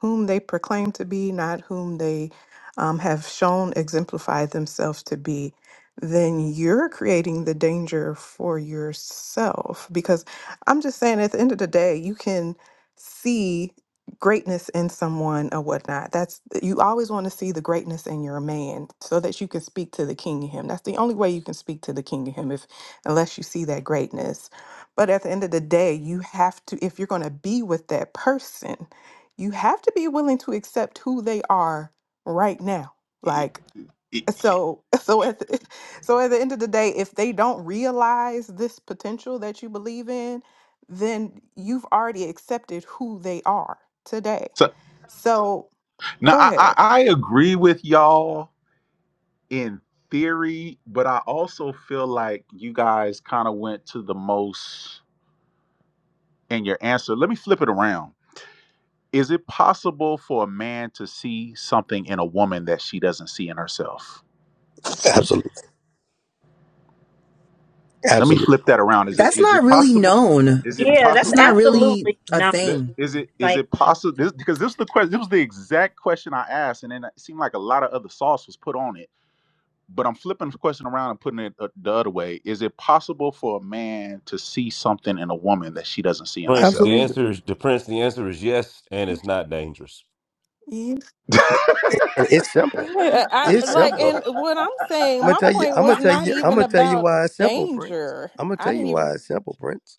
Speaker 10: whom they proclaim to be, not whom they um, have shown exemplified themselves to be, then you're creating the danger for yourself. Because I'm just saying, at the end of the day, you can see greatness in someone or whatnot. That's you always want to see the greatness in your man so that you can speak to the king of him. That's the only way you can speak to the king of him. If unless you see that greatness. But at the end of the day, you have to, if you're going to be with that person, you have to be willing to accept who they are right now.
Speaker 1: E-
Speaker 10: Like,
Speaker 1: e-
Speaker 10: so, *laughs* so at the, so at the end of the day, if they don't realize this potential that you believe in, then you've already accepted who they are today.
Speaker 1: So,
Speaker 10: So
Speaker 1: now,
Speaker 10: go
Speaker 1: I, I
Speaker 10: ahead.
Speaker 1: I agree with y'all in theory, but I also feel like you guys kind of went to the most in your answer. Let me flip it around. Is it possible for a man to see something in a woman that she doesn't see in herself?
Speaker 6: Absolutely,
Speaker 1: Let me
Speaker 6: absolutely,
Speaker 1: flip that around. Is it
Speaker 19: That's
Speaker 1: is
Speaker 19: not
Speaker 1: it
Speaker 19: really
Speaker 1: possible?
Speaker 19: known.
Speaker 1: Is it
Speaker 23: Yeah, that's
Speaker 19: It's
Speaker 1: possible
Speaker 19: not
Speaker 1: for
Speaker 19: really
Speaker 23: absolutely
Speaker 19: a
Speaker 23: not
Speaker 1: let-
Speaker 19: thing.
Speaker 1: is it is it
Speaker 23: psycho.
Speaker 1: possible this because this is the question this was the exact question I asked and then it seemed like a lot of other sauce was put on it but I'm flipping the question around and putting it uh, the other way. Is it possible for a man to see something in a woman that she doesn't see in
Speaker 3: Prince, the
Speaker 1: herself?
Speaker 6: absolutely.
Speaker 3: answer is the Prince, the answer is yes, and it's not dangerous.
Speaker 1: *laughs*
Speaker 6: And and
Speaker 1: I,
Speaker 6: it's simple.
Speaker 26: You
Speaker 10: Yeah, I
Speaker 6: It's
Speaker 26: stupid,
Speaker 10: like,
Speaker 6: simple.
Speaker 26: Corey.
Speaker 10: and what I'm
Speaker 6: I'm
Speaker 10: saying,
Speaker 6: gonna
Speaker 10: my
Speaker 6: tell you.
Speaker 10: point
Speaker 6: I'm gonna
Speaker 10: was
Speaker 6: tell
Speaker 10: not
Speaker 6: you. I'm
Speaker 10: even
Speaker 6: gonna tell you
Speaker 10: about
Speaker 6: why it's simple, Prince.
Speaker 10: danger.
Speaker 6: I'm gonna
Speaker 10: I
Speaker 6: tell
Speaker 10: didn't
Speaker 6: you why
Speaker 10: even.
Speaker 6: it's simple, Prince.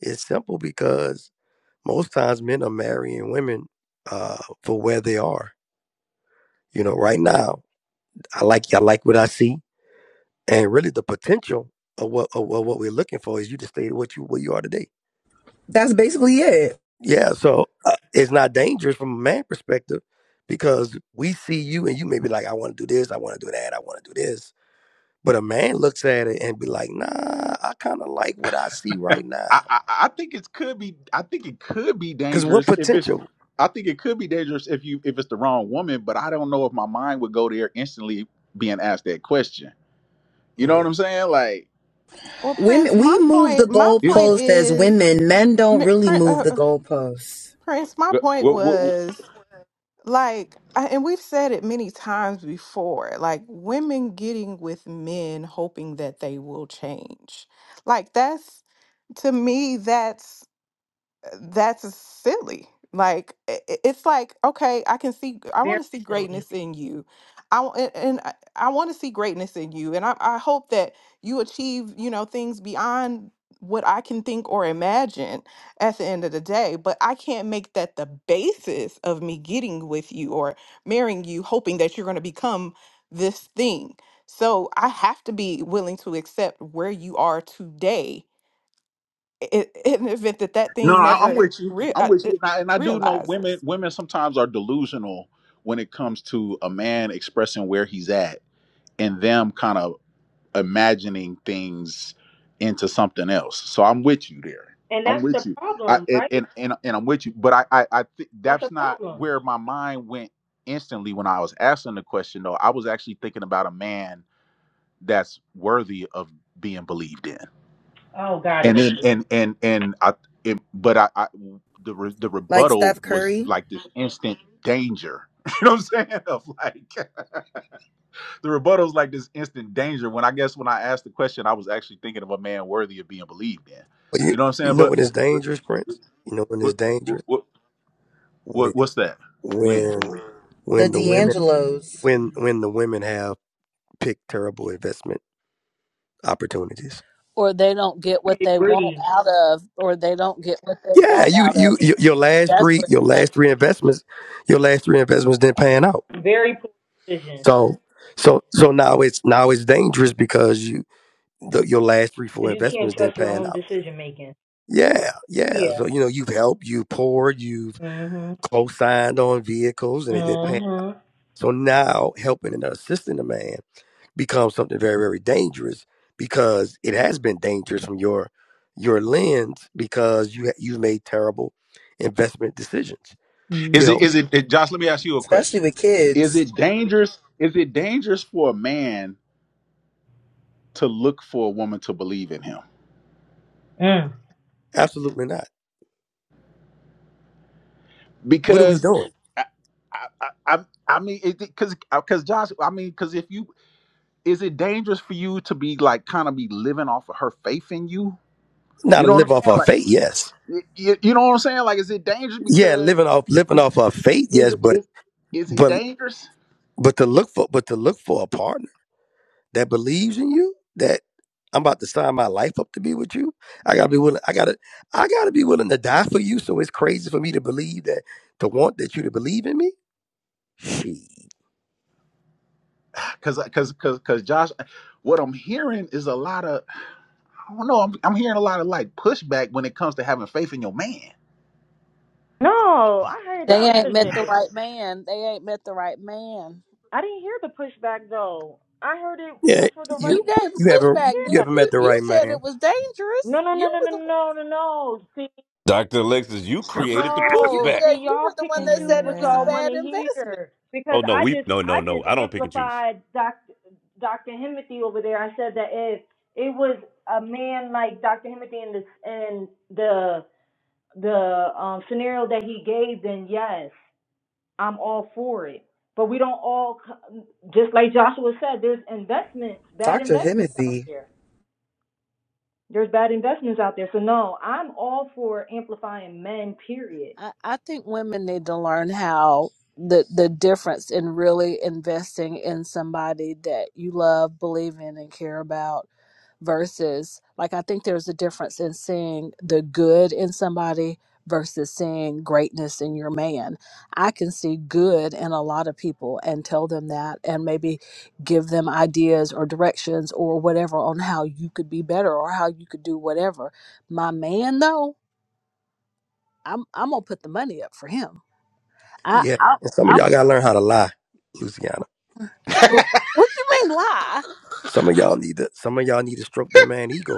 Speaker 6: It's simple because most times men are marrying women uh for where they are. You know, right now, I like I like what I see. and really the potential of what of, what we're looking for is you to stay what you what you are today.
Speaker 19: That's basically it.
Speaker 6: Yeah, so uh, it's not dangerous from a man perspective because we see you and you may be like, I want to do this, I want to do that, I want to do this, but a man looks at it and be like, Nah, I kind of like what I see right now.
Speaker 1: I, I think it could be. I think it could be
Speaker 6: Because what
Speaker 1: dangerous if it's.
Speaker 6: potential?
Speaker 1: I think it could be dangerous if you if it's the wrong woman. But I don't know if my mind would go there instantly being asked that question. You know what
Speaker 6: Mm.
Speaker 1: I'm saying? Like,
Speaker 10: Well, Prince,
Speaker 19: Women we
Speaker 10: my
Speaker 19: move the
Speaker 10: point, my
Speaker 1: it's,
Speaker 10: point
Speaker 19: goalpost as
Speaker 10: is,
Speaker 19: women. Men don't
Speaker 10: Mi-
Speaker 19: really
Speaker 10: Prin-
Speaker 19: move
Speaker 10: uh,
Speaker 19: the
Speaker 10: uh,
Speaker 19: goalposts.
Speaker 10: Prince, my
Speaker 1: what,
Speaker 10: point
Speaker 1: what, what-
Speaker 10: was like, I, and we've said it many times before, like women getting with men hoping that they will change. Like that's to me, that's that's silly. Like i- i- it's like okay, I can see. I
Speaker 23: Very
Speaker 10: want to see
Speaker 23: silly.
Speaker 10: greatness in you. I w- and and I, I want to see greatness in you, and I, I hope that you achieve you know things beyond what I can think or imagine at the end of the day. But I can't make that the basis of me getting with you or marrying you, hoping that you're going to become this thing. So I have to be willing to accept where you are today i- in the event that that
Speaker 1: no,
Speaker 10: thing
Speaker 1: I, I'm
Speaker 10: never
Speaker 1: with you.
Speaker 10: rea-
Speaker 1: I'm
Speaker 10: uh,
Speaker 1: with
Speaker 10: it
Speaker 1: you, and I, and I do know women.
Speaker 10: realizes.
Speaker 1: Women sometimes are delusional when it comes to a man expressing where he's at and them kind of imagining things into something else. So I'm with you there.
Speaker 23: And
Speaker 1: I'm
Speaker 23: that's the
Speaker 1: with you. I
Speaker 23: problem,
Speaker 1: and
Speaker 23: right?
Speaker 1: and and, and I'm with you, but I I, I think
Speaker 23: That's
Speaker 1: that's
Speaker 23: a
Speaker 1: not
Speaker 23: problem.
Speaker 1: where my mind went instantly when I was asking the question though. I was actually thinking about a man that's worthy of being believed in.
Speaker 23: Oh, got
Speaker 1: And
Speaker 23: it.
Speaker 1: then and and and I it, but I, I the re, the
Speaker 19: Like
Speaker 1: rebuttal
Speaker 19: Steph
Speaker 1: was
Speaker 19: Curry,
Speaker 1: like this instant danger. *laughs* You know what I'm saying? Of like the rebuttal's like this instant danger when I guess when I asked the question, I was actually thinking of a man worthy of being believed in.
Speaker 6: But You,
Speaker 1: You know what I'm
Speaker 6: you
Speaker 1: saying?
Speaker 6: know
Speaker 1: But
Speaker 6: when it's dangerous,
Speaker 1: what
Speaker 6: Prince. You know when it's
Speaker 1: what
Speaker 6: dangerous
Speaker 1: what,
Speaker 6: when
Speaker 1: what what's that? When
Speaker 6: when
Speaker 19: the
Speaker 6: when the women
Speaker 19: D'Angelos,
Speaker 6: when when the women have picked terrible investment opportunities.
Speaker 26: Or they don't get
Speaker 23: I
Speaker 26: what they want
Speaker 23: agree.
Speaker 26: out of, or they don't get what they
Speaker 6: Yeah,
Speaker 26: want
Speaker 6: you,
Speaker 26: out
Speaker 6: you
Speaker 26: of
Speaker 6: you
Speaker 26: it.
Speaker 6: your last
Speaker 26: That's
Speaker 6: three
Speaker 26: where
Speaker 6: your last three investments, your last three investments didn't pan out.
Speaker 23: Very poor decision.
Speaker 6: So so so now it's now it's dangerous because you the, your last three four
Speaker 23: Because you can't
Speaker 6: investments didn't
Speaker 23: trust your
Speaker 6: pan
Speaker 23: own
Speaker 6: out.
Speaker 23: decision making.
Speaker 6: Yeah, yeah.
Speaker 23: Yeah.
Speaker 6: So you know you've helped, you poured, you've
Speaker 23: Mhm.
Speaker 6: co-signed on vehicles, and it didn't pan. out.
Speaker 23: Mhm.
Speaker 6: So now helping and assisting a man becomes something very very dangerous because it has been dangerous from your your lens because you ha- you've made terrible investment decisions you
Speaker 1: is
Speaker 6: know
Speaker 1: it is
Speaker 23: Mhm.
Speaker 1: it, it Josh? Let me ask you a
Speaker 19: especially
Speaker 1: question.
Speaker 19: with
Speaker 1: Is
Speaker 19: kids.
Speaker 1: it dangerous? Is it dangerous for a man to look for a woman to believe in him?
Speaker 23: Mm.
Speaker 6: Absolutely not. What are we
Speaker 1: Because
Speaker 6: doing?
Speaker 1: I I I, I I mean, because because Josh, I mean, because if you is it dangerous for you to be like kind of be living off of her faith in you?
Speaker 6: Not
Speaker 1: You
Speaker 6: to
Speaker 1: know what I'm
Speaker 6: live
Speaker 1: saying?
Speaker 6: off our
Speaker 1: Like,
Speaker 6: faith, yes.
Speaker 1: You, you, you know what I'm saying? Like, is it dangerous
Speaker 6: Yeah,
Speaker 1: because
Speaker 6: living off living
Speaker 1: be,
Speaker 6: off our faith,
Speaker 1: is
Speaker 6: yes,
Speaker 1: it
Speaker 6: but
Speaker 1: is is it
Speaker 6: but
Speaker 1: dangerous?
Speaker 6: but to look for but to look for a partner that believes in you, that I'm about to sign my life up to be with you. I gotta be willing I gotta I gotta be willing to die for you. So it's crazy for me to believe that to want that you to believe in me. She
Speaker 1: Because because because because Josh, what I'm hearing is a lot of I don't know. I'm I'm hearing a lot of like pushback when it comes to having faith in your man.
Speaker 23: No, I heard the
Speaker 26: They ain't met the
Speaker 23: opposite.
Speaker 26: right man. They ain't met the right man.
Speaker 23: I didn't hear the pushback though. I heard it,
Speaker 6: Yeah,
Speaker 23: yeah, for the
Speaker 6: you
Speaker 23: right,
Speaker 26: You gave
Speaker 6: you haven't
Speaker 26: pushback,
Speaker 6: you
Speaker 23: yeah.
Speaker 26: didn't
Speaker 6: haven't met
Speaker 26: you?
Speaker 6: the
Speaker 26: You
Speaker 6: right
Speaker 26: said
Speaker 6: man.
Speaker 26: it was
Speaker 23: No,
Speaker 26: dangerous.
Speaker 23: no, no,
Speaker 26: You
Speaker 23: no,
Speaker 26: were
Speaker 23: no, no,
Speaker 26: the
Speaker 23: no, no. no. See,
Speaker 3: Dr. Alexis, you created the
Speaker 26: you
Speaker 23: No,
Speaker 3: pushback.
Speaker 26: yeah,
Speaker 23: see,
Speaker 26: you
Speaker 23: y'all
Speaker 26: were the
Speaker 23: pick
Speaker 26: one
Speaker 23: and
Speaker 26: that
Speaker 23: choose
Speaker 26: said it
Speaker 23: what
Speaker 26: was a
Speaker 23: y'all
Speaker 10: Yeah.
Speaker 23: want
Speaker 26: bad
Speaker 23: to
Speaker 26: investment.
Speaker 23: hear
Speaker 3: Oh
Speaker 23: because
Speaker 3: no,
Speaker 23: I
Speaker 3: we
Speaker 23: just,
Speaker 3: no, no,
Speaker 23: I
Speaker 3: no.
Speaker 23: just
Speaker 3: I don't pick and choose.
Speaker 23: amplified Dr. Dr. Himothy over there. I said that if it was a man like Dr. Himothy in the in the the um, scenario that he gave, then yes, I'm all for it. But we don't all, c- just like Joshua said, there's investments, bad
Speaker 19: Dr.
Speaker 23: investments out
Speaker 19: Himothy.
Speaker 23: there. There's bad investments out there. So no, I'm all for amplifying men. Period.
Speaker 26: I, I think women need to learn how the the difference in really investing in somebody that you love, believe in, and care about versus like I think there's a difference in seeing the good in somebody versus seeing greatness in your man. I can see good in a lot of people and tell them that and maybe give them ideas or directions or whatever on how you could be better or how you could do whatever. My man though, I'm I'm gonna put the money up for him. I,
Speaker 6: Yeah.
Speaker 26: I
Speaker 6: And some of
Speaker 26: I'm
Speaker 6: y'all gotta learn how to lie, Luciana.
Speaker 26: *laughs* what you mean lie?
Speaker 6: Some of y'all need to some of y'all need to stroke that man ego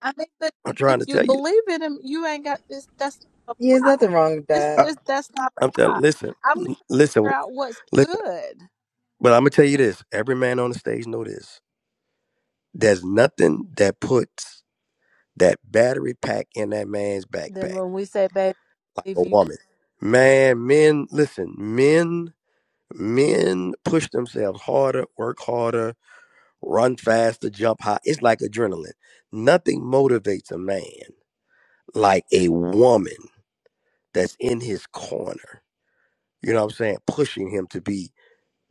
Speaker 26: I mean, that
Speaker 6: I'm
Speaker 26: if
Speaker 6: trying to
Speaker 26: you
Speaker 6: tell you.
Speaker 26: believe in him, you ain't got this. That's not
Speaker 19: Yeah, there's
Speaker 26: a lie.
Speaker 19: nothing wrong with
Speaker 26: This,
Speaker 1: Uh,
Speaker 19: that.
Speaker 26: this, that's not
Speaker 6: I'm
Speaker 26: a
Speaker 6: telling.
Speaker 26: lie.
Speaker 6: Listen,
Speaker 26: I'm gonna
Speaker 6: l- listen,
Speaker 26: figure out what's
Speaker 6: listen.
Speaker 26: good.
Speaker 6: But I'm gonna tell you this. Every man on the stage know this. There's nothing that puts that battery pack in that man's
Speaker 26: Then
Speaker 6: backpack
Speaker 26: when we say, "Baby,
Speaker 6: like a
Speaker 26: if you could
Speaker 6: woman. Man, men, listen. Men, men push themselves harder, work harder, run faster, jump high. It's like adrenaline. Nothing motivates a man like a woman that's in his corner. You know what I'm saying? Pushing him to be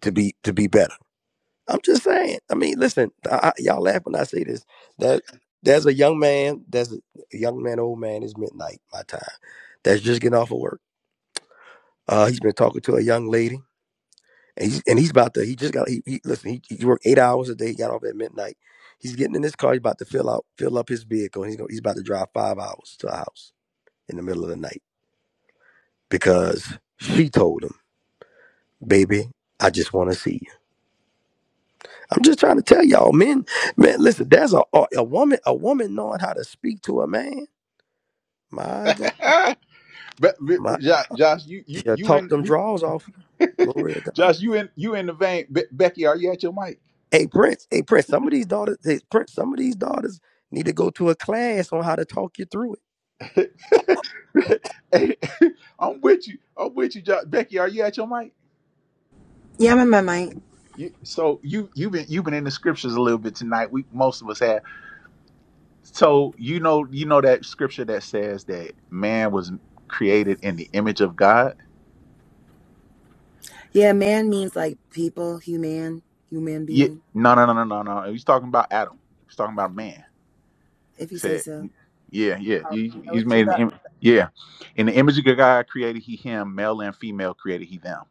Speaker 6: to be to be better. I'm just saying. I mean, listen, I, I, y'all laugh when I say this. That there's a young man, there's a young man, old man. It's midnight my time. That's just getting off of work. Uh, he's been talking to a young lady, and he's and he's about to. He just got. He, he listen. He, he worked eight hours a day. He got off at midnight. He's getting in this car. He's about to fill out fill up his vehicle. And he's going he's about to drive five hours to a house in the middle of the night because she told him, "Baby, I just want to see you." I'm just trying to tell y'all, men, man, listen, there's a a a woman, a woman knowing how to speak to a man. My God,
Speaker 1: *laughs* but, but,
Speaker 6: my
Speaker 1: but Josh, Josh, you you
Speaker 6: she'll
Speaker 1: you
Speaker 6: talk them
Speaker 1: in
Speaker 6: draws off you.
Speaker 1: you, *laughs*
Speaker 6: Glory to God.
Speaker 1: Josh, you in you in the vein. Be- Becky, are you at your mic?
Speaker 6: Hey Prince, hey Prince, some of these daughters, hey Prince, some of these daughters need to go to a class on how to talk you through it.
Speaker 1: *laughs* Hey, *laughs* I'm with you. I'm with you, Josh. Becky, are you at your mic?
Speaker 19: Yeah, I'm in my mind.
Speaker 1: You, so you you've been you've been in the scriptures a little bit tonight. We most of us have. So you know, you know that scripture that says that man was created in the image of God.
Speaker 19: Yeah, man means like people, human, human
Speaker 1: Yeah,
Speaker 19: being,
Speaker 1: no, no, no, no, no, no. He's talking about Adam. He's talking about man.
Speaker 19: if
Speaker 1: He
Speaker 19: you say
Speaker 1: said,
Speaker 19: so.
Speaker 1: yeah, yeah.
Speaker 26: already
Speaker 1: He,
Speaker 26: know
Speaker 1: he's
Speaker 26: what you
Speaker 1: made an
Speaker 26: about,"
Speaker 1: image. Yeah, in the image of God created he him. Male and female created he them.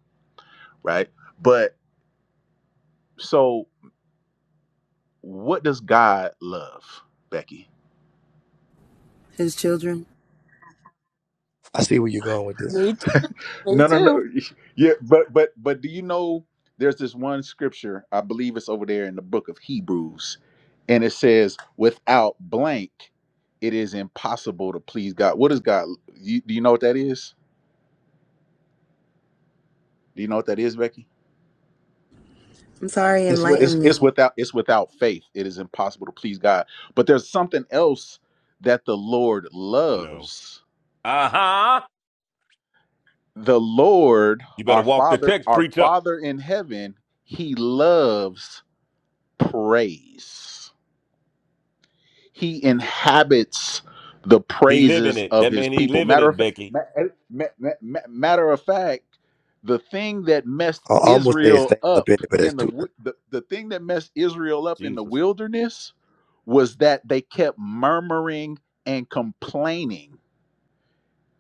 Speaker 1: Right. But so, what does God love, Becky?
Speaker 19: His children.
Speaker 6: I see where you're going with this.
Speaker 26: me too.
Speaker 1: *laughs*
Speaker 26: Me
Speaker 1: no, no, no.
Speaker 26: too.
Speaker 1: Yeah, but but but do you know there's this one scripture, I believe it's over there in the book of Hebrews, and it says, without blank, it is impossible to please God. What is God? You, do you know what that is? Do you know what that is, Becky?
Speaker 19: I'm sorry,
Speaker 1: It's, wi- it's
Speaker 19: enlighten
Speaker 1: it's
Speaker 19: me.
Speaker 1: without it's without faith. It is impossible to please God. But there's something else that the Lord
Speaker 3: No.
Speaker 1: loves.
Speaker 3: Uh-huh.
Speaker 1: The Lord,
Speaker 3: You better
Speaker 1: our
Speaker 3: walk the
Speaker 1: Father,
Speaker 3: text,
Speaker 1: our
Speaker 3: preacher.
Speaker 1: Father in heaven, He loves praise. He inhabits the
Speaker 3: He living
Speaker 1: praises
Speaker 3: it.
Speaker 1: of
Speaker 3: That
Speaker 1: his
Speaker 3: man he
Speaker 1: people.
Speaker 3: living
Speaker 1: Matter
Speaker 3: it,
Speaker 1: of fact,
Speaker 3: Becky.
Speaker 1: ma- eh, ma- ma- ma- matter of fact, the thing that messed
Speaker 6: I almost said
Speaker 1: Israel
Speaker 6: stand
Speaker 1: up
Speaker 6: up in it, but that's
Speaker 1: in the,
Speaker 6: too
Speaker 1: wi- the the thing that messed Israel up in the
Speaker 3: Jesus.
Speaker 1: wilderness was that they kept murmuring and complaining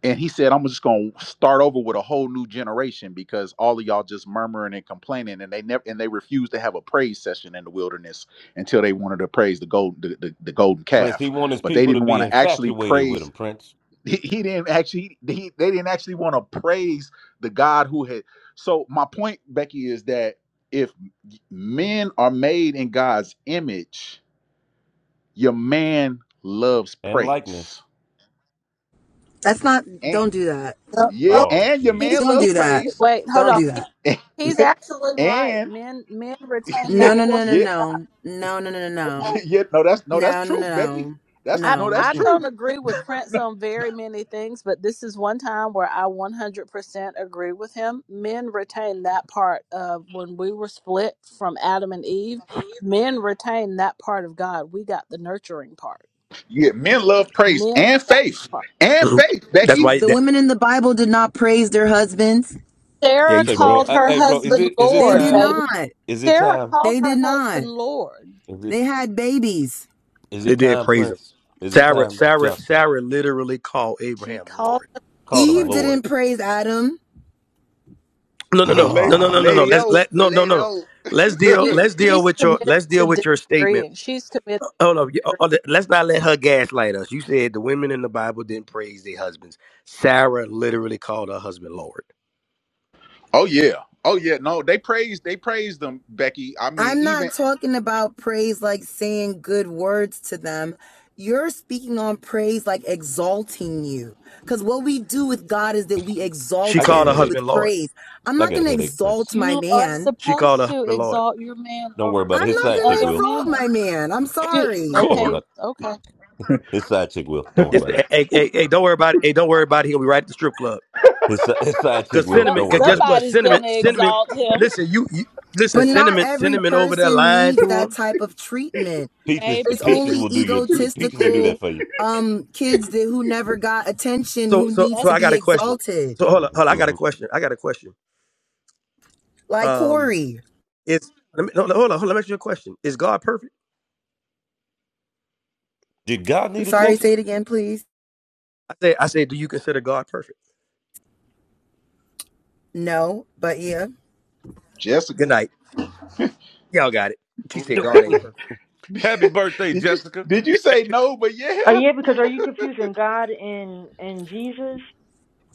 Speaker 1: and he said, I'm just gonna start over with a whole new generation because all of y'all just murmuring and complaining, and they never and they refused to have a praise session in the wilderness until they wanted to praise the gold the, the, the golden
Speaker 3: Prince, he
Speaker 1: calf.
Speaker 3: want his
Speaker 1: But they
Speaker 3: people to
Speaker 1: didn't
Speaker 3: be
Speaker 1: want to actually
Speaker 3: infatuated with
Speaker 1: praise
Speaker 3: him, Prince.
Speaker 1: *laughs* he, he didn't actually he, they didn't actually want to praise the God who had so my point, Becky, is that if men are made in God's image, your man loves
Speaker 3: And
Speaker 1: praise.
Speaker 3: likeness.
Speaker 19: That's not,
Speaker 1: And
Speaker 19: don't do that.
Speaker 26: No,
Speaker 1: yeah,
Speaker 26: no,
Speaker 3: Oh,
Speaker 1: and your
Speaker 26: he's,
Speaker 1: man
Speaker 19: Don't
Speaker 3: Jesus.
Speaker 1: loves
Speaker 26: he
Speaker 19: do that.
Speaker 1: praise
Speaker 26: wait. Hold
Speaker 19: Don't
Speaker 26: on.
Speaker 19: do
Speaker 26: He,
Speaker 19: that.
Speaker 1: and
Speaker 26: he's
Speaker 1: *laughs*
Speaker 26: absolutely right.
Speaker 1: and
Speaker 26: Men, men retain
Speaker 1: *laughs* yeah,
Speaker 19: No,
Speaker 26: that
Speaker 19: no, no, no,
Speaker 26: portion.
Speaker 1: yeah,
Speaker 26: of
Speaker 19: no. No, no, no, no,
Speaker 26: God.
Speaker 19: no.
Speaker 1: yeah. no, that's no, that's
Speaker 19: No, no, no,
Speaker 1: truth, Becky.
Speaker 19: no.
Speaker 1: That's
Speaker 26: I
Speaker 1: no,
Speaker 19: No.
Speaker 1: that's
Speaker 26: I don't
Speaker 1: truth.
Speaker 26: agree with Prince on very many things, but this is one time where I 100% agree with him. Men retain that part of when we were split from Adam and Eve. Men retain that part of God. We got the nurturing part.
Speaker 1: Yeah, men love praise
Speaker 26: Men
Speaker 1: and
Speaker 26: got
Speaker 1: faith
Speaker 26: that part.
Speaker 1: and
Speaker 6: early. Mhm.
Speaker 1: faith,
Speaker 6: That's
Speaker 1: Becky.
Speaker 6: why
Speaker 19: The
Speaker 6: that
Speaker 19: women in the Bible did not praise their husbands.
Speaker 6: yeah,
Speaker 26: Sarah
Speaker 6: you
Speaker 3: Say, bro,
Speaker 6: smoking.
Speaker 26: called
Speaker 3: I,
Speaker 26: her
Speaker 3: hey, bro, is
Speaker 26: husband
Speaker 3: it is it
Speaker 19: They
Speaker 26: Lord,
Speaker 19: did
Speaker 3: time?
Speaker 26: baby.
Speaker 19: not.
Speaker 3: Is it
Speaker 26: Sarah
Speaker 3: time?
Speaker 26: called
Speaker 19: They did
Speaker 26: her
Speaker 19: not.
Speaker 26: husband Lord.
Speaker 3: Is it
Speaker 19: They had babies.
Speaker 3: is
Speaker 6: They
Speaker 3: it
Speaker 6: did
Speaker 3: time,
Speaker 6: praise him.
Speaker 3: Prince? Is it
Speaker 6: Sarah,
Speaker 3: time?
Speaker 6: Sarah,
Speaker 3: Just
Speaker 6: Sarah literally called
Speaker 26: She
Speaker 6: Abraham Lord.
Speaker 26: called him
Speaker 3: call him
Speaker 19: Eve
Speaker 26: Lord.
Speaker 3: Lord.
Speaker 19: didn't praise Adam.
Speaker 6: No,
Speaker 1: *laughs*
Speaker 6: no, no,
Speaker 1: La-
Speaker 6: no, no, no, no,
Speaker 3: Oh,
Speaker 6: no.
Speaker 1: lady
Speaker 6: Let's
Speaker 1: O,
Speaker 6: let no, no,
Speaker 1: lady
Speaker 6: no, no.
Speaker 1: O.
Speaker 6: Let's deal.
Speaker 26: She
Speaker 6: Let's deal
Speaker 26: she's
Speaker 6: with your.
Speaker 26: committed
Speaker 6: Let's deal
Speaker 26: to
Speaker 6: with your statement.
Speaker 26: disagreeing. She's committed.
Speaker 6: Hold on. you- oh, oh, Let's not let her gaslight us. You said the women in the Bible didn't praise their husbands. Sarah literally called her husband Lord.
Speaker 1: Oh yeah, oh yeah. No, they praise, they praise them, Becky. I mean,
Speaker 19: I'm
Speaker 1: even
Speaker 19: not talking about praise like saying good words to them. You're speaking on praise like exalting you. Because what we do with God is that we
Speaker 6: She
Speaker 19: exalt
Speaker 3: I got a
Speaker 6: called her
Speaker 19: him
Speaker 3: headache.
Speaker 6: husband
Speaker 19: with
Speaker 6: Lord.
Speaker 19: praise. I'm
Speaker 3: I
Speaker 19: not going
Speaker 3: got a
Speaker 19: to
Speaker 3: headache,
Speaker 19: exalt
Speaker 3: Prince.
Speaker 19: my
Speaker 26: You are
Speaker 19: man.
Speaker 6: She called her
Speaker 26: supposed to
Speaker 6: husband Lord.
Speaker 26: exalt your man
Speaker 3: Don't worry
Speaker 26: over
Speaker 3: about it.
Speaker 19: I'm
Speaker 3: His
Speaker 19: not
Speaker 26: any
Speaker 3: side
Speaker 19: going
Speaker 3: chick
Speaker 19: to
Speaker 26: other
Speaker 3: will.
Speaker 19: exalt my
Speaker 26: man.
Speaker 19: man. I'm
Speaker 26: Do,
Speaker 6: *laughs*
Speaker 19: sorry.
Speaker 3: Don't
Speaker 6: Correct.
Speaker 3: worry about
Speaker 26: okay,
Speaker 3: *laughs*
Speaker 26: okay.
Speaker 3: it. His side chick will. Don't worry
Speaker 6: This,
Speaker 3: about
Speaker 6: hey,
Speaker 3: it.
Speaker 6: hey, hey, hey, don't worry about it. Hey, don't worry about it. He'll be right at the strip club.
Speaker 3: His, si- his side chick
Speaker 6: Cause
Speaker 3: will.
Speaker 26: So-
Speaker 6: cinnamon.
Speaker 3: Don't worry
Speaker 6: Cause guess
Speaker 3: about it.
Speaker 6: what?
Speaker 26: Somebody's
Speaker 6: Cinnamon.
Speaker 26: gonna
Speaker 6: Cinnamon.
Speaker 26: exalt him,
Speaker 6: Listen, you. you listen,
Speaker 19: But not
Speaker 6: cinnamon.
Speaker 19: every
Speaker 6: Cinnamon over there
Speaker 19: person
Speaker 6: lying
Speaker 19: needs
Speaker 6: to
Speaker 19: that
Speaker 6: him.
Speaker 19: type of treatment.
Speaker 3: Peaches,
Speaker 26: baby.
Speaker 19: It's
Speaker 3: peaches
Speaker 19: only
Speaker 3: will do your peaches will do that
Speaker 19: egotistical
Speaker 3: for you.
Speaker 19: um, kids that who never got attention
Speaker 6: So,
Speaker 19: who
Speaker 6: so,
Speaker 19: needs
Speaker 6: so
Speaker 19: to
Speaker 6: I
Speaker 26: That's
Speaker 6: got
Speaker 19: be
Speaker 6: a
Speaker 26: that, oh,
Speaker 6: question.
Speaker 19: exalted,
Speaker 6: So hold on, hold on. I got a
Speaker 3: hmm
Speaker 6: question. I got a question.
Speaker 19: like
Speaker 6: Um,
Speaker 19: Corey.
Speaker 6: it's let me, no, no, hold on, hold on. Let me ask you a question. Is God perfect?
Speaker 3: Did God
Speaker 19: I'm
Speaker 3: need
Speaker 19: sorry,
Speaker 3: attention?
Speaker 19: say it again, please.
Speaker 6: I say, I say, do you consider God perfect?
Speaker 19: No, but yeah.
Speaker 6: Good
Speaker 1: Jessica.
Speaker 6: night. Y'all got it. She said
Speaker 3: No.
Speaker 6: God ain't perfect.
Speaker 3: Happy birthday,
Speaker 1: Did you
Speaker 3: Jessica.
Speaker 1: did you say no? But
Speaker 23: Uh,
Speaker 1: yeah,
Speaker 23: yeah, because are you confusing God and and Jesus?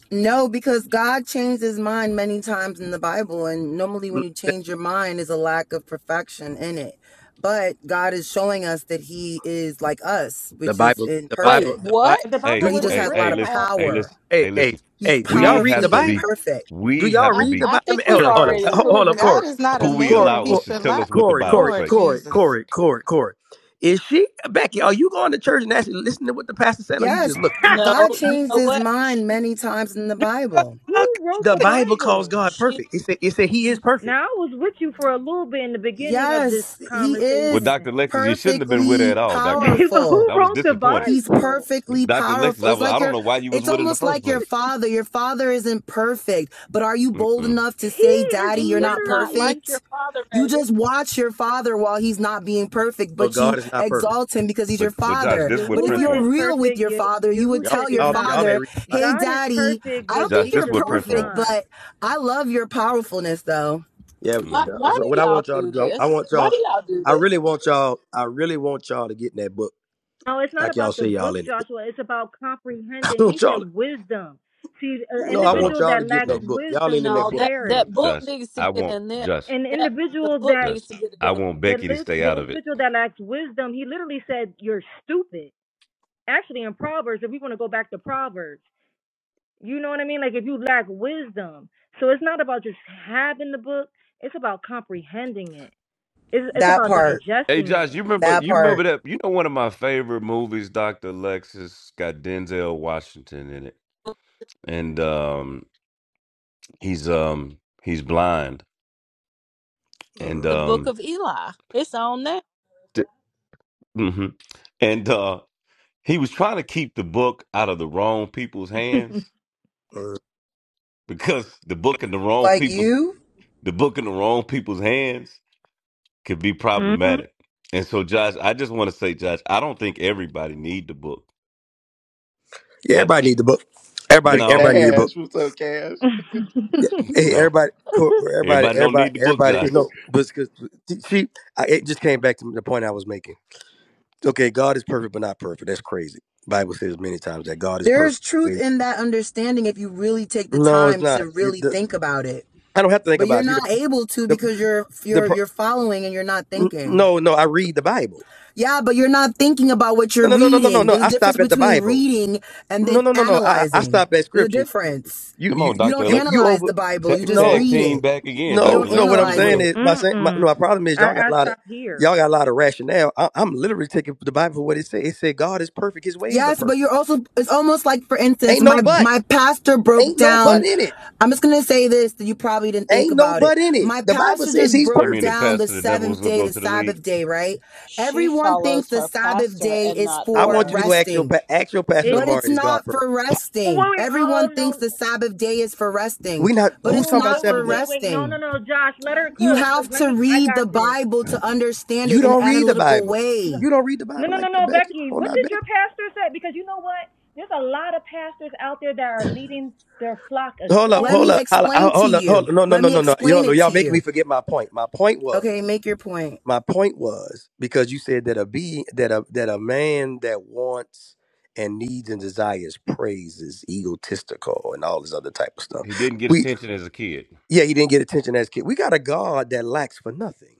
Speaker 19: No, because God changed his mind many times in the Bible. And normally,
Speaker 6: Mm,
Speaker 19: when you change your mind, is a lack of perfection in it. But God is showing us that he is like us,
Speaker 6: The
Speaker 19: which is
Speaker 6: Bible, the
Speaker 26: wait,
Speaker 6: Bible,
Speaker 19: imperfect,
Speaker 6: the Bible.
Speaker 26: what?
Speaker 23: The
Speaker 6: Do
Speaker 3: Hey,
Speaker 23: Bible
Speaker 19: but he
Speaker 6: you,
Speaker 19: just
Speaker 23: wasn't
Speaker 3: hey,
Speaker 19: has a
Speaker 3: hey,
Speaker 19: lot
Speaker 23: written
Speaker 19: of
Speaker 3: listen,
Speaker 23: off.
Speaker 3: hey,
Speaker 19: power.
Speaker 3: listen,
Speaker 6: hey,
Speaker 3: hey,
Speaker 6: hey,
Speaker 3: listen.
Speaker 19: He's
Speaker 6: hey? Do y'all
Speaker 3: We
Speaker 6: read
Speaker 3: have
Speaker 6: the
Speaker 19: powerfully
Speaker 3: to be,
Speaker 6: Bible?
Speaker 19: imperfect.
Speaker 6: Do
Speaker 3: we
Speaker 6: y'all
Speaker 3: have to
Speaker 26: I
Speaker 6: read the
Speaker 3: be
Speaker 26: I
Speaker 6: Bible? Let me,
Speaker 26: think we've
Speaker 6: hold on, hold on,
Speaker 10: I
Speaker 3: careful
Speaker 26: already
Speaker 6: Ho- hold
Speaker 10: said,
Speaker 6: on,
Speaker 26: proven that
Speaker 10: God
Speaker 6: Corey,
Speaker 26: she
Speaker 10: is not a
Speaker 3: who
Speaker 26: doesn't.
Speaker 3: we
Speaker 10: man
Speaker 6: Corey,
Speaker 10: that
Speaker 3: allow
Speaker 10: he
Speaker 3: us to
Speaker 10: should
Speaker 3: tell
Speaker 10: lie.
Speaker 3: us what the
Speaker 6: Corey, Corey,
Speaker 3: Bible
Speaker 6: Corey,
Speaker 10: Lord
Speaker 3: say.
Speaker 6: Corey,
Speaker 10: Jesus.
Speaker 6: Corey, Corey. Corey. Is she Becky? Are you going to church and actually listening to what the pastor said, or you just
Speaker 19: Yes,
Speaker 6: looking?
Speaker 23: *laughs*
Speaker 26: No,
Speaker 19: God
Speaker 26: you
Speaker 19: changed
Speaker 26: know
Speaker 19: his
Speaker 26: what?
Speaker 19: mind many times in the Bible.
Speaker 23: Who wrote
Speaker 6: The
Speaker 23: the
Speaker 6: Bible calls
Speaker 23: Bible?
Speaker 6: God
Speaker 26: She
Speaker 6: perfect. It said, it said He is perfect.
Speaker 23: Now I was with you for a little bit in the beginning of this
Speaker 19: Yes, he
Speaker 3: Well,
Speaker 23: conversation,
Speaker 19: is
Speaker 23: *laughs*
Speaker 3: Dr. Lexus, you shouldn't have been with her
Speaker 19: perfectly
Speaker 3: at all, Dr. Lexus.
Speaker 23: but
Speaker 19: powerful.
Speaker 23: who
Speaker 3: I was
Speaker 23: wrote the
Speaker 3: disappointed.
Speaker 19: He's
Speaker 23: Bible?
Speaker 19: perfectly
Speaker 3: Dr. Lexus,
Speaker 19: powerful.
Speaker 3: I,
Speaker 19: It's
Speaker 3: was, I
Speaker 19: like
Speaker 3: don't
Speaker 19: your,
Speaker 3: know why you was
Speaker 19: it's
Speaker 3: with her in the
Speaker 19: almost
Speaker 3: first
Speaker 19: like your
Speaker 3: place.
Speaker 19: father. Your father isn't perfect, but are you bold
Speaker 3: Mm-mm.
Speaker 19: enough to say,
Speaker 23: He is
Speaker 19: Daddy, you're
Speaker 3: Mm-mm.
Speaker 26: is
Speaker 19: not
Speaker 26: not like
Speaker 23: literally
Speaker 26: your
Speaker 19: perfect?
Speaker 26: father,
Speaker 19: You
Speaker 26: baby.
Speaker 19: just watch your father while he's not being perfect,
Speaker 6: So
Speaker 19: but you
Speaker 6: God is not perfect.
Speaker 19: exalt him because he's your
Speaker 3: But but Josh,
Speaker 19: father.
Speaker 3: this is what
Speaker 19: But if
Speaker 3: Prince
Speaker 23: Yahuwah
Speaker 19: you're
Speaker 23: is
Speaker 3: want.
Speaker 19: real with
Speaker 23: perfect.
Speaker 19: your
Speaker 23: Ye-
Speaker 19: father, you would
Speaker 6: Y'all,
Speaker 23: Yahusha
Speaker 19: tell
Speaker 23: is
Speaker 19: your
Speaker 6: y'all, y'all
Speaker 23: not.
Speaker 6: ain't
Speaker 19: father,
Speaker 6: reading. the Bible.
Speaker 19: Hey,
Speaker 23: God is
Speaker 19: daddy,
Speaker 23: perfect,
Speaker 19: I
Speaker 23: but
Speaker 19: don't
Speaker 3: Josh,
Speaker 19: think
Speaker 3: this
Speaker 19: you're
Speaker 3: is
Speaker 23: Jesus
Speaker 3: what
Speaker 23: was
Speaker 3: Prince want.
Speaker 19: perfect,
Speaker 23: not.
Speaker 19: but I love your powerfulness though.
Speaker 6: Yeah, yeah.
Speaker 26: Why
Speaker 3: hmm
Speaker 6: yeah.
Speaker 26: why
Speaker 6: So what
Speaker 26: do
Speaker 6: I
Speaker 26: y'all
Speaker 6: want y'all to
Speaker 26: do
Speaker 6: do, I I
Speaker 26: this?
Speaker 6: want
Speaker 26: Why
Speaker 6: y'all,
Speaker 26: do y'all do
Speaker 6: I
Speaker 26: this?
Speaker 6: really want y'all, I really want y'all to get in that book.
Speaker 23: No, it's not
Speaker 6: Like y'all
Speaker 23: about the
Speaker 6: say, y'all
Speaker 23: book,
Speaker 6: in it.
Speaker 23: Joshua. It's about
Speaker 6: *laughs* I
Speaker 23: comprehending. He
Speaker 6: want y'all. To,
Speaker 23: said wisdom. See, an
Speaker 6: no, I
Speaker 3: No, no,
Speaker 6: want
Speaker 23: individual
Speaker 6: y'all to
Speaker 23: that
Speaker 6: get in
Speaker 23: lacks
Speaker 3: no,
Speaker 6: that book. Y'all
Speaker 23: wisdom
Speaker 6: ain't in
Speaker 23: will
Speaker 6: that
Speaker 26: No,
Speaker 6: book.
Speaker 26: that
Speaker 3: no,
Speaker 26: that
Speaker 23: perish.
Speaker 26: book
Speaker 3: Josh.
Speaker 26: needs to
Speaker 3: I
Speaker 26: get
Speaker 3: want
Speaker 26: in there.
Speaker 3: Josh,
Speaker 23: An
Speaker 26: That the
Speaker 23: individual
Speaker 26: book
Speaker 23: that
Speaker 26: needs
Speaker 3: Josh.
Speaker 26: to get in
Speaker 3: I
Speaker 23: the
Speaker 26: there.
Speaker 3: want
Speaker 23: the,
Speaker 3: Becky to
Speaker 23: li-
Speaker 3: stay
Speaker 23: the
Speaker 3: out of it.
Speaker 23: individual that lacks wisdom, he literally said, "You're stupid." Actually, in Proverbs, if we want to go back to Proverbs, you know what I mean. Like if you lack wisdom, so it's not about just having the book. It's about comprehending it. It's it's
Speaker 19: That
Speaker 23: about
Speaker 19: part,
Speaker 3: Hey
Speaker 23: digesting
Speaker 3: Josh,
Speaker 23: it.
Speaker 3: you remember
Speaker 19: that
Speaker 3: you remember
Speaker 19: part.
Speaker 3: that you know one of my favorite movies, Dr. Alexis, got Denzel Washington in it. And um he's um he's blind and
Speaker 26: The book
Speaker 3: um
Speaker 26: of Eli. It's on there.
Speaker 3: d- mhm. and uh he was trying to keep the book out of the wrong people's
Speaker 23: *laughs*
Speaker 3: hands
Speaker 6: Mhm.
Speaker 3: because the book in the wrong
Speaker 19: Like
Speaker 3: people's
Speaker 19: you?
Speaker 3: the book in the wrong people's hands could be
Speaker 23: hmm
Speaker 3: problematic. And so Josh, I just want to say Josh, I don't think everybody need the book.
Speaker 6: Yeah,
Speaker 3: I
Speaker 6: everybody need the book.
Speaker 1: *laughs*
Speaker 6: Everybody,
Speaker 3: no,
Speaker 6: everybody need the book.
Speaker 1: Cash. What's up, Cash?
Speaker 6: Yeah, hey,
Speaker 3: no.
Speaker 6: everybody, co- everybody,
Speaker 3: Everybody don't
Speaker 6: everybody,
Speaker 3: need the book,
Speaker 1: *laughs*
Speaker 6: everybody.
Speaker 23: *laughs*
Speaker 3: Josh.
Speaker 6: No, but because see, I, it just came back to the point I was making. Okay, God is perfect, but not perfect. That's crazy. Bible says many times that God is perfect.
Speaker 19: There's truth
Speaker 6: Wait.
Speaker 19: in that understanding if you really take the
Speaker 6: No, it's
Speaker 19: time to
Speaker 6: not. It,
Speaker 19: really
Speaker 6: the,
Speaker 19: think about it.
Speaker 6: I don't have to think
Speaker 19: But you're
Speaker 6: about it. See,
Speaker 19: not
Speaker 6: the,
Speaker 19: able to because
Speaker 6: the,
Speaker 19: you're
Speaker 6: the,
Speaker 19: you're
Speaker 6: pro-
Speaker 19: you're following and you're not
Speaker 6: n-
Speaker 19: thinking.
Speaker 6: no, no. I read the Bible.
Speaker 19: Yeah, but you're not thinking about what
Speaker 6: No,
Speaker 19: you're
Speaker 6: no, no, no, no, no,
Speaker 19: reading.
Speaker 6: no.
Speaker 19: There's a
Speaker 6: I stop
Speaker 19: difference
Speaker 6: at the
Speaker 19: between
Speaker 6: Bible.
Speaker 19: reading and
Speaker 6: No,
Speaker 19: then
Speaker 6: no, no, no. I, I I
Speaker 19: analyzing.
Speaker 6: stop at
Speaker 19: There's a
Speaker 6: Scripture.
Speaker 19: difference.
Speaker 6: You,
Speaker 3: Come
Speaker 6: you,
Speaker 3: on,
Speaker 19: You
Speaker 6: you,
Speaker 3: Dr.
Speaker 19: don't
Speaker 6: you, you
Speaker 3: Alexis.
Speaker 19: analyze
Speaker 6: over.
Speaker 19: the
Speaker 3: Ta-
Speaker 19: Bible, you just
Speaker 6: No,
Speaker 3: tag
Speaker 19: read
Speaker 3: team
Speaker 19: it.
Speaker 3: back again,
Speaker 19: You
Speaker 6: No,
Speaker 3: Dr.
Speaker 19: don't
Speaker 6: no.
Speaker 3: Alexis.
Speaker 6: What
Speaker 3: You
Speaker 6: I'm
Speaker 3: was
Speaker 19: analyze
Speaker 3: with
Speaker 6: saying
Speaker 3: him.
Speaker 19: it.
Speaker 6: is, my, sa- my
Speaker 23: Mm-mm.
Speaker 6: no, my problem is
Speaker 23: I
Speaker 6: y'all got a
Speaker 23: I
Speaker 6: lot of
Speaker 23: stopped here.
Speaker 6: y'all got a lot of rationale. I, I'm literally taking the Bible for what it said. It said God is perfect. His ways are
Speaker 19: Yes, but
Speaker 6: perfect.
Speaker 19: you're also it's almost like for instance,
Speaker 6: Ain't no
Speaker 19: my
Speaker 6: but.
Speaker 19: my pastor broke
Speaker 6: Ain't no but
Speaker 19: down
Speaker 6: in it.
Speaker 19: I'm just gonna say this that you probably didn't think
Speaker 6: Ain't no
Speaker 19: about it.
Speaker 6: but in it.
Speaker 19: My
Speaker 6: The Bible
Speaker 19: pastor
Speaker 6: says
Speaker 19: just
Speaker 6: He's
Speaker 3: You
Speaker 19: broke
Speaker 3: mean the
Speaker 6: perfect.
Speaker 19: down the
Speaker 3: pastor that never was
Speaker 19: seventh
Speaker 3: going to
Speaker 19: day,
Speaker 3: go
Speaker 19: the
Speaker 3: to the league?
Speaker 19: Sabbath day, right?
Speaker 26: She
Speaker 19: Everyone thinks
Speaker 26: follows
Speaker 19: the
Speaker 26: her
Speaker 19: Sabbath
Speaker 26: pastor
Speaker 19: day
Speaker 26: and
Speaker 19: is
Speaker 26: not the
Speaker 6: I
Speaker 19: for
Speaker 6: want you to go
Speaker 26: word.
Speaker 6: ask your
Speaker 19: resting,
Speaker 6: pa- ask your pastor
Speaker 19: but
Speaker 23: It.
Speaker 6: tomorrow.
Speaker 19: it's
Speaker 6: Is God
Speaker 19: not
Speaker 6: perfect?
Speaker 19: for
Speaker 23: Oh
Speaker 19: resting.
Speaker 23: wait, wait. Oh
Speaker 19: Everyone
Speaker 23: oh,
Speaker 19: thinks
Speaker 23: no.
Speaker 19: the Sabbath day is for resting,
Speaker 6: We not.
Speaker 19: but
Speaker 6: Who's
Speaker 19: it's
Speaker 6: talking
Speaker 23: Oh
Speaker 6: about
Speaker 23: wait,
Speaker 19: not
Speaker 23: wait,
Speaker 6: Sabbath
Speaker 19: for
Speaker 6: day?
Speaker 23: wait, wait. No, no,
Speaker 19: resting.
Speaker 23: no. Josh, let her
Speaker 19: You
Speaker 23: cook. Cause
Speaker 19: have
Speaker 23: let
Speaker 19: to
Speaker 23: me. I
Speaker 19: read
Speaker 23: got
Speaker 19: the
Speaker 23: this.
Speaker 19: Bible to understand
Speaker 6: You
Speaker 19: it in an
Speaker 6: don't read the
Speaker 19: analytical
Speaker 6: Bible.
Speaker 23: No,
Speaker 19: way.
Speaker 6: You don't read the
Speaker 23: no,
Speaker 6: Bible
Speaker 23: no, no,
Speaker 6: like that,
Speaker 23: no.
Speaker 6: Becky.
Speaker 23: Becky,
Speaker 6: Come on,
Speaker 23: what
Speaker 6: now,
Speaker 23: did your
Speaker 6: Becky.
Speaker 23: pastor say? Because you know what? There's a lot of pastors out there that are leading their flock
Speaker 6: Hold up,
Speaker 19: Let
Speaker 23: astray.
Speaker 6: hold
Speaker 19: me
Speaker 6: up, hold up,
Speaker 19: explain to
Speaker 6: hold up, hold
Speaker 19: you.
Speaker 6: up. No, no,
Speaker 19: Let
Speaker 6: no,
Speaker 19: me
Speaker 6: no, no.
Speaker 19: explain
Speaker 6: Y'all,
Speaker 19: it
Speaker 6: y'all
Speaker 19: to
Speaker 6: making
Speaker 19: you.
Speaker 6: me forget my point. My point
Speaker 19: Okay,
Speaker 6: was.
Speaker 19: make your point.
Speaker 6: my point was because you said that a be that a that a man that wants and needs and desires praise is egotistical and all this other type of
Speaker 3: He
Speaker 6: stuff.
Speaker 3: didn't get
Speaker 6: We
Speaker 3: attention as a kid.
Speaker 6: yeah, he didn't get attention as a kid. We got a God that lacks for nothing.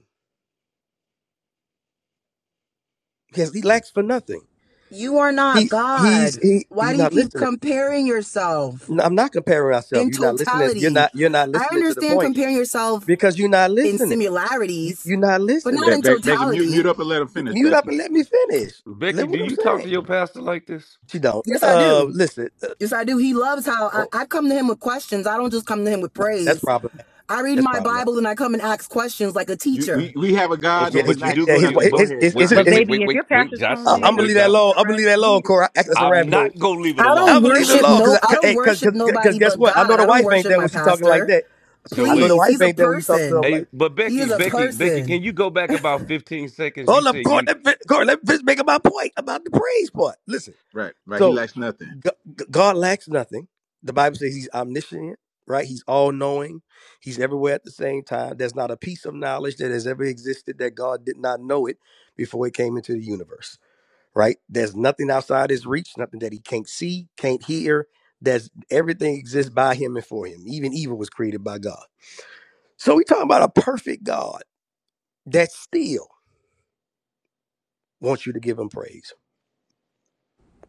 Speaker 6: Yes, he
Speaker 3: Hmm.
Speaker 6: lacks for nothing.
Speaker 19: You are not
Speaker 6: He's he's
Speaker 19: God.
Speaker 6: he
Speaker 19: Why
Speaker 6: he's
Speaker 19: do you
Speaker 6: not
Speaker 19: keep
Speaker 6: listening.
Speaker 19: comparing yourself
Speaker 6: No, I'm not comparing myself.
Speaker 19: in
Speaker 6: You're not listening. You're
Speaker 19: totality?
Speaker 6: not you're not
Speaker 19: I
Speaker 6: listening to the
Speaker 19: understand
Speaker 6: point
Speaker 19: comparing yourself
Speaker 6: because you're not
Speaker 19: in
Speaker 6: listening. You,
Speaker 19: similarities,
Speaker 6: you're not
Speaker 19: but
Speaker 6: listening.
Speaker 19: not
Speaker 1: Be-
Speaker 19: in
Speaker 1: Be- Becky, mute,
Speaker 19: totality.
Speaker 1: mute up and let him finish,
Speaker 6: Mute up
Speaker 1: Becky.
Speaker 6: and let me finish. Let
Speaker 3: Becky, do
Speaker 6: what I'm
Speaker 3: you talk
Speaker 6: saying.
Speaker 3: to your pastor like this?
Speaker 6: She don't.
Speaker 19: Yes, I
Speaker 6: Uh,
Speaker 19: do.
Speaker 6: listen. Uh,
Speaker 19: Yes, I do. He loves how
Speaker 6: Oh.
Speaker 19: I, I come to him with questions. I don't just come to him with
Speaker 6: Nah, That's
Speaker 19: praise.
Speaker 6: problematic.
Speaker 19: I read
Speaker 6: That's
Speaker 19: my
Speaker 6: problematic.
Speaker 19: Bible and I come and ask questions like a
Speaker 1: You,
Speaker 19: teacher.
Speaker 1: we, we have a
Speaker 3: Oh,
Speaker 1: God
Speaker 3: so,
Speaker 6: Yeah,
Speaker 1: that
Speaker 6: his,
Speaker 3: but you do
Speaker 1: lacks
Speaker 6: yeah,
Speaker 3: go to
Speaker 6: his,
Speaker 3: your,
Speaker 1: nothing. Go
Speaker 3: but
Speaker 6: his,
Speaker 1: ahead,
Speaker 6: his, his,
Speaker 3: wait,
Speaker 1: Josh.
Speaker 6: his,
Speaker 23: But
Speaker 3: wait,
Speaker 6: his
Speaker 3: wait,
Speaker 23: baby,
Speaker 3: wait,
Speaker 23: if
Speaker 3: wait,
Speaker 23: your
Speaker 3: wait,
Speaker 23: pastor's
Speaker 3: Josh,
Speaker 23: telling
Speaker 6: I-
Speaker 23: you
Speaker 6: I'm
Speaker 23: you're
Speaker 3: wait,
Speaker 6: gonna
Speaker 23: not
Speaker 3: wait,
Speaker 6: leave that
Speaker 3: Josh.
Speaker 23: supposed
Speaker 6: alone.
Speaker 23: to
Speaker 6: I'm gonna leave
Speaker 23: rest,
Speaker 6: that
Speaker 23: you
Speaker 6: alone,
Speaker 23: need to
Speaker 6: Corey. I-
Speaker 23: go
Speaker 6: That's
Speaker 23: somewhere
Speaker 6: a
Speaker 3: I'm
Speaker 6: rabbit
Speaker 23: else.
Speaker 6: hole.
Speaker 3: not going to leave it
Speaker 19: I don't
Speaker 3: alone.
Speaker 6: I'm gonna
Speaker 3: So
Speaker 6: leave it
Speaker 3: wait,
Speaker 19: worship
Speaker 6: alone
Speaker 19: no
Speaker 6: because,
Speaker 19: I don't worship
Speaker 6: because, because,
Speaker 19: nobody
Speaker 6: guess
Speaker 19: but
Speaker 6: what? I know
Speaker 19: God.
Speaker 6: the
Speaker 19: I don't
Speaker 6: wife ain't
Speaker 19: worship
Speaker 6: there
Speaker 19: my
Speaker 6: when she talking like
Speaker 19: pastor.
Speaker 6: that.
Speaker 3: so
Speaker 6: I know
Speaker 3: wait.
Speaker 6: the
Speaker 19: Please,
Speaker 6: wife
Speaker 19: he's a
Speaker 6: ain't there when you talking to her
Speaker 19: person.
Speaker 3: Hey,
Speaker 6: like,
Speaker 3: but
Speaker 19: He
Speaker 3: Becky,
Speaker 19: is a
Speaker 3: Becky, Becky,
Speaker 19: person.
Speaker 3: can you go back about 15 seconds? You
Speaker 6: hold up,
Speaker 3: said
Speaker 6: Corey,
Speaker 3: you
Speaker 6: let, me- Corey, let me just make my point about the praise part. Listen,
Speaker 1: Right, right. He
Speaker 6: so
Speaker 1: lacks nothing.
Speaker 6: G- G- God lacks nothing. The Bible says He's omniscient, right? He's all knowing. He's everywhere at the same time. There's not a piece of knowledge that has ever existed that God did not know it before it came into the universe right? There's nothing outside his reach, nothing that he can't see, can't hear. There's everything exists by him and for him. Even evil was created by God. So we talking about a perfect God that still wants you to give him praise.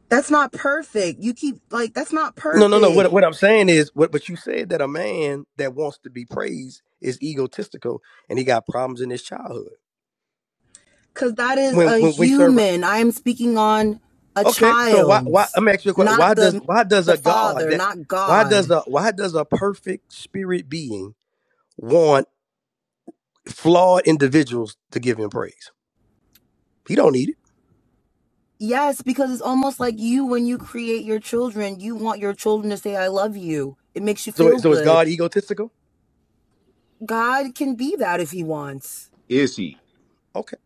Speaker 19: That's not perfect. You keep like that's not
Speaker 6: No, no, no.
Speaker 19: perfect
Speaker 6: What, what I'm saying is, what, but you said that a man that wants to be praised is egotistical and he got problems in his childhood.
Speaker 19: cuz that is
Speaker 6: When
Speaker 19: a
Speaker 6: when we serve, a-
Speaker 19: human. I am speaking on a
Speaker 6: okay, so why why
Speaker 19: child's,
Speaker 6: I'm asking you a question. Why
Speaker 19: not
Speaker 6: does
Speaker 19: the
Speaker 6: why does
Speaker 19: the
Speaker 6: a God
Speaker 19: father,
Speaker 6: that
Speaker 19: not
Speaker 6: why does
Speaker 19: God.
Speaker 6: a why does a perfect spirit being want flawed individuals to give him praise. He don't need it.
Speaker 19: Yes, because it's almost like you when you create your children, you want your children to say I love you. It makes you
Speaker 6: So,
Speaker 19: feel
Speaker 6: so is
Speaker 19: good.
Speaker 6: God egotistical?
Speaker 19: God can be that if he wants.
Speaker 1: Is he?
Speaker 6: Okay,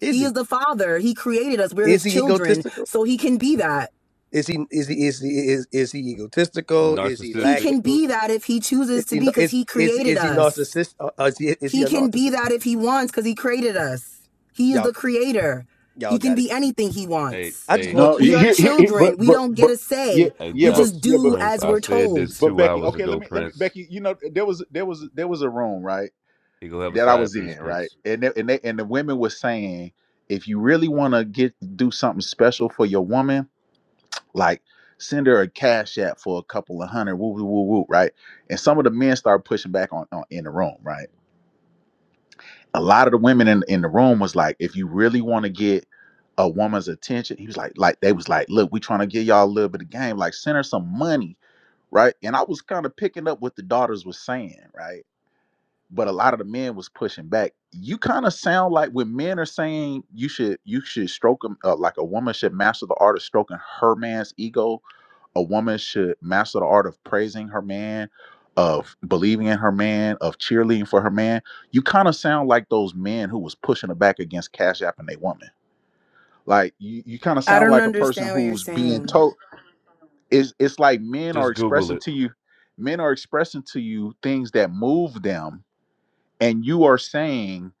Speaker 6: is
Speaker 19: He
Speaker 6: he?
Speaker 19: is the father. He created us. We're
Speaker 6: Is
Speaker 19: his
Speaker 6: he
Speaker 19: children,
Speaker 6: egotistical?
Speaker 19: so he can be that.
Speaker 6: Is he? Is he? Is he? Is, is he egotistical? Is he
Speaker 19: He
Speaker 6: lacking?
Speaker 3: narcissistic.
Speaker 19: can be that if he
Speaker 6: Is
Speaker 19: chooses to
Speaker 6: he?
Speaker 19: be cuz
Speaker 6: Is
Speaker 19: he
Speaker 6: is
Speaker 19: created
Speaker 6: is he
Speaker 19: us.
Speaker 6: narcissist? Uh, uh, is he? Is he
Speaker 19: He
Speaker 6: a
Speaker 19: can be
Speaker 6: narcissist?
Speaker 19: that if he wants because he created us. He is
Speaker 6: Y'all,
Speaker 19: the creator. He
Speaker 6: y'all
Speaker 19: can
Speaker 6: got it.
Speaker 19: be anything he
Speaker 3: Hey,
Speaker 19: wants.
Speaker 6: I just
Speaker 3: hey.
Speaker 6: want
Speaker 1: No,
Speaker 6: you.
Speaker 19: We
Speaker 1: he,
Speaker 19: are
Speaker 1: he, he, he- but,
Speaker 19: children. We
Speaker 1: but
Speaker 19: don't get
Speaker 1: but
Speaker 19: a
Speaker 1: yeah
Speaker 19: say.
Speaker 3: Hey
Speaker 1: yeah
Speaker 19: We
Speaker 1: but
Speaker 3: Josh
Speaker 19: just
Speaker 1: yeah but
Speaker 19: do
Speaker 3: Prince,
Speaker 19: as
Speaker 3: I
Speaker 19: we're
Speaker 3: said this
Speaker 19: told.
Speaker 1: but
Speaker 3: two
Speaker 1: Becky,
Speaker 3: hours
Speaker 1: okay, let
Speaker 3: ago,
Speaker 1: me let me
Speaker 3: Prince.
Speaker 1: Becky, you know there was there was there was a room right
Speaker 3: He gonna have a
Speaker 1: that I
Speaker 3: side
Speaker 1: was in
Speaker 3: piece,
Speaker 1: right,
Speaker 3: Prince.
Speaker 1: and they, and they, and the women were saying if you really want to get do something special for your woman, like send her a cash app for a couple of hundred, woo woo woo woo, right? And some of the men started pushing back on, on in the room, right? a lot of the women in, in the room was like, if you really want to get a woman's attention, he was like, like they was like, look, we trying to give y'all a little bit of game, like send her some money, right? And I was kind of picking up what the daughters was saying, right? But a lot of the men was pushing back. You kind of sound like when men are saying you should you should stroke 'em, uh, like a woman should master the art of stroking her man's ego a woman should master the art of praising her man, of believing in her man, of cheerleading for her man. You kind of sound like those men who was pushing her back against Cash App and they woman. Like you, you kind of
Speaker 19: I
Speaker 1: sound
Speaker 19: don't
Speaker 1: like a person
Speaker 19: understand what you're
Speaker 1: who's being
Speaker 19: saying.
Speaker 1: told it's it's like men are
Speaker 3: Just Google
Speaker 1: expressing
Speaker 3: it.
Speaker 1: to you, men are expressing to you things that move them, and you are saying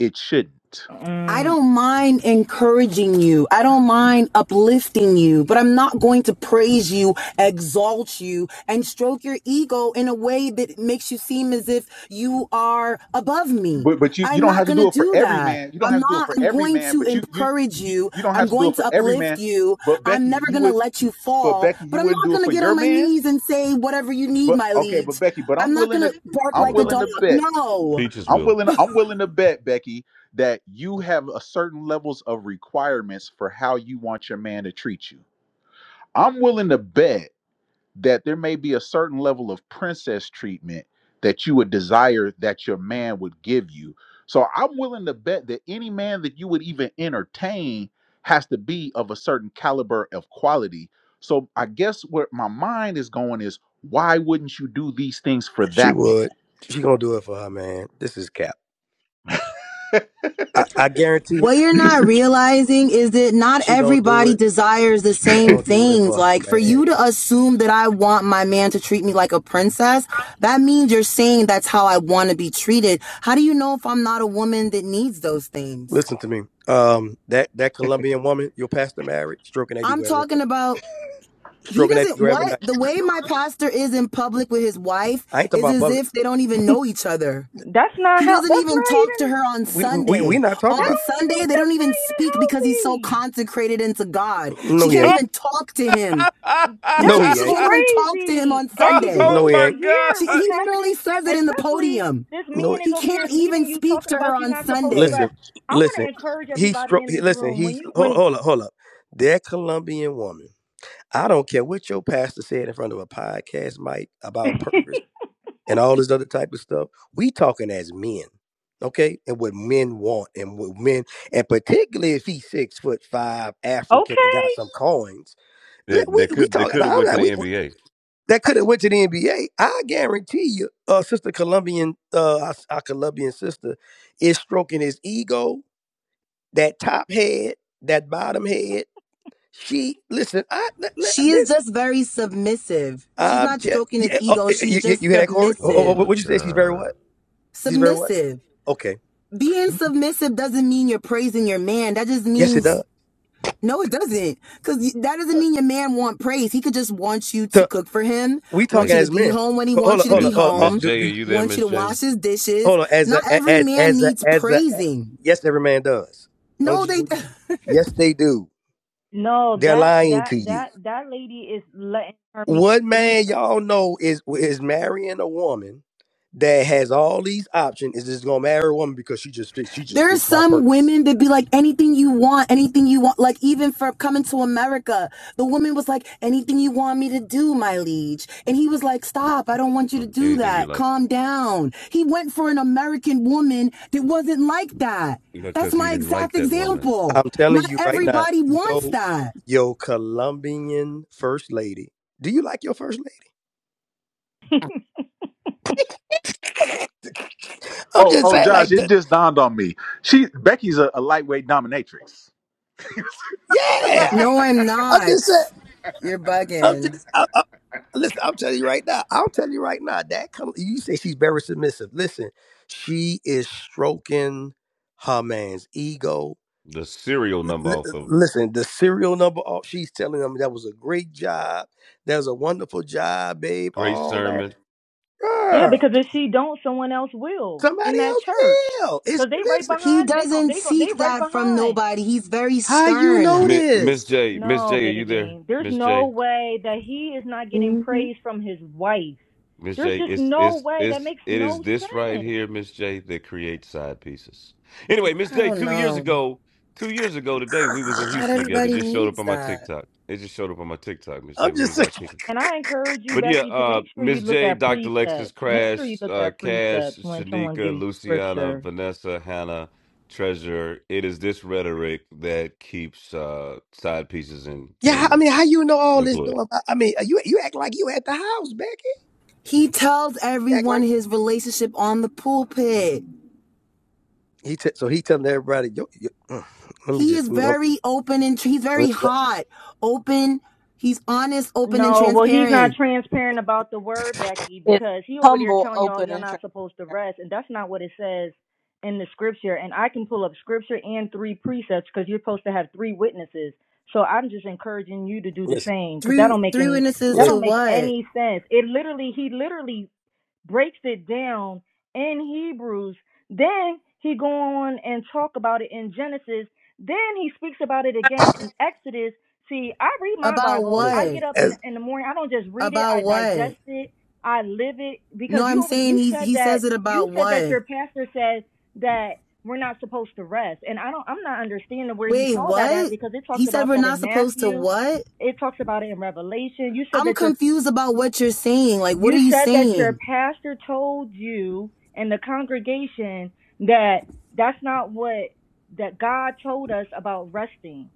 Speaker 1: it shouldn't.
Speaker 19: I
Speaker 23: Mm.
Speaker 19: don't mind encouraging you. I don't mind uplifting you, but I'm not going to praise you, exalt you, and stroke your ego in a way that makes you seem as if you are above me.
Speaker 1: But but you you
Speaker 19: I'm
Speaker 1: don't
Speaker 19: not
Speaker 1: have to
Speaker 19: going to
Speaker 1: do it for
Speaker 19: do
Speaker 1: every
Speaker 19: that.
Speaker 1: man. You don't
Speaker 19: I'm
Speaker 1: have to do it
Speaker 19: not,
Speaker 1: for
Speaker 19: I'm
Speaker 1: every
Speaker 19: going
Speaker 1: man,
Speaker 19: to
Speaker 1: but you you
Speaker 19: encourage
Speaker 1: you,
Speaker 19: you.
Speaker 1: you don't
Speaker 19: I'm
Speaker 1: have to do
Speaker 19: going
Speaker 1: it
Speaker 19: to
Speaker 1: for every
Speaker 19: uplift
Speaker 1: man.
Speaker 19: you.
Speaker 1: But
Speaker 19: I'm
Speaker 1: Becky,
Speaker 19: never
Speaker 1: you
Speaker 19: going to
Speaker 1: would
Speaker 19: let you
Speaker 1: But
Speaker 19: fall,
Speaker 1: Becky,
Speaker 19: but
Speaker 1: you
Speaker 19: I'm
Speaker 1: wouldn't
Speaker 19: not
Speaker 1: do it
Speaker 19: going to
Speaker 1: for
Speaker 19: get
Speaker 1: your
Speaker 19: on my
Speaker 1: man.
Speaker 19: knees and say, whatever you need,
Speaker 1: But
Speaker 19: my
Speaker 1: okay, but
Speaker 19: leads.
Speaker 1: Becky, but
Speaker 19: I'm
Speaker 1: I'm
Speaker 19: not
Speaker 1: willing
Speaker 19: going
Speaker 1: to,
Speaker 19: to bark
Speaker 3: Don't
Speaker 1: I'm
Speaker 3: worry
Speaker 19: like a
Speaker 3: about
Speaker 1: willing
Speaker 3: it.
Speaker 19: dog.
Speaker 1: to bet,
Speaker 19: No.
Speaker 3: Peaches
Speaker 1: I'm
Speaker 3: will.
Speaker 1: willing, to, I'm willing to bet, Becky, that you have a certain levels of requirements for how you want your man to treat you. I'm willing to bet that there may be a certain level of princess treatment that you would desire that your man would give you. So I'm willing to bet that any man that you would even entertain has to be of a certain caliber of quality. So I guess where my mind is going is why wouldn't you do these things for
Speaker 6: She
Speaker 1: that man?
Speaker 6: would. She gonna do it for her man. This is cap. I, I guarantee
Speaker 19: What you're not
Speaker 1: *laughs*
Speaker 19: realizing is that not
Speaker 6: she gonna do
Speaker 19: everybody
Speaker 6: it.
Speaker 19: desires the
Speaker 6: She
Speaker 19: same
Speaker 6: gonna do it
Speaker 19: things.
Speaker 6: for her
Speaker 19: Like for
Speaker 6: man.
Speaker 19: you to assume that I want my man to treat me like a princess, that means you're saying that's how I want to be treated. How do you know if I'm not a woman that needs those things?
Speaker 6: Listen to me. Um, that that Colombian woman, your pastor married, stroking that ego
Speaker 19: I'm
Speaker 6: every night.
Speaker 19: talking about he
Speaker 6: stroking that,
Speaker 19: doesn't
Speaker 6: grabbing
Speaker 19: what?
Speaker 6: that.
Speaker 19: The way my pastor is in public with his wife
Speaker 6: I ain't talking
Speaker 19: is
Speaker 6: about
Speaker 19: as
Speaker 6: public.
Speaker 19: if they don't even
Speaker 23: *laughs*
Speaker 19: know each other.
Speaker 23: that's not
Speaker 19: He
Speaker 23: how.
Speaker 19: doesn't
Speaker 23: That's
Speaker 19: even
Speaker 23: not
Speaker 19: talk to her
Speaker 23: even.
Speaker 19: on
Speaker 6: We we we
Speaker 19: Sunday.
Speaker 6: not talking
Speaker 23: That
Speaker 19: On
Speaker 6: about.
Speaker 23: don't even.
Speaker 19: Sunday, they don't
Speaker 23: That's
Speaker 19: even
Speaker 23: not even
Speaker 19: speak because he's so
Speaker 23: healthy.
Speaker 19: consecrated into God.
Speaker 6: No,
Speaker 19: She
Speaker 6: he
Speaker 3: *laughs*
Speaker 19: can't
Speaker 6: ain't.
Speaker 3: oh
Speaker 19: even talk to him. He
Speaker 6: No,
Speaker 23: That's
Speaker 19: can't,
Speaker 6: he
Speaker 19: she
Speaker 6: ain't.
Speaker 19: can't even talk to him
Speaker 23: crazy.
Speaker 19: on
Speaker 23: Becky, do
Speaker 19: Sunday.
Speaker 6: No, he
Speaker 23: you
Speaker 3: my
Speaker 6: ain't.
Speaker 3: god!
Speaker 23: hear
Speaker 19: She,
Speaker 23: what's
Speaker 19: he
Speaker 23: happening?
Speaker 19: literally says it in the
Speaker 23: Especially
Speaker 19: podium.
Speaker 23: this
Speaker 6: No. he-
Speaker 23: man is
Speaker 19: He
Speaker 23: over here
Speaker 19: can't
Speaker 23: leading
Speaker 19: even
Speaker 23: you
Speaker 19: speak
Speaker 23: talking
Speaker 19: to her
Speaker 23: about you're
Speaker 19: on
Speaker 23: not supposed to
Speaker 19: Sunday.
Speaker 6: Listen,
Speaker 23: rest. I want
Speaker 6: listen.
Speaker 23: to encourage
Speaker 6: He
Speaker 23: everybody
Speaker 6: stroke.
Speaker 23: in
Speaker 6: He,
Speaker 23: this
Speaker 6: listen.
Speaker 23: room
Speaker 6: He
Speaker 23: when you
Speaker 6: hold,
Speaker 23: when
Speaker 6: hold up, hold up. That Colombian woman. I don't care what your pastor said in front of a podcast mic
Speaker 23: *laughs*
Speaker 6: about
Speaker 23: Okay.
Speaker 6: purpose and all this other type of stuff. We talking as men, okay? And what men want and what men, and particularly if he's six foot five, African, and got some coins.
Speaker 3: They,
Speaker 6: We
Speaker 3: they
Speaker 6: we
Speaker 3: could they
Speaker 6: talking.
Speaker 3: could
Speaker 6: now,
Speaker 3: have
Speaker 6: I'm
Speaker 3: went to
Speaker 6: not.
Speaker 3: the
Speaker 6: We
Speaker 3: NBA.
Speaker 6: that could have went to the NBA. I guarantee you, uh, sister Colombian, uh, our, our Colombian sister, is stroking his ego, that top head, that bottom head. She listen. I let, let,
Speaker 19: She is
Speaker 6: this,
Speaker 19: just very submissive. She's
Speaker 6: um,
Speaker 19: not
Speaker 6: yeah,
Speaker 19: stroking his
Speaker 6: yeah, oh,
Speaker 19: ego. She's
Speaker 6: you, you, you
Speaker 19: just
Speaker 6: hear that, Corey? Oh,
Speaker 3: Oh
Speaker 6: oh,
Speaker 19: submissive.
Speaker 6: oh,
Speaker 3: my
Speaker 6: what'd you say? She's very what?
Speaker 3: god.
Speaker 6: She's very what?
Speaker 19: Submissive.
Speaker 6: Okay.
Speaker 19: Being submissive doesn't mean you're praising your man. That just
Speaker 6: Yes, it
Speaker 19: means
Speaker 3: Mm.
Speaker 6: does.
Speaker 19: No, it doesn't. Because that doesn't mean your man want praise. He could just want you
Speaker 6: So,
Speaker 19: to
Speaker 6: uh,
Speaker 19: cook for him,
Speaker 6: we
Speaker 19: want
Speaker 3: Hey,
Speaker 6: talking
Speaker 19: you to
Speaker 6: as
Speaker 19: be
Speaker 6: men.
Speaker 19: home when he
Speaker 6: Hold
Speaker 19: wants
Speaker 6: on,
Speaker 19: you to
Speaker 6: hold on,
Speaker 19: be
Speaker 3: Miss
Speaker 6: hold on. uh,
Speaker 3: Miss
Speaker 19: home,
Speaker 6: Do,
Speaker 3: J,
Speaker 6: do,
Speaker 3: are you there,
Speaker 19: want you
Speaker 3: Miss
Speaker 19: to
Speaker 3: J?
Speaker 19: wash his dishes.
Speaker 6: hold on. As
Speaker 19: Not
Speaker 6: a,
Speaker 19: every
Speaker 6: as,
Speaker 19: man
Speaker 6: as a,
Speaker 19: needs
Speaker 6: as a.
Speaker 19: praising.
Speaker 6: Yes, every man does. Don't
Speaker 19: No, they.
Speaker 6: you?
Speaker 19: *laughs*
Speaker 6: Yes, they do.
Speaker 23: No,
Speaker 6: They're
Speaker 23: that
Speaker 6: lying
Speaker 23: that
Speaker 6: to you.
Speaker 23: that that lady is letting her man
Speaker 6: What
Speaker 23: lead
Speaker 6: man
Speaker 23: her.
Speaker 6: y'all know is is marrying a woman that has all these options is just gonna marry a woman because she just fits she just
Speaker 19: There's
Speaker 6: fits my
Speaker 19: some
Speaker 6: purpose.
Speaker 19: women that be like anything you want, anything you want. Like even for coming to America, the woman was like, "Anything you want me to do, my liege," and he was like, "Stop! I don't want you to
Speaker 3: Mm,
Speaker 19: do
Speaker 3: Anything you
Speaker 19: that.
Speaker 3: like.
Speaker 19: Calm down." He went for an American woman that wasn't like that. That's
Speaker 3: Because he
Speaker 19: my
Speaker 3: didn't like
Speaker 19: exact
Speaker 3: that woman.
Speaker 19: example.
Speaker 6: I'm telling
Speaker 19: Not
Speaker 6: you right now,
Speaker 19: everybody wants
Speaker 6: yo,
Speaker 19: that.
Speaker 6: yo, Colombian first lady. Do you like your first lady? I'm
Speaker 1: Oh,
Speaker 6: just
Speaker 1: oh,
Speaker 6: saying,
Speaker 1: Josh,
Speaker 6: like,
Speaker 1: it
Speaker 6: the,
Speaker 1: just dawned on me. She Becky's a, a lightweight dominatrix.
Speaker 6: yeah.
Speaker 19: No, I'm
Speaker 6: I'm
Speaker 19: not.
Speaker 6: just saying.
Speaker 19: You're
Speaker 6: I'm
Speaker 19: bugging.
Speaker 6: just. I, I, listen, I'm telling you right now. I'll tell you right now. That come. You say she's very submissive. Listen, she is stroking her man's ego
Speaker 3: The serial
Speaker 6: L-
Speaker 3: number
Speaker 6: l-
Speaker 3: off of
Speaker 6: listen, the serial number. All she's telling them that was a great job. That was a wonderful job, babe.
Speaker 3: Great
Speaker 6: All that,
Speaker 3: Sermon.
Speaker 23: *laughs* yeah,
Speaker 6: girl.
Speaker 23: because if she don't, someone else will
Speaker 6: Somebody
Speaker 23: in that
Speaker 6: else
Speaker 23: church.
Speaker 6: will. It's
Speaker 23: Cause they right
Speaker 6: listen.
Speaker 19: He
Speaker 23: behind. They gon'
Speaker 19: doesn't
Speaker 23: they go. They
Speaker 19: seek
Speaker 23: right
Speaker 19: that from
Speaker 23: behind.
Speaker 19: nobody. He's very
Speaker 6: How you know
Speaker 19: stern.
Speaker 3: Mi- Miss
Speaker 6: this?
Speaker 3: J, Miss
Speaker 23: No,
Speaker 3: J, are you there?
Speaker 23: baby. There's
Speaker 3: Miss
Speaker 23: no
Speaker 3: J.
Speaker 23: way that he is not getting
Speaker 11: Mm-hmm.
Speaker 23: praise from his wife.
Speaker 3: Miss
Speaker 23: There's
Speaker 3: J,
Speaker 23: just
Speaker 3: it's
Speaker 23: no
Speaker 3: it's
Speaker 23: way. That
Speaker 3: it's
Speaker 23: makes
Speaker 3: it is
Speaker 23: no
Speaker 3: this right
Speaker 23: sense.
Speaker 3: here, Miss J, that creates side pieces. Anyway, Miss
Speaker 19: I
Speaker 3: J,
Speaker 19: don't
Speaker 3: two years
Speaker 19: know.
Speaker 3: ago, two years ago today, we was in
Speaker 19: Not
Speaker 3: Houston together.
Speaker 19: everybody
Speaker 3: Just showed up
Speaker 19: needs
Speaker 3: on my
Speaker 19: that.
Speaker 3: TikTok. It just showed up on my TikTok, Miss J.
Speaker 6: I'm
Speaker 3: We
Speaker 6: just *laughs*
Speaker 3: was
Speaker 6: saying.
Speaker 3: out kicking.
Speaker 23: And I encourage you,
Speaker 3: But yeah,
Speaker 23: Becky, to
Speaker 3: uh,
Speaker 23: make sure you
Speaker 3: Miss
Speaker 23: look
Speaker 3: J,
Speaker 23: at
Speaker 3: Dr. Lexus,
Speaker 23: precepts. Make sure you
Speaker 3: Crash,
Speaker 23: look
Speaker 3: uh,
Speaker 23: at
Speaker 3: Cash,
Speaker 23: precepts when someone gives
Speaker 3: Shanika,
Speaker 23: you
Speaker 3: Luciana,
Speaker 23: scripture.
Speaker 3: Vanessa, Hannah, Treasure. It is this rhetoric that keeps uh side pieces in
Speaker 6: Yeah, I
Speaker 3: in
Speaker 6: mean, how you know all this? Though?
Speaker 3: employed.
Speaker 6: about- I mean, you you act like you at the house, Becky.
Speaker 19: He tells
Speaker 6: You act like
Speaker 19: everyone his relationship on the pulpit.
Speaker 6: he. T- so he telling everybody. Yo, yo, mm, let me
Speaker 19: He
Speaker 6: just
Speaker 19: is
Speaker 6: mm,
Speaker 19: very open and he's
Speaker 6: mm,
Speaker 19: very hot, open. He's honest, open, and
Speaker 23: No, well, he's not
Speaker 19: transparent.
Speaker 23: transparent about the word, Becky,
Speaker 26: It's
Speaker 23: because he over there
Speaker 26: humble,
Speaker 23: telling y'all
Speaker 26: open,
Speaker 23: y'all
Speaker 26: and
Speaker 23: not
Speaker 26: transparent.
Speaker 23: supposed to rest, and that's not what it says in the scripture. And I can pull up scripture and three precepts because you're supposed to have three witnesses. So I'm just encouraging you to do the
Speaker 6: listen,
Speaker 23: same because that
Speaker 19: Three
Speaker 23: don't make
Speaker 19: three
Speaker 23: any
Speaker 19: witnesses
Speaker 23: that
Speaker 6: listen,
Speaker 19: to
Speaker 23: don't make
Speaker 19: what?
Speaker 23: any sense. It literally he literally breaks it down in Hebrews. Then he go on and talk about it in Genesis. Then he speaks about it again in Exodus. See, I read my
Speaker 19: About
Speaker 23: Bible. I
Speaker 6: listen.
Speaker 19: what?
Speaker 23: get up in
Speaker 6: As,
Speaker 23: in the morning. I don't just read it.
Speaker 19: About
Speaker 23: I
Speaker 19: what?
Speaker 23: digest it. I live it because
Speaker 19: No, I'm
Speaker 23: you over
Speaker 19: saying
Speaker 23: you
Speaker 19: he
Speaker 23: said
Speaker 19: he says
Speaker 23: that
Speaker 19: it
Speaker 23: you
Speaker 19: about
Speaker 23: said that
Speaker 19: what?
Speaker 23: your pastor said that we're not supposed to rest, and I don't. I'm not understanding where he
Speaker 19: Wait,
Speaker 23: saw that at
Speaker 19: what?
Speaker 23: because it
Speaker 19: He
Speaker 23: talks
Speaker 19: said
Speaker 23: about
Speaker 19: we're
Speaker 23: that
Speaker 19: not
Speaker 23: in
Speaker 19: supposed to
Speaker 23: Matthew.
Speaker 19: what?
Speaker 23: It talks about it in Revelation. You said
Speaker 19: I'm
Speaker 23: that your
Speaker 19: confused about what you're saying. Like, what are
Speaker 23: you
Speaker 19: you
Speaker 23: said that your
Speaker 19: saying?
Speaker 23: pastor told you and the congregation that that's not what that God told us about resting.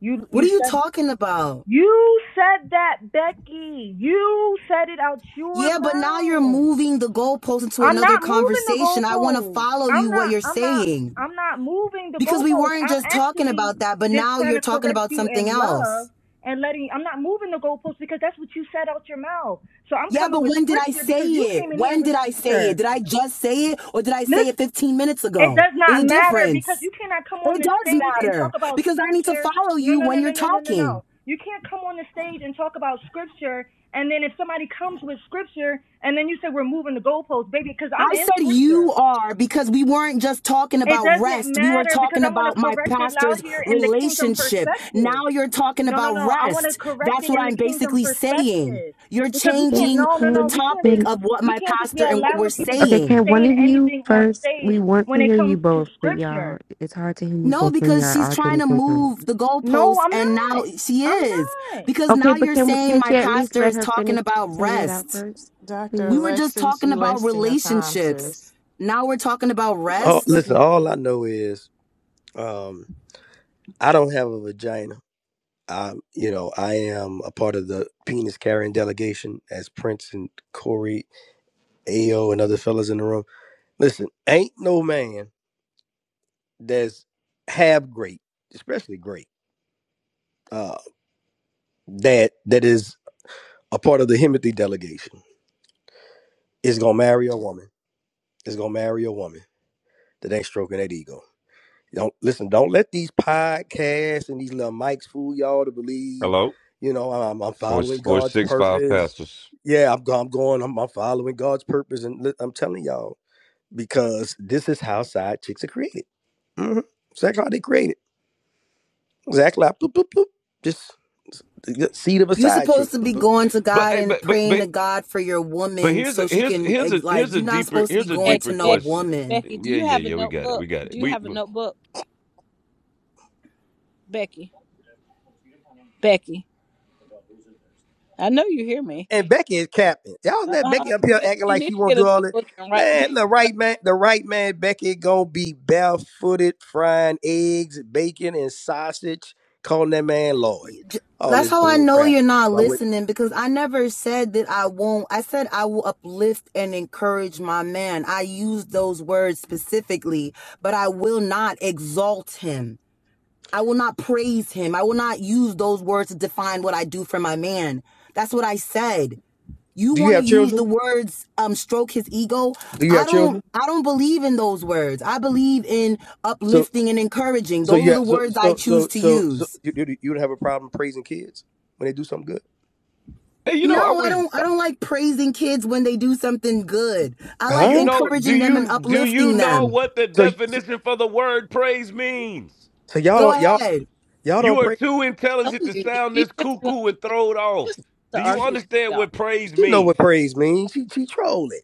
Speaker 23: You
Speaker 19: What
Speaker 23: you
Speaker 19: are you
Speaker 23: said
Speaker 19: talking about?
Speaker 23: you said that Becky. You said it out your
Speaker 19: Yeah, but now you're
Speaker 23: mouth.
Speaker 19: moving the goalpost into
Speaker 23: I'm
Speaker 19: another
Speaker 23: not moving the
Speaker 19: conversation. I want to
Speaker 23: goalposts.
Speaker 19: follow
Speaker 23: I'm
Speaker 19: you what
Speaker 23: not.
Speaker 19: you're
Speaker 23: I'm not.
Speaker 19: saying
Speaker 23: I'm not moving the
Speaker 19: because we
Speaker 23: goalposts.
Speaker 19: weren't
Speaker 23: I'm
Speaker 19: just talking
Speaker 23: actually
Speaker 19: about that, but
Speaker 23: just
Speaker 19: now
Speaker 23: trying
Speaker 19: you're
Speaker 23: to
Speaker 19: talking
Speaker 23: correct
Speaker 19: about
Speaker 23: you
Speaker 19: something
Speaker 23: in love
Speaker 19: else.
Speaker 23: and letting. I'm not moving the goalposts because that's what you said out your mouth. So I'm
Speaker 19: Yeah,
Speaker 23: coming
Speaker 19: but
Speaker 23: with
Speaker 19: when did I
Speaker 23: scripture
Speaker 19: say
Speaker 23: because you came
Speaker 19: it?
Speaker 23: in here
Speaker 19: When
Speaker 23: with
Speaker 19: did I say it?
Speaker 23: scripture.
Speaker 19: Did I just say it or did I say it
Speaker 23: Listen,
Speaker 19: 15 minutes
Speaker 23: it
Speaker 19: ago?
Speaker 23: does
Speaker 19: There's
Speaker 23: not
Speaker 19: a
Speaker 23: matter because
Speaker 19: difference.
Speaker 23: you cannot come on
Speaker 19: It
Speaker 23: this
Speaker 19: does
Speaker 23: stage and talk
Speaker 19: matter
Speaker 23: about
Speaker 19: because I need to
Speaker 23: scripture.
Speaker 19: follow
Speaker 23: No,
Speaker 19: you
Speaker 23: no, no,
Speaker 19: when
Speaker 23: no,
Speaker 19: you're
Speaker 23: no, no, no,
Speaker 19: talking.
Speaker 23: no. You can't come on the stage and talk about scripture, and then if somebody comes with scripture, and then you say we're moving the goalposts, baby, because I'm
Speaker 19: I
Speaker 23: in
Speaker 19: said
Speaker 23: scripture.
Speaker 19: you are because we weren't just talking
Speaker 23: It
Speaker 19: about
Speaker 23: doesn't
Speaker 19: rest. We were
Speaker 23: matter because
Speaker 19: talking
Speaker 23: I want
Speaker 19: about
Speaker 23: to
Speaker 19: my
Speaker 23: correct it out
Speaker 19: pastor's
Speaker 23: here in the kingdom
Speaker 19: relationship.
Speaker 23: perspective.
Speaker 19: Now you're talking
Speaker 23: No, no,
Speaker 19: about
Speaker 23: no. I want to
Speaker 19: rest.
Speaker 23: correct
Speaker 19: That's
Speaker 23: it
Speaker 19: what
Speaker 23: in the
Speaker 19: I'm
Speaker 23: kingdom
Speaker 19: basically saying.
Speaker 23: perspective
Speaker 19: You're
Speaker 23: because we
Speaker 11: Can,
Speaker 23: can't.
Speaker 19: changing
Speaker 23: No, no,
Speaker 19: the
Speaker 23: no.
Speaker 11: can,
Speaker 23: We can't
Speaker 19: topic
Speaker 23: just.
Speaker 11: can,
Speaker 19: of what
Speaker 23: We
Speaker 19: my
Speaker 23: can't just be
Speaker 19: pastor and what we're
Speaker 23: allowing people just
Speaker 11: okay,
Speaker 23: to be
Speaker 19: saying.
Speaker 11: can one
Speaker 23: saying
Speaker 11: of you
Speaker 23: anything on
Speaker 11: first?
Speaker 23: stage
Speaker 11: We want
Speaker 23: when
Speaker 11: to
Speaker 23: it
Speaker 11: hear you
Speaker 23: comes to
Speaker 11: both, but y'all,
Speaker 23: scripture.
Speaker 11: it's hard to hear you
Speaker 19: No,
Speaker 11: both when
Speaker 19: because
Speaker 11: y'all
Speaker 19: she's trying to
Speaker 11: arguing sometimes.
Speaker 19: move the
Speaker 23: No,
Speaker 19: goalposts
Speaker 23: I'm
Speaker 19: and now
Speaker 23: not.
Speaker 19: she is.
Speaker 23: I'm not.
Speaker 19: Because
Speaker 11: Okay,
Speaker 19: now
Speaker 11: but
Speaker 19: you're
Speaker 11: can,
Speaker 19: saying
Speaker 11: can't
Speaker 19: my
Speaker 11: you at least
Speaker 19: pastor
Speaker 11: let
Speaker 19: is
Speaker 11: her
Speaker 19: talking
Speaker 11: finish
Speaker 19: about
Speaker 11: saying it out
Speaker 19: rest.
Speaker 11: first,
Speaker 10: Dr.
Speaker 19: We
Speaker 11: please?
Speaker 19: were just
Speaker 10: Alexis,
Speaker 19: talking
Speaker 10: you
Speaker 19: about
Speaker 10: wasting your time,
Speaker 19: relationships.
Speaker 10: sis.
Speaker 19: Now we're talking about
Speaker 6: all,
Speaker 23: It
Speaker 19: rest.
Speaker 6: listen,
Speaker 23: doesn't matter.
Speaker 6: all I know is um, I don't have a vagina. I, you know, I am a part of the penis carrying delegation as Prince and Corey, Ao, and other fellas in the room. Listen, ain't no man that's half great, especially great, uh, that that is a part of the Himothy delegation is gonna marry a woman. Is gonna marry a woman that ain't stroking that ego. Don't listen. Don't let these podcasts and these little mics fool y'all to believe.
Speaker 3: Hello?
Speaker 6: You know, I'm, I'm
Speaker 3: Or
Speaker 6: following
Speaker 3: or
Speaker 6: God's
Speaker 3: six five
Speaker 6: purpose
Speaker 3: pastors.
Speaker 6: Yeah, I'm, go- I'm going. I'm, I'm following God's purpose, and li- I'm telling y'all because this is how side chicks are created. Mm-hmm. Exactly how they created. Exactly. How, bloop, bloop, bloop. Just the seed of a
Speaker 19: You are
Speaker 6: side chick.
Speaker 19: supposed to
Speaker 6: Bloop,
Speaker 19: be
Speaker 6: bloop.
Speaker 19: going to
Speaker 3: But,
Speaker 19: God
Speaker 3: eh,
Speaker 19: and
Speaker 3: but but
Speaker 19: praying
Speaker 3: but
Speaker 19: to God for your
Speaker 3: But
Speaker 19: woman
Speaker 3: here's a
Speaker 19: so she
Speaker 3: here's
Speaker 19: can eh,
Speaker 3: here's a
Speaker 19: like
Speaker 3: here's a
Speaker 19: you're not
Speaker 3: deeper
Speaker 19: supposed to be
Speaker 3: here's a
Speaker 19: going
Speaker 26: Hey,
Speaker 19: to
Speaker 3: deeper
Speaker 19: no
Speaker 26: Becky,
Speaker 3: question.
Speaker 19: woman.
Speaker 26: Becky, do
Speaker 3: Yeah,
Speaker 26: you
Speaker 3: yeah,
Speaker 26: have a
Speaker 3: yeah. We got it.
Speaker 26: notebook?
Speaker 3: We got it.
Speaker 26: Do you
Speaker 3: We,
Speaker 26: have a
Speaker 3: we-
Speaker 26: notebook, Becky? Becky, I know you hear me.
Speaker 6: And Becky is capping. Y'all let
Speaker 26: Uh-huh.
Speaker 6: Becky up here
Speaker 26: You,
Speaker 6: acting
Speaker 26: you
Speaker 6: like
Speaker 26: need
Speaker 6: she
Speaker 26: to
Speaker 6: won't
Speaker 26: get a
Speaker 6: do all that.
Speaker 26: notebook and write. Take
Speaker 6: Man, the right
Speaker 26: notes.
Speaker 6: man, the right man, Becky gonna be barefooted frying eggs, bacon, and sausage, calling that man Lord. All
Speaker 19: That's
Speaker 6: this
Speaker 19: how I
Speaker 6: bull
Speaker 19: know
Speaker 6: crap.
Speaker 19: you're not
Speaker 6: Why would-
Speaker 19: listening because I never said that I won't. I said I will uplift and encourage my man. I used those words specifically, but I will not exalt him. I will not praise him. I will not use those words to define what I do for my man. That's what I said. you
Speaker 6: Do you
Speaker 19: want to
Speaker 6: have
Speaker 19: use the
Speaker 6: children?
Speaker 19: words um stroke his ego
Speaker 6: Do you
Speaker 19: i
Speaker 6: have
Speaker 19: don't
Speaker 6: children?
Speaker 19: i don't believe in those words i believe in
Speaker 6: So
Speaker 19: uplifting and encouraging
Speaker 6: So
Speaker 19: those are
Speaker 6: yeah,
Speaker 19: the
Speaker 6: so
Speaker 19: words i
Speaker 6: so
Speaker 19: choose
Speaker 6: so
Speaker 19: to
Speaker 6: so so
Speaker 19: use
Speaker 6: you you you would have a problem praising kids when they do something good,
Speaker 3: hey, you know, I
Speaker 19: no i
Speaker 3: wish.
Speaker 19: don't i don't like praising kids when they do something good i
Speaker 3: Do
Speaker 19: like
Speaker 3: you
Speaker 6: huh?
Speaker 3: know? Do
Speaker 19: encouraging them and
Speaker 3: you do you
Speaker 19: uplifting
Speaker 3: know
Speaker 19: them
Speaker 3: what the
Speaker 6: So y-
Speaker 3: definition for the word praise means?
Speaker 6: so y'all
Speaker 19: go
Speaker 6: don't y'all
Speaker 19: ahead
Speaker 6: y'all
Speaker 3: You
Speaker 6: don't
Speaker 3: are
Speaker 6: praise.
Speaker 3: too
Speaker 26: I'm
Speaker 3: intelligent
Speaker 26: telling
Speaker 3: to
Speaker 26: you,
Speaker 3: sound
Speaker 26: she
Speaker 3: this
Speaker 26: just wants
Speaker 3: cuckoo and
Speaker 26: to,
Speaker 3: throw it off.
Speaker 26: just wants to
Speaker 3: Do you
Speaker 26: argue with
Speaker 3: understand
Speaker 26: y'all.
Speaker 3: what praise
Speaker 6: She know
Speaker 3: means?
Speaker 6: what praise means. She she trolling.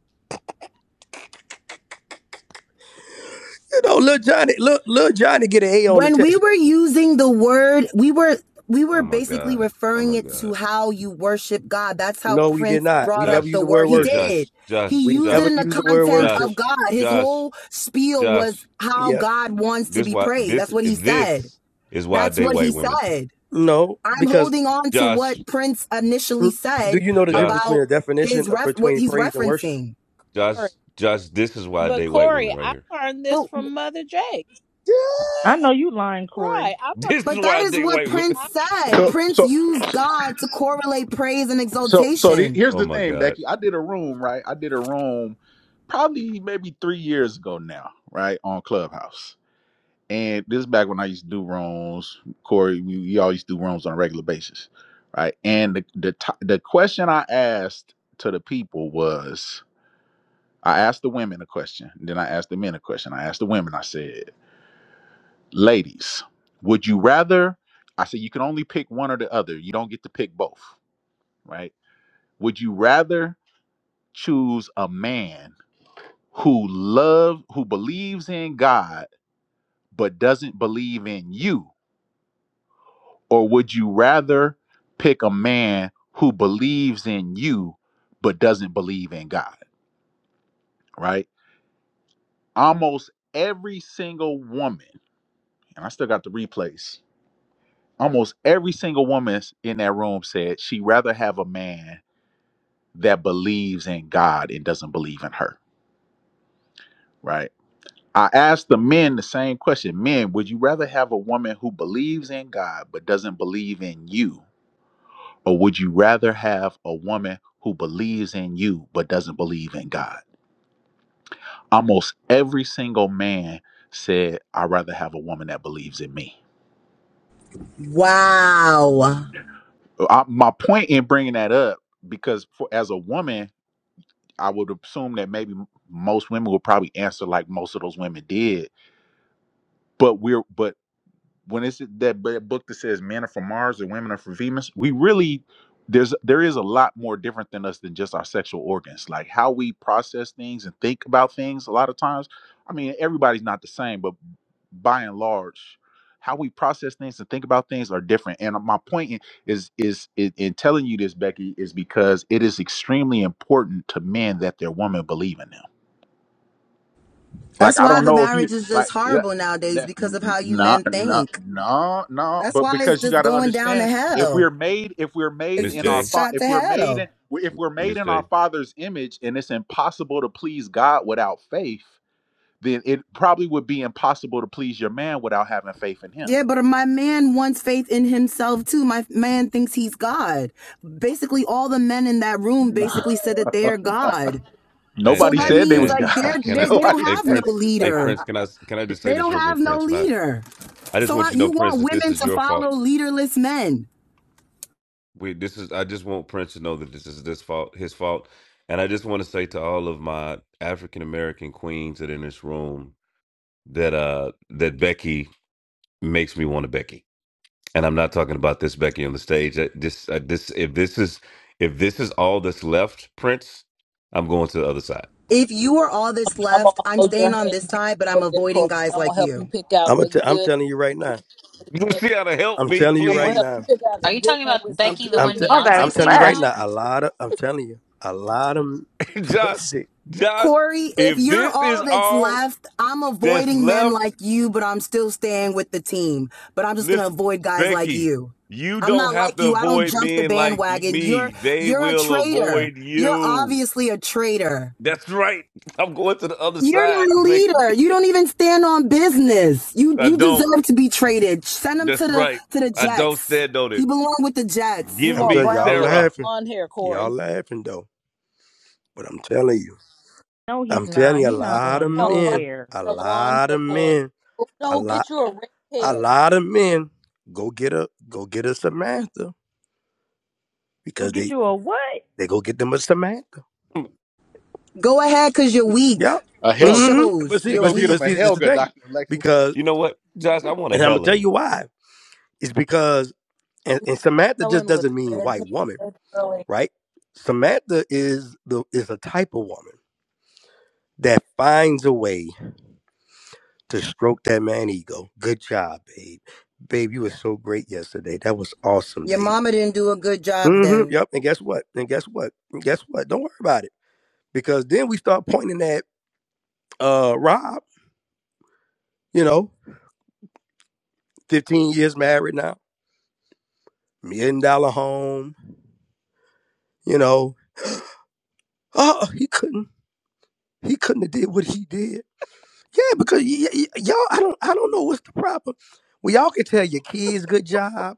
Speaker 6: You know, little Johnny, little, little Johnny get an A on the
Speaker 19: when we
Speaker 6: test.
Speaker 19: were using the word we were we were
Speaker 3: Oh my
Speaker 19: basically
Speaker 3: god. Oh
Speaker 19: referring
Speaker 3: my
Speaker 19: it to
Speaker 3: god.
Speaker 19: how you worship god that's how
Speaker 6: No, we did
Speaker 19: prince
Speaker 6: not. We
Speaker 19: brought up
Speaker 6: never use
Speaker 19: the
Speaker 3: Josh.
Speaker 6: the
Speaker 19: word
Speaker 6: word
Speaker 19: he
Speaker 3: Hey,
Speaker 6: worship.
Speaker 19: did
Speaker 3: Josh.
Speaker 19: he
Speaker 3: Josh.
Speaker 6: We
Speaker 19: used it
Speaker 6: never
Speaker 19: in
Speaker 3: Josh.
Speaker 19: the
Speaker 6: use the word
Speaker 19: content
Speaker 6: worship.
Speaker 19: of
Speaker 3: Josh.
Speaker 19: god his
Speaker 3: Josh.
Speaker 19: whole spiel was
Speaker 3: Josh.
Speaker 19: how
Speaker 6: Yeah,
Speaker 19: god wants to
Speaker 3: This
Speaker 19: be
Speaker 3: why
Speaker 19: praised
Speaker 3: this
Speaker 19: that's what he said
Speaker 3: this is why I
Speaker 19: that's
Speaker 3: date
Speaker 19: what he
Speaker 3: white women.
Speaker 19: said
Speaker 6: no,
Speaker 19: i'm
Speaker 6: because
Speaker 19: holding on to
Speaker 3: Josh.
Speaker 19: what prince initially
Speaker 6: r- do
Speaker 19: said
Speaker 6: you know the difference between
Speaker 3: Josh,
Speaker 19: about
Speaker 6: a definition
Speaker 19: his
Speaker 6: of,
Speaker 19: ref what
Speaker 6: between
Speaker 19: he's
Speaker 6: praise and worship?
Speaker 19: referencing
Speaker 26: Corey.
Speaker 3: Josh, Josh, this is why I
Speaker 26: But
Speaker 3: date white women
Speaker 26: Corey,
Speaker 3: right
Speaker 26: I
Speaker 3: here. *laughs*
Speaker 26: learned this
Speaker 19: but
Speaker 26: from Mother Jake.
Speaker 23: I know you lying, Corey.
Speaker 26: Right, I learned.
Speaker 3: This is
Speaker 19: but
Speaker 3: why
Speaker 19: that
Speaker 3: I
Speaker 19: is
Speaker 3: date
Speaker 19: what
Speaker 3: white women.
Speaker 19: prince
Speaker 26: I,
Speaker 19: said
Speaker 1: So
Speaker 19: prince
Speaker 1: so
Speaker 19: used god to correlate praise and
Speaker 1: So so the-
Speaker 19: exaltation
Speaker 1: here's
Speaker 3: Oh
Speaker 1: the
Speaker 3: my
Speaker 1: thing,
Speaker 3: God.
Speaker 1: Becky. I did a room, right? I did a room probably maybe three years ago now, right? On Clubhouse. And this is back when I used to do rooms. Corey, we, we all used to do rooms on a regular basis. Right. And the the to- the question I asked to the people was I asked the women a question. Then I asked the men a question. I asked the women, I said, ladies, would you rather? I said you can only pick one or the other. You don't get to pick both. Right. Would you rather choose a man who love who believes in God but doesn't believe in you or would you rather pick a man who believes in you but doesn't believe in God right almost every single woman and I still got the replays almost every single woman in that room said she'd rather have a man that believes in God and doesn't believe in her right I asked the men the same question. Men, would you rather have a woman who believes in God but doesn't believe in you? Or would you rather have a woman who believes in you but doesn't believe in God? Almost every single man said, I'd rather have a woman that believes in me.
Speaker 19: Wow.
Speaker 1: Uh, I, my point in bringing that up, because for, as a woman, I would assume that maybe m- most women would probably answer like most of those women did. But we're but when it's that b- book that says men are from Mars and women are from Venus, we really there's there is a lot more different than us than just our sexual organs, like how we process things and think about things. A lot of times, I mean, everybody's not the same, but by and large, how we process things and think about things are different. And my point i- is is in, in telling you this, Becky, is because it is extremely important to men that their woman believe in them like
Speaker 19: That's
Speaker 1: I
Speaker 19: why
Speaker 1: don't
Speaker 19: the
Speaker 1: know if you
Speaker 19: marriage is just
Speaker 1: like yeah,
Speaker 19: horrible nowadays
Speaker 1: that
Speaker 19: because of how you
Speaker 1: no
Speaker 19: men
Speaker 1: no
Speaker 19: think.
Speaker 1: no no
Speaker 19: That's
Speaker 1: but
Speaker 19: why it's
Speaker 1: because you
Speaker 19: just
Speaker 1: got to
Speaker 19: going down to
Speaker 1: understand if
Speaker 19: hell.
Speaker 1: we're made if we're made
Speaker 3: Miss
Speaker 19: It's
Speaker 1: in our
Speaker 3: J,
Speaker 19: it's
Speaker 1: fa-
Speaker 19: shot
Speaker 1: if
Speaker 19: to
Speaker 1: we're made
Speaker 19: hell.
Speaker 1: in, if we're made
Speaker 3: Miss
Speaker 1: in our
Speaker 3: J.
Speaker 1: father's image and it's impossible to please God without faith then it probably would be impossible to please your man without having faith in him.
Speaker 19: Yeah, but my man wants faith in himself too. My man thinks he's God. Basically, all the men in that room
Speaker 1: No.
Speaker 19: basically said that they're God.
Speaker 1: *laughs*
Speaker 3: And
Speaker 19: So
Speaker 1: Nobody
Speaker 19: that
Speaker 3: and
Speaker 1: said they
Speaker 19: means
Speaker 1: was
Speaker 3: and
Speaker 19: like they're,
Speaker 1: God. *laughs*
Speaker 3: can
Speaker 19: they
Speaker 3: I
Speaker 19: they don't
Speaker 1: Nobody
Speaker 3: hey
Speaker 19: have
Speaker 1: said
Speaker 19: no
Speaker 1: they
Speaker 3: Prince,
Speaker 1: was
Speaker 3: hey
Speaker 19: leader.
Speaker 3: Prince,
Speaker 1: God.
Speaker 3: can I can I just
Speaker 19: They
Speaker 3: say this
Speaker 19: don't
Speaker 3: real
Speaker 19: have
Speaker 3: quick,
Speaker 19: no
Speaker 3: Prince? And I,
Speaker 19: leader.
Speaker 3: I just
Speaker 19: So
Speaker 3: want
Speaker 19: uh,
Speaker 3: you to know,
Speaker 19: you
Speaker 3: Prince,
Speaker 19: want
Speaker 3: that this
Speaker 19: women
Speaker 3: is
Speaker 19: to
Speaker 3: your fault.
Speaker 19: follow leaderless men?
Speaker 3: We this is I just want Prince to know that this is this fault, his fault. And I just want to say to all of my African American queens that are in this room that uh that Becky makes me want to Becky. and I'm not talking about this Becky on the stage. Uh, This, uh, this, if this is, if this is all that's left, Prince, I'm going to the other side.
Speaker 19: If you are all that's
Speaker 26: I'm gonna
Speaker 19: left, I'm
Speaker 26: hold your
Speaker 19: staying on
Speaker 26: hand
Speaker 19: this
Speaker 26: and take
Speaker 19: side, but
Speaker 26: you
Speaker 19: I'm
Speaker 26: over there,
Speaker 19: avoiding
Speaker 26: Corey.
Speaker 19: guys
Speaker 26: I'm gonna
Speaker 19: like
Speaker 26: help you
Speaker 19: you.
Speaker 26: pick out
Speaker 6: I'm a
Speaker 26: a
Speaker 6: t- I'm
Speaker 26: good.
Speaker 6: telling you right now.
Speaker 3: *laughs* Luciana, help
Speaker 6: I'm
Speaker 3: me,
Speaker 6: telling you
Speaker 26: I'm
Speaker 6: right
Speaker 26: gonna
Speaker 3: please,
Speaker 26: help
Speaker 6: now.
Speaker 26: you pick out a
Speaker 29: Are you
Speaker 26: good
Speaker 29: talking
Speaker 26: one
Speaker 29: about
Speaker 26: with some
Speaker 6: I'm t-
Speaker 29: Becky, the
Speaker 26: good
Speaker 6: I'm
Speaker 29: one
Speaker 6: t-
Speaker 26: game.
Speaker 30: Oh,
Speaker 6: I'm
Speaker 29: Beyonce
Speaker 30: that's
Speaker 6: telling
Speaker 29: sang
Speaker 6: you right
Speaker 30: blessed.
Speaker 29: about?
Speaker 6: now, a lot of I'm telling you, a lot of
Speaker 3: *laughs*
Speaker 6: *laughs*
Speaker 3: Josh,
Speaker 6: what's it?
Speaker 3: Josh.
Speaker 19: Corey, if
Speaker 3: If
Speaker 19: you're
Speaker 3: this
Speaker 19: all
Speaker 3: is
Speaker 19: that's
Speaker 3: all
Speaker 19: left, I'm
Speaker 3: that's
Speaker 19: avoiding men
Speaker 3: left,
Speaker 19: like you, but I'm still staying with the team. But I'm just gonna
Speaker 3: listen,
Speaker 19: avoid guys like
Speaker 3: Becky,
Speaker 19: you.
Speaker 3: you
Speaker 19: I'm
Speaker 3: don't
Speaker 19: not
Speaker 3: have
Speaker 19: like
Speaker 3: to
Speaker 19: you. I don't
Speaker 3: avoid
Speaker 19: jump the
Speaker 3: men like you-
Speaker 19: bandwagon.
Speaker 3: me.
Speaker 19: You're
Speaker 3: They
Speaker 19: you're a
Speaker 3: will
Speaker 19: traitor.
Speaker 3: avoid
Speaker 19: You're
Speaker 3: you.
Speaker 19: obviously a traitor.
Speaker 3: That's right. *laughs* I'm going to the other
Speaker 19: You're
Speaker 3: side,
Speaker 19: not a
Speaker 3: Becky.
Speaker 19: leader. You don't even stand on business. You
Speaker 3: I
Speaker 19: you
Speaker 3: don't.
Speaker 19: deserve to be traded. Send him to
Speaker 3: That's
Speaker 19: the
Speaker 3: right.
Speaker 19: to the
Speaker 3: I don't
Speaker 19: Jets.
Speaker 3: stand on
Speaker 19: He
Speaker 3: it.
Speaker 19: belong with the Jets.
Speaker 26: You
Speaker 3: Give
Speaker 6: I'm
Speaker 26: want
Speaker 3: me
Speaker 6: telling y'all
Speaker 26: brown hair or
Speaker 3: Sarah.
Speaker 6: laughing,
Speaker 26: blonde hair, Corey?
Speaker 6: y'all laughing though. But I'm telling you,
Speaker 23: No, he's
Speaker 6: I'm telling
Speaker 23: not.
Speaker 6: you, a
Speaker 23: He not
Speaker 26: You
Speaker 6: lot of
Speaker 23: going
Speaker 26: want brown
Speaker 6: men,
Speaker 23: nowhere.
Speaker 6: a
Speaker 26: hair or blonde
Speaker 6: lot
Speaker 26: hair,
Speaker 6: of
Speaker 26: Corey?
Speaker 6: men, a
Speaker 26: No,
Speaker 6: lot,
Speaker 26: get you a red
Speaker 6: a
Speaker 26: head.
Speaker 6: lot of men go get a go get a Samantha
Speaker 23: Go
Speaker 6: because
Speaker 23: get
Speaker 6: they
Speaker 23: you a what?
Speaker 6: they go get them a Samantha.
Speaker 3: *laughs*
Speaker 19: Go ahead, cause you're weak.
Speaker 6: Yeah.
Speaker 1: A
Speaker 19: It
Speaker 1: Helga.
Speaker 6: hmm But
Speaker 19: shows
Speaker 6: see,
Speaker 1: They
Speaker 19: you're
Speaker 1: go
Speaker 6: but see,
Speaker 1: get him
Speaker 6: but
Speaker 19: weak.
Speaker 1: a
Speaker 6: see, this is the
Speaker 1: Helga,
Speaker 6: thing
Speaker 1: Dr. Alexis.
Speaker 6: because,
Speaker 3: You know what, Josh? I want a
Speaker 6: and I'm gonna tell
Speaker 3: Helen.
Speaker 6: you why. It's because, and, and Samantha just
Speaker 26: Helen with
Speaker 6: doesn't mean
Speaker 26: red
Speaker 6: white
Speaker 26: hair.
Speaker 6: woman.
Speaker 26: That's curly.
Speaker 6: right? Samantha is the is a type of woman that finds a way to stroke that man ego. Good job, babe. Babe, you were so great yesterday. That was awesome,
Speaker 19: Your
Speaker 6: babe.
Speaker 19: mama didn't do a good job
Speaker 6: hmm
Speaker 19: then.
Speaker 6: Yep. And guess what? And guess what? And guess what? Don't worry about it. Because then we start pointing at uh Rob, you know, 15 years married now, million dollar home, you know. Oh, he couldn't, he couldn't have did what he did. Yeah, because y- y- y'all, I don't, I don't know what's the problem. Well, y'all can tell your kids good job.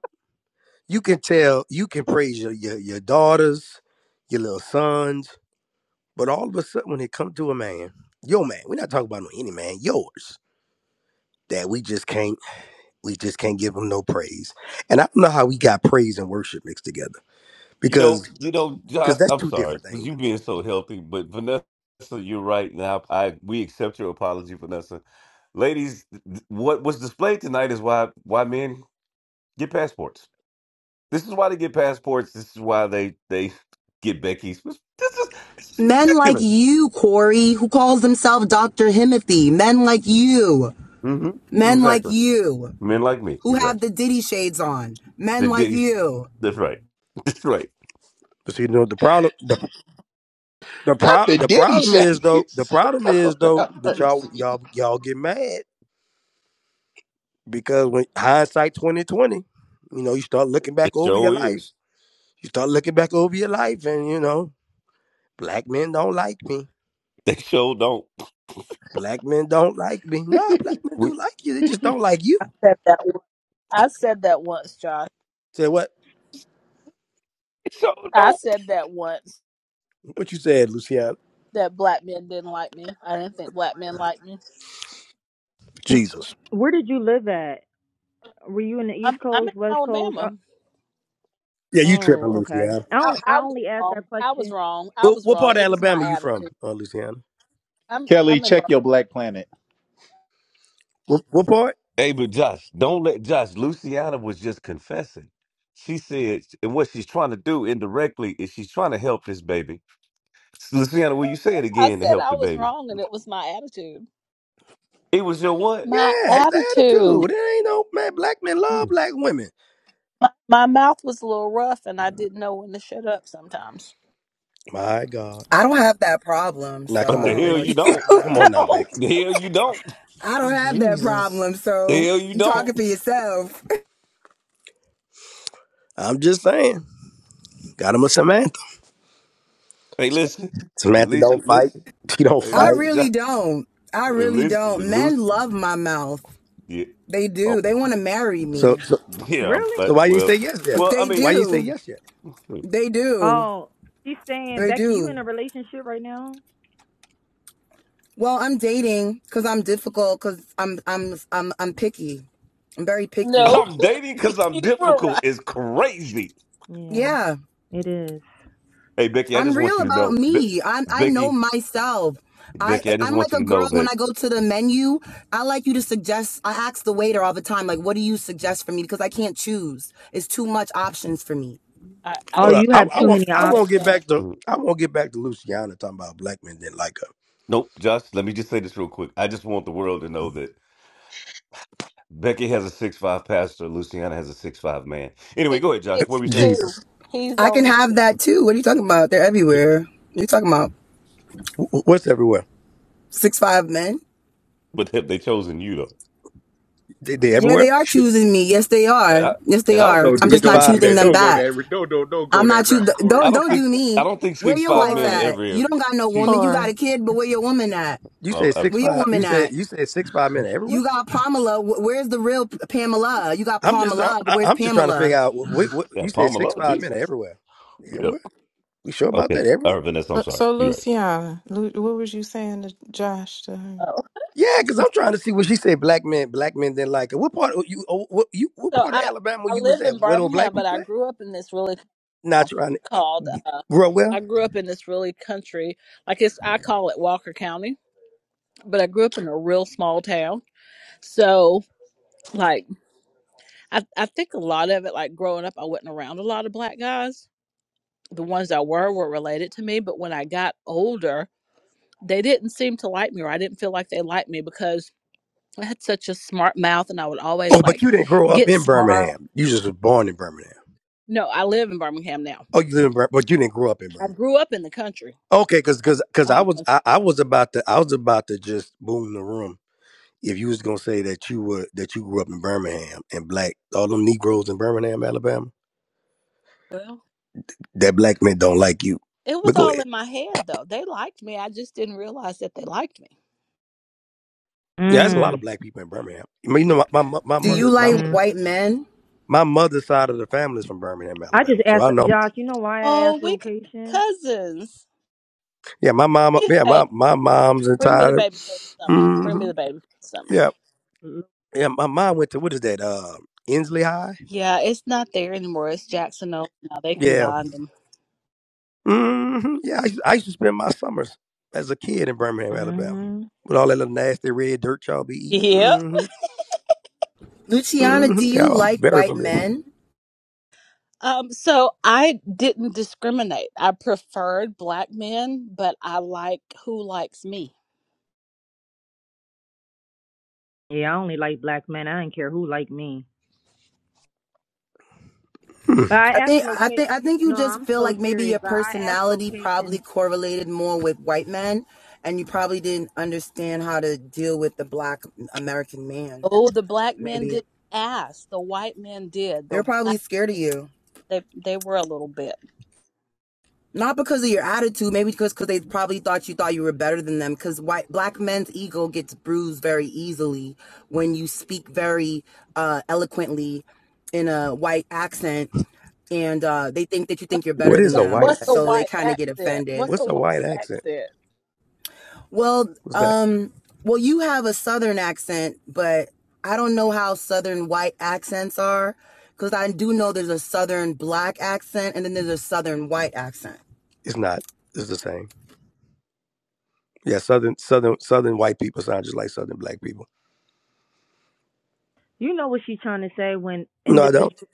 Speaker 6: You can tell, you can praise your your, your daughters, your little sons. But all of a sudden, when it comes to a man, your man, we're not talking about no any man, yours, that we just can't, we just can't give him no praise. And I don't know how we got praise and worship mixed together
Speaker 3: You know,
Speaker 6: because,
Speaker 3: you know,
Speaker 6: because
Speaker 3: Josh.
Speaker 6: that's
Speaker 3: I'm
Speaker 6: two
Speaker 3: sorry
Speaker 6: different
Speaker 3: because
Speaker 6: things.
Speaker 3: you being so healthy, but Vanessa, you're right. Now, I we accept your apology, Vanessa. Ladies, th- what was displayed tonight is why why men get passports. This is why they get passports. This is why they they get Becky's. This is, this is
Speaker 19: Men like
Speaker 3: ridiculous.
Speaker 19: you, Corey, who calls himself Dr. Himothy. Men like you.
Speaker 3: hmm
Speaker 19: Men like
Speaker 3: Exactly.
Speaker 19: you
Speaker 3: Men like me.
Speaker 19: who have the
Speaker 3: Exactly.
Speaker 19: Diddy shades on.
Speaker 3: The
Speaker 19: Men like
Speaker 3: ditties.
Speaker 19: you.
Speaker 3: That's right. *laughs* That's right.
Speaker 6: But see, you know, the problem, the the
Speaker 1: Not
Speaker 6: prop,
Speaker 1: the
Speaker 6: the
Speaker 1: Diddy
Speaker 6: problem is though, the
Speaker 1: shades. *laughs*
Speaker 6: problem is
Speaker 1: Lord
Speaker 6: though,
Speaker 1: have
Speaker 6: but y'all,
Speaker 1: mercy.
Speaker 6: y'all, y'all get mad because when hindsight twenty twenty, you know, you start looking
Speaker 3: It
Speaker 6: back over your
Speaker 3: sure
Speaker 6: life,
Speaker 3: is.
Speaker 6: you start looking back over your life, and you know, black men don't like me.
Speaker 3: They sure don't.
Speaker 6: Black men don't like me. No, black men
Speaker 3: We
Speaker 6: do like you. They just don't like you.
Speaker 26: I said that. Once. I said that once, Josh.
Speaker 6: Say what?
Speaker 3: they sure
Speaker 26: I
Speaker 3: don't.
Speaker 26: said that once.
Speaker 6: What you said, Luciana?
Speaker 26: That black men didn't like me. I didn't think black men liked me.
Speaker 6: Jesus.
Speaker 23: Where did you live at? Were you in the East
Speaker 26: I'm I'm in
Speaker 23: Coast, West Coast? Uh,
Speaker 26: Alabama.
Speaker 6: Yeah, you tripping,
Speaker 23: Oh, okay.
Speaker 6: Luciana.
Speaker 23: I
Speaker 26: I,
Speaker 23: only I
Speaker 26: I was
Speaker 23: only asked
Speaker 26: wrong.
Speaker 23: that
Speaker 26: I was
Speaker 23: question.
Speaker 26: wrong. I
Speaker 6: What,
Speaker 26: was
Speaker 6: what
Speaker 26: wrong.
Speaker 6: part of
Speaker 26: It was
Speaker 6: Alabama
Speaker 26: my
Speaker 6: you from,
Speaker 26: attitude.
Speaker 6: uh, Luciana?
Speaker 26: I'm
Speaker 1: Kelly,
Speaker 26: I'm in.
Speaker 1: check
Speaker 26: Bur-
Speaker 1: your Black Planet.
Speaker 6: What, what part?
Speaker 3: Hey, but Josh, don't let Josh. Luciana was just confessing. She said, and what she's trying to do indirectly is she's trying to help this baby. Luciana, will you say it
Speaker 26: I
Speaker 3: again to
Speaker 26: said
Speaker 3: help
Speaker 26: I
Speaker 3: the
Speaker 26: was
Speaker 3: baby?
Speaker 26: wrong, and it was my attitude.
Speaker 3: It was your what?
Speaker 26: My
Speaker 6: Yeah, it's the
Speaker 26: attitude.
Speaker 6: attitude. It ain't no man. Black men love black women.
Speaker 26: My, my mouth was a little rough and I didn't know when to shut up sometimes. *laughs*
Speaker 6: My God.
Speaker 19: I don't have that problem,
Speaker 6: Now
Speaker 19: so
Speaker 3: But
Speaker 6: come
Speaker 19: I
Speaker 3: the
Speaker 6: on,
Speaker 19: don't
Speaker 3: hell
Speaker 19: know what
Speaker 6: Beckett.
Speaker 3: you
Speaker 19: she's
Speaker 26: You
Speaker 3: don't.
Speaker 19: talking
Speaker 6: Come
Speaker 19: about.
Speaker 6: on now,
Speaker 26: don't.
Speaker 6: Beckett.
Speaker 3: The hell you don't.
Speaker 19: I don't have that
Speaker 10: Jesus.
Speaker 19: problem,
Speaker 3: The
Speaker 19: so
Speaker 3: hell you
Speaker 19: you are talking
Speaker 3: don't.
Speaker 19: for yourself.
Speaker 6: I'm just saying. Got him a Samantha.
Speaker 3: Hey, listen.
Speaker 6: Samantha don't
Speaker 3: Listen,
Speaker 6: fight.
Speaker 3: listen.
Speaker 6: *laughs* She don't
Speaker 19: *laughs*
Speaker 3: Hey,
Speaker 19: I
Speaker 6: fight.
Speaker 3: listen, Josh.
Speaker 19: really don't. I
Speaker 3: Hey,
Speaker 19: really
Speaker 3: Listen, the
Speaker 19: don't. Men
Speaker 3: Lucy.
Speaker 19: love my mouth.
Speaker 3: Yeah.
Speaker 19: They do.
Speaker 3: Oh,
Speaker 19: They want to marry
Speaker 6: So
Speaker 19: me.
Speaker 6: so
Speaker 3: yeah. I'm-
Speaker 23: Really?
Speaker 6: so
Speaker 3: But,
Speaker 6: why you didn't
Speaker 3: well,
Speaker 6: say yes yet?
Speaker 3: well, I
Speaker 19: They
Speaker 6: Why
Speaker 3: mean,
Speaker 6: you didn't say
Speaker 19: do.
Speaker 6: yes yet?
Speaker 3: hmm.
Speaker 19: They do.
Speaker 23: Oh, she's saying
Speaker 19: They
Speaker 23: Becky, you in
Speaker 19: do.
Speaker 23: a relationship right now?
Speaker 19: Well, I'm dating because I'm difficult because I'm I'm I'm I'm picky. I'm very picky.
Speaker 26: No,
Speaker 3: I'm dating because I'm
Speaker 26: you were
Speaker 3: difficult
Speaker 26: right.
Speaker 3: is crazy.
Speaker 23: Yeah,
Speaker 19: Yeah,
Speaker 23: it is.
Speaker 3: Hey, Becky, I
Speaker 19: I'm
Speaker 3: just want
Speaker 19: real
Speaker 3: you to
Speaker 19: about
Speaker 3: know. Be-
Speaker 19: me. I I
Speaker 3: Becky,
Speaker 19: know myself. I
Speaker 3: Becky, I just
Speaker 19: I'm like
Speaker 3: want you
Speaker 19: a
Speaker 3: to
Speaker 19: girl
Speaker 3: know
Speaker 19: when
Speaker 3: that
Speaker 19: I go to the menu. I like you to suggest. I ask the waiter all the time, like, what do you suggest for me? Because I can't choose. It's too much options for me.
Speaker 26: I, I
Speaker 23: Oh,
Speaker 6: Hold on.
Speaker 26: used
Speaker 23: you
Speaker 6: I,
Speaker 23: have
Speaker 6: I
Speaker 26: to say
Speaker 23: too
Speaker 6: won't
Speaker 26: the
Speaker 23: many
Speaker 6: I
Speaker 26: same
Speaker 23: options.
Speaker 6: won't get
Speaker 26: thing.
Speaker 6: back to
Speaker 3: Mhm.
Speaker 6: I won't get back to Luciana talking about black men didn't like her.
Speaker 3: Nope, Josh, let me just say this real quick. I just want the world to know that Becky has a six five pastor, Luciana has a six five man. Anyway,
Speaker 26: He's
Speaker 3: go ahead, Josh. What were you
Speaker 26: six
Speaker 3: saying?
Speaker 26: two.
Speaker 6: Jesus.
Speaker 26: He's
Speaker 19: I can
Speaker 26: only
Speaker 19: have that too.
Speaker 26: six.
Speaker 19: What are you talking about? They're
Speaker 3: *laughs*
Speaker 19: everywhere. You're talking about
Speaker 6: Wh- wh- What's everywhere?
Speaker 19: six five men.
Speaker 3: But have they chosen you though?
Speaker 6: They, they
Speaker 19: Yeah,
Speaker 6: everywhere?
Speaker 19: they are choosing me. Yes, they
Speaker 3: And
Speaker 19: are.
Speaker 3: I,
Speaker 19: Yes, they
Speaker 3: and I don't
Speaker 19: are.
Speaker 3: think
Speaker 1: Don't
Speaker 19: I'm
Speaker 1: do,
Speaker 19: just
Speaker 6: Six
Speaker 19: not
Speaker 1: don't do
Speaker 6: five men
Speaker 19: choosing
Speaker 1: that.
Speaker 6: are
Speaker 19: them
Speaker 1: Don't
Speaker 6: everywhere.
Speaker 1: go
Speaker 19: back.
Speaker 1: that. Don't, don't, don't go
Speaker 19: I'm not
Speaker 1: that route,
Speaker 19: choosing.
Speaker 1: Corey.
Speaker 3: I
Speaker 19: Don't
Speaker 3: don't
Speaker 19: don't
Speaker 3: think
Speaker 19: do
Speaker 3: I
Speaker 19: me.
Speaker 3: don't think
Speaker 19: Where
Speaker 3: six
Speaker 19: your
Speaker 3: five
Speaker 19: wife
Speaker 3: men are
Speaker 10: Corey,
Speaker 19: at?
Speaker 3: ever
Speaker 19: You don't got no
Speaker 3: she
Speaker 19: woman. You got
Speaker 10: Corey.
Speaker 19: a kid, but where your woman at?
Speaker 6: You
Speaker 3: uh,
Speaker 6: said
Speaker 3: uh,
Speaker 6: six
Speaker 19: Where your
Speaker 6: five. You
Speaker 19: woman
Speaker 6: said
Speaker 19: at?
Speaker 6: you said six five men are everywhere.
Speaker 19: You got Pamela. Wh- Where's the real P- Pamela? You got
Speaker 6: I'm just I,
Speaker 19: Pamela, but
Speaker 6: I-
Speaker 19: where's
Speaker 6: I'm just trying to figure
Speaker 19: Pamela?
Speaker 6: out. What, what, what-
Speaker 3: yeah,
Speaker 6: you said
Speaker 3: Palmer
Speaker 6: six
Speaker 3: love
Speaker 6: five men are
Speaker 3: Jesus.
Speaker 6: everywhere.
Speaker 3: Yeah.
Speaker 6: Everywhere. You sure about
Speaker 3: Okay.
Speaker 6: that? Everywhere.
Speaker 3: Or Vanessa, I'm
Speaker 10: So,
Speaker 3: sorry.
Speaker 10: so
Speaker 3: You're right.
Speaker 10: Luciana, Lu- what was you saying to Josh to her?
Speaker 6: Yeah, because I'm trying to see what she said. Black men, black men didn't like it. What part of you? oh, What you? What
Speaker 26: So
Speaker 6: part of
Speaker 26: I
Speaker 6: Alabama
Speaker 26: I
Speaker 6: you was
Speaker 26: live in
Speaker 6: at? Where don't
Speaker 26: Birmingham,
Speaker 6: black
Speaker 26: but
Speaker 6: people
Speaker 26: I
Speaker 6: at?
Speaker 26: grew up in this really
Speaker 6: Not
Speaker 26: town
Speaker 6: trying to
Speaker 26: called uh,
Speaker 6: grow well.
Speaker 26: I grew up in this really country like it's I call it Walker County, but I grew up in a real small town. So like I I think a lot of it like growing up I wasn't around a lot of black guys. The ones that were were related to me, but when I got older, they didn't seem to like me or I didn't feel like they liked me because I had such a smart mouth and I would
Speaker 6: Oh,
Speaker 26: always
Speaker 6: but
Speaker 26: like
Speaker 6: you didn't grow up
Speaker 26: get
Speaker 6: in
Speaker 26: smart.
Speaker 6: Birmingham. You just was born in Birmingham.
Speaker 26: No, I live in Birmingham now.
Speaker 6: Oh, you live in, Bir- but you didn't grow up in
Speaker 26: I
Speaker 6: Birmingham.
Speaker 26: grew up in the country
Speaker 6: Okay, because
Speaker 26: I'm
Speaker 6: because I
Speaker 26: I'm a
Speaker 6: was
Speaker 26: country.
Speaker 6: I, I was about to I was about to just boom the room if you was gonna say that you were that you grew up in Birmingham and black all them Negroes in Birmingham, Alabama,
Speaker 26: Well,
Speaker 6: that black men don't like you.
Speaker 26: it was
Speaker 6: But go
Speaker 26: all
Speaker 6: ahead.
Speaker 26: in my head though. They liked me. I just didn't realize that they liked me.
Speaker 6: Yeah, there's a lot of
Speaker 23: Mm.
Speaker 6: black people in Birmingham. I mean, you know, my, my my
Speaker 19: Do
Speaker 23: Mm.
Speaker 19: you
Speaker 6: mother, my
Speaker 19: like
Speaker 6: mother,
Speaker 23: mm.
Speaker 19: white men,
Speaker 6: my mother's side of the family is from Birmingham,
Speaker 23: I
Speaker 6: Alabama.
Speaker 23: just
Speaker 6: So I
Speaker 23: asked
Speaker 6: know.
Speaker 23: Josh. You know why I
Speaker 26: Oh,
Speaker 23: asked
Speaker 26: we could be
Speaker 23: location?
Speaker 26: cousins.
Speaker 6: Yeah, my mom.
Speaker 26: Bring me
Speaker 6: Yeah,
Speaker 26: the baby.
Speaker 6: my my mom's
Speaker 26: Bring me the
Speaker 6: entire.
Speaker 26: baby for the summer.
Speaker 6: hmm
Speaker 26: Bring me the baby for the summer.
Speaker 6: yeah, yeah. My mom went to what is that? Uh, Inslee High.
Speaker 26: Yeah, it's not there anymore. It's Jackson Oak now. They
Speaker 6: Yeah.
Speaker 26: combined them.
Speaker 6: hmm Yeah, I used, I used to spend my summers as a kid in Birmingham, Alabama,
Speaker 23: Mm-hmm.
Speaker 6: with all that little nasty red dirt y'all be eating.
Speaker 26: Yep.
Speaker 6: hmm
Speaker 19: Luciana? Do
Speaker 6: hmm Yeah,
Speaker 19: you
Speaker 6: I'm
Speaker 19: like
Speaker 6: very
Speaker 19: white
Speaker 6: familiar.
Speaker 19: men?
Speaker 26: Um, so I didn't discriminate. I preferred black men, but I like who likes me.
Speaker 23: Yeah, I only like black men. I didn't care who like me.
Speaker 6: Hmm.
Speaker 23: But
Speaker 19: I
Speaker 23: I
Speaker 19: think
Speaker 23: asked
Speaker 19: I
Speaker 23: location.
Speaker 19: think I think you
Speaker 23: No,
Speaker 19: just
Speaker 23: I'm
Speaker 19: feel
Speaker 23: so
Speaker 19: like maybe
Speaker 23: serious.
Speaker 19: your
Speaker 23: But I asked
Speaker 19: personality probably
Speaker 23: location.
Speaker 19: correlated more with white men, and you probably didn't understand how to deal with the black American man.
Speaker 26: Oh, the black men
Speaker 19: Maybe
Speaker 26: didn't ask. The white men did.
Speaker 19: they're
Speaker 26: The
Speaker 19: probably scared of you,
Speaker 26: They they were a little bit.
Speaker 19: not because of your attitude, maybe because because they probably thought you thought you were better than them. Because white black men's ego gets bruised very easily when you speak very uh, eloquently in a white accent, and uh, they think that you
Speaker 26: What-
Speaker 19: think you're
Speaker 6: What
Speaker 26: What's
Speaker 19: better
Speaker 6: is
Speaker 19: than
Speaker 6: a
Speaker 26: the,
Speaker 6: white
Speaker 19: them,
Speaker 26: what's the
Speaker 19: so
Speaker 6: accent?
Speaker 19: they
Speaker 26: white
Speaker 19: kind of get
Speaker 26: accent?
Speaker 19: offended.
Speaker 26: What's the
Speaker 6: What's a white
Speaker 26: white
Speaker 6: accent?
Speaker 26: accent?
Speaker 19: Well,
Speaker 6: What's that?
Speaker 19: um, well, you have a southern accent, but I don't know how southern white accents are because I do know there's a southern black accent and then there's a southern white accent.
Speaker 6: It's not. It's the same. Yeah, southern southern southern white people sound just like southern black people.
Speaker 23: You know what she's trying to say when
Speaker 6: No, I don't.
Speaker 23: individual.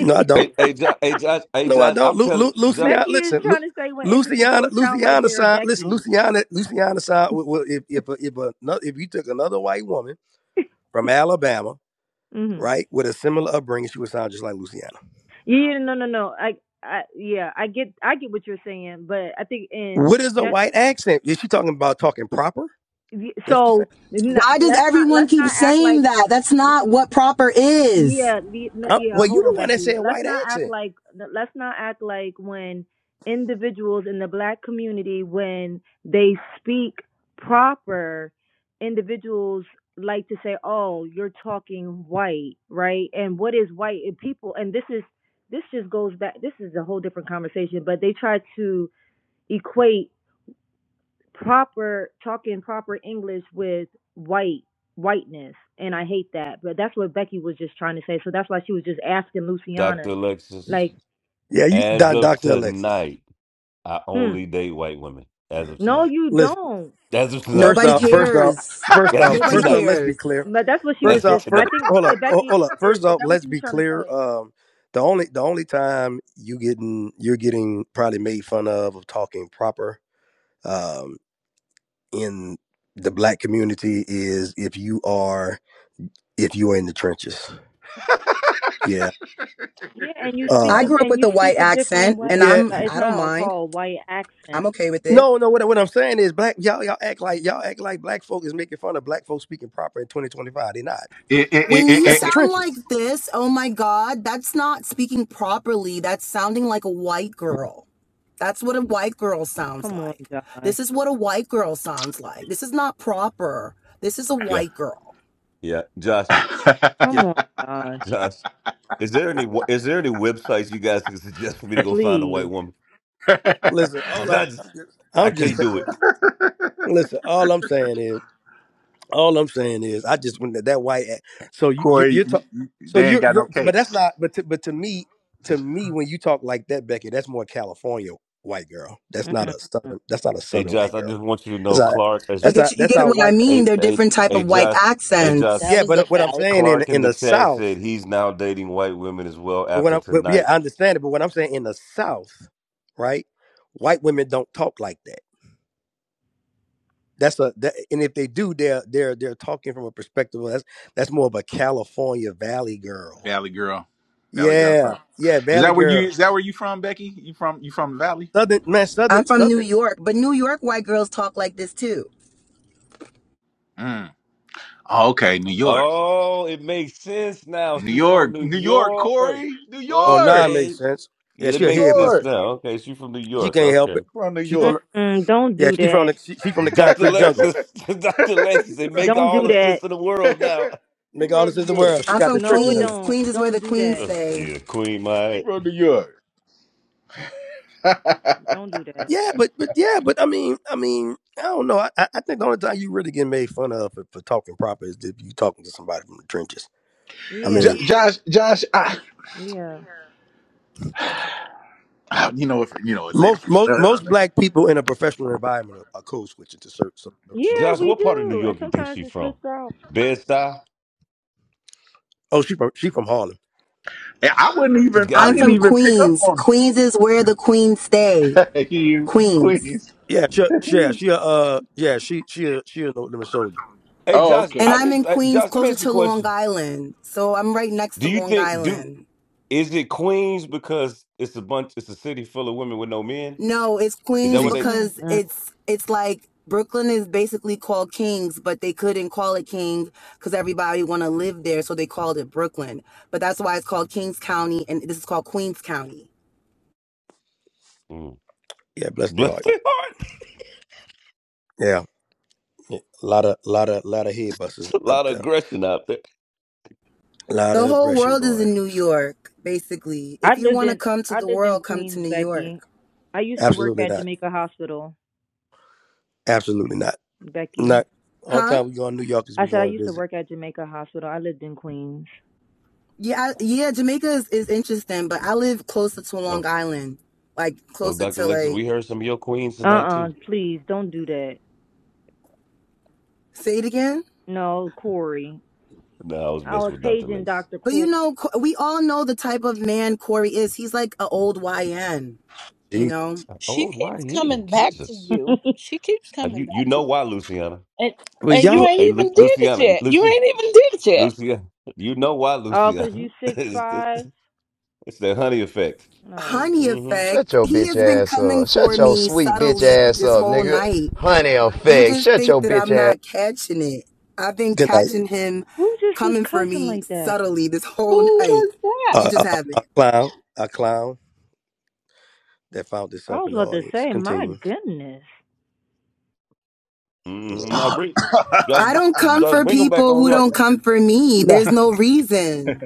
Speaker 6: No, I don't.
Speaker 3: Hey, hey, Josh, hey, Josh, hey,
Speaker 6: No, I
Speaker 3: Josh,
Speaker 6: don't.
Speaker 3: I'm
Speaker 6: Lu, Lu,
Speaker 3: telling Josh,
Speaker 6: Luciana,
Speaker 23: Becky is
Speaker 6: listen, Lu,
Speaker 23: trying to say when
Speaker 6: Luciana,
Speaker 23: individuals sound like
Speaker 6: Luciana
Speaker 23: they're
Speaker 6: sound. Listen,
Speaker 23: Becky's.
Speaker 6: Luciana, Luciana sound. w- w- If if a- if another, if you took another white woman from Alabama,
Speaker 23: *laughs* hmm
Speaker 6: right, with a similar upbringing, she would sound just like Luciana.
Speaker 23: Yeah, no, no, no. I, I, yeah, I get, I get what you're saying, but I think in
Speaker 6: What is a white accent? Is she talking about talking proper? That's what she's saying.
Speaker 23: so not,
Speaker 19: Why does
Speaker 23: let's not
Speaker 19: everyone
Speaker 23: let's
Speaker 19: keep
Speaker 23: not act like
Speaker 19: saying that? That's not what proper is.
Speaker 23: Yeah, the, no,
Speaker 6: Uh, well,
Speaker 23: yeah.
Speaker 6: you
Speaker 23: Hold on,
Speaker 6: the one that
Speaker 23: Becky.
Speaker 6: said
Speaker 23: Let's
Speaker 6: white
Speaker 23: not act
Speaker 6: accent.
Speaker 23: like no, let's not act like when individuals in the black community when they speak proper, individuals like to say, "Oh, you're talking white, right?" And what is white? And people, and this is this just goes back. This is a whole different conversation, but they try to equate proper talking proper English with white whiteness, and I hate that. But that's what Becky was just trying to say. So that's why she was just asking
Speaker 3: Dr.
Speaker 23: Luciana,
Speaker 3: Alexis,
Speaker 23: like,
Speaker 6: Yeah, you,
Speaker 3: as
Speaker 6: Don,
Speaker 3: of
Speaker 6: Dr. Alexis.
Speaker 3: tonight, I
Speaker 23: hmm,
Speaker 3: only date white women. As of
Speaker 23: no,
Speaker 3: tonight.
Speaker 23: you
Speaker 6: Listen,
Speaker 23: don't.
Speaker 3: As of tonight.
Speaker 6: first
Speaker 19: Nobody
Speaker 3: *laughs*
Speaker 6: off, first off,
Speaker 19: cares.
Speaker 6: first
Speaker 3: As
Speaker 6: off,
Speaker 3: of
Speaker 19: Nobody
Speaker 6: first off,
Speaker 3: tonight.
Speaker 6: let's be
Speaker 19: cares.
Speaker 6: clear.
Speaker 23: But that's what she was
Speaker 6: First
Speaker 3: As of
Speaker 6: off,
Speaker 23: just. I
Speaker 6: first,
Speaker 3: tonight.
Speaker 23: think
Speaker 6: hold
Speaker 23: eh,
Speaker 6: up, ho- hold
Speaker 23: Becky,
Speaker 6: up.
Speaker 23: is,
Speaker 6: First
Speaker 23: is
Speaker 6: off,
Speaker 23: that what
Speaker 6: let's
Speaker 23: you
Speaker 6: be
Speaker 23: was trying to
Speaker 6: clear.
Speaker 23: say?
Speaker 6: Um, the only the only time you getting you're getting probably made fun of of talking proper um, in the black community is if you are if you are in the trenches. Yeah.
Speaker 23: Yeah, and you speak
Speaker 19: I
Speaker 23: a,
Speaker 6: Um,
Speaker 19: grew up
Speaker 23: and
Speaker 19: with
Speaker 23: you
Speaker 19: a white
Speaker 23: speak a different
Speaker 19: accent and
Speaker 23: way,
Speaker 6: yeah.
Speaker 19: I'm
Speaker 23: but it's
Speaker 19: I don't
Speaker 23: not all
Speaker 19: mind.
Speaker 23: called white accent.
Speaker 19: I'm okay with it.
Speaker 6: No, no. What, what I'm saying is, black y'all y'all act like y'all act like black folk is making fun of black folks speaking proper in 2025. They're not.
Speaker 1: It, it, it,
Speaker 19: When you
Speaker 6: That's the
Speaker 1: it,
Speaker 19: sound like
Speaker 6: trenches.
Speaker 19: this, oh my god, that's not speaking properly. That's sounding like a white girl. That's what a white girl sounds
Speaker 23: Come on,
Speaker 19: like.
Speaker 23: Josh.
Speaker 19: This is what a white girl sounds like. This is not proper. This is a
Speaker 3: Yeah.
Speaker 19: white girl.
Speaker 3: Yeah. Josh,
Speaker 1: it.
Speaker 23: Come
Speaker 6: Yes.
Speaker 1: it- *laughs*
Speaker 23: on, Josh.
Speaker 3: Josh, is there
Speaker 6: yes
Speaker 3: any
Speaker 6: sir.
Speaker 3: wa- is there any websites you guys can suggest for me to go find a white
Speaker 23: Please.
Speaker 3: woman?
Speaker 1: *laughs*
Speaker 6: Listen, all I,
Speaker 3: I just, I
Speaker 6: I'm just
Speaker 3: can't
Speaker 6: sa-
Speaker 3: do it.
Speaker 6: listen. All I'm saying is, all I'm saying is, I just went to that white. act- So you, you
Speaker 1: Corey,
Speaker 6: you're
Speaker 1: you,
Speaker 6: talking.
Speaker 1: you,
Speaker 6: So
Speaker 1: they ain't
Speaker 6: you're,
Speaker 1: got no
Speaker 6: you're, but that's
Speaker 1: cakes.
Speaker 6: not. But to, but to me, to me, when you talk like that, Becky, that's more California white girl. That's not
Speaker 23: Mm-mm.
Speaker 6: a southern. That's not a
Speaker 3: Hey
Speaker 6: southern
Speaker 3: Josh,
Speaker 6: white
Speaker 3: I
Speaker 6: girl.
Speaker 3: just want you to
Speaker 6: That's
Speaker 3: know
Speaker 6: not.
Speaker 3: Clark as
Speaker 19: But
Speaker 6: That's
Speaker 19: get you
Speaker 6: not.
Speaker 19: you
Speaker 6: That's
Speaker 19: get
Speaker 6: how
Speaker 19: what I
Speaker 6: white.
Speaker 19: mean?
Speaker 3: hey,
Speaker 19: They're
Speaker 3: hey,
Speaker 19: different type
Speaker 3: hey
Speaker 19: of white
Speaker 3: Josh, hey Josh,
Speaker 26: That
Speaker 6: Yeah,
Speaker 19: accents.
Speaker 26: was the
Speaker 6: but what I'm
Speaker 26: Valley
Speaker 6: saying
Speaker 26: Girl.
Speaker 6: in
Speaker 3: Clark in
Speaker 6: in
Speaker 3: the
Speaker 6: the
Speaker 3: chat
Speaker 6: South.
Speaker 3: said he's now dating white women as well
Speaker 6: But when
Speaker 3: after
Speaker 6: I, but yeah,
Speaker 3: tonight.
Speaker 6: I understand it. But what I'm saying in the South, right? White women don't talk like that. That's a that, and if they do, they're they're they're talking from a perspective of that's that's more of a California Valley girl.
Speaker 1: Valley girl, Valley girl.
Speaker 6: Yeah,
Speaker 1: talk.
Speaker 6: yeah,
Speaker 1: Is
Speaker 6: Valley
Speaker 1: that where you?
Speaker 6: girl.
Speaker 1: Is that where you from, Becky? You from? You from the Valley?
Speaker 6: Southern man,
Speaker 19: I'm
Speaker 6: Southern
Speaker 19: from New
Speaker 6: Southern.
Speaker 19: York, but New York white girls talk like this too.
Speaker 1: Mm. Oh, okay, New York,
Speaker 3: Oh, it makes sense now.
Speaker 1: New
Speaker 3: She from
Speaker 1: York,
Speaker 3: New
Speaker 1: New York.
Speaker 3: York.
Speaker 1: Corey, New
Speaker 6: Oh, nah,
Speaker 1: York,
Speaker 6: it makes
Speaker 3: Okay.
Speaker 6: sense. Yeah,
Speaker 3: Yeah,
Speaker 1: New
Speaker 3: it
Speaker 6: she a
Speaker 3: makes
Speaker 6: head
Speaker 3: sense
Speaker 6: buster.
Speaker 1: York.
Speaker 3: now. Okay, she from New
Speaker 6: She
Speaker 3: York.
Speaker 6: can't help it.
Speaker 3: Okay.
Speaker 1: From New
Speaker 6: She from
Speaker 1: York.
Speaker 6: the,
Speaker 23: Mm-mm. Don't
Speaker 6: yeah,
Speaker 23: do
Speaker 6: she from
Speaker 23: that.
Speaker 6: the she, she from the
Speaker 1: *laughs* you
Speaker 3: Dr.
Speaker 6: concrete jungle.
Speaker 3: Lexus, *laughs* Dr. Lexus, They
Speaker 1: from
Speaker 3: make
Speaker 1: New
Speaker 23: Don't do
Speaker 3: all the
Speaker 1: York.
Speaker 23: that.
Speaker 3: sense in the world
Speaker 1: *laughs*
Speaker 3: now. *laughs*
Speaker 6: Make
Speaker 1: you
Speaker 6: all
Speaker 1: from
Speaker 6: this
Speaker 1: New
Speaker 6: is the
Speaker 1: York.
Speaker 6: world. She
Speaker 19: I'm
Speaker 6: got the
Speaker 19: from
Speaker 23: No,
Speaker 6: trenches
Speaker 23: it
Speaker 6: in
Speaker 19: Queens.
Speaker 6: her.
Speaker 23: don't.
Speaker 19: Queens is where
Speaker 23: Don't
Speaker 19: the
Speaker 23: do
Speaker 19: queens
Speaker 3: Oh,
Speaker 23: that.
Speaker 19: stay.
Speaker 3: shit, Queen,
Speaker 1: You
Speaker 3: my.
Speaker 1: from New York. *laughs*
Speaker 23: Don't do that.
Speaker 6: Yeah, but but yeah, but I mean, I mean, I don't know. I, I I think the only time you really get made fun of for, for talking proper is if you talking to somebody from the trenches. I
Speaker 23: Yeah,
Speaker 1: Jo-
Speaker 6: mean,
Speaker 1: Josh, Josh, I,
Speaker 23: yeah,
Speaker 1: *sighs* I- you know, if you know it later.
Speaker 6: most most most black people in a professional environment are, are code switching to certain some, some
Speaker 23: yeah.
Speaker 3: Josh,
Speaker 6: some.
Speaker 23: We
Speaker 3: what part of New
Speaker 23: do, and
Speaker 3: York you think
Speaker 23: sometimes
Speaker 3: she
Speaker 23: it
Speaker 3: from?
Speaker 23: slips out.
Speaker 3: Bed-Stuy?
Speaker 6: Oh, she from she from Harlem.
Speaker 1: Yeah, I wouldn't
Speaker 3: She
Speaker 1: even. I
Speaker 3: gotta
Speaker 19: I'm
Speaker 1: didn't
Speaker 3: be.
Speaker 19: from
Speaker 1: even pick up
Speaker 19: Queens.
Speaker 1: on
Speaker 19: Queens is where the queens stay.
Speaker 1: it. *laughs* you
Speaker 19: Queens.
Speaker 1: Queens.
Speaker 6: Yeah, she, she yeah she a, uh yeah she she a, she a no limit soldier.
Speaker 3: Hey
Speaker 1: Oh,
Speaker 3: Josh,
Speaker 1: okay.
Speaker 19: And
Speaker 3: I
Speaker 19: I'm in
Speaker 3: just uh,
Speaker 19: Queens,
Speaker 3: Josh, let me
Speaker 19: closer
Speaker 3: ask you a
Speaker 19: to Long
Speaker 3: question.
Speaker 19: Island. So I'm right next to
Speaker 3: Do you
Speaker 19: Long
Speaker 3: think do
Speaker 19: Island.
Speaker 3: is it Queens because it's a bunch, it's a city full of women with no men?
Speaker 19: No, it's
Speaker 3: Is that
Speaker 19: Queens
Speaker 3: what
Speaker 6: Jesus,
Speaker 3: they?
Speaker 19: because
Speaker 23: Mm-mm.
Speaker 19: it's it's like Brooklyn is basically called Kings, but they couldn't call it King because everybody want to live there, so they called it Brooklyn. But that's why it's called Kings County, and this is called Queens County.
Speaker 3: Mm.
Speaker 6: yeah,
Speaker 3: *laughs*
Speaker 6: bless their
Speaker 3: Bless
Speaker 6: heart.
Speaker 3: their heart. *laughs*
Speaker 6: Yeah, yeah. a lot of lot of lot of head
Speaker 3: It's
Speaker 6: busters
Speaker 3: a
Speaker 6: up
Speaker 3: lot of
Speaker 6: there.
Speaker 3: aggression out there.
Speaker 6: A lot of
Speaker 19: The whole
Speaker 6: aggression,
Speaker 19: world is
Speaker 6: boy.
Speaker 19: in New York, basically.
Speaker 23: I
Speaker 19: If you
Speaker 23: lived
Speaker 19: want to
Speaker 23: in
Speaker 19: come to
Speaker 23: I
Speaker 19: the
Speaker 23: lived in
Speaker 19: world, come to
Speaker 23: Queens,
Speaker 19: New York,
Speaker 23: Becky. I used to work
Speaker 6: Absolutely
Speaker 23: at
Speaker 6: not.
Speaker 23: Jamaica Hospital,
Speaker 6: Absolutely not.
Speaker 23: Becky.
Speaker 6: Not. All the
Speaker 19: huh?
Speaker 6: time we go to New York is we
Speaker 23: I said I
Speaker 6: going to
Speaker 23: used to
Speaker 6: visit.
Speaker 23: work at Jamaica Hospital. I lived in Queens.
Speaker 19: Yeah, I- yeah. Jamaica is, is interesting, but I live closer to
Speaker 3: Oh,
Speaker 19: Long Island, like
Speaker 3: oh,
Speaker 19: closer
Speaker 3: Dr.
Speaker 19: to
Speaker 3: Lexus,
Speaker 19: like.
Speaker 3: we heard some of your queens
Speaker 23: Uh
Speaker 3: tonight
Speaker 23: uh
Speaker 3: too.
Speaker 23: please don't do that.
Speaker 19: Say it again.
Speaker 23: No, Corey.
Speaker 3: No, I was
Speaker 23: I
Speaker 3: messing
Speaker 23: was
Speaker 3: with Dr.
Speaker 23: paging
Speaker 3: Lexus.
Speaker 23: Doctor
Speaker 19: But you
Speaker 23: Corey.
Speaker 19: know, we all know the type of man Corey is. He's like an old YN, you know?
Speaker 6: Jesus.
Speaker 26: She
Speaker 3: Oh, why are
Speaker 26: keeps
Speaker 3: you in?
Speaker 26: coming back to
Speaker 3: Jesus,
Speaker 26: you.
Speaker 23: *laughs*
Speaker 26: She keeps
Speaker 3: And
Speaker 26: coming
Speaker 3: you you
Speaker 26: back to
Speaker 3: know
Speaker 26: you.
Speaker 3: why, Luciana?
Speaker 26: And
Speaker 6: Was
Speaker 26: and you
Speaker 6: y'all
Speaker 3: It's,
Speaker 26: ain't
Speaker 3: hey, Lu-
Speaker 26: even did it
Speaker 3: Luciana,
Speaker 26: yet. You
Speaker 3: Lucy,
Speaker 26: ain't even did it
Speaker 3: Luciana, you know why,
Speaker 23: Oh, 'cause
Speaker 3: Luciana?
Speaker 23: you
Speaker 3: *laughs*
Speaker 23: six
Speaker 3: it's,
Speaker 23: five.
Speaker 3: it's, it's the honey effect.
Speaker 23: Oh,
Speaker 19: Honey
Speaker 3: Mm-hmm.
Speaker 31: Shut
Speaker 19: effect.
Speaker 31: your
Speaker 19: He
Speaker 31: bitch
Speaker 19: has been
Speaker 31: ass
Speaker 19: coming
Speaker 31: up. Shut
Speaker 19: for
Speaker 31: your
Speaker 19: me
Speaker 31: sweet bitch
Speaker 19: subtly
Speaker 31: ass
Speaker 19: this
Speaker 31: up,
Speaker 19: whole
Speaker 31: nigga.
Speaker 19: night.
Speaker 31: Honey
Speaker 19: You
Speaker 31: effect.
Speaker 19: just
Speaker 31: Shut
Speaker 19: think
Speaker 31: your
Speaker 19: that
Speaker 31: bitch
Speaker 19: I'm
Speaker 31: ass
Speaker 19: not catching it. I've been
Speaker 6: good night?
Speaker 19: catching him
Speaker 23: who just was
Speaker 19: coming for
Speaker 23: cussing
Speaker 19: me
Speaker 23: like that?
Speaker 19: subtly this
Speaker 26: Who
Speaker 19: whole night.
Speaker 26: was that?
Speaker 19: You
Speaker 6: Uh,
Speaker 19: just
Speaker 6: uh, a
Speaker 19: haven't.
Speaker 6: clown, a clown that found this
Speaker 23: I
Speaker 6: up
Speaker 23: was
Speaker 6: in the
Speaker 23: about to
Speaker 6: audience.
Speaker 23: say, my
Speaker 6: Continue.
Speaker 23: goodness.
Speaker 3: Mm-hmm. No, bring just
Speaker 19: I don't come
Speaker 3: just
Speaker 19: for
Speaker 3: bring them back
Speaker 19: people who
Speaker 3: on up.
Speaker 19: don't come for me.
Speaker 6: Nah,
Speaker 19: There's no reason.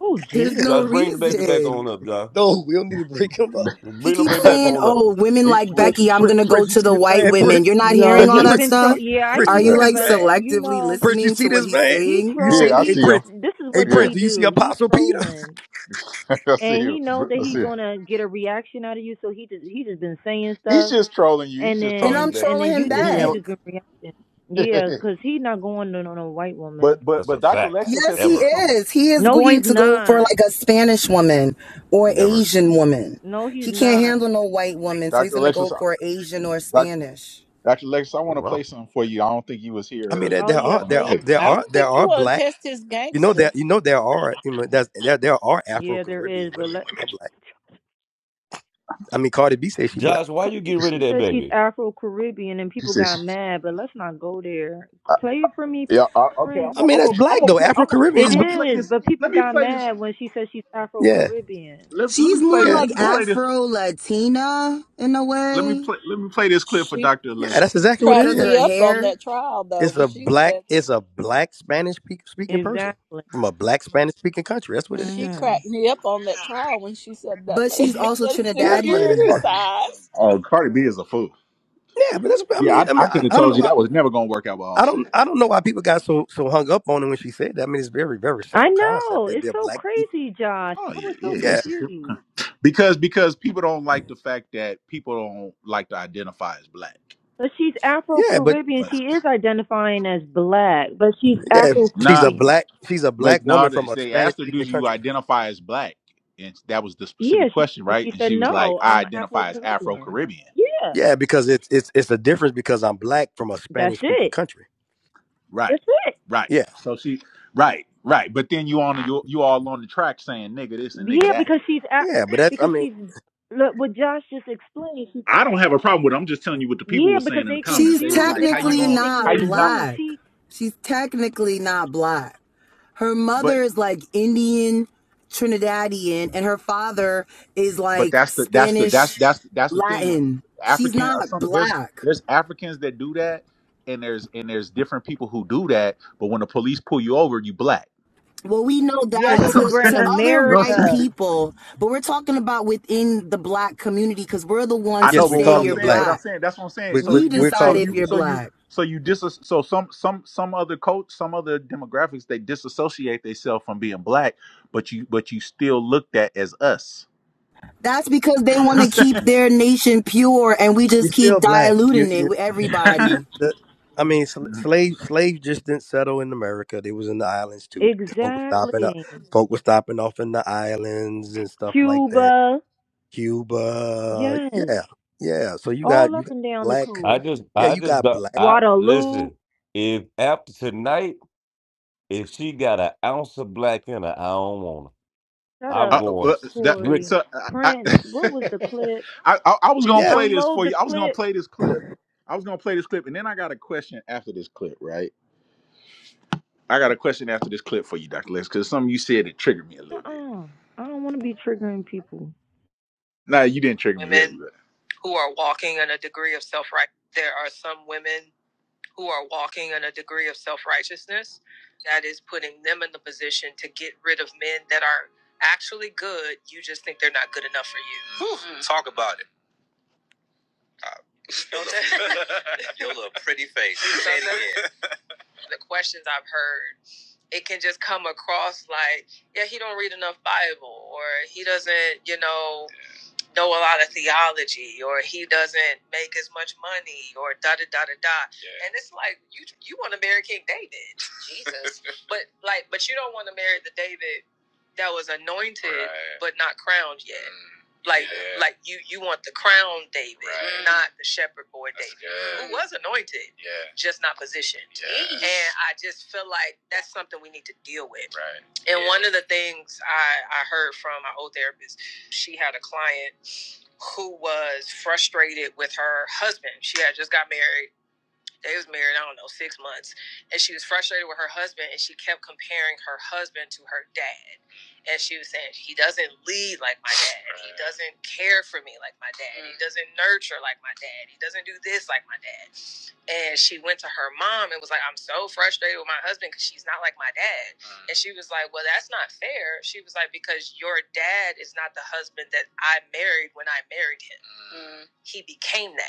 Speaker 23: Oh
Speaker 19: There's no
Speaker 23: dear.
Speaker 3: Just bring the baby
Speaker 6: *laughs*
Speaker 3: back
Speaker 19: reason.
Speaker 3: on up, Josh.
Speaker 6: no, we don't need to break him up.
Speaker 19: He
Speaker 3: Bring the
Speaker 19: keeps
Speaker 3: baby back
Speaker 19: saying,
Speaker 3: on up.
Speaker 19: "Oh, women
Speaker 1: We,
Speaker 19: like
Speaker 6: Prince,
Speaker 19: Becky, I'm
Speaker 6: Prince,
Speaker 19: gonna go
Speaker 6: Prince, you
Speaker 19: to
Speaker 6: see
Speaker 19: the
Speaker 6: this
Speaker 19: white
Speaker 6: man,
Speaker 19: women." You're
Speaker 6: Prince,
Speaker 19: not
Speaker 23: Yo,
Speaker 19: hearing all
Speaker 23: he's
Speaker 19: that
Speaker 6: Prince,
Speaker 23: been
Speaker 6: you
Speaker 23: troll.
Speaker 6: see,
Speaker 19: stuff.
Speaker 23: Yeah, I
Speaker 6: Prince, you
Speaker 19: Are you
Speaker 6: see
Speaker 23: hear,
Speaker 6: this
Speaker 19: like
Speaker 23: but
Speaker 6: man,
Speaker 23: you
Speaker 19: selectively
Speaker 23: know,
Speaker 6: Prince, you
Speaker 19: listening
Speaker 6: see
Speaker 19: to what
Speaker 6: this
Speaker 19: he's
Speaker 6: man.
Speaker 23: he
Speaker 19: saying?
Speaker 6: You
Speaker 23: troll.
Speaker 6: see, hey
Speaker 23: He
Speaker 1: yeah,
Speaker 6: Prince,
Speaker 23: this is
Speaker 6: hey
Speaker 23: what
Speaker 1: yeah.
Speaker 6: Prince,
Speaker 23: he
Speaker 6: do you see
Speaker 23: do. He
Speaker 6: Apostle Peter?
Speaker 23: trolling,
Speaker 1: see
Speaker 23: and he
Speaker 1: you.
Speaker 23: know
Speaker 3: Br-
Speaker 23: that
Speaker 1: I
Speaker 23: he
Speaker 1: see you.
Speaker 23: gonna get a reaction out of you. So he just he just been saying
Speaker 1: He's
Speaker 23: stuff,
Speaker 1: just trolling you. He's
Speaker 23: and
Speaker 1: just
Speaker 19: And
Speaker 1: trolling you,
Speaker 19: I'm
Speaker 23: then
Speaker 1: Becky.
Speaker 23: and
Speaker 19: trolling
Speaker 23: then
Speaker 19: him
Speaker 23: you
Speaker 1: If he
Speaker 23: just you
Speaker 19: back.
Speaker 1: didn't,
Speaker 23: just been reacting. Yeah,
Speaker 1: *laughs*
Speaker 23: cause he not going on on a white woman.
Speaker 1: but but
Speaker 3: That's
Speaker 1: but
Speaker 3: a
Speaker 1: Dr.
Speaker 3: fact.
Speaker 1: Lexus
Speaker 19: Yes,
Speaker 1: has
Speaker 19: he
Speaker 1: said
Speaker 3: Ever,
Speaker 1: something.
Speaker 19: is. He is
Speaker 23: No,
Speaker 19: going
Speaker 23: he's
Speaker 19: to go for
Speaker 23: not.
Speaker 19: like a Spanish woman or
Speaker 3: never.
Speaker 19: Asian woman.
Speaker 23: No, he's
Speaker 19: He can't
Speaker 23: not.
Speaker 19: handle no white woman, so he's
Speaker 1: Dr.
Speaker 19: gonna
Speaker 1: Lexus,
Speaker 19: go for Asian or
Speaker 1: Dr.
Speaker 19: Spanish.
Speaker 1: Dr. Lexus, I
Speaker 3: Oh,
Speaker 1: want to play
Speaker 3: wow,
Speaker 1: something for you. I don't think you was here
Speaker 6: I mean, there,
Speaker 1: earlier
Speaker 23: Oh
Speaker 1: when
Speaker 6: there
Speaker 1: I
Speaker 23: yeah,
Speaker 6: are,
Speaker 1: when I
Speaker 6: there,
Speaker 23: play
Speaker 6: are-
Speaker 23: it
Speaker 1: played.
Speaker 6: there
Speaker 23: for
Speaker 26: I,
Speaker 23: me.
Speaker 26: I
Speaker 6: are,
Speaker 26: don't
Speaker 6: there
Speaker 26: think you
Speaker 6: are
Speaker 26: want to
Speaker 6: black.
Speaker 26: test his
Speaker 6: You know
Speaker 26: gangster.
Speaker 6: that, you know there are, you know, that's, there, there are Afro
Speaker 23: Yeah, there
Speaker 6: Caribbean
Speaker 23: is, but
Speaker 6: women.
Speaker 23: let *laughs*
Speaker 6: They're black. I mean, Cardi B says she black.
Speaker 3: Josh, why you
Speaker 23: Cardi
Speaker 3: get rid of
Speaker 23: B
Speaker 3: that
Speaker 23: says she's
Speaker 3: baby?
Speaker 23: Afro Caribbean and
Speaker 1: He
Speaker 23: people got
Speaker 1: says,
Speaker 23: mad, but let's not go there. Play it for me,
Speaker 1: "Yeah, I, okay. I'm
Speaker 23: Prince.
Speaker 6: I
Speaker 1: gonna
Speaker 6: mean,
Speaker 1: I'm
Speaker 6: that's
Speaker 1: gonna I'm
Speaker 6: black
Speaker 1: gonna
Speaker 6: though.
Speaker 1: play.
Speaker 6: Afro
Speaker 1: I'm gonna
Speaker 6: Caribbean
Speaker 23: It
Speaker 1: I'm
Speaker 6: is
Speaker 1: gonna
Speaker 6: black.
Speaker 1: play
Speaker 23: is,
Speaker 1: this.
Speaker 23: but people
Speaker 1: Let me
Speaker 23: got
Speaker 1: play this.
Speaker 23: mad when she said she's Afro
Speaker 6: Yeah.
Speaker 23: Caribbean.
Speaker 1: Let, let me
Speaker 19: She's
Speaker 1: play
Speaker 19: more
Speaker 1: this.
Speaker 6: Yeah,
Speaker 1: Let
Speaker 6: that's
Speaker 19: like
Speaker 1: me
Speaker 6: black.
Speaker 1: play this.
Speaker 19: Afro Latina in a
Speaker 1: Let me
Speaker 19: way
Speaker 1: play. Let me play this clip for
Speaker 26: She
Speaker 1: Dr.
Speaker 6: Yeah,
Speaker 1: Lexus.
Speaker 6: that's
Speaker 1: and
Speaker 26: she
Speaker 6: exactly
Speaker 1: see
Speaker 6: what
Speaker 1: what-
Speaker 6: it
Speaker 26: cracked
Speaker 19: because of
Speaker 26: me
Speaker 6: is.
Speaker 19: her
Speaker 26: up on
Speaker 19: hair,
Speaker 26: that trial though
Speaker 6: It's
Speaker 26: when
Speaker 6: a
Speaker 26: she
Speaker 6: black.
Speaker 26: said
Speaker 6: It's a black Spanish pe- speaking person
Speaker 23: Exactly.
Speaker 6: from a black Spanish speaking country. That's what it
Speaker 26: she
Speaker 6: is.
Speaker 23: Mhm.
Speaker 26: cracked me up on that trial when she said that
Speaker 19: but she's
Speaker 26: lady *laughs*
Speaker 19: also
Speaker 26: was
Speaker 6: Yeah, that's what it
Speaker 19: Trinidadian.
Speaker 26: security
Speaker 1: Oh,
Speaker 6: is.
Speaker 26: size.
Speaker 1: oh, Cardi B is a fool.
Speaker 6: Yeah, but that's. I
Speaker 1: Yeah,
Speaker 6: mean,
Speaker 1: I,
Speaker 6: I
Speaker 1: I
Speaker 6: mean,
Speaker 1: could
Speaker 6: I,
Speaker 1: have
Speaker 6: I don't
Speaker 1: told
Speaker 6: know
Speaker 1: you
Speaker 6: why.
Speaker 1: that was never gonna work out with
Speaker 6: I don't.
Speaker 1: Offset.
Speaker 6: I don't know why people got so so hung up on it when she said that. I mean, it's very very
Speaker 23: I
Speaker 6: simple concept.
Speaker 23: know.
Speaker 6: If
Speaker 23: It's
Speaker 6: They're
Speaker 23: so
Speaker 6: black.
Speaker 23: crazy, Josh.
Speaker 1: Oh
Speaker 23: I
Speaker 1: yeah,
Speaker 23: was
Speaker 1: yeah,
Speaker 23: so
Speaker 6: Yeah,
Speaker 1: it's a simple.
Speaker 23: confused.
Speaker 1: because because people don't like the fact that people don't like to identify as black.
Speaker 23: But she's Afro
Speaker 6: yeah, but
Speaker 23: Caribbean.
Speaker 1: But
Speaker 23: She is identifying as black, but she's
Speaker 6: yeah,
Speaker 23: Afro
Speaker 6: she's a
Speaker 1: not
Speaker 23: Caribbean.
Speaker 6: black. She's a
Speaker 1: but
Speaker 6: black
Speaker 1: no,
Speaker 6: woman
Speaker 1: they
Speaker 6: from a
Speaker 1: they
Speaker 6: Spanish
Speaker 1: asked her, "Do
Speaker 6: speaking
Speaker 1: you
Speaker 6: country.
Speaker 1: identify as black?" And that was the
Speaker 23: Yeah,
Speaker 1: specific
Speaker 23: she
Speaker 1: question, right?
Speaker 23: she
Speaker 1: And
Speaker 23: said
Speaker 1: she was like,
Speaker 23: no.
Speaker 1: "I
Speaker 23: I'm Afro
Speaker 1: identify as Afro
Speaker 23: Caribbean.
Speaker 1: Caribbean."
Speaker 23: Yeah,
Speaker 6: Yeah, because it's it's it's a difference because I'm black from a
Speaker 23: that's
Speaker 6: Spanish speaking
Speaker 23: it.
Speaker 6: country.
Speaker 1: Right,
Speaker 23: That's it.
Speaker 1: right.
Speaker 6: Yeah,
Speaker 1: So she, right, right. But then you on you, you all on the track saying "nigga this" and "nigga
Speaker 23: Yeah,
Speaker 1: that."
Speaker 23: because she's at,
Speaker 6: yeah, but that's. I
Speaker 23: because
Speaker 6: mean,
Speaker 23: she's look what Josh just explained. She,
Speaker 1: I don't have a problem with. It. I'm just telling you what the people
Speaker 23: yeah,
Speaker 1: were
Speaker 23: because
Speaker 1: saying in the
Speaker 23: they
Speaker 1: comments.
Speaker 19: She's
Speaker 1: They was
Speaker 23: confused.
Speaker 1: like,
Speaker 23: They
Speaker 1: "How
Speaker 23: don't
Speaker 1: you
Speaker 19: technically
Speaker 1: going? to
Speaker 23: understand
Speaker 1: How
Speaker 19: not
Speaker 23: they
Speaker 1: you not?"
Speaker 23: rules.
Speaker 19: black.
Speaker 23: She
Speaker 19: She's technically not black. Her mother is like Indian, Trinidadian, and her father is
Speaker 1: but
Speaker 19: like
Speaker 1: that's the that's the that's
Speaker 19: Spanish,
Speaker 1: that's that's the thing like
Speaker 19: Latin. She's
Speaker 1: african
Speaker 19: not
Speaker 1: or some there's
Speaker 19: black.
Speaker 1: there's africans that do that and there's and there's different people who do that but when the police pull you over you black
Speaker 19: Well, we know
Speaker 6: yeah,
Speaker 1: *laughs*
Speaker 23: yes,
Speaker 19: that
Speaker 1: you know
Speaker 6: you
Speaker 23: because
Speaker 1: what i'm
Speaker 6: black.
Speaker 19: to,
Speaker 23: we're in
Speaker 19: to
Speaker 1: saying you
Speaker 19: other
Speaker 1: know what i'm
Speaker 19: white
Speaker 23: America.
Speaker 1: saying
Speaker 19: people, but we're talking about within the black community because we're the
Speaker 1: i
Speaker 19: ones who
Speaker 6: Yes,
Speaker 1: know
Speaker 6: we
Speaker 1: but
Speaker 19: say
Speaker 1: what i'm
Speaker 6: calling
Speaker 19: you're
Speaker 6: them
Speaker 1: saying
Speaker 6: black.
Speaker 1: but i'm
Speaker 19: black.
Speaker 1: saying that's what i'm saying
Speaker 6: We, we,
Speaker 1: so
Speaker 19: We
Speaker 1: you
Speaker 6: we're
Speaker 19: decide
Speaker 1: so
Speaker 6: calling
Speaker 19: if
Speaker 6: them
Speaker 1: you
Speaker 19: you're
Speaker 6: black.
Speaker 1: so you
Speaker 19: black.
Speaker 1: so you dis so some some some other coach some other demographics they disassociate themselves from being black but you but you still looked at as us
Speaker 19: That's because they want to
Speaker 1: *laughs*
Speaker 19: keep their nation pure and we
Speaker 6: You're
Speaker 19: just keep
Speaker 6: still black. You,
Speaker 19: diluting it
Speaker 6: you.
Speaker 19: with
Speaker 1: You know what I'm saying?
Speaker 19: everybody.
Speaker 6: The, I mean, sl-
Speaker 1: *laughs*
Speaker 6: slave slaves just didn't settle in America. They was in the islands too. The folk were stopping up.
Speaker 23: Exactly.
Speaker 6: Folk were stopping off in the islands and stuff like that.
Speaker 23: Cuba.
Speaker 6: Cuba,
Speaker 23: Yes.
Speaker 6: yeah, yeah. So you got
Speaker 23: All
Speaker 6: you
Speaker 23: up
Speaker 6: got
Speaker 23: and down the
Speaker 6: black.
Speaker 3: I
Speaker 23: coast.
Speaker 3: just,
Speaker 6: Yeah,
Speaker 3: I
Speaker 6: you
Speaker 3: just,
Speaker 6: got
Speaker 3: don't-
Speaker 6: black.
Speaker 3: I
Speaker 23: Guadalupe.
Speaker 3: listen. If after tonight, if she got an ounce of black in her, I don't want her.
Speaker 23: Shut
Speaker 3: I'm
Speaker 1: Uh,
Speaker 23: up,
Speaker 3: going
Speaker 1: uh, that,
Speaker 3: strict.
Speaker 23: Corey.
Speaker 1: so I,
Speaker 23: Prince.
Speaker 1: I,
Speaker 23: What
Speaker 1: *laughs*
Speaker 23: was the clip?
Speaker 1: I, I I was gonna
Speaker 6: Yeah.
Speaker 1: play this for
Speaker 23: Unload the
Speaker 1: you. I was gonna
Speaker 23: clip.
Speaker 1: play this clip. I was gonna play this clip, and then I got a question after this clip, right? I got a question after this clip for you, Doctor Lex, because something you said it triggered me a little bit.
Speaker 23: Uh-uh. I don't want to be triggering people.
Speaker 1: Nah, you didn't trigger me. Women really, but- who are walking in a degree of self right. There are some women who are walking in a degree of self righteousness that is putting them in the position to get rid of men that are actually good. You just think they're not good enough for you. Whew, Mm. Talk about it. Your *laughs* little pretty face. Say it The questions I've heard, it can just come across like, yeah, he don't read enough Bible, or he doesn't, you know, know a lot of theology or he doesn't make as much money or da da da da da. Yeah. And it's like you you want to marry King David, Jesus, *laughs* but like but you don't want to marry the David that was anointed Right. but not crowned yet. Mm. Like, Yeah. like you, you want the crown David, Right. not the shepherd boy David, who was anointed, yeah, just not positioned. Yeah. And I just feel like that's something we need to deal with. Right. And Yeah. one of the things I, I heard from my old therapist she had a client who was frustrated with her husband. She had just got married. They was married, I don't know, six months. And she was frustrated with her husband and she kept comparing her husband to her dad. And she was saying, He doesn't lead like my dad. He doesn't care for me like my dad. He doesn't nurture like my dad. He doesn't do this like my dad and she went to her mom and was like, "I'm so frustrated with my husband because she's not like my dad." Mm. And she was like, "Well, that's not fair." She was like, "Because your dad is not the husband that I married when I married him. Mm. He became that.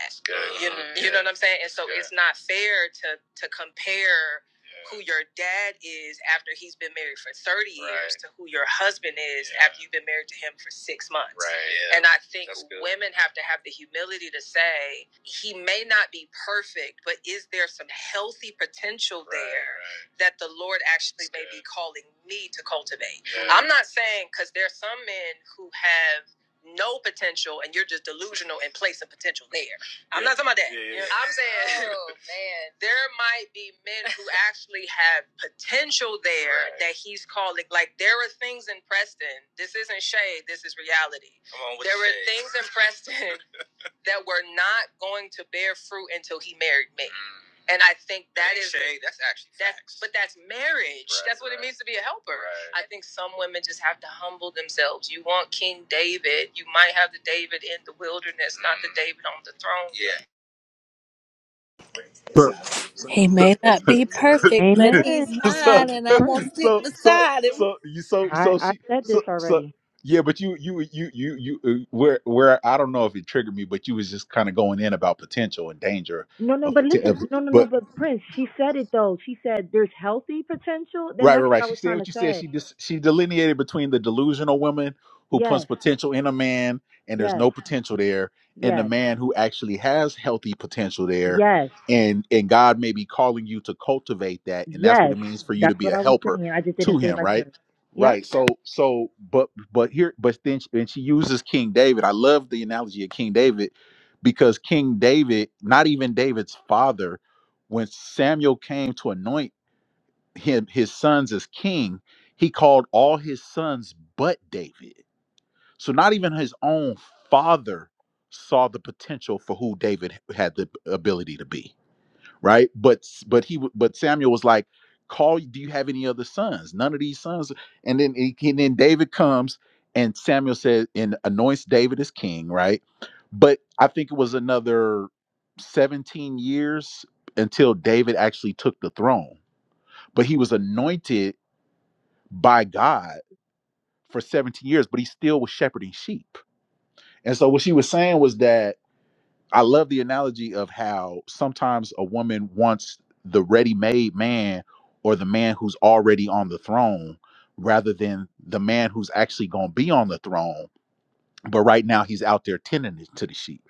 Speaker 1: You, you know what I'm saying? And so That's it's not fair to to compare." yeah. who your dad is after he's been married for 30 right. years to who your husband is yeah. after you've been married to him for six months. Right. Yeah. And I think women have to have the humility to say, he may not be perfect, but is there some healthy potential right, there right. that the Lord actually That's may good. be calling me to cultivate? Yeah. I'm not saying, because there's some men who have no potential and you're just delusional in place of potential there. I'm yeah. not talking about that. Yeah, yeah, I'm saying Oh *laughs* man. there might be men who actually have potential there Right. that he's calling. Like there are things in Preston. This isn't shade. This is reality. Come on with there were shade. things in Preston *laughs* that were not going to bear fruit until he married me, Mm. and I think that is shade. That's actually facts. that's but that's marriage. Right, that's what right. it means to be a helper. right. I think some women just have to humble themselves. You want King David, you might have the David in the wilderness, mm. not the Mm. David on the throne. Yeah. So, so,
Speaker 26: He
Speaker 1: so,
Speaker 26: may not be perfect, but
Speaker 1: so,
Speaker 23: Amen.
Speaker 26: He's
Speaker 1: *laughs*
Speaker 26: mine,
Speaker 1: so,
Speaker 26: and I'm gonna
Speaker 23: Prince.
Speaker 1: so,
Speaker 26: sit
Speaker 1: so,
Speaker 26: beside him.
Speaker 1: so, you, so,
Speaker 23: I
Speaker 1: so
Speaker 23: I
Speaker 1: she,
Speaker 23: said this
Speaker 1: so, so,
Speaker 23: already.
Speaker 1: yeah, but you, you, you, you, you, uh, where, where, I don't know if it triggered me, but you was just kind of going in about potential and danger
Speaker 23: No, no,
Speaker 1: of,
Speaker 23: but
Speaker 1: poten-
Speaker 23: listen,
Speaker 1: of-
Speaker 23: no, no, no,
Speaker 1: but,
Speaker 23: but Prince, she said it though. She said there's healthy potential. Then
Speaker 1: Right, right,
Speaker 23: that's what
Speaker 1: right.
Speaker 23: I
Speaker 1: She
Speaker 23: was
Speaker 1: said
Speaker 23: trying
Speaker 1: what
Speaker 23: to
Speaker 1: you said.
Speaker 23: say.
Speaker 1: She just she delineated between the delusional woman who puts
Speaker 23: Yes,
Speaker 1: potential in a man and there's
Speaker 23: yes,
Speaker 1: no potential there, and the
Speaker 23: yes,
Speaker 1: man who actually has healthy potential there,
Speaker 23: yes,
Speaker 1: and and God may be calling you to cultivate that, and that's what
Speaker 23: yes.
Speaker 1: it means for you to
Speaker 23: That's
Speaker 1: be
Speaker 23: what
Speaker 1: a
Speaker 23: I was
Speaker 1: helper
Speaker 23: saying. I just
Speaker 1: to
Speaker 23: didn't say it
Speaker 1: Him,
Speaker 23: like
Speaker 1: right?
Speaker 23: her. Yep,
Speaker 1: Right. So so but but here but then she, and she uses King David. I love the analogy of King David because King David, not even David's father, when Samuel came to anoint him his sons as king, he called all his sons but David. So not even his own father saw the potential for who David had the ability to be, right? But but he but Samuel was like, "Call, do you have any other sons? None of these sons." And then he- and then David comes and Samuel says and anoints David as king, right? But I think it was another 17 years until David actually took the throne. But he was anointed by God for 17 years, but he still was shepherding sheep. And so what she was saying was that I love the analogy of how sometimes a woman wants the ready made man or the man who's already on the throne rather than the man who's actually going to be on the throne. But right now he's out there tending to the sheep,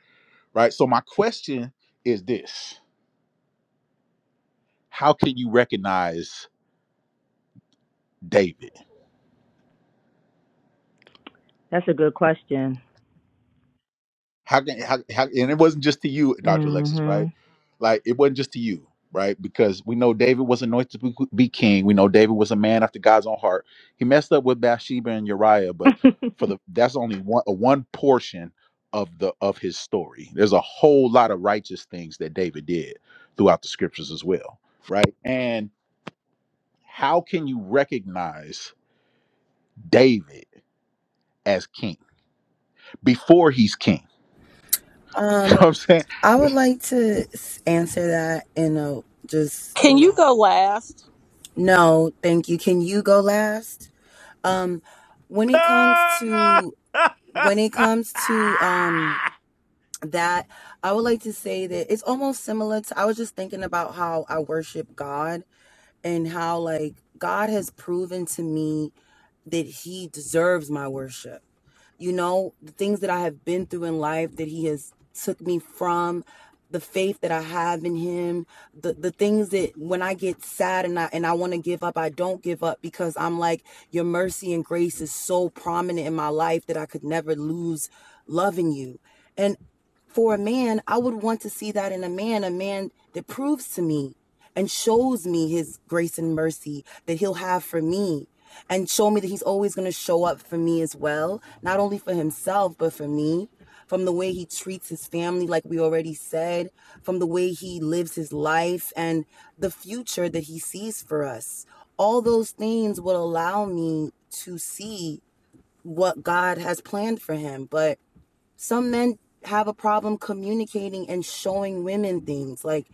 Speaker 1: right? So my question is this How can you recognize David?
Speaker 23: that's a good question.
Speaker 1: How can how, how and it wasn't just to you, Dr. Alexis, right?
Speaker 23: Mm-hmm.
Speaker 1: Like it wasn't just to you, right? Because we know David was anointed to be be king. We know David was a man after God's own heart. He messed up with Bathsheba and Uriah, but
Speaker 23: *laughs*
Speaker 1: for the that's only one a one portion of the of his story. There's a whole lot of righteous things that David did throughout the scriptures as well, right? And how can you recognize David as king before he's king? *laughs* You know what
Speaker 19: Um,
Speaker 1: I'm saying?
Speaker 19: I would
Speaker 1: That's-
Speaker 19: like to s- answer that in a just, you
Speaker 26: Can you
Speaker 19: know,
Speaker 26: go last?
Speaker 19: no, thank you. Can you go last? Um, when it comes to
Speaker 3: *laughs*
Speaker 19: when it comes to um that, I would like to say that it's almost similar to I was just thinking about how I worship God and how like God has proven to me that he deserves my worship you know the things that i have been through in life that he has took me from the faith that i have in him the, the things that when i get sad and i and i want to give up i don't give up because i'm like your mercy and grace is so prominent in my life that i could never lose loving you and for a man, I would want to see that in a man, a man that proves to me and shows me his grace and mercy that he'll have for me and show me that he's always going to show up for me as well, not only for himself, but for me. From the way he treats his family, like we already said, from the way he lives his life and the future that he sees for us. All those things will allow me to see what God has planned for him. But some men have a problem communicating and showing women things. Like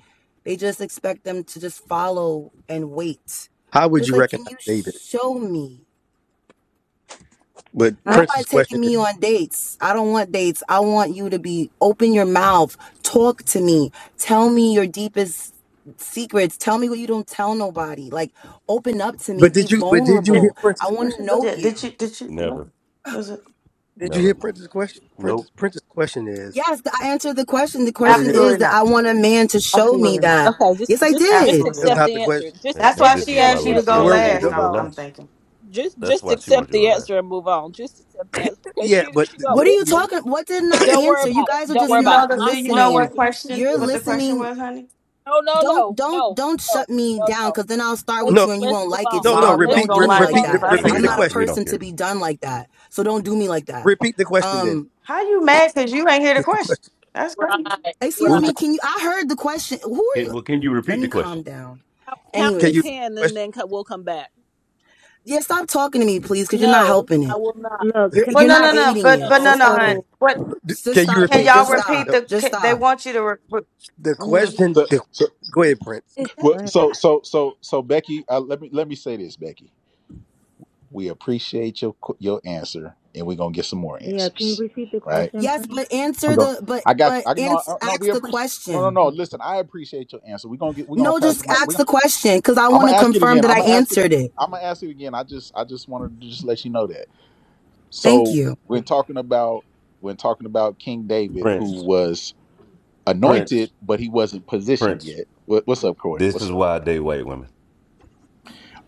Speaker 19: they just expect them to just follow and wait.
Speaker 6: How
Speaker 19: But
Speaker 6: would
Speaker 19: it's
Speaker 6: you
Speaker 19: like, can
Speaker 6: recognize
Speaker 19: you
Speaker 6: David?
Speaker 19: show me?
Speaker 6: But
Speaker 23: I
Speaker 19: Not by
Speaker 6: Prince's question
Speaker 19: taking
Speaker 6: is.
Speaker 19: me on dates. I don't want dates. I want you to be open your mouth, talk to me, tell me your deepest secrets, tell me what you don't tell nobody. Like, open up to me,
Speaker 6: But
Speaker 19: be
Speaker 6: did you? But did you
Speaker 32: Did,
Speaker 6: hear
Speaker 19: vulnerable. I
Speaker 6: Prince's
Speaker 19: want to
Speaker 6: question
Speaker 19: know
Speaker 6: though?
Speaker 32: did,
Speaker 19: you.
Speaker 32: did you? Did you? no?
Speaker 3: Never,
Speaker 32: Was it?
Speaker 6: Did you hear
Speaker 3: never.
Speaker 6: Prince's question? Prince's
Speaker 3: Nope.
Speaker 6: Prince's question is.
Speaker 19: Yes, I answered the question. The
Speaker 6: No, you
Speaker 19: question
Speaker 6: didn't.
Speaker 19: is
Speaker 32: Absolutely
Speaker 19: that
Speaker 32: not.
Speaker 19: I want a man to show me
Speaker 32: Absolutely not.
Speaker 19: that.
Speaker 26: Okay, just
Speaker 19: Yes, I
Speaker 26: just
Speaker 19: did.
Speaker 26: just
Speaker 32: Absolutely
Speaker 6: That's
Speaker 32: not.
Speaker 26: accept
Speaker 3: And
Speaker 6: not the
Speaker 26: the answer.
Speaker 6: question.
Speaker 26: Just
Speaker 32: That's
Speaker 3: and
Speaker 32: why
Speaker 26: just
Speaker 3: this
Speaker 32: she
Speaker 3: is
Speaker 26: accept
Speaker 3: why
Speaker 32: asked
Speaker 26: the
Speaker 32: you to
Speaker 6: The
Speaker 26: answer
Speaker 32: go
Speaker 3: Luciana
Speaker 26: and, and
Speaker 3: wanted
Speaker 6: word.
Speaker 3: you
Speaker 32: last.
Speaker 3: to
Speaker 26: move
Speaker 3: go
Speaker 32: I'm.
Speaker 26: on.
Speaker 32: I'm
Speaker 3: last.
Speaker 32: thinking.
Speaker 26: Just
Speaker 3: That's
Speaker 26: just
Speaker 3: why she wanted
Speaker 26: accept
Speaker 3: you to
Speaker 26: the
Speaker 3: go last.
Speaker 26: answer and move on. Just accept the answer because
Speaker 6: Yeah,
Speaker 26: she
Speaker 6: but
Speaker 26: she
Speaker 6: th-
Speaker 26: don't
Speaker 19: What are you
Speaker 6: th-
Speaker 26: listen.
Speaker 19: talking? What didn't I
Speaker 6: yeah.
Speaker 26: Don't worry
Speaker 19: answer? You
Speaker 26: about it.
Speaker 19: guys are
Speaker 26: Don't
Speaker 32: Do
Speaker 19: just
Speaker 26: worry
Speaker 32: you
Speaker 26: about it.
Speaker 32: know
Speaker 19: not
Speaker 32: the?
Speaker 26: My
Speaker 32: Do you
Speaker 26: my
Speaker 32: know
Speaker 19: listening.
Speaker 32: what
Speaker 26: answer.
Speaker 32: question?
Speaker 6: *coughs*
Speaker 19: You're
Speaker 26: Is,
Speaker 32: What the question
Speaker 19: listening.
Speaker 32: was, honey?
Speaker 26: no, no,
Speaker 19: Don't
Speaker 26: no,
Speaker 19: don't
Speaker 26: no,
Speaker 19: don't
Speaker 26: no,
Speaker 19: shut me
Speaker 26: no,
Speaker 19: down
Speaker 26: no.
Speaker 19: because then I'll start with
Speaker 26: Let's
Speaker 6: no,
Speaker 19: you and you
Speaker 26: let's
Speaker 19: won't
Speaker 26: move
Speaker 19: like it.
Speaker 26: on.
Speaker 19: So
Speaker 6: no, no.
Speaker 32: No,
Speaker 19: don't
Speaker 32: you
Speaker 26: Let's
Speaker 32: ain't
Speaker 6: Repeat,
Speaker 19: don't
Speaker 32: gonna
Speaker 6: re-
Speaker 19: do
Speaker 26: let's
Speaker 19: me
Speaker 32: like
Speaker 26: move
Speaker 19: like
Speaker 32: it
Speaker 6: repeat,
Speaker 26: on to
Speaker 6: the,
Speaker 32: if
Speaker 19: that.
Speaker 32: I
Speaker 3: Yeah,
Speaker 26: somebody.
Speaker 32: say
Speaker 6: repeat
Speaker 3: we
Speaker 19: I'm
Speaker 6: the
Speaker 3: don't
Speaker 19: not
Speaker 32: something.
Speaker 19: a
Speaker 6: question.
Speaker 3: we don't
Speaker 19: person to
Speaker 3: care.
Speaker 19: be done like that. So don't do me like that.
Speaker 6: Repeat the question. Then
Speaker 19: Um,
Speaker 32: How you mad? Cause you ain't hear the
Speaker 6: What's the
Speaker 32: question.
Speaker 6: question?
Speaker 32: That's crazy.
Speaker 26: Right,
Speaker 6: What
Speaker 19: excuse
Speaker 6: was the?
Speaker 26: right.
Speaker 19: me.
Speaker 6: qu-
Speaker 19: Can you? I heard the question. Who are
Speaker 3: Can,
Speaker 19: you?
Speaker 3: well, can you
Speaker 19: Let
Speaker 3: repeat
Speaker 19: me
Speaker 3: the
Speaker 19: calm
Speaker 3: question?
Speaker 19: down.
Speaker 26: Count, count
Speaker 6: Can
Speaker 26: to
Speaker 6: you
Speaker 19: Anyways,
Speaker 26: ten, and
Speaker 6: question?
Speaker 26: then co- we'll come back.
Speaker 19: yeah. Stop talking to me, please, because you're not
Speaker 26: No,
Speaker 19: helping
Speaker 26: I
Speaker 19: it.
Speaker 26: will not.
Speaker 23: look.
Speaker 19: You're
Speaker 23: Can
Speaker 32: Well,
Speaker 19: you're
Speaker 32: no,
Speaker 19: not
Speaker 32: no,
Speaker 23: I,
Speaker 32: no.
Speaker 19: aiding
Speaker 32: But
Speaker 19: it.
Speaker 32: but
Speaker 19: So
Speaker 32: no,
Speaker 26: No,
Speaker 32: no,
Speaker 19: stop
Speaker 32: honey.
Speaker 19: it.
Speaker 23: so
Speaker 32: What
Speaker 6: d-
Speaker 19: Just
Speaker 6: Can you
Speaker 19: stop
Speaker 32: can
Speaker 19: it.
Speaker 6: repeat the
Speaker 32: y'all
Speaker 19: Just
Speaker 6: question?
Speaker 19: stop.
Speaker 32: repeat
Speaker 6: No,
Speaker 32: the?
Speaker 19: Just
Speaker 32: Can, they
Speaker 19: stop.
Speaker 32: want you to. Re, re-
Speaker 6: the
Speaker 32: mhm.
Speaker 6: question.
Speaker 1: So,
Speaker 6: The,
Speaker 1: so,
Speaker 6: go ahead, Prince.
Speaker 26: is that
Speaker 1: well,
Speaker 23: go ahead.
Speaker 1: so,
Speaker 26: chat?
Speaker 1: so, so, so, Becky, uh, let me let me say this, Becky. We appreciate your qu- your answer, and we're gonna get some more
Speaker 23: Yeah, can you
Speaker 1: answers,
Speaker 23: repeat the
Speaker 1: right?
Speaker 23: question,
Speaker 19: Yes,
Speaker 23: Prince?
Speaker 19: but answer the but
Speaker 1: I got.
Speaker 19: but
Speaker 1: You. I no,
Speaker 19: answer
Speaker 1: I- no. We
Speaker 19: ask the
Speaker 1: appreciate. No, no,
Speaker 19: question.
Speaker 1: no. Listen, I appreciate your answer. We're gonna get. We're gonna
Speaker 19: No,
Speaker 1: pass the
Speaker 19: just ask
Speaker 1: mic.
Speaker 19: the question because I
Speaker 1: I'm
Speaker 19: want
Speaker 1: gonna
Speaker 19: to
Speaker 1: ask it
Speaker 19: confirm
Speaker 1: again.
Speaker 19: that
Speaker 1: I'm
Speaker 19: I
Speaker 1: gonna ask it.
Speaker 19: answered it.
Speaker 1: I'm gonna ask it again. I just I just wanted to just let you know that.
Speaker 19: Thank
Speaker 1: So
Speaker 19: you.
Speaker 1: when talking about when talking about King David, who
Speaker 3: Prince,
Speaker 1: was anointed,
Speaker 3: Prince,
Speaker 1: but he wasn't positioned
Speaker 3: Prince.
Speaker 1: yet. What, what's up, Corey?
Speaker 3: This
Speaker 1: What's
Speaker 3: is
Speaker 1: up?
Speaker 3: why I date white women.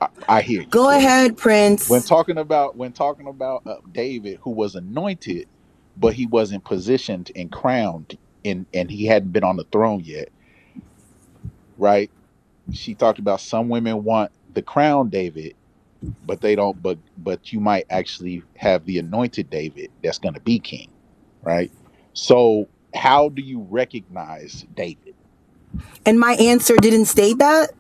Speaker 1: I, I hear you,
Speaker 19: Go
Speaker 1: Corey.
Speaker 19: ahead,
Speaker 1: When
Speaker 19: Prince.
Speaker 1: talking about when talking about uh, David, who was anointed, but he wasn't positioned and crowned, and and he hadn't been on the throne yet, right? She talked about some women want the crown David, but they don't but but you might actually have the anointed david that's going to be king right so how do you recognize david
Speaker 19: And my answer didn't state that?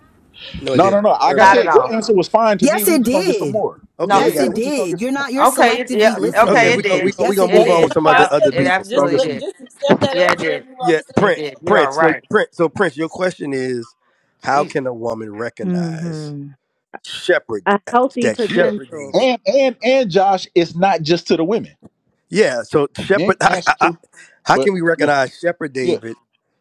Speaker 6: No, it
Speaker 1: no no
Speaker 6: didn't.
Speaker 1: no
Speaker 6: Don't worry
Speaker 1: like i
Speaker 32: Not
Speaker 6: about it.
Speaker 32: at
Speaker 1: said your
Speaker 32: all.
Speaker 1: answer was fine to me
Speaker 19: Yes,
Speaker 1: we
Speaker 19: it
Speaker 1: just gonna get some
Speaker 19: did.
Speaker 1: more
Speaker 6: Okay,
Speaker 1: yeah
Speaker 32: No.
Speaker 6: we
Speaker 19: Yes,
Speaker 1: yeah
Speaker 6: got
Speaker 19: it
Speaker 6: it.
Speaker 1: we just gonna get
Speaker 19: did. You're
Speaker 1: some more
Speaker 19: not you're
Speaker 32: Okay. It's
Speaker 19: selectively
Speaker 32: yeah.
Speaker 1: you,
Speaker 6: Okay,
Speaker 32: Okay.
Speaker 1: we
Speaker 19: listening.
Speaker 6: we
Speaker 32: It
Speaker 1: just
Speaker 6: go.
Speaker 1: gonna
Speaker 6: We
Speaker 1: get
Speaker 32: did.
Speaker 6: go.
Speaker 1: some
Speaker 6: We
Speaker 19: Yes,
Speaker 6: gonna
Speaker 19: it
Speaker 32: It
Speaker 6: move
Speaker 26: That
Speaker 6: on with
Speaker 32: did.
Speaker 19: did.
Speaker 26: that's
Speaker 6: some
Speaker 26: why I
Speaker 6: other
Speaker 32: Yeah.
Speaker 6: other
Speaker 26: said
Speaker 1: we
Speaker 32: It
Speaker 26: just
Speaker 6: people.
Speaker 1: just
Speaker 26: just
Speaker 1: gonna get
Speaker 32: absolutely
Speaker 1: some
Speaker 26: let
Speaker 1: more
Speaker 32: did.
Speaker 26: just accept that
Speaker 32: Yeah. It
Speaker 26: answer
Speaker 32: did.
Speaker 26: and move on
Speaker 6: Yeah,
Speaker 26: to
Speaker 32: It
Speaker 26: something
Speaker 6: Prince.
Speaker 32: did.
Speaker 26: else.
Speaker 32: You are
Speaker 6: Prince. So
Speaker 32: right.
Speaker 6: Prince. So Prince. Your question is, how
Speaker 32: Jesus.
Speaker 6: can a woman recognize
Speaker 23: Mm-hmm.
Speaker 6: shepherd
Speaker 23: A healthy
Speaker 6: that
Speaker 1: yeah
Speaker 23: potential.
Speaker 6: shepherded?
Speaker 1: and and and josh it's not just to the women
Speaker 6: Yeah, so
Speaker 1: men
Speaker 6: Shepherd, *laughs*
Speaker 1: can
Speaker 6: I,
Speaker 1: answer
Speaker 6: I, I-
Speaker 1: too
Speaker 6: how
Speaker 1: but
Speaker 6: can we
Speaker 1: yeah
Speaker 6: recognize Shepherd
Speaker 1: yeah
Speaker 6: David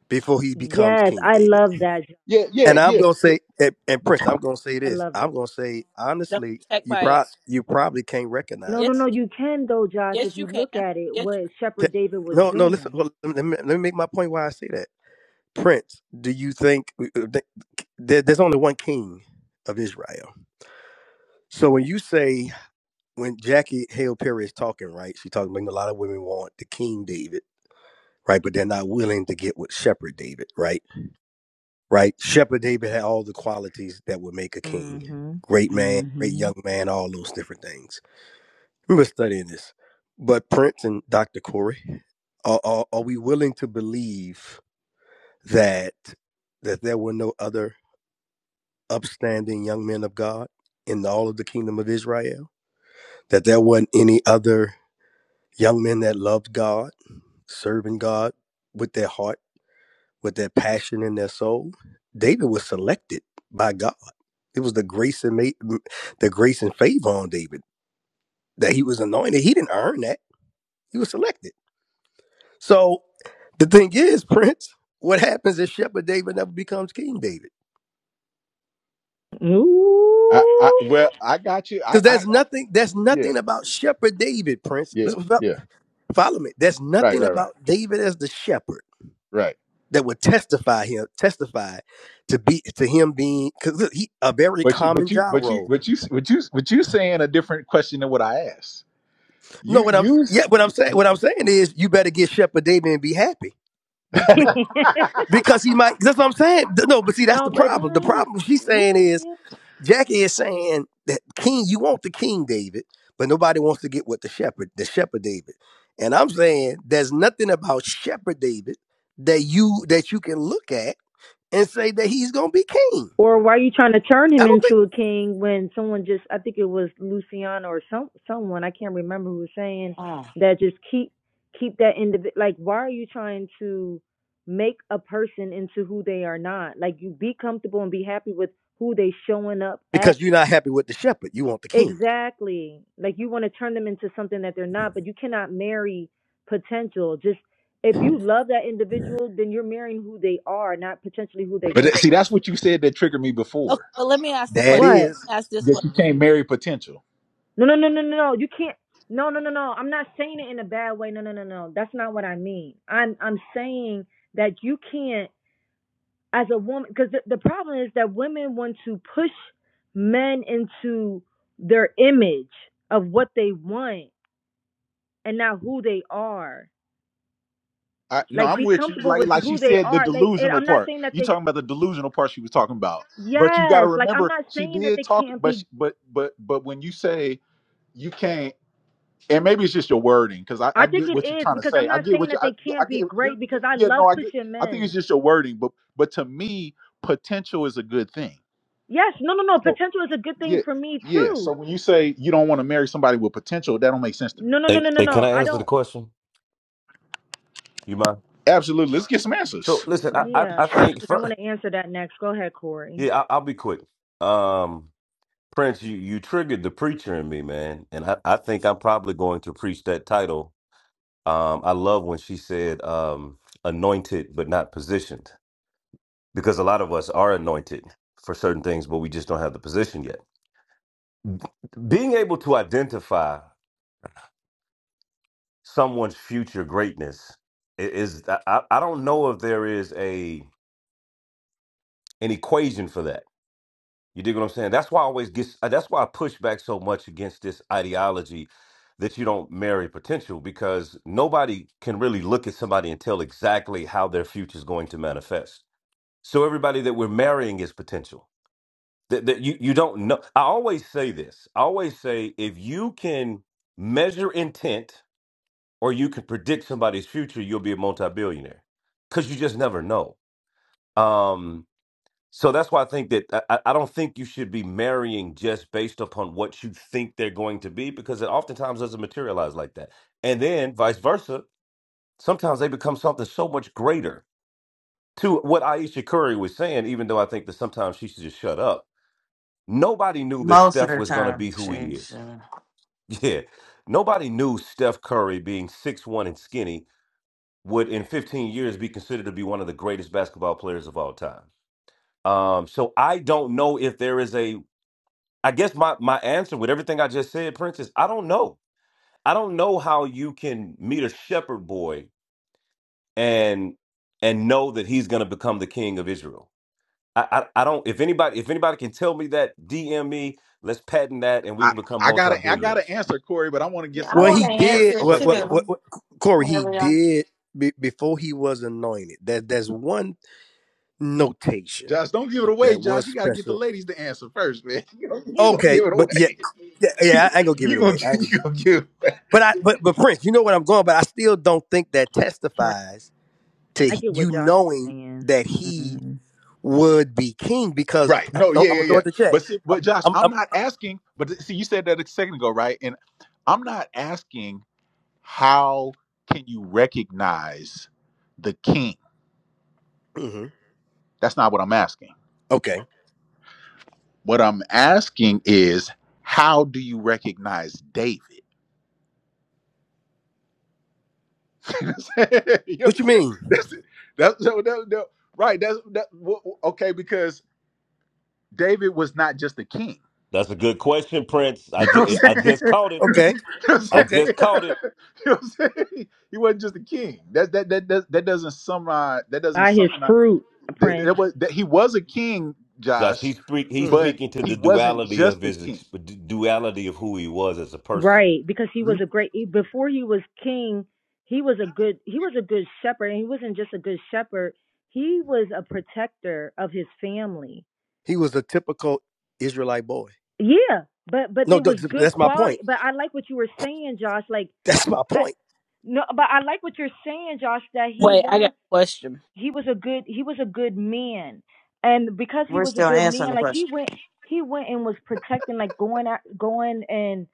Speaker 6: before he becomes
Speaker 23: Yes,
Speaker 6: King
Speaker 23: I
Speaker 6: David?
Speaker 23: love that. Jo-
Speaker 1: yeah yeah
Speaker 6: And I'm
Speaker 1: yeah
Speaker 6: gonna
Speaker 1: yeah
Speaker 6: say, and, and Prince, I'm gonna say
Speaker 23: I
Speaker 6: this.
Speaker 23: love that.
Speaker 6: I'm gonna say
Speaker 26: Don't
Speaker 6: honestly,
Speaker 26: check
Speaker 6: you
Speaker 26: my
Speaker 6: pro,
Speaker 26: answer.
Speaker 6: you probably can't
Speaker 23: No,
Speaker 6: recognize.
Speaker 23: no, no.
Speaker 26: Yes,
Speaker 23: You can though, Josh, if
Speaker 26: yes, you
Speaker 23: you
Speaker 26: can.
Speaker 23: look at it,
Speaker 26: Yes, you
Speaker 23: what
Speaker 26: can.
Speaker 6: Ca-
Speaker 23: Shepherd David was
Speaker 6: No, no. Listen,
Speaker 23: doing.
Speaker 6: well, let, me, let me make my point. Why I say that, Prince. Do you think there, there's only one King of Israel? So when you say when Jackie Hale Perry is talking, right? She talking about a lot of women want the King David, right? But they're not willing to get with Shepherd David, right? right? Shepherd David had all the qualities that would make a king.
Speaker 23: Mm-hmm.
Speaker 6: Great man, great
Speaker 23: Mm-hmm.
Speaker 6: young man, all those different things. We were studying this. But Prince and Dr. Corey, are, are, are we willing to believe that that there were no other upstanding young men of God in all of the kingdom of Israel? That there weren't any other young men that loved God, serving God with their heart? with their passion in their soul. David was selected by God. It was the grace and ma- the grace and favor on David that he was anointed. He didn't earn that. He was selected. So the thing is, *laughs* Prince, what happens if Shepherd David never becomes King David?
Speaker 1: i i
Speaker 23: Ooh.
Speaker 1: well i got you i
Speaker 6: Because
Speaker 1: i, I
Speaker 6: that's nothing. That's
Speaker 1: yeah
Speaker 6: nothing about Shepherd David, Prince.
Speaker 1: yeah
Speaker 6: This
Speaker 1: yeah
Speaker 6: Follow me. There's
Speaker 1: right
Speaker 6: nothing
Speaker 1: right right
Speaker 6: about David as the shepherd
Speaker 1: right
Speaker 6: that would testify him testify to be to him being because he a very
Speaker 1: But you, but
Speaker 6: common
Speaker 1: you,
Speaker 6: job
Speaker 1: but you,
Speaker 6: role.
Speaker 1: but you, but you, but you saying a different question than what I asked.
Speaker 6: No,
Speaker 1: You,
Speaker 6: what I'm
Speaker 1: you.
Speaker 6: yeah, what I'm saying,
Speaker 1: *laughs*
Speaker 6: what I'm saying is you better get Shepherd David and be happy. Be, be-
Speaker 23: *laughs*
Speaker 6: because he might that's what I'm saying. No, but see, that's
Speaker 23: no,
Speaker 6: the
Speaker 23: but it
Speaker 6: problem. The
Speaker 23: is.
Speaker 6: problem she's saying
Speaker 23: Yeah,
Speaker 6: is
Speaker 23: yeah.
Speaker 6: Jackie is saying that King, you want the King David, but nobody wants to get with the shepherd, the shepherd David. And I'm saying there's nothing about Shepherd David that you that you can look at and say that he's gonna be king.
Speaker 23: Or why are you trying to turn
Speaker 6: I
Speaker 23: him
Speaker 6: don't think
Speaker 23: into a king when someone just I think it was Luciana or some someone, I can't remember who was saying
Speaker 32: Mm.
Speaker 23: that just keep keep that individual like why are you trying to make a person into who they are not? Like you be comfortable and be happy with who they showing up as.
Speaker 6: because you're not happy with the shepherd, you want the king.
Speaker 23: Exactly. Like you want to turn them into something that they're not, but you cannot marry potential. Just if you love that individual, then you're marrying who they are, not potentially who they're
Speaker 1: But
Speaker 23: going
Speaker 1: that- see,
Speaker 23: to be.
Speaker 1: that's what you said that triggered me
Speaker 26: Okay,
Speaker 1: before.
Speaker 26: but let me ask the
Speaker 6: That
Speaker 26: question.
Speaker 23: What?
Speaker 6: is.
Speaker 26: Ask this one.
Speaker 1: That you can't marry potential.
Speaker 23: No, no, no, no, no. no. You can't. No, no, no, no. I'm not saying it in a bad way. No, no, no, no. That's not what I mean. I'm I'm saying that you can't as a woman because the, the problem is that women want to push men into their image of what they want and not who they are
Speaker 1: I, no,
Speaker 23: like
Speaker 1: I'm
Speaker 23: be
Speaker 1: with you.
Speaker 23: comfortable
Speaker 1: Like,
Speaker 23: with
Speaker 1: like she
Speaker 23: who they
Speaker 1: said, the
Speaker 23: are like and
Speaker 1: delusional
Speaker 23: i'm not
Speaker 1: part.
Speaker 23: saying that
Speaker 1: You
Speaker 23: they
Speaker 1: talking about the delusional part she was talking about. But you got to
Speaker 23: yes like i'm
Speaker 1: remember,
Speaker 23: not
Speaker 1: she
Speaker 23: saying that
Speaker 1: did
Speaker 23: they
Speaker 1: talk.
Speaker 23: can't
Speaker 1: But,
Speaker 23: be
Speaker 1: she, but, but, but when you say you can't. and maybe it's just your wording because I, I
Speaker 23: i think
Speaker 1: get
Speaker 23: it
Speaker 1: what you're
Speaker 23: is
Speaker 1: trying to
Speaker 23: because i'm
Speaker 1: say. I
Speaker 23: not
Speaker 1: get
Speaker 23: saying
Speaker 1: what you,
Speaker 23: that
Speaker 1: I,
Speaker 23: they
Speaker 1: yeah, I
Speaker 23: can't
Speaker 1: get.
Speaker 23: be
Speaker 1: You're,
Speaker 23: great because i
Speaker 1: yeah,
Speaker 23: love
Speaker 1: no, I get.
Speaker 23: pushing
Speaker 1: I think it's
Speaker 23: men
Speaker 1: just your wording, but but to me, potential is a good thing.
Speaker 23: yes no no no
Speaker 1: So
Speaker 23: potential is a good thing
Speaker 1: yeah,
Speaker 23: for me
Speaker 1: yeah. So
Speaker 23: too
Speaker 1: when you say you don't want to marry somebody with potential, that don't make sense to me.
Speaker 23: no no no
Speaker 3: Hey,
Speaker 23: no no
Speaker 3: hey, can
Speaker 23: no
Speaker 3: I
Speaker 23: i
Speaker 3: answer the
Speaker 23: don't
Speaker 3: question? You mind?
Speaker 1: Absolutely. Let's get some
Speaker 3: So
Speaker 1: answers.
Speaker 3: listen, I, I,
Speaker 23: yeah
Speaker 3: I think
Speaker 23: because i want
Speaker 3: for,
Speaker 23: to answer that next go ahead corey
Speaker 3: yeah, I, I'll be quick. Um, Prince, you, you triggered the preacher in me, man, and I, I think I'm probably going to preach that title. Um, I love when she said, um, anointed but not positioned, because a lot of us are anointed for certain things, but we just don't have the position yet. Being able to identify someone's future greatness It is I, I I don't know if there is a an equation for that you dig what i'm saying that's why i always get uh, that's why i push back so much against this ideology that you don't marry potential because nobody can really look at somebody and tell exactly how their future is going to manifest so everybody that we're marrying is potential that, that you, you don't know i always say this i always say if you can measure intent or you could predict somebody's future, you'll be a multi-billionaire because you just never know. Um, so that's why I think that I, I I don't think you should be marrying just based upon what you think they're going to be because it oftentimes doesn't materialize like that. And then vice versa, sometimes they become something so much greater. To what Aisha Curry was saying, even though I think that sometimes she should just shut up. Nobody knew that
Speaker 32: Most of
Speaker 3: Steph
Speaker 32: the
Speaker 3: was going to
Speaker 32: time,
Speaker 3: be who
Speaker 32: she,
Speaker 3: he
Speaker 32: she-
Speaker 3: is. *laughs* Yeah, nobody knew Steph Curry being six one and skinny would in 15 years be considered to be one of the greatest basketball players of all time. Um, so I don't know if there is a. I guess my my answer with everything I just said, Prince, is I don't know. I don't know how you can meet a shepherd boy and and know that he's going to become the king of Israel. I, I I don't. If anybody if anybody can tell me that, DM me. Let's patent that, and we
Speaker 1: I
Speaker 3: can become
Speaker 1: I
Speaker 3: multi
Speaker 1: gotta I gotta
Speaker 3: billionaires.
Speaker 1: answer Corey, but I want to get
Speaker 32: Yeah, I
Speaker 1: some
Speaker 6: Well,
Speaker 1: other
Speaker 32: want
Speaker 6: he
Speaker 32: to
Speaker 1: ones
Speaker 6: did.
Speaker 32: answer it
Speaker 1: first.
Speaker 6: What,
Speaker 3: Okay,
Speaker 6: what,
Speaker 3: good.
Speaker 6: what,
Speaker 32: too.
Speaker 6: what, Corey, he
Speaker 32: Whatever y'all. do.
Speaker 6: did be, before he was anointed. That There's one notation
Speaker 1: Josh, don't give it away,
Speaker 6: that
Speaker 1: Josh.
Speaker 6: was
Speaker 1: You gotta get the
Speaker 6: special.
Speaker 1: ladies to answer first, man. *laughs* You don't, you don't
Speaker 6: Okay,
Speaker 1: give it
Speaker 6: but yeah,
Speaker 1: away.
Speaker 6: yeah, yeah,
Speaker 1: *laughs*
Speaker 6: I ain't gonna give
Speaker 1: You
Speaker 6: it
Speaker 1: gonna
Speaker 6: away. I ain't gonna
Speaker 1: you
Speaker 6: give,
Speaker 1: gonna give.
Speaker 6: but I, but, but Prince, you know what I'm going. But I still don't think that
Speaker 23: right
Speaker 6: testifies to
Speaker 23: i get what
Speaker 6: you
Speaker 23: josh is
Speaker 6: knowing
Speaker 23: saying
Speaker 6: that he
Speaker 23: Mhm.
Speaker 6: would be king because
Speaker 1: Right.
Speaker 6: I'm,
Speaker 1: No,
Speaker 6: I'm
Speaker 1: yeah, yeah,
Speaker 6: gonna throw
Speaker 1: yeah.
Speaker 6: it to check.
Speaker 1: But see, but Josh,
Speaker 6: I'm,
Speaker 1: I'm
Speaker 6: I'm
Speaker 1: not asking, but th- see, you said that a second ago, right? And I'm not asking how can you recognize the king?
Speaker 6: hmm
Speaker 1: That's not what I'm asking.
Speaker 6: okay.
Speaker 1: What I'm asking is how do you recognize David? *laughs* you know what I'm
Speaker 6: What you
Speaker 1: saying?
Speaker 6: mean?
Speaker 1: That's it. That's so that, that- right. That's that, wh- wh- okay because David was not just a king.
Speaker 3: That's a good question, Prince. I
Speaker 1: *laughs* You
Speaker 3: just
Speaker 1: know
Speaker 3: I just caught it.
Speaker 6: Okay,
Speaker 1: what I'm
Speaker 3: I
Speaker 1: saying?
Speaker 6: okay.
Speaker 1: *laughs*
Speaker 3: just
Speaker 1: You know what I'm
Speaker 3: caught it.
Speaker 1: saying? *laughs* You know what I'm saying? *laughs* He wasn't just a king. That that that that, that doesn't summarize. That doesn't
Speaker 23: by his
Speaker 1: summarize.
Speaker 23: fruit
Speaker 1: That,
Speaker 23: prince
Speaker 1: that was that he was a king,
Speaker 3: Just
Speaker 1: Josh,
Speaker 3: he's speak, he's
Speaker 6: hmm
Speaker 1: but
Speaker 3: speaking to
Speaker 1: he
Speaker 3: the
Speaker 1: wasn't
Speaker 3: duality of
Speaker 1: just a
Speaker 3: his ex-
Speaker 1: king.
Speaker 3: duality of who he was as a person.
Speaker 23: Right, because he
Speaker 1: No,
Speaker 23: was a great he- before he was king, he was a good he was a good shepherd and he wasn't just a good shepherd, he was a protector of his family.
Speaker 6: He was a typical Israelite boy.
Speaker 23: Yeah, but but
Speaker 6: No,
Speaker 23: there
Speaker 6: th-
Speaker 23: was
Speaker 6: th-
Speaker 23: good
Speaker 6: that's my point.
Speaker 23: quality, but I like what you were saying, Josh, like
Speaker 6: That's my
Speaker 23: I
Speaker 6: point.
Speaker 23: no, but I like what you're saying, Josh, that he
Speaker 26: Wait, I got
Speaker 23: was.
Speaker 26: a question.
Speaker 23: he was a good he was a good man and because he
Speaker 32: we're
Speaker 23: was a
Speaker 32: still
Speaker 23: good
Speaker 32: answering
Speaker 23: man
Speaker 32: the
Speaker 23: like he
Speaker 32: question.
Speaker 23: went he went and was protecting like going at, going and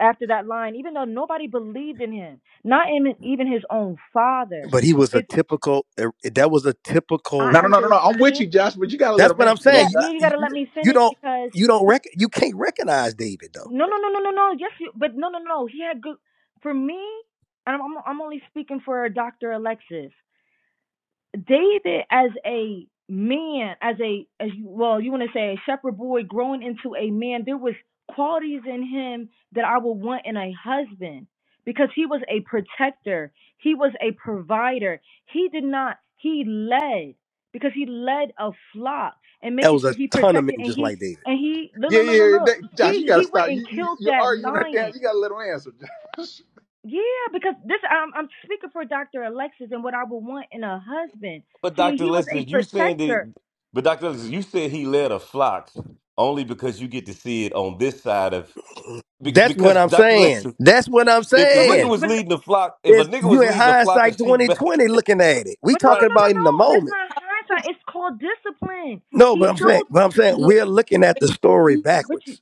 Speaker 23: after that line even though nobody believed in him not even even his own father
Speaker 6: But he was a
Speaker 23: his
Speaker 6: typical. er, That was a
Speaker 23: i
Speaker 6: typical
Speaker 1: no, no, no, no. I'm with
Speaker 23: understand
Speaker 1: you, Josh, but you gotta let
Speaker 6: That's
Speaker 1: him
Speaker 6: what I'm
Speaker 1: answer though,
Speaker 26: Yeah.
Speaker 6: saying.
Speaker 1: Josh.
Speaker 23: yeah you got
Speaker 6: You,
Speaker 23: to
Speaker 1: You,
Speaker 23: let me
Speaker 6: you
Speaker 23: finish
Speaker 6: don't
Speaker 23: because
Speaker 6: you don't
Speaker 23: he,
Speaker 6: rec- you can't recognize David though.
Speaker 23: no no no no no no yes you, but no no no he had good for me and I'm I'm only speaking for Dr. Alexis David as a man, as a as you, well, you want to say a shepherd boy growing into a man, there was qualities in him that I would want in a husband because he was a protector, he was a provider. He did not he led because he led a flock and
Speaker 6: There
Speaker 23: making
Speaker 6: was a
Speaker 23: sure he
Speaker 6: ton of men
Speaker 23: protected and
Speaker 6: just
Speaker 23: he
Speaker 6: like David.
Speaker 23: and he look
Speaker 1: yeah,
Speaker 23: look look look
Speaker 1: yeah,
Speaker 23: look
Speaker 1: that, Josh, you
Speaker 23: he
Speaker 1: gotta
Speaker 23: he went
Speaker 1: stop.
Speaker 23: and
Speaker 1: You, you
Speaker 23: killed
Speaker 1: you're
Speaker 23: that
Speaker 1: arguing her
Speaker 23: lion
Speaker 1: down. You gotta let him answer, *laughs* Josh.
Speaker 23: yeah, because this I'm I'm speaking for Dr. Alexis and what I would want in a husband.
Speaker 3: But
Speaker 23: See,
Speaker 3: Dr.
Speaker 23: he was
Speaker 3: Lester,
Speaker 23: a
Speaker 3: you saying
Speaker 23: protector.
Speaker 3: that but Dr. Lester, you said he led a flock only because you get to see it on this side of be-
Speaker 6: That's what
Speaker 3: because
Speaker 6: I'm
Speaker 3: Dr.
Speaker 6: saying.
Speaker 3: Lester,
Speaker 6: That's what I'm
Speaker 3: *laughs* if the
Speaker 23: But what do
Speaker 3: nigga
Speaker 6: saying.
Speaker 23: you
Speaker 3: was
Speaker 23: but
Speaker 3: leading the flock, if a
Speaker 6: Is
Speaker 3: nigga
Speaker 6: you
Speaker 3: was
Speaker 6: in
Speaker 3: leading a flock of
Speaker 6: hindsight
Speaker 3: sheep, *laughs* man,
Speaker 6: 2020 looking at it. We
Speaker 23: but no no
Speaker 6: talking
Speaker 3: right?
Speaker 23: no no
Speaker 6: about in
Speaker 23: no.
Speaker 6: the
Speaker 23: That's
Speaker 6: moment.
Speaker 23: not hindsight. It's called discipline.
Speaker 6: No,
Speaker 23: He
Speaker 6: but I'm saying,
Speaker 23: showed
Speaker 6: but I'm saying
Speaker 26: yeah.
Speaker 6: we're looking at the story
Speaker 26: Mm-hmm.
Speaker 23: but you
Speaker 6: backwards.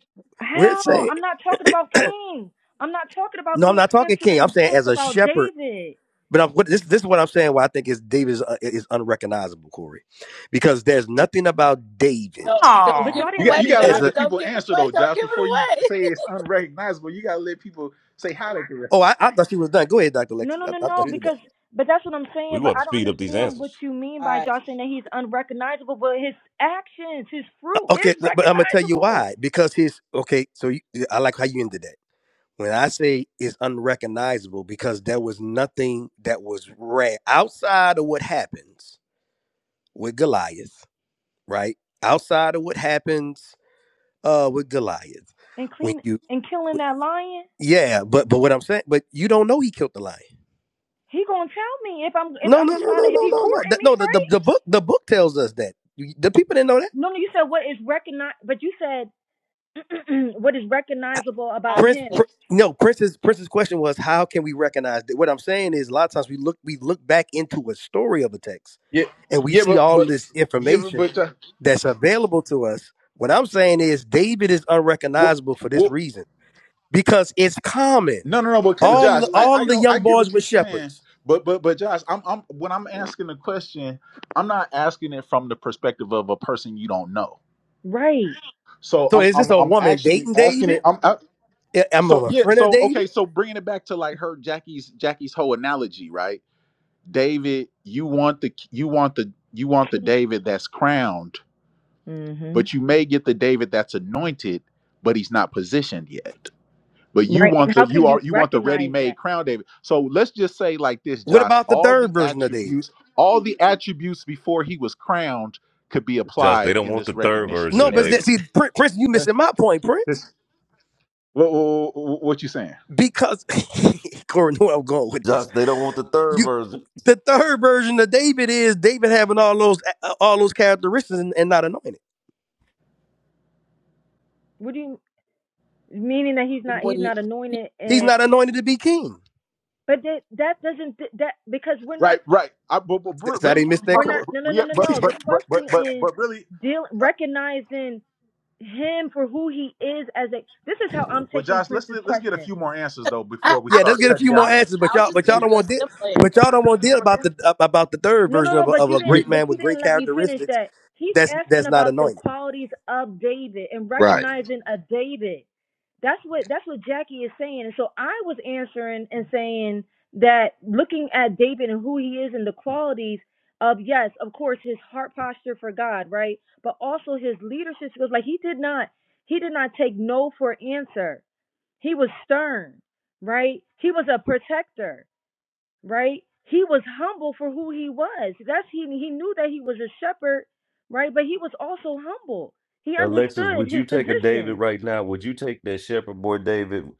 Speaker 6: We're
Speaker 23: how?
Speaker 6: saying,
Speaker 23: I'm not talking about King. I'm not talking about
Speaker 6: no, I'm
Speaker 23: King.
Speaker 6: not
Speaker 23: I'm
Speaker 6: talking king. I'm
Speaker 23: answering
Speaker 6: saying
Speaker 23: Prince
Speaker 6: as a
Speaker 23: about
Speaker 6: shepherd.
Speaker 23: David.
Speaker 6: But I'm, what- this, this is what I'm saying. Why I think is David is, uh, is unrecognizable, Corey, because there's nothing about David
Speaker 26: Don't don't
Speaker 23: But
Speaker 26: give
Speaker 32: Oh,
Speaker 23: y'all
Speaker 26: it
Speaker 1: You
Speaker 23: didn't
Speaker 1: got
Speaker 23: let
Speaker 26: away,
Speaker 1: you
Speaker 23: me
Speaker 1: got to
Speaker 6: as
Speaker 23: finish.
Speaker 1: let
Speaker 26: Josh.
Speaker 1: the
Speaker 6: a.
Speaker 26: Don't
Speaker 1: people
Speaker 26: give it
Speaker 1: answer
Speaker 26: away.
Speaker 1: though,
Speaker 26: Don't
Speaker 1: Josh.
Speaker 26: give it
Speaker 1: Before you
Speaker 26: away.
Speaker 1: say it's unrecognizable, you got to let people say how they can.
Speaker 6: Oh, I, I thought you was done. Go ahead, Doctor Lex.
Speaker 23: No no
Speaker 6: I,
Speaker 23: no
Speaker 6: I
Speaker 23: no
Speaker 6: thought you
Speaker 1: rec-
Speaker 6: were done.
Speaker 23: because
Speaker 6: Uh,
Speaker 23: but that's what I'm
Speaker 3: We
Speaker 23: saying, but
Speaker 3: want to
Speaker 23: I don't
Speaker 3: speed up these
Speaker 23: understand what
Speaker 3: answers.
Speaker 23: you mean
Speaker 26: All
Speaker 23: by
Speaker 26: right.
Speaker 23: y'all saying that he's unrecognizable, but his actions, his fruit
Speaker 6: Okay,
Speaker 23: is
Speaker 6: l- but I'm gonna tell you
Speaker 23: recognizable.
Speaker 6: why. Because his okay. So you, I like how you ended that. When I say it's unrecognizable, because there was nothing that was rare outside of what happens with Goliath right? Outside of what happens uh with Goliath,
Speaker 23: and
Speaker 6: when
Speaker 23: clean
Speaker 6: you,
Speaker 23: and killing that lion,
Speaker 6: yeah, but but what I'm saying, but you don't know he killed the lion.
Speaker 23: he gonna tell me if I'm if
Speaker 6: No, no,
Speaker 23: I'm
Speaker 6: no,
Speaker 23: trying
Speaker 6: no,
Speaker 23: to if
Speaker 6: no,
Speaker 23: he
Speaker 6: no, no.
Speaker 23: courting
Speaker 6: That,
Speaker 23: me,
Speaker 6: no, the, the
Speaker 23: right?
Speaker 6: the book the book tells us that. You- The people didn't know that.
Speaker 23: No, no, you said what is recognize, but you said *clears throat* what is recognizable
Speaker 26: *laughs* I,
Speaker 23: about
Speaker 6: Prince,
Speaker 23: him.
Speaker 6: pr- no, Prince's Prince's question was how can we recognize that? What I'm saying is a lot of times we look we look back into a story of a text
Speaker 1: Yeah,
Speaker 6: and we
Speaker 1: yeah,
Speaker 6: see
Speaker 1: but
Speaker 6: all
Speaker 1: but
Speaker 6: this
Speaker 1: yeah, but,
Speaker 6: information
Speaker 1: but uh,
Speaker 6: that's available to us. What I'm saying is David is
Speaker 1: what
Speaker 6: unrecognizable for this
Speaker 1: what?
Speaker 6: reason because it's common.
Speaker 1: No, no, no. But
Speaker 23: But look how
Speaker 1: Josh,
Speaker 6: All
Speaker 23: he was
Speaker 1: I I
Speaker 6: all the
Speaker 1: don't I
Speaker 6: young
Speaker 1: get
Speaker 6: boys
Speaker 1: what
Speaker 6: were
Speaker 1: you're saying,
Speaker 6: shepherds.
Speaker 1: but but but Josh, I'm I'm when I'm asking the question, I'm not asking it from the perspective of a person you don't know.
Speaker 23: right,
Speaker 1: So
Speaker 6: So
Speaker 1: I'm
Speaker 6: is this
Speaker 1: I'm
Speaker 6: a
Speaker 1: I'm
Speaker 6: woman
Speaker 1: actually
Speaker 6: dating
Speaker 1: asking it.
Speaker 6: David?
Speaker 1: I'm I,
Speaker 6: am
Speaker 1: so
Speaker 6: I a
Speaker 1: yeah.
Speaker 6: friend of
Speaker 1: So okay.
Speaker 6: David.
Speaker 1: So bringing it back to like her Jackie's Jackie's whole analogy, right? David, you want the you want the you want the
Speaker 23: king.
Speaker 1: David that's crowned,
Speaker 23: hmm
Speaker 1: but you may get the David that's anointed, but he's not positioned yet. But you
Speaker 23: Right,
Speaker 1: want
Speaker 23: and
Speaker 1: the
Speaker 23: how
Speaker 1: you
Speaker 23: can
Speaker 1: are
Speaker 23: you
Speaker 1: you want the
Speaker 23: recognize that?
Speaker 1: ready-made crown David. So let's just say like this,
Speaker 6: What
Speaker 1: Josh,
Speaker 6: about the
Speaker 1: all
Speaker 6: third
Speaker 1: the
Speaker 6: version of David?
Speaker 1: attributes, all the attributes before he was crowned could be
Speaker 3: Just they
Speaker 1: applied
Speaker 3: don't
Speaker 1: in
Speaker 3: want
Speaker 1: this
Speaker 3: the third
Speaker 1: recognition
Speaker 3: version
Speaker 6: No,
Speaker 3: of
Speaker 6: but
Speaker 1: scenario.
Speaker 6: that,
Speaker 3: David.
Speaker 6: see, Prin- Prince, you missing my point, Prince.
Speaker 1: This what, what, what you saying?
Speaker 6: Because *laughs* Corey, knew where I'm going with this.
Speaker 3: Josh, they don't want the third
Speaker 6: You,
Speaker 3: version.
Speaker 6: the third version of David is David having all those all those characteristics and, and not anointed.
Speaker 23: What do you meaning that he's not
Speaker 26: when
Speaker 23: he's
Speaker 26: you,
Speaker 23: not anointed
Speaker 6: He's
Speaker 23: and
Speaker 6: not anointed to be king.
Speaker 23: but that that doesn't that because we're not
Speaker 1: Right, right. I, but, but
Speaker 6: So I
Speaker 1: really,
Speaker 6: didn't
Speaker 1: what
Speaker 6: miss
Speaker 1: I'm
Speaker 6: that,
Speaker 23: we're
Speaker 1: talking,
Speaker 23: not
Speaker 6: Corey.
Speaker 23: no no no
Speaker 1: yeah,
Speaker 23: no
Speaker 1: but
Speaker 23: no. The
Speaker 1: but but but
Speaker 23: question
Speaker 1: but
Speaker 23: is
Speaker 1: but really,
Speaker 23: deal recognizing him for who he is as a this is how I'm
Speaker 1: Well,
Speaker 23: taking
Speaker 1: Josh, let's
Speaker 23: Prince's
Speaker 1: let's get a
Speaker 23: question.
Speaker 1: few more answers though
Speaker 26: I,
Speaker 1: before we
Speaker 26: I'll
Speaker 6: Yeah, let's
Speaker 1: start
Speaker 6: get a
Speaker 26: just,
Speaker 1: cutting
Speaker 6: few
Speaker 1: down
Speaker 6: more
Speaker 1: the
Speaker 26: I'll,
Speaker 6: answers, but
Speaker 26: I'll
Speaker 6: y'all,
Speaker 26: just
Speaker 6: but y'all
Speaker 26: give
Speaker 1: answers.
Speaker 6: don't
Speaker 26: you a
Speaker 6: want, de-
Speaker 26: simple answer.
Speaker 6: but y'all don't want to deal about the ab- about the third
Speaker 23: No, no,
Speaker 6: version of
Speaker 23: no,
Speaker 6: a,
Speaker 23: but
Speaker 6: of
Speaker 23: you
Speaker 6: a
Speaker 1: Yeah,
Speaker 23: didn't
Speaker 6: great
Speaker 23: but
Speaker 6: man
Speaker 23: you
Speaker 6: with great
Speaker 23: didn't let me finish
Speaker 6: characteristics
Speaker 23: that. He's
Speaker 6: that's
Speaker 23: asking
Speaker 6: that's not
Speaker 23: about the
Speaker 6: anointed.
Speaker 23: qualities of David and
Speaker 1: right.
Speaker 23: recognizing a David. That's what that's what Jackie is saying. And so I was answering and saying that looking at David and who he is and the qualities of yes, of course, his heart posture for God, right? But also his leadership skills. Like he did not he did not take no for answer He was stern, right? He was a protector, right? He was humble for who he was. That's he he knew that he was a shepherd, right? But he was also humble. He
Speaker 3: Alexis,
Speaker 23: understood
Speaker 3: would you
Speaker 23: his
Speaker 3: take a David
Speaker 23: position.
Speaker 3: right now? Would you take that shepherd boy David?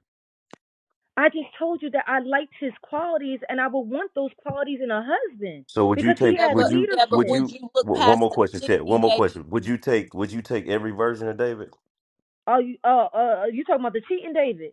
Speaker 23: I just told you that I liked his qualities and I would want those qualities in a husband
Speaker 3: So would you
Speaker 23: because he
Speaker 3: take?
Speaker 26: Yeah,
Speaker 23: had
Speaker 3: Would
Speaker 26: but
Speaker 3: you?
Speaker 26: yeah, but
Speaker 3: Would
Speaker 23: leadership.
Speaker 26: would
Speaker 3: you?
Speaker 26: you look
Speaker 3: w- One
Speaker 26: past
Speaker 3: more
Speaker 26: the
Speaker 3: question, Chet.
Speaker 26: sixty
Speaker 3: One more
Speaker 26: days?
Speaker 3: question. Would you take? Would you take every version of David?
Speaker 23: Are you uh uh you talking about the cheating David?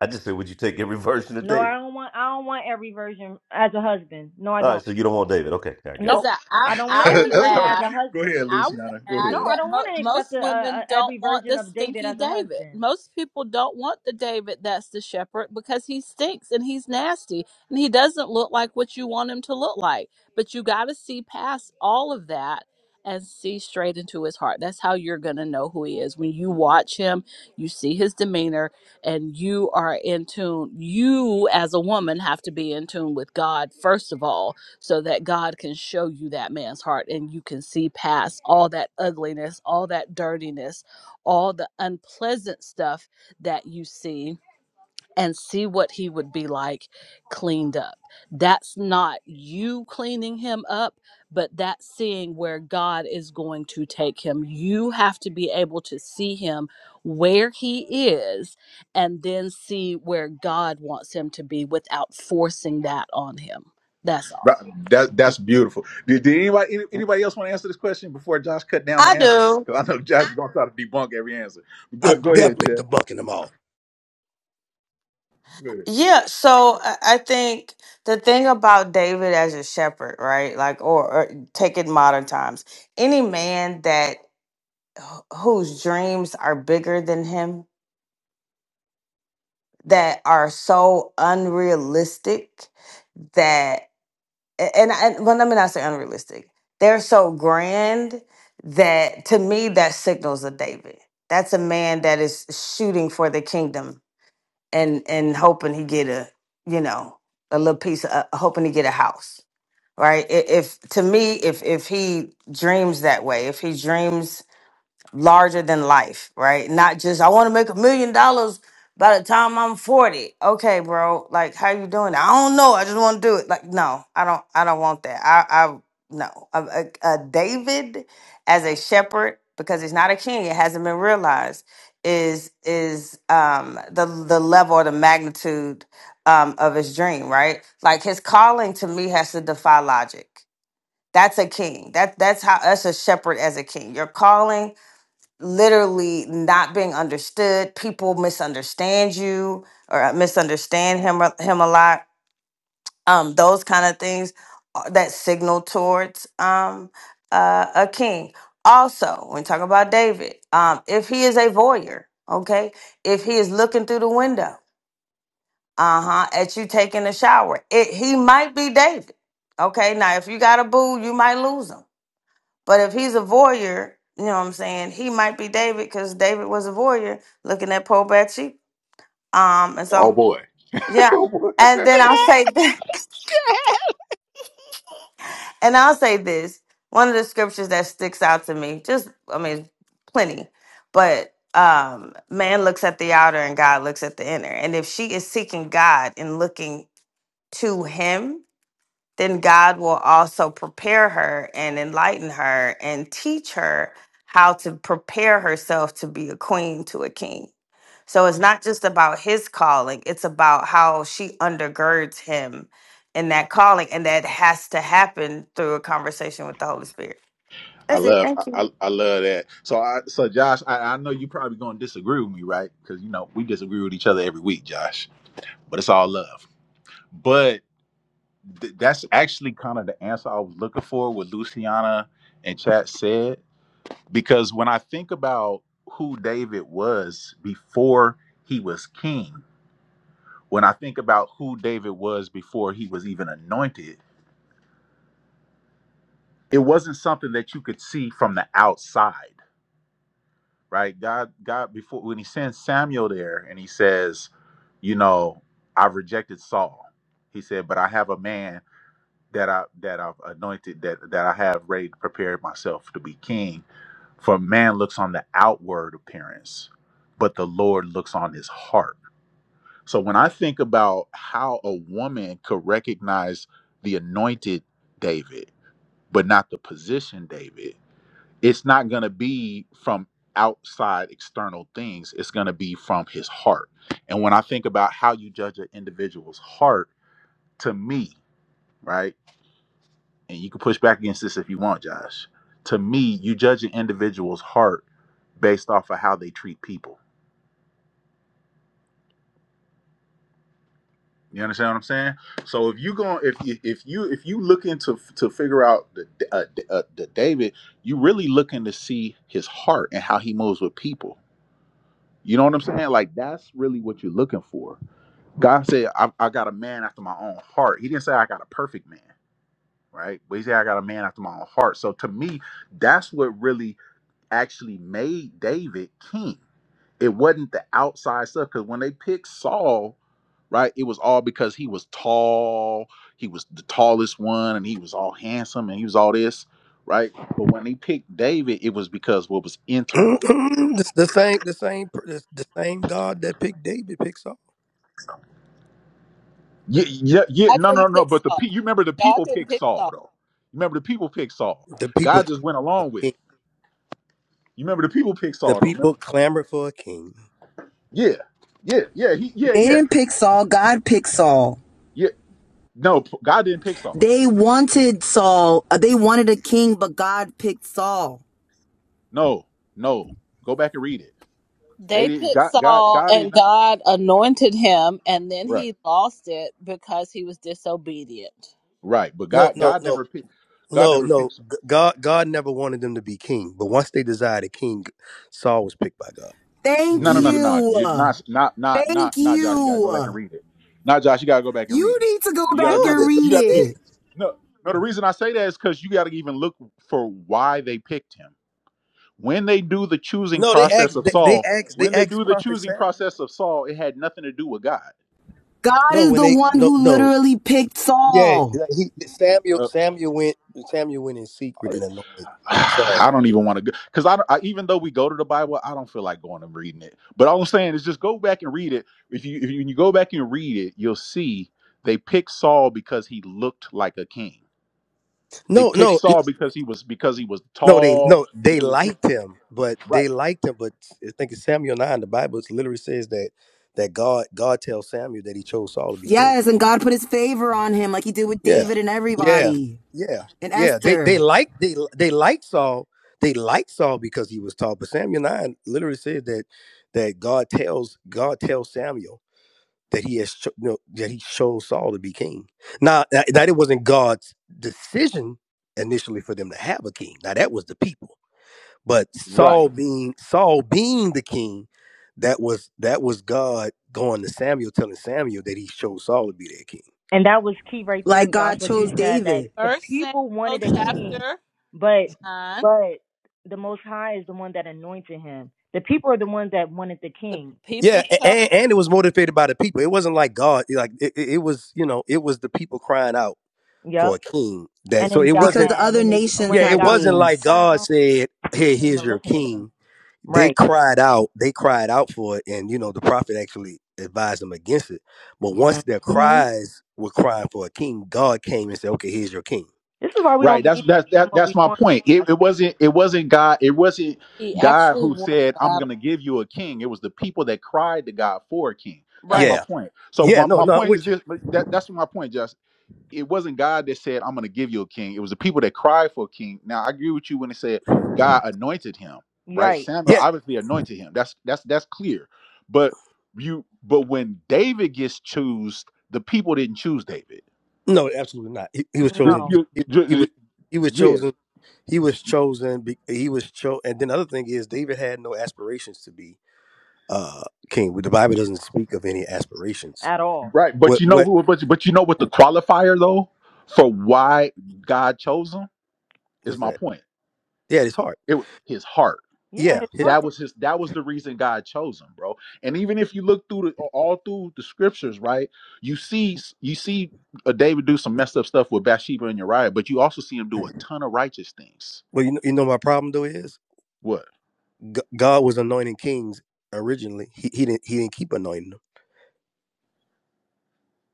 Speaker 3: I just said, would you take every *laughs* version of
Speaker 23: No, I
Speaker 3: David?
Speaker 23: don't want I don't want every version as a husband. No, I
Speaker 3: All right,
Speaker 23: don't.
Speaker 3: so you don't want David. Okay, yeah, I get it.
Speaker 26: Because
Speaker 23: Nope.
Speaker 26: I,
Speaker 1: *laughs*
Speaker 26: I,
Speaker 23: I don't want
Speaker 26: I would
Speaker 23: every
Speaker 1: that's all
Speaker 23: version
Speaker 1: right.
Speaker 23: as
Speaker 26: add.
Speaker 23: a
Speaker 1: Go
Speaker 23: husband.
Speaker 1: ahead,
Speaker 26: I would
Speaker 1: Luciana. Go
Speaker 23: No,
Speaker 26: add
Speaker 1: ahead.
Speaker 23: I
Speaker 26: that
Speaker 23: don't want
Speaker 26: mo-
Speaker 23: to
Speaker 26: most
Speaker 23: accept a, a,
Speaker 26: women
Speaker 23: a,
Speaker 26: don't
Speaker 23: every
Speaker 26: want
Speaker 23: version
Speaker 26: the
Speaker 23: of David
Speaker 26: stinky
Speaker 23: as a
Speaker 26: David.
Speaker 23: husband.
Speaker 26: Most people don't want the David that's the shepherd because he stinks and he's nasty and he doesn't look like what you want him to look like. But you got to see past all of that and see straight into his heart. That's how you're going to know who he is. When you watch him, you see his demeanor and you are in tune. You, as a woman, have to be in tune with God, first of all so that God can show you that man's heart and you can see past all that ugliness, all that dirtiness, all the unpleasant stuff that you see and see what he would be like cleaned up. That's not you cleaning him up, but that's seeing where God is going to take him. You have to be able to see him where he is and then see where God wants him to be without forcing that on him. That's all.
Speaker 1: Right. That that's beautiful. Did, did anybody any- anybody else want to answer this question before Josh cut down the
Speaker 32: I
Speaker 1: answers?
Speaker 32: do.
Speaker 1: Because I know Josh is gonna try to debunk every answer. Go
Speaker 6: I'm
Speaker 1: go ahead,
Speaker 6: definitely
Speaker 1: Chad.
Speaker 6: debunking them all.
Speaker 1: Go ahead.
Speaker 32: Yeah. So I I think the thing about David as a shepherd, right? Like, or, or take it modern times, any man that wh- whose dreams are bigger than him, that are so unrealistic that. a- and and well, let me not say unrealistic. They're so grand that to me that signals a David. That's a man that is shooting for the kingdom and and hoping he get a you know a little piece of uh, hoping he get a house right. I- If to me if if he dreams that way, if he dreams larger than life, right? Not just I want to make a million dollars by the time I'm 40. Okay, bro. Like how you doing? that? I don't know. I just want to do it. Like no, I don't I don't want that. I I no. A, a, a David as a shepherd because he's not a king. It hasn't been realized is is um the the level or the magnitude um of his dream, right? Like his calling to me has to defy logic. That's a king. That that's how that's a shepherd as a king. Your calling literally not being understood. People misunderstand you or uh, misunderstand him uh, him a lot. Um, those kind of things are- that signal towards um, uh, a king. Also, when talking about David, um, if he is a voyeur, okay, if he is looking through the window, uh huh, at you taking a shower, it, he might be David. Okay, now if you got a boo, you might lose him. But if he's a voyeur, you know what I'm saying? He might be David because David was a voyeur looking at poor Bathsheba. Um, and
Speaker 1: Oh
Speaker 32: so
Speaker 1: boy. *laughs*
Speaker 32: yeah.
Speaker 1: Oh, boy.
Speaker 32: And then I'll say th- *laughs* and I'll say this. One of the scriptures that sticks out to me, just I mean, plenty, but um man looks at the outer and God looks at the inner. And if she is seeking God and looking to him, then God will also prepare her and enlighten her and teach her how to prepare herself to be a queen to a king. So it's not just about his calling, it's about how she undergirds him in that calling. And that has to happen through a conversation with the Holy Spirit.
Speaker 1: I
Speaker 32: That's it.
Speaker 1: love I,
Speaker 32: Thank
Speaker 1: I
Speaker 32: you.
Speaker 1: I love that. so I so Josh, I, I know you probably gonna disagree with me, right? Because you know we disagree with each other every week, Josh. But it's all love. But th- that's actually kind of the answer I was looking for. What Luciana and Chat said, because when I think about who David was before he was king, when I think about who David was before he was even anointed, it wasn't something that you could see from the outside, right? God, God, before when He sends Samuel there and He says, you know, I've rejected Saul. He said, but I have a man. that I that I've anointed that that I have ready to prepare myself to be king. For man looks on the outward appearance, but the Lord looks on his heart. So when I think about how a woman could recognize the anointed David, but not the position David, it's not going to be from outside external things. It's going to be from his heart. And when I think about how you judge an individual's heart, to me, right? and you can push back against this if you want, Josh. To me, you judge an individual's heart based off of how they treat people. You understand what I'm saying? So if you go, if you if you if you looking to to figure out the uh, uh, the David, you really looking to see his heart and how he moves with people. You know what I'm saying? Like that's really what you're looking for. God said, I, "I got a man after my own heart." He didn't say I got a perfect man, right? But he said I got a man after my own heart. So to me, that's what really actually made David king. It wasn't the outside stuff because when they picked Saul, right, it was all because he was tall, he was the tallest one, and he was all handsome and he was all this, right? But when they picked David, it was because what was internal.
Speaker 6: Mm-mm. It's the same, the same, per- it's the same God that picked David picks Saul.
Speaker 1: Yeah, yeah, yeah.
Speaker 26: I
Speaker 1: No, no,
Speaker 26: didn't
Speaker 1: no.
Speaker 26: pick
Speaker 1: But the pe-
Speaker 26: Saul.
Speaker 1: you remember the
Speaker 26: God
Speaker 1: people
Speaker 26: didn't
Speaker 1: picked
Speaker 26: pick
Speaker 1: Saul
Speaker 26: Saul.
Speaker 1: though. You remember the people picked Saul.
Speaker 6: The people,
Speaker 1: God
Speaker 6: clamored
Speaker 1: just went
Speaker 6: for
Speaker 1: along
Speaker 6: a
Speaker 1: with
Speaker 6: king.
Speaker 1: it. You remember the people picked
Speaker 6: the
Speaker 1: Saul though. Remember?
Speaker 6: people clamored for a king.
Speaker 1: Yeah, yeah, yeah. He, yeah,
Speaker 19: They
Speaker 1: yeah,
Speaker 19: didn't pick Saul, God picked Saul.
Speaker 1: yeah. No, p- God didn't pick Saul.
Speaker 19: They wanted Saul. uh, They wanted a king, but God picked Saul.
Speaker 1: No, no. Go back and read it. They
Speaker 26: They
Speaker 1: didn't.
Speaker 26: picked
Speaker 1: God, God,
Speaker 26: Saul,
Speaker 1: God did
Speaker 26: and
Speaker 1: not.
Speaker 26: God anointed him, and then
Speaker 1: Right,
Speaker 26: he lost it because he was disobedient.
Speaker 1: right. But
Speaker 6: No,
Speaker 1: God,
Speaker 6: no,
Speaker 1: God
Speaker 6: no,
Speaker 1: never picked. God
Speaker 6: no,
Speaker 1: never
Speaker 6: no.
Speaker 1: picks them.
Speaker 6: G- God, God never wanted them to be king, but once they desired a king, Saul was picked by God. He
Speaker 19: Thank
Speaker 1: No,
Speaker 6: was, he
Speaker 1: no,
Speaker 6: was.
Speaker 1: no, no, no. You-
Speaker 19: you.
Speaker 1: Not, not, not,
Speaker 19: Thank
Speaker 1: not, not. Josh, you gotta go back
Speaker 19: you.
Speaker 1: and read it. Not Josh, you gotta go back and read
Speaker 19: You
Speaker 1: it.
Speaker 19: need to go
Speaker 1: You gotta
Speaker 6: No,
Speaker 19: back and
Speaker 1: remember.
Speaker 6: that's what
Speaker 1: You
Speaker 19: read
Speaker 6: they
Speaker 1: got
Speaker 6: did.
Speaker 1: you.
Speaker 19: it.
Speaker 1: No, no. The reason I say that is because you gotta even look for why they picked him. When they do the choosing
Speaker 6: No, they
Speaker 1: process
Speaker 6: asked.
Speaker 1: of
Speaker 6: They, they
Speaker 1: Saul,
Speaker 6: asked. They
Speaker 1: when they do
Speaker 6: asked
Speaker 1: the
Speaker 6: Prophet
Speaker 1: choosing
Speaker 6: Samuel.
Speaker 1: process of Saul, it had nothing to do with God.
Speaker 19: God
Speaker 6: No,
Speaker 19: is
Speaker 6: when
Speaker 19: the
Speaker 6: they
Speaker 19: one
Speaker 6: no
Speaker 19: who
Speaker 6: no
Speaker 19: literally picked
Speaker 6: yeah
Speaker 19: Saul.
Speaker 6: like, he Samuel
Speaker 1: Uh,
Speaker 6: Samuel went Samuel went in secret and anointed
Speaker 1: I
Speaker 6: Saul.
Speaker 1: don't even want to go because I, don't- I even though we go to the Bible, I don't feel like going and reading it. But all I'm saying is just go back and read it. If you if you, when you go back and read it, you'll see they picked Saul because he looked like a king. They
Speaker 6: No
Speaker 1: picked
Speaker 6: no no
Speaker 1: Saul because he was because he was
Speaker 6: no, they
Speaker 1: tall
Speaker 6: no they
Speaker 1: because of,
Speaker 6: liked him but
Speaker 1: right
Speaker 6: they liked him but I think it's Samuel nine the Bible literally says that that God God tells Samuel that he chose Saul to be king.
Speaker 19: Yes, and God put his favor on him like he did with
Speaker 6: Yeah,
Speaker 19: David and
Speaker 6: yeah,
Speaker 19: everybody
Speaker 6: yeah,
Speaker 19: and
Speaker 6: yeah. They they
Speaker 19: Esther.
Speaker 6: like they they liked Saul. They liked Saul because he was tall. But Samuel nine literally says that that God tells God tells Samuel that he has cho- you know, that he chose Saul to be king. Now that that it wasn't God's decision initially for them to have a king. Now that was the people. But
Speaker 1: right
Speaker 6: Saul being Saul being the king, that was that was God going to Samuel telling Samuel that he chose Saul to be their king.
Speaker 23: And that was key right there,
Speaker 19: Like
Speaker 23: Josh.
Speaker 19: God
Speaker 23: What you
Speaker 19: chose
Speaker 23: said that
Speaker 19: David
Speaker 23: the
Speaker 26: First
Speaker 23: people
Speaker 26: Samuel
Speaker 23: wanted a king,
Speaker 26: chapter
Speaker 23: but
Speaker 26: nine.
Speaker 23: but the Most High is the one that anointed him. The people are the ones that wanted the
Speaker 26: The
Speaker 23: king.
Speaker 6: Yeah,
Speaker 26: people
Speaker 6: a-
Speaker 26: chose.
Speaker 6: and, and it was motivated by the people. It wasn't like God. Like it, it it was, you know, it was the people crying out for a
Speaker 23: Yep.
Speaker 6: king. That
Speaker 23: And
Speaker 6: so
Speaker 23: then
Speaker 6: it
Speaker 23: got
Speaker 19: because
Speaker 6: wasn't.
Speaker 19: the
Speaker 23: mad
Speaker 19: other
Speaker 23: when they
Speaker 19: nations
Speaker 23: when
Speaker 6: Yeah,
Speaker 23: they
Speaker 6: it
Speaker 19: had
Speaker 23: got
Speaker 6: wasn't
Speaker 23: one.
Speaker 6: like
Speaker 19: kings.
Speaker 6: God
Speaker 23: Child,
Speaker 6: said,
Speaker 23: you
Speaker 6: "Here,
Speaker 23: shouldn't
Speaker 6: here's
Speaker 23: even
Speaker 6: your
Speaker 23: listen to them.
Speaker 6: king." They
Speaker 23: Right.
Speaker 6: cried out. They cried out for it, and you know, the prophet actually advised them against it. But once their
Speaker 23: Mm-hmm.
Speaker 6: cries were crying for a king, God came and said, "Okay, here's your king."
Speaker 23: This is why we
Speaker 1: right.
Speaker 23: don't
Speaker 1: That's
Speaker 23: need
Speaker 1: that's
Speaker 23: to
Speaker 1: that,
Speaker 23: get what
Speaker 1: that's
Speaker 23: we
Speaker 1: my
Speaker 23: want.
Speaker 1: point. It,
Speaker 23: Josh.
Speaker 1: it wasn't it wasn't God. It wasn't
Speaker 26: He
Speaker 1: God
Speaker 26: actually
Speaker 1: who
Speaker 26: won
Speaker 1: said
Speaker 26: the
Speaker 1: I'm going
Speaker 26: battle,
Speaker 1: to give you a king. It was the people that cried to God for a king.
Speaker 26: and
Speaker 1: That's my
Speaker 23: Right.
Speaker 6: Yeah,
Speaker 1: point. So
Speaker 6: yeah,
Speaker 1: my,
Speaker 6: no,
Speaker 1: my
Speaker 6: not
Speaker 1: point is
Speaker 6: with you.
Speaker 1: this. That, that's my point, Justin it wasn't God that said, I'm going to give you a king. It was the people that cried for a king. Now, I agree with you when it said God anointed him, right?
Speaker 23: Right.
Speaker 1: Samuel
Speaker 6: Yeah,
Speaker 1: obviously anointed him. That's that's that's clear. But you but when David gets chosen, the people didn't choose David.
Speaker 6: No, absolutely not. He, he was
Speaker 1: You-
Speaker 6: chosen.
Speaker 23: No,
Speaker 1: you-
Speaker 6: He,
Speaker 1: you-
Speaker 6: he was he was
Speaker 1: yeah,
Speaker 6: chosen. He was chosen. be- He was cho. And then the other thing is, David had no aspirations to be uh, king. The Bible doesn't speak of any aspirations.
Speaker 23: at all.
Speaker 1: right. But
Speaker 6: What
Speaker 1: you know
Speaker 6: what
Speaker 1: who but, you, but you know what the qualifier though for why God chose him is
Speaker 6: was
Speaker 1: my
Speaker 6: that?
Speaker 1: point.
Speaker 6: Yeah, it's hard.
Speaker 1: It was his heart
Speaker 23: Yeah,
Speaker 6: Yeah.
Speaker 23: his
Speaker 6: It,
Speaker 23: heart.
Speaker 1: That was his. That was the reason God chose him, bro. And even if you look through the all through the scriptures, right, you see you see uh, David do some messed up stuff with Bathsheba and Uriah, but you also see him do a ton of righteous things.
Speaker 6: well, you know, you know my problem though is
Speaker 1: What?
Speaker 6: G- God was anointing kings originally. He, he didn't he didn't keep anointing them.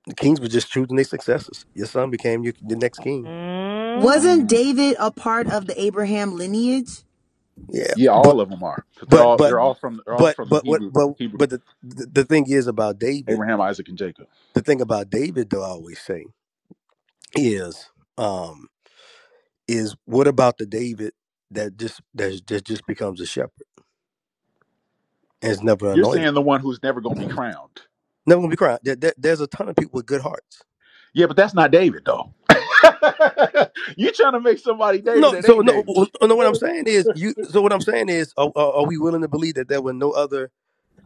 Speaker 6: The kings were just choosing their successors. Your son became your, the next king.
Speaker 23: Mm-hmm.
Speaker 19: Wasn't
Speaker 1: Mm,
Speaker 19: David a part of the Abraham lineage?
Speaker 6: Yeah,
Speaker 1: yeah, all
Speaker 6: but
Speaker 1: of them are. 'Cause they're
Speaker 6: but
Speaker 1: all
Speaker 6: but
Speaker 1: they're all
Speaker 23: Mhm.
Speaker 1: from they're all
Speaker 6: but
Speaker 1: from the
Speaker 6: but what
Speaker 1: Hebrew
Speaker 6: but
Speaker 1: Hebrew
Speaker 6: but the the the thing is about David.
Speaker 1: Abraham, Isaac, and Jacob.
Speaker 6: The thing about David, though, I always say is, um, is what about the David that just that just, just becomes a shepherd and is never
Speaker 1: You're
Speaker 6: anointed,
Speaker 1: saying the one who's never going to be crowned.
Speaker 6: never gonna be crying? There, there- there's a ton of people with good hearts.
Speaker 1: Yeah, but that's not David though. *laughs* You're trying to make somebody David
Speaker 6: No,
Speaker 1: that
Speaker 6: so
Speaker 1: ain't
Speaker 6: no,
Speaker 1: David.
Speaker 6: oh, oh, no. What
Speaker 1: No, no,
Speaker 6: I'm saying is, you. So what I'm saying is, are, are we willing to believe that there were no other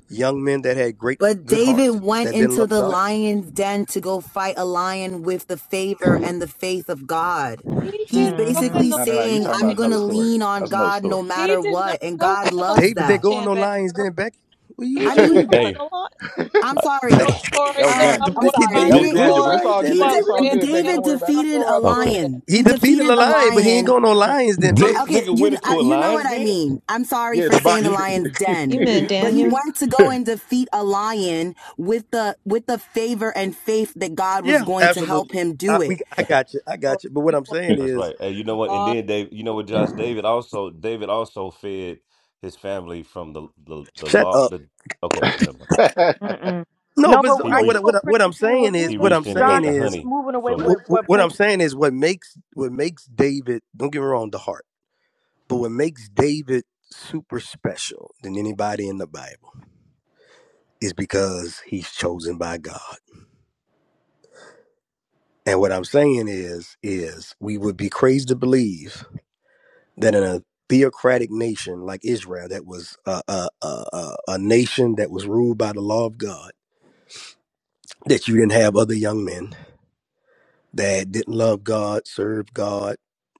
Speaker 6: young men that had great
Speaker 19: But
Speaker 6: good
Speaker 19: David
Speaker 6: hearts
Speaker 19: went
Speaker 6: that didn't
Speaker 19: into
Speaker 6: love
Speaker 19: the
Speaker 6: God?
Speaker 1: no,
Speaker 19: lion's den to go fight a lion with the favor and the faith of God. He's
Speaker 23: Mhm.
Speaker 19: basically
Speaker 1: no, no. no, You're
Speaker 19: saying,
Speaker 1: talking
Speaker 19: I'm
Speaker 1: about
Speaker 19: going
Speaker 1: another
Speaker 19: to
Speaker 1: story.
Speaker 19: lean on
Speaker 1: That's another
Speaker 19: God
Speaker 1: story.
Speaker 19: no matter what. And God loves
Speaker 6: David didn't
Speaker 19: that.
Speaker 6: go on no lions then, Becky. What you
Speaker 19: I
Speaker 1: *laughs*
Speaker 6: what you
Speaker 19: mean,
Speaker 6: reading?
Speaker 1: that
Speaker 3: Hey,
Speaker 19: I'm
Speaker 3: uh,
Speaker 6: *laughs*
Speaker 19: sorry.
Speaker 1: was that was
Speaker 19: Uh,
Speaker 1: Daniel.
Speaker 19: I'm
Speaker 6: Becky
Speaker 19: sorry. He
Speaker 1: That
Speaker 6: David
Speaker 1: was
Speaker 6: didn't
Speaker 3: did
Speaker 19: didn't,
Speaker 6: go on no
Speaker 1: Daniel,
Speaker 3: this?
Speaker 1: but it's
Speaker 6: lions
Speaker 1: all
Speaker 6: then,
Speaker 19: he,
Speaker 1: good. It's
Speaker 6: baby.
Speaker 1: all
Speaker 19: de-
Speaker 1: good, Becky. Don't
Speaker 19: David
Speaker 1: worry about it.
Speaker 19: defeated a
Speaker 3: Okay,
Speaker 19: lion.
Speaker 6: He
Speaker 19: He
Speaker 6: defeated the
Speaker 19: defeated the
Speaker 6: lion, but he ain't
Speaker 19: lion
Speaker 6: going on no lions then, baby.
Speaker 19: I-
Speaker 3: this
Speaker 19: Okay,
Speaker 3: nigga
Speaker 19: you
Speaker 3: went
Speaker 19: I-
Speaker 3: into a
Speaker 19: you know
Speaker 3: lion's
Speaker 19: what I
Speaker 3: den.
Speaker 19: mean. I'm sorry
Speaker 1: Yeah,
Speaker 19: for
Speaker 1: the bond.
Speaker 19: saying the
Speaker 1: He,
Speaker 19: lion's
Speaker 1: he, *laughs*
Speaker 30: You
Speaker 19: den,
Speaker 30: meant
Speaker 19: but he
Speaker 30: Daniel?
Speaker 19: went to go and defeat a lion with the with the favor and faith that God was
Speaker 6: Yeah,
Speaker 19: going to help
Speaker 6: absolutely.
Speaker 19: him
Speaker 6: I,
Speaker 19: do
Speaker 6: we,
Speaker 19: it.
Speaker 6: I got you. I
Speaker 26: for
Speaker 6: got you. But what
Speaker 26: you
Speaker 6: I'm
Speaker 26: are
Speaker 6: saying
Speaker 3: That's
Speaker 6: is,
Speaker 3: right. Hey, you know what?
Speaker 26: blind.
Speaker 3: And then Dave, you know what, Josh? David also, David also fed his family from the the, the
Speaker 6: shut
Speaker 3: law.
Speaker 6: up.
Speaker 3: The okay, never mind.
Speaker 23: Mm-mm.
Speaker 6: No,
Speaker 23: No,
Speaker 6: but
Speaker 23: but
Speaker 6: so-
Speaker 3: He
Speaker 6: no.
Speaker 23: I
Speaker 3: reached.
Speaker 6: What
Speaker 23: do
Speaker 6: I- what
Speaker 23: what
Speaker 6: I-
Speaker 23: Prince
Speaker 6: what I'm
Speaker 23: is saying. We're
Speaker 6: saying is,
Speaker 3: He
Speaker 6: what
Speaker 23: moving,
Speaker 6: I'm
Speaker 3: reached in and
Speaker 6: saying
Speaker 3: got
Speaker 23: Josh. I
Speaker 3: the
Speaker 23: think
Speaker 6: is,
Speaker 23: we're
Speaker 3: honey
Speaker 23: moving away
Speaker 3: from the.
Speaker 6: what,
Speaker 23: with what
Speaker 6: what
Speaker 23: Prince
Speaker 6: I'm
Speaker 23: is
Speaker 6: saying
Speaker 23: saying.
Speaker 6: is, what makes what makes David. Don't get me wrong, the heart. But what makes David super special than anybody in the Bible is because he's chosen by God. And what I'm saying is, is we would be crazy to believe that in a theocratic nation like Israel, that was a, a, a, a nation that was ruled by the law of God, that you didn't have other young men that didn't love God, served God,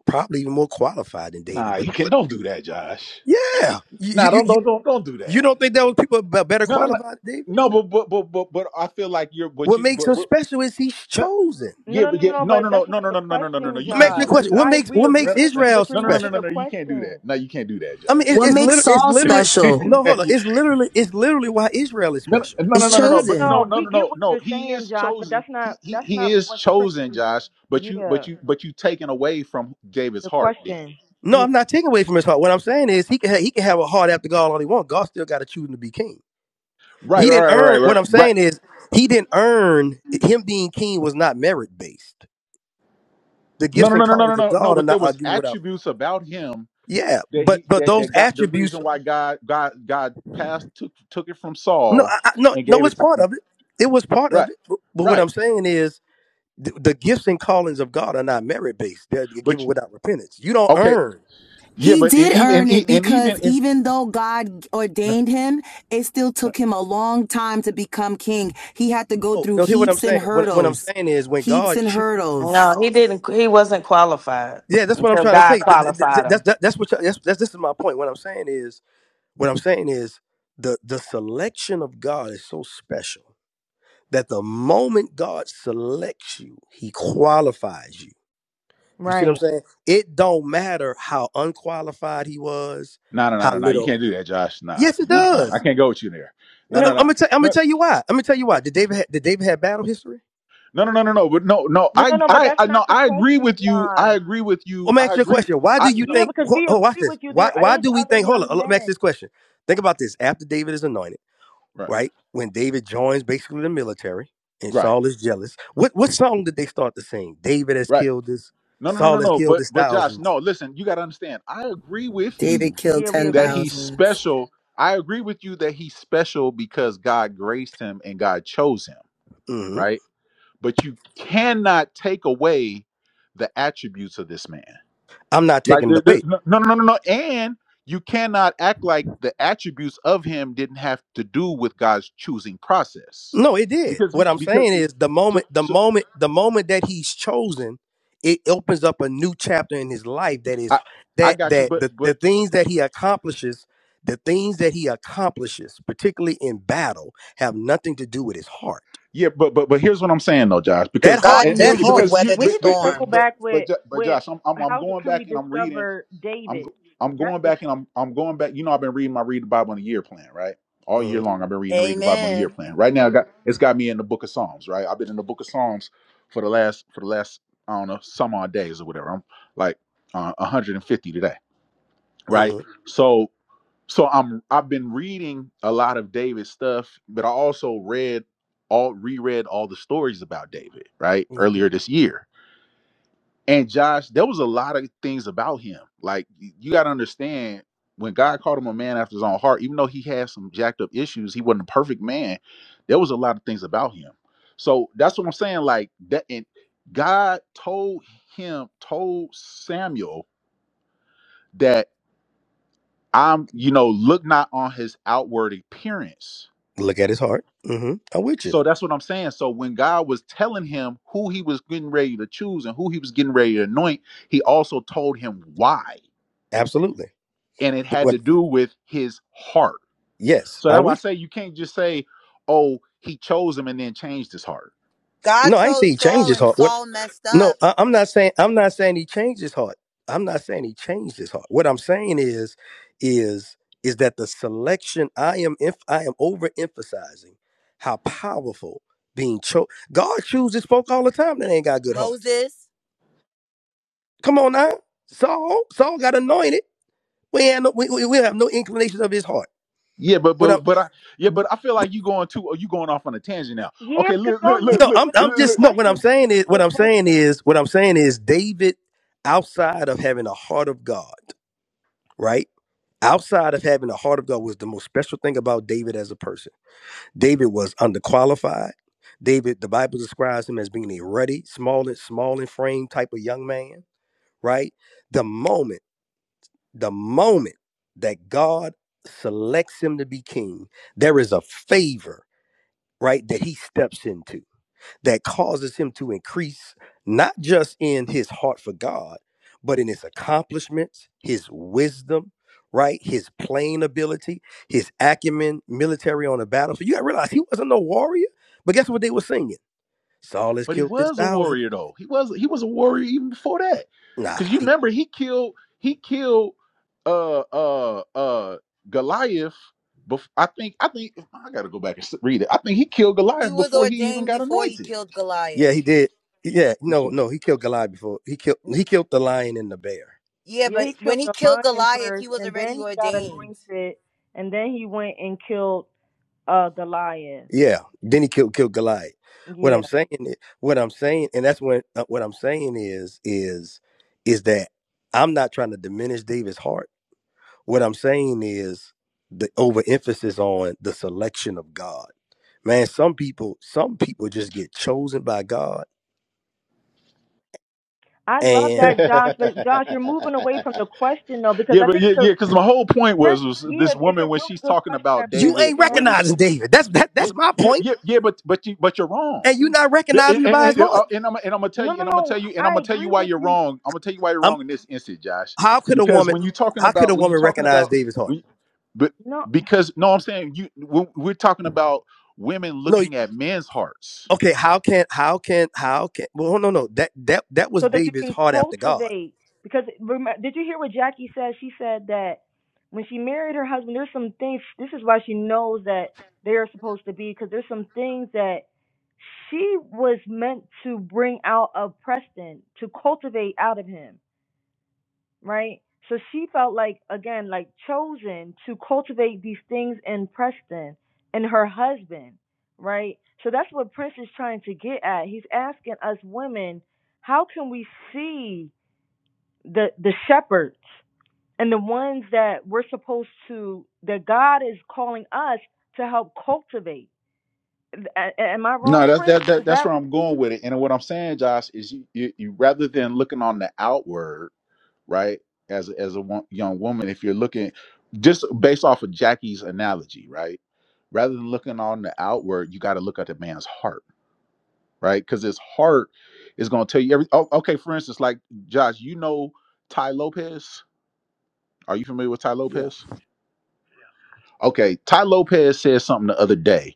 Speaker 6: probably even more qualified than David.
Speaker 1: nah,
Speaker 6: But
Speaker 1: you can't. Don't do that, Josh.
Speaker 6: yeah, you you
Speaker 1: Nah,
Speaker 6: you,
Speaker 1: don't
Speaker 6: you
Speaker 1: don't don't don't do
Speaker 6: you
Speaker 1: that.
Speaker 6: don't think that was people be- better
Speaker 1: No, no, no.
Speaker 6: qualified than David?
Speaker 1: No, but but but but, but I feel like you're. But
Speaker 6: What
Speaker 1: you.
Speaker 6: makes
Speaker 1: But,
Speaker 6: him
Speaker 1: but
Speaker 6: special is he's
Speaker 1: no,
Speaker 6: chosen.
Speaker 23: No,
Speaker 1: yeah,
Speaker 23: no,
Speaker 1: but
Speaker 23: no, no.
Speaker 1: yeah.
Speaker 23: no,
Speaker 1: No, no,
Speaker 23: But
Speaker 1: no,
Speaker 23: that's
Speaker 1: no,
Speaker 23: not
Speaker 1: no,
Speaker 23: the
Speaker 1: no, no, no, no, no. no.
Speaker 23: question,
Speaker 1: You
Speaker 6: I'm
Speaker 1: can't
Speaker 6: asking
Speaker 1: do
Speaker 6: you a
Speaker 23: Josh.
Speaker 1: that,
Speaker 6: question. What
Speaker 23: I
Speaker 1: Josh.
Speaker 6: makes
Speaker 23: we
Speaker 6: what
Speaker 23: agree
Speaker 1: No,
Speaker 6: makes
Speaker 23: with
Speaker 1: no,
Speaker 23: you,
Speaker 6: Israel
Speaker 23: but you're
Speaker 1: no, no, no,
Speaker 23: moving
Speaker 1: no.
Speaker 6: special?
Speaker 23: the
Speaker 1: no, You can't do that.
Speaker 23: question.
Speaker 1: No, you can't do that,
Speaker 6: I mean, it,
Speaker 1: Josh.
Speaker 19: What
Speaker 6: it's
Speaker 19: makes
Speaker 6: literally it's
Speaker 19: Saul
Speaker 6: literally
Speaker 19: special
Speaker 6: no hold
Speaker 1: *laughs*
Speaker 6: on. It's literally it's literally why Israel is
Speaker 1: No,
Speaker 6: special.
Speaker 1: no, no,
Speaker 19: is
Speaker 23: No,
Speaker 1: no, no,
Speaker 23: no,
Speaker 1: no.
Speaker 23: no, no,
Speaker 1: But no,
Speaker 19: chosen.
Speaker 23: no.
Speaker 1: no,
Speaker 23: We
Speaker 1: no, no,
Speaker 23: get what
Speaker 1: no.
Speaker 23: you're
Speaker 1: He
Speaker 23: saying,
Speaker 1: is
Speaker 23: Josh, but
Speaker 1: chosen.
Speaker 23: that's
Speaker 1: He,
Speaker 23: not
Speaker 1: he
Speaker 23: that's
Speaker 1: he
Speaker 23: not
Speaker 1: is
Speaker 23: what Prince
Speaker 1: chosen,
Speaker 23: is.
Speaker 1: Josh. But you, but
Speaker 23: Yeah,
Speaker 1: you, but you taken away from David's
Speaker 23: the
Speaker 1: heart. Then
Speaker 23: question.
Speaker 6: No,
Speaker 23: Yeah,
Speaker 6: I'm not taking away from his heart. What I'm saying is he can ha- he can have a heart after God all he wants. God still got to choose him to be king.
Speaker 1: right,
Speaker 6: He
Speaker 23: y-
Speaker 6: didn't
Speaker 1: right, right, right,
Speaker 6: earn. What
Speaker 1: right.
Speaker 6: I'm
Speaker 1: right.
Speaker 6: saying is he didn't earn him being king was not merit based. The
Speaker 1: No,
Speaker 6: gifts
Speaker 1: no,
Speaker 6: and
Speaker 1: no, no, no, no,
Speaker 6: callings of
Speaker 1: no, no.
Speaker 6: God are
Speaker 1: But there
Speaker 6: not are
Speaker 1: was
Speaker 6: given without.
Speaker 1: attributes about him
Speaker 6: Yeah,
Speaker 1: that
Speaker 6: but
Speaker 1: he
Speaker 6: but
Speaker 1: that,
Speaker 6: those
Speaker 1: that got the
Speaker 6: attributes.
Speaker 1: reason why God God God passed took took it from
Speaker 6: No,
Speaker 1: Saul
Speaker 6: I, I, no,
Speaker 1: and
Speaker 6: no.
Speaker 1: gave
Speaker 6: It's
Speaker 1: it to
Speaker 6: part
Speaker 1: him.
Speaker 6: of it. It was part of
Speaker 1: Right,
Speaker 6: it. But, but what
Speaker 1: right.
Speaker 6: I'm saying is the, the gifts and callings of God are not merit based. They're
Speaker 1: But
Speaker 6: given
Speaker 1: you-
Speaker 6: without repentance. You don't
Speaker 1: okay,
Speaker 6: earn.
Speaker 1: yeah.
Speaker 19: He
Speaker 1: But and
Speaker 19: did
Speaker 1: even and,
Speaker 19: earn
Speaker 1: e-
Speaker 19: it
Speaker 1: and even
Speaker 19: because
Speaker 1: in,
Speaker 19: even though God
Speaker 1: no,
Speaker 19: ordained him, it still
Speaker 1: no.
Speaker 19: took him a long time to become king. He had to go
Speaker 6: Oh,
Speaker 19: through
Speaker 6: no, hear what I'm
Speaker 19: heaps and
Speaker 6: saying. What, what I'm
Speaker 19: hurdles,
Speaker 6: saying is when
Speaker 19: heaps
Speaker 6: God
Speaker 19: and
Speaker 6: chooses.
Speaker 32: No,
Speaker 19: hurdles.
Speaker 32: he didn't. He wasn't qualified
Speaker 6: Yeah, that's what I'm
Speaker 32: until
Speaker 6: trying to
Speaker 32: God
Speaker 6: say. Th- th- th-
Speaker 32: qualified
Speaker 6: That's
Speaker 32: him.
Speaker 6: that, that's what that's, that's this is my point. What I'm saying is what I'm saying is the the selection of God is so special that the moment God selects you, He qualifies you. You see what I'm
Speaker 23: right.
Speaker 6: saying? It don't matter how unqualified he was,
Speaker 1: No, no, no,
Speaker 6: how
Speaker 1: no, no. You
Speaker 6: little.
Speaker 1: can't do that, Josh. Nah,
Speaker 6: Yes, it
Speaker 23: Yeah.
Speaker 1: nah, nah. I
Speaker 6: does.
Speaker 1: can't go with you there. No,
Speaker 23: No,
Speaker 1: no,
Speaker 6: I'm
Speaker 1: no.
Speaker 6: gonna tell. I'm gonna tell you why. I'm gonna tell you why. Did David? Ha- did David have battle history?
Speaker 1: No, no, no, no, no. no, But no, no.
Speaker 23: no,
Speaker 1: I,
Speaker 23: no, no. But
Speaker 1: I,
Speaker 23: that's
Speaker 1: I,
Speaker 23: not
Speaker 1: no.
Speaker 23: the
Speaker 1: I agree
Speaker 23: question,
Speaker 1: with you. I
Speaker 23: Josh.
Speaker 1: agree with you.
Speaker 6: Well, let me
Speaker 1: I
Speaker 6: ask you a
Speaker 1: agree.
Speaker 6: question. Why
Speaker 1: I
Speaker 6: do you
Speaker 1: no.
Speaker 23: Yeah,
Speaker 6: think?
Speaker 23: because we
Speaker 6: Oh, watch
Speaker 23: agree
Speaker 6: this.
Speaker 23: with you.
Speaker 6: Why?
Speaker 23: There
Speaker 6: Why
Speaker 23: is
Speaker 6: do we
Speaker 23: other
Speaker 6: think? Hold
Speaker 23: young
Speaker 6: on. Let me ask
Speaker 23: men.
Speaker 6: this question. Think about this. After David is anointed.
Speaker 1: Right,
Speaker 6: right? When David joins basically the military and
Speaker 1: right,
Speaker 6: Saul is jealous. What what song did they start to sing? David has
Speaker 1: right.
Speaker 6: killed his,
Speaker 1: No, no, no, no,
Speaker 6: Saul has
Speaker 1: no.
Speaker 6: killed
Speaker 1: But,
Speaker 6: his
Speaker 1: but Josh,
Speaker 6: 1000s
Speaker 1: no. Listen, you got to understand. I agree with
Speaker 19: David
Speaker 1: you
Speaker 19: killed
Speaker 23: Yeah, we
Speaker 19: ten
Speaker 1: that
Speaker 23: agree
Speaker 1: he's
Speaker 19: thousands.
Speaker 1: special. I agree with you that he's special because God graced him and God chose him.
Speaker 6: hmm
Speaker 1: Right. But you cannot take away the attributes of this man
Speaker 6: I'm not
Speaker 1: Like
Speaker 6: taking the
Speaker 1: there, there,
Speaker 6: weight.
Speaker 1: no, no, no, no, no. And you cannot act like the attributes of him didn't have to do with God's choosing process,
Speaker 6: No, it did.
Speaker 1: because we-
Speaker 6: What I'm
Speaker 1: because
Speaker 6: saying is the
Speaker 1: so
Speaker 6: moment, the
Speaker 1: so
Speaker 6: moment, the moment that he's chosen, it opens up a new chapter in his life that is
Speaker 1: I I
Speaker 6: that
Speaker 1: got you,
Speaker 6: that
Speaker 1: but
Speaker 6: the,
Speaker 1: but
Speaker 6: the things that he accomplishes, the things that he accomplishes, particularly in battle, have nothing to do with his heart.
Speaker 1: yeah, but but but here's what I'm saying though, Josh, because
Speaker 6: That
Speaker 1: I
Speaker 6: heart,
Speaker 19: God
Speaker 1: and, and
Speaker 19: knew
Speaker 6: that
Speaker 19: he
Speaker 6: heart.
Speaker 19: would
Speaker 1: because
Speaker 19: weather
Speaker 1: you
Speaker 23: We
Speaker 19: the
Speaker 23: need
Speaker 1: but
Speaker 23: to
Speaker 1: but but
Speaker 23: circle
Speaker 19: storm.
Speaker 1: but
Speaker 23: back
Speaker 1: but,
Speaker 23: with
Speaker 1: Jo- but
Speaker 23: with
Speaker 1: Josh, I'm, I'm I'm
Speaker 23: how do,
Speaker 1: going
Speaker 23: can we
Speaker 1: back and I'm reading.
Speaker 23: discover
Speaker 1: I'm
Speaker 23: David?
Speaker 1: go- I'm
Speaker 23: That's
Speaker 1: going
Speaker 23: the
Speaker 1: back and I'm I'm going back. You know, I've been reading my Read the Bible in a Year plan, right? All year
Speaker 6: hmm
Speaker 1: long, I've been reading the Read the Bible in a Year
Speaker 19: Amen.
Speaker 1: plan. Right now, I got it's got me in the Book of Psalms, right? I've been in the Book of Psalms for the last for the last I don't know some odd days or whatever. I'm like uh, 150 today, right?
Speaker 6: hmm
Speaker 1: So so I'm I've been reading a lot of David's stuff, but I also read all reread all the stories about David, right?
Speaker 6: hmm
Speaker 1: Earlier this year and Josh, there was a lot of things about him. Like y- you got to understand when God called him a man after his own heart, even though he had some jacked up issues, he wasn't a perfect man. There was a lot of things about him. So that's what I'm saying. Like that, and God told him, told Samuel that I'm, you know, look not on his outward appearance.
Speaker 6: Look at his heart. hmm I'm with you.
Speaker 1: So that's what I'm saying. So when God was telling him who he was getting ready to choose and who he was getting ready to anoint, he also told him why.
Speaker 6: Absolutely.
Speaker 1: and it
Speaker 6: But
Speaker 1: had to
Speaker 6: what?
Speaker 1: do with his heart.
Speaker 6: Yes,
Speaker 1: So that's
Speaker 6: I'm
Speaker 1: why I
Speaker 6: with you.
Speaker 1: say you can't just say, "Oh, he chose him and then changed his heart."
Speaker 19: God
Speaker 6: No, I ain't say
Speaker 19: told
Speaker 6: he changed
Speaker 19: Saul,
Speaker 6: his
Speaker 19: and
Speaker 6: heart. What?
Speaker 19: Saul messed
Speaker 6: No,
Speaker 19: up.
Speaker 6: I, I'm not saying I'm not saying he changed his heart. I'm not saying he changed his heart. What I'm saying is, is is that the selection I am if I am overemphasizing how powerful being chose. God chooses folk all the time that ain't got good hearts.
Speaker 19: Moses,
Speaker 6: Come on now, Saul. Saul got anointed. We ain't no, we, we, we have no inclinations of his heart.
Speaker 1: Yeah, but
Speaker 6: What
Speaker 1: but
Speaker 6: I'm
Speaker 1: but I yeah, but I feel like you going too. You going off on a tangent now.
Speaker 23: yeah,
Speaker 1: Okay,
Speaker 23: because
Speaker 1: look
Speaker 23: y'all
Speaker 1: look look
Speaker 23: moving
Speaker 6: no,
Speaker 1: look
Speaker 6: I'm
Speaker 23: away from
Speaker 6: I'm
Speaker 1: look.
Speaker 23: the
Speaker 6: just
Speaker 1: look.
Speaker 6: no. What
Speaker 23: question,
Speaker 6: I'm
Speaker 23: which
Speaker 6: saying
Speaker 23: is
Speaker 6: is
Speaker 23: a
Speaker 6: what
Speaker 23: good
Speaker 6: I'm saying
Speaker 23: question.
Speaker 6: is what I'm saying is David, outside of having a heart of God, right? outside of having the heart of God was the most special thing about David as a person. David was underqualified. David, the Bible describes him as being a ruddy, small and small in frame type of young man, right? The moment, the moment that God selects him to be king, there is a favor, right, that he steps into that causes him to increase not just in his heart for God, but in his accomplishments, his wisdom, right? His playing ability, his acumen, military on the battlefield. You gotta realize he wasn't no warrior, but guess what they were singing? Saul has
Speaker 1: But he
Speaker 6: killed this
Speaker 1: was a
Speaker 6: thousand.
Speaker 1: warrior though. He was he was a warrior even before that,
Speaker 6: Nah,
Speaker 1: because you
Speaker 6: he,
Speaker 1: remember he killed he killed uh uh uh Goliath. Bef- I think I think I got to go back and s- read it. I think he killed
Speaker 19: he
Speaker 1: Goliath
Speaker 19: was
Speaker 1: before he even
Speaker 19: ordained
Speaker 1: got
Speaker 19: before he
Speaker 1: anointed.
Speaker 19: killed
Speaker 6: yeah,
Speaker 19: Goliath.
Speaker 6: he did. Yeah, no, no, he killed Goliath before. He killed he killed the lion and the bear.
Speaker 19: Yeah,
Speaker 23: Yeah,
Speaker 19: but
Speaker 23: he
Speaker 19: when
Speaker 23: killed
Speaker 19: he
Speaker 23: the
Speaker 19: killed
Speaker 23: lion
Speaker 19: Goliath, he
Speaker 23: first,
Speaker 19: was
Speaker 23: and
Speaker 19: already
Speaker 23: then he got
Speaker 19: ordained,
Speaker 23: anointed, and then he went and killed uh the lion.
Speaker 6: Yeah. Then he killed killed Goliath. What I'm
Speaker 23: Yeah,
Speaker 6: saying, i- what I'm saying, and that's when uh, what I'm saying is is is that I'm not trying to diminish David's heart. What I'm saying is the overemphasis on the selection of God. Man, some people some people just get chosen by God,
Speaker 23: I love
Speaker 6: and
Speaker 23: that, Josh. But Josh, you're moving
Speaker 1: Okay.
Speaker 23: away
Speaker 1: *laughs*
Speaker 23: from the question though, because
Speaker 1: Yeah,
Speaker 23: I
Speaker 1: but
Speaker 23: think
Speaker 1: yeah,
Speaker 23: it's
Speaker 1: yeah,
Speaker 23: a
Speaker 1: because my whole point was
Speaker 23: Prince.
Speaker 1: was
Speaker 23: Yeah,
Speaker 1: this
Speaker 23: it's a
Speaker 1: woman when
Speaker 23: really
Speaker 1: she's
Speaker 23: good
Speaker 1: talking
Speaker 23: question
Speaker 1: about
Speaker 23: that
Speaker 6: you
Speaker 23: Prince
Speaker 1: David
Speaker 23: is
Speaker 6: ain't
Speaker 1: and
Speaker 23: asked.
Speaker 1: women.
Speaker 6: recognizing David. That's that,
Speaker 1: Yeah,
Speaker 6: that's my point,
Speaker 1: yeah,
Speaker 6: point.
Speaker 1: yeah, yeah but but you but you're wrong.
Speaker 6: and you're not
Speaker 1: Yeah,
Speaker 6: recognizing
Speaker 1: And,
Speaker 6: the
Speaker 1: and,
Speaker 6: by his
Speaker 1: and, uh,
Speaker 6: heart.
Speaker 1: and I'm and I'm gonna tell
Speaker 23: No,
Speaker 1: you
Speaker 23: no,
Speaker 1: and I'm gonna tell
Speaker 23: no.
Speaker 1: you and I'm
Speaker 23: I
Speaker 1: gonna tell you
Speaker 23: agree
Speaker 1: why
Speaker 23: with
Speaker 1: you're
Speaker 23: you.
Speaker 1: wrong. I'm gonna tell you why you're
Speaker 6: I'm
Speaker 1: wrong in this instance, Josh.
Speaker 6: how could a
Speaker 1: Because
Speaker 6: woman
Speaker 1: when you're talking
Speaker 6: how could
Speaker 1: about
Speaker 6: a
Speaker 1: when you're
Speaker 6: woman
Speaker 1: talking
Speaker 6: recognize
Speaker 1: about
Speaker 6: David's heart?
Speaker 1: when, but
Speaker 23: No.
Speaker 1: because no, I'm saying you when we're talking about women
Speaker 6: No.
Speaker 1: looking at men's hearts.
Speaker 6: Okay, how can how can how can well no no that that that was
Speaker 23: so that you
Speaker 6: David's
Speaker 23: can
Speaker 6: heart after God.
Speaker 23: cultivate. Because remember, did you hear what Jackie said? She said that when she married her husband, there's some things. This is why she knows that they are supposed to be. Because there's some things that she was meant to bring out of Preston to cultivate out of him right? So she felt like, again, like chosen to cultivate these things in Preston and her husband, right? So that's what Prince is trying to get at. He's asking us women, how can we see the the shepherds and the ones that we're supposed to that God is calling us to help cultivate? A- a- am I
Speaker 1: No,
Speaker 23: wrong,
Speaker 1: that's that,
Speaker 23: Prince?
Speaker 1: that
Speaker 23: Is
Speaker 1: that's
Speaker 23: that
Speaker 1: where I'm going with it. And what I'm saying, Josh, is you, you, you rather than looking on the outward. right? As a, as a wo- young woman, if you're looking just based off of Jackie's analogy, right? Rather than looking on the outward, you got to look at the man's heart, right? Because his heart is going to tell you every. Oh, okay, for instance, like Josh, you know Ty Lopez. Are you familiar with Ty
Speaker 6: Yeah.
Speaker 1: Lopez? Okay, Ty Lopez said something the other day,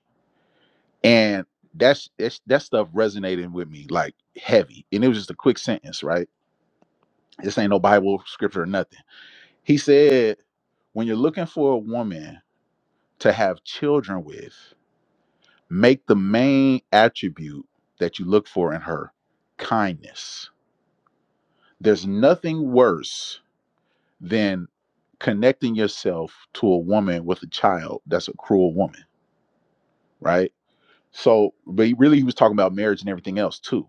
Speaker 1: and that's, that's that stuff resonated with me like heavy, and it was just a quick sentence, right? This ain't no Bible scripture or nothing. He said, "When you're looking for a woman." to have children with, make the main attribute that you look for in her kindness. There's nothing worse than connecting yourself to a woman with a child that's a cruel woman, right? So, but he really he was talking about marriage and everything else too.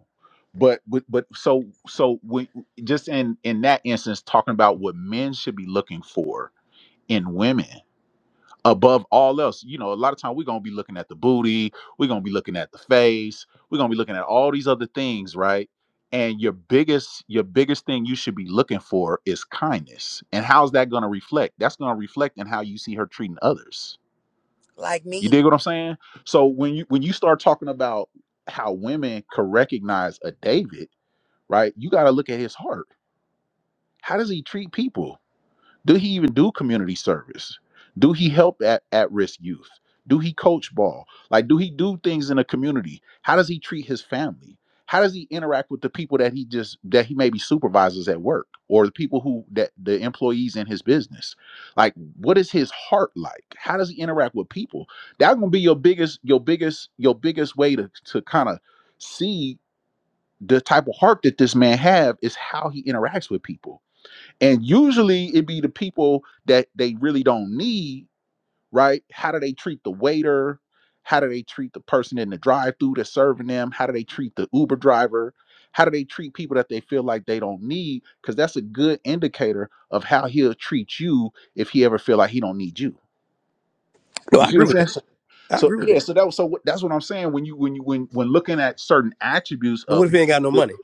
Speaker 1: But but but so so we just in in that instance, talking about what men should be looking for in women above all else. You know, a lot of time we're gonna be looking at the booty, we're gonna be looking at the face, we're gonna be looking at all these other things, right? And your biggest, your biggest thing you should be looking for is kindness. And how's that gonna reflect? That's gonna reflect in how you see her treating others.
Speaker 19: like
Speaker 1: You
Speaker 19: me.
Speaker 1: dig what I'm saying? So when you when you start talking about how women could recognize a David, right? You gotta look at his heart. How does he treat people? Do he even do community service? Do he help at, at risk youth? Do he coach ball? Like, do he do things in a community? How does he treat his family? How does he interact with the people that he just that he maybe supervises at work or the people who that the employees in his business? Like, what is his heart like? How does he interact with people? That's gonna be your biggest, your biggest, your biggest way to to kind of see the type of heart that this man have is how he interacts with people and usually it be the people that they really don't need right how do they treat the waiter how do they treat the person in the drive through that's serving them how do they treat the uber driver how do they treat people that they feel like they don't need because that's a good indicator of how he'll treat you if he ever feel like he don't need you
Speaker 6: No,
Speaker 1: you
Speaker 6: I
Speaker 1: see what i'm
Speaker 6: agree with
Speaker 1: saying
Speaker 6: that.
Speaker 1: so,
Speaker 6: I
Speaker 1: so
Speaker 6: agree with
Speaker 1: yeah
Speaker 6: that.
Speaker 1: so that was so what- that's what i'm saying when you when you when when looking at certain attributes
Speaker 6: But what
Speaker 1: of
Speaker 6: if he ain't got no money?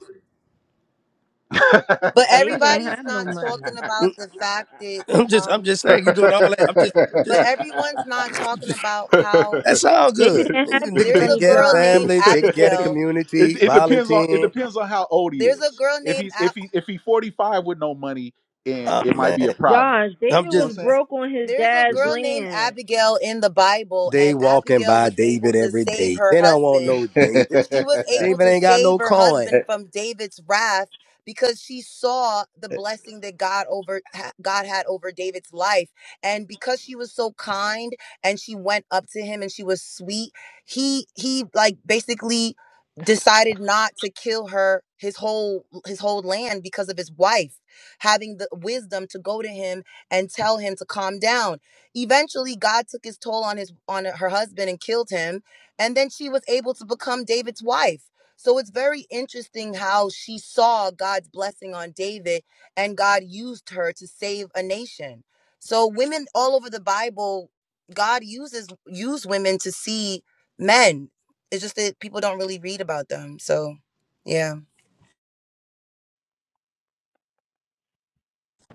Speaker 19: But
Speaker 23: David didn't
Speaker 19: everybody's
Speaker 23: have no
Speaker 19: not talking
Speaker 23: money.
Speaker 19: about
Speaker 6: Mm,
Speaker 19: the fact
Speaker 1: *laughs*
Speaker 19: that,
Speaker 6: I'm just I'm
Speaker 19: um,
Speaker 6: just
Speaker 1: *laughs*
Speaker 6: saying you doing
Speaker 1: it,
Speaker 6: all that. I'm just
Speaker 19: but
Speaker 6: just,
Speaker 19: everyone's not talking
Speaker 6: just
Speaker 19: about how
Speaker 6: that's all
Speaker 23: David
Speaker 6: good.
Speaker 23: didn't have
Speaker 6: Nigga
Speaker 23: a
Speaker 19: there's
Speaker 6: taking
Speaker 19: a
Speaker 23: money
Speaker 6: care of the
Speaker 19: girl
Speaker 23: job.
Speaker 19: named
Speaker 6: family, taking care of the
Speaker 19: Abigail.
Speaker 6: community,
Speaker 1: it depends on it
Speaker 6: volunteering.
Speaker 1: depends on how old he
Speaker 19: There's a
Speaker 1: is.
Speaker 19: girl
Speaker 1: If
Speaker 19: named
Speaker 1: he's if
Speaker 19: Ab-
Speaker 1: he if he's forty five with no money, and
Speaker 6: Uh,
Speaker 1: it might be a
Speaker 6: man,
Speaker 1: problem.
Speaker 23: Josh,
Speaker 1: *laughs*
Speaker 6: I'm
Speaker 23: David
Speaker 6: just
Speaker 23: was broke on his
Speaker 19: there's a
Speaker 23: dad's
Speaker 19: girl named
Speaker 23: land.
Speaker 19: Abigail in the Bible,
Speaker 6: they
Speaker 19: and
Speaker 6: walking
Speaker 19: Abigail
Speaker 6: by
Speaker 19: was able
Speaker 6: David
Speaker 19: to
Speaker 6: every
Speaker 19: save
Speaker 6: day.
Speaker 19: her
Speaker 6: They don't want
Speaker 19: husband
Speaker 6: no David.
Speaker 19: She was able
Speaker 6: David
Speaker 19: to
Speaker 6: ain't got
Speaker 19: save
Speaker 6: no
Speaker 19: her
Speaker 6: coin.
Speaker 19: husband from David's wrath because she saw the blessing that God over ha- God had over David's life and because she was so kind and she went up to him and she was sweet he he like basically decided not to kill her his whole his whole land because of his wife having the wisdom to go to him and tell him to calm down eventually God took his toll on his on her husband and killed him and then she was able to become David's wife. So it's very interesting how she saw God's blessing on David and God used her to save a nation. So women all over the Bible, God uses use women to see men. It's just that people don't really read about them. So yeah.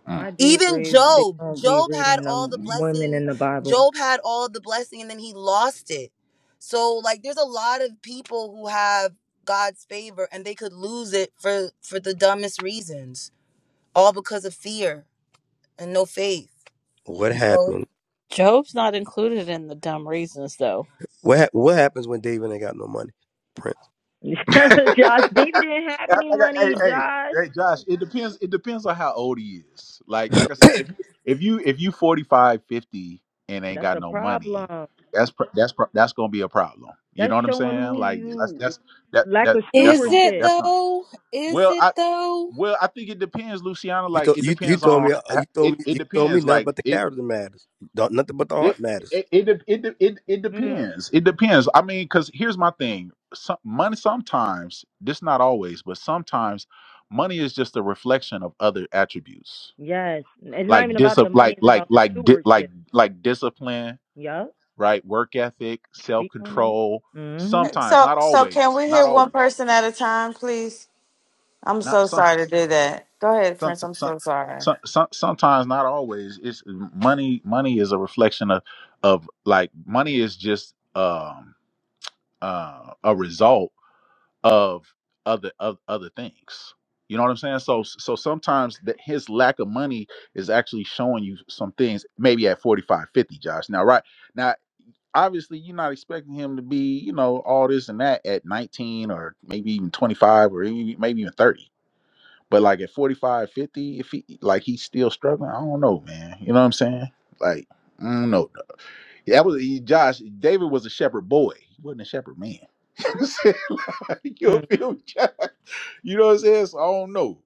Speaker 1: Mm.
Speaker 23: I do
Speaker 19: even
Speaker 23: agree they
Speaker 19: job
Speaker 23: don't be
Speaker 19: job had
Speaker 23: reading
Speaker 19: all the
Speaker 23: them women
Speaker 19: blessing
Speaker 23: in the Bible.
Speaker 19: job had all the blessing and then he lost it so like there's a lot of people who have god's favor and they could lose it for for the dumbest reasons all because of fear and no faith
Speaker 6: What
Speaker 19: so
Speaker 6: happened?
Speaker 26: Job's not included in the dumb reasons, though.
Speaker 6: What hap- what happens when David ain't got no money? Prince.
Speaker 23: *laughs* Josh,
Speaker 1: *laughs* Act
Speaker 23: David didn't have
Speaker 1: like
Speaker 23: any
Speaker 1: I- got- hey,
Speaker 23: money, Josh.
Speaker 1: hey, hey, Josh. It depends. It depends on how old he is. Like, like I said, if if you if you 45, 50, and ain't
Speaker 23: That's
Speaker 1: got
Speaker 23: a
Speaker 1: no money,
Speaker 23: problem.
Speaker 1: that's pro- that's pro- that's gonna be a problem. You
Speaker 23: That's
Speaker 1: know what I'm
Speaker 23: showing
Speaker 1: saying?
Speaker 23: who
Speaker 1: Like, that's
Speaker 23: you
Speaker 1: that's that
Speaker 23: lack
Speaker 1: that
Speaker 23: of
Speaker 1: that's
Speaker 26: Is
Speaker 1: gonna
Speaker 26: it
Speaker 1: that's
Speaker 23: stewardship.
Speaker 1: gonna.
Speaker 26: though? Is
Speaker 1: Well,
Speaker 26: it
Speaker 1: I
Speaker 26: though?
Speaker 1: well I think it depends, Luciana.
Speaker 6: You
Speaker 1: Like,
Speaker 6: told
Speaker 1: it
Speaker 6: you you
Speaker 1: depends
Speaker 6: told me
Speaker 1: on
Speaker 6: uh,
Speaker 1: h-
Speaker 6: you told
Speaker 1: it.
Speaker 6: me
Speaker 1: It
Speaker 6: you told me
Speaker 1: depends.
Speaker 6: nothing
Speaker 1: Like,
Speaker 6: but the
Speaker 1: it
Speaker 6: character matters. Don't- Nothing but the
Speaker 1: it
Speaker 6: heart matters.
Speaker 1: it it de- it, de- it, it
Speaker 23: Mm.
Speaker 1: depends. It depends. I mean, because here's my thing: some, money sometimes, this not always, but sometimes, money is just a reflection of other attributes,
Speaker 23: Yes. It's not
Speaker 1: like
Speaker 23: even
Speaker 1: dis
Speaker 23: about the money,
Speaker 1: like
Speaker 23: it's
Speaker 1: like
Speaker 23: about the
Speaker 1: like di- like
Speaker 23: stewardship.
Speaker 1: like discipline,
Speaker 23: Yup.
Speaker 1: right? Work ethic, self
Speaker 23: Speak on it.
Speaker 1: control.
Speaker 23: Mm-hmm.
Speaker 1: Sometimes,
Speaker 32: So,
Speaker 1: not
Speaker 32: so can
Speaker 1: always,
Speaker 32: we
Speaker 1: not
Speaker 32: hear one
Speaker 1: always,
Speaker 32: person at a time, please? I'm
Speaker 1: not
Speaker 32: so
Speaker 1: some
Speaker 32: sorry to do that. Go ahead,
Speaker 1: some
Speaker 32: Prince. I'm
Speaker 1: some.
Speaker 32: so sorry.
Speaker 1: Some, some, sometimes not always it's money money is a reflection of of like money is just um uh, a result of other of other things. You know what I'm saying? So so sometimes that his lack of money is actually showing you some things. Maybe at 45, 50, Josh. Now right now, obviously you're not expecting him to be you know all this and that at 19 or maybe even 25 or even, maybe even 30. But like at 45, 50, if he like he's still struggling, I don't know, man. You know what I'm saying? Like I don't know. Yeah, That was he, Josh. David was a shepherd boy. He wasn't a shepherd man. *laughs* you know what I'm saying? Like, you
Speaker 23: Mm.
Speaker 1: feel me, Josh? You know what I'm saying? So I don't know.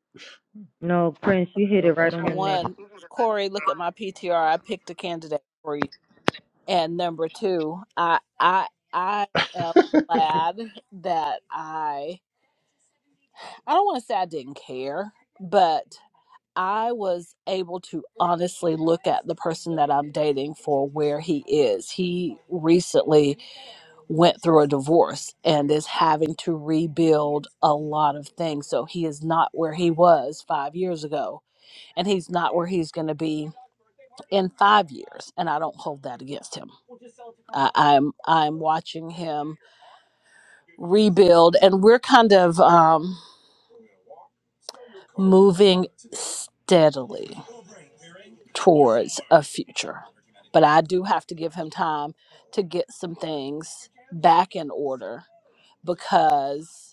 Speaker 23: No, Prince, you hit it
Speaker 1: That-
Speaker 23: right
Speaker 1: That's
Speaker 23: on
Speaker 26: For
Speaker 23: the
Speaker 1: what,
Speaker 23: nail.
Speaker 26: one, Corey, look at my PTR. I picked a candidate for you. And number two, I I I am glad that I I don't want to say I didn't care, but I was able to honestly look at the person that I'm dating for where he is. He recently went through a divorce and is having to rebuild a lot of things. So he is not where he was five years ago, and he's not where he's going to be in five years. And I don't hold that against him. I, I'm I'm watching him rebuild, and we're kind of um, moving steadily towards a future. But I do have to give him time to get some things back in order because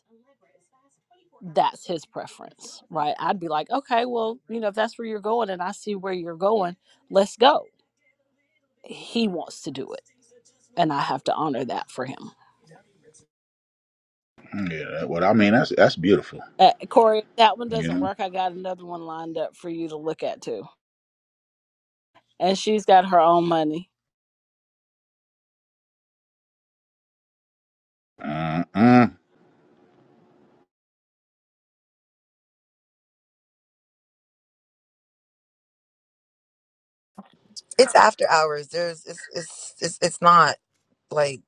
Speaker 26: that's his preference, right? I'd be like, okay, well, you know, if that's where you're going and I see where you're going, let's go. He wants to do it, and I have to honor that for him.
Speaker 1: yeah. that- What I mean, that's that's beautiful.
Speaker 26: Uh, Corey, if that one
Speaker 1: You
Speaker 26: doesn't
Speaker 1: know.
Speaker 26: work. I got another one lined up for you to look at too, and she's got her own money.
Speaker 1: Uh-uh.
Speaker 19: It's after hours. There's it's it's it's, it's not like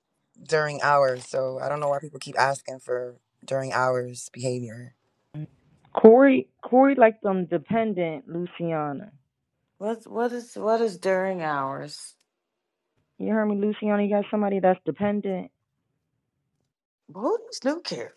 Speaker 19: during hours. So I don't know why people keep asking for during hours behavior.
Speaker 23: Corey Corey like them dependent Luciana.
Speaker 32: What what is what is during hours?
Speaker 23: You heard me, Luciano. You got somebody that's dependent.
Speaker 32: Who does new care?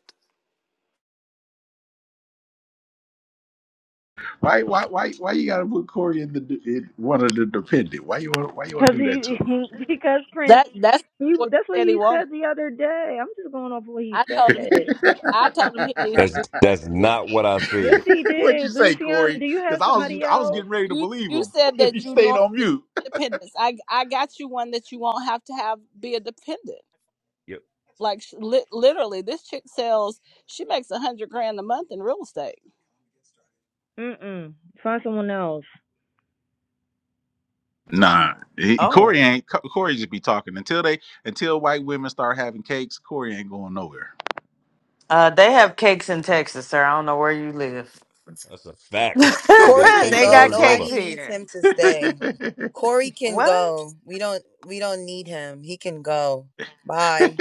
Speaker 1: Why why why why you gotta put Corey in the in one of the dependent? Why you want why you want
Speaker 23: Cause
Speaker 1: to do that
Speaker 23: he, *laughs* because Prince,
Speaker 26: That that's
Speaker 23: he
Speaker 26: what
Speaker 23: that's
Speaker 26: he
Speaker 23: what
Speaker 26: said he
Speaker 23: he
Speaker 26: wanted.
Speaker 23: said the other day. I'm just going off what he
Speaker 26: I
Speaker 23: said.
Speaker 26: told him. I told him he needs
Speaker 1: to
Speaker 26: to
Speaker 3: That's
Speaker 26: do
Speaker 1: him?
Speaker 26: something
Speaker 3: that's
Speaker 26: different.
Speaker 3: not what I
Speaker 23: Yes,
Speaker 3: said.
Speaker 1: *laughs*
Speaker 23: he
Speaker 1: *laughs* What'd you
Speaker 23: did.
Speaker 1: say,
Speaker 23: Luciana,
Speaker 1: Corey?
Speaker 23: do you
Speaker 1: Because
Speaker 23: have
Speaker 1: I
Speaker 26: You
Speaker 1: was
Speaker 23: somebody
Speaker 1: I was
Speaker 23: else?
Speaker 1: getting ready to
Speaker 26: you
Speaker 1: believe
Speaker 26: you
Speaker 1: him *laughs*
Speaker 26: said
Speaker 1: if you
Speaker 26: that you
Speaker 1: stayed on
Speaker 26: normally
Speaker 1: mute.
Speaker 26: dependence. I I got you one that you won't have to have be a dependent.
Speaker 3: Yep,
Speaker 26: Like li- literally, this chick sells. She makes a hundred grand a month in real estate.
Speaker 23: Mm-mm. Find someone else.
Speaker 1: Nah, he, Corey
Speaker 32: Oh.
Speaker 1: ain't. Co- Corey just be talking until they until white women start having cakes. Corey ain't going nowhere.
Speaker 32: Uh they have cakes in Texas, sir. I don't know where you live.
Speaker 3: that's a
Speaker 32: *laughs*
Speaker 3: fact. They
Speaker 19: Corey
Speaker 3: got
Speaker 19: can
Speaker 3: cakes
Speaker 32: they
Speaker 3: in
Speaker 19: go.
Speaker 32: got
Speaker 3: Arizona.
Speaker 32: cakes
Speaker 19: Nobody needs
Speaker 32: here.
Speaker 19: him to stay.
Speaker 1: *laughs*
Speaker 19: Corey can
Speaker 32: What?
Speaker 19: go. We don't we don't need him. He can go. Bye.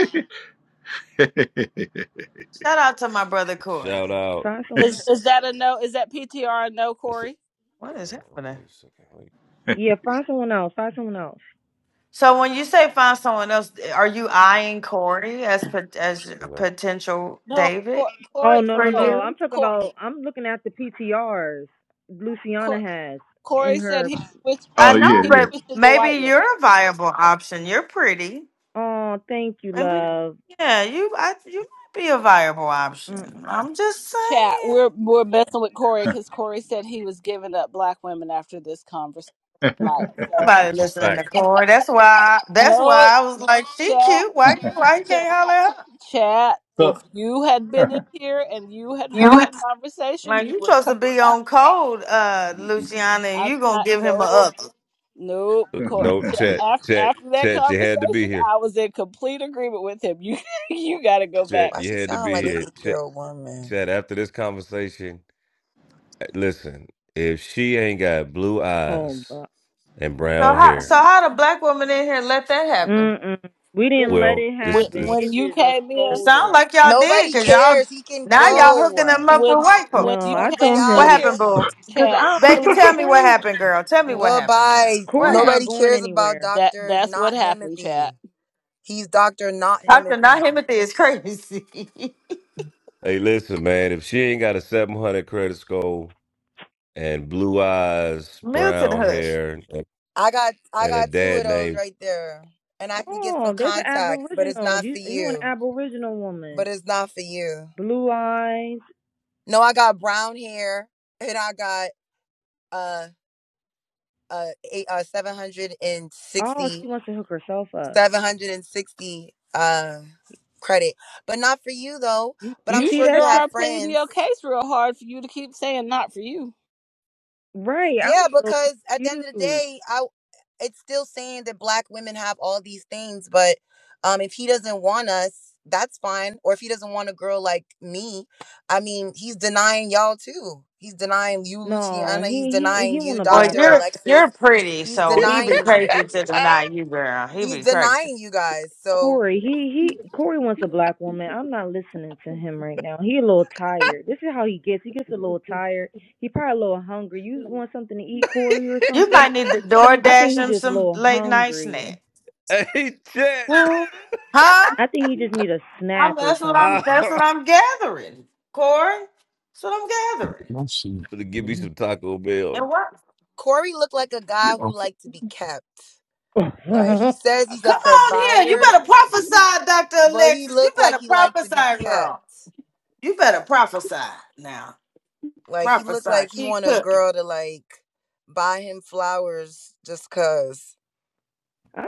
Speaker 32: Shout out to my brother Corey.
Speaker 3: Shout out.
Speaker 23: Find someone.
Speaker 26: Is is that a no? Is that PTR a no,
Speaker 3: That's it.
Speaker 26: Corey?
Speaker 32: What is
Speaker 3: Oh,
Speaker 32: happening?
Speaker 3: wait a second. Wait.
Speaker 23: Yeah, find someone else. Find someone else.
Speaker 32: So when you say find someone else, are you eyeing Corey as pot- as a
Speaker 3: No,
Speaker 32: potential
Speaker 26: No,
Speaker 32: David
Speaker 26: Cor-
Speaker 23: Oh
Speaker 26: Corey.
Speaker 23: no
Speaker 32: for
Speaker 23: no
Speaker 26: No,
Speaker 23: no! I'm
Speaker 32: you?
Speaker 23: talking
Speaker 26: Cor-
Speaker 23: about. I'm looking at the PTRs Luciana
Speaker 26: Cor-
Speaker 23: has in
Speaker 26: Corey said
Speaker 23: her.
Speaker 26: he switched.
Speaker 32: I
Speaker 1: oh
Speaker 32: know,
Speaker 26: He
Speaker 1: yeah,
Speaker 32: but
Speaker 26: switched to the white
Speaker 32: maybe
Speaker 26: one.
Speaker 32: you're a viable option. You're pretty.
Speaker 23: Oh, thank you,
Speaker 32: Maybe,
Speaker 23: love.
Speaker 32: yeah, you I, you might be a viable
Speaker 23: Mm,
Speaker 32: option. I'm just
Speaker 26: Chat.
Speaker 32: saying.
Speaker 26: We're we're messing with Corey because Corey said he was giving up black women after this conversation.
Speaker 1: yeah.
Speaker 26: Like so.
Speaker 32: Nobody
Speaker 3: it's a
Speaker 32: listening to
Speaker 3: fact.
Speaker 32: Corey. That's why. That's why
Speaker 26: Nope.
Speaker 32: I was like, she
Speaker 26: Chat.
Speaker 32: cute. Why? Why you
Speaker 26: Chat.
Speaker 32: can't holler at her?
Speaker 26: Chat.
Speaker 1: *laughs*
Speaker 26: If
Speaker 1: so,
Speaker 26: you had
Speaker 1: *laughs*
Speaker 26: been in here and you had
Speaker 32: You
Speaker 26: heard the conversation,
Speaker 32: Like
Speaker 26: you
Speaker 32: you
Speaker 26: would
Speaker 32: supposed
Speaker 26: come.
Speaker 32: to be
Speaker 26: back.
Speaker 32: on code, uh, Luciana, and
Speaker 26: I,
Speaker 32: you gonna
Speaker 26: I
Speaker 32: give him a
Speaker 26: no.
Speaker 32: up. So
Speaker 26: Nope.
Speaker 3: Uh,
Speaker 26: Co-
Speaker 3: No,
Speaker 26: ch-
Speaker 3: Chet,
Speaker 26: After,
Speaker 3: Chet,
Speaker 26: after that
Speaker 3: Chet. You had to be
Speaker 26: conversation,
Speaker 3: here.
Speaker 26: I was in complete agreement with him. You *laughs* you got to go back.
Speaker 3: Chet,
Speaker 19: Why
Speaker 3: you
Speaker 19: she
Speaker 3: had to
Speaker 19: sound
Speaker 3: be
Speaker 19: like an
Speaker 3: here.
Speaker 19: eight year
Speaker 3: Chet,
Speaker 19: old woman?
Speaker 3: Chet. After this conversation, hey, listen. If she ain't got blue
Speaker 23: Oh,
Speaker 3: eyes and brown
Speaker 32: how?
Speaker 23: God.
Speaker 32: So
Speaker 3: hair,
Speaker 32: how the black woman in here let that happen?
Speaker 23: Mm-mm. We didn't let
Speaker 3: well,
Speaker 23: it
Speaker 3: this
Speaker 26: When,
Speaker 3: is this.
Speaker 23: happen.
Speaker 26: when
Speaker 23: It
Speaker 26: you
Speaker 23: just
Speaker 26: came
Speaker 32: It
Speaker 26: in,
Speaker 32: sounds
Speaker 23: unfolded.
Speaker 32: like y'all did,
Speaker 19: Nobody
Speaker 32: cause y'all
Speaker 19: cares. He can
Speaker 32: now
Speaker 26: when
Speaker 32: y'all
Speaker 19: go.
Speaker 32: hooking them up with
Speaker 26: when
Speaker 32: white
Speaker 26: when
Speaker 23: No,
Speaker 32: folks.
Speaker 26: you
Speaker 23: I
Speaker 19: Bon
Speaker 26: came
Speaker 23: told
Speaker 32: What
Speaker 26: in
Speaker 23: him
Speaker 32: happened,
Speaker 26: here,
Speaker 32: boo?
Speaker 19: voyage.
Speaker 23: because
Speaker 26: chat.
Speaker 23: I don't
Speaker 32: Becky,
Speaker 23: believe
Speaker 32: tell me what
Speaker 23: Corey.
Speaker 32: happened, girl. Tell me
Speaker 26: w-
Speaker 32: what
Speaker 19: Bye
Speaker 32: happened, girl.
Speaker 19: bye.
Speaker 32: What
Speaker 23: Corey's
Speaker 32: happened?
Speaker 23: not
Speaker 19: Nobody
Speaker 23: going
Speaker 19: cares about
Speaker 23: anywhere.
Speaker 26: That
Speaker 19: Dr.
Speaker 26: that's what
Speaker 19: Not
Speaker 26: happened, chat.
Speaker 19: Himothy. He's Dr. Not
Speaker 32: Dr.
Speaker 19: Himothy.
Speaker 32: Nahimothy is crazy.
Speaker 3: Hey, listen, man. If she ain't got a seven hundred credit score. and blue eyes,
Speaker 32: *laughs* Milton
Speaker 3: brown
Speaker 32: Hush.
Speaker 3: hair, and
Speaker 19: I got I
Speaker 3: and a
Speaker 19: got two of
Speaker 3: dad
Speaker 19: those
Speaker 3: named
Speaker 19: right there. And I can get some
Speaker 23: Oh, there's an
Speaker 19: contacts, but it's
Speaker 23: aboriginal.
Speaker 19: not for
Speaker 23: You you want
Speaker 19: you.
Speaker 23: an aboriginal
Speaker 19: But
Speaker 23: woman?
Speaker 19: it's not for
Speaker 3: *laughs*
Speaker 19: you.
Speaker 23: Blue eyes.
Speaker 19: No, I got brown hair and I got uh uh eight uh
Speaker 23: Oh, she
Speaker 19: 760
Speaker 23: wants to hook herself up.
Speaker 19: uh credit. But not for you though,
Speaker 26: You
Speaker 19: but
Speaker 23: You
Speaker 19: I'm
Speaker 26: you
Speaker 23: see
Speaker 19: sure
Speaker 26: sure
Speaker 19: you
Speaker 23: that
Speaker 19: have
Speaker 26: are
Speaker 23: chat?
Speaker 26: pleading
Speaker 19: friends.
Speaker 26: your case real hard for you to keep saying not for you.
Speaker 23: Right. I'm
Speaker 19: Yeah,
Speaker 23: a little
Speaker 19: because at the end of the
Speaker 23: confused.
Speaker 19: day, I it's still saying that black women have all these things, but um if he doesn't want us, that's fine. Or if he doesn't want a girl like me, I mean, he's denying y'all too. He's denying you,
Speaker 23: No,
Speaker 19: Luciana. He's
Speaker 23: he he
Speaker 19: denying
Speaker 23: he
Speaker 19: you,
Speaker 23: want a
Speaker 32: Well,
Speaker 23: black
Speaker 19: Dr.
Speaker 23: one.
Speaker 32: you're
Speaker 19: Alexis
Speaker 32: you're pretty,
Speaker 19: He's
Speaker 32: so he be
Speaker 19: denying you.
Speaker 32: crazy to deny you, girl. He
Speaker 19: He's
Speaker 32: be crazy.
Speaker 19: denying you guys. So
Speaker 23: Corey, he he Corey wants a black woman. I'm not listening to him right now. He a little tired. This is how he gets. He gets a little tired. He probably a little hungry. You want something to eat, Corey, or
Speaker 32: You
Speaker 23: something?
Speaker 32: might need to door
Speaker 23: I think
Speaker 32: dash
Speaker 23: he
Speaker 32: him
Speaker 23: just a
Speaker 32: some
Speaker 23: little
Speaker 32: late night snack.
Speaker 23: hungry.
Speaker 3: Hey Chet.
Speaker 32: Hmm? huh?
Speaker 23: I think he just need a
Speaker 32: I'm,
Speaker 23: snack or
Speaker 32: that's what I'm
Speaker 3: Ah,
Speaker 23: something.
Speaker 32: that's what I'm gathering, Corey. That's what I'm gathering.
Speaker 13: see.
Speaker 3: *laughs* to give me
Speaker 13: You
Speaker 3: some Taco
Speaker 32: And
Speaker 3: Bell.
Speaker 32: what
Speaker 19: Corey looked like a guy who
Speaker 13: know,
Speaker 19: liked to be kept.
Speaker 23: *laughs* I
Speaker 19: Like he says he's a
Speaker 32: come on here. You
Speaker 19: provider,
Speaker 32: better prophesy, Dr.
Speaker 19: but he
Speaker 32: Alexis. You
Speaker 19: looked like
Speaker 32: better
Speaker 19: he liked to be
Speaker 32: prophesy,
Speaker 19: kept.
Speaker 32: girl. You better prophesy now.
Speaker 19: Like he looked like
Speaker 32: Prophesy.
Speaker 19: he
Speaker 32: Keep
Speaker 19: wanted a
Speaker 32: cooking.
Speaker 19: girl to like buy him flowers just cause.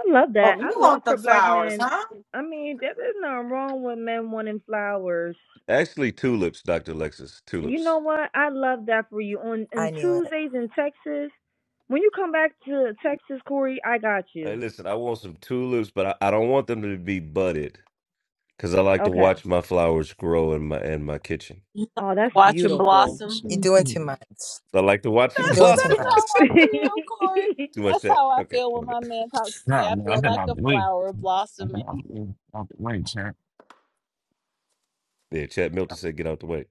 Speaker 23: love
Speaker 32: Oh,
Speaker 23: that.
Speaker 32: you
Speaker 23: I love
Speaker 32: want
Speaker 23: for
Speaker 32: the
Speaker 23: black
Speaker 32: flowers,
Speaker 23: men.
Speaker 32: huh?
Speaker 23: I mean, there- there's nothing wrong with men wanting flowers.
Speaker 3: Actually, tulips, Dr. Lexus.
Speaker 23: You
Speaker 3: Tulips.
Speaker 23: know what? I love that for you. On
Speaker 19: I
Speaker 23: on
Speaker 19: knew it.
Speaker 23: Tuesdays in Texas, when you come back to Texas, Corey, I got
Speaker 3: Hey,
Speaker 23: you.
Speaker 3: listen, I want some tulips, but I, I don't want them to be budded because I like to watch
Speaker 23: Okay.
Speaker 3: my flowers grow in my in my kitchen.
Speaker 23: Oh, that's
Speaker 26: Watch him
Speaker 23: beautiful.
Speaker 13: let's
Speaker 26: blossom.
Speaker 19: You're doing too much.
Speaker 3: I like to watch it
Speaker 19: You're
Speaker 26: That's
Speaker 19: doing
Speaker 13: Nah,
Speaker 19: too
Speaker 3: blossom.
Speaker 26: that's how
Speaker 19: much.
Speaker 23: *laughs*
Speaker 26: I
Speaker 23: I
Speaker 26: feel, Corey.
Speaker 3: *laughs* Too much
Speaker 26: That's
Speaker 3: chat.
Speaker 26: how I
Speaker 3: Okay,
Speaker 26: feel
Speaker 3: my
Speaker 26: when
Speaker 3: bad.
Speaker 26: my man talks to me.
Speaker 13: Nah,
Speaker 26: I
Speaker 13: man, I've
Speaker 26: feel
Speaker 13: been
Speaker 26: like a
Speaker 13: out the way.
Speaker 26: flower
Speaker 13: I've been
Speaker 26: blossoming.
Speaker 13: out the way, out the way, champ.
Speaker 3: Yeah, Chat Milton said, "Get out the way."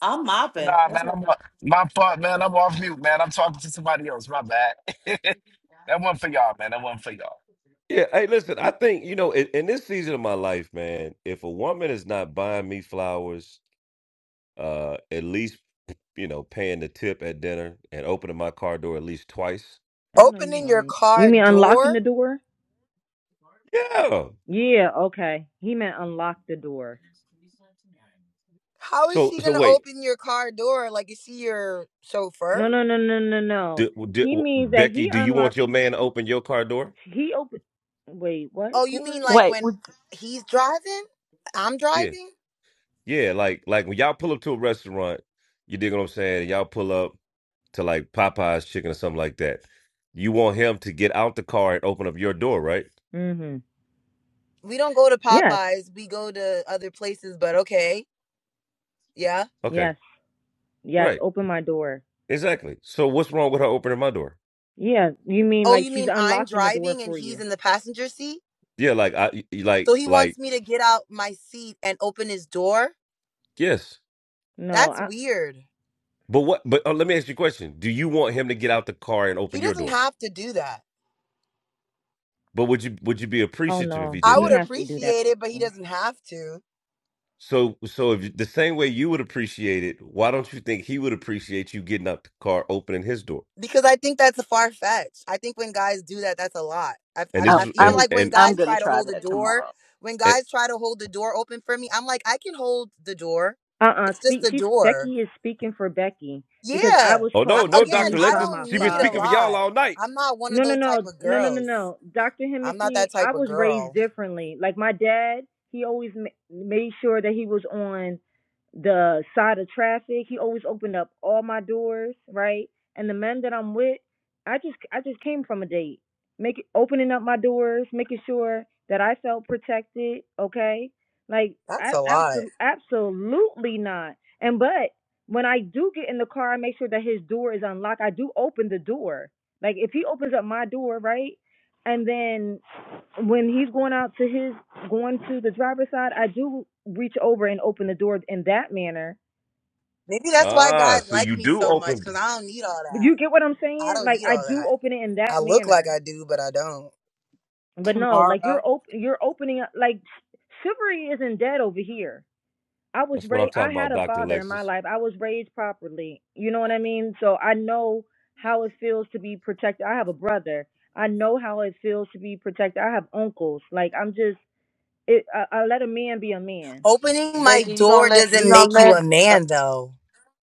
Speaker 32: I'm mopping.
Speaker 13: Nah,
Speaker 32: What's
Speaker 13: man, I'm
Speaker 32: happening?
Speaker 13: on, my fault, man. I'm off mute, man. I'm talking to somebody else. My bad. *laughs* that one for y'all, man. That one for y'all.
Speaker 3: Yeah, hey, listen, I think, you know, in, in this season of my life, man, if a woman is not buying me flowers, uh, at least, you know, paying the tip at dinner and opening my car door at least twice.
Speaker 23: know you
Speaker 19: Opening your
Speaker 23: lying. You
Speaker 19: car
Speaker 23: mean unlocking
Speaker 19: door?
Speaker 23: the door?
Speaker 3: Yeah.
Speaker 23: Yeah, okay. He meant unlock the door.
Speaker 19: How is
Speaker 3: So,
Speaker 19: she
Speaker 3: so
Speaker 19: gonna
Speaker 3: wait,
Speaker 19: open your car door? Like is she your chauffeur?
Speaker 23: No, no, no, no, no, no.
Speaker 3: d d
Speaker 23: He means that
Speaker 3: Becky,
Speaker 23: he
Speaker 3: do you want
Speaker 23: unlocks.
Speaker 3: your man to open your car door?
Speaker 23: He open. Wait, what,
Speaker 19: Oh, you mean
Speaker 23: Corey?
Speaker 19: like
Speaker 26: Wait,
Speaker 19: when
Speaker 26: would,
Speaker 19: he's driving? I'm
Speaker 3: Yeah.
Speaker 19: driving?
Speaker 3: Yeah, like like when y'all pull up to a restaurant, you dig what I'm saying? Y'all pull up to like Popeye's chicken or something like that. You want him to get out the car and open up your door, right?
Speaker 23: Mm-hmm.
Speaker 19: We don't go to
Speaker 23: Yes,
Speaker 19: Popeyes, we go to other places, but okay. Yeah.
Speaker 3: Okay.
Speaker 23: yes, yes.
Speaker 3: Right.
Speaker 23: Open my door.
Speaker 3: Exactly. So what's wrong with her opening my door?
Speaker 23: Yeah, you mean
Speaker 19: Oh,
Speaker 23: like
Speaker 19: you
Speaker 23: she's
Speaker 19: mean I'm
Speaker 23: unlocking the door
Speaker 19: driving and
Speaker 23: for
Speaker 19: he's
Speaker 23: you?
Speaker 19: in the passenger seat?
Speaker 3: Yeah, like I,
Speaker 19: So
Speaker 3: like
Speaker 19: he wants
Speaker 3: like
Speaker 19: me to get out my seat and open his door?
Speaker 3: yes.
Speaker 23: No,
Speaker 19: That's
Speaker 23: I.
Speaker 19: weird.
Speaker 3: But what? But uh, let me ask you a question. Do you want him to get out the car and
Speaker 19: He
Speaker 3: open your
Speaker 19: doesn't
Speaker 3: door?
Speaker 19: have to do that.
Speaker 3: But would you would you be
Speaker 23: Oh
Speaker 3: appreciative if
Speaker 23: no,
Speaker 3: he
Speaker 19: I
Speaker 3: did
Speaker 23: he
Speaker 19: would
Speaker 3: that?
Speaker 23: has to do
Speaker 19: appreciate it, but he
Speaker 23: that.
Speaker 19: doesn't have to.
Speaker 3: So so if you- the same way you would appreciate it, why don't you think he would appreciate you getting out the car, opening his door?
Speaker 19: because I think that's far fetched. I think when guys do that, that's a lot. I've,
Speaker 3: And
Speaker 19: I've,
Speaker 3: this
Speaker 26: oh,
Speaker 3: is
Speaker 19: I've even
Speaker 3: and
Speaker 26: I'm
Speaker 19: like when
Speaker 3: and,
Speaker 26: I'm
Speaker 19: guys
Speaker 26: gonna
Speaker 19: try to
Speaker 26: try
Speaker 19: hold the
Speaker 26: that
Speaker 19: door,
Speaker 26: tomorrow.
Speaker 19: when
Speaker 3: and
Speaker 19: guys try to hold the door open for me, I'm like, I can hold the door.
Speaker 23: Uh-uh.
Speaker 19: It's just
Speaker 23: Speak.
Speaker 19: the
Speaker 23: She's
Speaker 19: door.
Speaker 23: Becky is speaking for Becky because I
Speaker 19: Yeah.
Speaker 23: was
Speaker 3: oh
Speaker 19: I,
Speaker 3: no
Speaker 23: taught
Speaker 3: no
Speaker 19: again,
Speaker 3: Doctor
Speaker 23: differently
Speaker 19: I
Speaker 23: by
Speaker 3: Lexus,
Speaker 23: my
Speaker 19: don't
Speaker 3: she been
Speaker 19: need a
Speaker 3: speaking
Speaker 23: father.
Speaker 3: for y'all
Speaker 19: lot.
Speaker 3: all night.
Speaker 19: I'm not one of
Speaker 23: No, no,
Speaker 19: those type
Speaker 23: no,
Speaker 19: of
Speaker 23: no, no, no,
Speaker 19: girls.
Speaker 23: no. Dr.
Speaker 19: I'm not that
Speaker 23: Himothy,
Speaker 19: type
Speaker 23: I
Speaker 19: of
Speaker 23: was raised
Speaker 19: girl.
Speaker 23: differently. Like my dad, he always ma- made sure that he was on the side of traffic. He always opened up all my doors, right? And the men that I'm with, I just, I just came from a date, making opening up my doors, making sure that I felt protected. Okay, like
Speaker 19: That's
Speaker 23: I
Speaker 19: a lot.
Speaker 23: absolutely, absolutely not. And but when I do get in the car, I make sure that his door is unlocked. I do open the door like if he opens up my door, right? And then when he's going out to his going to the driver's side, I do reach over and open the door in that manner.
Speaker 19: Maybe that's why
Speaker 3: Ah,
Speaker 19: guys
Speaker 3: so
Speaker 19: like
Speaker 3: you
Speaker 19: me
Speaker 3: do
Speaker 19: so much
Speaker 3: open.
Speaker 19: because I don't need all
Speaker 23: But
Speaker 19: that.
Speaker 23: you get what I'm
Speaker 19: I
Speaker 23: saying?
Speaker 19: don't
Speaker 23: Like
Speaker 19: need
Speaker 23: I
Speaker 19: all
Speaker 23: do
Speaker 19: that.
Speaker 23: open it in that
Speaker 19: I look like
Speaker 23: manner.
Speaker 19: I do, but I don't.
Speaker 23: But no, like you're
Speaker 26: Tomorrow,
Speaker 23: op- you're opening up like chivalry isn't dead over here. I was
Speaker 3: That's what I'm
Speaker 23: raised
Speaker 3: talking
Speaker 23: I had
Speaker 3: about,
Speaker 23: a
Speaker 3: Doctor
Speaker 23: father in my
Speaker 3: Lexus.
Speaker 23: life. I was raised properly. You know what I mean? So I know how it feels to be protected. I have a brother. I know how it feels to be protected. I have uncles. Like I'm just it uh, uh, let a man be a man.
Speaker 19: Opening my
Speaker 32: Becky, you gonna
Speaker 19: door
Speaker 32: let you
Speaker 19: doesn't
Speaker 32: gonna
Speaker 19: make you a
Speaker 32: let uh,
Speaker 19: man, though.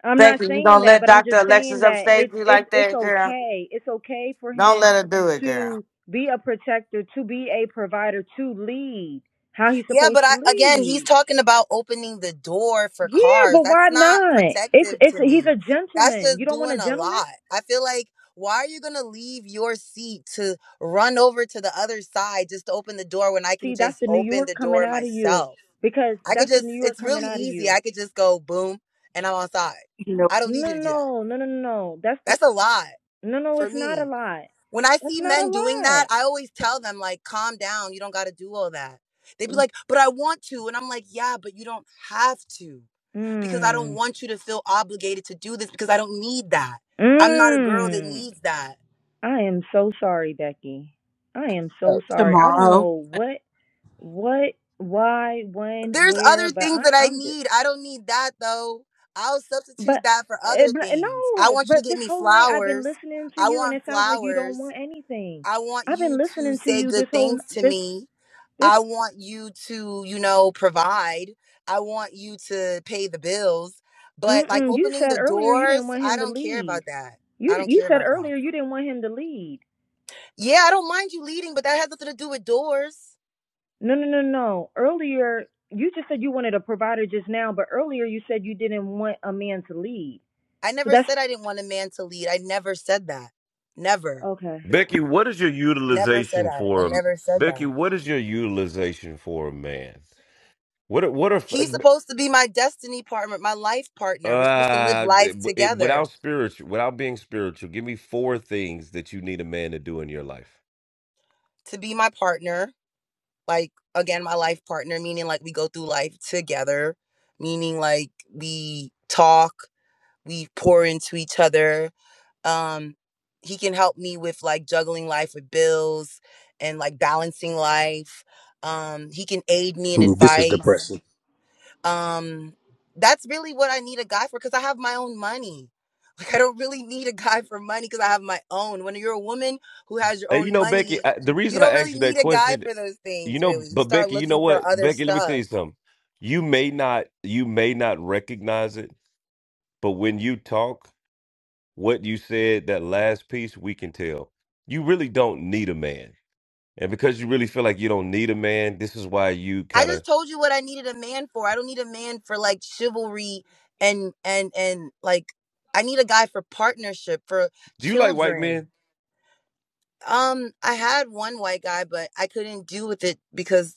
Speaker 23: I'm not
Speaker 32: Becky, you
Speaker 23: saying
Speaker 32: gonna
Speaker 23: that,
Speaker 32: let
Speaker 23: but I'm
Speaker 32: Dr.
Speaker 23: just saying
Speaker 32: Alexis
Speaker 23: that
Speaker 32: upstage
Speaker 23: it's
Speaker 32: you
Speaker 23: it's
Speaker 32: like
Speaker 23: it's
Speaker 32: that, girl?
Speaker 23: okay. It's okay for
Speaker 32: Don't
Speaker 23: him
Speaker 32: let her do it, girl.
Speaker 23: to be a protector, to be a provider, to lead how he's
Speaker 19: Yeah,
Speaker 23: supposed
Speaker 19: but I,
Speaker 23: to
Speaker 19: again, he's
Speaker 23: lead.
Speaker 19: talking about opening the door for
Speaker 23: Yeah,
Speaker 19: cars.
Speaker 23: but
Speaker 19: That's
Speaker 23: why
Speaker 19: not
Speaker 23: not? It's
Speaker 19: protective
Speaker 23: it's
Speaker 19: to
Speaker 23: he's
Speaker 19: me.
Speaker 23: a
Speaker 19: That's
Speaker 23: gentleman. You
Speaker 19: just
Speaker 23: don't want a
Speaker 19: doing a
Speaker 23: gentleman?
Speaker 19: lot. I feel like, why are you going to leave your seat to run over to the other side just to open the door when I can
Speaker 23: See, that's
Speaker 19: just
Speaker 23: the New
Speaker 19: open
Speaker 23: York
Speaker 19: the
Speaker 23: coming
Speaker 19: door
Speaker 23: out of you
Speaker 19: myself?
Speaker 23: because
Speaker 19: I could
Speaker 23: that's the
Speaker 19: just,
Speaker 23: New York
Speaker 19: it's
Speaker 23: coming
Speaker 19: really
Speaker 23: out of
Speaker 19: easy.
Speaker 23: you.
Speaker 19: I could just go boom and I'm outside.
Speaker 26: you know,
Speaker 19: I don't need
Speaker 23: No,
Speaker 19: you to do that.
Speaker 23: no, no, no, no. no. That's the
Speaker 19: That's a lot
Speaker 23: no, no.
Speaker 19: for
Speaker 23: It's not a
Speaker 19: me.
Speaker 23: lie.
Speaker 19: When I
Speaker 23: That's
Speaker 19: see
Speaker 23: not a
Speaker 19: men doing that,
Speaker 23: lie.
Speaker 19: I always tell them, like, calm down. You don't got to do all that. They'd be like, but I want to. And I'm like, yeah, but you don't have to because I don't
Speaker 23: Mm.
Speaker 19: want you to feel obligated to do this because I don't need that. I'm not a girl that
Speaker 23: Mm,
Speaker 19: needs that.
Speaker 23: I am so sorry, Becky. I am
Speaker 26: uh,
Speaker 23: so sorry. I don't
Speaker 26: tomorrow.
Speaker 23: know what, what, why, when,
Speaker 19: There's
Speaker 23: where,
Speaker 19: other
Speaker 23: but
Speaker 19: things
Speaker 23: I,
Speaker 19: that I
Speaker 23: I'm just,
Speaker 19: need. I don't need that though. I'll
Speaker 23: but,
Speaker 19: substitute that for
Speaker 23: eh,
Speaker 19: other
Speaker 23: but eh,
Speaker 19: things. I
Speaker 23: no,
Speaker 19: want you to
Speaker 23: but
Speaker 19: get
Speaker 23: this
Speaker 19: me
Speaker 23: whole night I've been
Speaker 19: flowers.
Speaker 23: listening to
Speaker 19: I
Speaker 23: you, and
Speaker 19: want
Speaker 23: it sounds like you don't
Speaker 19: flowers.
Speaker 23: want anything.
Speaker 19: I want
Speaker 23: I've
Speaker 19: you
Speaker 23: been
Speaker 19: to
Speaker 23: listening to
Speaker 19: say
Speaker 23: you this
Speaker 19: good
Speaker 23: whole
Speaker 19: things to
Speaker 23: this
Speaker 19: me.
Speaker 23: this.
Speaker 19: I want you to, you know, provide. I want you to pay the bills. But like
Speaker 23: Mm-mm, you
Speaker 19: opening
Speaker 23: said
Speaker 19: the
Speaker 23: earlier you didn't
Speaker 19: doors,
Speaker 23: want
Speaker 19: I
Speaker 23: him to
Speaker 19: don't care about
Speaker 23: lead.
Speaker 19: that. I
Speaker 23: You
Speaker 19: don't
Speaker 23: you
Speaker 19: care
Speaker 23: said
Speaker 19: about that.
Speaker 23: earlier you didn't want him to lead.
Speaker 19: Yeah, I don't mind you leading, but that has nothing to do with doors.
Speaker 23: No, no, no, no. Earlier, you just said you wanted a provider just now, but earlier you said you didn't want a man to lead.
Speaker 19: I
Speaker 23: So
Speaker 19: never
Speaker 23: that's
Speaker 19: said I didn't want a man to lead. I never said that. Never.
Speaker 23: okay.
Speaker 3: Becky, what is your
Speaker 19: Never said
Speaker 3: utilization
Speaker 19: I. I
Speaker 3: for a
Speaker 19: never said
Speaker 3: Becky?
Speaker 19: that.
Speaker 3: What is your utilization for a man? What are- what are
Speaker 19: He's supposed to be my destiny partner, my life partner. We're supposed to live
Speaker 3: uh
Speaker 19: life
Speaker 3: it, without
Speaker 19: together.
Speaker 3: spiritual without being spiritual? Give me four things that you need a man to do in your life.
Speaker 19: To be my partner, like again, my life partner, meaning like we go through life together, meaning like we talk, we pour into each other. Um, he can help me with like juggling life with bills and like balancing life. Um, he can aid me in
Speaker 6: Mm, This is
Speaker 19: advice.
Speaker 6: depressing.
Speaker 19: um that's really what i need a guy for because i have my own money *laughs* like i don't really need a guy for money because i have my own when you're a woman who has your
Speaker 3: Hey,
Speaker 19: own
Speaker 3: you know, Becky,
Speaker 19: money
Speaker 3: I, the
Speaker 19: you
Speaker 3: reason I
Speaker 19: don't really
Speaker 3: asked you that
Speaker 19: need a guy
Speaker 3: question,
Speaker 19: for those
Speaker 3: you
Speaker 19: things really
Speaker 3: know,
Speaker 19: you
Speaker 3: but
Speaker 19: start
Speaker 3: Becky, you know
Speaker 19: looking for
Speaker 3: what,
Speaker 19: other
Speaker 3: Becky, let me tell
Speaker 19: stuff
Speaker 3: you something. You may not you may not recognize it, but when you talk, what you said that last piece, we can tell you really don't need a man And because you really feel like you don't need a man, this is why you
Speaker 19: i
Speaker 3: kind of
Speaker 19: just told you what i needed a man for i don't need a man for like chivalry and and and like i need a guy for partnership for
Speaker 3: do you like white
Speaker 19: children
Speaker 3: men?
Speaker 19: um i had one white guy but i couldn't do with it because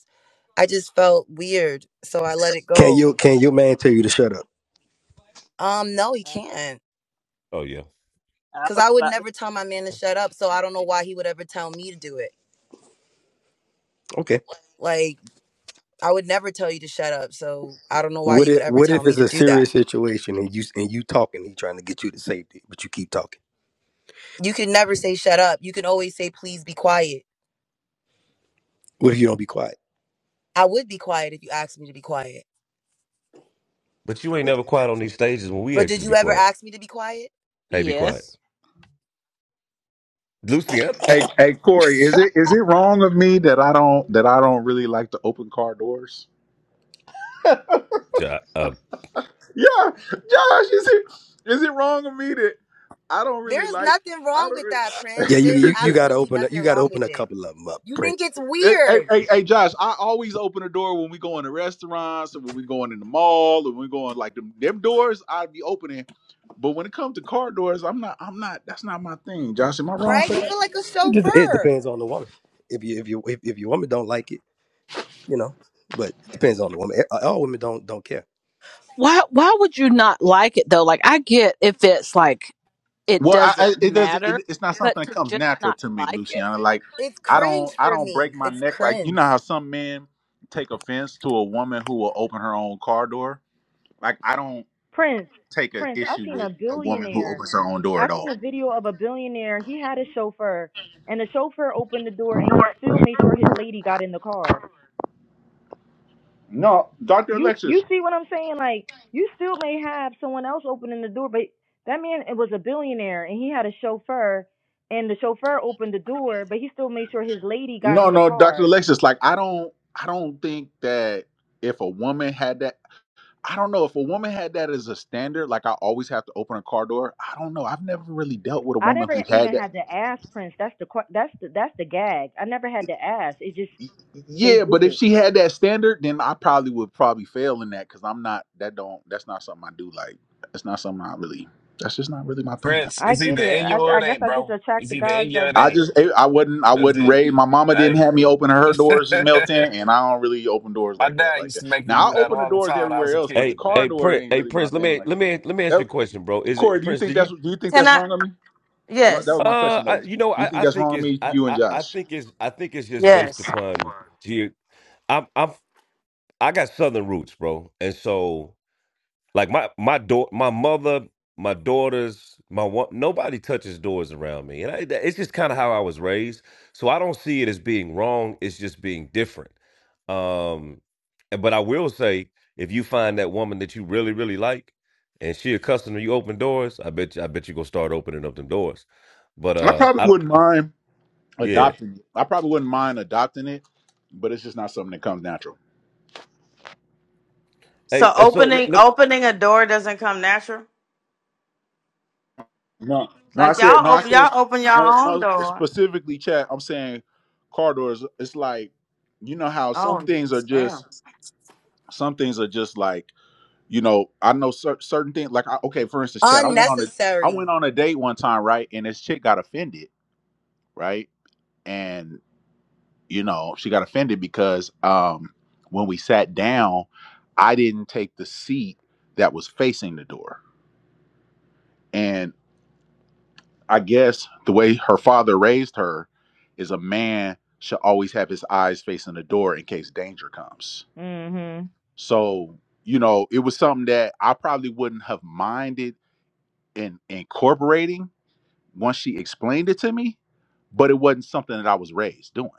Speaker 19: i just felt weird so i let it
Speaker 6: Can
Speaker 19: go
Speaker 6: you can your man tell you to shut up?
Speaker 19: Um, no, he
Speaker 26: Uh,
Speaker 19: can't.
Speaker 3: Oh yeah,
Speaker 26: I
Speaker 19: Cause
Speaker 26: was
Speaker 19: I would
Speaker 26: about to.
Speaker 19: never tell my man to shut up, so I don't know why he would ever tell me to do it.
Speaker 6: Okay.
Speaker 19: Like, I would never tell you to shut up, so I don't know why
Speaker 6: What
Speaker 19: you
Speaker 6: if
Speaker 19: would ever
Speaker 6: what
Speaker 19: tell
Speaker 6: if
Speaker 19: me
Speaker 6: it's
Speaker 19: to
Speaker 6: a
Speaker 19: do that.
Speaker 6: serious situation and you and you talking, he trying to get you to safety, but you keep talking.
Speaker 19: You can never say shut up. You can always say please be quiet.
Speaker 6: What if you don't be quiet?
Speaker 19: I would be quiet if you asked me to be quiet.
Speaker 3: but you ain't never quiet on these stages when we
Speaker 19: But
Speaker 3: ask you
Speaker 19: did
Speaker 3: to
Speaker 19: you
Speaker 3: be
Speaker 19: ever
Speaker 3: quiet.
Speaker 19: ask me to be quiet?
Speaker 3: Hey, be quiet,
Speaker 26: Yes.
Speaker 3: Lucy. Uh,
Speaker 1: hey, hey, Corey,
Speaker 13: *laughs*
Speaker 1: is it is it wrong of me that I don't that I don't really like to open car doors? *laughs*
Speaker 3: *coughs* *clears throat* uh,
Speaker 1: Yeah, Josh, is it is it wrong of me that I don't really
Speaker 19: There is
Speaker 1: like
Speaker 19: nothing
Speaker 1: I
Speaker 19: wrong with that, Prince.
Speaker 6: Yeah, you
Speaker 19: There's
Speaker 6: you,
Speaker 1: don't. *laughs*
Speaker 6: you gotta
Speaker 19: absolutely
Speaker 6: open up
Speaker 19: nothing
Speaker 6: you gotta
Speaker 19: wrong
Speaker 6: open
Speaker 19: with
Speaker 6: a
Speaker 19: it.
Speaker 6: couple of them up,
Speaker 19: You think
Speaker 6: Prince.
Speaker 19: it's
Speaker 1: Hey, hey,
Speaker 19: weird,
Speaker 1: hey, hey, Josh, I always open the door when we go in the restaurants and when we going in the mall and when we going like them, them doors I'd be opening. But when it comes to car doors, I'm not I'm not that's not my thing. Josh, am I wrong
Speaker 19: right?
Speaker 1: for
Speaker 19: You
Speaker 1: that?
Speaker 19: feel like a
Speaker 6: It, just, it
Speaker 19: chauffeur.
Speaker 6: depends on the woman. If you if you if, if your woman don't like it, you know, but it depends on the woman. Eh, All women don't don't care.
Speaker 26: Why? Why would you not like it though? Like I get if it's like it
Speaker 1: Well, I,
Speaker 26: doesn't
Speaker 1: I it doesn't it,
Speaker 26: matter,
Speaker 1: it's not something
Speaker 26: but
Speaker 1: that
Speaker 26: to
Speaker 1: comes
Speaker 26: just
Speaker 1: natural
Speaker 26: not
Speaker 1: to me,
Speaker 26: like it.
Speaker 1: Luciana. Like
Speaker 19: It's
Speaker 1: I
Speaker 19: cringe
Speaker 1: don't I
Speaker 19: for
Speaker 1: don't break
Speaker 19: me.
Speaker 1: my
Speaker 19: It's
Speaker 1: neck like you
Speaker 19: cringe.
Speaker 1: know how some men take offense to a woman who will open her own car door. Like I don't
Speaker 23: Prince,
Speaker 1: take an
Speaker 23: Prince, I
Speaker 1: issue
Speaker 23: seen
Speaker 1: with
Speaker 23: a
Speaker 1: a woman who
Speaker 23: billionaire.
Speaker 1: opens her own door
Speaker 23: I
Speaker 1: at all.
Speaker 23: seen a video of a billionaire. He had a chauffeur, and the chauffeur opened the door, and he still made sure his lady got in the car.
Speaker 1: No, Dr.
Speaker 23: You,
Speaker 1: Alexis,
Speaker 23: you see what I'm saying? Like, you still may have someone else opening the door, but that man it was a billionaire, and he had a chauffeur, and the chauffeur opened the door, but he still made sure his lady got
Speaker 1: No,
Speaker 23: in the
Speaker 1: no, Dr.
Speaker 23: car.
Speaker 1: Alexis, like I don't I don't think that if a woman had that I don't know if a woman had that as a standard, like I always have to open a car door. I don't know. I've never really dealt with a
Speaker 23: I
Speaker 1: woman
Speaker 23: never
Speaker 1: who had
Speaker 23: even
Speaker 1: that.
Speaker 23: had to ask Prince. That's the que- that's the that's the gag. I never had to ask. It just
Speaker 1: Y-
Speaker 23: they
Speaker 1: Yeah,
Speaker 23: did
Speaker 1: but if
Speaker 23: it.
Speaker 1: she had that standard, then I probably would probably fail in that because I'm not that don't that's not something I do like. it's not something I really that's just not really my thing.
Speaker 13: Prince,
Speaker 23: I
Speaker 13: it's
Speaker 23: get
Speaker 13: either
Speaker 23: it.
Speaker 13: in you or
Speaker 23: I I
Speaker 13: it
Speaker 23: guess
Speaker 13: ain't,
Speaker 23: I just
Speaker 13: bro.
Speaker 23: attract
Speaker 13: It's
Speaker 23: the
Speaker 13: either
Speaker 23: guys
Speaker 13: in you or it
Speaker 23: that
Speaker 1: I
Speaker 23: do
Speaker 13: ain't.
Speaker 1: just
Speaker 23: it.
Speaker 1: eh, I wouldn't I
Speaker 13: That's
Speaker 1: wouldn't
Speaker 13: it.
Speaker 1: raid. My mama didn't
Speaker 13: Hey.
Speaker 1: have me open her doors,
Speaker 13: *laughs*
Speaker 1: Milton, and I don't really open doors
Speaker 13: my
Speaker 1: like that.
Speaker 13: dad
Speaker 1: Like
Speaker 13: used
Speaker 1: that.
Speaker 13: to make me
Speaker 1: Now I
Speaker 13: do that
Speaker 1: open the
Speaker 13: all the
Speaker 1: doors
Speaker 13: time when I was
Speaker 1: everywhere
Speaker 13: a
Speaker 1: else, but the
Speaker 3: hey,
Speaker 13: kid,
Speaker 1: car
Speaker 3: hey,
Speaker 13: man.
Speaker 1: door
Speaker 3: Prince.
Speaker 1: ain't
Speaker 3: Hey,
Speaker 1: really my
Speaker 3: Prince. Let
Speaker 1: thing.
Speaker 3: me
Speaker 1: Like
Speaker 3: let
Speaker 1: that.
Speaker 3: me let me ask
Speaker 1: That-
Speaker 3: you a question, bro. Is
Speaker 1: Corey,
Speaker 3: it
Speaker 1: do you
Speaker 3: Prince?
Speaker 1: think
Speaker 3: Do
Speaker 1: that's
Speaker 3: you?
Speaker 1: do you think
Speaker 32: Can
Speaker 1: that's
Speaker 32: I?
Speaker 1: wrong on me? I'm not- That
Speaker 32: Yes,
Speaker 1: was my
Speaker 3: Uh,
Speaker 1: question though.
Speaker 3: I,
Speaker 1: Do
Speaker 3: you know,
Speaker 1: you
Speaker 3: I,
Speaker 1: think
Speaker 3: I
Speaker 1: that's wrong
Speaker 3: think
Speaker 1: on
Speaker 3: it's
Speaker 1: me,
Speaker 3: I,
Speaker 1: you and
Speaker 3: I I
Speaker 1: Josh?
Speaker 3: think it's I think it's just based
Speaker 32: yes.
Speaker 3: upon geo. I'm I'm I got southern roots, bro, and so Like my my door, my mother, my daughters, my one, nobody touches doors around me, and I, that- it's just kind of how I was raised. So I don't see it as being wrong. It's just being different. Um, and- but I will say, if you find that woman that you really really like, and she a customer, you open doors. I bet you, I bet you gonna start opening up them doors. But
Speaker 1: I
Speaker 3: uh,
Speaker 1: probably
Speaker 3: I don't.
Speaker 1: wouldn't mind
Speaker 3: Yeah.
Speaker 1: adopting. it. I probably wouldn't mind adopting it, but it's just not something that comes natural.
Speaker 32: So
Speaker 3: Hey, uh, so let,
Speaker 32: opening
Speaker 3: let-
Speaker 32: opening a door doesn't come natural.
Speaker 1: No, no, I
Speaker 32: Like
Speaker 1: said no.
Speaker 32: y'all
Speaker 1: I
Speaker 32: open
Speaker 1: said
Speaker 32: y'all open your
Speaker 1: no,
Speaker 32: own
Speaker 1: no.
Speaker 32: door.
Speaker 1: Specifically, chat. I'm saying car doors. It's like you know how some
Speaker 32: Oh
Speaker 1: things are just
Speaker 32: damn.
Speaker 1: some things are just like you know i know cer- certain things like I, okay for instance chad i went on a i
Speaker 19: Unnecessary.
Speaker 1: went on a date one time right and this chick got offended right and you know she got offended because um when we sat down i didn't take the seat that was facing the door and i guess the way her father raised her is a man should always have his eyes facing the door in case danger comes
Speaker 23: Mhm.
Speaker 1: so you know it was something that i probably wouldn't have minded and incorporating once she explained it to me, but it wasn't something that I was raised doing.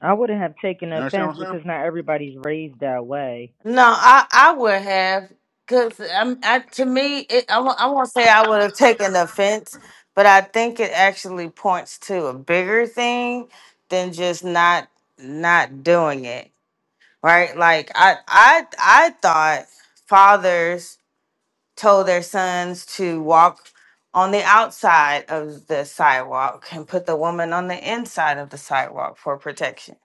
Speaker 23: I wouldn't have taken
Speaker 1: You understand
Speaker 23: offense
Speaker 1: what I'm saying?
Speaker 23: because not everybody's raised that way.
Speaker 32: No, I I would have because I'm I, to me it, I won't- I won't say I would have taken offense, but I think it actually points to a bigger thing than just not not doing it right. Like I I I thought fathers told their sons to walk on the outside of the sidewalk and put the woman on the inside of the sidewalk for protection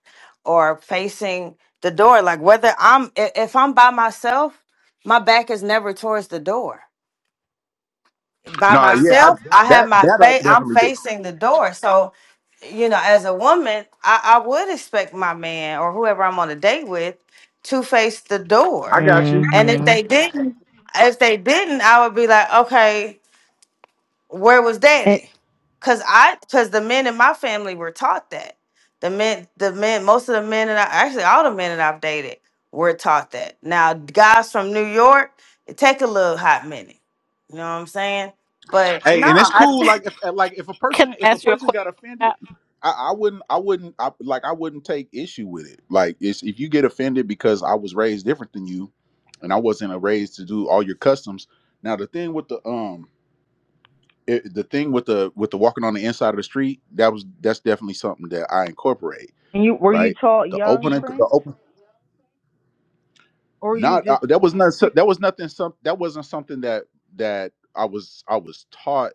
Speaker 32: or facing the door like whether i'm i- if i'm by myself my back is never towards the door by
Speaker 1: No, yeah, I,
Speaker 32: myself. I have
Speaker 1: that
Speaker 32: my
Speaker 1: that I
Speaker 32: face. I'm
Speaker 1: definitely do.
Speaker 32: facing the door, so you know, as a woman, I, I would expect my man or whoever I'm on a date with to face the
Speaker 1: I
Speaker 32: door.
Speaker 1: got you.
Speaker 32: And if
Speaker 23: Mhm.
Speaker 32: they didn't, if they didn't, I would be like, okay where was
Speaker 23: And
Speaker 32: daddy because i because the men in my family were taught that the men the men most of the men that i actually all the men that i've dated were taught that now guys from new york it take a little hot minute you know what i'm saying but
Speaker 1: Hey,
Speaker 32: no
Speaker 1: and it's
Speaker 32: i *laughs*
Speaker 1: cool.
Speaker 32: think
Speaker 1: Like if like if a
Speaker 26: Can
Speaker 1: person
Speaker 26: I
Speaker 1: if a
Speaker 26: ask you a
Speaker 1: person
Speaker 26: question?
Speaker 1: got offended,
Speaker 26: Cap?
Speaker 1: I, I wouldn't I wouldn't I, like I wouldn't take issue with it. Like it's if you get offended because I was raised different than you, and I wasn't raised to do all your customs. Now the thing with the um it, the thing with the with the walking on the inside of the street that was that's definitely something that I incorporate.
Speaker 23: and you were you
Speaker 1: right?
Speaker 23: taught
Speaker 1: The
Speaker 23: young
Speaker 1: opening, the
Speaker 23: Prince?
Speaker 1: open,
Speaker 23: Or you
Speaker 1: not uh,
Speaker 23: just
Speaker 1: that was not so-
Speaker 23: picked?
Speaker 1: that was nothing. Some that wasn't something that that I was I was taught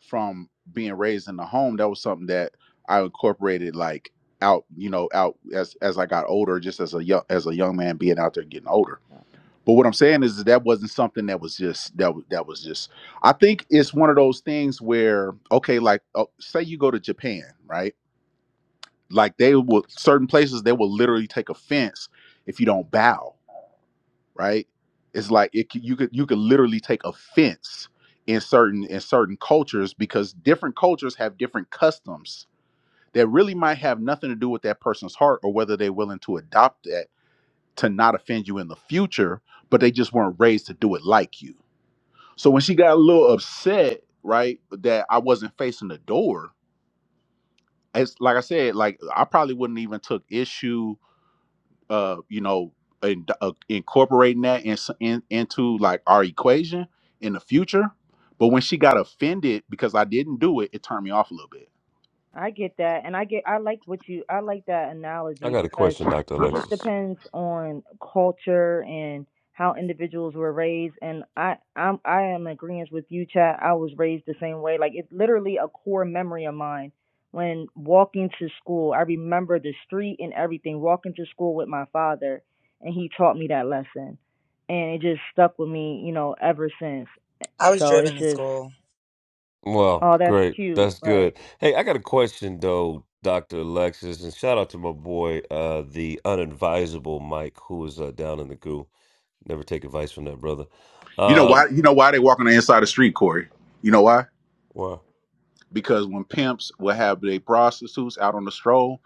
Speaker 1: from being raised in the home. That was something that I incorporated like out, you know, out as as I got older, just as a young as a young man being out there getting older. But what I'm saying is that, that wasn't something that was just that was that was just. I think it's one of those things where okay, like uh, say you go to Japan, right? Like they will certain places they will literally take offense if you don't bow, right? It's like it c- you could you could literally take offense in certain in certain cultures because different cultures have different customs that really might have nothing to do with that person's heart or whether they're willing to adopt that to not offend you in the future, but they just weren't raised to do it like you. So when she got a little upset, right, that I wasn't facing the door, it's like I said, like I probably wouldn't even took issue uh, you know, in, uh, incorporating that in, in, into like our equation in the future. But when she got offended because I didn't do it, it turned me off a little bit.
Speaker 23: I get that, and I get I like what you I like that
Speaker 3: I
Speaker 23: analogy
Speaker 3: got a
Speaker 23: because
Speaker 3: question, Doctor
Speaker 23: it just
Speaker 3: Alexis.
Speaker 23: depends on culture and how individuals were raised. And I I'm I am in agreement with you, Chad. I was raised the same way. Like it's literally a core memory of mine. When walking to school, I remember the street and everything. Walking to school with my father, and he taught me that lesson, and it just stuck with me, you know, ever since.
Speaker 19: I was
Speaker 23: So
Speaker 19: driven
Speaker 23: it's
Speaker 19: to
Speaker 23: just
Speaker 19: school.
Speaker 3: Well,
Speaker 23: oh, that's
Speaker 3: great.
Speaker 23: cute,
Speaker 3: That's
Speaker 23: but.
Speaker 3: good. Hey, I got a question though, Dr. Alexis, and shout out to my boy, uh, the unadvisable Mike, who is uh, down in the goo. Never take advice from that brother.
Speaker 1: You know why?
Speaker 3: Um,
Speaker 1: You know why they walk on the inside of the street, Corey? You know why?
Speaker 3: well,
Speaker 1: Because when pimps would have their prostitutes out on the stroll,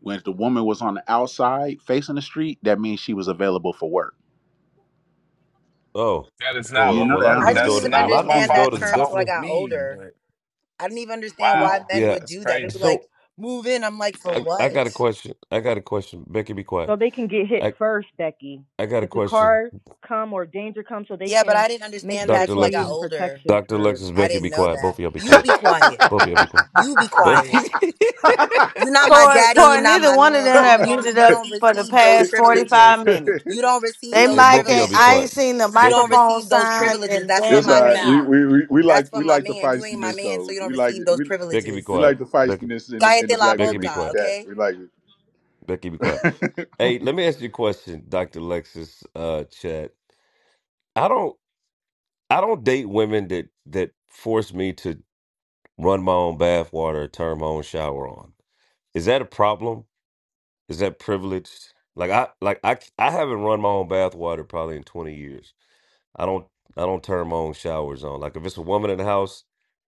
Speaker 1: when the woman was on the outside facing the street, that means she was available for work.
Speaker 3: oh,
Speaker 13: That is
Speaker 3: okay.
Speaker 13: not
Speaker 1: You
Speaker 3: Well,
Speaker 13: what m-
Speaker 1: know
Speaker 3: well, a lot of
Speaker 1: that,
Speaker 19: I
Speaker 3: these
Speaker 19: didn't
Speaker 13: that's
Speaker 3: daughters,
Speaker 19: even
Speaker 3: a
Speaker 13: not
Speaker 3: lot
Speaker 13: what
Speaker 3: of
Speaker 13: my
Speaker 3: these
Speaker 19: understand that
Speaker 13: father *laughs*
Speaker 3: daughters are
Speaker 19: term till
Speaker 13: taught
Speaker 19: I
Speaker 3: definitely,
Speaker 19: got
Speaker 13: me,
Speaker 19: older.
Speaker 13: but
Speaker 19: I didn't even understand
Speaker 1: huh?
Speaker 19: why
Speaker 13: wow,
Speaker 19: men
Speaker 3: yeah.
Speaker 19: would
Speaker 13: that's
Speaker 19: do that. They would
Speaker 13: crazy.
Speaker 19: like
Speaker 3: So
Speaker 19: move in. I'm like, for
Speaker 3: I, I
Speaker 19: what?
Speaker 3: got a question. I got a question. Becky, be quiet.
Speaker 23: so they can get hit
Speaker 3: I,
Speaker 23: first, Becky.
Speaker 3: I got a
Speaker 23: If the
Speaker 3: question.
Speaker 23: car come or danger comes, so they
Speaker 19: Yeah, but
Speaker 23: can
Speaker 19: I didn't
Speaker 23: make
Speaker 19: understand
Speaker 23: sure they
Speaker 19: that
Speaker 3: Dr.
Speaker 19: till
Speaker 23: can
Speaker 19: I
Speaker 23: be
Speaker 19: got
Speaker 3: Alexis,
Speaker 23: in
Speaker 19: older.
Speaker 23: protection
Speaker 3: Dr.
Speaker 23: first.
Speaker 3: Alexis,
Speaker 19: I
Speaker 3: Becky,
Speaker 19: didn't
Speaker 3: be
Speaker 19: know
Speaker 3: quiet. Both
Speaker 19: that.
Speaker 3: of y'all be
Speaker 19: You
Speaker 3: quiet.
Speaker 19: be quiet.
Speaker 3: Both of y'all
Speaker 1: Hmm?
Speaker 3: be quiet.
Speaker 19: You be
Speaker 3: Both.
Speaker 19: quiet. You're
Speaker 3: *laughs*
Speaker 19: not my
Speaker 32: Tori,
Speaker 19: daddy and
Speaker 32: Tori,
Speaker 19: you're not
Speaker 32: neither
Speaker 19: my
Speaker 32: one of
Speaker 19: man,
Speaker 32: them
Speaker 19: so you
Speaker 32: have used
Speaker 19: don't
Speaker 32: it
Speaker 19: you
Speaker 32: up
Speaker 19: don't
Speaker 32: for the
Speaker 19: receive those
Speaker 32: past
Speaker 19: privileges.
Speaker 32: 45 minutes
Speaker 1: *laughs*
Speaker 19: You don't receive
Speaker 32: they
Speaker 3: Hey,
Speaker 19: those
Speaker 32: mic
Speaker 3: both of y'all
Speaker 32: ain't
Speaker 3: be
Speaker 32: i
Speaker 19: privileges.
Speaker 3: quiet.
Speaker 32: ain't seen the
Speaker 19: You don't
Speaker 3: Becky,
Speaker 32: microphone
Speaker 19: receive those
Speaker 32: sign
Speaker 19: privileges.
Speaker 32: in
Speaker 19: That's for
Speaker 1: it's
Speaker 32: damn
Speaker 1: all
Speaker 19: my
Speaker 32: near an
Speaker 1: right. We,
Speaker 32: hour
Speaker 19: man.
Speaker 1: we we we like
Speaker 19: That's for
Speaker 1: we
Speaker 19: my
Speaker 1: like the
Speaker 19: man. You ain't my
Speaker 1: feistiness
Speaker 19: man, so
Speaker 1: though.
Speaker 19: you
Speaker 1: We
Speaker 19: don't
Speaker 1: like
Speaker 19: receive
Speaker 1: it.
Speaker 19: those
Speaker 1: We
Speaker 3: Becky, be
Speaker 1: We
Speaker 19: privileges.
Speaker 3: quiet.
Speaker 1: like the
Speaker 3: Becky,
Speaker 1: feistiness in the, in the
Speaker 19: Cállate la
Speaker 1: black
Speaker 3: Becky, be
Speaker 1: women.
Speaker 19: boca,
Speaker 3: quiet.
Speaker 1: Yeah,
Speaker 19: okay?
Speaker 1: we like it.
Speaker 3: Becky, be quiet. Hey, let me ask you a question, Dr. Lexus uh Chad. I don't I don't date women that that force me to run my own bath water, or turn my own shower on. Is that a problem? Is that privileged? Like I like I I haven't run my own bath water probably in 20 years. I don't I don't turn my own showers on. Like if it's a woman in the house,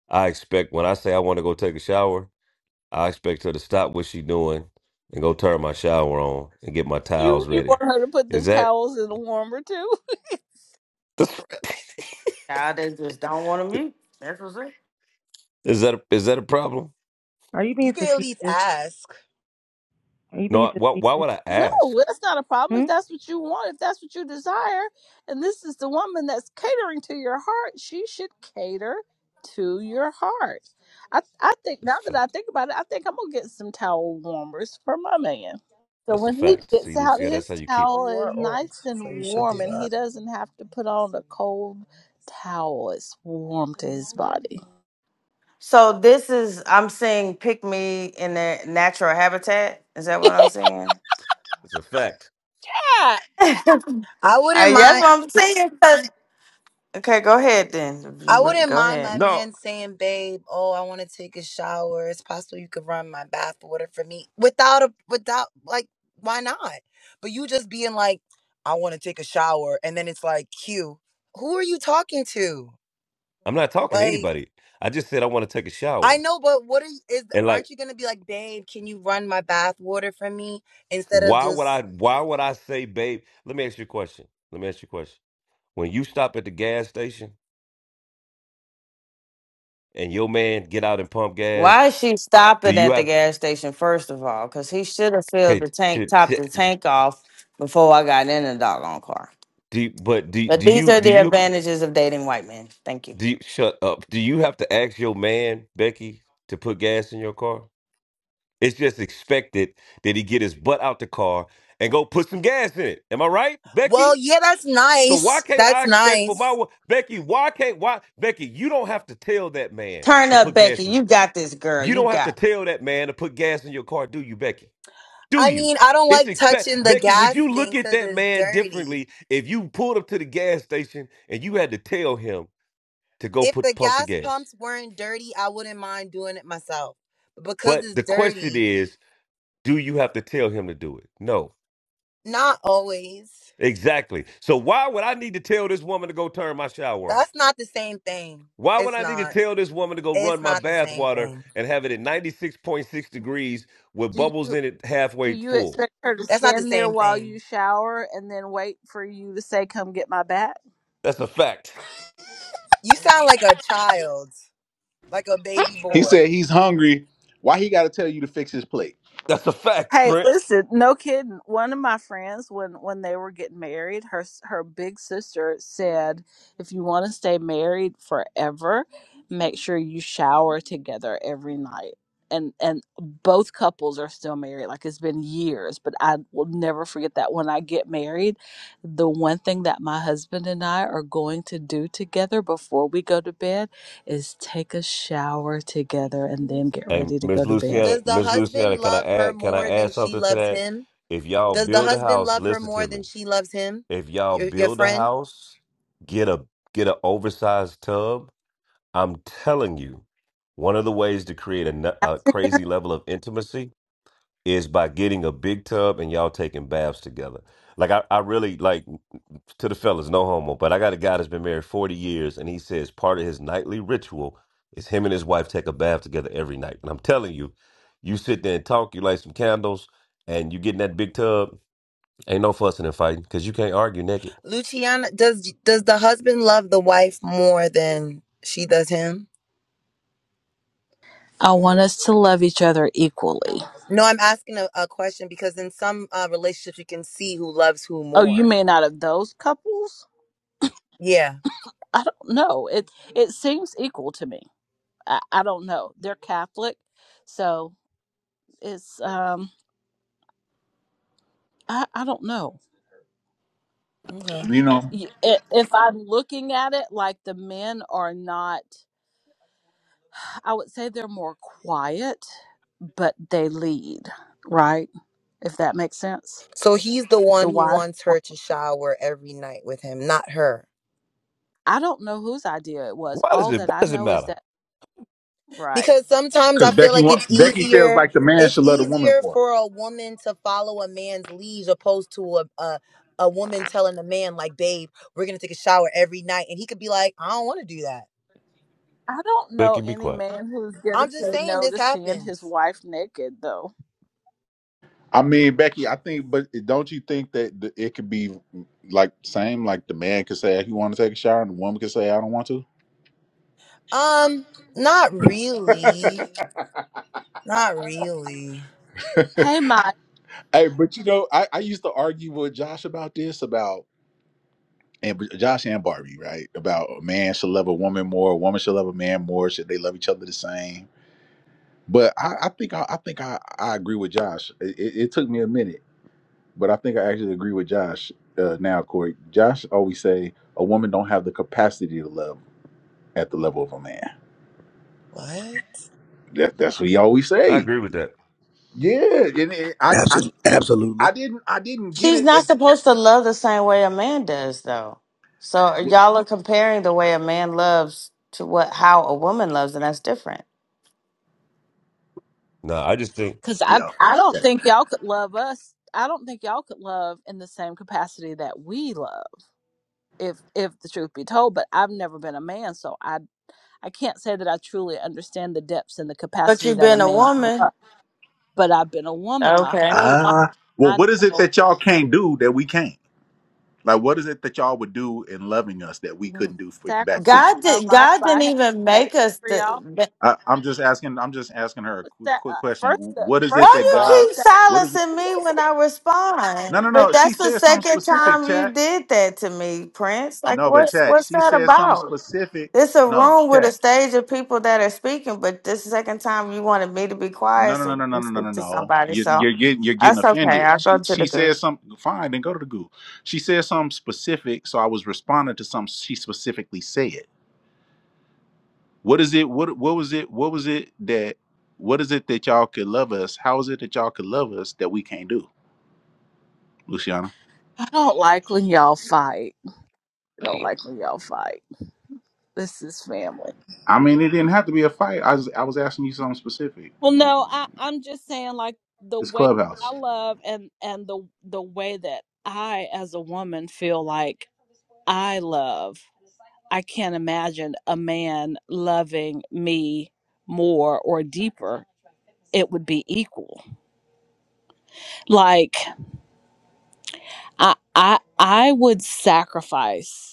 Speaker 3: I expect when I say I want to go take a shower, I expect her to stop what she's doing and go turn my shower on and get my
Speaker 26: You
Speaker 3: towels
Speaker 26: you
Speaker 3: ready.
Speaker 26: want her to put
Speaker 3: Is
Speaker 26: the
Speaker 3: that
Speaker 26: towels in the warmer too?
Speaker 3: *laughs*
Speaker 32: Child, they just don't want to mute that's what's it
Speaker 3: is that a, is that a problem?
Speaker 23: Are you
Speaker 19: You
Speaker 23: being
Speaker 19: can at least
Speaker 23: facetious?
Speaker 19: ask.
Speaker 23: Are you
Speaker 3: No.
Speaker 23: being
Speaker 3: I, why, why
Speaker 23: facetious?
Speaker 3: would I
Speaker 26: No,
Speaker 3: ask?
Speaker 26: that's not a problem.
Speaker 23: Hmm?
Speaker 26: If that's what you want, if that's what you desire, and this is the woman that's catering to your heart, she should cater to your heart. I I think now
Speaker 3: That's a
Speaker 26: that I
Speaker 3: fact.
Speaker 26: think about it, I think I'm gonna get some towel warmers for my man. So
Speaker 3: That's a
Speaker 26: when he
Speaker 3: fact.
Speaker 26: gets
Speaker 3: See,
Speaker 26: out,
Speaker 3: Lucia, that's
Speaker 26: his
Speaker 3: how you keep.
Speaker 26: towel
Speaker 19: You are
Speaker 26: is
Speaker 19: old,
Speaker 26: nice and
Speaker 19: so you should
Speaker 26: warm,
Speaker 19: do
Speaker 26: and
Speaker 19: that.
Speaker 26: he doesn't have to put on a cold towel. It's warm to his body.
Speaker 32: So this is I'm seeing pick me in their natural habitat. Is that
Speaker 26: *laughs*
Speaker 32: what I'm saying?
Speaker 3: It's a fact.
Speaker 32: *laughs*
Speaker 19: I
Speaker 32: Uh,
Speaker 19: wouldn't
Speaker 32: that's
Speaker 19: mind.
Speaker 32: what I'm saying. 'cause- Okay, go ahead then. If you
Speaker 19: I
Speaker 32: wouldn't
Speaker 19: wouldn't
Speaker 32: go
Speaker 19: mind
Speaker 32: ahead.
Speaker 19: my
Speaker 3: No,
Speaker 19: man saying, "Babe, oh, I want to take a shower. It's possible you could run my bath water for me without a without like why not? But you just being like, I want to take a shower, and then it's like, Q, who are you talking to?
Speaker 3: I'm not talking to
Speaker 19: Like,
Speaker 3: anybody. I just said I want to take a
Speaker 19: I
Speaker 3: shower.
Speaker 19: know, but what are you, is?
Speaker 3: And
Speaker 19: Aren't
Speaker 3: like,
Speaker 19: you gonna be like, babe? Can you run my bath water for me instead of
Speaker 3: why would I?
Speaker 19: just?
Speaker 3: Why would I say, babe? Let me ask you a question. Let me ask you a question. When you stop at the gas station and your man get out and pump
Speaker 32: Why
Speaker 3: gas,
Speaker 32: is she
Speaker 3: do
Speaker 32: stopping
Speaker 3: you
Speaker 32: at the
Speaker 3: have
Speaker 32: gas station first of all? Because he should have filled
Speaker 3: okay?
Speaker 32: the tank,
Speaker 3: T-
Speaker 32: topped the
Speaker 3: t-
Speaker 32: tank off before I got in the doggone car.
Speaker 3: Do you, but do
Speaker 32: But
Speaker 3: do
Speaker 32: these
Speaker 3: you
Speaker 32: are
Speaker 3: do
Speaker 32: the
Speaker 3: you
Speaker 32: advantages of dating white men. Thank you.
Speaker 3: do you, shut up? Do you have to ask your man Becky to put gas in your car? It's just expected that he get his butt out the car and go put some gas in it. Am I right,
Speaker 19: Well,
Speaker 3: Becky?
Speaker 19: yeah, that's
Speaker 3: So why
Speaker 19: nice.
Speaker 3: can't
Speaker 19: That's
Speaker 3: I expect for
Speaker 19: nice
Speaker 3: my wo- Becky? Why can't why Becky? You don't have to tell that man
Speaker 32: Turn
Speaker 3: to
Speaker 32: up,
Speaker 3: put
Speaker 32: Becky.
Speaker 3: gas in you.
Speaker 32: You got this, girl.
Speaker 3: You
Speaker 32: You
Speaker 3: don't have
Speaker 32: got.
Speaker 3: to tell that man to put gas in your car, do you, Becky? Do
Speaker 19: I
Speaker 3: you?
Speaker 19: mean, I don't
Speaker 3: It's
Speaker 19: like touching
Speaker 3: expect
Speaker 19: the
Speaker 3: Becky. Would
Speaker 19: gas
Speaker 3: you
Speaker 19: thing
Speaker 3: look at
Speaker 19: because
Speaker 3: that
Speaker 19: it's
Speaker 3: man
Speaker 19: dirty.
Speaker 3: differently if you pulled up to the gas station and you had to tell him? to go
Speaker 19: If the
Speaker 3: put pump the
Speaker 19: gas
Speaker 3: gas.
Speaker 19: pumps weren't dirty, I wouldn't mind doing it myself. But because
Speaker 3: But
Speaker 19: it's
Speaker 3: the question
Speaker 19: dirty,
Speaker 3: is, do you have to tell him to do it? No.
Speaker 19: not always.
Speaker 3: Exactly. So why would I need to tell this woman to go turn my shower on?
Speaker 19: That's not the same thing.
Speaker 3: Why would
Speaker 19: It's
Speaker 3: I need to
Speaker 19: not.
Speaker 3: tell this woman to go
Speaker 19: It's
Speaker 3: run my
Speaker 19: not the
Speaker 3: bath
Speaker 19: same
Speaker 3: water
Speaker 19: thing.
Speaker 3: and have it at 96.6 degrees with bubbles
Speaker 26: Yeah,
Speaker 3: in it
Speaker 26: Do
Speaker 3: halfway
Speaker 26: you
Speaker 3: full?
Speaker 26: expect her to
Speaker 19: That's not the
Speaker 26: stand there
Speaker 19: same
Speaker 26: while you
Speaker 19: thing.
Speaker 26: shower and then wait for you to say, "Come get my bat"?
Speaker 3: That's a fact.
Speaker 19: You sound like a child, like a baby
Speaker 1: He
Speaker 19: boy.
Speaker 1: said he's hungry. Why he got to tell you to fix his plate?
Speaker 3: That's a fact,
Speaker 26: Hey,
Speaker 3: Prince.
Speaker 26: listen, no kidding. One of my friends, when when they were getting married, her s- her big sister said, "If you want to stay married forever, make sure you shower together every night." And and both couples are still married. Like it's been years, but I will never forget that. When I get married, the one thing that my husband and I are going to do together before we go to bed is take a shower together and then get
Speaker 3: Hey,
Speaker 26: ready to
Speaker 3: Miss
Speaker 26: go to bed.
Speaker 3: Luciana,
Speaker 19: Does the
Speaker 3: Miss Luciana,
Speaker 19: husband
Speaker 3: can I
Speaker 19: love her
Speaker 3: add can I
Speaker 19: more than
Speaker 3: add
Speaker 19: she
Speaker 3: something to
Speaker 19: loves
Speaker 3: that?
Speaker 19: him?
Speaker 3: If y'all
Speaker 19: Does the
Speaker 3: build a
Speaker 19: husband
Speaker 3: house,
Speaker 19: love her
Speaker 3: listen
Speaker 19: more
Speaker 3: to
Speaker 19: than
Speaker 3: me.
Speaker 19: she loves him?
Speaker 3: if y'all
Speaker 19: Your your
Speaker 3: build a
Speaker 19: friend?
Speaker 3: house, get a get an oversized tub. I'm telling you, one of the ways to create a, nu- a crazy level of intimacy is by getting a big tub and y'all taking baths together. Like I, I really like to the fellas, no homo, but I got a guy that's been married 40 years and he says part of his nightly ritual is him and his wife take a bath together every night. And I'm telling you, you sit there and talk, you light some candles, and you get in that big tub, ain't no fussing and fighting because you can't argue naked.
Speaker 19: Luciana, does does the husband love the wife more than she does him?
Speaker 26: I want us to love each other equally.
Speaker 19: No, I'm asking a, a question because in some uh, relationships you can see who loves who
Speaker 26: Oh, you
Speaker 19: more.
Speaker 26: may not have those couples.
Speaker 19: Yeah.
Speaker 26: I don't know. It it seems equal to me. I, I don't know. They're Catholic, so it's um I I don't know.
Speaker 19: Okay.
Speaker 1: You know,
Speaker 26: Y- i- If I'm looking at it like the men are not. I would say they're more quiet, but they lead, right? If that makes sense.
Speaker 19: So he's the
Speaker 26: The
Speaker 19: one who
Speaker 26: wives.
Speaker 19: wants her to shower every night with him, not her.
Speaker 26: I don't know whose idea it was.
Speaker 3: Why does
Speaker 26: All
Speaker 3: it?
Speaker 26: that
Speaker 3: Why
Speaker 26: I
Speaker 3: does it
Speaker 26: know is
Speaker 3: matter?
Speaker 26: that, right.
Speaker 19: Because sometimes
Speaker 1: because
Speaker 19: I feel
Speaker 1: Becky
Speaker 19: like
Speaker 1: wa-
Speaker 19: it's
Speaker 1: Becky feels
Speaker 19: easier.
Speaker 1: like the man
Speaker 19: It's
Speaker 1: should love the woman
Speaker 19: easier
Speaker 1: more.
Speaker 19: for a woman to follow a man's lead opposed to a, a a woman telling a man like, "Babe, we're gonna take a shower every night," and he could be like, "I don't want to do that."
Speaker 26: I don't
Speaker 3: Becky,
Speaker 26: know
Speaker 3: be
Speaker 26: any
Speaker 3: quiet.
Speaker 26: man who's going to
Speaker 19: I'm just
Speaker 26: say
Speaker 19: saying
Speaker 26: no
Speaker 19: this
Speaker 26: to seeing his
Speaker 19: happens.
Speaker 26: wife naked, though.
Speaker 1: I mean, Becky, I think, but don't you think that the, it could be like same? Like the man could say he want to take a shower, and the woman could say I don't want to.
Speaker 19: Um, not really, not
Speaker 1: *laughs*
Speaker 19: really.
Speaker 26: Hey, Mike,
Speaker 1: hey, but you know, I, I used to argue with Josh about this. about. and Josh and Barbie, right? About a man should love a woman more, a woman should love a man more. Should they love each other the same? But I, I think I, I think I, I agree with Josh. It, it, it took me a minute, but I think I actually agree with Josh uh, now, Corey. Josh always say a woman don't have the capacity to love at the level of a man.
Speaker 19: What?
Speaker 1: That, that's what he always
Speaker 3: I
Speaker 1: say.
Speaker 3: agree with that.
Speaker 1: Yeah, and it, I, I
Speaker 6: Absolutely,
Speaker 1: I
Speaker 6: absolutely.
Speaker 1: didn't I didn't get
Speaker 32: She's
Speaker 1: it.
Speaker 32: not
Speaker 1: At,
Speaker 32: supposed to love the same way a man does, though. So y'all are comparing the way a man loves to what how a woman loves, and that's different.
Speaker 3: No, I just think
Speaker 26: because I,
Speaker 1: yeah,
Speaker 26: I don't
Speaker 1: okay.
Speaker 26: think y'all could love us. I don't think y'all could love in the same capacity that we love, if if the truth be told. But I've never been a man, so I I can't say that I truly understand the depths and the
Speaker 32: But
Speaker 26: capacity
Speaker 32: you've
Speaker 26: that a
Speaker 32: been a
Speaker 26: man can
Speaker 32: woman,
Speaker 26: love, but I've been a woman my
Speaker 32: okay?
Speaker 26: whole life.
Speaker 1: Ah, well,
Speaker 26: I
Speaker 1: what is it that y'all can't do that we can? Like, what is it that y'all would do in loving us that we couldn't do for, back to
Speaker 26: sacrificed
Speaker 1: you?
Speaker 32: God
Speaker 26: our
Speaker 32: did.
Speaker 26: life
Speaker 32: God
Speaker 26: by
Speaker 32: didn't
Speaker 26: having
Speaker 32: even
Speaker 26: babies
Speaker 32: make us.
Speaker 26: for y'all.
Speaker 32: The,
Speaker 1: I, I'm just asking. I'm just asking her a
Speaker 26: What's
Speaker 1: quick,
Speaker 26: that?
Speaker 1: quick
Speaker 26: Uh,
Speaker 1: question.
Speaker 26: First,
Speaker 1: What is it
Speaker 26: first
Speaker 1: that
Speaker 26: of
Speaker 32: why
Speaker 26: all,
Speaker 1: God?
Speaker 32: you
Speaker 26: it's
Speaker 32: keep
Speaker 26: that
Speaker 1: What is it?
Speaker 32: silencing me when I
Speaker 1: No,
Speaker 32: respond?
Speaker 1: no, no.
Speaker 32: But
Speaker 1: She
Speaker 32: that's the
Speaker 1: said something
Speaker 32: second
Speaker 1: specific,
Speaker 32: time you
Speaker 1: chat.
Speaker 32: did that to me, Prince. Like,
Speaker 1: No, but
Speaker 32: what's
Speaker 1: chat.
Speaker 32: what's
Speaker 1: She
Speaker 32: that
Speaker 1: said something
Speaker 32: about?
Speaker 1: specific.
Speaker 32: It's a
Speaker 1: No,
Speaker 32: room with a
Speaker 1: chat.
Speaker 32: stage of people that are speaking, but this second time you wanted me to be
Speaker 1: No,
Speaker 32: quiet
Speaker 1: no,
Speaker 32: so
Speaker 1: no,
Speaker 32: you
Speaker 1: no, no,
Speaker 32: can
Speaker 1: no, no,
Speaker 32: speak
Speaker 1: no.
Speaker 32: to
Speaker 1: no.
Speaker 32: somebody.
Speaker 1: You,
Speaker 32: So
Speaker 1: you're getting you're getting
Speaker 32: that's okay.
Speaker 1: offended.
Speaker 32: I'll go
Speaker 1: She
Speaker 32: to the
Speaker 1: she
Speaker 32: goo.
Speaker 1: said something. Fine, then go to the Google. She said something specific, so I was responding to something she specifically said. What is it? What what was it? What was it that? What is it that y'all could love us? How is it that y'all could love us that we can't do, Luciana?
Speaker 26: I don't like when y'all fight. I don't like when y'all fight. This is family.
Speaker 1: I mean, it didn't have to be a fight. I was I was asking you something specific. I
Speaker 26: Well,
Speaker 1: mean,
Speaker 26: no, I, I'm just saying, like the
Speaker 1: it's
Speaker 26: way I
Speaker 1: clubhouse.
Speaker 26: love and and the the way that I, as a woman, feel like I love. I can't imagine a man loving me more or deeper. It would be equal. Like I I I would sacrifice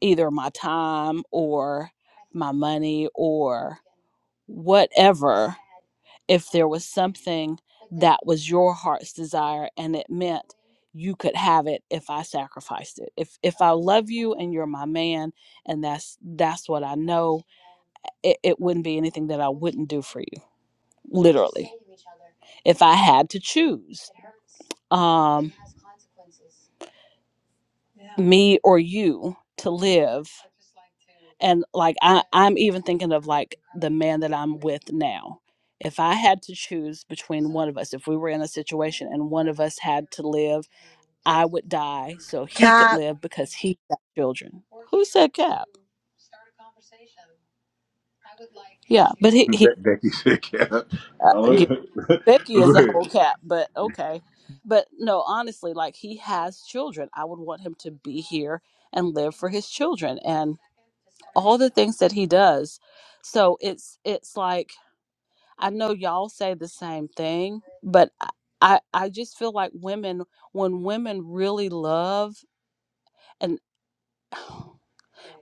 Speaker 26: either my time or my money or whatever if there was something that was your heart's desire and it meant you could have it if I sacrificed it. If if I love you and you're my man and that's that's what I know, it, it wouldn't be anything that I wouldn't do for you. Literally. If I had to choose. Um me or you to live and like I, i'm even thinking of like the man that i'm with now if i had to choose between one of us if we were in a situation and one of us had to live i would die so he could
Speaker 19: Cap.
Speaker 26: live because he got children who said cap yeah but
Speaker 1: *laughs*
Speaker 26: he,
Speaker 1: Be-
Speaker 26: he
Speaker 1: Becky said, "Yeah."
Speaker 26: uh, yeah. Becky is a
Speaker 1: Right.
Speaker 26: whole
Speaker 1: *laughs*
Speaker 26: cap, but okay. But no, honestly, like he has children. I would want him to be here and live for his children and all the things that he does. So it's it's like I know y'all say the same thing, but I I I just feel like women when women really love and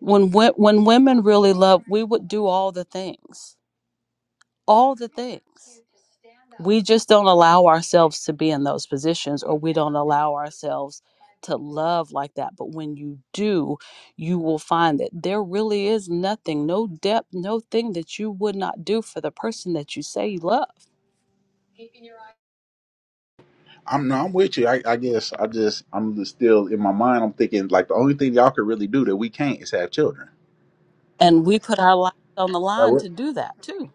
Speaker 26: when wo- when women really love, we would do all the things all the things. We just don't allow ourselves to be in those positions or we don't allow ourselves to love like that. But when you do, you will find that there really is nothing, no depth, no thing that you would not do for the person that you say you love.
Speaker 1: I'm no, I'm with you. I, I guess I just I'm just still in my mind. I'm thinking like the only thing y'all could really do that we can't is have children.
Speaker 26: And we put our lives on the line to do that too.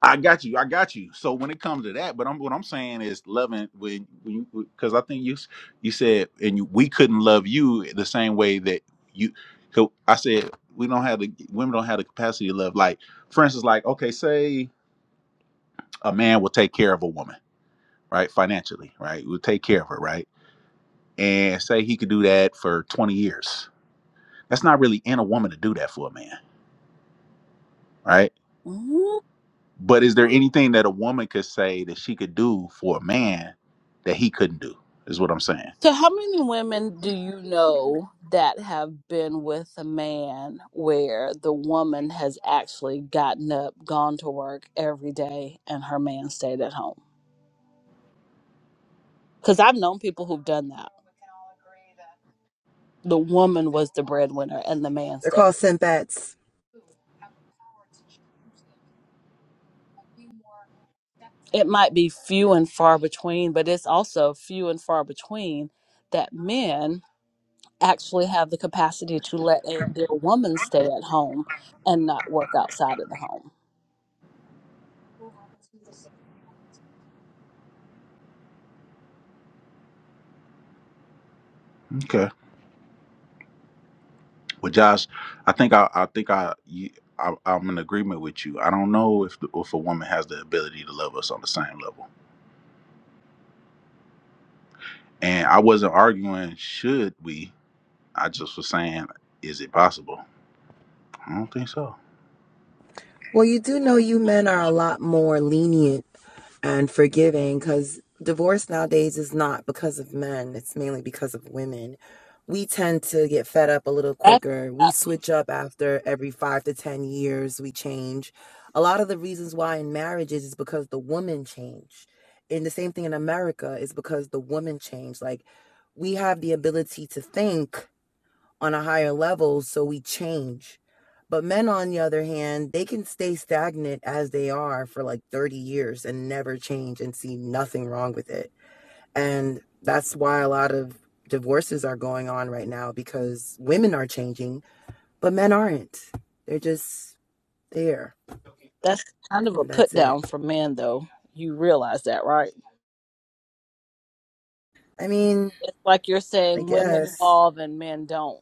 Speaker 1: I got you. I got you. So when it comes to that, but I'm what I'm saying is loving when when you because I think you s- you said and you, we couldn't love you the same way that you. So I said we don't have the women don't have the capacity to love. Like for instance, like okay, say a man will take care of a woman, right? Financially, right? Will take care of her, right? And say he could do that for 20 years. That's not really in a woman to do that for a man, right? But is there anything that a woman could say that she could do for a man that he couldn't do? Is what I'm saying.
Speaker 26: So, how many women do you know that have been with a man where the woman has actually gotten up, gone to work every day, and her man stayed at home? Because I've known people who've done that. The woman was the breadwinner and the man
Speaker 19: They're
Speaker 26: stayed.
Speaker 19: called simpets.
Speaker 26: It might be few and far between, but it's also few and far between that men actually have the capacity to let a, their woman stay at home and not work outside of the home.
Speaker 1: Okay. Well, Josh, I think I, I think I, you, I I'm in agreement with you. I don't know if the, if a woman has the ability to love us on the same level. And I wasn't arguing should we. I just was saying, is it possible? I don't think so.
Speaker 19: Well, you do know you men are a lot more lenient and forgiving because divorce nowadays is not because of men, it's mainly because of women. We tend to get fed up a little
Speaker 26: That's
Speaker 19: quicker. We switch up after every five to 10 years, we change. A lot of the reasons why in marriages is because the woman changed. And the same thing in America is because the woman changed. Like, we have the ability to think on a higher level, so we change. But men, on the other hand, they can stay stagnant as they are for like 30 years and never change and see nothing wrong with it. And that's why a lot of divorces are going on right now because women are changing, but men aren't. They're just there.
Speaker 26: That's kind of a put
Speaker 19: That's it.
Speaker 26: down for men, though. You realize that, right?
Speaker 19: I mean,
Speaker 26: It's like you're
Speaker 19: I
Speaker 26: saying women
Speaker 19: guess.
Speaker 26: evolve and men don't.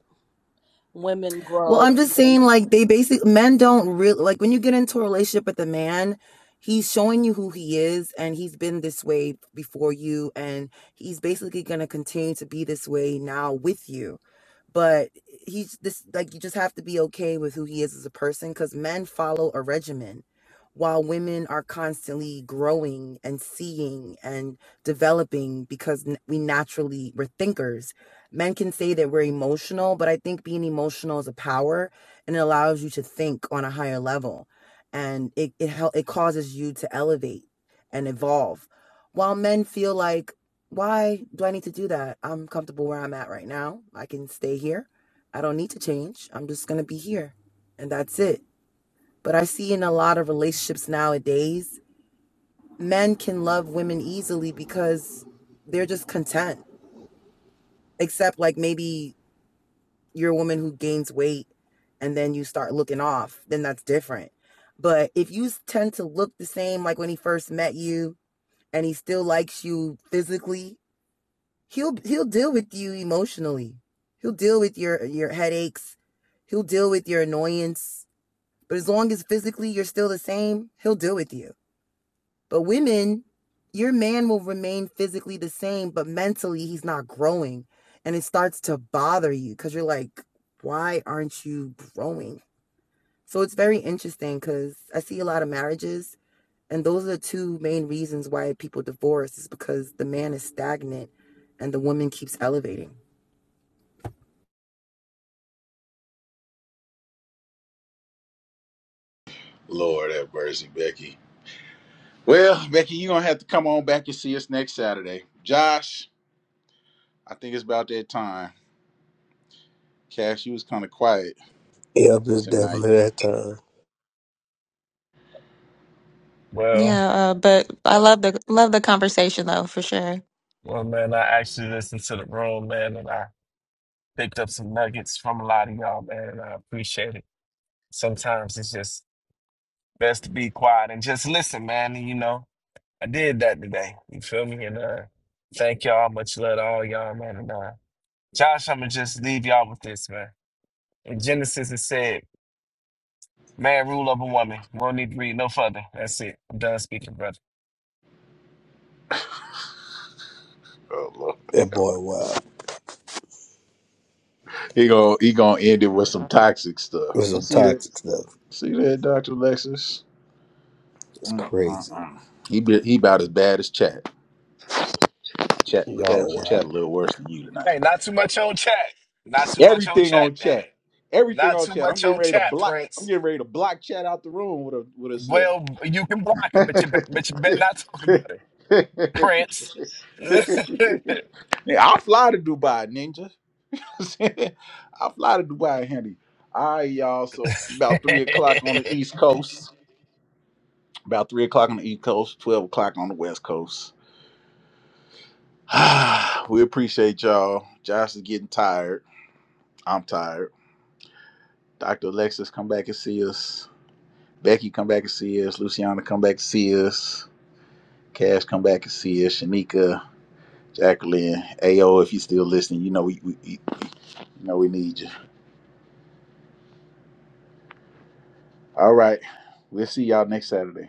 Speaker 26: Women
Speaker 19: Well,
Speaker 26: grow.
Speaker 19: I'm
Speaker 26: and
Speaker 19: just
Speaker 26: men.
Speaker 19: saying, like, they basically, men don't really, like, when you get into a relationship with a man, he's showing you who he is and he's been this way before you. And he's basically going to continue to be this way now with you. But he's this, like, you just have to be okay with who he is as a person because men follow a regimen while women are constantly growing and seeing and developing because n- we naturally, we're thinkers men can say that we're emotional, but I think being emotional is a power and it allows you to think on a higher level and it it hel- it causes you to elevate and evolve. While men feel like why do I need to do that? I'm comfortable where I'm at right now. I can stay here. I don't need to change. I'm just going to be here. And that's it. But I see in a lot of relationships nowadays, men can love women easily because they're just content except like maybe you're a woman who gains weight and then you start looking off, then that's different. But if you tend to look the same like when he first met you and he still likes you physically, he'll he'll deal with you emotionally. He'll deal with your your headaches. He'll deal with your annoyance. But as long as physically you're still the same, he'll deal with you. But women, your man will remain physically the same, but mentally he's not growing. And it starts to bother you because you're like, why aren't you growing? So it's very interesting because I see a lot of marriages, and those are the two main reasons why people divorce is because the man is stagnant and the woman keeps elevating.
Speaker 1: Well, Becky, you're gonna have to come on back and see us next Saturday. Josh, I think it's about that time. Cash, you was kind of quiet
Speaker 6: Yep, it's
Speaker 1: tonight.
Speaker 6: definitely that time.
Speaker 13: Well,
Speaker 30: Yeah, uh, but I love the love the conversation though for sure.
Speaker 13: well, man, I actually listened to the room, man, and I picked up some nuggets from a lot of y'all, man, and I appreciate it. Sometimes it's just best to be quiet and just listen, man, and you know. I did that today. You feel me? And uh, thank y'all. Much love to all y'all, man. And uh, Josh, I'm gonna just leave y'all with this, man. In Genesis, it said, "Man rule over woman." We don't need to read no further. That's it. I'm done speaking, brother.
Speaker 1: Oh Lord.
Speaker 6: That boy,
Speaker 1: *laughs*
Speaker 6: wow.
Speaker 1: He gonna he gonna end it with some toxic stuff.
Speaker 6: It was
Speaker 1: You
Speaker 6: some
Speaker 1: see that?
Speaker 6: toxic stuff.
Speaker 1: See that, Doctor Lexus?
Speaker 6: It's crazy.
Speaker 1: Mm-mm-mm. He be, he about as bad as Chat. Chat Chat
Speaker 6: Y'all, wow.
Speaker 1: Chat a little worse than you tonight.
Speaker 13: Hey, not too much on chat. Not too much on
Speaker 1: Everything
Speaker 13: chat,
Speaker 1: on
Speaker 13: damn
Speaker 1: Chat.
Speaker 13: it.
Speaker 1: Everything
Speaker 13: Not
Speaker 1: on
Speaker 13: too
Speaker 1: Chat. I'm
Speaker 13: much
Speaker 1: getting
Speaker 13: on
Speaker 1: ready to
Speaker 13: chat,
Speaker 1: block. I'm
Speaker 13: Prince.
Speaker 1: getting ready to block Chat out the room with a with a cell.
Speaker 13: Well, you can block it, but you be- but you better not talk about it, Prince.
Speaker 1: *laughs* yeah, I'll fly to Dubai, Ninja. *laughs* I'll fly to Dubai, Henry. All right, y'all. So about three o'clock on the
Speaker 13: *laughs*
Speaker 1: East Coast. About three o'clock on the East Coast, twelve o'clock on the West Coast. *sighs* we appreciate y'all. Josh is getting tired. I'm tired. Dr. Alexis, come back and see us. Becky, come back and see us. Luciana, come back and see us. Cash, come back and see us. Shanika, Jacqueline, AO, if you're still listening, you know we, we, we- you know we need you. All right. We'll see y'all next Saturday.